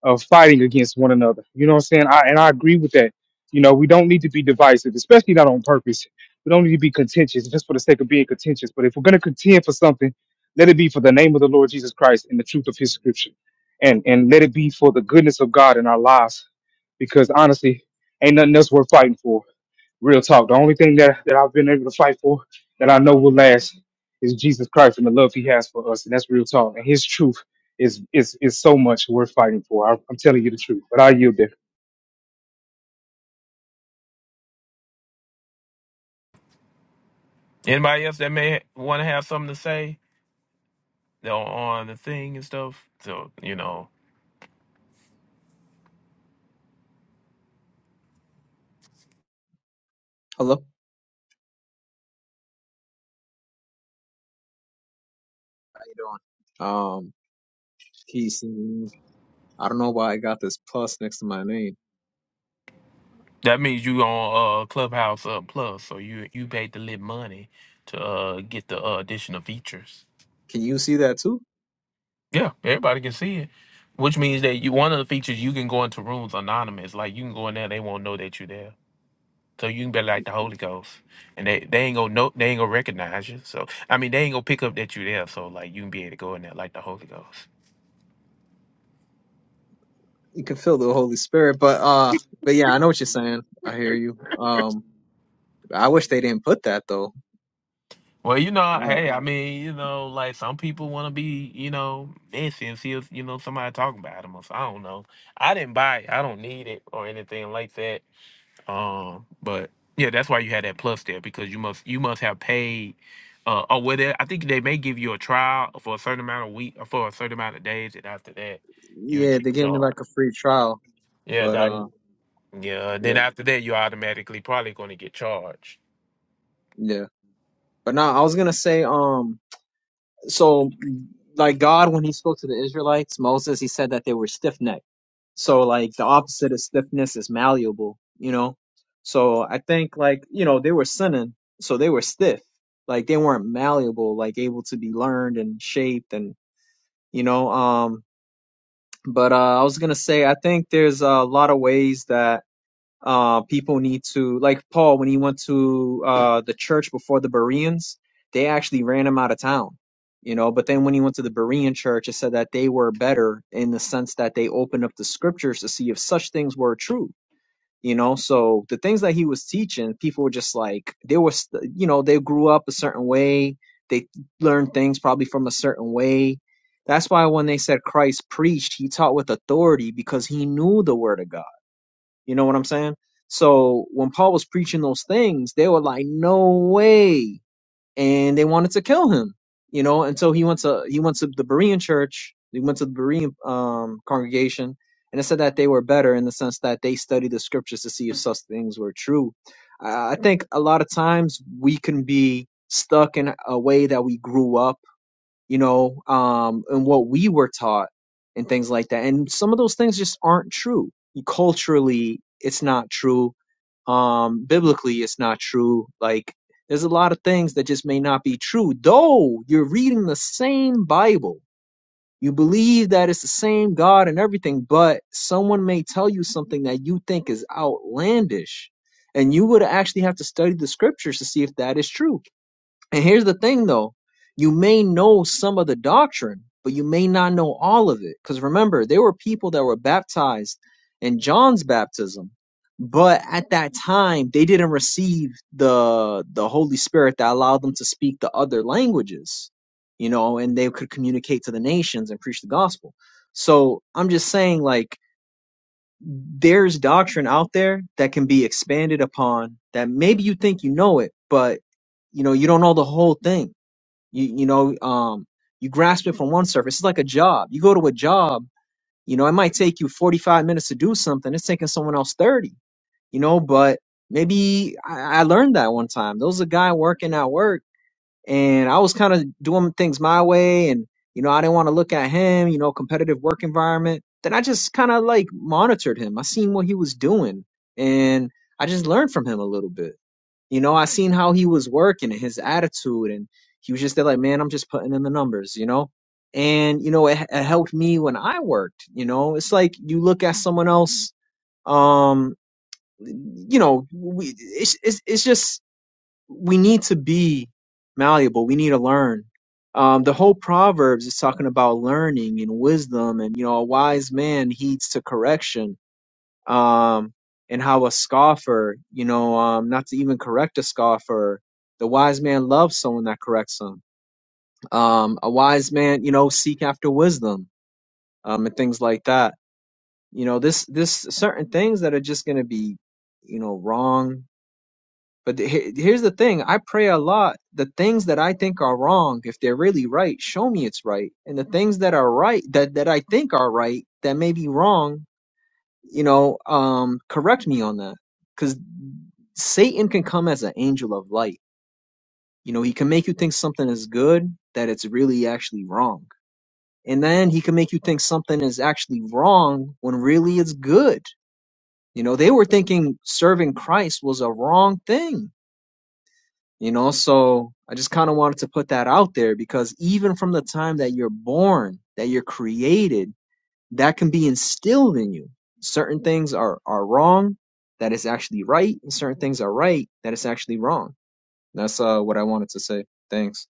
[SPEAKER 4] of fighting against one another. You know what I'm saying? I and I agree with that. You know, we don't need to be divisive, especially not on purpose. We don't need to be contentious just for the sake of being contentious. But if we're gonna contend for something, let it be for the name of the Lord Jesus Christ and the truth of his scripture. And and let it be for the goodness of God in our lives. Because honestly, ain't nothing else worth fighting for. Real talk. The only thing that, that I've been able to fight for that I know will last is Jesus Christ and the love he has for us. And that's real talk. And his truth is is is so much worth fighting for. I, I'm telling you the truth. But I yield there.
[SPEAKER 6] Anybody else that may want to have something to say on, on the thing and stuff? So you know
[SPEAKER 28] Hello. How you doing? Um, he's. I don't know why I got this plus next to my name.
[SPEAKER 6] that means you on uh Clubhouse uh, Plus, so you you paid the lit money to uh get the uh, additional features.
[SPEAKER 28] Can you see that too?
[SPEAKER 6] Yeah, everybody can see it. Which means that you one of the features you can go into rooms anonymous. Like you can go in there, they won't know that you're there. So you can be like the Holy Ghost, and they, they ain't gonna know they ain't gonna recognize you. So I mean they ain't gonna pick up that you there. So like you can be able to go in there like the Holy Ghost.
[SPEAKER 28] You can feel the Holy Spirit, but uh, but yeah, I know what you're saying. I hear you. Um, I wish they didn't put that though.
[SPEAKER 6] Well, you know,
[SPEAKER 28] Uh,
[SPEAKER 6] hey, I mean, you know, like some people want to be, you know, messy and see if you know somebody talking about them. Or so, I don't know. I didn't buy it. I don't need it or anything like that. Um, but yeah, that's why you had that plus there because you must you must have paid. Uh, or whether I think they may give you a trial for a certain amount of week or for a certain amount of days, and after that, you'll
[SPEAKER 28] yeah, they
[SPEAKER 6] get
[SPEAKER 28] gave
[SPEAKER 6] charged.
[SPEAKER 28] me like a free trial,
[SPEAKER 6] Yeah,
[SPEAKER 28] but
[SPEAKER 6] doc.
[SPEAKER 28] uh,
[SPEAKER 6] Yeah. Then
[SPEAKER 28] yeah,
[SPEAKER 6] after that, you're automatically probably going to get charged.
[SPEAKER 28] yeah. But now I was gonna say um. so like God when he spoke to the Israelites, Moses, he said that they were stiff necked. So like the opposite of stiffness is malleable, you know? So I think like, you know, they were sinning, so they were stiff. Like they weren't malleable, like able to be learned and shaped and you know, um but uh I was gonna say I think there's a lot of ways that uh, people need to like Paul when he went to uh, the church before the Bereans, they actually ran him out of town. You know, but then when he went to the Berean church, it said that they were better in the sense that they opened up the scriptures to see if such things were true. You know, so the things that he was teaching, people were just like they were, st- you know, they grew up a certain way, they learned things probably from a certain way. That's why when they said Christ preached, he taught with authority because he knew the word of God you know what I'm saying? So when Paul was preaching those things, they were like, "No way!" and they wanted to kill him. You know, and so he went to he went to the Berean church. He went to the Berean um, congregation, and it said that they were better in the sense that they studied the scriptures to see if such things were true. I I think a lot of times we can be stuck in a way that we grew up you know, um, and what we were taught and things like that. And some of those things just aren't true. Culturally, it's not true. Um, biblically, it's not true. Like, there's a lot of things that just may not be true, though you're reading the same Bible. You believe that it's the same God and everything, but someone may tell you something that you think is outlandish. And you would actually have to study the scriptures to see if that is true and here's the thing though, you may know some of the doctrine, but you may not know all of it. Because remember, there were people that were baptized in John's baptism, but at that time they didn't receive the the Holy Spirit that allowed them to speak the other languages, you know, and they could communicate to the nations and preach the gospel. So I'm just saying like there's doctrine out there that can be expanded upon that maybe you think you know it, but you know, you don't know the whole thing you you know, um, you grasp it from one surface. It's like a job. You go to a job, you know, it might take you 45 minutes to do something. It's taking someone else 30, you know, but maybe I, I learned that one time. There was a guy working at work and I was kind of doing things my way and, you know, I didn't want to look at him, you know, competitive work environment. Then I just kind of like monitored him. I seen what he was doing and I just learned from him a little bit you know, I seen how he was working and his attitude, and he was just there like, man, I'm just putting in the numbers, you know? And, you know, it, it helped me when I worked, you know? It's like you look at someone else, um, you know, we, it's, it's, it's just, we need to be malleable. We need to learn. Um, the whole Proverbs is talking about learning and wisdom, and, you know, a wise man heeds to correction um, and how a scoffer, you know, um, not to even correct a scoffer. The wise man loves someone that corrects him. Um, a wise man, you know, seek after wisdom, um, and things like that. You know, this this certain things that are just gonna be, you know, wrong. But the- he- here's the thing: I pray a lot. The things that I think are wrong, if they're really right, show me it's right. And the things that are right, that that I think are right, that may be wrong, you know, um, correct me on that Satan can come as an angel of light. You know, he can make you think something is good that it's really actually wrong. And then he can make you think something is actually wrong when really it's good. You know, they were thinking serving Christ was a wrong thing. You know, so I just kind of wanted to put that out there because even from the time that you're born, that you're created, that can be instilled in you. Certain things are, are wrong, that is actually right, and certain things are right, that is actually wrong. That's uh what I wanted to say. Thanks.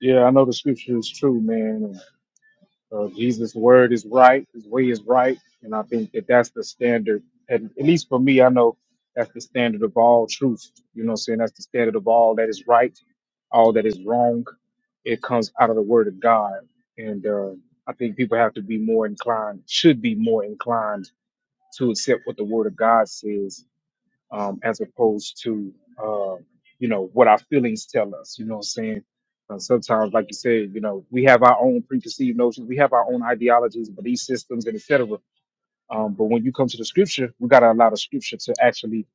[SPEAKER 4] Yeah, I know the scripture is true, man. Uh, Jesus' word is right, his way is right, and I think that that's the standard. And at least for me, I know that's the standard of all truth. You know what I'm saying? That's the standard of all that is right, all that is wrong. It comes out of the word of God. And uh, I think people have to be more inclined, should be more inclined to accept what the word of God says um, as opposed to uh, you know what our feelings tell us. You know what I'm saying? Uh, sometimes, like you said, you know we have our own preconceived notions, we have our own ideologies, belief systems, and etc. Um, but when you come to the scripture, we got to allow the scripture to actually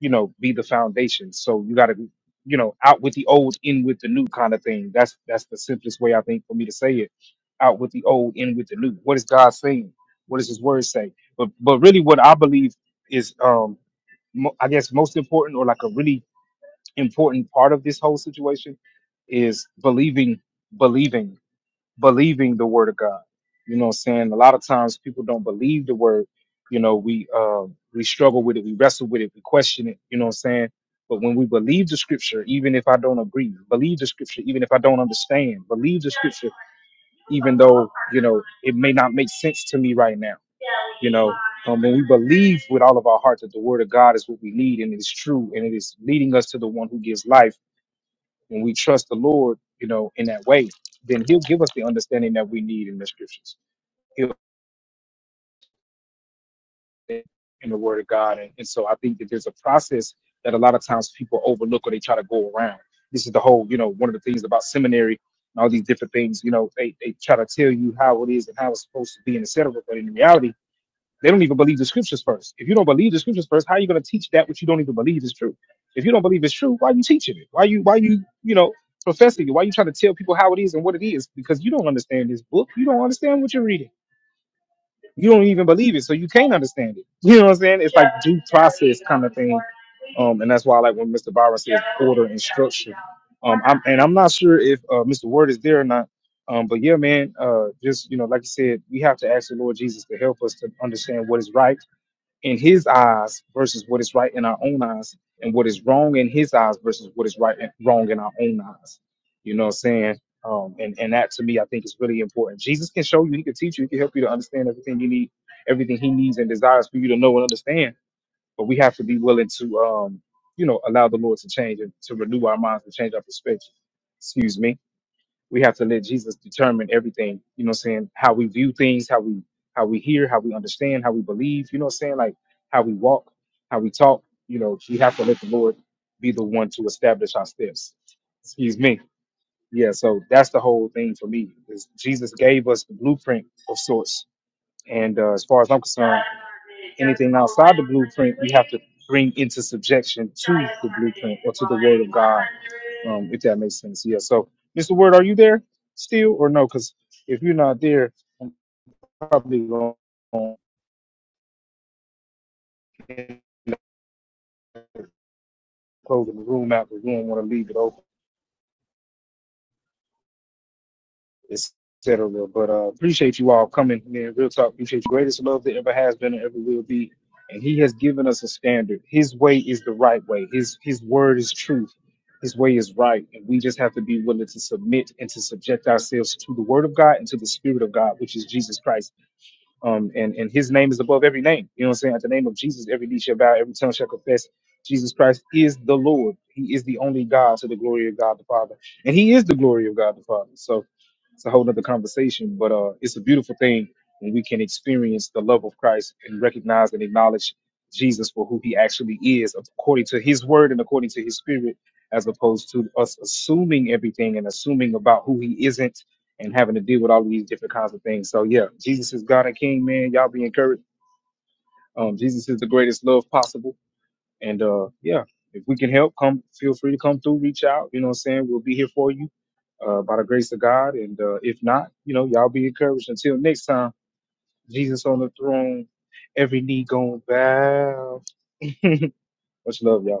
[SPEAKER 4] you know be the foundation. So you got to be, you know out with the old, in with the new kind of thing. That's that's the simplest way I think for me to say it. Out with the old, in with the new. What is God saying? What does His Word say? But but really, what I believe is. um, mo- I guess most important or like a really important part of this whole situation is believing, believing, believing the word of God. You know what I'm saying? A lot of times people don't believe the word. You know, we uh, we struggle with it, we wrestle with it, we question it, you know what I'm saying? But when we believe the scripture, even if I don't agree, believe the scripture, even if I don't understand, believe the scripture, even though, you know, it may not make sense to me right now you know, um, when we believe with all of our heart that the word of God is what we need and it is true and it is leading us to the one who gives life, when we trust the Lord, you know, in that way, then He'll give us the understanding that we need in the scriptures, He'll in the word of God. And, and so I think that there's a process that a lot of times people overlook or they try to go around. This is the whole, you know, one of the things about seminary and all these different things, you know, they, they try to tell you how it is and how it's supposed to be and et cetera. But in reality, They don't even believe the scriptures first. If you don't believe the scriptures first, how are you going to teach that which you don't even believe is true? If you don't believe it's true, why are you teaching it? Why you why you you know professing it? Why are you trying to tell people how it is and what it is? Because you don't understand this book. You don't understand what you're reading. You don't even believe it, so you can't understand it. You know what I'm saying? It's like due process kind of thing. Um, and that's why I like when Mr. Byron says order and structure. Um, I'm, and I'm not sure if uh, Mr. Word is there or not. Um, but yeah, man, uh, just you know, like you said, we have to ask the Lord Jesus to help us to understand what is right in his eyes versus what is right in our own eyes and what is wrong in his eyes versus what is right and wrong in our own eyes you know what i'm saying um, and, and that to me i think is really important jesus can show you he can teach you he can help you to understand everything you need everything he needs and desires for you to know and understand but we have to be willing to um, you know allow the lord to change and to renew our minds to change our perspective excuse me we have to let Jesus determine everything, you know what I'm saying? How we view things, how we how we hear, how we understand, how we believe, you know what I'm saying? Like how we walk, how we talk, you know, we have to let the Lord be the one to establish our steps. Excuse me. Yeah, so that's the whole thing for me. Is Jesus gave us the blueprint of sorts. And uh, as far as I'm concerned, bring into subjection, if that makes sense. Yeah. So Mr. Word, are you there still or no? Because if you're not there, I'm probably going closing the room out because we don't want to leave it open, etc. But uh, appreciate you all coming Man, Real talk, appreciate you. Greatest love that ever has been and ever will be. And he has given us a standard. His way is the right way. His his word is truth. His way is right. And we just have to be willing to submit and to subject ourselves to the word of God and to the spirit of God, which is Jesus Christ. Um, and, and his name is above every name. You know what I'm saying? At the name of Jesus, every knee shall bow, every tongue shall confess Jesus Christ is the Lord. He is the only God to the glory of God the Father. And he is the glory of God the Father. So it's a whole nother conversation, but uh, it's a beautiful thing when we can experience the love of Christ and recognize and acknowledge Jesus for who he actually is, according to his word and according to his spirit, as opposed to us assuming everything and assuming about who he isn't and having to deal with all of these different kinds of things. So yeah, Jesus is God and King, man. Y'all be encouraged. Um, Jesus is the greatest love possible. And uh, yeah, if we can help, come feel free to come through, reach out. You know what I'm saying? We'll be here for you uh, by the grace of God. And uh, if not, you know, y'all be encouraged. Until next time, Jesus on the throne, every knee going bow. Much love, y'all.